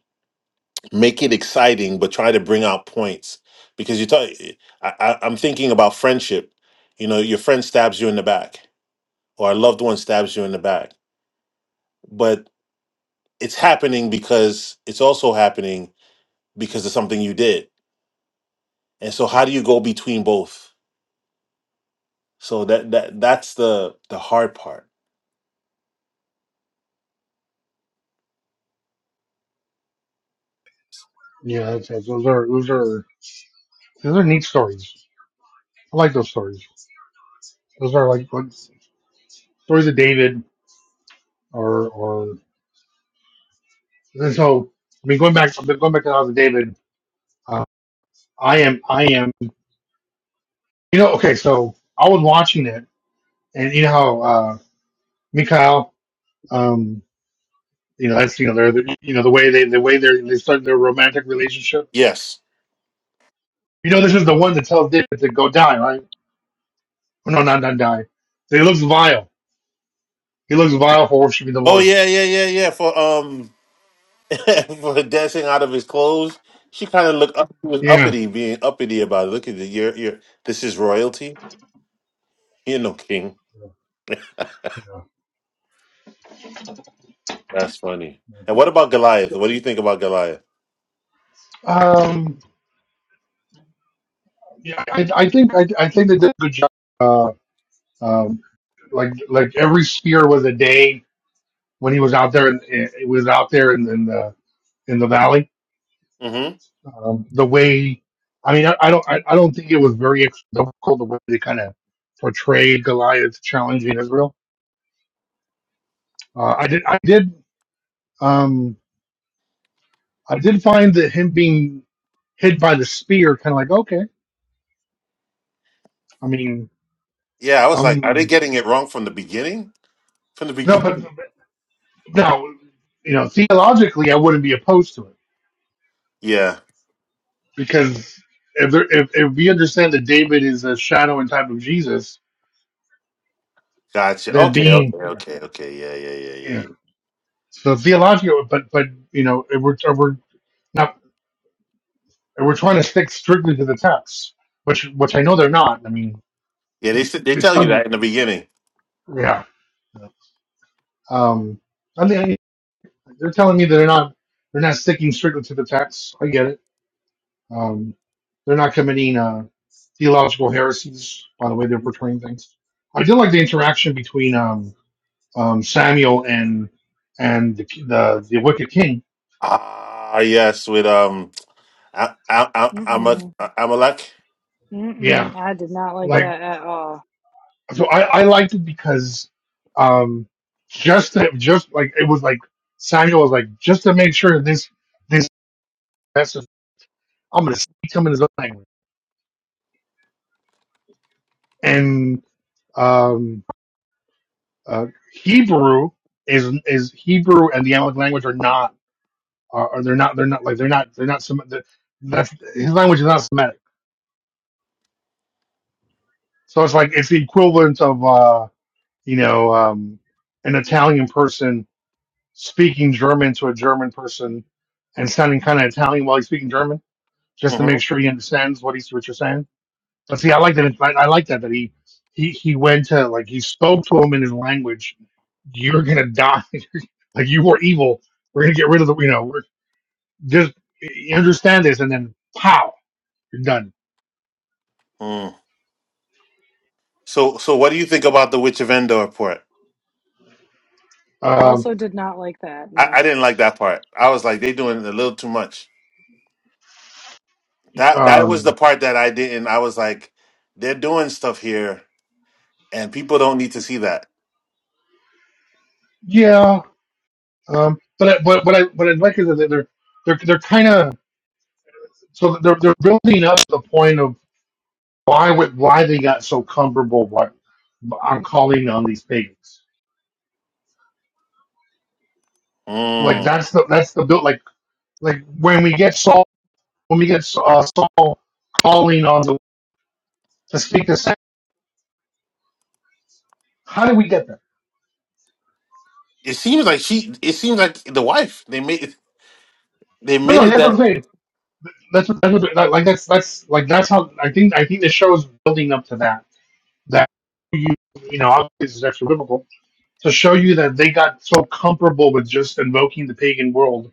[SPEAKER 8] make it exciting but try to bring out points because you talk I, I, i'm thinking about friendship you know your friend stabs you in the back or a loved one stabs you in the back but it's happening because it's also happening because of something you did. And so how do you go between both? So that that that's the the hard part.
[SPEAKER 7] Yeah, that's, that's, those are those are those are neat stories. I like those stories. Those are like what, stories of David or or and so I mean going back going back to the House of David. Uh, I am I am you know okay so I was watching it and you know how uh, Mikhail um you know that's you know they're they're- you know the way they the way they they start their romantic relationship.
[SPEAKER 8] Yes.
[SPEAKER 7] You know this is the one that tells David to go die right Oh, No, not not die. So He looks vile. He looks vile for worshiping the
[SPEAKER 8] Oh
[SPEAKER 7] Lord.
[SPEAKER 8] yeah, yeah, yeah, yeah. For um for dancing out of his clothes. She kind of looked up was
[SPEAKER 7] Yeah.
[SPEAKER 8] uppity, being uppity about it. Look at the you're you're this is royalty. You're no king.
[SPEAKER 7] yeah.
[SPEAKER 8] That's funny.
[SPEAKER 7] yeah.
[SPEAKER 8] And what about Goliath?
[SPEAKER 7] So,
[SPEAKER 8] What do you think about Goliath?
[SPEAKER 7] um. Yeah. I, I think I, I think they did a good job. Uh. Um. Like like every spear was a day when he was out there and it was out there in, in the in the valley.
[SPEAKER 8] Mm-hmm.
[SPEAKER 7] Um. The way. I mean, I, I don't. I, I don't think it was very ex- difficult the way they kind of portrayed Goliath challenging Israel. Uh, I did. I did. Um. I did find that him being hit by the spear, kind of like, okay, I mean,
[SPEAKER 8] Yeah, I was like, are they
[SPEAKER 7] um,
[SPEAKER 8] getting it wrong from the beginning? From the
[SPEAKER 7] no, but
[SPEAKER 8] beginning?
[SPEAKER 7] no, you know, theologically, I wouldn't be opposed to it
[SPEAKER 8] Yeah.
[SPEAKER 7] because if there, if, if we understand that David is a shadow and type of Jesus,
[SPEAKER 8] Gotcha.
[SPEAKER 7] then
[SPEAKER 8] Okay,
[SPEAKER 7] being,
[SPEAKER 8] okay,
[SPEAKER 7] yeah,
[SPEAKER 8] okay, okay. Yeah, yeah, yeah, yeah,
[SPEAKER 7] yeah.
[SPEAKER 8] yeah.
[SPEAKER 7] So theological, but but you know, if we're if we're not if we're trying to stick strictly to the text, which which I know they're not. I mean,
[SPEAKER 8] Yeah, they s- they
[SPEAKER 7] they
[SPEAKER 8] tell you
[SPEAKER 7] tell you,
[SPEAKER 8] that in the beginning.
[SPEAKER 7] yeah. Um, I mean, they're telling me that they're not they're not sticking strictly to the text. I get it Um, they're not committing uh, theological heresies by the way they're portraying things. I did like the interaction between um, um, Samuel and and the, the the wicked king.
[SPEAKER 8] Ah, yes, with um, I, I, I, I'm a
[SPEAKER 1] Mm-mm.
[SPEAKER 8] Amalek.
[SPEAKER 7] Yeah,
[SPEAKER 1] Mm-mm. I did not like
[SPEAKER 7] like
[SPEAKER 1] that at all.
[SPEAKER 7] so I, I liked it because um, just that just like it was like Samuel was like just to make sure this this message I'm gonna speak to him in his own language and um, uh, Hebrew is is Hebrew and the Amalek language are not. are, are they're not they're not like they're not they're not Sem- the- that's his language is not Semitic. So it's like it's the equivalent of uh, you know um, an Italian person speaking German to a German person and sounding kind of Italian while he's speaking German, just to
[SPEAKER 8] hmm
[SPEAKER 7] make sure he understands what he's what you're saying. But see, I like that. I, I like that that he he he went to like he spoke to him in his language. You're gonna die. Like you were evil. We're gonna get rid of the you know we're just you understand this and then pow you're done.
[SPEAKER 8] mm So, so what do you think about the Witch of Endor part?
[SPEAKER 7] Um,
[SPEAKER 1] Also, did not like that.
[SPEAKER 8] I, I
[SPEAKER 1] No.
[SPEAKER 8] didn't like that part. I was like, they doing a little too much. That that was the
[SPEAKER 7] Um,
[SPEAKER 8] part that I didn't. I was like, they're doing stuff here, and people don't need to see that.
[SPEAKER 7] yeah, um, but I, but what I what I like is that they're they're they're kind of so they're they're building up the point of why would why they got so comfortable why, on calling on these pagans. Like
[SPEAKER 8] Mm.
[SPEAKER 7] that's the that's the build like like when we get Saul when we get uh, Saul calling on the to speak to Sam. How do we get there?
[SPEAKER 8] It seems like she. It seems like the wife. They made. They
[SPEAKER 7] No,
[SPEAKER 8] made
[SPEAKER 7] no,
[SPEAKER 8] it
[SPEAKER 7] that's what
[SPEAKER 8] that.
[SPEAKER 7] I'm saying. That's what, that's what, like that's that's like that's how I think I think the show is building up to that that you you know obviously this is extra biblical to show you that they got so comfortable with just invoking the pagan world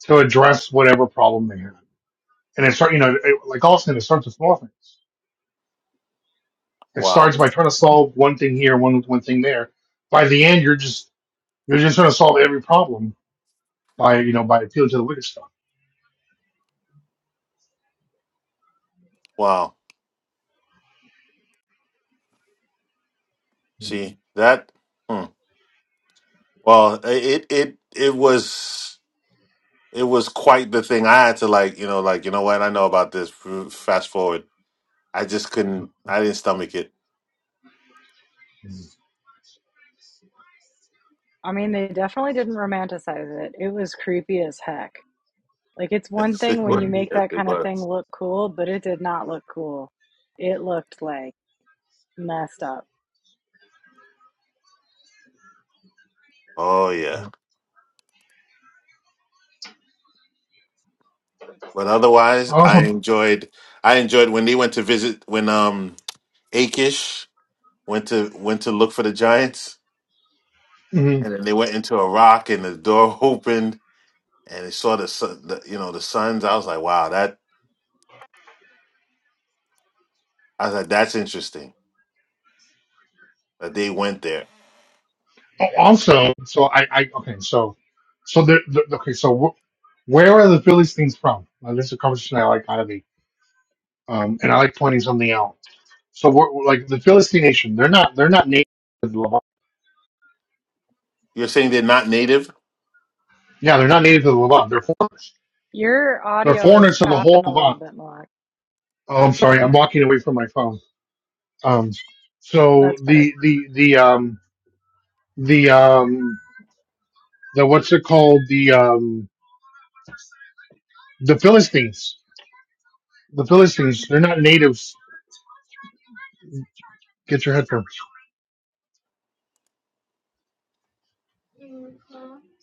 [SPEAKER 7] to address whatever problem they had. And it start, you know, it, like Austin, it starts with small things. It
[SPEAKER 8] Wow.
[SPEAKER 7] starts by trying to solve one thing here, one one thing there. By the end, you're just you're just trying to solve every problem by you know by appealing to the wicked stuff.
[SPEAKER 8] Wow. See that. Hmm. Well, it it it was. it was quite the thing. I had to like, you know, like you know what I know about this. F- Fast forward, I just couldn't. I didn't stomach it.
[SPEAKER 1] I mean, they definitely didn't romanticize it. It was creepy as heck. Like, it's one
[SPEAKER 8] Yes,
[SPEAKER 1] thing
[SPEAKER 8] it
[SPEAKER 7] I
[SPEAKER 1] when you
[SPEAKER 8] was.
[SPEAKER 7] mean,
[SPEAKER 1] make
[SPEAKER 8] Yes,
[SPEAKER 1] that
[SPEAKER 8] it
[SPEAKER 1] kind of thing
[SPEAKER 8] was.
[SPEAKER 1] look cool, but it did not look cool. It looked like messed up.
[SPEAKER 8] Oh
[SPEAKER 7] you
[SPEAKER 8] yeah. But otherwise, I
[SPEAKER 7] Also,
[SPEAKER 8] enjoyed. I enjoyed when they went to visit when um Akish went to went to look for the Giants,
[SPEAKER 7] mhm.
[SPEAKER 8] and then they went into a rock, and the door opened, and they saw the, sun, the you know the suns. I was like, wow, that. I was like, that's interesting that they went there.
[SPEAKER 7] Al- also, so I, I okay, so so the, the okay, so wh- where are the Phillies things from? Now, this is a conversation I like out of me, um, and I like pointing something out So we're, we're like the Philistine nation, they're not they're not native to the Levant.
[SPEAKER 8] You're saying they're not native?
[SPEAKER 7] Yeah, they're not native to the Levant. They're foreigners.
[SPEAKER 1] Your
[SPEAKER 7] They're
[SPEAKER 1] audio is
[SPEAKER 7] foreigners to the whole
[SPEAKER 1] chopping a little
[SPEAKER 7] Levant.
[SPEAKER 1] bit more.
[SPEAKER 7] Oh, I'm sorry, I'm walking away from my phone. Um, so
[SPEAKER 1] That's better.
[SPEAKER 7] the the the um the um the what's it called the um the Philistines. The Philistines, they're not natives. Get your headphones.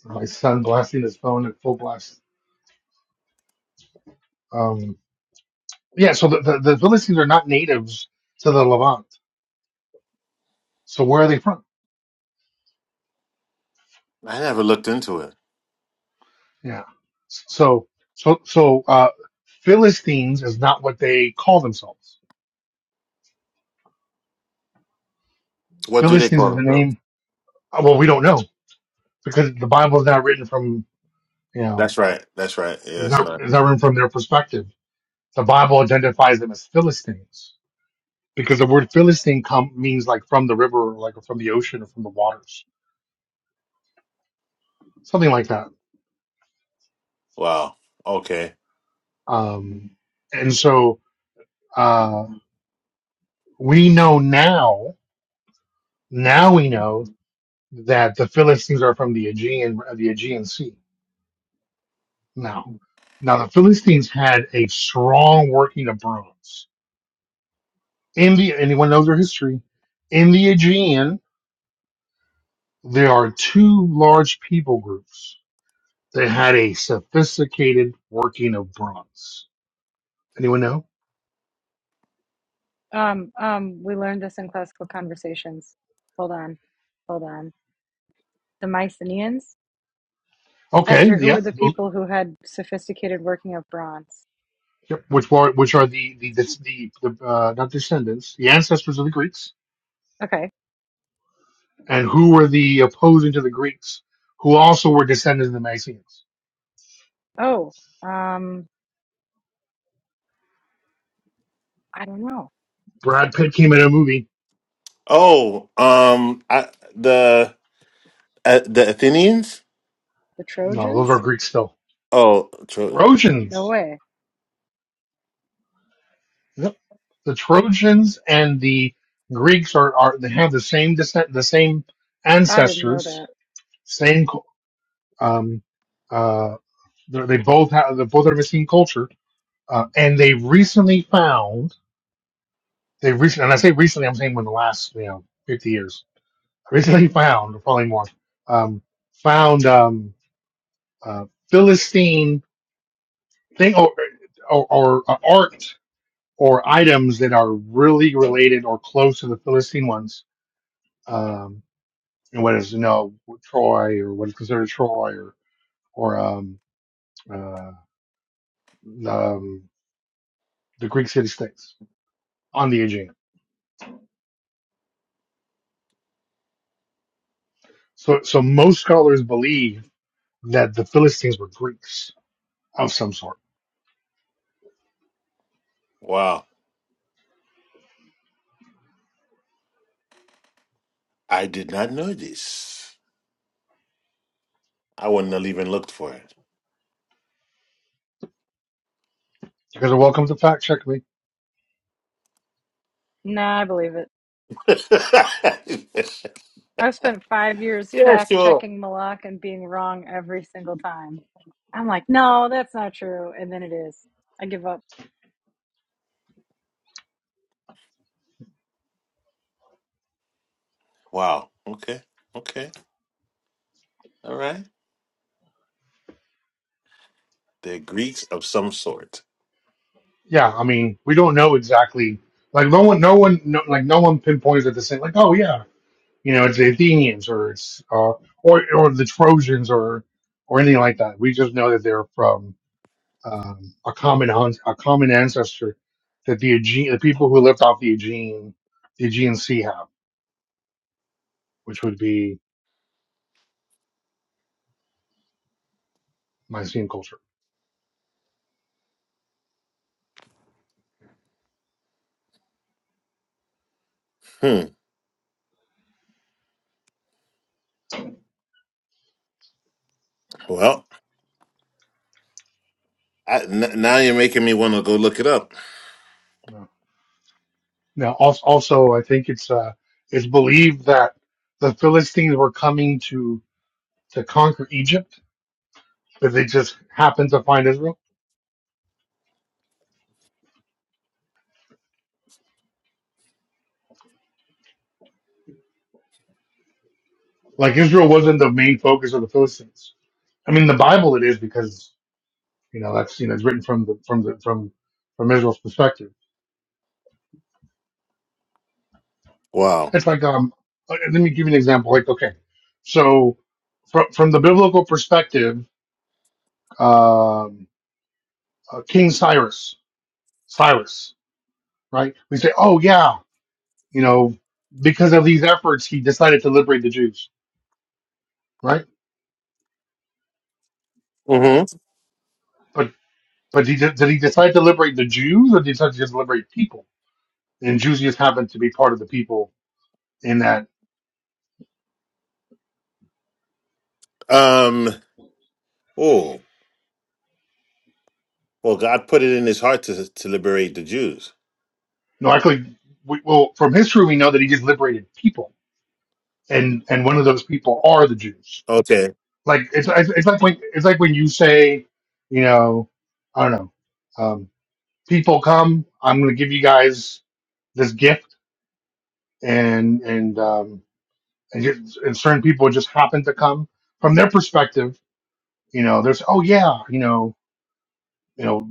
[SPEAKER 7] My son blasting his phone at full blast. Um, yeah, so the, the, the Philistines are not natives to the Levant. So where are they from?
[SPEAKER 8] I never looked into it.
[SPEAKER 7] Yeah. So, so, so, uh, Philistines is not what they call themselves.
[SPEAKER 8] What do they
[SPEAKER 7] Philistines
[SPEAKER 8] call
[SPEAKER 7] is the
[SPEAKER 8] themselves?
[SPEAKER 7] name. uh, Well, we don't know because the Bible is not written from, you know,
[SPEAKER 8] That's right. That's right. Yeah,
[SPEAKER 7] it's
[SPEAKER 8] it's
[SPEAKER 7] not,
[SPEAKER 8] not.
[SPEAKER 7] it's not written from their perspective. The Bible identifies them as Philistines because the word Philistine come, means like from the river, or like from the ocean or from the waters, something like that.
[SPEAKER 8] Wow. Okay.
[SPEAKER 7] Um, and so, uh, we know now, now we know that the Philistines are from the Aegean, the Aegean Sea Now, now the Philistines had a strong working of bronze. In the anyone knows their history, in the Aegean there are two large people groups that had a sophisticated working of bronze. Anyone know?
[SPEAKER 1] Um, um, we learned this in classical conversations. Hold on, hold on. The Mycenaeans?
[SPEAKER 7] Okay,
[SPEAKER 1] Esther, who
[SPEAKER 7] yeah,
[SPEAKER 1] were the
[SPEAKER 7] those-
[SPEAKER 1] people who had sophisticated working of bronze?
[SPEAKER 7] yep, which were which are the the the, the the uh, not descendants, the ancestors of the Greeks,
[SPEAKER 1] Okay.
[SPEAKER 7] and who were the opposing to the Greeks, who also were descendants of the Mycenaeans.
[SPEAKER 1] Oh, um, I don't know.
[SPEAKER 7] Brad Pitt came in a movie.
[SPEAKER 8] Oh, um, I the uh, the Athenians.
[SPEAKER 1] The
[SPEAKER 7] No, those are
[SPEAKER 1] Trojans?
[SPEAKER 7] Greeks still.
[SPEAKER 8] Oh, Tro-
[SPEAKER 7] Trojans.
[SPEAKER 1] No way.
[SPEAKER 7] Yep. The Trojans and the Greeks are, are they have the same descent, the same
[SPEAKER 1] I didn't know
[SPEAKER 7] ancestors,
[SPEAKER 1] that.
[SPEAKER 7] same cu- um, uh, they they both have they both have the same culture, uh, and they recently found they recently and I say recently I'm saying within the last you know 50 years recently found or probably more um, found um, uh, Philistine thing or, or or uh, art or items that are really related or close to the Philistine ones um, and what is you know Troy or what is considered Troy or or um, uh, um, the Greek city-states on the Aegean. So so most scholars believe that the Philistines were Greeks of some sort.
[SPEAKER 8] wow. I did not know this. I wouldn't have even looked for
[SPEAKER 7] You guys are welcome to fact check me.
[SPEAKER 1] Nah, I believe it.
[SPEAKER 8] it.
[SPEAKER 1] I've spent five years
[SPEAKER 8] yeah,
[SPEAKER 1] fact
[SPEAKER 8] sure.
[SPEAKER 1] checking Malak and being wrong every single time. I'm like, no, that's not true. And then it is. I give up.
[SPEAKER 8] Wow. Okay. Okay. All right. They're Greeks of some sort.
[SPEAKER 7] Yeah, I mean we don't know exactly. Like no one, no one, no, like no one pinpoints at the same. Like oh yeah, you know it's the Athenians or it's uh, or or the Trojans or or anything like that. We just know that they're from um, a common hunt, a common ancestor that the Aegean, the people who lived off the Aegean, the Aegean Sea have, which would be Mycenaean culture.
[SPEAKER 8] Hmm. Well, I, n- now you're making me want to go look it up.
[SPEAKER 7] Yeah. Now, also, also, I think it's uh, it's believed that the Philistines were coming to to conquer Egypt, but they just happened to find Israel. Like Israel wasn't the main focus of the Philistines. I mean, in the Bible it is because you know that's you know it's written from the from the from from Israel's perspective
[SPEAKER 8] Wow.
[SPEAKER 7] It's like um. uh, Let me give you an example. Like okay, so from from the biblical perspective, um, uh, King Cyrus, Cyrus, right? We say, oh yeah, you know, because of these efforts, he decided to liberate the Jews, right?
[SPEAKER 8] hmm
[SPEAKER 7] But but he did, did he decide to liberate the Jews, or did he decide to just liberate people? And Jews just happened to be part of the people in that.
[SPEAKER 8] Um. Oh. Well, God put it in His heart to to liberate the Jews.
[SPEAKER 7] No, actually, we, well, from history we know that he just liberated people, and and one of those people are the Jews
[SPEAKER 8] Okay.
[SPEAKER 7] Like it's it's it's like when it's like when you say, you know, I don't know, um, people come. I'm going to give you guys this gift, and and um, and, just, and certain people just happen to come from their perspective. You know, there's oh yeah, you know, you know,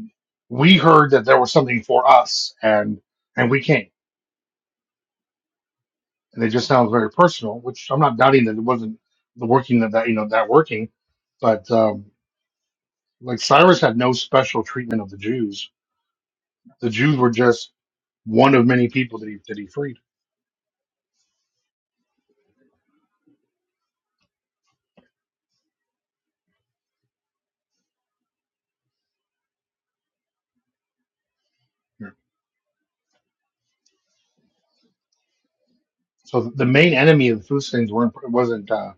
[SPEAKER 7] we heard that there was something for us, and and we came, and it just sounds very personal. Which I'm not doubting that it wasn't the working that that you know that working, but um, like Cyrus had no special treatment of the Jews The Jews were just one of many people that he that he freed. Yeah. So the main enemy of the Philistines weren't wasn't uh,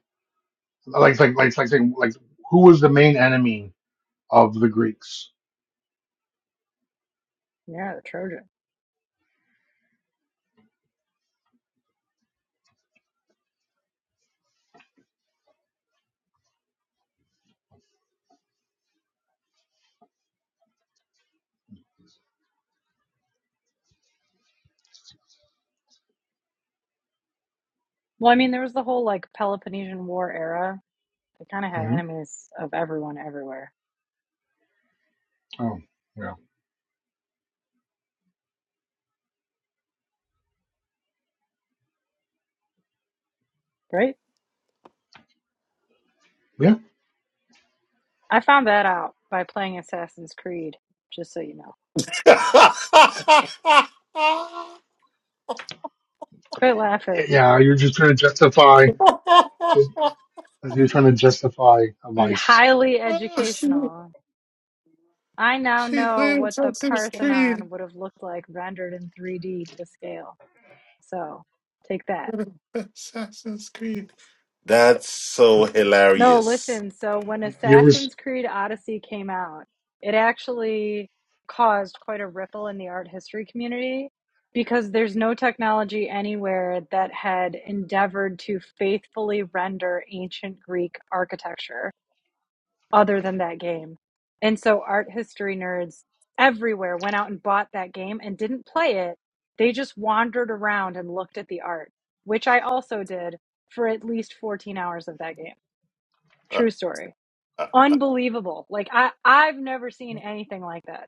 [SPEAKER 7] like like like like saying like who was the main enemy of the Greeks?
[SPEAKER 1] Yeah, the Trojan. Well, I mean, there was the whole like Peloponnesian War era. They kind of had
[SPEAKER 7] hmm
[SPEAKER 1] enemies of everyone everywhere,
[SPEAKER 7] Oh yeah
[SPEAKER 1] right?
[SPEAKER 7] yeah
[SPEAKER 1] I found that out by playing Assassin's Creed, just so you know. Quit
[SPEAKER 7] yeah.
[SPEAKER 1] laughing.
[SPEAKER 7] yeah, You're just trying to justify just you're trying to justify a vice.
[SPEAKER 1] Highly
[SPEAKER 8] Well,
[SPEAKER 1] educational. I now
[SPEAKER 8] she
[SPEAKER 1] know
[SPEAKER 8] played
[SPEAKER 1] what the
[SPEAKER 8] Assassin's Creed.
[SPEAKER 1] Parthenon would have looked like rendered in 3D to scale. So take that.
[SPEAKER 8] Assassin's Creed. That's so
[SPEAKER 1] No,
[SPEAKER 8] hilarious.
[SPEAKER 1] listen. So when
[SPEAKER 7] You ever s-
[SPEAKER 1] Assassin's Creed Odyssey came out, it actually caused quite a ripple in the art history community because there's no technology anywhere that had endeavored to faithfully render ancient Greek architecture. other than that game. And so art history nerds everywhere went out and bought that game and didn't play it. They just wandered around and looked at the art, which I also did for at least 14 hours of that game. True story. Unbelievable. Like I I've never seen anything like that.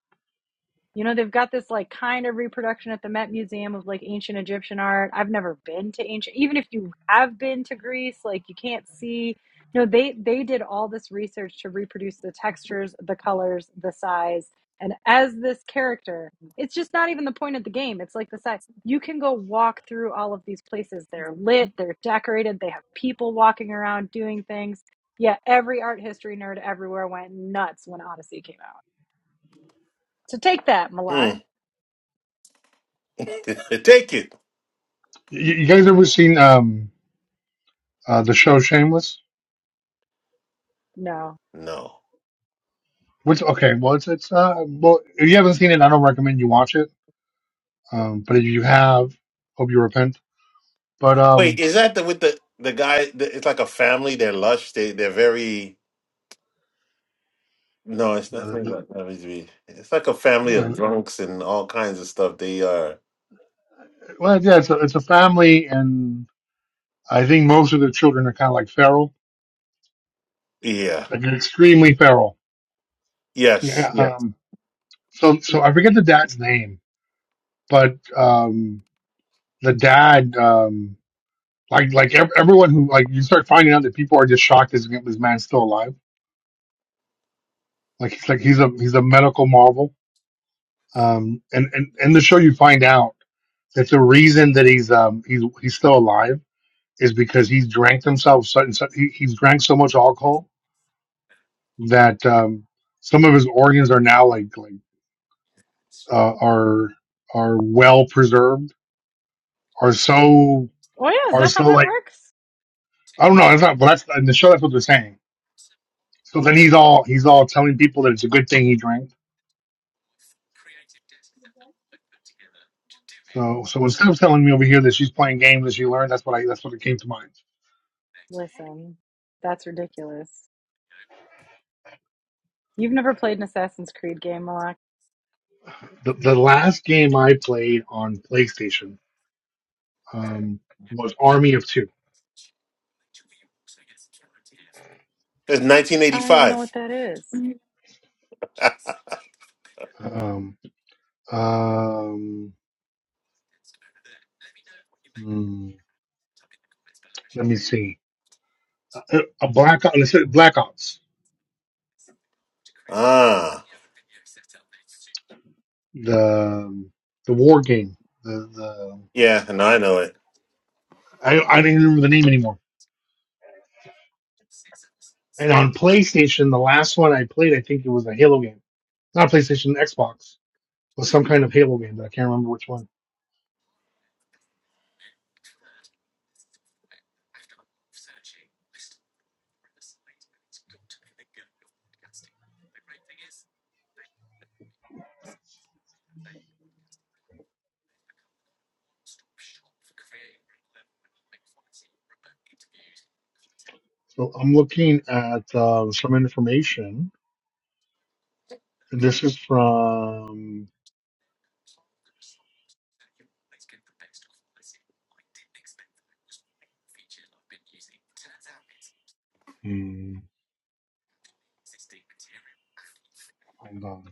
[SPEAKER 1] You know, they've got this like kind of reproduction at the Met Museum of like ancient Egyptian art. I've never been to ancient, even if you have been to Greece, like you can't see. You know, they they did all this research to reproduce the textures, the colors, the size, and as this character, it's just not even the point of the game. It's like the size. You can go walk through all of these places. They're lit, they're decorated, they have people walking around doing things. Yeah, every art history nerd everywhere went nuts when Odyssey came out. So take that,
[SPEAKER 8] Hmm.
[SPEAKER 1] Malak.
[SPEAKER 8] Take it.
[SPEAKER 7] you you guys ever seen um uh the show Shameless?
[SPEAKER 1] No.
[SPEAKER 8] No.
[SPEAKER 7] Which okay well it's it's uh well if you haven't seen it I don't recommend you watch it Um, but if you have, hope you repent. But
[SPEAKER 8] Wait,
[SPEAKER 7] um,
[SPEAKER 8] is that the with the the guy? The, it's like a family. They're lush. They they're very. No, it's
[SPEAKER 7] uh,
[SPEAKER 8] nothing
[SPEAKER 7] you
[SPEAKER 8] about WWE. It's me. It's like a family of
[SPEAKER 7] know,
[SPEAKER 8] drunks and all kinds of stuff. They are.
[SPEAKER 7] well, yeah, it's a, it's a family, and I think most of the children are kind of like feral,
[SPEAKER 8] Yeah.
[SPEAKER 7] like extremely feral.
[SPEAKER 8] Yes.
[SPEAKER 7] Yeah.
[SPEAKER 8] Yes.
[SPEAKER 7] Um. So so I forget the dad's name, but um, the dad um, like like ev- everyone who like you start finding out that people are just shocked this this man's still alive. Like it's like he's a he's a medical marvel. Um, and and in the show you find out that the reason that he's um he's he's still alive is because he's drank himself so, so he, he's drank so much alcohol that um, some of his organs are now like like uh, are are well preserved are so
[SPEAKER 1] Oh yeah, is
[SPEAKER 7] are
[SPEAKER 1] that how
[SPEAKER 7] so
[SPEAKER 1] that
[SPEAKER 7] like
[SPEAKER 1] works?
[SPEAKER 7] I don't know that's not but that's in the show that's what they're saying so then he's all he's all telling people that it's a good thing he drank so so instead of telling me over here that she's playing games that she learned that's what I that's what it came to mind
[SPEAKER 1] Listen, that's ridiculous. You've never played an Assassin's Creed game, Malak.
[SPEAKER 7] the the last game I played on PlayStation um, was Army of Two
[SPEAKER 8] It's
[SPEAKER 1] I don't even know
[SPEAKER 8] 1985.
[SPEAKER 1] what that is.
[SPEAKER 7] um, um, Hmm, let me see. A, a black Ops- let's say Black Ops,
[SPEAKER 8] ah.
[SPEAKER 7] the um, the war game. The the
[SPEAKER 8] Yeah, and I know it.
[SPEAKER 7] I, I don't even remember the name anymore. And on PlayStation, the last one I played, I think it was a Halo game, not PlayStation, Xbox, but some kind of Halo game. But I can't remember which one. So I'm looking at uh, some information, and this is from. Hmm, hold on.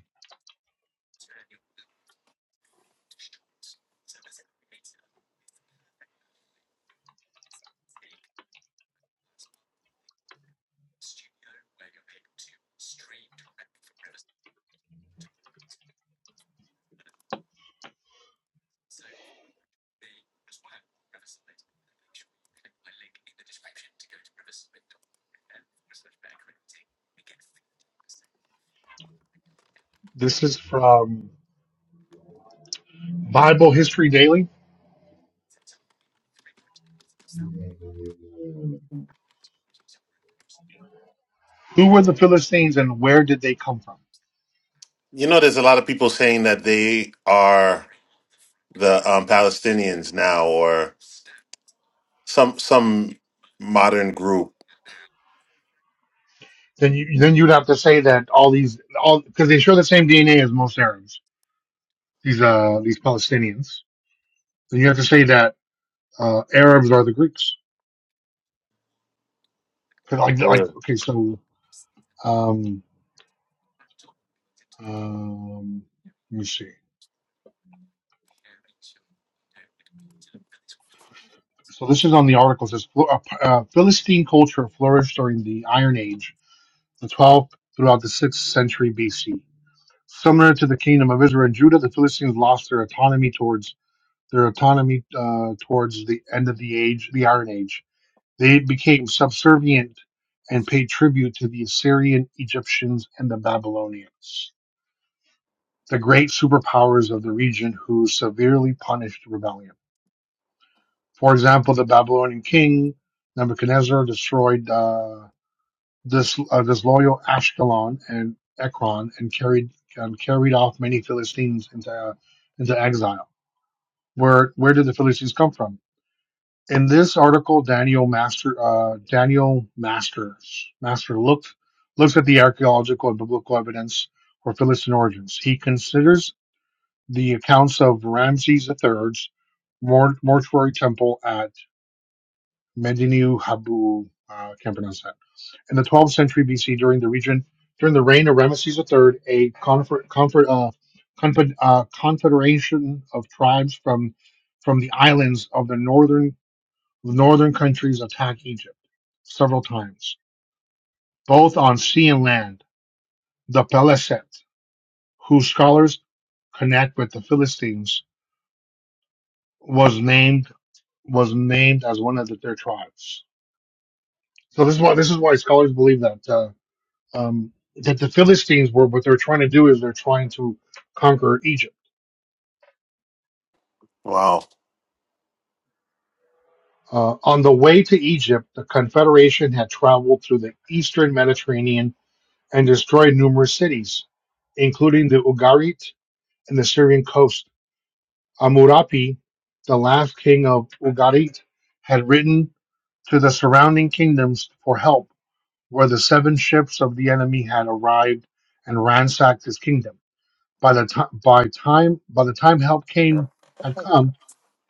[SPEAKER 7] This is from Bible History Daily. Who were the Philistines, and where did they come from?
[SPEAKER 8] You know, there's a lot of people saying that they are the um, Palestinians now, or some some modern group.
[SPEAKER 7] Then you then you'd have to say that all these all because they share the same DNA as most Arabs. These uh these Palestinians. Then you have to say that uh Arabs are the Greeks. 'Cause like like
[SPEAKER 8] Really?
[SPEAKER 7] okay so um um let me see. So this is on the article. It says "Phil- uh, uh, Philistine culture flourished during the Iron Age, the 12th throughout the 6th century BC. Similar to the kingdom of Israel and Judah, the Philistines lost their autonomy towards their autonomy uh, towards the end of the age, the Iron Age They became subservient and paid tribute to the Assyrian, Egyptians, and the Babylonians, the great superpowers of the region who severely punished rebellion. For example, the Babylonian king Nebuchadnezzar destroyed uh, dis, uh, disloyal Ashkelon and Ekron and carried and carried off many Philistines into uh, into exile. Where where did the Philistines come from? in this article, Daniel Master uh, Daniel Masters Master looked looks at the archaeological and biblical evidence for Philistine origins. He considers the accounts of Ramses III's mor- mortuary temple at Medinu Habu. Uh, can't pronounce that. In the 12th century BC, during the region during the reign of Ramses III, a confer- confer- uh, confe- uh, confederation of tribes from from the islands of the northern the northern countries attacked Egypt several times, both on sea and land. The Peleset, whose scholars connect with the Philistines, was named was named as one of the, their tribes. So this is why this is why scholars believe that uh, um, that the Philistines were what they're trying to do is they're trying to conquer Egypt.
[SPEAKER 8] Wow.
[SPEAKER 7] Uh, on the way to Egypt, the Confederation had traveled through the eastern Mediterranean and destroyed numerous cities, including the Ugarit and the Syrian coast. Amurapi, the last king of Ugarit, had written to the surrounding kingdoms for help, where the seven ships of the enemy had arrived and ransacked his kingdom. By the time, by time, by the time help came had come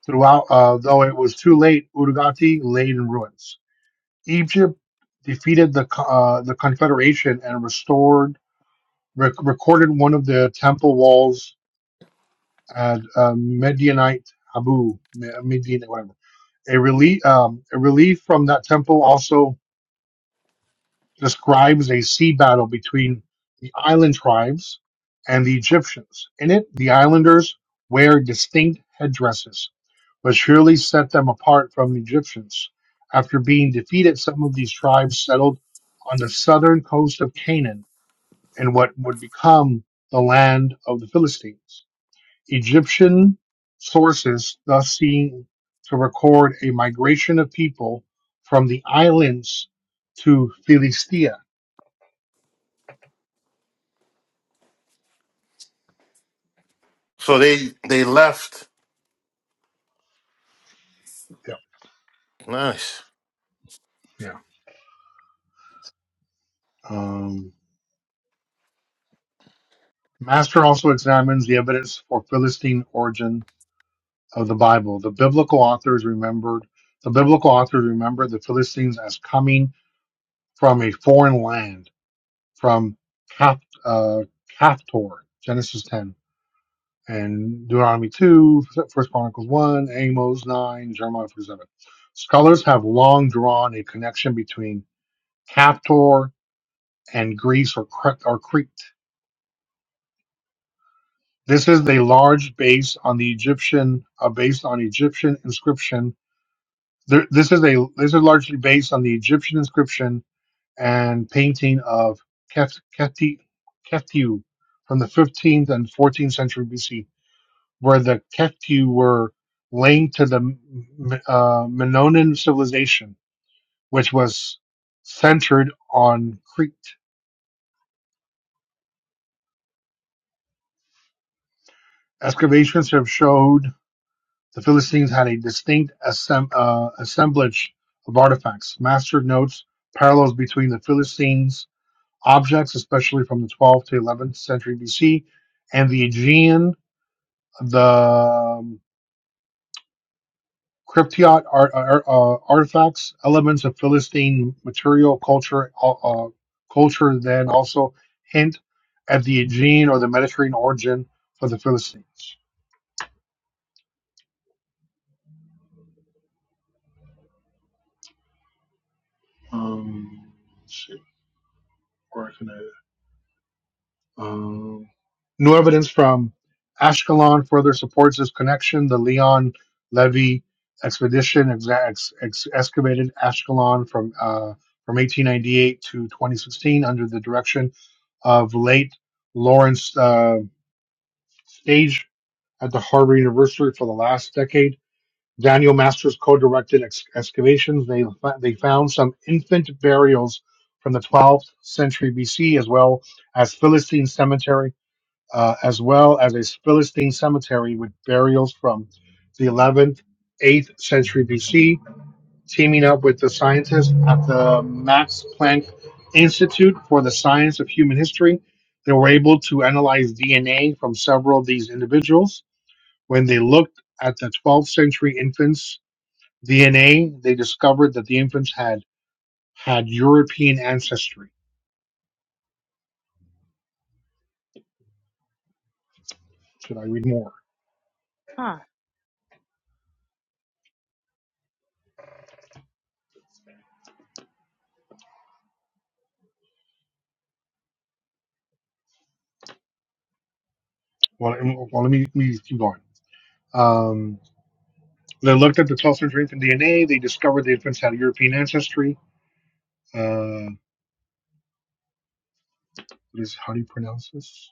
[SPEAKER 7] throughout, uh, though it was too late, Urgati lay in ruins. Egypt defeated the co- uh, the confederation and restored rec- recorded one of the temple walls and uh, Medianite Abu, Me- Median, whatever. A relief, um, a relief from that temple also describes a sea battle between the island tribes and the Egyptians. In it, the islanders wear distinct headdresses, which surely set them apart from the Egyptians. After being defeated, some of these tribes settled on the southern coast of Canaan in what would become the land of the Philistines. Egyptian sources thus seem to record a migration of people from the islands to Philistia.
[SPEAKER 8] So they they left
[SPEAKER 7] Yeah,
[SPEAKER 8] Nice.
[SPEAKER 7] yeah. Um, Master also examines the evidence for Philistine origin of the Bible. The biblical authors remembered the biblical authors remember the Philistines as coming from a foreign land, from Cap, uh, Captor, Genesis 10 and Deuteronomy 2, First Chronicles 1, Amos 9, Jeremiah 47. Scholars have long drawn a connection between Captor and Greece or, Cre- or Crete. This is a large base on the Egyptian, uh, based on Egyptian inscription. There, this is a this is largely based on the Egyptian inscription and painting of Kef- Kefti Keftiu from the 15th and 14th century BC. where the Ketu were linked to the uh, Minoan civilization, which was centered on Crete. Excavations have showed the Philistines had a distinct assem- uh, assemblage of artifacts. Master notes parallels between the Philistines' objects, especially from the 12th to 11th century BC, and the Aegean, the um, Cryptid art, ar- uh, artifacts, elements of Philistine material culture, uh, uh, culture then also hint at the Aegean or the Mediterranean origin for the Philistines. Um, let's see, where can I? Um, new evidence from Ashkelon further supports this connection. The Leon Levy expedition exa- ex- ex- excavated Ashkelon from uh, from 1898 to 2016 under the direction of late Lawrence uh, Stage at the Harvard University for the last decade. Daniel Masters co-directed ex- excavations. They fa- they found some infant burials from the 12th century BC, as well as Philistine cemetery uh, as well as a Philistine cemetery with burials from the 11th, 8th century BC, teaming up with the scientists at the Max Planck Institute for the Science of Human History. They were able to analyze DNA from several of these individuals. When they looked at the 12th century infants' DNA, they discovered that the infants had had European ancestry. Should I read more?
[SPEAKER 1] Huh.
[SPEAKER 7] Well, well let me, let me keep going. Um, They looked at the 12th century infant DNA. They discovered the infants had European ancestry. Uh, what is how do you pronounce this?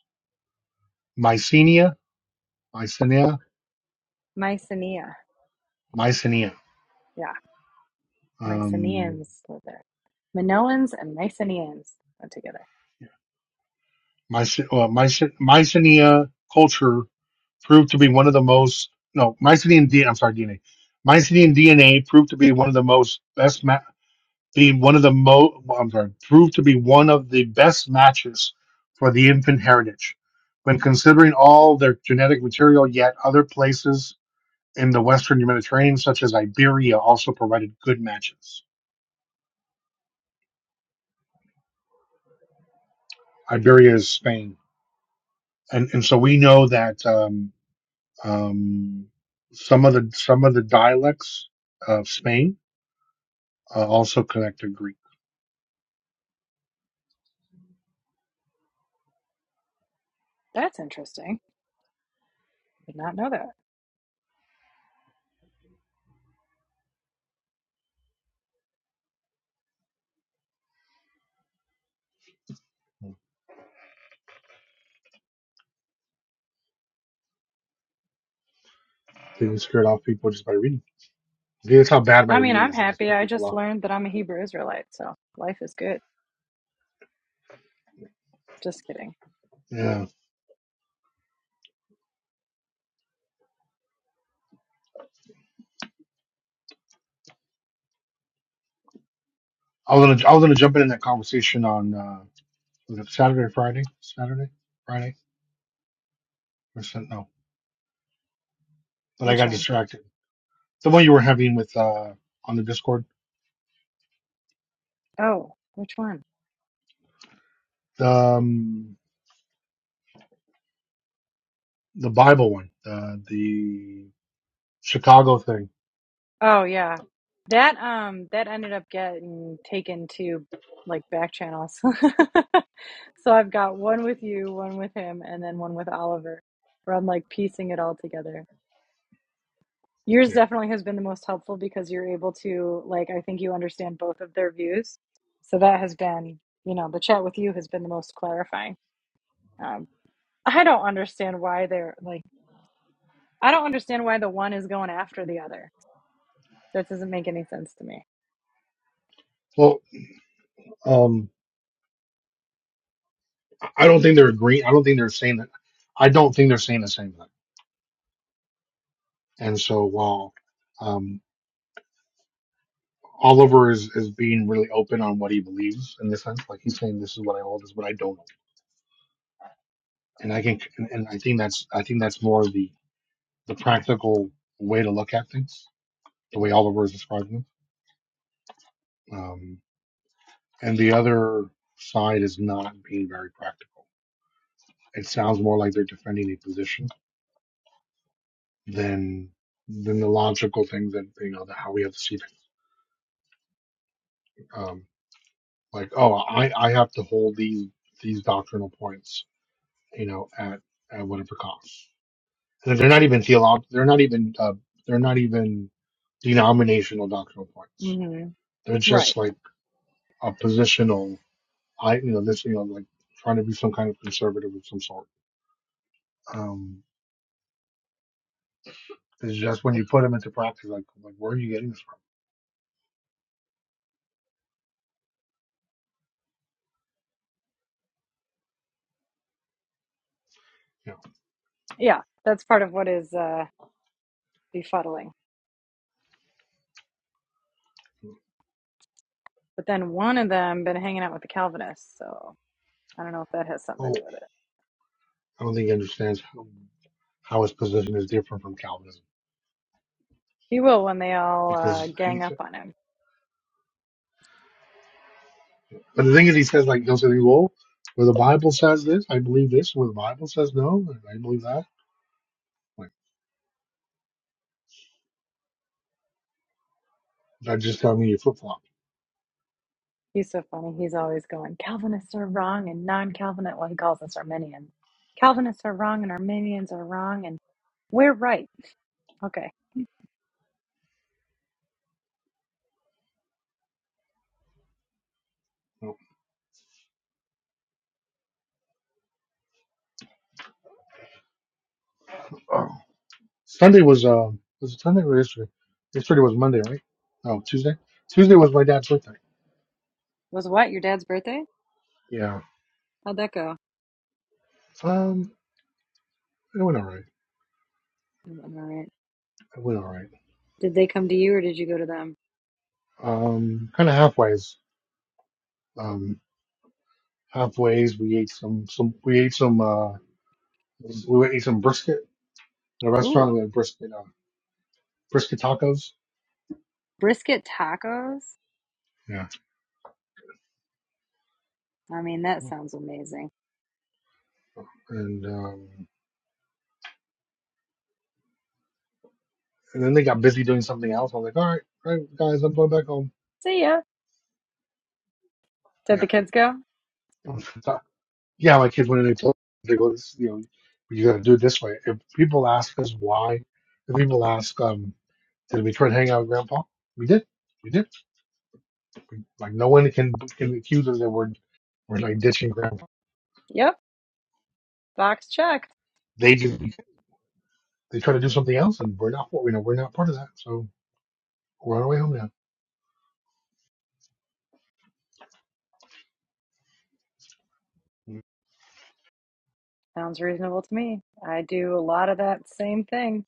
[SPEAKER 7] Mycenia, Mycenia,
[SPEAKER 1] Mycenae.
[SPEAKER 7] Mycenia.
[SPEAKER 1] Yeah.
[SPEAKER 7] Um,
[SPEAKER 1] Mycenaeans live there. Minoans and Mycenaeans live together.
[SPEAKER 7] yeah. Myce- uh, Myce- Mycenia culture proved to be one of the most no Mycenian DNA. I'm sorry, DNA. Mycenian DNA proved to be one of the most best. ma- Be one of the mo I'm sorry, proved to be one of the best matches for the infant heritage. When considering all their genetic material, yet other places in the Western Mediterranean, such as Iberia, also provided good matches. Iberia is Spain, and and so we know that um, um, some of the some of the dialects of Spain uh, also connect to Greek.
[SPEAKER 1] That's interesting. Did not know that.
[SPEAKER 7] They can scared off people just by reading. Maybe That's how bad my
[SPEAKER 1] I mean,
[SPEAKER 7] reading
[SPEAKER 1] I'm
[SPEAKER 7] is, and I
[SPEAKER 1] happy.
[SPEAKER 7] scare
[SPEAKER 1] I
[SPEAKER 7] people
[SPEAKER 1] just
[SPEAKER 7] off.
[SPEAKER 1] learned that I'm a Hebrew Israelite, so life is good. Just kidding.
[SPEAKER 7] Yeah. I was gonna I was gonna jump in in that conversation on uh, was it Saturday or Friday? Saturday, Friday or Sun- no? But I
[SPEAKER 1] Which
[SPEAKER 7] got
[SPEAKER 1] one?
[SPEAKER 7] distracted. The one you were having with uh, on the Discord,
[SPEAKER 1] Oh, which one?
[SPEAKER 7] the um, the Bible one, uh, the Chicago thing.
[SPEAKER 1] Oh yeah. That um that ended up getting taken to like back channels. So I've got one with you, one with him, and then one with Oliver, where I'm like piecing it all together. Yours
[SPEAKER 7] Yeah.
[SPEAKER 1] definitely has been the most helpful because you're able to like I think you understand both of their views. So that has been, you know, the chat with you has been the most clarifying. Um, I don't understand why they're like I don't understand why the one is going after the other. That doesn't make any sense to me.
[SPEAKER 7] Well, um, I don't think they're agreeing. I don't think they're saying that. I don't think they're saying the same thing. And so while um, Oliver is is being really open on what he believes in this sense, like he's saying, "This is what I hold. This is what I don't." hold. and I think and I think that's I think that's more the the practical way to look at things, the way Oliver is describing them. Um, and the other side is not being very practical. It sounds more like they're defending a position than than the logical thing that you know that how we have to see the um, like oh I I have to hold these these doctrinal points you know at at whatever cost. And they're not even theolog. They're not even uh, they're not even denominational doctrinal points
[SPEAKER 1] hmm
[SPEAKER 7] They're
[SPEAKER 1] Right.
[SPEAKER 7] just like a positional, I you know this you know like trying to be some kind of conservative of some sort. Um, it's just when you put them into practice, like like where are you getting this from? You know,
[SPEAKER 1] Yeah, that's part of what is uh, befuddling. But then one of them been hanging out with the Calvinists, so I don't know if that has something to
[SPEAKER 7] oh,
[SPEAKER 1] do with it.
[SPEAKER 7] I don't think he understands how, how his position is different from Calvinism
[SPEAKER 1] He will when they all uh,
[SPEAKER 7] because
[SPEAKER 1] gang
[SPEAKER 7] he,
[SPEAKER 1] up on him.
[SPEAKER 7] but the thing is, he says like they'll say, well, where the Bible says this, I believe this. Where the Bible says no, I believe that. Like that just telling me you flip flop.
[SPEAKER 1] He's so funny. He's always going, Calvinists are wrong and non-Calvinist. Well, he calls us Arminians. Calvinists are wrong and Arminians are wrong and we're right. Okay.
[SPEAKER 7] You know? Sunday was uh was it Sunday or yesterday? Yesterday was Monday, right? Oh, Tuesday. Tuesday was my dad's birthday.
[SPEAKER 1] Was what your dad's birthday?
[SPEAKER 7] Yeah.
[SPEAKER 1] How'd that go?
[SPEAKER 7] Um, it went all right.
[SPEAKER 1] It went all right.
[SPEAKER 7] It went all right.
[SPEAKER 1] Did they come to you or did you go to them?
[SPEAKER 7] Um, kind of halfways. Um, halfways we ate some some we ate some uh we ate some brisket in a
[SPEAKER 1] Ooh,
[SPEAKER 7] restaurant. We had brisket uh, brisket tacos.
[SPEAKER 1] brisket tacos.
[SPEAKER 7] Yeah,
[SPEAKER 1] I mean, that sounds amazing.
[SPEAKER 7] and um and then they got busy doing something else. I was like, all right, all right, guys, I'm going back home.
[SPEAKER 1] See ya. Did
[SPEAKER 7] Yeah,
[SPEAKER 1] the kids go?
[SPEAKER 7] yeah. My kids went in and they told they go, this, you know, you got to do it this way. If people ask us why, if people ask um did we try to hang out with grandpa? We did. We did. Like no one can can accuse us that we're we're like ditching grandpa.
[SPEAKER 1] Yep. Box checked.
[SPEAKER 7] They do they try to do something else, and we're not you know we're not part of that. So we're on our way home now.
[SPEAKER 1] Sounds reasonable to me. I do a lot of that same thing.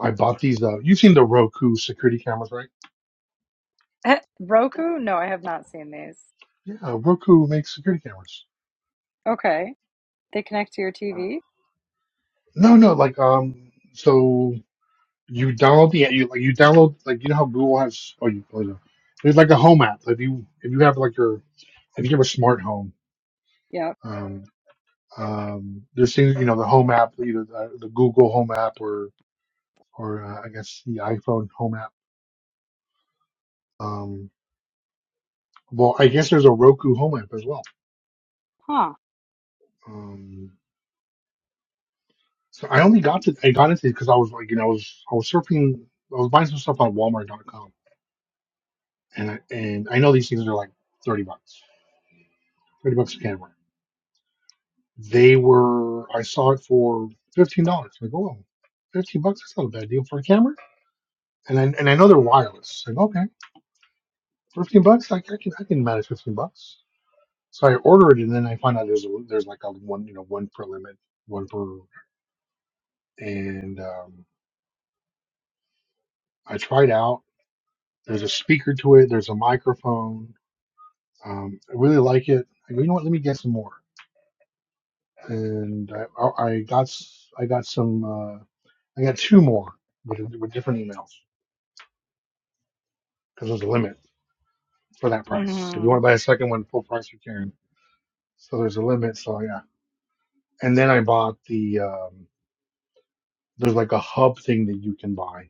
[SPEAKER 7] I bought these. Uh, you've seen the Roku security cameras, right?
[SPEAKER 1] Roku? No, I have not seen these.
[SPEAKER 7] Yeah, Roku makes security cameras.
[SPEAKER 1] Okay. They connect to your
[SPEAKER 7] Uh,
[SPEAKER 1] TV?
[SPEAKER 7] no, no, like um, so you download the you like you download like you know how Google has oh you oh, no. there's like a home app. If you if you have like your if you have a smart home,
[SPEAKER 1] Yep.
[SPEAKER 7] um, um, there's things you know the home app, either the, the Google Home app or or uh, I guess the iPhone Home app. Um, well, I guess there's a Roku Home app as well.
[SPEAKER 1] Huh.
[SPEAKER 7] Um, so I only got to I got into it because I was like, you know, I was I was surfing, I was buying some stuff on Walmart.com, and I, and I know these things are like thirty bucks, thirty bucks a camera. They were I saw it for fifteen dollars. Like, oh, 15 bucks that's not a bad deal for a camera. And I and I know they're wireless. Like, okay, fifteen bucks, I, I can I can manage fifteen bucks So I order it, and then I find out there's a, there's like a one you know one per limit, one per, and um, I tried out. There's a speaker to it. There's a microphone. Um, I really like it. I go, you know what? Let me get some more. And I, I I got s- I got some uh, I got two more with, with different emails because there's a limit for that price. If you
[SPEAKER 1] Mm-hmm.
[SPEAKER 7] want to buy a second one full price, you can. So there's a limit. So yeah. And then I bought the um, there's like a hub thing that you can buy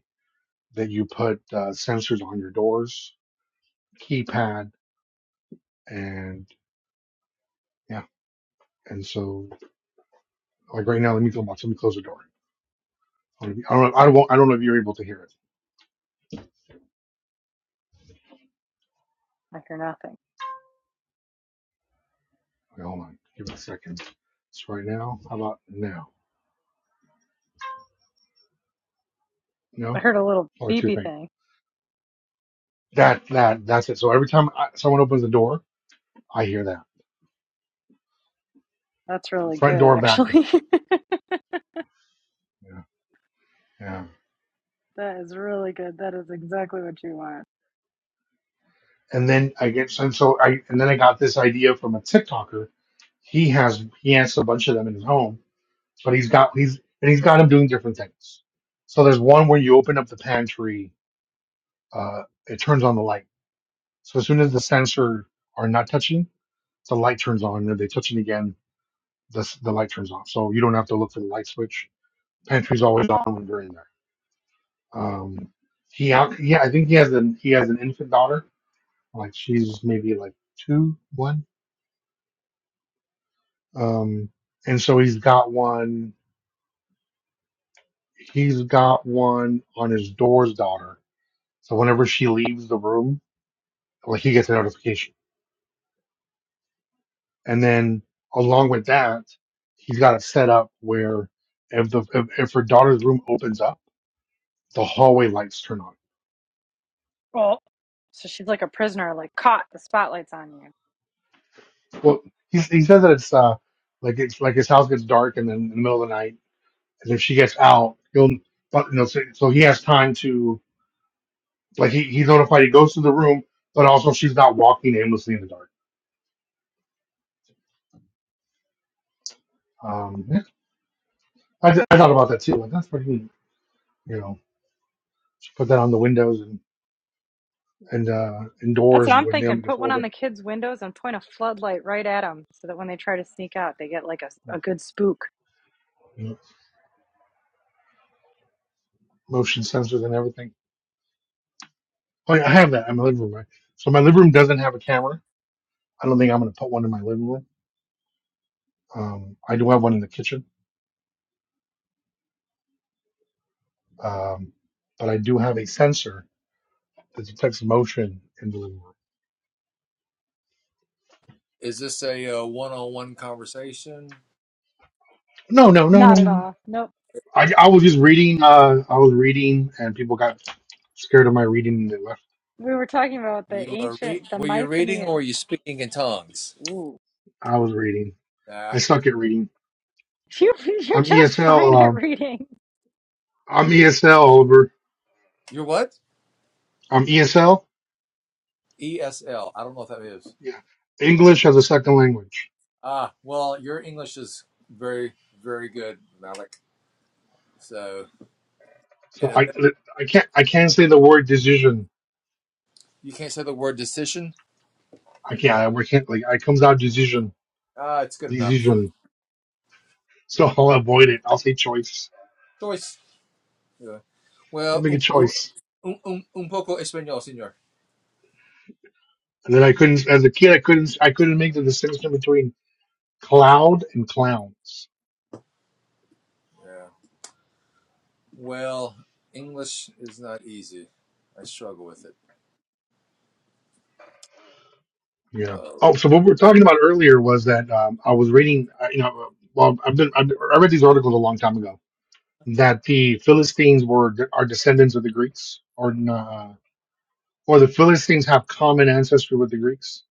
[SPEAKER 7] that you put uh, sensors on your doors, keypad, and yeah. And so, like right now, let me go. Let me close the door. I don't, know, I don't. I don't know if you're able to hear it.
[SPEAKER 1] I hear nothing.
[SPEAKER 7] Wait, hold on. Give it a second. It's right now. How about now?
[SPEAKER 1] I
[SPEAKER 7] No.
[SPEAKER 1] heard a little
[SPEAKER 7] only two
[SPEAKER 1] beepy
[SPEAKER 7] things.
[SPEAKER 1] thing.
[SPEAKER 7] That that that's it. So every time I, someone opens the door, I hear that
[SPEAKER 1] That's really
[SPEAKER 7] front
[SPEAKER 1] good,
[SPEAKER 7] door, back door.
[SPEAKER 1] actually.
[SPEAKER 7] Yeah. Yeah.
[SPEAKER 1] That is really good. That is exactly what you want.
[SPEAKER 7] and then I get and so I and then I got this idea from a TikToker. He has he has a bunch of them in his home, but he's got he's and he's got them doing different things. So there's one where you open up the pantry, uh, it turns on the light. So as soon as the sensor are not touching, the light turns on. And if they touch it again, the s- the light turns off. So you don't have to look for the light switch. Pantry's always on when you're in there. Um, he out yeah I think he has an he has an infant daughter like she's maybe like two one Um, and so he's got one. He's got one on his door's daughter. So whenever she leaves the room, like he gets a notification. And then along with that, he's got it set up where if the if, if her daughter's room opens up, the hallway lights turn on.
[SPEAKER 1] Well, so she's like a prisoner, like caught. The spotlight's on you.
[SPEAKER 7] Well, he he says that it's uh like it's like his house gets dark and then in the middle of the night, and if she gets out, he'll but you know so, so he has time to like he, he's notified he goes to the room, but also she's not walking aimlessly in the dark. Um, yeah, I, th- I thought about that too. Like that's pretty neat. You know, just put that on the windows and and uh,
[SPEAKER 1] That's
[SPEAKER 7] indoors
[SPEAKER 1] what I'm
[SPEAKER 7] when
[SPEAKER 1] thinking.
[SPEAKER 7] Naomi gets
[SPEAKER 1] Put one on
[SPEAKER 7] older.
[SPEAKER 1] the kids' windows and point a floodlight right at them so that when they try to sneak out, they get like a, a good spook.
[SPEAKER 7] You know, motion sensors and everything. Oh yeah, I have that in my living room. Right? So my living room doesn't have a camera. I don't think I'm going to put one in my living room. Um, I do have one in the kitchen, um, but I do have a sensor that detects motion in the living room.
[SPEAKER 6] Is this a uh, one-on-one conversation?
[SPEAKER 7] No, no, no, no,
[SPEAKER 1] Not at
[SPEAKER 7] no. no.
[SPEAKER 1] all. Nope.
[SPEAKER 7] I, I was just reading. Uh, I was reading, and people got scared of my reading and they left.
[SPEAKER 1] We were talking about the
[SPEAKER 6] You are re-
[SPEAKER 1] ancient, the
[SPEAKER 6] were you reading or are
[SPEAKER 1] Mycenaeans.
[SPEAKER 6] you speaking in tongues?
[SPEAKER 1] Ooh.
[SPEAKER 7] I was reading.
[SPEAKER 6] Uh,
[SPEAKER 7] I suck at reading
[SPEAKER 1] You, you're
[SPEAKER 7] I'm
[SPEAKER 1] just fine
[SPEAKER 7] ESL.
[SPEAKER 1] at
[SPEAKER 7] Um,
[SPEAKER 1] reading,
[SPEAKER 7] I'm ESL, Oliver.
[SPEAKER 6] you're what?
[SPEAKER 7] I'm ESL.
[SPEAKER 6] E S L. I don't know what that is.
[SPEAKER 7] Yeah, English as a second language.
[SPEAKER 6] Ah, well, your English is very, very good, Malik. So,
[SPEAKER 7] So
[SPEAKER 6] and
[SPEAKER 7] I,
[SPEAKER 6] if
[SPEAKER 7] I can't, I can't say the word decision.
[SPEAKER 6] you can't say the word decision,
[SPEAKER 7] I can't. I we can't. Like, it comes out decision,
[SPEAKER 6] ah, it's good enough.
[SPEAKER 7] decision. So I'll avoid it. I'll say choice.
[SPEAKER 6] Choice. Yeah.
[SPEAKER 7] And
[SPEAKER 6] Well,
[SPEAKER 7] make a
[SPEAKER 6] un,
[SPEAKER 7] choice.
[SPEAKER 6] un, un, un poco español, señor.
[SPEAKER 7] And then I couldn't, as a kid, I couldn't, I couldn't make the distinction between cloud and clowns.
[SPEAKER 6] Yeah. Well, English is not easy. I struggle with it.
[SPEAKER 7] Yeah.
[SPEAKER 6] Oh.
[SPEAKER 7] Oh, so what we were talking about earlier was that um, I was reading. uh, You know, well, I've been, I've, I read these articles a long time ago that the Philistines were are descendants of the Greeks, or uh, or the Philistines have common ancestry with the Greeks.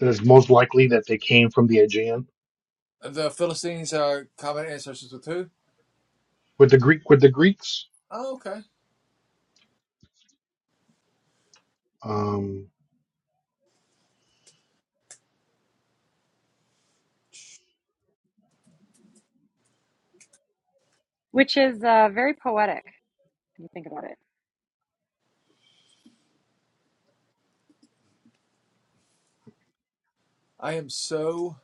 [SPEAKER 7] That it's most likely that they came from the Aegean
[SPEAKER 6] The Philistines are common ancestors with who?
[SPEAKER 7] with the Greek with the Greeks.
[SPEAKER 6] Oh, okay.
[SPEAKER 7] Um,
[SPEAKER 1] which is uh, very poetic when you think about it.
[SPEAKER 6] I am so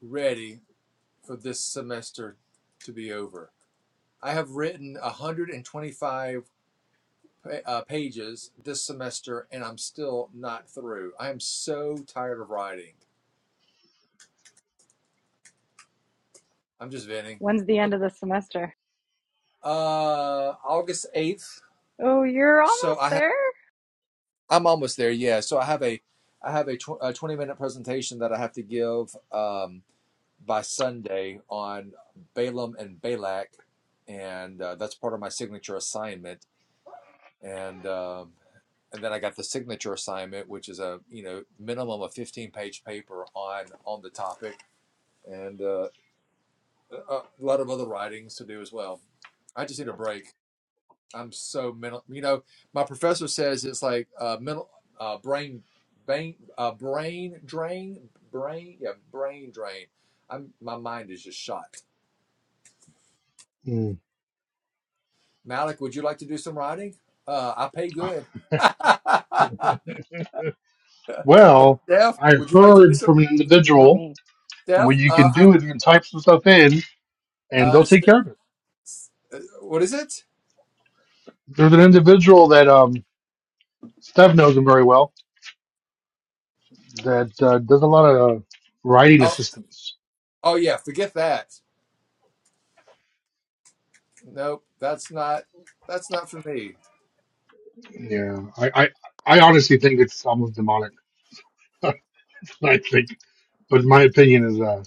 [SPEAKER 6] ready for this semester to be over. I have written 125 uh, pages this semester, and I'm still not through. I am so tired of writing. I'm just venting.
[SPEAKER 1] When's the end of the semester?
[SPEAKER 6] Uh, August 8th.
[SPEAKER 1] Oh, you're
[SPEAKER 6] So
[SPEAKER 1] almost
[SPEAKER 6] I have.
[SPEAKER 1] there?
[SPEAKER 6] I'm almost there. Yeah. So I have a. I have a, tw- a 20 minute presentation that I have to give um, by Sunday on Balaam and Balak, and uh, that's part of my signature assignment. And um and then I got the signature assignment, which is a you know minimum of fifteen page paper on on the topic, and uh, a lot of other writings to do as well. I just need a break. I'm so mental. You know, my professor says it's like uh, mental uh, brain, brain, uh, brain drain, brain, yeah, brain drain. I'm my mind is just shot.
[SPEAKER 7] hmm.
[SPEAKER 6] Malik, would you like to do some writing? Uh, I pay good. or
[SPEAKER 7] well,
[SPEAKER 6] Steph,
[SPEAKER 7] I
[SPEAKER 6] would you like to do
[SPEAKER 7] heard
[SPEAKER 6] some?
[SPEAKER 7] from an
[SPEAKER 1] Mm, Not
[SPEAKER 7] individual
[SPEAKER 1] me.
[SPEAKER 6] Steph,
[SPEAKER 7] what you can
[SPEAKER 6] uh, I-
[SPEAKER 7] do is you can type some stuff in, and they'll
[SPEAKER 6] uh,
[SPEAKER 7] take care of it.
[SPEAKER 6] What is it?
[SPEAKER 7] There's an individual that um, Steph knows him very well that uh, does a lot of uh, writing
[SPEAKER 6] Oh,
[SPEAKER 7] assistance.
[SPEAKER 6] oh yeah. Forget that. Nope. That's not. That's not for me.
[SPEAKER 7] Yeah, I, I I honestly think it's almost demonic. I think, but my opinion is, uh,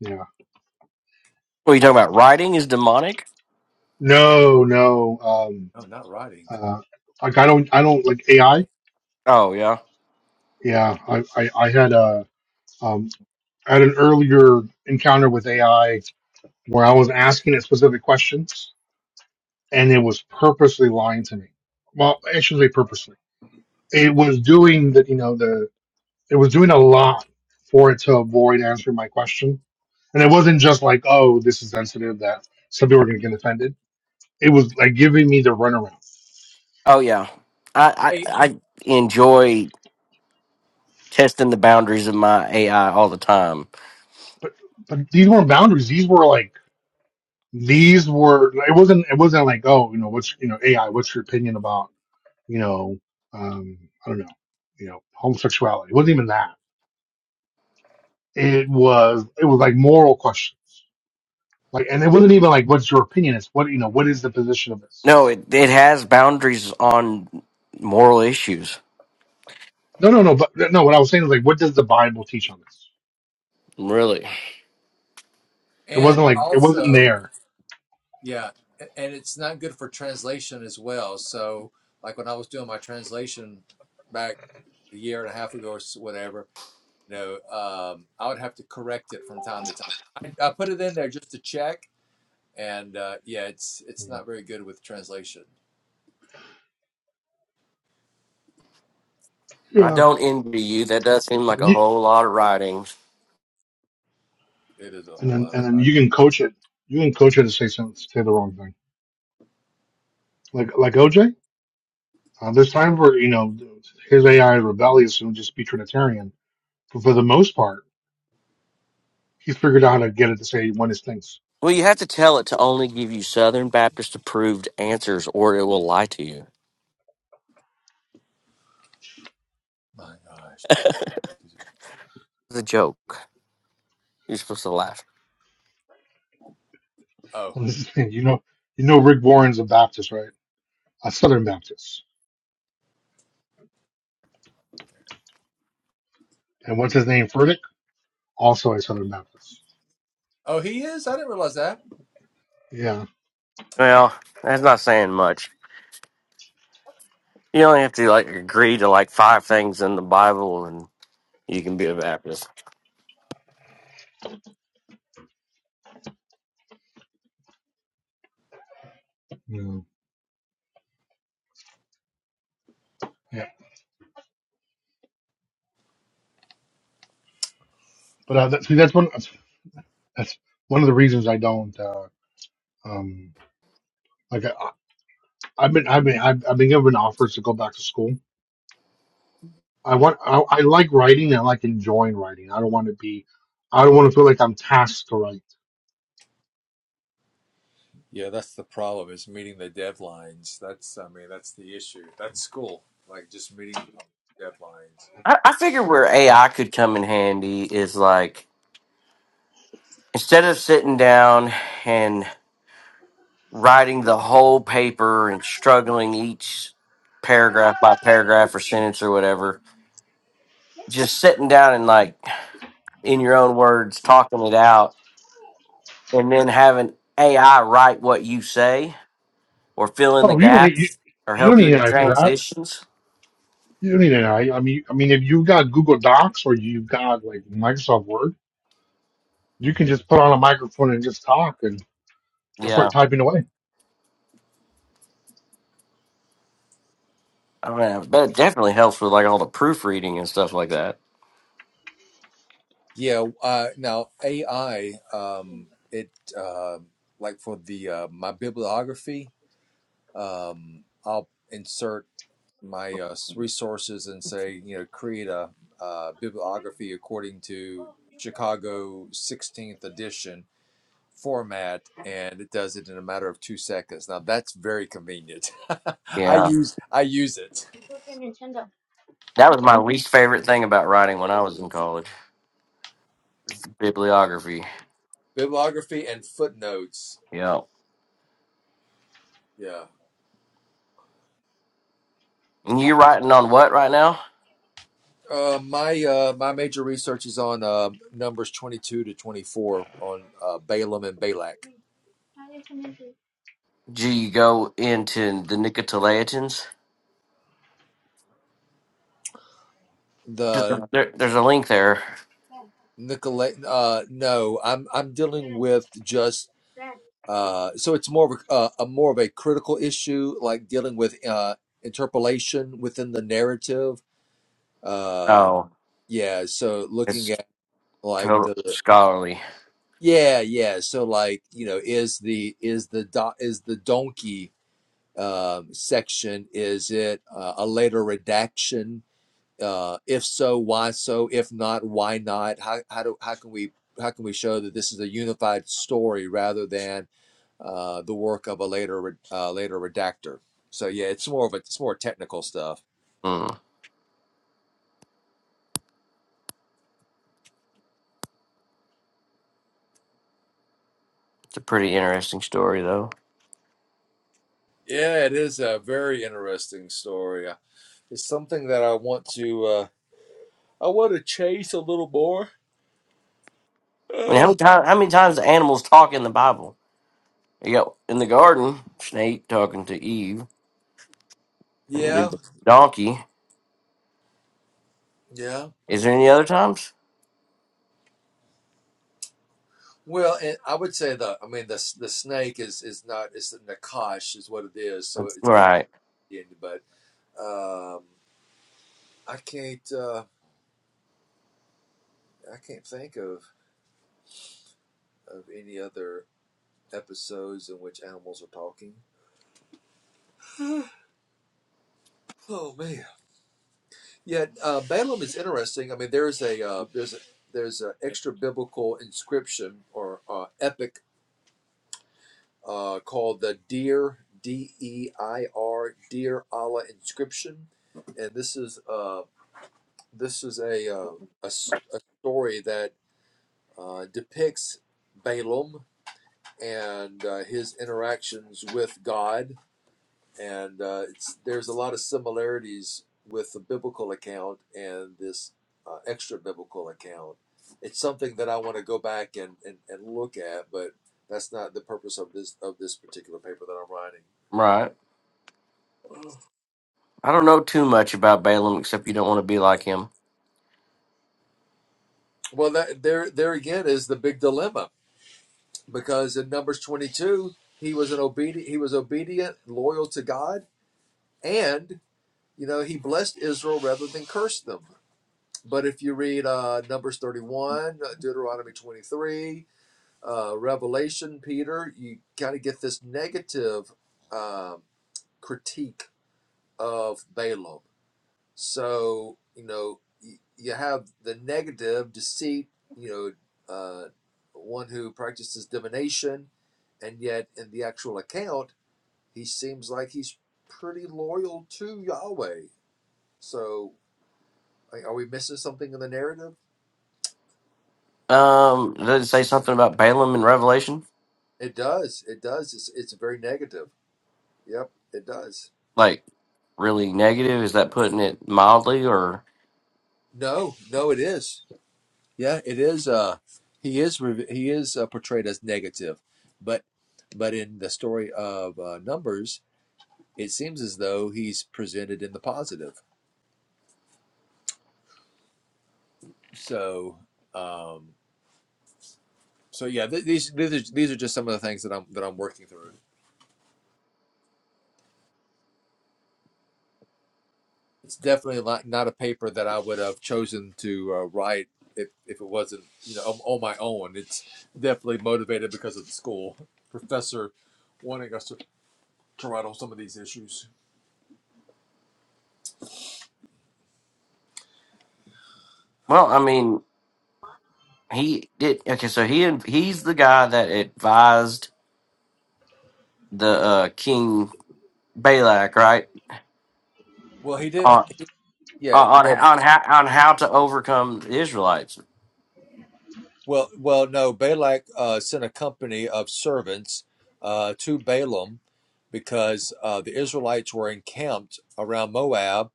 [SPEAKER 7] yeah,
[SPEAKER 15] What are you talking about? Writing is demonic?
[SPEAKER 7] no, no, um,
[SPEAKER 6] Oh, not writing.
[SPEAKER 7] uh, like I don't, I don't like AI.
[SPEAKER 15] Oh yeah.
[SPEAKER 7] Yeah, I, I, I had a, um, I had an earlier encounter with AI where I was asking it specific questions and it was purposely lying to me. Well, I shouldn't say purposely. It was doing that, you know, the, it was doing a lot for it to avoid answering my question. And it wasn't just like, oh, this is sensitive that some people are going to get offended. It was like giving me the runaround
[SPEAKER 15] Oh yeah. I,
[SPEAKER 6] Hey,
[SPEAKER 15] I I enjoy testing the boundaries of my AI all the time.
[SPEAKER 7] but but these weren't boundaries. These were like these were. It wasn't. It wasn't like oh, you know, what's you know AI? What's your opinion about you know? Um, I don't know. You know, homosexuality. It wasn't even that. It was. It was like moral questions. Like, and it wasn't even like what's your opinion? It's what you know. What is the position of this?
[SPEAKER 15] No, it it has boundaries on moral issues.
[SPEAKER 7] No, no, no. But no, what I was saying is like, what does the Bible teach on this?
[SPEAKER 15] Really.
[SPEAKER 7] It
[SPEAKER 6] and
[SPEAKER 7] wasn't like it wasn't
[SPEAKER 6] also,
[SPEAKER 7] there.
[SPEAKER 6] yeah, and it's not good for translation as well. So, like when I was doing my translation back a year and a half ago or s- whatever, you know, um, I would have to correct it from time to time. I, I put it in there just to check, and uh, yeah, it's it's not very good with translation.
[SPEAKER 15] I
[SPEAKER 7] Yeah.
[SPEAKER 15] don't envy you. That does seem like a
[SPEAKER 7] You,
[SPEAKER 15] whole lot of writing.
[SPEAKER 6] It is a
[SPEAKER 7] and
[SPEAKER 6] whole
[SPEAKER 7] then
[SPEAKER 6] lot
[SPEAKER 7] and
[SPEAKER 6] of.
[SPEAKER 7] then you can coach it. You can coach it to say some, say the wrong thing. Like like OJ. Uh, there's time for you know his AI is rebellious and just be Trinitarian, but for the most part, he's figured out how to get it to say one is things.
[SPEAKER 15] Well, you have to tell it to only give you Southern Baptist approved answers or it will lie to you.
[SPEAKER 6] My gosh.
[SPEAKER 15] It's a joke. You're supposed to laugh.
[SPEAKER 6] Oh.
[SPEAKER 7] And this is the thing, you know, you know, Rick Warren's a Baptist, right? A Southern Baptist, and what's his name? Furtick, also a Southern Baptist.
[SPEAKER 6] Oh, he is. I didn't realize that.
[SPEAKER 7] Yeah,
[SPEAKER 6] Yeah.
[SPEAKER 15] Well, that's not saying much. You only have to like agree to like five things in the Bible You can be a rapist.
[SPEAKER 7] yeah, yeah. But uh, that, see, that's one. That's one of the reasons I don't. Uh, um, like I, I've been, I've been, I've, I've been given offers to go back to school. I want, I, I like writing. and I like enjoying writing. I don't want to be, I don't want to feel like I'm tasked to write
[SPEAKER 6] Yeah, that's the problem is meeting the deadlines. That's, I mean, that's the issue. That's school, like just meeting deadlines.
[SPEAKER 15] I, I figure where
[SPEAKER 7] Yeah.
[SPEAKER 15] AI could come in handy is like instead of sitting down and writing the whole paper and struggling each paragraph by paragraph or sentence or whatever, just sitting down and like in your own words talking it out and then having AI write what you say or fill in the
[SPEAKER 7] Oh, you don't need you,
[SPEAKER 15] gaps or
[SPEAKER 7] you don't
[SPEAKER 15] help you
[SPEAKER 7] need
[SPEAKER 15] with the
[SPEAKER 7] AI for that.
[SPEAKER 15] transitions.
[SPEAKER 7] You don't need AI. I I mean, I mean, if you got Google Docs or you got like Microsoft Word, you can just put on a microphone and just talk and, and start
[SPEAKER 15] Yeah.
[SPEAKER 7] typing away.
[SPEAKER 15] I mean, I bet it definitely helps with like all the proofreading and stuff like that.
[SPEAKER 6] Yeah. Uh, now AI, um, it uh, like for the uh, my bibliography, um, I'll insert my uh, resources and say, you know, create a uh, bibliography according to Chicago 16th edition format and it does it in a matter of two seconds. Now that's very convenient. I
[SPEAKER 15] Yeah.
[SPEAKER 6] use I use it.
[SPEAKER 15] That was my least favorite thing about writing when I was in college. It's the Bibliography.
[SPEAKER 6] Bibliography and footnotes.
[SPEAKER 15] Yeah.
[SPEAKER 6] Yeah.
[SPEAKER 15] And you're writing on what right now?
[SPEAKER 6] Uh, my uh, my major research is on uh, numbers 22 to 24 on uh, Balaam and Balak.
[SPEAKER 15] Do you go into the Nicotolaitans.
[SPEAKER 6] The
[SPEAKER 15] There, there's a link there.
[SPEAKER 6] Nicolay uh, no, I'm I'm dealing with just uh, so it's more of a, uh, a more of a critical issue like dealing with uh, interpolation within the narrative Uh.
[SPEAKER 15] Oh,
[SPEAKER 6] Yeah, so looking
[SPEAKER 15] it's
[SPEAKER 6] at like
[SPEAKER 15] total
[SPEAKER 6] the
[SPEAKER 15] scholarly.
[SPEAKER 6] yeah, yeah. So like, you know, is the is the do, is the donkey um section is it uh, a later redaction? Uh if so, why so? If not, why not? How how do how can we how can we show that this is a unified story rather than uh the work of a later re- uh, later redactor? So yeah, it's more of a it's more technical stuff.
[SPEAKER 15] Hmm. It's a pretty interesting story, though.
[SPEAKER 6] Yeah, it is a very interesting story. It's something that I want to. uh I want to chase a little more.
[SPEAKER 15] I mean, how
[SPEAKER 6] Uh,
[SPEAKER 15] many, times? how many times do animals talk in the Bible? You got in the garden, snake talking to Eve, and
[SPEAKER 6] Yeah,
[SPEAKER 15] the donkey.
[SPEAKER 6] yeah.
[SPEAKER 15] Is there any other times?
[SPEAKER 6] Well, and I would say the, I mean, the the snake is is not it's a nakash is what it is. So it's
[SPEAKER 15] Right,
[SPEAKER 6] but um, I can't uh, I can't think of of any other episodes in which animals are talking. Oh man, yeah. Uh, Balaam is interesting. I mean, there's a uh, there's a there's an extra biblical inscription or uh, epic uh, called the Dear D E I R Dear Allah inscription, and this is uh, this is a, uh, a s- a story that uh, depicts Balaam and uh, his interactions with God, and uh, it's, there's a lot of similarities with the biblical account and this uh, extra biblical account. It's something that I want to go back and, and, and look at, but that's not the purpose of this of this particular paper that I'm writing.
[SPEAKER 15] right. I don't know too much about Balaam except you don't want to be like him.
[SPEAKER 6] Well, that, there, there again is the big dilemma because in Numbers 22, he was an obedient, he was obedient, loyal to God, and you know he blessed Israel rather than cursed them. But if you read uh, Numbers 31, uh, Deuteronomy 23, uh, Revelation, Peter, you kind of get this negative um critique of Balaam. So, you know, you have the negative deceit, you know, uh, one who practices divination, and yet in the actual account, he seems like he's pretty loyal to Yahweh. So, are we missing something in the narrative?
[SPEAKER 15] Um, does it say something about Balaam in Revelation?
[SPEAKER 6] It does. It does. It's, it's very negative. Yep, it does.
[SPEAKER 15] Like really negative? Is that putting it mildly? Or
[SPEAKER 6] No, no, it is. Yeah, it is. Uh, he is. He is uh, portrayed as negative, but but in the story of uh, Numbers it seems as though he's presented in the positive. So, um, so yeah, th- these these are, these are just some of the things that I'm that I'm working through. It's definitely not not a paper that I would have chosen to uh, write if, if it wasn't you know on, on my own. It's definitely motivated because of the school professor wanting us to, to write on some of these issues.
[SPEAKER 15] well, I mean, he did. Okay, so he he's the guy that advised the uh, king Balak, right?
[SPEAKER 6] Well, he didn't.
[SPEAKER 15] On
[SPEAKER 6] Yeah.
[SPEAKER 15] on
[SPEAKER 6] Well,
[SPEAKER 15] on how on how to overcome the Israelites.
[SPEAKER 6] Well, well, no. Balak uh, sent a company of servants uh, to Balaam because uh, the Israelites were encamped around Moab,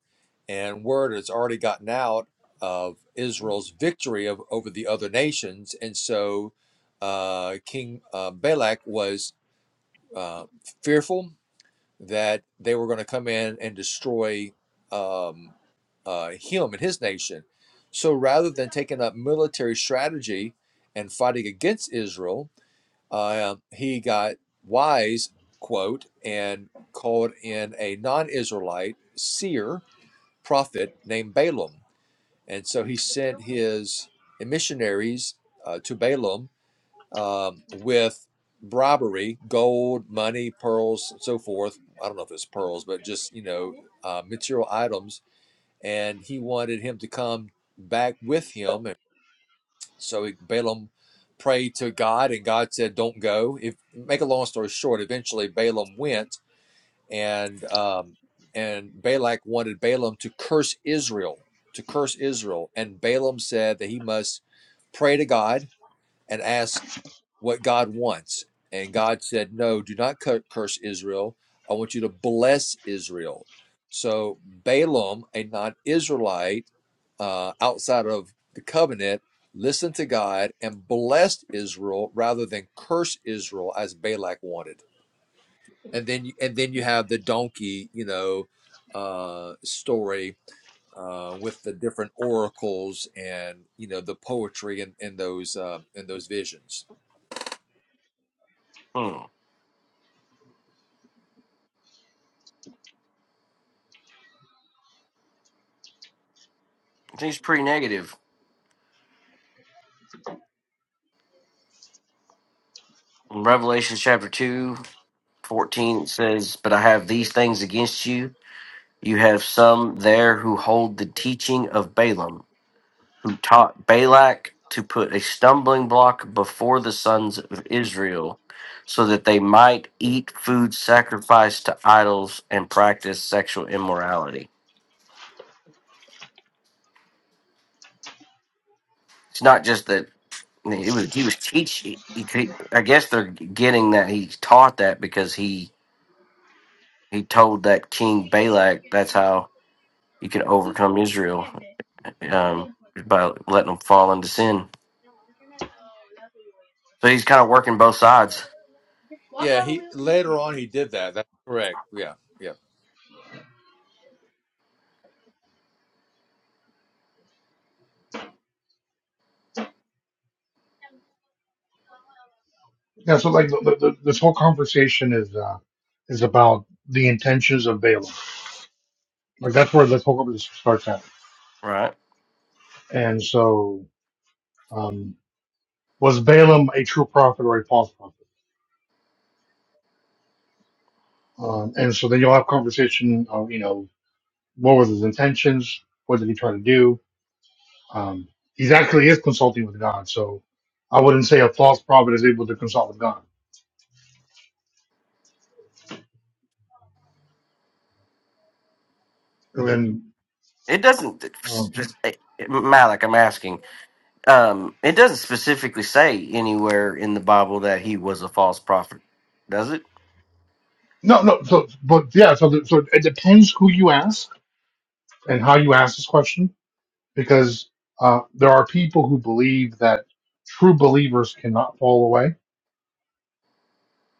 [SPEAKER 6] and word has already gotten out of Israel's victory of, over the other nations, and so uh, King uh, Balak was uh, fearful that they were going to come in and destroy um, uh, him and his nation. So rather than taking up military strategy and fighting against Israel, uh, he got wise, quote, and called in a non Israelite seer prophet named Balaam. And so he sent his missionaries uh, to Balaam um, with robbery, gold, money, pearls, and so forth. I don't know if it's pearls, but just, you know, uh, material items. And he wanted him to come back with him. And so Balaam prayed to God, and God said, Don't go. If Make a long story short, eventually Balaam went, and, um, and Balak wanted Balaam to curse Israel, to curse Israel. And Balaam said that he must pray to God and ask what God wants. And God said, No, do not curse Israel. I want you to bless Israel. So Balaam, a non Israelite uh, outside of the covenant, listened to God and blessed Israel rather than curse Israel as Balak wanted. And then, and then you have the donkey, you know, uh, story uh, with the different oracles and you know the poetry and in, in those uh, in those visions.
[SPEAKER 15] Hmm. He's pretty negative. In Revelation chapter 2 14 it says, But I have these things against you, You have some there who hold the teaching of Balaam, who taught Balak to put a stumbling block before the sons of Israel, so that they might eat food sacrificed to idols and practice sexual immorality. It's not just that I mean, it was he was teaching. he- he- I guess they're getting that he taught that because he he told that king Balak that's how you can overcome Israel um, by letting them fall into sin. So he's kind of working both sides,
[SPEAKER 6] Yeah, he later on he did that. That's correct. Yeah, yeah,
[SPEAKER 7] Yeah. So like the, the, the, this whole conversation is uh, is about the intentions of Balaam. Like that's where this whole conversation starts at.
[SPEAKER 15] right?
[SPEAKER 7] And so, um, was Balaam a true prophet or a false prophet? Um, and so then you'll have conversation of you know what was his intentions, what did he try to do, Um, he actually is consulting with God, so I wouldn't say a false prophet is able to consult with God. And Okay. then,
[SPEAKER 15] It doesn't,
[SPEAKER 7] um,
[SPEAKER 15] Malik. I'm asking. Um, it doesn't specifically say anywhere in the Bible that he was a false prophet, does it?
[SPEAKER 7] no, no. So, but yeah. So, the, so it depends who you ask and how you ask this question, because uh, there are people who believe that true believers cannot fall away,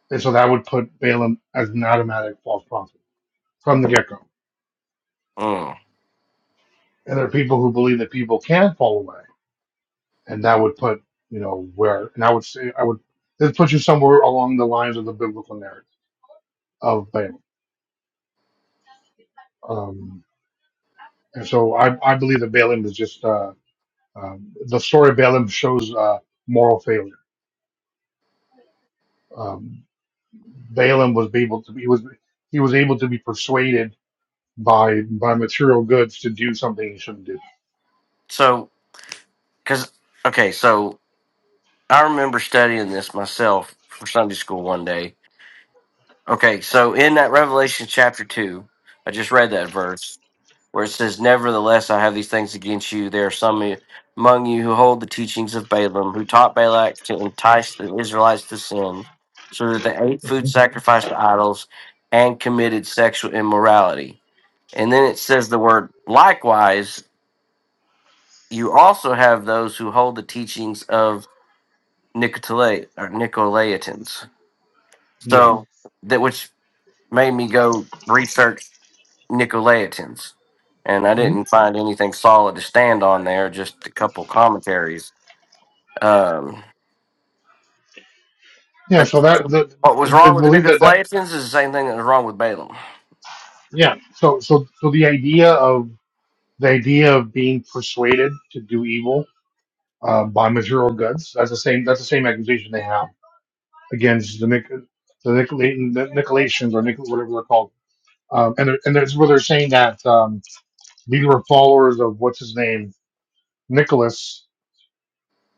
[SPEAKER 7] and so that would put Balaam as an automatic false prophet from the get go.
[SPEAKER 15] Mm.
[SPEAKER 7] And there are people who believe that people can fall away, and that would put you know where, and I would say I would this puts you somewhere along the lines of the biblical narrative of Balaam. Um, and so I, I believe that Balaam is just uh, um, the story of Balaam shows uh, moral failure. Um, Balaam was able to be was he was able to be persuaded by by material goods to do something he shouldn't do.
[SPEAKER 15] So, because okay, so I remember studying this myself for Sunday school one day. Okay, so in that Revelation chapter two, I just read that verse where it says, Nevertheless, I have these things against you. There are some among you who hold the teachings of Balaam, who taught Balak to entice the Israelites to sin, so that they ate food sacrificed to idols and committed sexual immorality. And then it says the word, likewise, you also have those who hold the teachings of Nicotole- or Nicolaitans.
[SPEAKER 7] Yeah,
[SPEAKER 15] So that which made me go research Nicolaitans, and I
[SPEAKER 7] Mhm.
[SPEAKER 15] didn't find anything solid to stand on there. Just a couple commentaries. Um,
[SPEAKER 7] yeah.
[SPEAKER 15] but
[SPEAKER 7] So that that
[SPEAKER 15] what was
[SPEAKER 7] I I
[SPEAKER 15] wrong with the
[SPEAKER 7] believe that that
[SPEAKER 15] Nicolaitans is the same thing that was wrong with Balaam.
[SPEAKER 7] yeah. So so so the idea of the idea of being persuaded to do evil uh, by material goods that's the same that's the same accusation they have against the Nic- the Nicolaitans or Nicholas, whatever they're called. Um, and they're- and that's where they're saying that um, these were followers of what's his name, Nicholas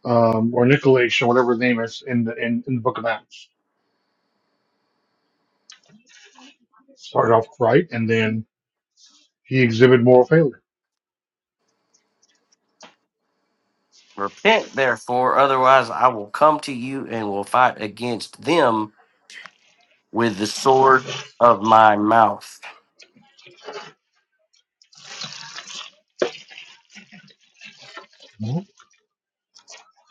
[SPEAKER 7] um, or Nicolaish or whatever his name is in the in, in the Book of Acts. Started off right, and then he exhibited moral failure.
[SPEAKER 15] Repent, therefore, otherwise I will come to you and will fight against them with the sword of my mouth.
[SPEAKER 7] Mhm.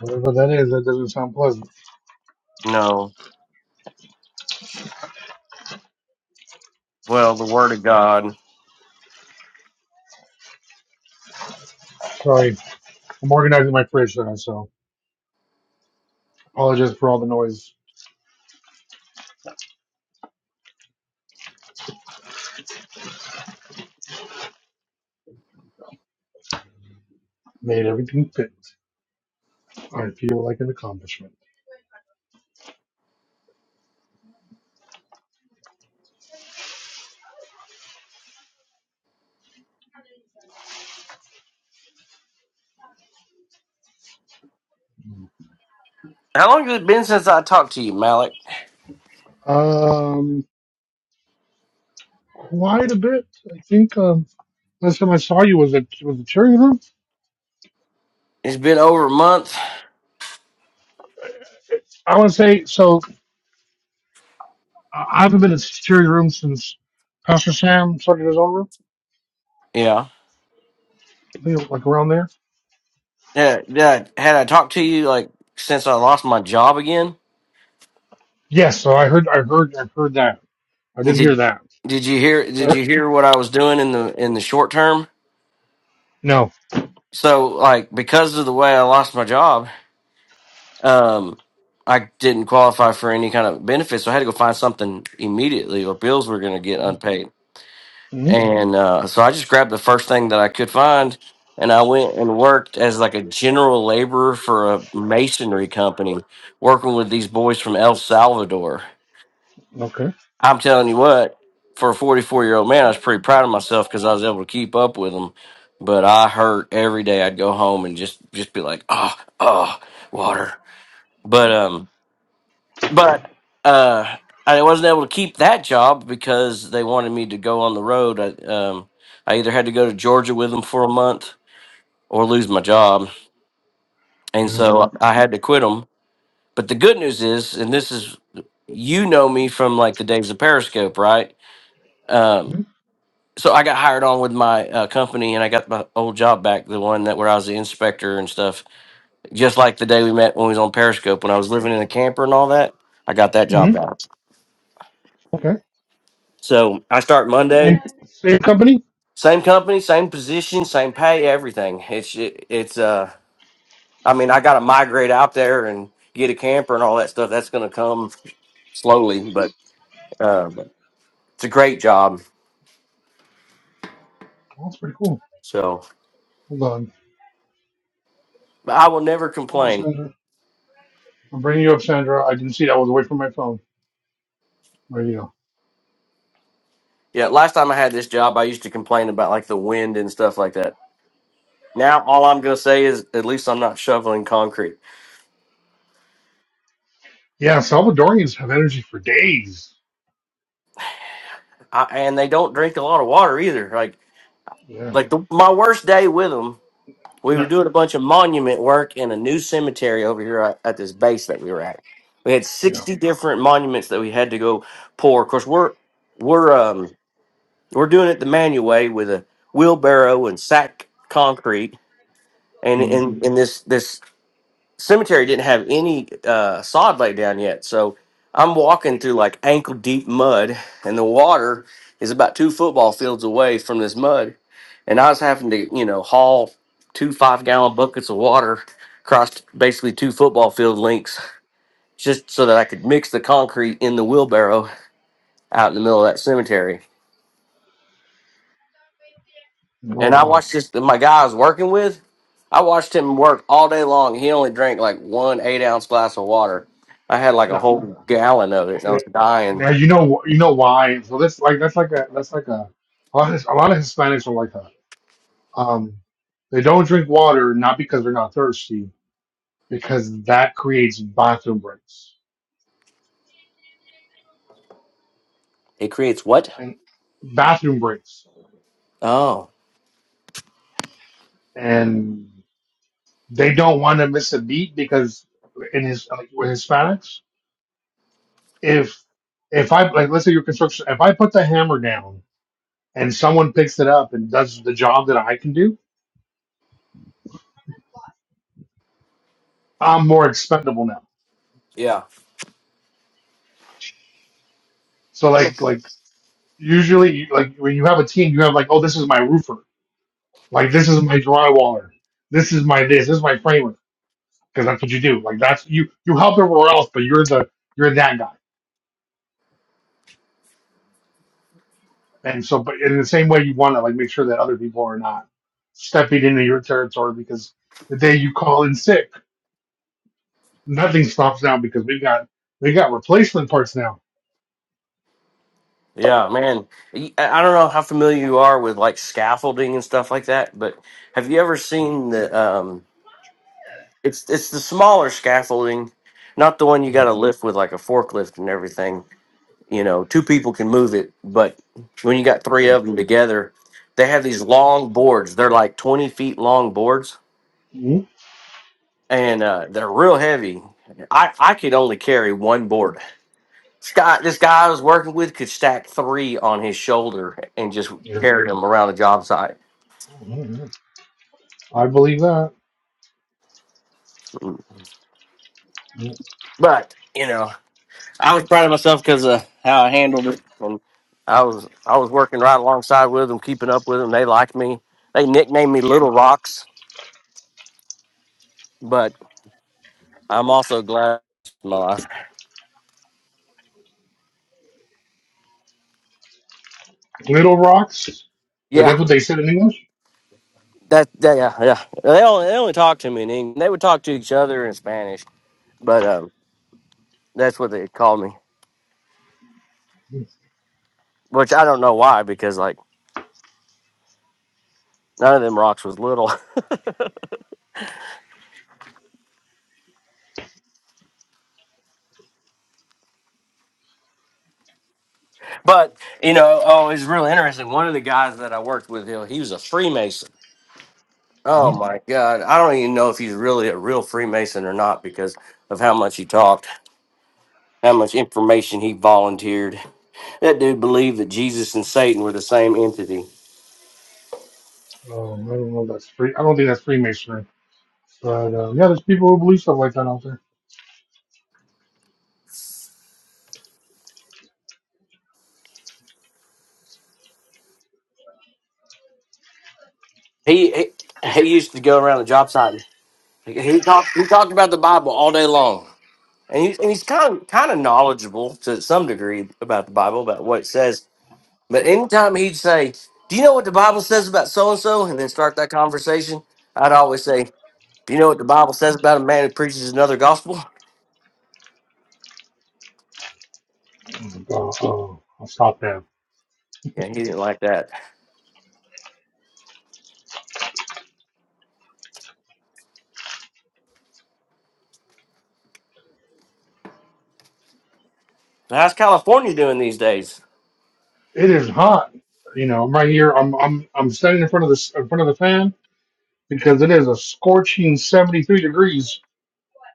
[SPEAKER 7] Whatever that is, that doesn't sound pleasant.
[SPEAKER 15] No, well, the word of God.
[SPEAKER 7] Sorry, I'm organizing my fridge now, so apologize for all the noise. Made everything fit. I feel like an accomplishment.
[SPEAKER 15] How long has it been since I talked to you, Malik?
[SPEAKER 7] Um, quite a bit. I think um, last time I saw you was at was the cheering room.
[SPEAKER 15] It's been over a month.
[SPEAKER 7] I want to say so. I I haven't been in security room since Pastor Sam started his own room.
[SPEAKER 15] Yeah.
[SPEAKER 7] I think it was, like around there.
[SPEAKER 15] Yeah, yeah. Had I talked to you like since I lost my job again?
[SPEAKER 7] Yes, so I heard, I heard, I heard that. I did hear
[SPEAKER 15] did
[SPEAKER 7] that.
[SPEAKER 15] did you hear did
[SPEAKER 7] But
[SPEAKER 15] you hear what I was doing in the in the short term?
[SPEAKER 7] No.
[SPEAKER 15] So like because of the way I lost my job, um I didn't qualify for any kind of benefits, so I had to go find something immediately or bills were going to get unpaid.
[SPEAKER 7] hmm
[SPEAKER 15] And uh so I just grabbed the first thing that I could find and I went and worked as like a general laborer for a masonry company working with these boys from El Salvador.
[SPEAKER 7] Okay.
[SPEAKER 15] I'm telling you what, for a 44 year old man, I was pretty proud of myself because I was able to keep up with them. But I hurt every day. I'd go home and just just be like, oh, oh, water. But um, but uh, I wasn't able to keep that job because they wanted me to go on the road. I um, I either had to go to Georgia with them for a month or lose my job, and
[SPEAKER 7] Yeah.
[SPEAKER 15] so Mhm. I had to quit them. But the good news is, and this is, you know me from like the days of Periscope, right? Um. so I got hired on with my uh, company, and I got my old job back, the one that where I was the inspector and stuff. Just like the day we met when we was on Periscope, when I was living in a camper and all that, I got that
[SPEAKER 7] hmm
[SPEAKER 15] job back.
[SPEAKER 7] Okay.
[SPEAKER 15] So I start Monday,
[SPEAKER 7] Same company.
[SPEAKER 15] same company, same position, same pay, everything. It's it, it's uh, I mean, I got to migrate out there and get a camper and all that stuff. That's gonna come slowly, but uh, but it's a great job.
[SPEAKER 7] Well, that's pretty cool.
[SPEAKER 15] So
[SPEAKER 7] Hold on.
[SPEAKER 15] but I will never
[SPEAKER 7] Hold on,
[SPEAKER 15] complain.
[SPEAKER 7] Sandra. I'm bringing you up, Sandra. I didn't see that. I was away from my phone. There you go.
[SPEAKER 15] Yeah, last time I had this job, I used to complain about like the wind and stuff like that Now all I'm gonna say is at least I'm not shoveling concrete.
[SPEAKER 7] Yeah, Salvadorians have energy for days.
[SPEAKER 15] I, and they don't drink a lot of water either. Like
[SPEAKER 7] Yeah.
[SPEAKER 15] like the, my worst day with them, we were
[SPEAKER 7] No.
[SPEAKER 15] doing a bunch of monument work in a new cemetery over here at, at this base that we were at. We had
[SPEAKER 7] Yeah.
[SPEAKER 15] 60 different monuments that we had to go pour. Of course, we're we're um we're doing it the manual way with a wheelbarrow and sack concrete. And
[SPEAKER 7] Mm.
[SPEAKER 15] in in this this cemetery didn't have any uh, sod laid down yet. So I'm walking through like ankle deep mud, and the water is about two football fields away from this mud. And I was having to, you know, haul two five gallon buckets of water across basically two football field lengths just so that I could mix the concrete in the wheelbarrow out in the middle of that cemetery.
[SPEAKER 7] Oh
[SPEAKER 15] And I
[SPEAKER 7] wow.
[SPEAKER 15] watched this my guy I was working with. I watched him work all day long. He only drank like one eight ounce glass of water. I had like a
[SPEAKER 7] No.
[SPEAKER 15] whole gallon of it, and I was
[SPEAKER 7] Now
[SPEAKER 15] dying.
[SPEAKER 7] you know you know why. So that's like that's like a that's like a a lot of, a lot of Hispanics are like that. Um, they don't drink water not because they're not thirsty, because that creates bathroom breaks
[SPEAKER 15] It creates what?
[SPEAKER 7] and bathroom breaks,
[SPEAKER 15] Oh,
[SPEAKER 7] and they don't want to miss a beat because in his like with Hispanics, if if I like let's say your construction, if I put the hammer down and someone picks it up and does the job that I can do, I'm more expendable now.
[SPEAKER 15] Yeah,
[SPEAKER 7] So
[SPEAKER 15] that
[SPEAKER 7] like
[SPEAKER 15] makes
[SPEAKER 7] like
[SPEAKER 15] sense.
[SPEAKER 7] usually like when you have a team, you have like, oh, this is my roofer, like this is my drywaller, this is my this, this is my framer, because that's what you do. Like that's you you help everywhere else, but you're the you're that guy. And so, but in the same way, you want to like make sure that other people are not stepping into your territory because the day you call in sick, nothing stops now because we've got we got replacement parts now.
[SPEAKER 15] Yeah, man. Y- I I don't know how familiar you are with like scaffolding and stuff like that, but have you ever seen the? Um, it's it's the smaller scaffolding, not the one you got to lift with like a forklift and everything. You know, two people can move it, but when you got three
[SPEAKER 7] Yeah.
[SPEAKER 15] of them together, they have these long boards. They're like 20 feet long boards
[SPEAKER 7] Mhm.
[SPEAKER 15] and uh, they're real heavy. I, I could only carry one board. This guy, this guy I was working with could stack three on his shoulder and just
[SPEAKER 7] Yeah.
[SPEAKER 15] carry them around the job site.
[SPEAKER 7] I believe that.
[SPEAKER 15] But, you know, I was proud of myself because of how I handled it. And I was I was working right alongside with them, keeping up with them. They liked me. They nicknamed me Little Rocks, I'm also glad. Moss.
[SPEAKER 7] Little rocks. Like
[SPEAKER 15] Yeah,
[SPEAKER 7] that's what they said in English.
[SPEAKER 15] that, that yeah yeah. They only they only talk to me in English. They would talk to each other in Spanish, but um, that's what they called me. Which I don't know why, because like none of them rocks was little. but you know, oh, it's really interesting. One of the guys that I worked with, he he was a Freemason. Oh my God, I don't even know if he's really a real Freemason or not because of how much he talked, how much information he volunteered. That dude believed that Jesus and Satan were the same entity.
[SPEAKER 7] Um, I don't know if that's free. I don't think that's Freemasonry. But um, yeah, there's people who believe stuff like that out there.
[SPEAKER 15] He, he he used to go around the job site. He talked he talked about the Bible all day long, and, he, and he's kind of kind of knowledgeable to some degree about the Bible, about what it says. But anytime he'd say, "Do you know what the Bible says about so and so?" and then start that conversation, I'd always say, "Do you know what the Bible says about a man who preaches another gospel?"
[SPEAKER 7] Uh, uh, I'll stop that.
[SPEAKER 15] Yeah, he didn't like that. How's California doing these days?
[SPEAKER 7] It is hot. You know, I'm right here. I'm I'm I'm standing in front of this in front of the fan because it is a scorching 73 degrees.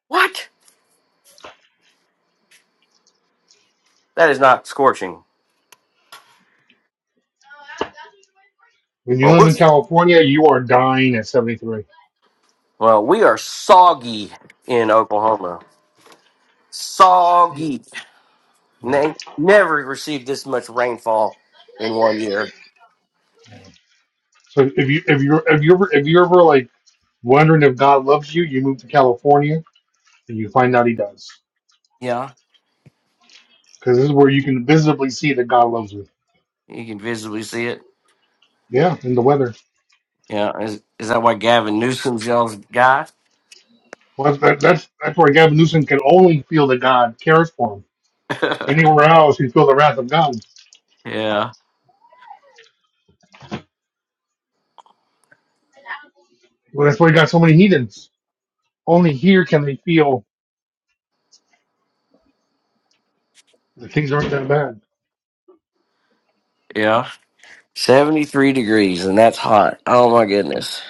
[SPEAKER 15] What? That is not scorching.
[SPEAKER 7] When you
[SPEAKER 15] Well,
[SPEAKER 7] live
[SPEAKER 15] we're
[SPEAKER 7] in California, you are dying at 73.
[SPEAKER 15] well, we are soggy in Oklahoma. Soggy.
[SPEAKER 7] Yeah.
[SPEAKER 15] And they never received this much rainfall in one year.
[SPEAKER 7] So if you if you if you ever if you ever like wondering if God loves you, you move to California and you find out He does
[SPEAKER 15] Yeah,
[SPEAKER 7] because this is where you can visibly see that God loves you.
[SPEAKER 15] you can visibly see it.
[SPEAKER 7] Yeah, in the weather.
[SPEAKER 15] Yeah, is, is that why Gavin Newsom's y'all's guy?
[SPEAKER 7] Well, that, that's that's where Gavin Newsom can only feel that God cares for him. Anywhere else, he feel the wrath of God.
[SPEAKER 15] yeah,
[SPEAKER 7] Well, that's why he got so many heathens. Only here can they feel that things aren't that bad.
[SPEAKER 15] yeah. 73 degrees, and that's hot. Oh my goodness.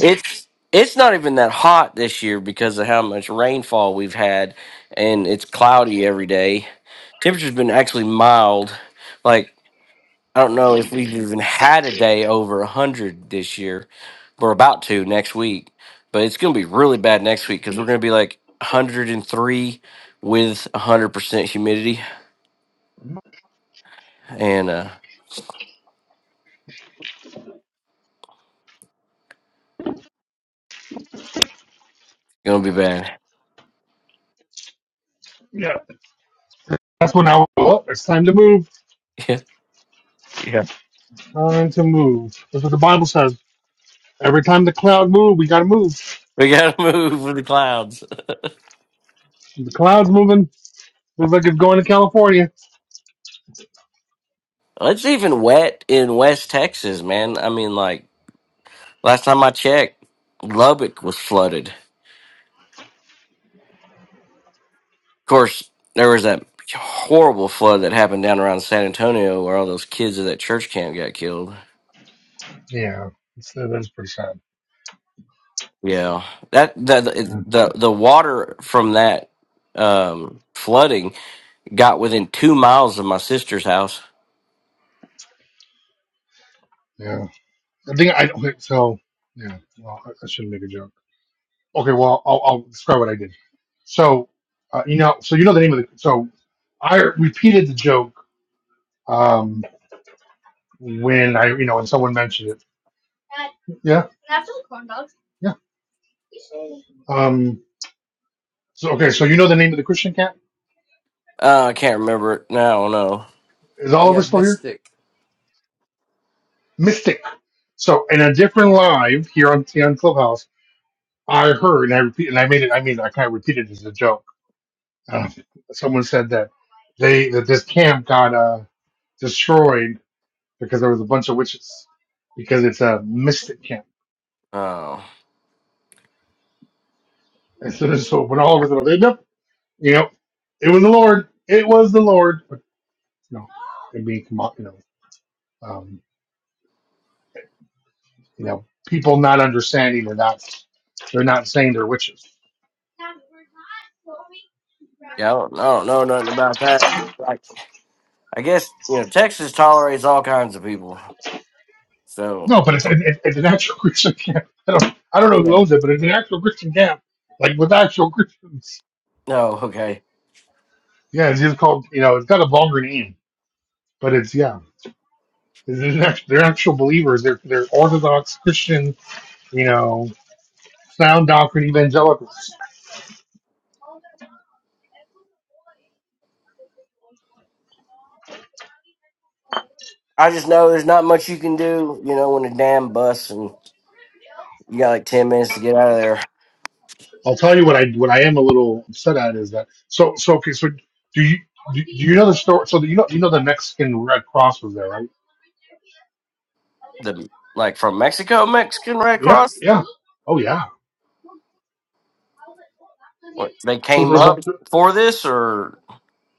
[SPEAKER 15] It's it's not even that hot this year because of how much rainfall we've had, and it's cloudy every day. Temperature's been actually mild. like. I don't know if we've even had a day over 100 this year. We're about to next week, but it's going to be really bad next week because we're going to be like 103 with 100% humidity and uh going to be bad.
[SPEAKER 7] Yeah, that's when I was, oh, it's time to move.
[SPEAKER 15] Yeah. Yeah.
[SPEAKER 7] Time to move. That's what the Bible says. Every time the cloud move, we gotta move.
[SPEAKER 15] We got to move with the clouds.
[SPEAKER 7] The cloud's moving. Looks like it's going to California.
[SPEAKER 15] It's even wet in West Texas, man. I mean, like last time I checked, Lubbock was flooded. Of course, there was that horrible flood that happened down around San Antonio where all those kids at that church camp got killed.
[SPEAKER 7] Yeah, it's, that is pretty sad.
[SPEAKER 15] Yeah, that that
[SPEAKER 7] Pretty
[SPEAKER 15] the
[SPEAKER 7] sad.
[SPEAKER 15] the water from that um, flooding got within two miles of my sister's house.
[SPEAKER 7] Yeah, I think I Okay, so. Yeah, well, I, I shouldn't make a joke. okay, well, I'll, I'll describe what I did. So, uh, you know, so you know the name of the. So, I repeated the joke um, when I, you know, when someone mentioned it. Yeah, yeah. Um, so, okay, so you know the name of the Christian cat?
[SPEAKER 15] Uh, I can't remember it now. No,
[SPEAKER 7] Is
[SPEAKER 6] yeah.
[SPEAKER 7] Oliver still here?
[SPEAKER 6] Mystic.
[SPEAKER 7] Mystic. So, in a different live here on here on Clubhouse, I heard and I repeat and I made it. I mean, I kind of repeated it as a joke. Uh, someone said that they that this camp got uh, destroyed because there was a bunch of witches because it's a mystic camp.
[SPEAKER 15] oh
[SPEAKER 7] And so, so when all of us were like, nope, you know, it was the Lord. It was the Lord. But you know, it being come up, you know, um, you know, people not understanding they're not they're not saying they're witches.
[SPEAKER 15] yeah, I don't, I don't know nothing about that. Like, I guess you know Texas tolerates all kinds of people. So
[SPEAKER 7] No, but it's, it, it's an actual Christian camp. I don't I don't know who
[SPEAKER 15] yeah,
[SPEAKER 7] owns it, but it's an actual Christian camp, like with actual Christians.
[SPEAKER 15] no, okay.
[SPEAKER 7] Yeah, it's just called you know, it's got a vulgar name, but it's yeah. It's an act- They're actual believers. They're they're Orthodox Christian, you know. sound doctrine evangelicals.
[SPEAKER 15] I just know there's not much you can do. You know, when a dam busts and you got like ten minutes to get out of there.
[SPEAKER 7] I'll tell you what I what I am a little upset at is that so so okay so do you so you know you know the Mexican Red Cross was there
[SPEAKER 15] The like from Mexico, Mexican Red
[SPEAKER 7] yeah
[SPEAKER 15] Cross.
[SPEAKER 7] yeah oh yeah
[SPEAKER 15] What they
[SPEAKER 7] so
[SPEAKER 15] came
[SPEAKER 7] there's a
[SPEAKER 15] up for this, or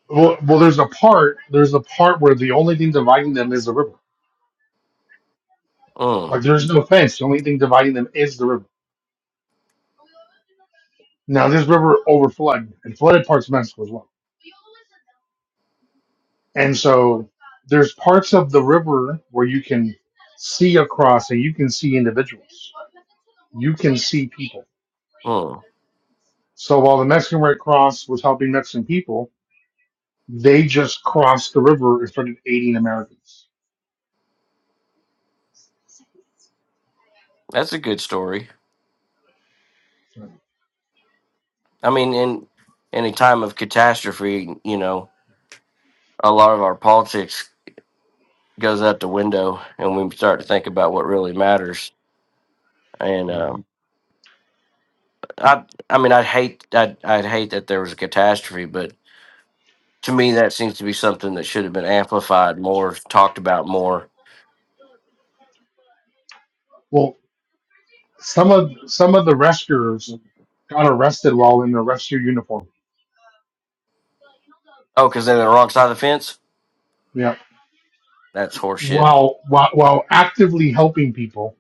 [SPEAKER 7] well, well there's a part there's a part where the only thing dividing them is the river
[SPEAKER 15] mm,
[SPEAKER 7] like there's no fence the only thing dividing them is the river now this river over flooded and flooded parts of Mexico as well and there's parts of the river where you cross and you can see individuals
[SPEAKER 15] mm,
[SPEAKER 7] so while the Mexican Red Cross was helping Mexican people They just crossed the river and started aiding Americans.
[SPEAKER 15] that's a good story. I mean, in in a time of catastrophe, you know, a lot of our politics goes out the window, and we start to think about what really matters. And um, I, I mean, I'd hate, I'd, I'd hate that there was a catastrophe, but to me, that seems to be something that should have been amplified more, talked about more.
[SPEAKER 7] Well, some of some of the rescuers got arrested while in their rescue uniform.
[SPEAKER 15] Oh, because they're on the wrong side of the fence.
[SPEAKER 7] Yeah,
[SPEAKER 15] That's horseshit.
[SPEAKER 7] while while, while actively helping people.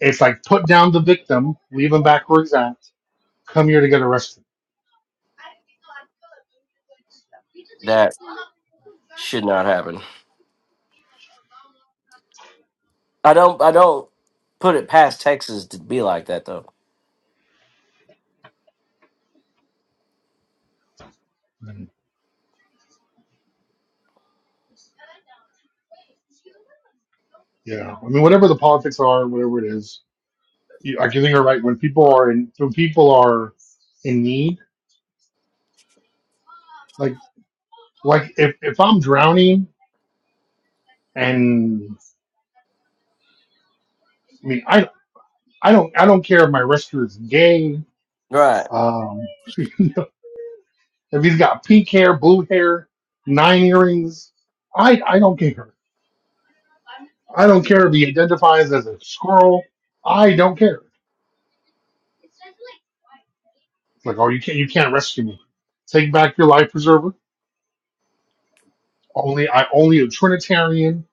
[SPEAKER 7] It's like put down the victim, leave him back where he's at. Come here to get arrested.
[SPEAKER 15] That should not happen. I don't I don't put it past Texas to be like that though.
[SPEAKER 7] I mean, whatever the politics are, whatever it is, you, I can think you're right. When people are in, when people are in need, if if I'm drowning, and mean, I I don't I don't care if my rescuer is gay.
[SPEAKER 15] Right.
[SPEAKER 7] Um, If he's got pink hair, blue hair, nine earrings, I I don't care. I don't Care if he identifies as a squirrel, I don't care. Like, oh, you can't you can't rescue me. Take back your life preserver. Only I only a Trinitarian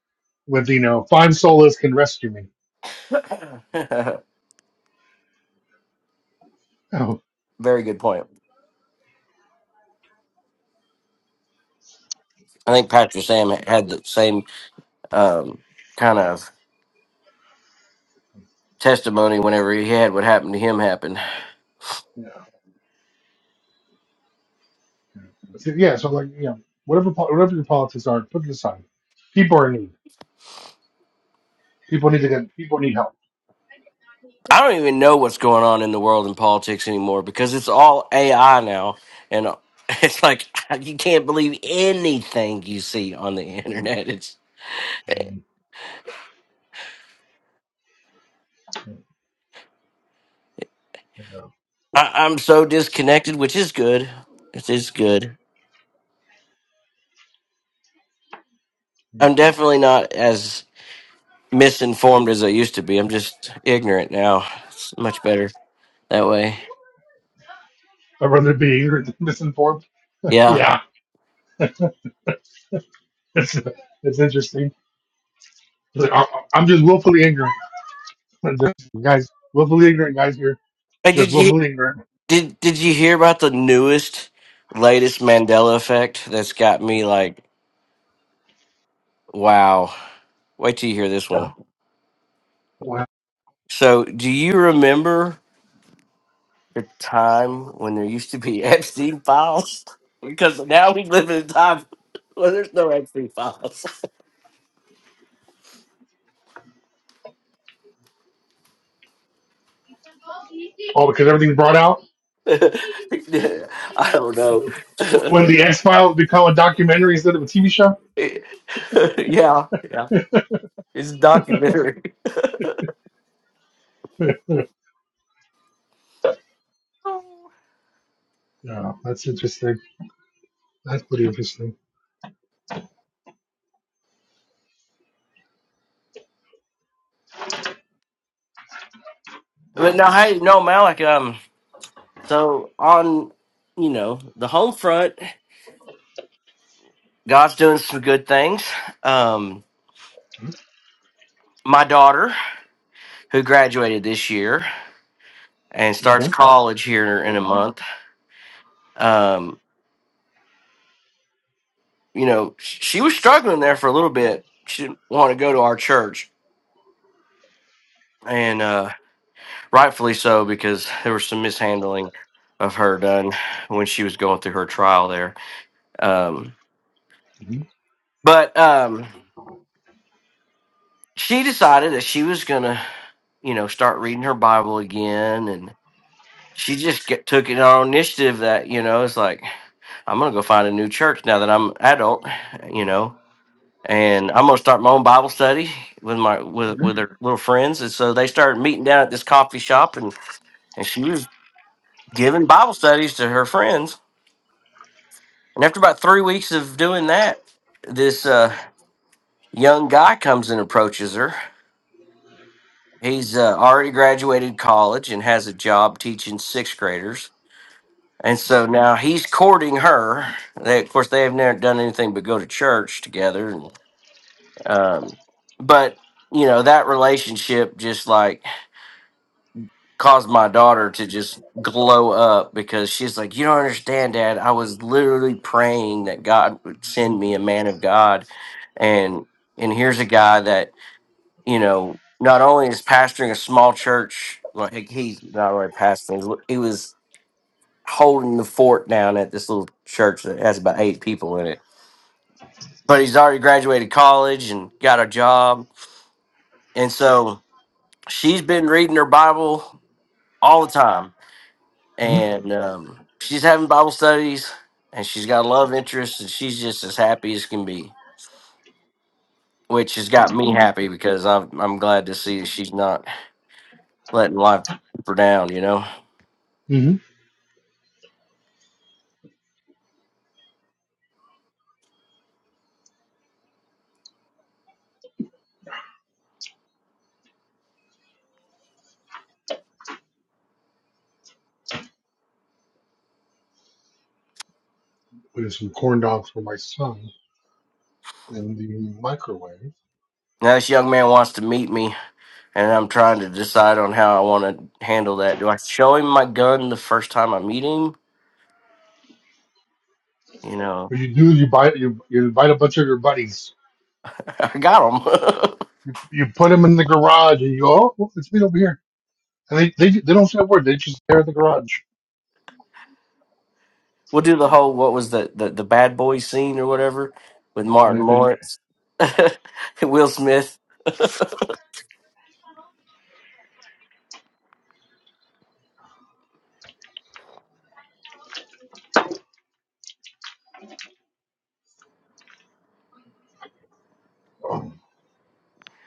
[SPEAKER 7] with you know five solas can rescue me. Oh
[SPEAKER 15] Very good point. I think Pastor Sam had the same um, kind of testimony whenever he had what happened to him happen.
[SPEAKER 7] yeah, so, yeah. So like you know whatever po- whatever your politics are, put it aside. People are in need. People need to get people need help.
[SPEAKER 15] I don't even know what's going on in the world in politics anymore because it's all AI now, and it's like you can't believe anything you see on the internet. It's I, I'm so disconnected, which is good. It is good.
[SPEAKER 7] I'd
[SPEAKER 15] I'm definitely not as misinformed as I used to be. I'm just ignorant now. It's much better that way.
[SPEAKER 7] rather be angry than misinformed.
[SPEAKER 15] Yeah.
[SPEAKER 7] Yeah, it's it's interesting. It's Like, I, I'm just willfully angry. And just guys, willfully ignorant guys here,
[SPEAKER 15] Hey,
[SPEAKER 7] just
[SPEAKER 15] did you
[SPEAKER 7] willfully ignorant
[SPEAKER 15] did did you hear about the newest, latest Mandela effect? That's got me like, wow. Wait till you hear this one.
[SPEAKER 7] because
[SPEAKER 15] So, do you remember the time when there used to be Epstein files? Because now we live in a time where there's no Epstein files.
[SPEAKER 7] everything's brought out.
[SPEAKER 15] I don't know.
[SPEAKER 7] When the X Files become a documentary instead of a TV show.
[SPEAKER 15] yeah, yeah. It's a documentary.
[SPEAKER 7] Yeah, that's interesting. That's pretty interesting.
[SPEAKER 15] But no, hey, no, Malik. Um, so on, you know, the home front, God's doing some good things. Um, my daughter, who graduated this year and starts
[SPEAKER 7] Okay.
[SPEAKER 15] college here in a month, um, you know, sh- she was struggling there for a little bit. She didn't want to go to our church, and uh, rightfully so because there was some mishandling of her done when she was going through her trial there. Um,
[SPEAKER 7] Mm-hmm.
[SPEAKER 15] but um, she decided that she was gonna you know, start reading her Bible again. And she just get, took it on initiative that, you know, it's like, I'm going to go find a new church now that I'm adult, you know, and I'm going to start my own Bible study with my, with, with her little friends. And so they started meeting down at this coffee shop and, and she was giving Bible studies to her friends. And after about three weeks of doing that, this, uh, young guy comes and approaches her. He's uh, already graduated college and has a job teaching sixth graders And so now he's courting her. They, of course, they have never done anything but go to church together. And, um, but you know that relationship just like caused my daughter to just glow up because she's like, "You don't understand, Dad. I was literally praying that God would send me a man of God, and and here's a guy that you know not only is pastoring a small church, like he's not only pastoring, he was holding the fort down at this little church that has about eight people in it. But he's already graduated college and got a job. And so she's been reading her Bible all the time. And um, she's having Bible studies and she's got a love interest and she's just as happy as can be, which has got me happy because I'm, I'm glad to see she's not letting life keep her down, you know?
[SPEAKER 7] Mm-hmm. There's some corn dogs for my son in the microwave.
[SPEAKER 15] Now, this young man wants to meet me and I'm trying to decide on how I want to handle that. Do I show him my gun the first time I meet him? You know,
[SPEAKER 7] What you do is you buy you, you invite a bunch of your buddies.
[SPEAKER 15] I got him.
[SPEAKER 7] You put them in the garage and you go, oh, well, let's meet over here. And they, they, they don't say a word. They just stare at the garage.
[SPEAKER 15] we'll do the whole what was the the, the bad boy scene or whatever with
[SPEAKER 7] Yeah. And,
[SPEAKER 15] Martin
[SPEAKER 7] and
[SPEAKER 15] Lawrence, Will Smith.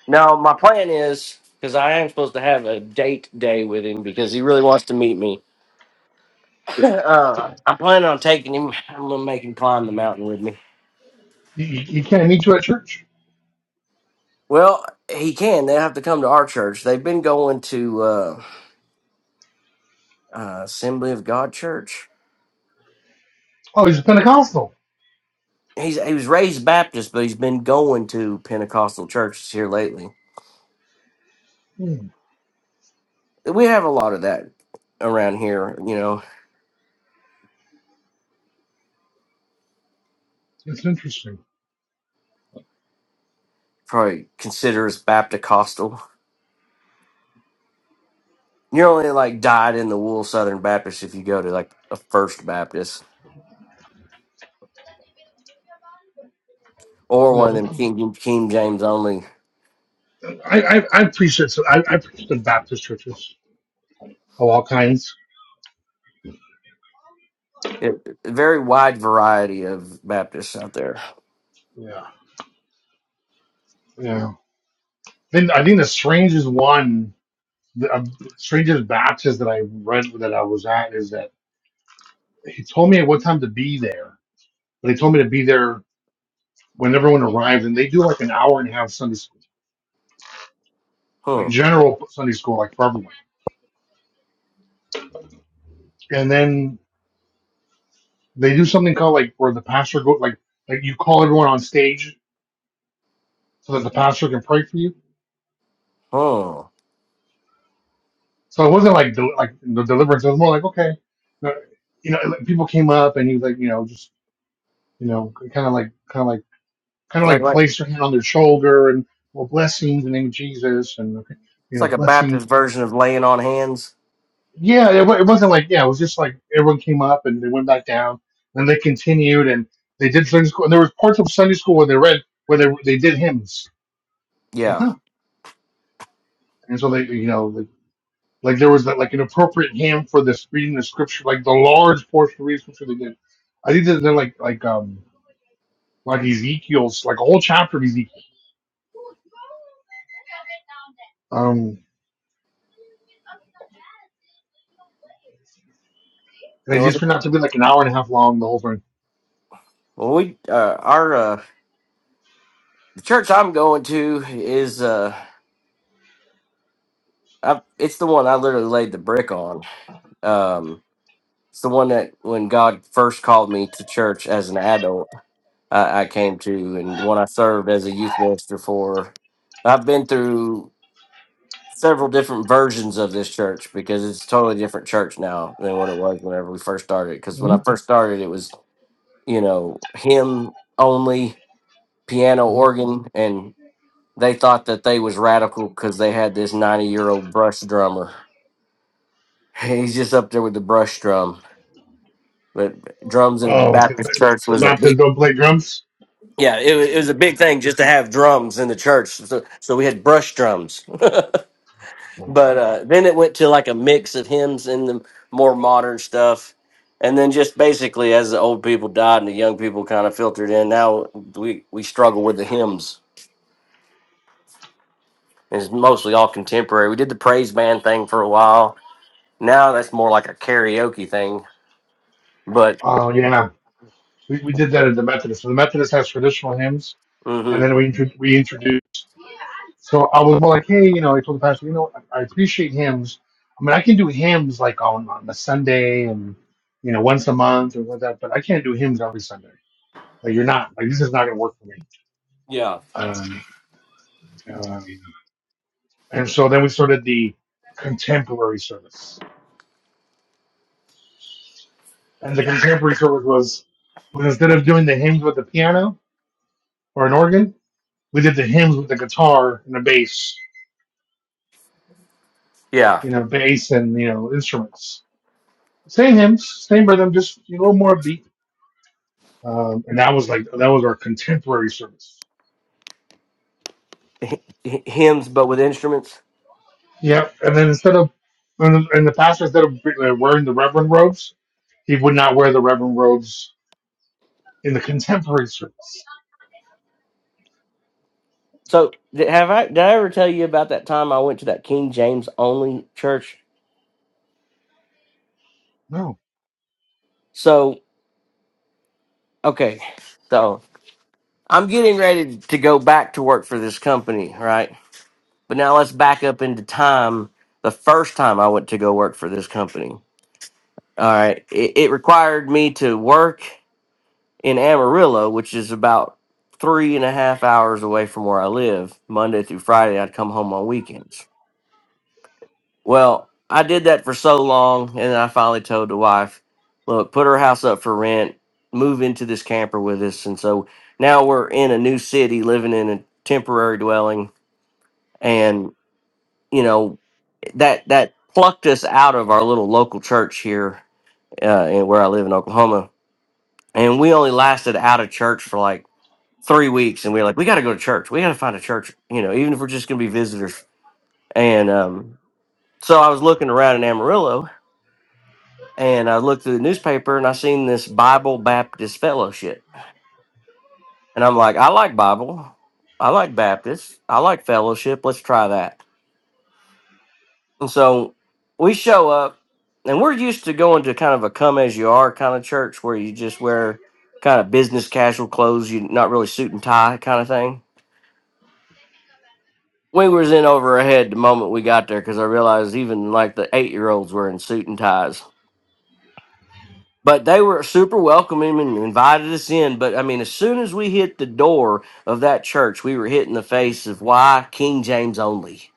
[SPEAKER 15] No, my plan is because I am supposed to have a date day with him because he really wants to meet me. uh, I'm planning on taking him. I'm gonna make him climb the mountain with me.
[SPEAKER 7] you you can't meet you at church.
[SPEAKER 15] Well, he can. They have to come to our church. They've been going to. uh, uh, Assembly of God Church.
[SPEAKER 7] Oh, he's a Pentecostal.
[SPEAKER 15] He's he was raised Baptist, but he's been going to Pentecostal churches here lately.
[SPEAKER 7] Hmm.
[SPEAKER 15] We have a lot of that around here. You know,
[SPEAKER 7] That's interesting.
[SPEAKER 15] probably consider as Baptist-costal. You're only like dyed in the wool Southern Baptist if you go to like a First Baptist or one of
[SPEAKER 7] No,
[SPEAKER 15] them King King James only.
[SPEAKER 7] I, I, I have preached it. So I, I preached in Baptist churches of all kinds.
[SPEAKER 15] It, a very wide variety of Baptists out there.
[SPEAKER 7] Yeah. Yeah. Then I think the strangest one, the uh, strangest Baptist that I read that I was at is that he told me at what time to be there, but he told me to be there when everyone arrived, and they do like an hour and a half Sunday school, like
[SPEAKER 15] Huh.
[SPEAKER 7] general Sunday school, like for everyone. And then they do something called like where the pastor go like like you call everyone on stage so that the pastor can pray for you
[SPEAKER 15] Huh.
[SPEAKER 7] So it wasn't like del like the deliverance. It was more like okay, uh, you know, like, people came up and he was like, you know, just you know, kind of like, kind of like, kind of
[SPEAKER 15] Like
[SPEAKER 7] like
[SPEAKER 15] like
[SPEAKER 7] placed her hand on their shoulder and well, blessings in the name of Jesus and okay, you
[SPEAKER 15] it's
[SPEAKER 7] know,
[SPEAKER 15] like a
[SPEAKER 7] blessings.
[SPEAKER 15] Baptist
[SPEAKER 7] Bless.
[SPEAKER 15] version of laying on hands.
[SPEAKER 7] Yeah, it, wa- it wasn't like yeah, it was just like everyone came up and they went back down and they continued and they did Sunday school and there was parts of Sunday school where they read where they they did hymns. Like,
[SPEAKER 15] Yeah.
[SPEAKER 7] huh. And so they, you know, Like there was like an appropriate hymn for this reading the scripture, like the large portion of reading scripture they did. I think that they're like like um like Ezekiel's like a whole chapter of Ezekiel. Um, and it
[SPEAKER 15] Well,
[SPEAKER 7] just
[SPEAKER 15] the-
[SPEAKER 7] turned out to be like an hour and a half long the whole thing.
[SPEAKER 15] well, we uh, our uh, the church I'm going to is uh, I, it's the one I literally laid the brick on. Um, it's the one that when God first called me to church as an adult, I, I came to, and one I served as a youth minister for. I've been through several different versions of this church because it's a totally different church now than what it was whenever we first started. Because when
[SPEAKER 7] hmm
[SPEAKER 15] I first started, it was you know him only piano organ and they thought that they was radical because they had this 90 year old brush drummer he's just up there with the brush drum but drums in a
[SPEAKER 7] Oh, okay.
[SPEAKER 15] baptist church
[SPEAKER 7] So
[SPEAKER 15] was a
[SPEAKER 7] Baptists
[SPEAKER 15] big
[SPEAKER 7] don't play drums.
[SPEAKER 15] yeah it, wa- it was a big thing just to have drums in the church so, so we had brush drums but uh, then it went to like a mix of hymns and the more modern stuff and then just basically as the old people died and the young people kind of filtered in now we, we struggle with the hymns it's mostly all contemporary we did the praise band thing for a while Now that's more like a karaoke thing, but
[SPEAKER 7] Oh yeah, we, we did that at the Methodist. So the Methodist has traditional hymns, and
[SPEAKER 15] hmm
[SPEAKER 7] then we intro- we introduced So I was more like, hey, you know, I told the pastor, you know, I, I appreciate hymns. I mean, I can do hymns like on on a Sunday and you know once a month or like that, but I can't do hymns every Sunday. Like you're not like this is not going to work for me.
[SPEAKER 15] Yeah.
[SPEAKER 7] Uh, uh, and so then we started the contemporary service, and the contemporary service was was instead of doing the hymns with the piano or an organ, we did the hymns with the guitar and the bass,
[SPEAKER 15] yeah,
[SPEAKER 7] you know, bass and you know instruments. Same hymns, same rhythm, just a little more beat um, and that was like that was our contemporary service.
[SPEAKER 15] H- hymns but with instruments.
[SPEAKER 7] Yep. And then instead of and the, and the pastor instead of uh, wearing the reverend robes, he would not wear the reverend robes in the contemporary service.
[SPEAKER 15] So did, have I did I ever tell you about that time I went to that King James only church?
[SPEAKER 7] No,
[SPEAKER 15] So okay, so I'm getting ready to go back to work for this company, right? But now let's back up into time. The first time I went to go work for this company, all right, it, it required me to work in Amarillo, which is about three and a half hours away from where I live, Monday through Friday, I'd come home on weekends. Well, I did that for so long, and then I finally told the wife, look, put her house up for rent, move into this camper with us. And so now we're in a new city, living in a temporary dwelling. And, you know, that, that plucked us out of our little local church here uh, in- where I live in Oklahoma. And we only lasted out of church for like three weeks and we were like we got to go to church we got to find a church you know even if we're just going to be visitors and um, so i was looking around in amarillo and i looked through the newspaper and i seen this bible baptist fellowship and i'm like i like bible i like baptist i like fellowship let's try that and so we show up and we're used to going to kind of a come as you are kind of church where you just wear kind of business casual clothes you not really suit and tie kind of thing we was in over our head the moment we got there because I realized even like the eight year olds were in suit and ties. But they were super welcoming and invited us in. But I mean, as soon as we hit the door of that church, we were hit in the face of why King James only.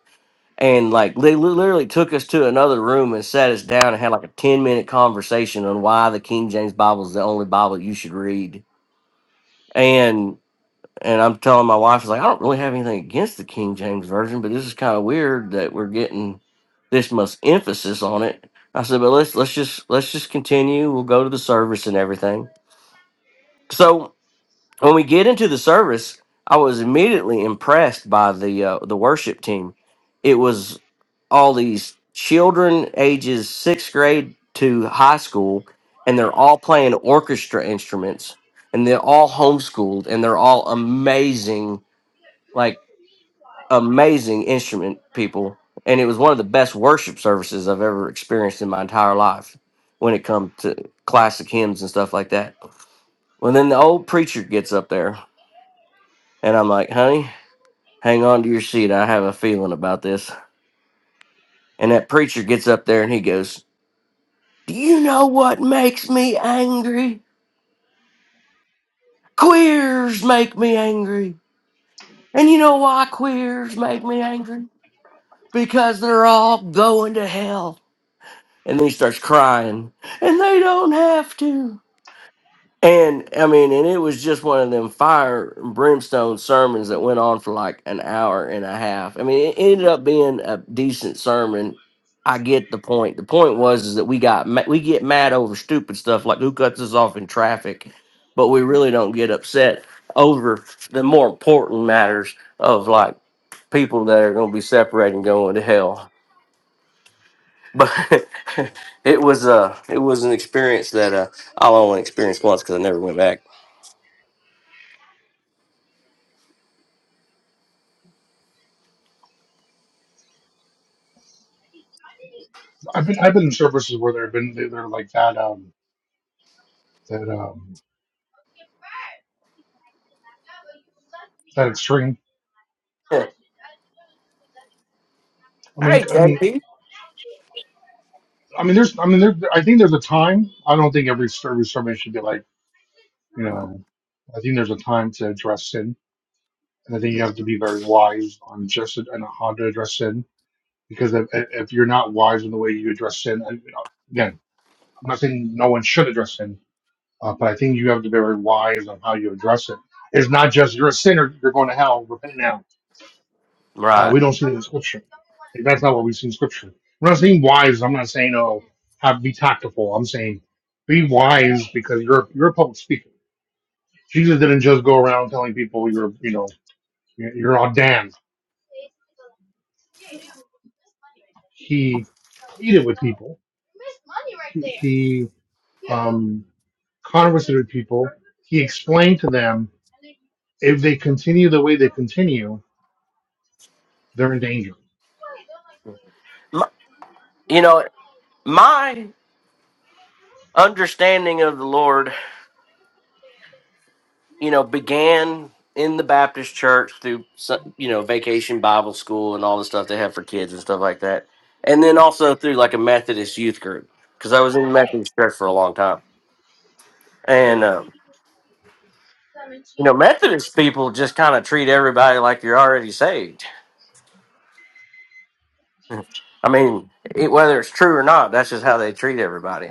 [SPEAKER 15] And like they li- literally took us to another room and sat us down and had like a ten minute conversation on why the King James Bible is the only Bible you should read. and. And I'm telling my wife, "Is like, I don't really have anything against the King James Version, but this is kind of weird that we're getting this much emphasis on it. I said, but let's let's just let's just continue. We'll go to the service and everything. So when we get into the service, I was immediately impressed by the uh, the worship team. It was all these children ages sixth grade to high school, and they're all playing orchestra instruments, and they're all homeschooled, and they're all amazing like amazing instrument people and it was one of the best worship services i've ever experienced in my entire life when it comes to classic hymns and stuff like that well then the old preacher gets up there and i'm like honey hang on to your seat i have a feeling about this and that preacher gets up there and he goes do you know what makes me angry queers make me angry and you know why queers make me angry because they're all going to hell and then he starts crying and they don't have to and i mean and it was just one of them fire and brimstone sermons that went on for like an hour and a half i mean it ended up being a decent sermon i get the point the point was is that we got ma- we get mad over stupid stuff like who cuts us off in traffic but we really don't get upset over the more important matters of like people that are going to be separating going to hell but it was uh it was an experience that uh I only experienced once because I never went back.
[SPEAKER 7] I've been I've been in services where there've been they're like that. Um, that um,
[SPEAKER 15] Yeah.
[SPEAKER 7] I mean,
[SPEAKER 15] Hey, JB.
[SPEAKER 7] I mean, there's I mean, there, I think there's a time. I don't think every service sermon should be like. Um, I think there's a time to address sin, and I think you have to be very wise on just and how to address sin because if, if you're not wise in the way you address sin, and, you know, again, I'm not saying no one should address sin, uh, but I think you have to be very wise on how you address it. It's not just you're a sinner, you're going to hell, repent now.
[SPEAKER 15] Right.
[SPEAKER 7] Scripture. That's not what we see in Scripture. I'm not saying wise. I'm not saying oh, have be tactful. I'm saying be wise because you're you're a public speaker. Jesus didn't just go around telling people you're you know you're you're all damned. He um, kind he came to them. If they continue the way they continue, they're in danger
[SPEAKER 15] My, you know, my understanding of the Lord, you know, began in the Baptist church through some- you know vacation Bible school and all the stuff they have for kids and stuff like that, and then also through like a Methodist youth group because I was in the Methodist church for a long time, and um, you know Methodist people just kind of treat everybody like you're already saved I mean, it, whether it's true or not, that's just how they treat everybody.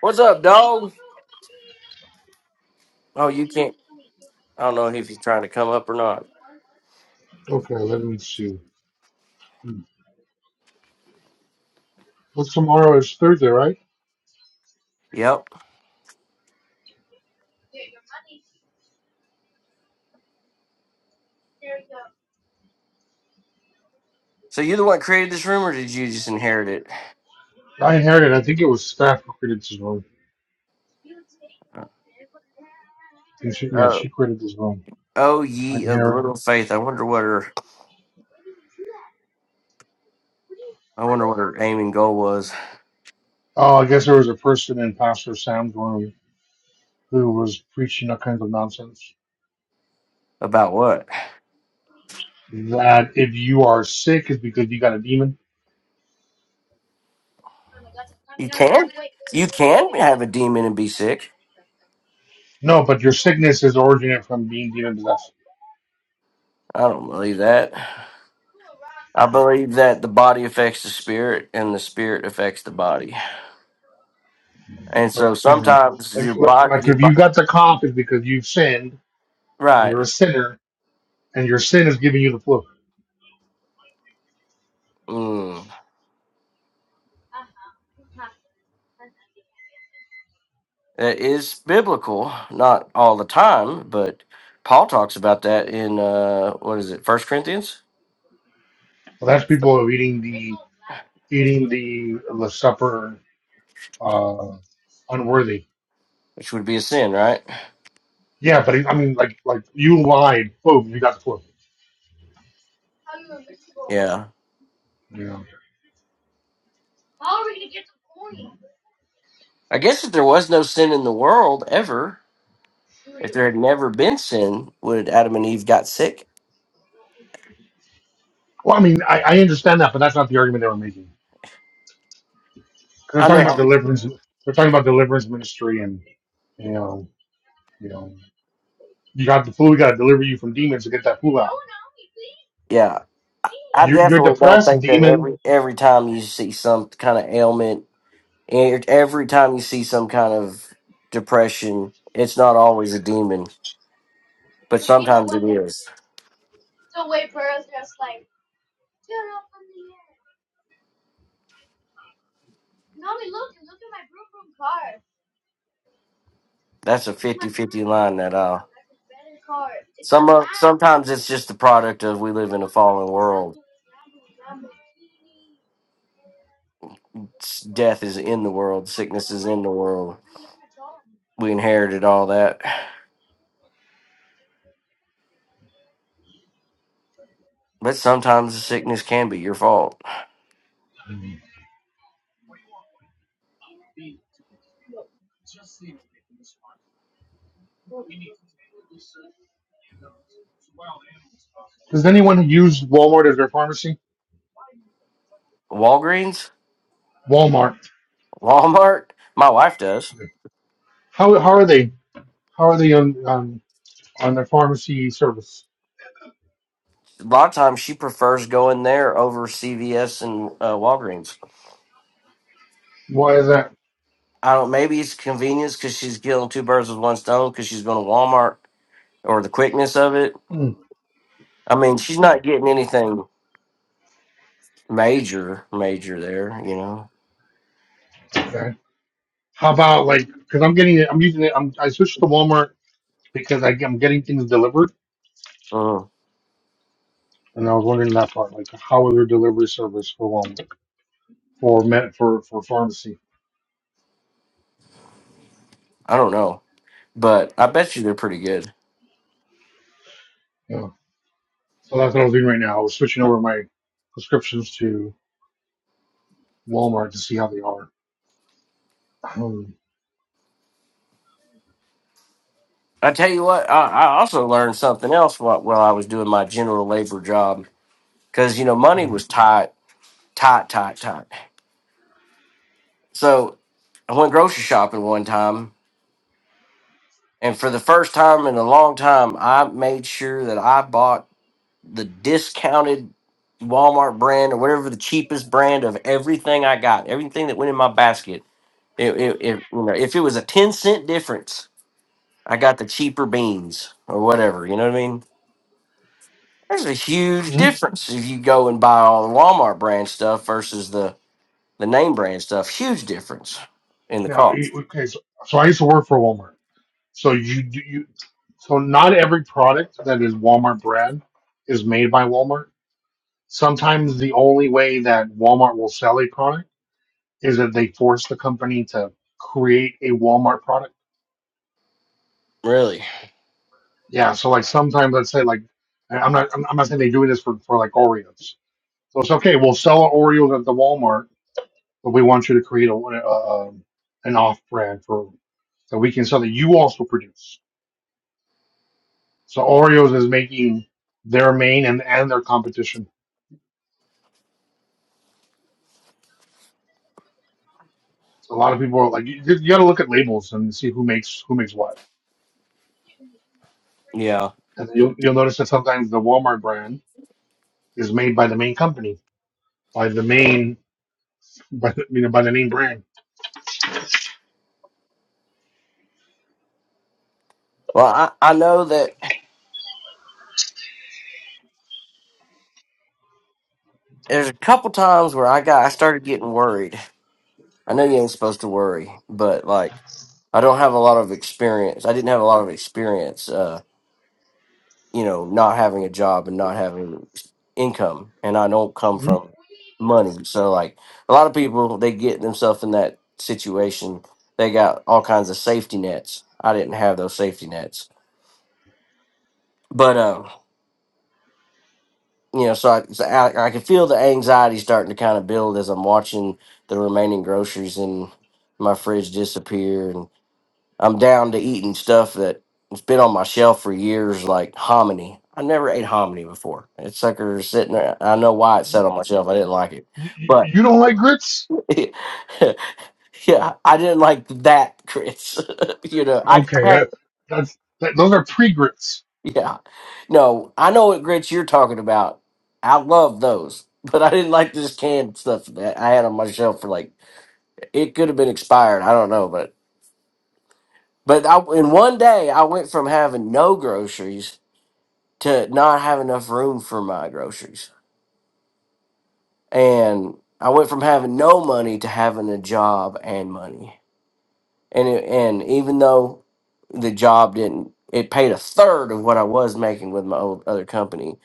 [SPEAKER 15] What's up, dog? Oh, you can't. I don't know if he's trying to come up or not.
[SPEAKER 7] Okay, let me see. Hmm. What's tomorrow? is Thursday, right?
[SPEAKER 15] Yep. So you the one created this room, or did you just inherit it?
[SPEAKER 7] I inherited. I think it was staff who created this room. Yeah,
[SPEAKER 15] Oh,
[SPEAKER 7] she created this room.
[SPEAKER 15] oh,
[SPEAKER 7] I
[SPEAKER 15] ye of
[SPEAKER 7] inherit.
[SPEAKER 15] little faith. I wonder what her. I wonder what her aim and goal was
[SPEAKER 7] Oh, I guess there was a person in Pastor Sam's room who was preaching all kinds of nonsense.
[SPEAKER 15] about. What
[SPEAKER 7] That if you are sick, it's because you got a demon.
[SPEAKER 15] you can, you can have a demon and be sick.
[SPEAKER 7] No, but your sickness is originated from being demon possessed.
[SPEAKER 15] I don't believe that. I believe that the body affects the spirit, and the spirit affects the body. And
[SPEAKER 7] But
[SPEAKER 15] so
[SPEAKER 7] you know,
[SPEAKER 15] sometimes
[SPEAKER 7] like
[SPEAKER 15] your
[SPEAKER 7] like
[SPEAKER 15] body,
[SPEAKER 7] like
[SPEAKER 15] your
[SPEAKER 7] if you
[SPEAKER 15] body
[SPEAKER 7] got the cough, it's because you've sinned and
[SPEAKER 15] right?
[SPEAKER 7] you're a sinner, and your sin is giving you the flu.
[SPEAKER 15] Mm. That is biblical, not all the time, but Paul talks about that in uh, what is it, First Corinthians,
[SPEAKER 7] Well, that's people who are eating the eating the the supper uh, unworthy.
[SPEAKER 15] which would be a sin, right?
[SPEAKER 7] Yeah, but I mean, like, like you lied. Boom, you got the twelve.
[SPEAKER 15] Yeah.
[SPEAKER 7] Yeah.
[SPEAKER 15] I guess if there was no sin in the world ever, if there had never been sin, would Adam and Eve got sick?
[SPEAKER 7] Well, I mean, I, I understand that, but that's not the argument they were making. 'Cause They're
[SPEAKER 15] I
[SPEAKER 7] talking about
[SPEAKER 15] know.
[SPEAKER 7] deliverance. They're talking about deliverance ministry, and you know, you know, you got the flu. We got to deliver you from demons to get that flu
[SPEAKER 15] Yeah. I
[SPEAKER 7] You're, you're
[SPEAKER 15] definitely don't
[SPEAKER 7] depressed, a
[SPEAKER 15] think that
[SPEAKER 7] demon.
[SPEAKER 15] every every time you see some kind of ailment, and every time you see some kind of depression, it's not always a demon, but sometimes it is. That's a fifty fifty line that I Some of- sometimes it's just the product of we live in a fallen world. S- Death is in the world. Sickness is in the world. We inherited all that, but sometimes the sickness can be your fault.
[SPEAKER 7] Does anyone who use Walmart as their pharmacy?
[SPEAKER 15] Walgreens,
[SPEAKER 7] Walmart.
[SPEAKER 15] Walmart. My wife does.
[SPEAKER 7] How, how are they? How are they on on, on their pharmacy service?
[SPEAKER 15] A lot of times she prefers going there over CVS and uh, Walgreens.
[SPEAKER 7] Why is that?
[SPEAKER 15] I don't. Maybe it's convenience because she's killing two birds with one stone because she's going to Walmart or the quickness of it.
[SPEAKER 7] Hmm,
[SPEAKER 15] I mean, she's not getting anything major, major there. You know.
[SPEAKER 7] okay. How about like? Because I'm getting it. I'm using it. I'm, I switched to Walmart because I, I'm getting things delivered,
[SPEAKER 15] Mm.
[SPEAKER 7] and I was wondering that part, like how is their delivery service for one for med for for pharmacy?
[SPEAKER 15] I don't know. but I bet you they're pretty good.
[SPEAKER 7] Yeah. So that's what I was doing right now. I was switching over my prescriptions to Walmart to see how they are. Um,
[SPEAKER 15] I tell you what, I, I also learned something else while, while I was doing my general labor job because you know money was tight, tight, tight, tight. So I went grocery shopping one time, and for the first time in a long time, I made sure that I bought the discounted Walmart brand or whatever the cheapest brand of everything I got, everything that went in my basket. It, it, it, you know, if it was a ten cent difference, I got the cheaper beans or whatever. You know what I mean? There's a huge
[SPEAKER 7] hmm
[SPEAKER 15] difference if you go and buy all the Walmart brand stuff versus the the name brand stuff. Huge difference in the
[SPEAKER 7] Now,
[SPEAKER 15] cost.
[SPEAKER 7] e- okay, so, so I used to work for Walmart. So you do you. So not every product that is Walmart brand is made by Walmart. Sometimes the only way that Walmart will sell a product is that they force the company to create a Walmart product
[SPEAKER 15] Really?
[SPEAKER 7] Yeah, so like sometimes I'd say like I- I'm not I'm I'm not saying they do this for, for like Oreos. So it's okay. We'll sell our Oreos at the Walmart, but we want you to create a, a um, an off brand for that we can sell that you also produce. So Oreos is making their main and and their competition. So a lot of people are like you, you got to look at labels and see who makes who makes what.
[SPEAKER 15] Yeah.
[SPEAKER 7] And you'll you'll notice that sometimes the Walmart brand is made by the main company by the main by the, you know by the main brand.
[SPEAKER 15] Well, I, I know that there's a couple times where I got I started getting worried. I know you ain't supposed to worry, but like I don't have a lot of experience. I didn't have a lot of experience uh, you know, not having a job and not having income, and I don't come
[SPEAKER 7] Mhm.
[SPEAKER 15] from money. So, like a lot of people, they get themselves in that situation. They got all kinds of safety nets. I didn't have those safety nets, but um, you know, so I, so I, I can feel the anxiety starting to kind of build as I'm watching the remaining groceries in my fridge disappear, and. I'm down to eating stuff that has been on my shelf for years, like hominy. I never ate hominy before. That sucker is sitting there. I know why it sat on my shelf. I didn't like it,
[SPEAKER 7] You, you,
[SPEAKER 15] but
[SPEAKER 7] you don't like grits?
[SPEAKER 15] yeah, I didn't like that grits. you know, I
[SPEAKER 7] Okay,
[SPEAKER 15] I had
[SPEAKER 7] that that's that, those are pre grits.
[SPEAKER 15] yeah. No, I know what grits you're talking about. I love those, but I didn't like this canned stuff that I had on my shelf for like it could have been expired. I don't know, but but I, in one day I went from having no groceries to not have enough room for my groceries. And I went from having no money to having a job and money. And it, and even though the job didn't it paid a third of what I was making with my old other company,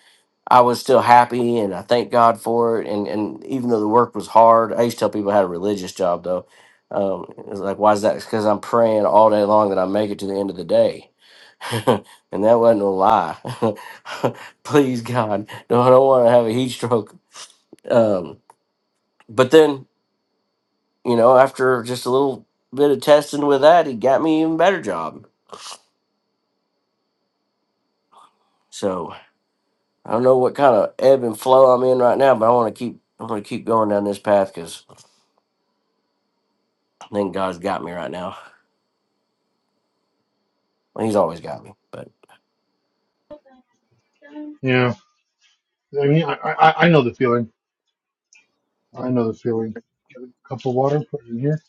[SPEAKER 15] I was still happy and I thank God for it. And and even though the work was hard, I used to tell people I had a religious job though. Um, it's like why is that? Because I'm praying all day long that I make it to the end of the day and that wasn't a lie. Please God, no, I don't want to have a heat stroke. Um, but then, you know, after just a little bit of testing with that, he got me even better job. So I don't know what kind of ebb and flow I'm in right now, but I want to keep. i want to keep going down this path because I think God's got me right now. Well, he's always got me. But
[SPEAKER 7] Yeah, I mean, I, I I know the feeling. I know the feeling. Get a cup of water, put it in here.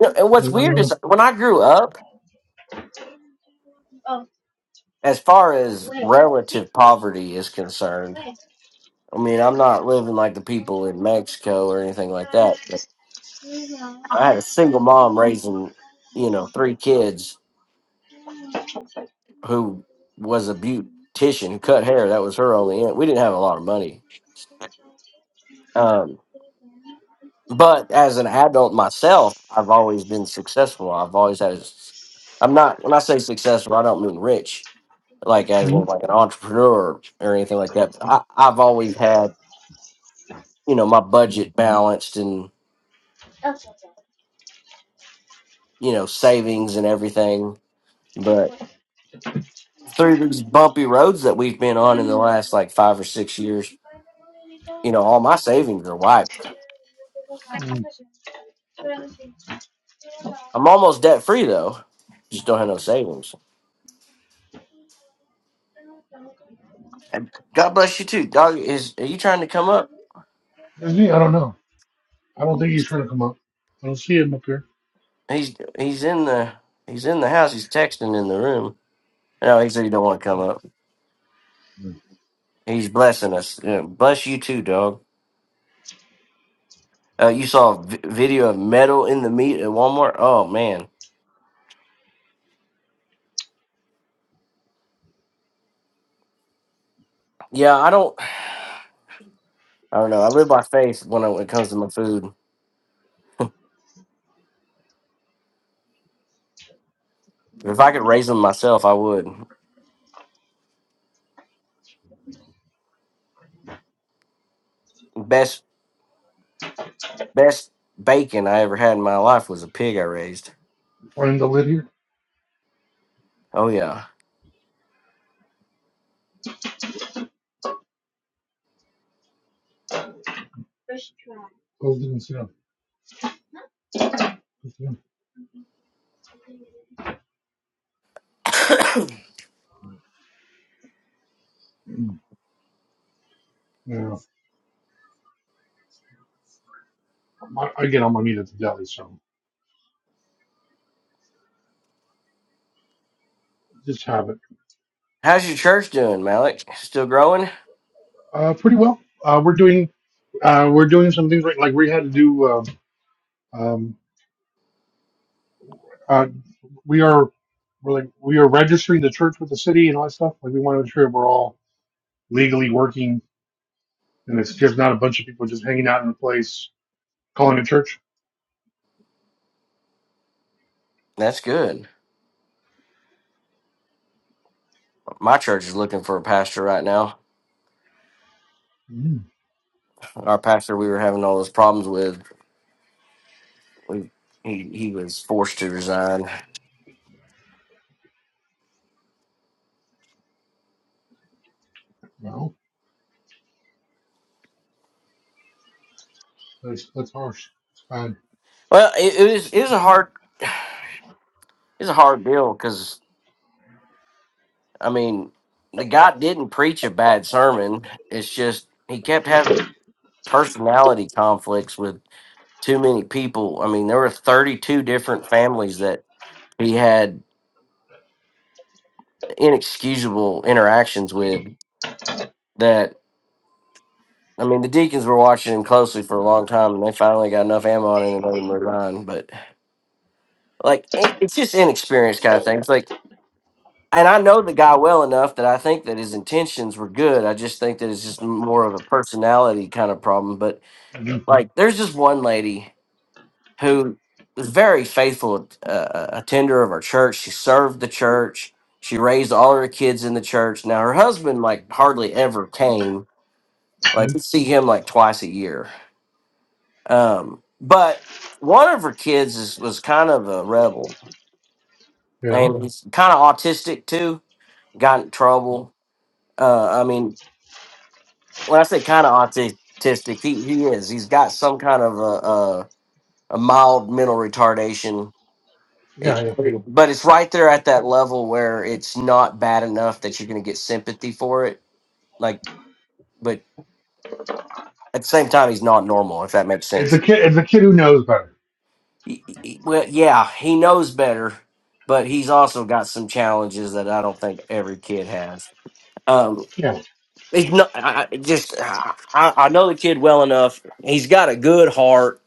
[SPEAKER 15] Yeah, and
[SPEAKER 7] No,
[SPEAKER 15] what's
[SPEAKER 7] no, no,
[SPEAKER 15] weird is
[SPEAKER 7] no.
[SPEAKER 15] when I grew up, as far as relative poverty is concerned. I mean, I'm not living like the people in Mexico or anything like that. But I had a single mom raising, you know, three kids who was a beautician who cut hair. That was her only. In- we didn't have a lot of money. Um, but as an adult myself, I've always been successful. I've always had. A, s- I'm not when I say successful, I don't mean rich, like as in
[SPEAKER 7] Mhm.
[SPEAKER 15] like an entrepreneur or anything like that. I, I've always had, you know, my budget balanced and you know savings and everything. through these bumpy roads that we've been on in the last like five or six years, you know, all my savings are wiped. I'm almost debt free though. Just don't have no savings. And God bless you too. Dog is are you trying to come up?
[SPEAKER 7] That's me. I don't know. I don't think he's trying to come up. I don't see him up here.
[SPEAKER 15] He's he's in the he's in the house, he's texting in the room. No, he said he don't want to come up. He's blessing us. Yeah, bless you too, dog. Uh, you saw a v- video of metal in the meat at Walmart. Oh man, yeah. I don't. I don't know. I live by faith when it, when it comes to my food. If I could raise them myself, I would. Best best bacon I ever had in my life was a pig I raised.
[SPEAKER 7] Find the lid here.
[SPEAKER 15] Oh yeah.
[SPEAKER 7] Close it and sit down. Sit down. Mm, Yeah, I, again, I'm on meat at the deli, so just have it.
[SPEAKER 15] How's your church doing, Malik? Still growing?
[SPEAKER 7] Uh, pretty well. Uh, we're doing uh, we're doing some things right, like we had to do. Um, um, uh, we are we're like we are registering the church with the city and all that stuff. Like we want to make sure we're all legally working and it's just not a bunch of people just hanging out in a place calling it church.
[SPEAKER 15] That's good. My church is looking for a pastor right now.
[SPEAKER 7] Mm,
[SPEAKER 15] Our pastor we were having all those problems with, we, he he was forced to resign.
[SPEAKER 7] well, that's that's harsh. It's bad.
[SPEAKER 15] Well, it, it was it was a hard it's a hard deal because I mean the guy didn't preach a bad sermon. It's just he kept having personality conflicts with too many people. I mean, there were 32 different families that he had inexcusable interactions with that. I mean, the Deacons were watching him closely for a long time, and they finally got enough ammo on him and let him resign. But like, it, it's just inexperienced kind of thing. It's like, and I know the guy well enough that I think that his intentions were good. I just think that it's just more of a personality kind of problem. But
[SPEAKER 7] Mhm.
[SPEAKER 15] like, there's just one lady. who was very faithful uh, attender of our church. She served the church. She raised all her kids in the church. Now her husband like hardly ever came. Like we
[SPEAKER 7] Mhm.
[SPEAKER 15] see him like twice a year. Um, but one of her kids is, was kind of a rebel
[SPEAKER 7] Yeah.
[SPEAKER 15] and he's kind of autistic too. Got in trouble. Uh, I mean, when I say kind of autistic, he, he is. He's got some kind of a, a, a mild mental retardation
[SPEAKER 7] Yeah.
[SPEAKER 15] It,
[SPEAKER 7] Yeah.
[SPEAKER 15] but it's right there at that level where it's not bad enough that you're going to get sympathy for it. Like, but at the same time, he's not normal, if that makes
[SPEAKER 7] It's a
[SPEAKER 15] sense.
[SPEAKER 7] kid. It's a kid who knows better.
[SPEAKER 15] Y- y- Well, yeah, he knows better, but he's also got some challenges that I don't think every kid has. Um,
[SPEAKER 7] Yeah.
[SPEAKER 15] he's not, I, I- just, I, I know the kid well enough. He's got a good heart.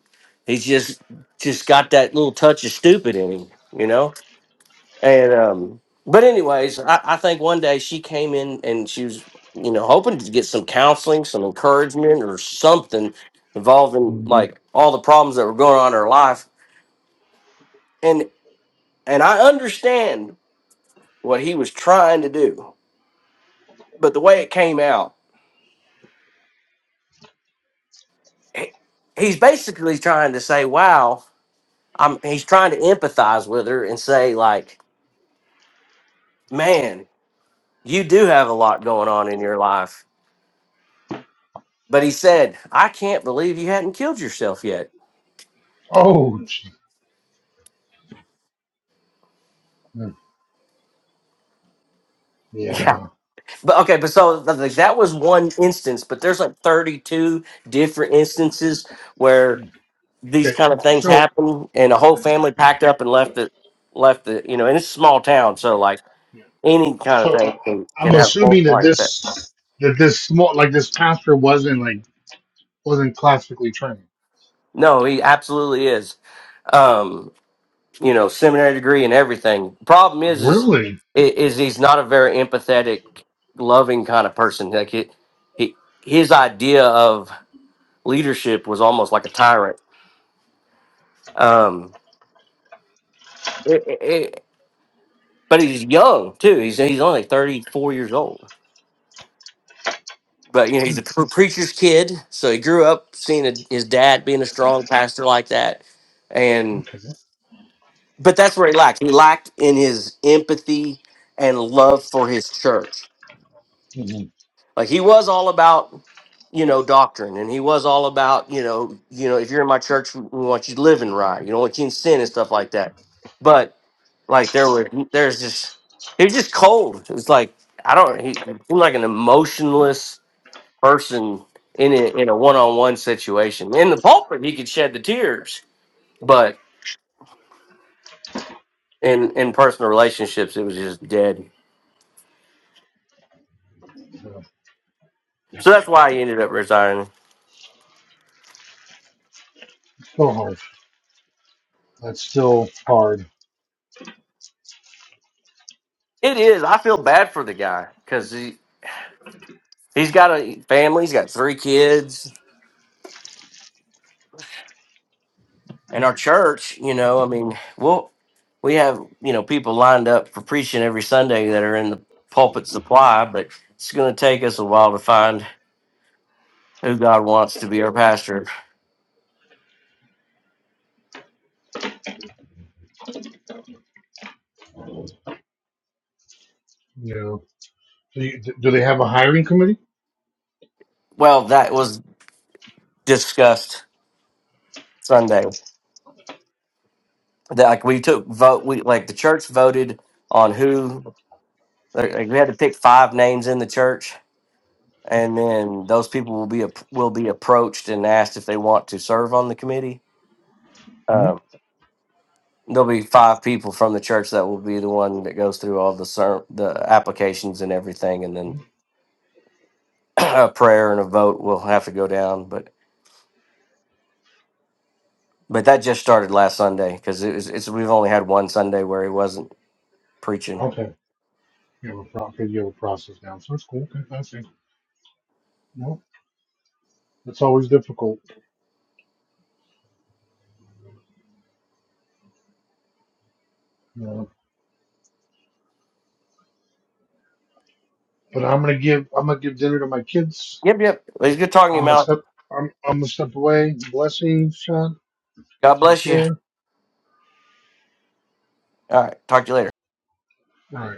[SPEAKER 15] He's just, just got that little touch of stupid in him, you know? And um, but anyways, I, I think one day she came in and she was, you know, hoping to get some counseling, some encouragement, or something involving
[SPEAKER 7] Mm.
[SPEAKER 15] like all the problems that were going on in her life. And and I understand what he was trying to do, but the way it came out, he- he's basically trying to say, "Wow." I'm, he's trying to empathize with her and say, like, man, you do have a lot going on in your life. But he said, I can't believe you hadn't killed yourself yet
[SPEAKER 7] Oh. gee. Mm.
[SPEAKER 15] Yeah,
[SPEAKER 7] Yeah.
[SPEAKER 15] but okay, but so th- like that was one instance, but there's like 32 different instances where these
[SPEAKER 7] Okay.
[SPEAKER 15] kind of things
[SPEAKER 7] So.
[SPEAKER 15] happen, and a whole family packed up and left the left the you know, and it's a small town, so like
[SPEAKER 7] Yeah.
[SPEAKER 15] any kind of
[SPEAKER 7] So I,
[SPEAKER 15] thing
[SPEAKER 7] I-
[SPEAKER 15] can
[SPEAKER 7] I'm
[SPEAKER 15] can have
[SPEAKER 7] assuming that
[SPEAKER 15] multiplying
[SPEAKER 7] this
[SPEAKER 15] effects.
[SPEAKER 7] that this small like this pastor wasn't like wasn't classically trained.
[SPEAKER 15] No, he absolutely is. Um, you know, seminary degree and everything. Problem is, is
[SPEAKER 7] Really?
[SPEAKER 15] i- is he's not a very empathetic, loving kind of person. Like it, he his idea of leadership was almost like a tyrant. Um, it- it- it- but he's young too. He's he's only thirty four years old. But you know
[SPEAKER 7] Hmm,
[SPEAKER 15] he's a pre- preacher's kid, so he grew up seeing a, his dad being a strong pastor like that, and
[SPEAKER 7] Okay.
[SPEAKER 15] but that's where he lacked. He lacked in his empathy and love for his church.
[SPEAKER 7] Mhm.
[SPEAKER 15] Like he was all about you know doctrine, and he was all about you know you know if you're in my church, we we want you living right. You don't want you in sin and stuff like that. But Like there were there's just he was just cold. It was like I don't he, seemed like an emotionless person in a, in a one on one situation. In the pulpit, he could shed the tears, but in in personal relationships, it was just dead. So that's why he ended up resigning.
[SPEAKER 7] Still hard. That's still hard.
[SPEAKER 15] It is. I feel bad for the guy because he he's got a family. He's got three kids And our church, you know, I mean, we'll we have, you know, people lined up for preaching every Sunday that are in the pulpit supply, but it's gonna take us a while to find who God wants to be our pastor.
[SPEAKER 7] Yeah. So you, d- do they have a hiring committee?
[SPEAKER 15] Well, that was discussed Sunday. That like we took vote we like the church voted on who like like, we had to pick five names in the church and then those people will be ap- will be approached and asked if they want to serve on the committee. Um,
[SPEAKER 7] Mm-hmm.
[SPEAKER 15] There'll be five people from the church that will be the one that goes through all the ser- the applications and everything, and then a prayer and a vote will have to go down. But but that just started last Sunday because it was, it's we've only had one Sunday where he wasn't preaching.
[SPEAKER 7] Okay. You have a pro- okay, you have a process now, so that's cool. Okay, that's it. Well, it's always difficult. Yeah. But I'm gonna give I'm gonna give dinner to my kids.
[SPEAKER 15] Yep, yep. It was good talking to
[SPEAKER 7] I'm
[SPEAKER 15] you,
[SPEAKER 7] gonna
[SPEAKER 15] Mal.
[SPEAKER 7] step I'm I'm gonna step away. Blessings, Sean.
[SPEAKER 15] God
[SPEAKER 7] Take
[SPEAKER 15] bless you.
[SPEAKER 7] care.
[SPEAKER 15] All right, talk to you later.
[SPEAKER 7] All right.